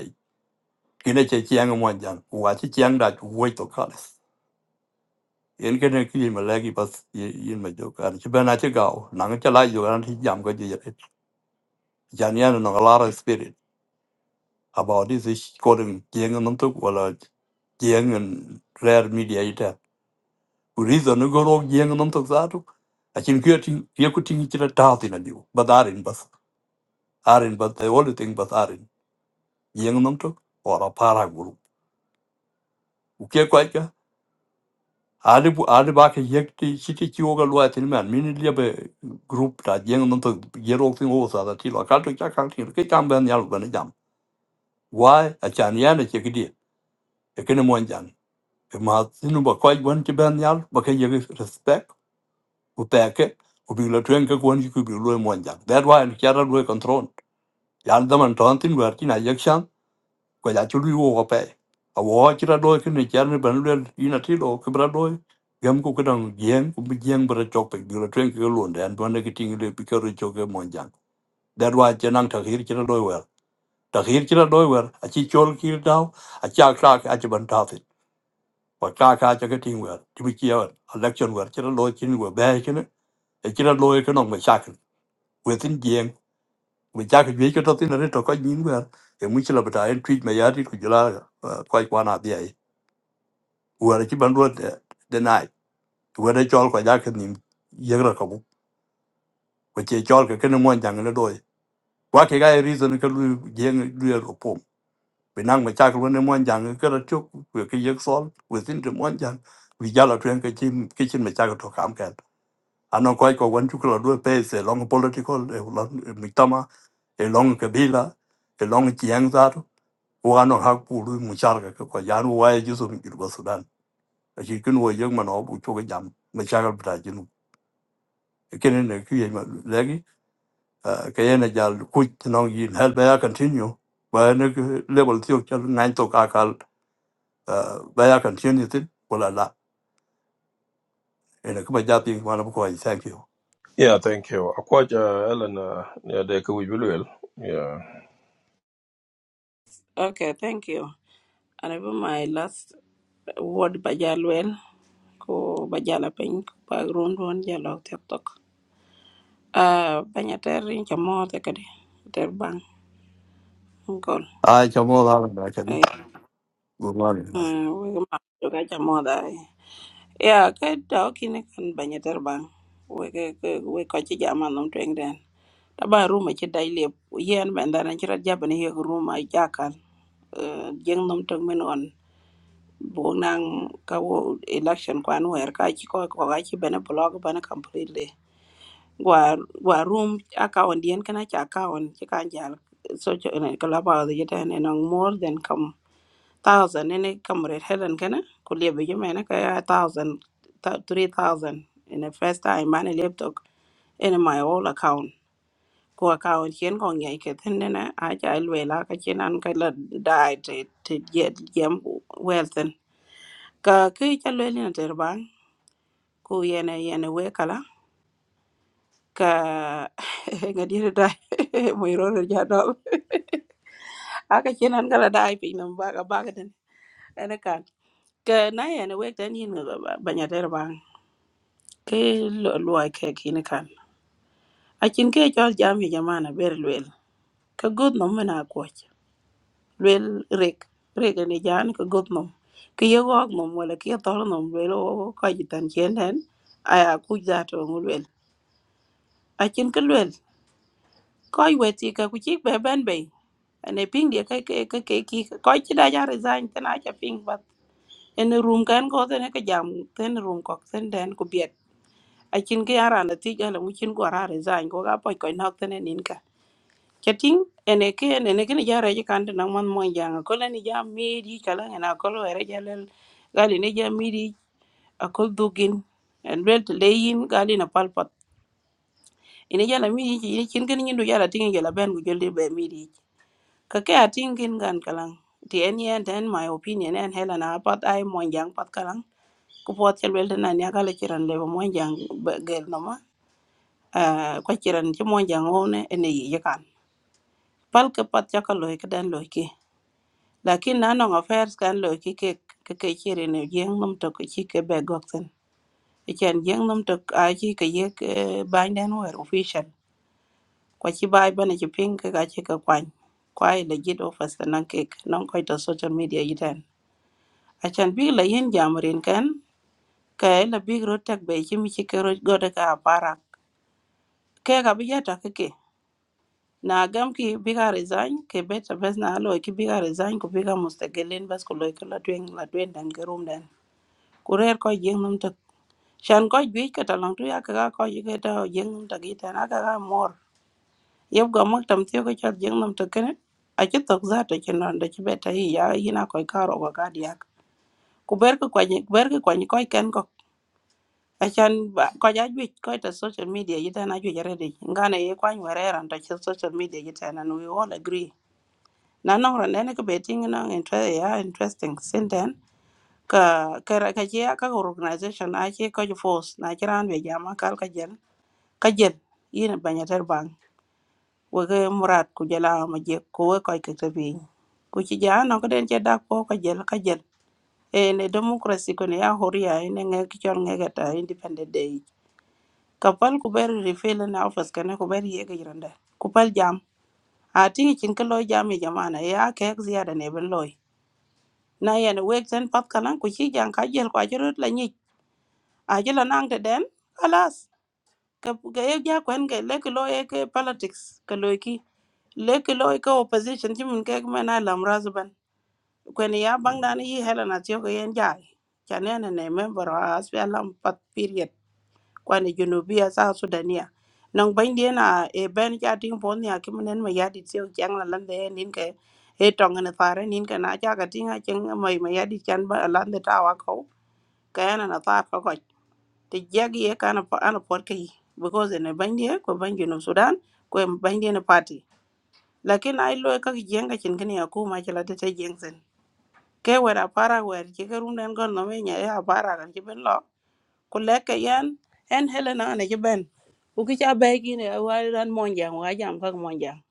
S27: ki ne che chiang e mo jang ku chiang da ku to ka le en ke ne ki ma le ki pas ye yin ma jo ka chi ba na che ga na ga cha no spirit about this is calling jeng nam to wala jeng and rare media kurizanu goro yengu nam tok zatu achin kyo ting ye ku ting chira ta ti na liu ba darin bas arin bas the only thing bas arin yengu nam tok ora para guru u ke kwa ka ali bu ali ba ke yek ti chiti chi oga lwa tin man min li be group ta yengu nam tok ye rok tin o sa da ti la ka to ka ka ti ke kam ben yal ben jam why achan yan che ki di e ke ne mon jan ma sinu ba kwa gwan ti ben yal ba ke ye respect upeke ubigla twen ke kwon ku bi lo mon ja that why ni chara lo control yan da man ton tin wer kina yakshan ko ya chu lu wo pe a wo chira do ke ni char ni ban lo ina ti do ke bra do gam ku kedang yen ku bi yen bra chok pe bi lo twen ke lo den don ne ke ting le bi ke ro chok ke mon ja that why chenang ta hir chira do wer ta hir chira do wer a chi chol ki dau a cha kra a chi ban ta fit ko kra ka cho cái ting wer thì bi chi election wer chira lo chin wer be ke ne chira lo ke nong me we tin jeng we ja ke jwe ke to tin ne to ka nyin wer e mu chila bata en tweet me ya ti ku jula ko ko na bi ai wer ki ban ro de de nai wer de chol ko ja ke nim ye ra ka bu ko che chol ke ke ne mon jang ne do wa ke ga reason ke lu jeng lu ro pom be nang me cha ko ne mon jang ke ra chuk we ke ye sol we tin de mon jang wi ja la twen ke chin ke chin me cha ko to kam ke anan kwai ko wan chukla due pes e long political e long miktama e long kabila e long chiang zar wa anan hak puru muchar ka ko yan wa e jusu mi kirgo sudan a chi kin wo yeng man obu chu ga jam me chagal bra jinu e ken ne ki ye ma legi ka ye ne jal ku no yin hel ba ya continue ba ne level ti ok chal nine to ka kal ba ya continue tin wala la e ne ka ba ja ping ma na ko thank you
S1: yeah thank yeah de ku wi lel yeah
S23: okay thank you and even my last word ba ja lwel ko ba ja la pin ba run run ja lo tiktok ah ba nya ter rin cha mo te kede ter bang ngol
S27: ai chamo la ba ka bi
S23: eh
S27: good morning
S23: we ma jo ka cha mo dai Yeah, cái đó khi nó cần bà nhà trở bằng. Với cái cái với có chỉ giảm ăn nông trường đen. Đã bà room mà chỉ đại liệp. Yên bạn đã nói chỉ ra giáp bên hiệu room mà giá cả. ờ, Dân nông trường mình on. Buông năng cái election quan huệ cái chỉ có có cái chỉ bên blog bên completely. Gua gua room account điên cái này chỉ account chỉ cái gì social này cái là bao giờ chỉ đen nó more than come thousand nene kamuret helen kana kulia be jume na kaya thousand thou- three thousand in the first time mane laptop in my old account ko account chen ko ngai ke ten nene a cha lwe la ka chen an ka la dai te te ye yem wealth en. ka ke cha lwe ni ter bang ku yene yene we kala ka <laughs> ngadi dai <laughs> mo ro ja do <laughs> aka chen an kala dai pe nam ba ka ba ka ten ene kan ka na yene we ten yin ba nya ter ke lo- luwai ke kine kan akin ke chol jam hi jamana ber luel ka god nom mena koch luel rek rek ne jan ka god nom ke ye gok nom wala ke tor nom luel o ka jitan chen den aya ku ja to ngu luel akin ke luel ko weti ka ku chik be ben be ane ping dia ka ke ka ke ki ko chi da ja resign tena cha ping bat en room kan ko tena ka jam ten room ko ten den ku biet akin ke ara na ti ja la mu chin ko ara resign ko ga poi ko nok tena nin Chatting ene ke ene ke ni jara ji kan na man mo jang ko la ni ja mi di kala na ko lo re ja lel gali ni ja mi di a ko dugin en bel te leyin gali na palpat ene ja na mi di ni kin kin ndu jara tin ja ben gu jelde be mi di ka ke a kin gan kala ti en yen ten my opinion en hela na pat ai mo jang pat kala ku pot chel bel te na nya kala chiran le mo jang gel no ma ko chiran ti mo jang one ene yi ja kan pal ke pat ja ka lo ke den lo lakin na non affairs kan lo ki ke ke ke chiri ne jeng num to ke chi ke be gok sen e chen jeng num to a chi ke ye ke ban den wer official kwa chi bai ban chi ping ke ka chi ke kwan kwa e legit office na ke non ko to social media yiten a chen bi la yin jamrin kan ka e la bi ro tak be chi mi chi ke ro go de ka para ke ka bi ya ta ke ke na gam ki bi ka resign ke beta bes na lo ki bi ka resign ko bi ka mustagelin bas ko lo ke la twen la twen dan ke rum dan ku rer ko jeng num tok shan ko juic ka talang tu ya ka ko ji ka ta jeng num tok ita na ka ka mor yeb go mak tam tiyo ko chat jeng num tok kene a chi tok za to chi non da chi beta hi ya yina ko ka ro ko ka diak ku ber ko kwa ku ber ko kwa ni ko ken ko a chan ba- ko ja juic ko ta social media ita na ju jare de ngana ye kwa ni were ran ta chi social media ita na we all agree na nong ran ne ko beting na interest ya interesting sin ka ka ra- ka che ka organization a che ka force na chiran be jama kal ka jel ka jel yin e banya ter bang we ke murat ku jela ma je ko we ka ke te bi ku chi ja no ka den che da ko ka jel ka jel e ne democracy ko ne ya horia ne nge ki chon nge ta independent day ka pal ku ber refill na office ka ne ku ber ye ke jiranda ku pal jam a tingi chin ka lo jam e jamana ya ke ek ziyada ne ben loy na yan wek ten pat kalan ku chi jang ka jel ko ajirut la nyi ajila nang te den alas ka ka ye ja kwen ke le ki lo ye ke politics ka lo ki le ki lo ke opposition ji mun ke me na lam razban kwen ya bang dan yi helena ti ko yen ja cha ne ne ne me bro as pe lam pat period kwen Junubia sa sudania nong ban dia na e ben ja ting pon ya ki mun ma ya di ti o jang la lan de nin ke e tong ne fare nin ke na ja ka ting a cheng mai ma ya di chan ba lan de ta wa ko ka na na ta ko ti jagi e kana pa ana pot kai because ne banje ko banje no sudan ko en banje ne party lakin ai lo ka jenga cin kini ya ko ma kala ta ta jeng sen ke wera para wer ki ka rum den gon no me nya ya para kan ki ben lo ku leke yan en helena ne ki ben u ki cha be ki ne wa ran mon jang wa jam ka mon jang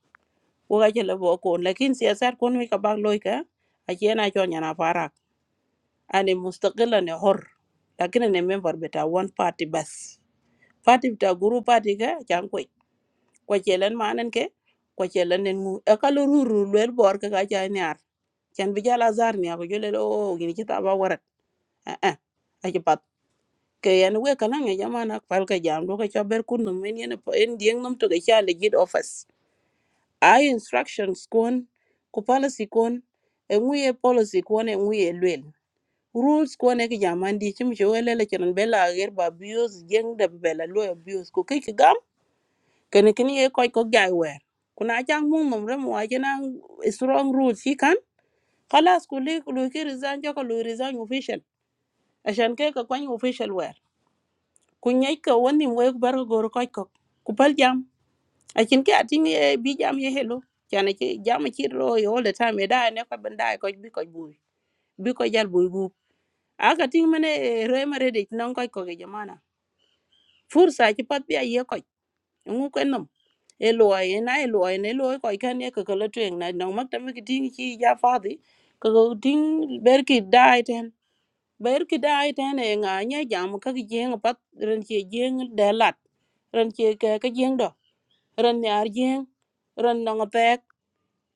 S23: wo ga jele bo ko lakin siyasar kon mi ka bag lo ka a ki na cho nya na para ani mustaqilan ne hor lakin ne member beta one party bas Fatih ta guru party ka chan kwe kwa chelen manen ke kwa chelen nen ngu e ka lo ruru lwer bor ka ka cha nyar chan bi jala zar ni ago jole o gini chita ba warat eh eh a chi pat ke yan we ka nang e jamana pal ka jam do ka cha ber kun no men yen po en dieng nam to ka cha legit office ai instructions kon ku policy kon e ngu ye policy kon e ngu ye lwel rules ko ne ki jaman di chim che wele le chiran bela ger ba bios jeng de bela lo bios ko ke kene kini ye koy ko jay wer kuna jang mung nom rem wa jena strong rule fi kan khalas ku li lu ki resign jo ko lu resign official ashan ke ka kwany official wer ku nyai ka woni we bar ko gor koy ko ku pal jam akin ke atin ye bi jam ye hello jana ki jam ki ro yo all the time e da ne ko ben da ko bi ko bu bi ko jal bu bu aka tin mene re mare de non koy ko ge jamana fursa ki pat bi ye ngu kwen nam e loy e na e loy ne loy ko kan ye ko lo twen na no mak tam ki ting chi ja fa di ko ko ting ber ki dai ten ber ki dai ten e nga nya jam ka ki jeng pat ren chi jeng de lat ren chi ke ka jeng do ren yar jeng ren no nga pek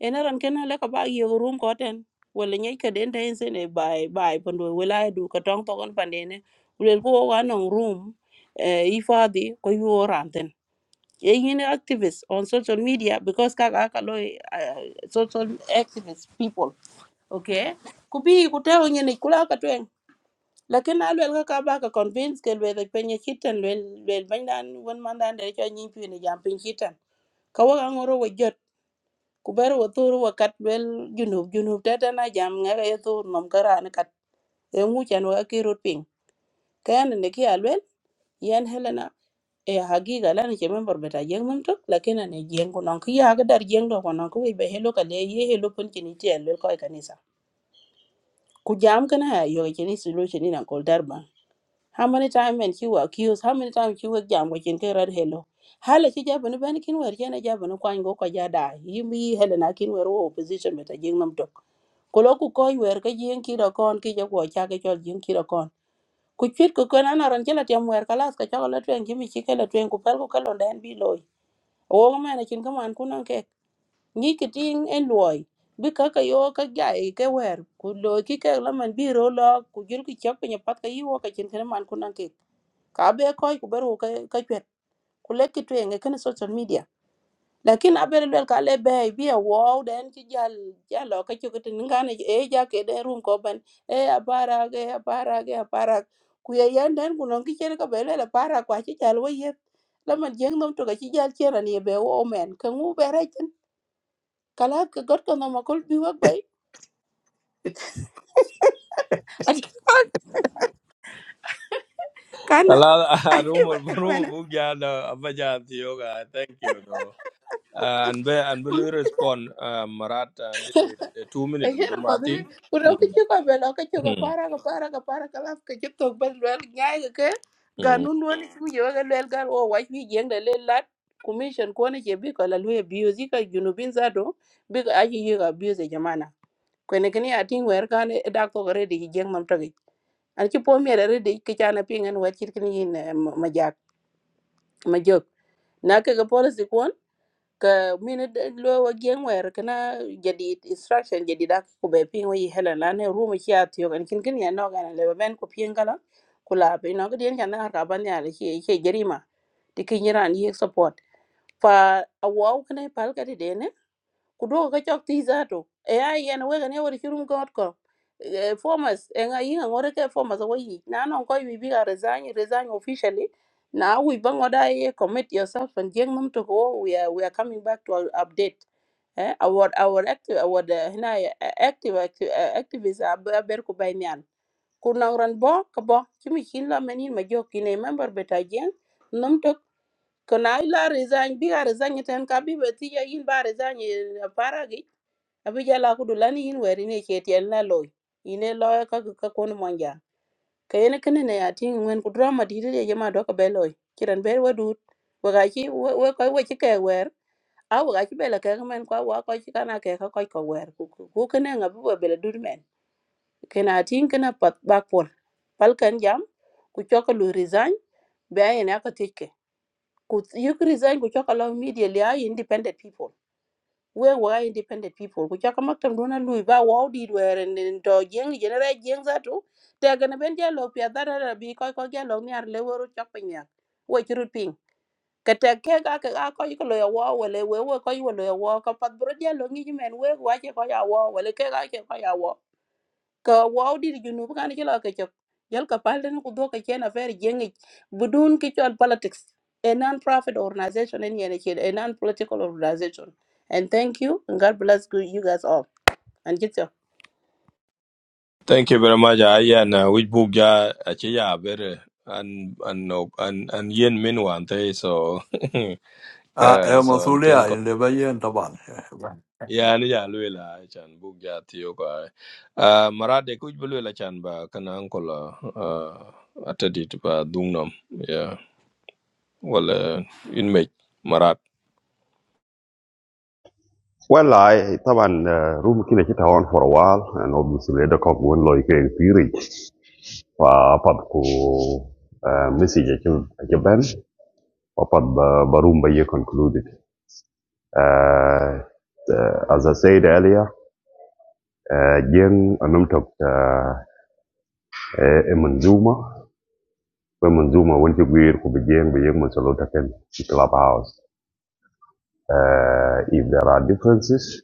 S23: e na ren ken le ka ba ye rum ko ten wala nyai ka den ten sen e bai bai pando wala du ka tong to kon pandene ulel ko wa no room e ifadi ko yo Any activists on social media because kaka kalo uh, social activist people, okay? Kubi kutao nyene kula katweng. Lakini alu elga kaba ka convince ke lwe penye chitan lwe lwe bandan wan mandan de cho nyimpi ni jampin chitan. Kawaga ngoro wajot kubero wathuru wakat lwel junub junub tete na jam ngega ye thur nom karani kat e ŋucan weka ki rut piŋ kayan ni ki a lwel yen helena e hagiga lana ke member beta jeng mum tok lakin ane jeng ko non kiya ga dar jeng do ko non ko be helo ka le ye helo pon kini ti el ko e kanisa ku jam kana ha yo kini solution ina ko darba how many time and you accuse how many time you jam ko kin ke rad helo hala ki jabu ni ban kin wer jena jabu ni kwan go ko ja da yimi hele na kin wer wo opposition beta jeng mum tok ko lo ku ko wer ka jeng ki do kon ki ja ko cha ke chol jeng ki do kon ku chwit ku kon ana ron jela tem wer kalas ka cha ko la twen ki mi ki ke la twen ku pel ku kalon den bi loy o mene chin ka man kunan ke ni ki tin en loy bi ka ka yo ka ja e ke wer ku lo ki ke la man bi ro lo ku jil ki chok pinya pat ka yi wo ka chin ka man kunan ke ka be ko ku beru ka ka chwet ku le ki tuen ke kan social media lakin a ber lel ka le be bi e wo den ki jal ja lo ka chok tin ngan e ja ke den rum ko ban e abara ge abara ge abara ku ye yan den ku non ki chen ka be le la para kwa chi jal wo ye la man jeng nom to ka chi jal chen ani be wo men ka ngu be re kala ka got ko ngama kol bi wak bay ati kon kana
S1: ala <laughs>
S23: ati
S1: rumor rumor
S23: bana
S1: bu ga da abaja ti yoga thank you though. Uh, and be and be lui respond uh, Marat and the, the two
S23: e
S1: minute with you,
S23: hera ko de
S1: Martin.
S23: ko do ki
S1: Mm.
S23: ko be lo ka ko
S1: Mm.
S23: para ka para ka para kala ka ci tok bel wel nyaay ga ke ga
S1: Mm.
S23: nun woni ci mi yoga lel gal o wa fi jeng da lel lat commission ko ne ke bi ko la lu bi yo zika junubin zato bi ka aji yoga bi yo ze jamana ko ne kini ati wer kan da ko re di jeng mam tagi an ci po mi re di ki chana pingen wa ci kini ma jak ma jok na ka ga <laughs> policy ka mini d- lo wa gen wer kana jadi instruction jadi da ku be pin wi hela la ne ru mi ya tiyo kan kin kin ya no ga na le ben ku pin kala kula be no gdien kan na ka ban ya le ke ke jerima ti kin yiran yi support fa awaw kana pal ka de kudogo ka chok ti zato e ai yen wega ne wori chirum got ko Eh, formas e nga yinga ngore ke formas wo yi na non ko wi bi ga resign resign officially na we bang oda ye commit yourself and jeng num to go we are we are coming back to our update eh our our active our uh, hina eh, active active uh, activists are ber ko bay nyan ku nang ran bo ko bo chimi chin la menin ma jokki ne member beta jeng num to ko na ila resign bi ga resign ten ka bi beti ya in ba resign e, para abija la kudu lani yin weri ne ke tiyan la loy ine loy ka ka kon monja kayene kene ne atin ngwen ku drama di de jema do ka beloy kiran ber wadut waga ki we ko we ki ke wer a waga ki bela ke men ko wa ko ki kana ke ka ko ko wer ku ku ku kene ngabu be bela dur men kena atin kena pat bak pol pal kan jam ku choko lu resign be ayene ka tike ku yuk resign ku choko lo media li ay independent people Where were independent people ku chaka maktam dona lui ba wow di were nin to jeng jenera jeng za tu te gana ben dia lo pia dara ra bi ko ko gelo ni ar le woro chak penya we chirut ping ka te ke ga ka ga ko ko lo ya wo we le we we ko yo lo ya wo ka pat bro dia lo ngi men we wa che ko ya wo we le ke ga che ko ya wo ka wow di junub kan ci lo ka cok yal ka pal den ku do ka chen affaire jengi budun ki chol politics a non-profit organization and a non-political organization and thank you and god bless you guys all and get your
S1: Thank you very much. I and uh, which book ja achi ya bere and and no and and yen min wan te so <laughs>
S27: Ah, é
S1: uh,
S27: uma
S1: so and ken
S27: zulia,
S1: ko
S27: ele leva aí em Taban.
S1: ya ni ya lui la chan book ja tiyo ko eh. uh, Marat de kuj bulu la chan ba kana uncle uh, atadi ba dungnom yeah well uh, in me
S26: Well, I طبعا uh, room كنا كده on for a while and obviously the cock won like a period. فأبدكو مسج أجبن وأبد بروم بيه concluded. Uh, uh, as I said earlier, uh, جين نمتك uh, منزومة ومنزومة وانت كبير كبجين بيجين من سلوتك في club house. Uh, if there are differences,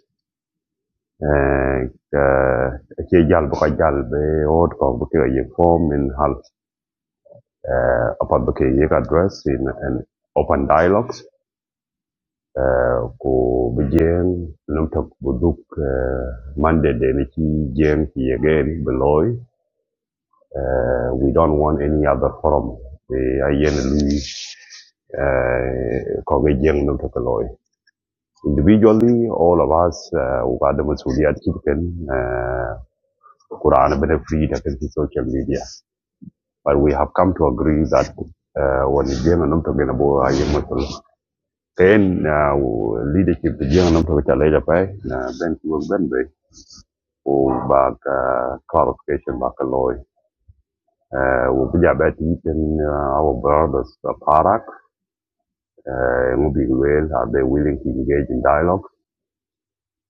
S26: eh, eh, ci jal bu od ko bu ye form in hal eh, apat ye address in an open dialogues eh, ku num tok bu eh, mande de ni ci jeng ci ye gen eh, we don't want any other forum be ayen lui eh, ko ge jeng num tok loy individually all of us uh, we got the masuliyat ki ken eh, Quran, a bit of free that is social media. But we have come to agree that uh, when the young Nam Toga na Boa Hayi Matul, then uh, leadership the young Nam Toga Chalaja Pai, uh, then she was Ben Bay, or back uh, clarification back a law. Uh, we be about eating uh, our brothers, the Parak, moving well. are they willing to engage in dialogue?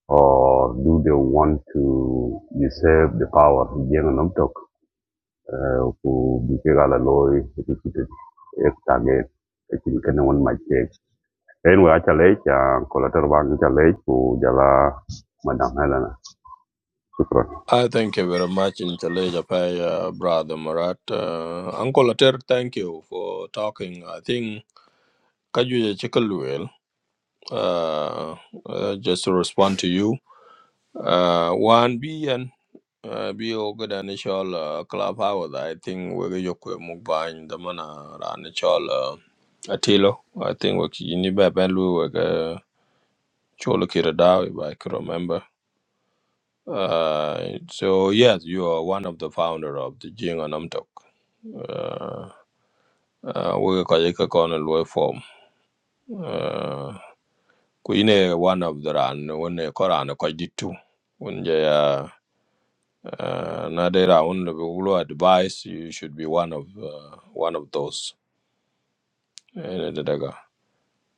S26: Or do they want to usurp the power of Jema uh, ku bikega la loy repeated ek target actually kana one my check anyway acha lech uh, collateral bank acha ku jala madam helena shukran
S1: I thank you very much, Intellijapai, uh, Brother Marat. Uh, Uncle Ater, thank you for talking. I think Kajuja Chikalwil, uh, uh, just to respond to you, uh, one B and uh, be good initial uh, club hours. I think we're going move by the mana initial uh, Atilo. I think we're going to be a cholo kira if I can remember. Uh, so yes, you are one of the founder of the Jing and Namtok. Uh, uh, we ka ka kon lo form. Uh, ku one of the ran when e koran ko ditu. When je uh, uh, na de ra un lo advice you should be one of uh, one of those. Ene de daga.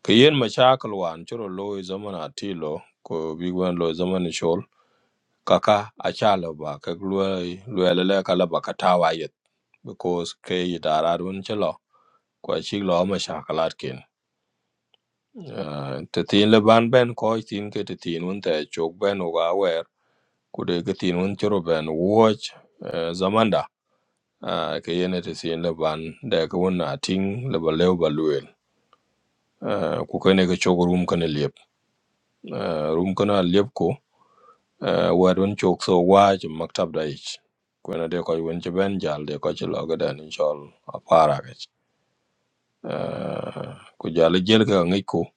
S1: Ke yen mashakal wan churo lo zaman atilo ko big one lo zaman shol. kaka acalo ba ke luel luel le kala ba katawa yet because ke idara run chelo kwa chi lo ma shakalat ken Ah, te tin le ban ben ko tin ke te tin un te chok ben wa wer ku de ke tin un chro ben watch eh, zamanda Ah, ke yene te tin le ban de ke na ting le ba lew ba luel Ah, ku ke ne ke chok rum ke ne liep Ah, rum ke na liep ko uh, word when chok so waj maktab da ich kwena de koy wen ci ben jal de ko ci logo da ni chol apara ga uh, ku jal jel ka ngi ko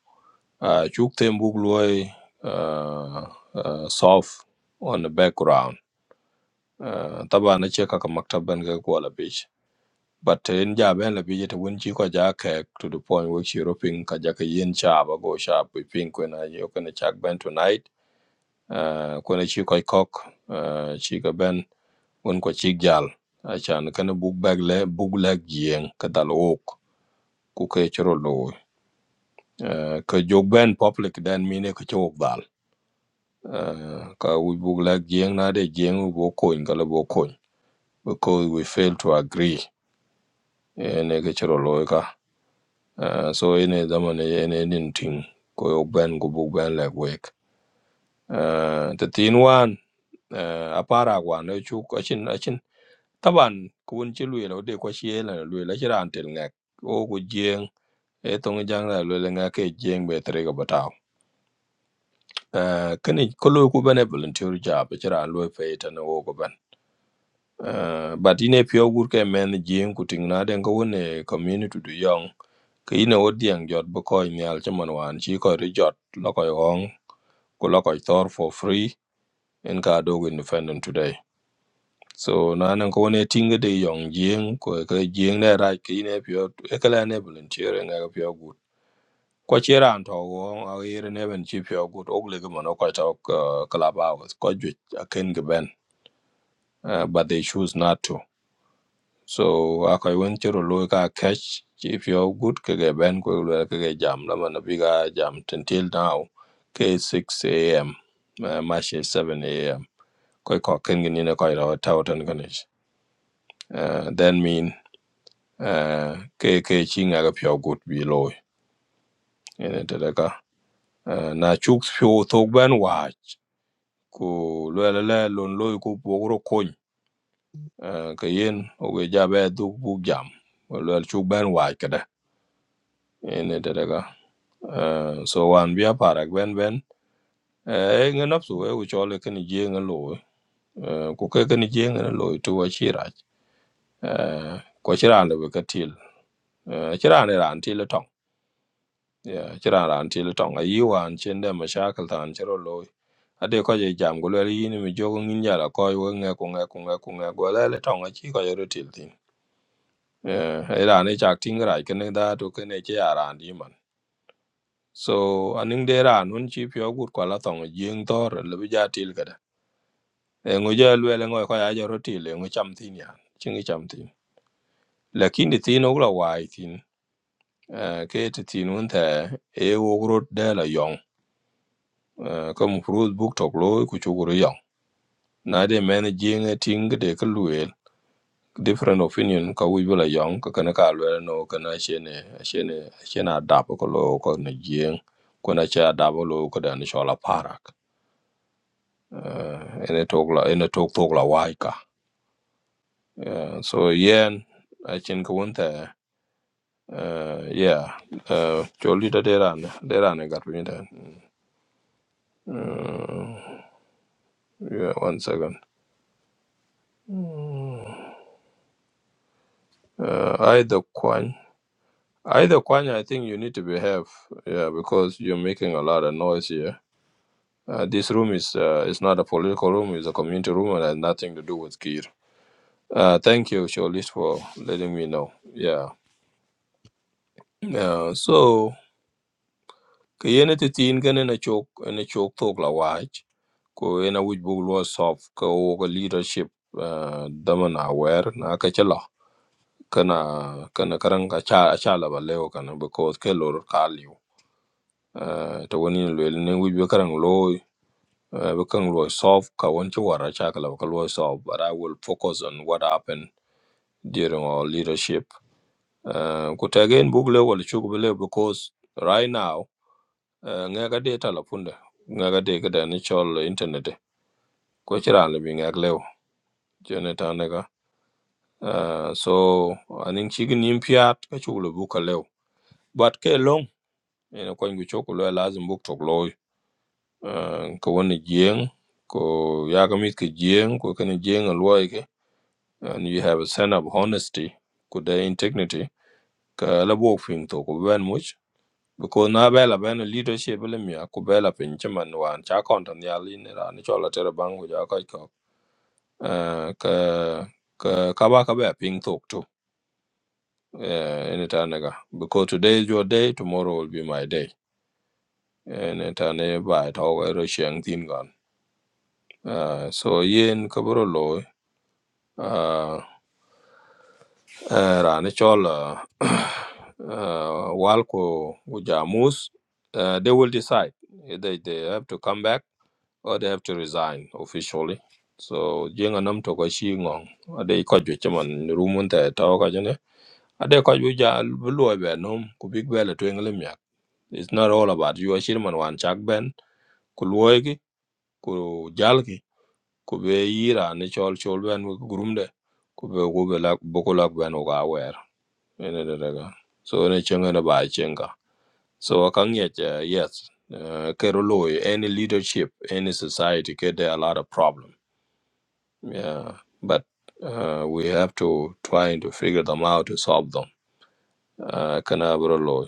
S1: uh, chuk tem buk loy uh, uh, soft on the background uh, taba na che ka ka maktab ben ga ko la bich but in ja ben la bich te wen ci ko ja ke to the point where she roping ka ja ka yen cha ba go sha pi pin kwena yo kwena chak ben tonight uh, kwena ci koy kok uh, ci ka ben won ko ci jal achan kana buk bag le buk lak kadal ok, dal wok ku ke chro lo Eh, ka jog ben public dan mine ka chok dal Eh, ka we buk lak jieng na de jieng wu koin ka bo koin because we fail to agree ene ka chro lo ka Eh, so ene zaman e, ene nin ting ko jog ben ko buk ben lak wek Eh, the tin wan eh, apara wan e chuk achin achin Taban kun ci lwe lo de ko she la lwe la ci ran ngak o ku jeng e tong jang la lwe la ngak e jeng be tre ga bataw eh kani ko ku bane volunteer job ci lwe fe ta no wo ko ban eh but ine pyo gur ke men jeng ku ting na den ko woni community du yong ke ine odiang jot bo ko nyal ci wan ci ko ri jot lo ko yong ku lo ko tor for free en ka dogo independent today so na nan ko ne tinga de yong jing ko ka jing ne ra ki ne pyo e kala ne bulun chere ne ga pyo gut ko chera an to go a yere ne ben chi pyo gut og le mo no ko ta kala ba ko ju a ken ge ben uh, but they choose not to so a ko won chero lo ka catch chi pyo gut ke ge ben ko lo ke ge jam la man bi ga jam until now ke 6 am uh, match is 7 am ko ko ken ge ni ne ko ra ta tan ko ne uh, then mean uh, ke ke chi nga ga pyo gut bi loy ene te daga uh, na chuk pyo tok ban wa ku le le le lon loy ku bo kon uh, ke yen o ge ja be du bu jam wa le chuk ban wa ka da ene te daga uh, so wan bi para ben ben e nga nap su e u chole ke je nga loy uh, ku ke ke je nga loy tu wa chi uh, ko chi le ka til uh, chi ran til Yeah, ci ran ran til tong a yiwan cin de mashakal tan ci ro loy. Ade ko je jam go le yin mi jogo ngin jara ko we nge ko nge ko nge ko nge go le le tong a ci ko ro til tin. Yeah, e ran e chak ting rai ken da to ken e ci ran di man. So aning de ran un ci pyo gut ko la tong jing tor le bi ja til kada. E ngo je le le ngo ko ya ro til e ngo cham tin ya. Ci ngi cham tin. Lakin di tin ogla wai tin. Eh, Ke ti tin un the e wo gro de la Eh, ka mufrut book talk, lo ku chukuru yong na de men jing a ting de ka different opinion ka wi bula yong ka kana ka luel no kana shene shene shene adap ko kana ko ne jing ko na cha adap lo shola parak Eh, ene talk la ene talk talk la waika. ka Eh, so yen i think ko wonte uh yeah uh jolita deran deran gat then. yeah one second uh i the coin. Either Kwanya, I think you need to behave, yeah, because you're making a lot of noise here. Uh, this room is uh, it's not a political room; it's a community room, and has nothing to do with Kir. Uh, thank you, Sholis, for letting me know. Yeah. Uh, so, kiyene titin kene na chok na chok tok la wach ko ena wich bug lo sof ko ko leadership uh, dama na aware na ka chelo kana kana karang ka cha cha la ba leo kana because ke lor kaliu uh, to woni lwel ne wij be karang loy uh, be karang loy solve ka won ci wara cha ka lo ka loy solve but i will focus on what happened during our leadership uh, ku tegen bug le wal chuk be le because right now uh, nga ga de telefon nga ga de ka da ni chol internet de. ko ci le bi nga le jene ta ne ga uh, so anin ci gin yim piat ka chuk le bu ka le but ke long ene ko ngi chok lo lazim bug tok lo Ah, ko wani jeng ko yagamit ka jeng ko kana jeng alwai ke and you have a sense of honesty ko da integrity ka la bo fin to ko ben much because na bela ben leadership le mi ko bela pin chaman wan cha kon tan ya li ne ran chola tere bang ko ja kai ko Ah, ka ka ka ba ka ba pin to to eh ene ta naga because today is your day tomorrow will be my day ene ta ne ba ta ko ro sheng tin gan Ah, so yen ka uh, uh, rani chol uh, <clears throat> uh, wal ku ku jamus uh, they will decide either they have to come back or they have to resign officially so jenga nam to ko shi ngong ade ko ju chaman rumun ta ta ka jene ade ko ju ja bluo be nom ku big bele to engle myak it's not all about you shirman wan chak ben ku luoy ki ku jal ki ku be yira ni chol chol ben ku gurumde ku be ku be lak boku lak ben ku ene de daga so ene chenga na ba chenga so akang yet uh, yes uh, kero loy any leadership any society get there are a lot of problem yeah but uh, we have to try to figure them out to solve them uh, kana bro loy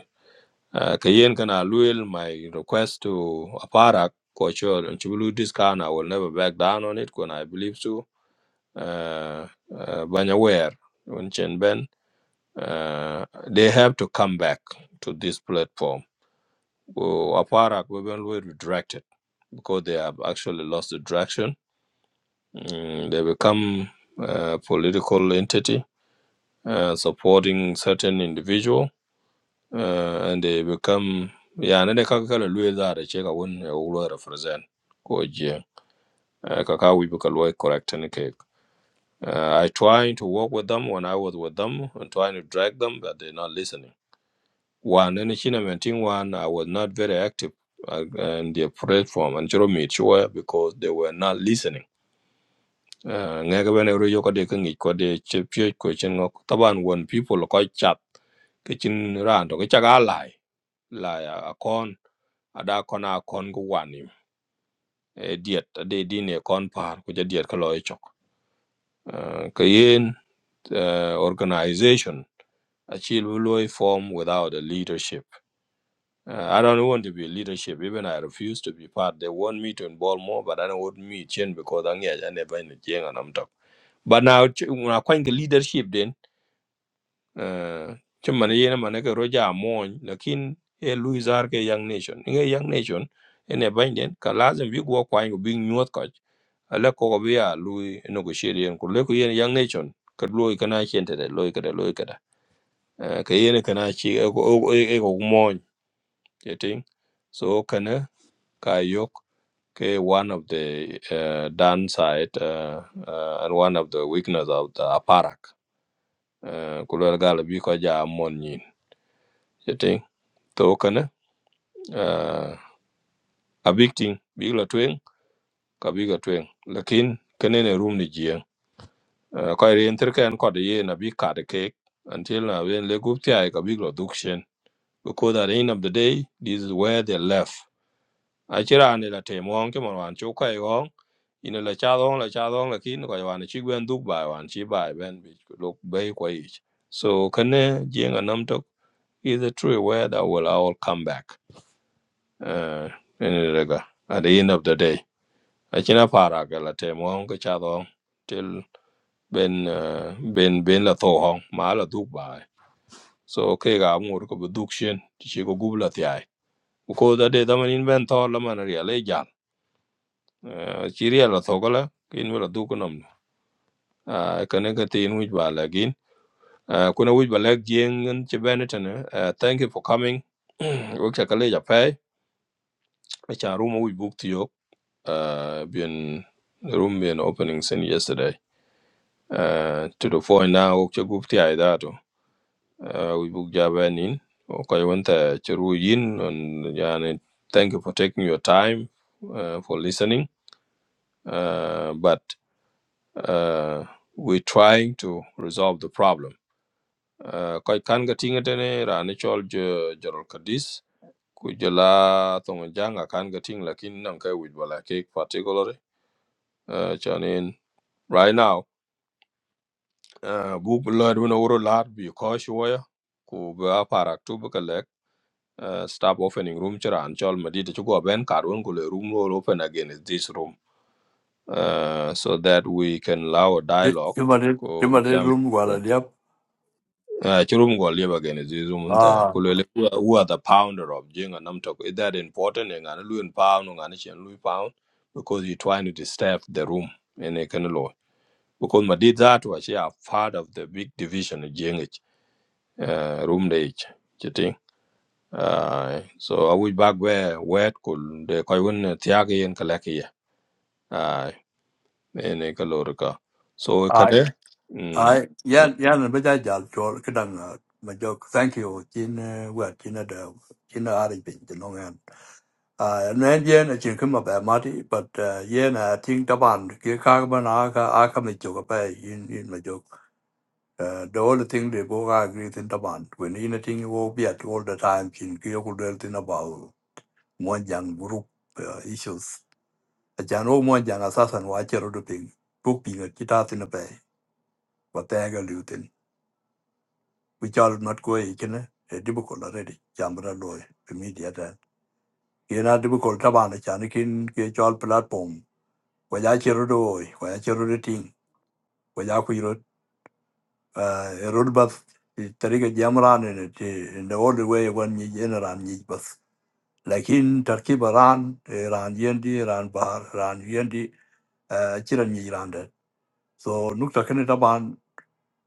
S1: uh, kayen kana luel my request to aparak for sure and chibulu this kind i will never back down on it when i believe so uh, uh, banyaware when chen ben uh, they have to come back to this platform Well, Aparak were well redirected because they have actually lost the direction. Mm, they become a political entity uh, supporting certain individual, uh, and they become yeah, and they can kind of lose that they check out when they will represent. Koji, uh, kaka we become well correct and cake. Uh, I trying to work with them when I was with them and trying to drag them, but they're not listening. One and China maintain one I was not very active uh, and their platform and Jerome Chua because they were not listening. Uh, ngay ka bene ro yoko de ka ngi ko de che pye ko chen ngok taban won people ko chat ke chin ran to ke chaga lai lai a kon ada kon a kon ko wani e diet de din e kon par ko je diet ka loy chok Uh, ka yen uh, organization achieve loy form without a leadership Uh, I don't want to be leadership. Even I refuse to be part. They want me to involve more, but I don't want me change because I'm here. I never in the change and I'm talk. But now ch- when I find the leadership, then uh, chuma na yena manake roja amon. Lakin e Louis Arke young nation. Inge young nation. Ene bain den kalazem big work kwa ingo big nyuat kaj. Ala koko biya Louis negotiate yen kule ku yen young nation. Kadlo ikana chente de lo ikada lo ikada. Kayene kana chi eko eko eko mon. Jeting so kana. Kayuk ke one of the uh, downside uh, uh, and one of the weakness of the aparak. Uh, Kulwer gal bi ko ja mon nyin. Yeti to kana uh, a big thing big la twing ka big la twing. Lakin kene room ni jien. Uh, ko ri enter kan ko de ye na bi ka de cake until na wen le gup ti ai ka big la dukshen. Because at the end of the day, this is where they left. Achira ni la temo ang ke mon wan chu kai ina la cha dong la cha dong la kin ko wan chi gwen duk bai wan chi bai ben bi lok bei ko ich so kane jenga nam tok is a true word that will all come back uh in the rega at the end of the day a china para ga la te mo ko cha dong till ben uh, ben ben la to hong ma la duk bai so ke ga mu ko bu duk shen ti chi ko gub la ti ai ko da de da man in ben to la man ria le jan Uh, chi ria la to ko la kin la duk nam a kane ka tin wi ba la Uh, kuna wuj ba jeng en ci bene tane. Uh, thank you for coming. <clears throat> Wok cha kale ja pay. Acha room wuj book to yok. Uh, been room been opening since yesterday. Uh, to the point now wok cha gup ti ay dato. Uh, wuj book ja benin. Okay, wanta ci ru yin and yani thank you for taking your time uh, for listening. Uh, but uh, we're trying to resolve the problem. Uh, koi kan ga tinga tane rani chol jo jorol kadis. kujala tongjanga kan ga ting lakin nan kai with bala ke particularly uh, chanin right now uh, google lord when over lot be cautious waya ku ga parak tu ba kalek uh, stop opening room chara an chol madi to go ben kar won ko le room roll open again is this room uh, so that we can allow a dialogue
S27: Immer den,
S1: ko
S27: immer den
S1: jam
S27: rumguarda, ja.
S1: Uh, Churum go live again is Izum.
S27: Ah,
S1: Kulele, who are the pounder of Jing and Namtok? Is that important? And i Louis Pound, and i Louis Pound, because you're trying to disturb the room in a kind of law. Because my did that was yeah, part of the big division of Jing, uh, room age, you think? Uh, so I would back where, where could the Koyun Tiagi and Kalaki, uh, in a Kalorika. So,
S27: ai,
S1: can I?
S27: ai, ja, ja, ne beja ja, jo, kedang, ma cho thank you, jin, eh, wa, jin da, ở da ari bin, jin nong an. Ah, ne jen, a jin kuma ba mati, but, eh, jen, a ting Taban, ki ka ba na, ka, a ka me jo cái pa, in, in ma jo. Uh, the only thing they both agree in Taban, when in a thing you all be at all the time, jin, ki yo kudel tin about, one young group, uh, issues. ajan o mo jan asasan wa chero do ping book ping a kita tin pe wa ta ga lu tin we chal not go e kene e dibu ko la ready jambra lo e media da ye na dibu ko ta ban chan kin ke chal platform wa ya chero do wa ya chero do tin wa ya ku ro e ro ba tari ga jamra ne ne te in the old way when ni general ni bas lakin tarkib ran eh, ran yendi ran bar ran yendi eh, chiran ni ran da so nukta kene ta ban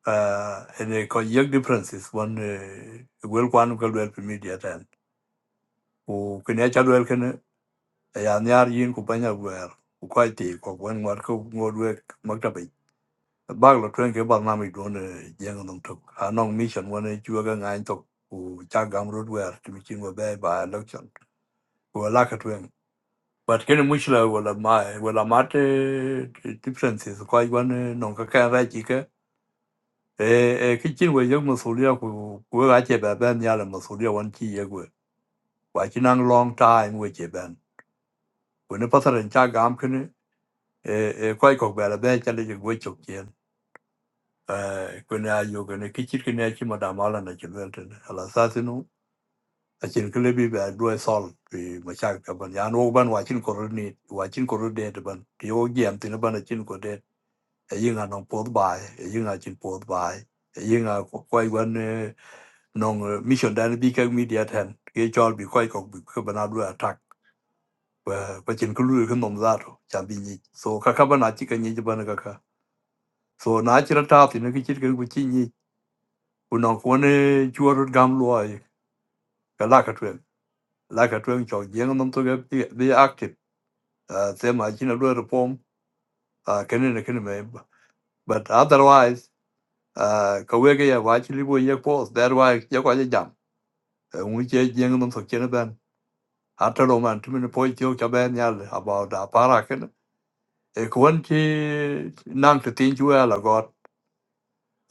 S27: uh, ene ko yek differences one uh, gwel kwan ko lwel pi media ten ku kene cha lwel kene e ya nyar yin ku banya gwer ku kwa ti ko gwen war ko ngod wek maktabi bag lo twen ke bag nami don jeng dong tok anong mission one chua ga ngain tok ku cha gam rod wer ti mi chingo be ba election ku la ka twen but kene mushla wala ma wala mate differences ko gwan non ka ka ra chi ke Eeh, eeh, ki chin we yok masulia ku ku we ache ba ben ya la masulia wan chi ye we. Wa chi nang long time we che ben. Ku ne pasaren cha gam kene eh eh koi kok ba la ben cha le we chok chen. Eh ku ne ayo ku ne ki chit ki ne chi ma da ma la na chi wel ten. Ala sa sinu a chin ke le bi ba do sol pi ma cha ka ban ya no ban wa chin ko ro ni wa chin ko ro de de ban. Ki yo gem tin ban a chin ko yinga nong pod bai yinga chin pod bai yinga kwai wan eh, nong eh, mission dan bi ka media ten ke chol bi kwai kok bi ka bana du attack wa pa chin ku lu ka nom za to cha bi ni so ka ka bana chi ka ni ban ka ka so na chi ra ta ti ne ki chi ka ku chi ni ku nong ko ne chu ro gam lo ai ka la ka twen la ka twen chok yeng nom to ga bi bi active se ma chi na du ro pom ka ne ne ka ne me but otherwise uh, ka wege ya wa chili bo ye ko that why ye ko ye jam un che jeng dum so chen ben after all man tumen po ti ka ben ya about da para ken e kon ti nang te tin ju ala got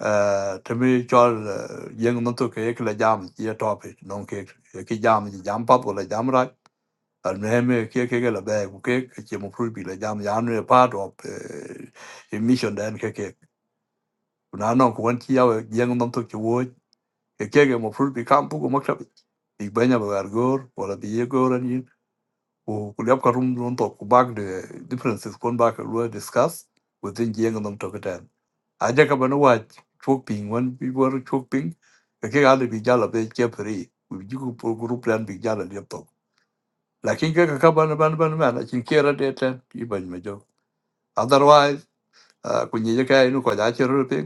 S27: uh, to cho chol jeng dum to ke ke la jam ye top non ke ke jam jam pa bo la jam ra al mehme ke ke ke la be ku ke ke che mo pru bi la jam ya ne part of uh, mission den ke ke na non kon ti ya jeng dum to chu ke kege mofrut bi kam bugu maktab bi banya ba gargor wala bi yegor anin ku kulyap karum non to ku bag de differences kon ba ka lua discuss within jeng nam to ketan aja ka bana wa chok ping wan bi war chok ping ke ke ale bi jala be che pri ku jigu pro group plan bi jala de to lakin ke ka ka bana bana bana bana chin kera de ten bi ban ma jo otherwise ah, ku nyi je kai nu ko da che ru pe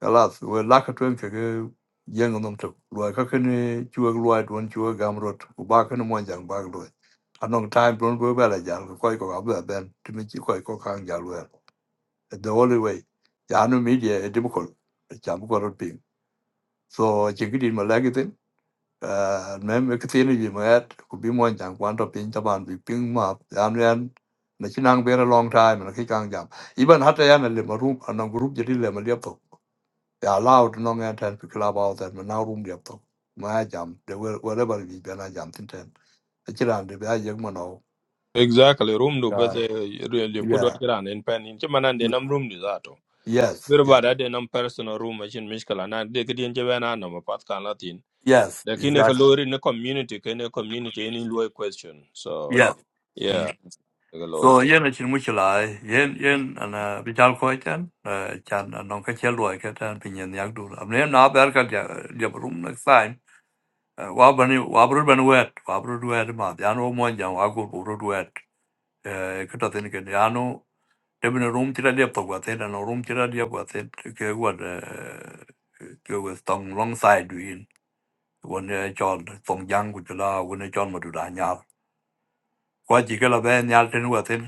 S27: alas we laka twen ke ke yeng nom tok lo ka ke ne chuo lo don chuo gam rot u ba ke ne mon jang ba lo anong time don go ba la jang ko koi ko ab l ben ti mi chi ko ko kang ja lo the only way ya no media e dim ko cha b ko rot ping so chi ki din ma la ke tin me me k a tin ji ma at ku bi mon jang kwan to ping ta ban bi ping ma ya no yan na chi nang be a long time na ki kang jam even hatta ya na le ma rum anong group je di le ma liep They allowed long and ten to club out and now room the top. My jam, they were wherever we been a jam ten. A chiran, the bad young man. oh,
S1: Exactly. Room do but really could
S27: Yeah.
S1: watch around in pen in Chimana
S27: Yeah.
S1: de num room is that. oh.
S27: Yes.
S1: Very
S27: yes
S1: bad at them personal room machine Mishkala and they could in Javana no path can Latin.
S27: Yes.
S1: The kinaka
S27: Exactly.
S1: lori in the community can a community any low question. So
S27: Yeah. Mm.
S1: yeah, The Lord. load.
S27: So yen a chin which lie, yen yen and uh vital coitan, uh chan and non catchel like at and pinion yakdul. I'm named now berka the room next time. Wabani wabru ben wet, wabru wet ma, the anno monjan, wago buru wet. Kutatin can the anno. Eben në r u m tira lepë të g u a t e në r u m tira lepë guatel, k e g a t kjo e stong long s i d u i n unë e q o n stong jang ku qëla, unë e q o n më të da n j a Kua që ke la bë n j a të në a t e l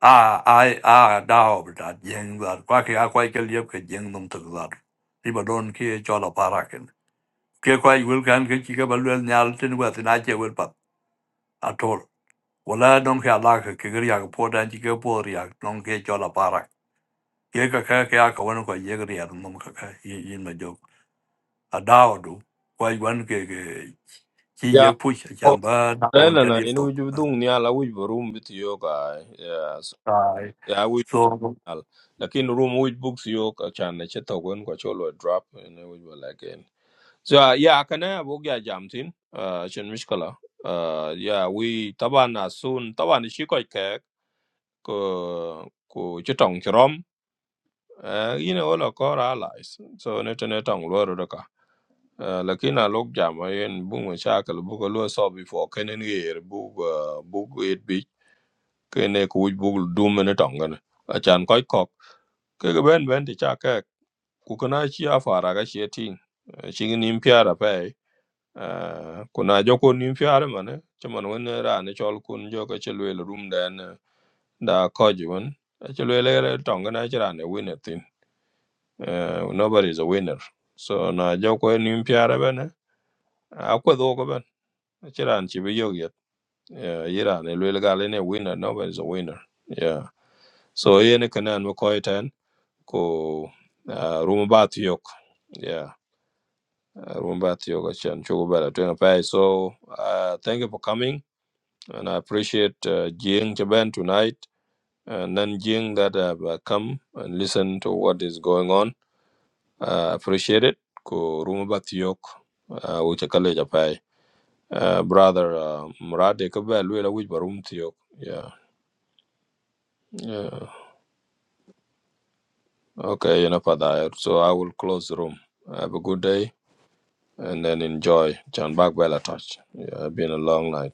S27: a, a, a, da o për a g e n g a kua ke a kua ke l e p ke g e n g ë h m të d a t i b a donë ki e q o n a parakin. k e kua i w i l k a n ke që ke baluel njarë të në a t e l a që e w i l p a a t o r Wala d o n ke a lakë, ke r j a k o të në q ke po r j a d o n ke qonë a ye ka ka ke a ka wan ko ye ri ar mum ka ka ye yin ma jok a da du ko i wan ke ke chi
S1: Yeah.
S27: ye pu cha
S1: Oh,
S27: ba da won cha
S1: Elena,
S27: li
S1: in
S27: po
S1: which you do nyala which room with yoga. Yes.
S27: ai
S1: Yeah, we
S27: so
S1: well, like in room which books yoga chan the chetogwen quacholo drop and we were like in. So uh, yeah, can I work ya jam tin? Uh, chen mishkala. Uh, yeah, we taban as soon taban is shikoi kek ko ko chitong chrom. Uh, you know all our core allies. So nete nete ang luar deka. Uh, lakin a lok jam ayen bung mashakal buka luar so before kenen year bug uh, bug it bi kene kuj bug doom nete ang gan. Achan koi kok. Kaya ben ben ti chakek. Kukana chia faraga chia ting. Chingin impiara pay. Ah, kuna jokun nim fiare mane chaman wen ra ne chol kun jo ka chelwe rum den eh, da koji wen chelwe le tong na chira ne winner tin Eh, nobody is a winner so na jokwe nim fiare bene akwa do ko ben chira an chi bi yo yet Eh, yira ne le ga le ne winner nobody is a winner yeah so ye ne kana an ko e ten ko ah, rum ba yok yeah ah, rum ba yok chan chugo bela twenga pai so ah, thank you for coming and I appreciate uh, Jing Chaban tonight and then Jing that have uh, come and listen to what is going on. Uh, appreciate it. Ko rumo batiyok uche kale japai. Uh, brother uh, Murade kabe luela which barum tiyok. Yeah. yeah. Okay, enough of that. So I will close the room. Have a good day and then enjoy. Chan bag bella touch. Yeah, been a long night.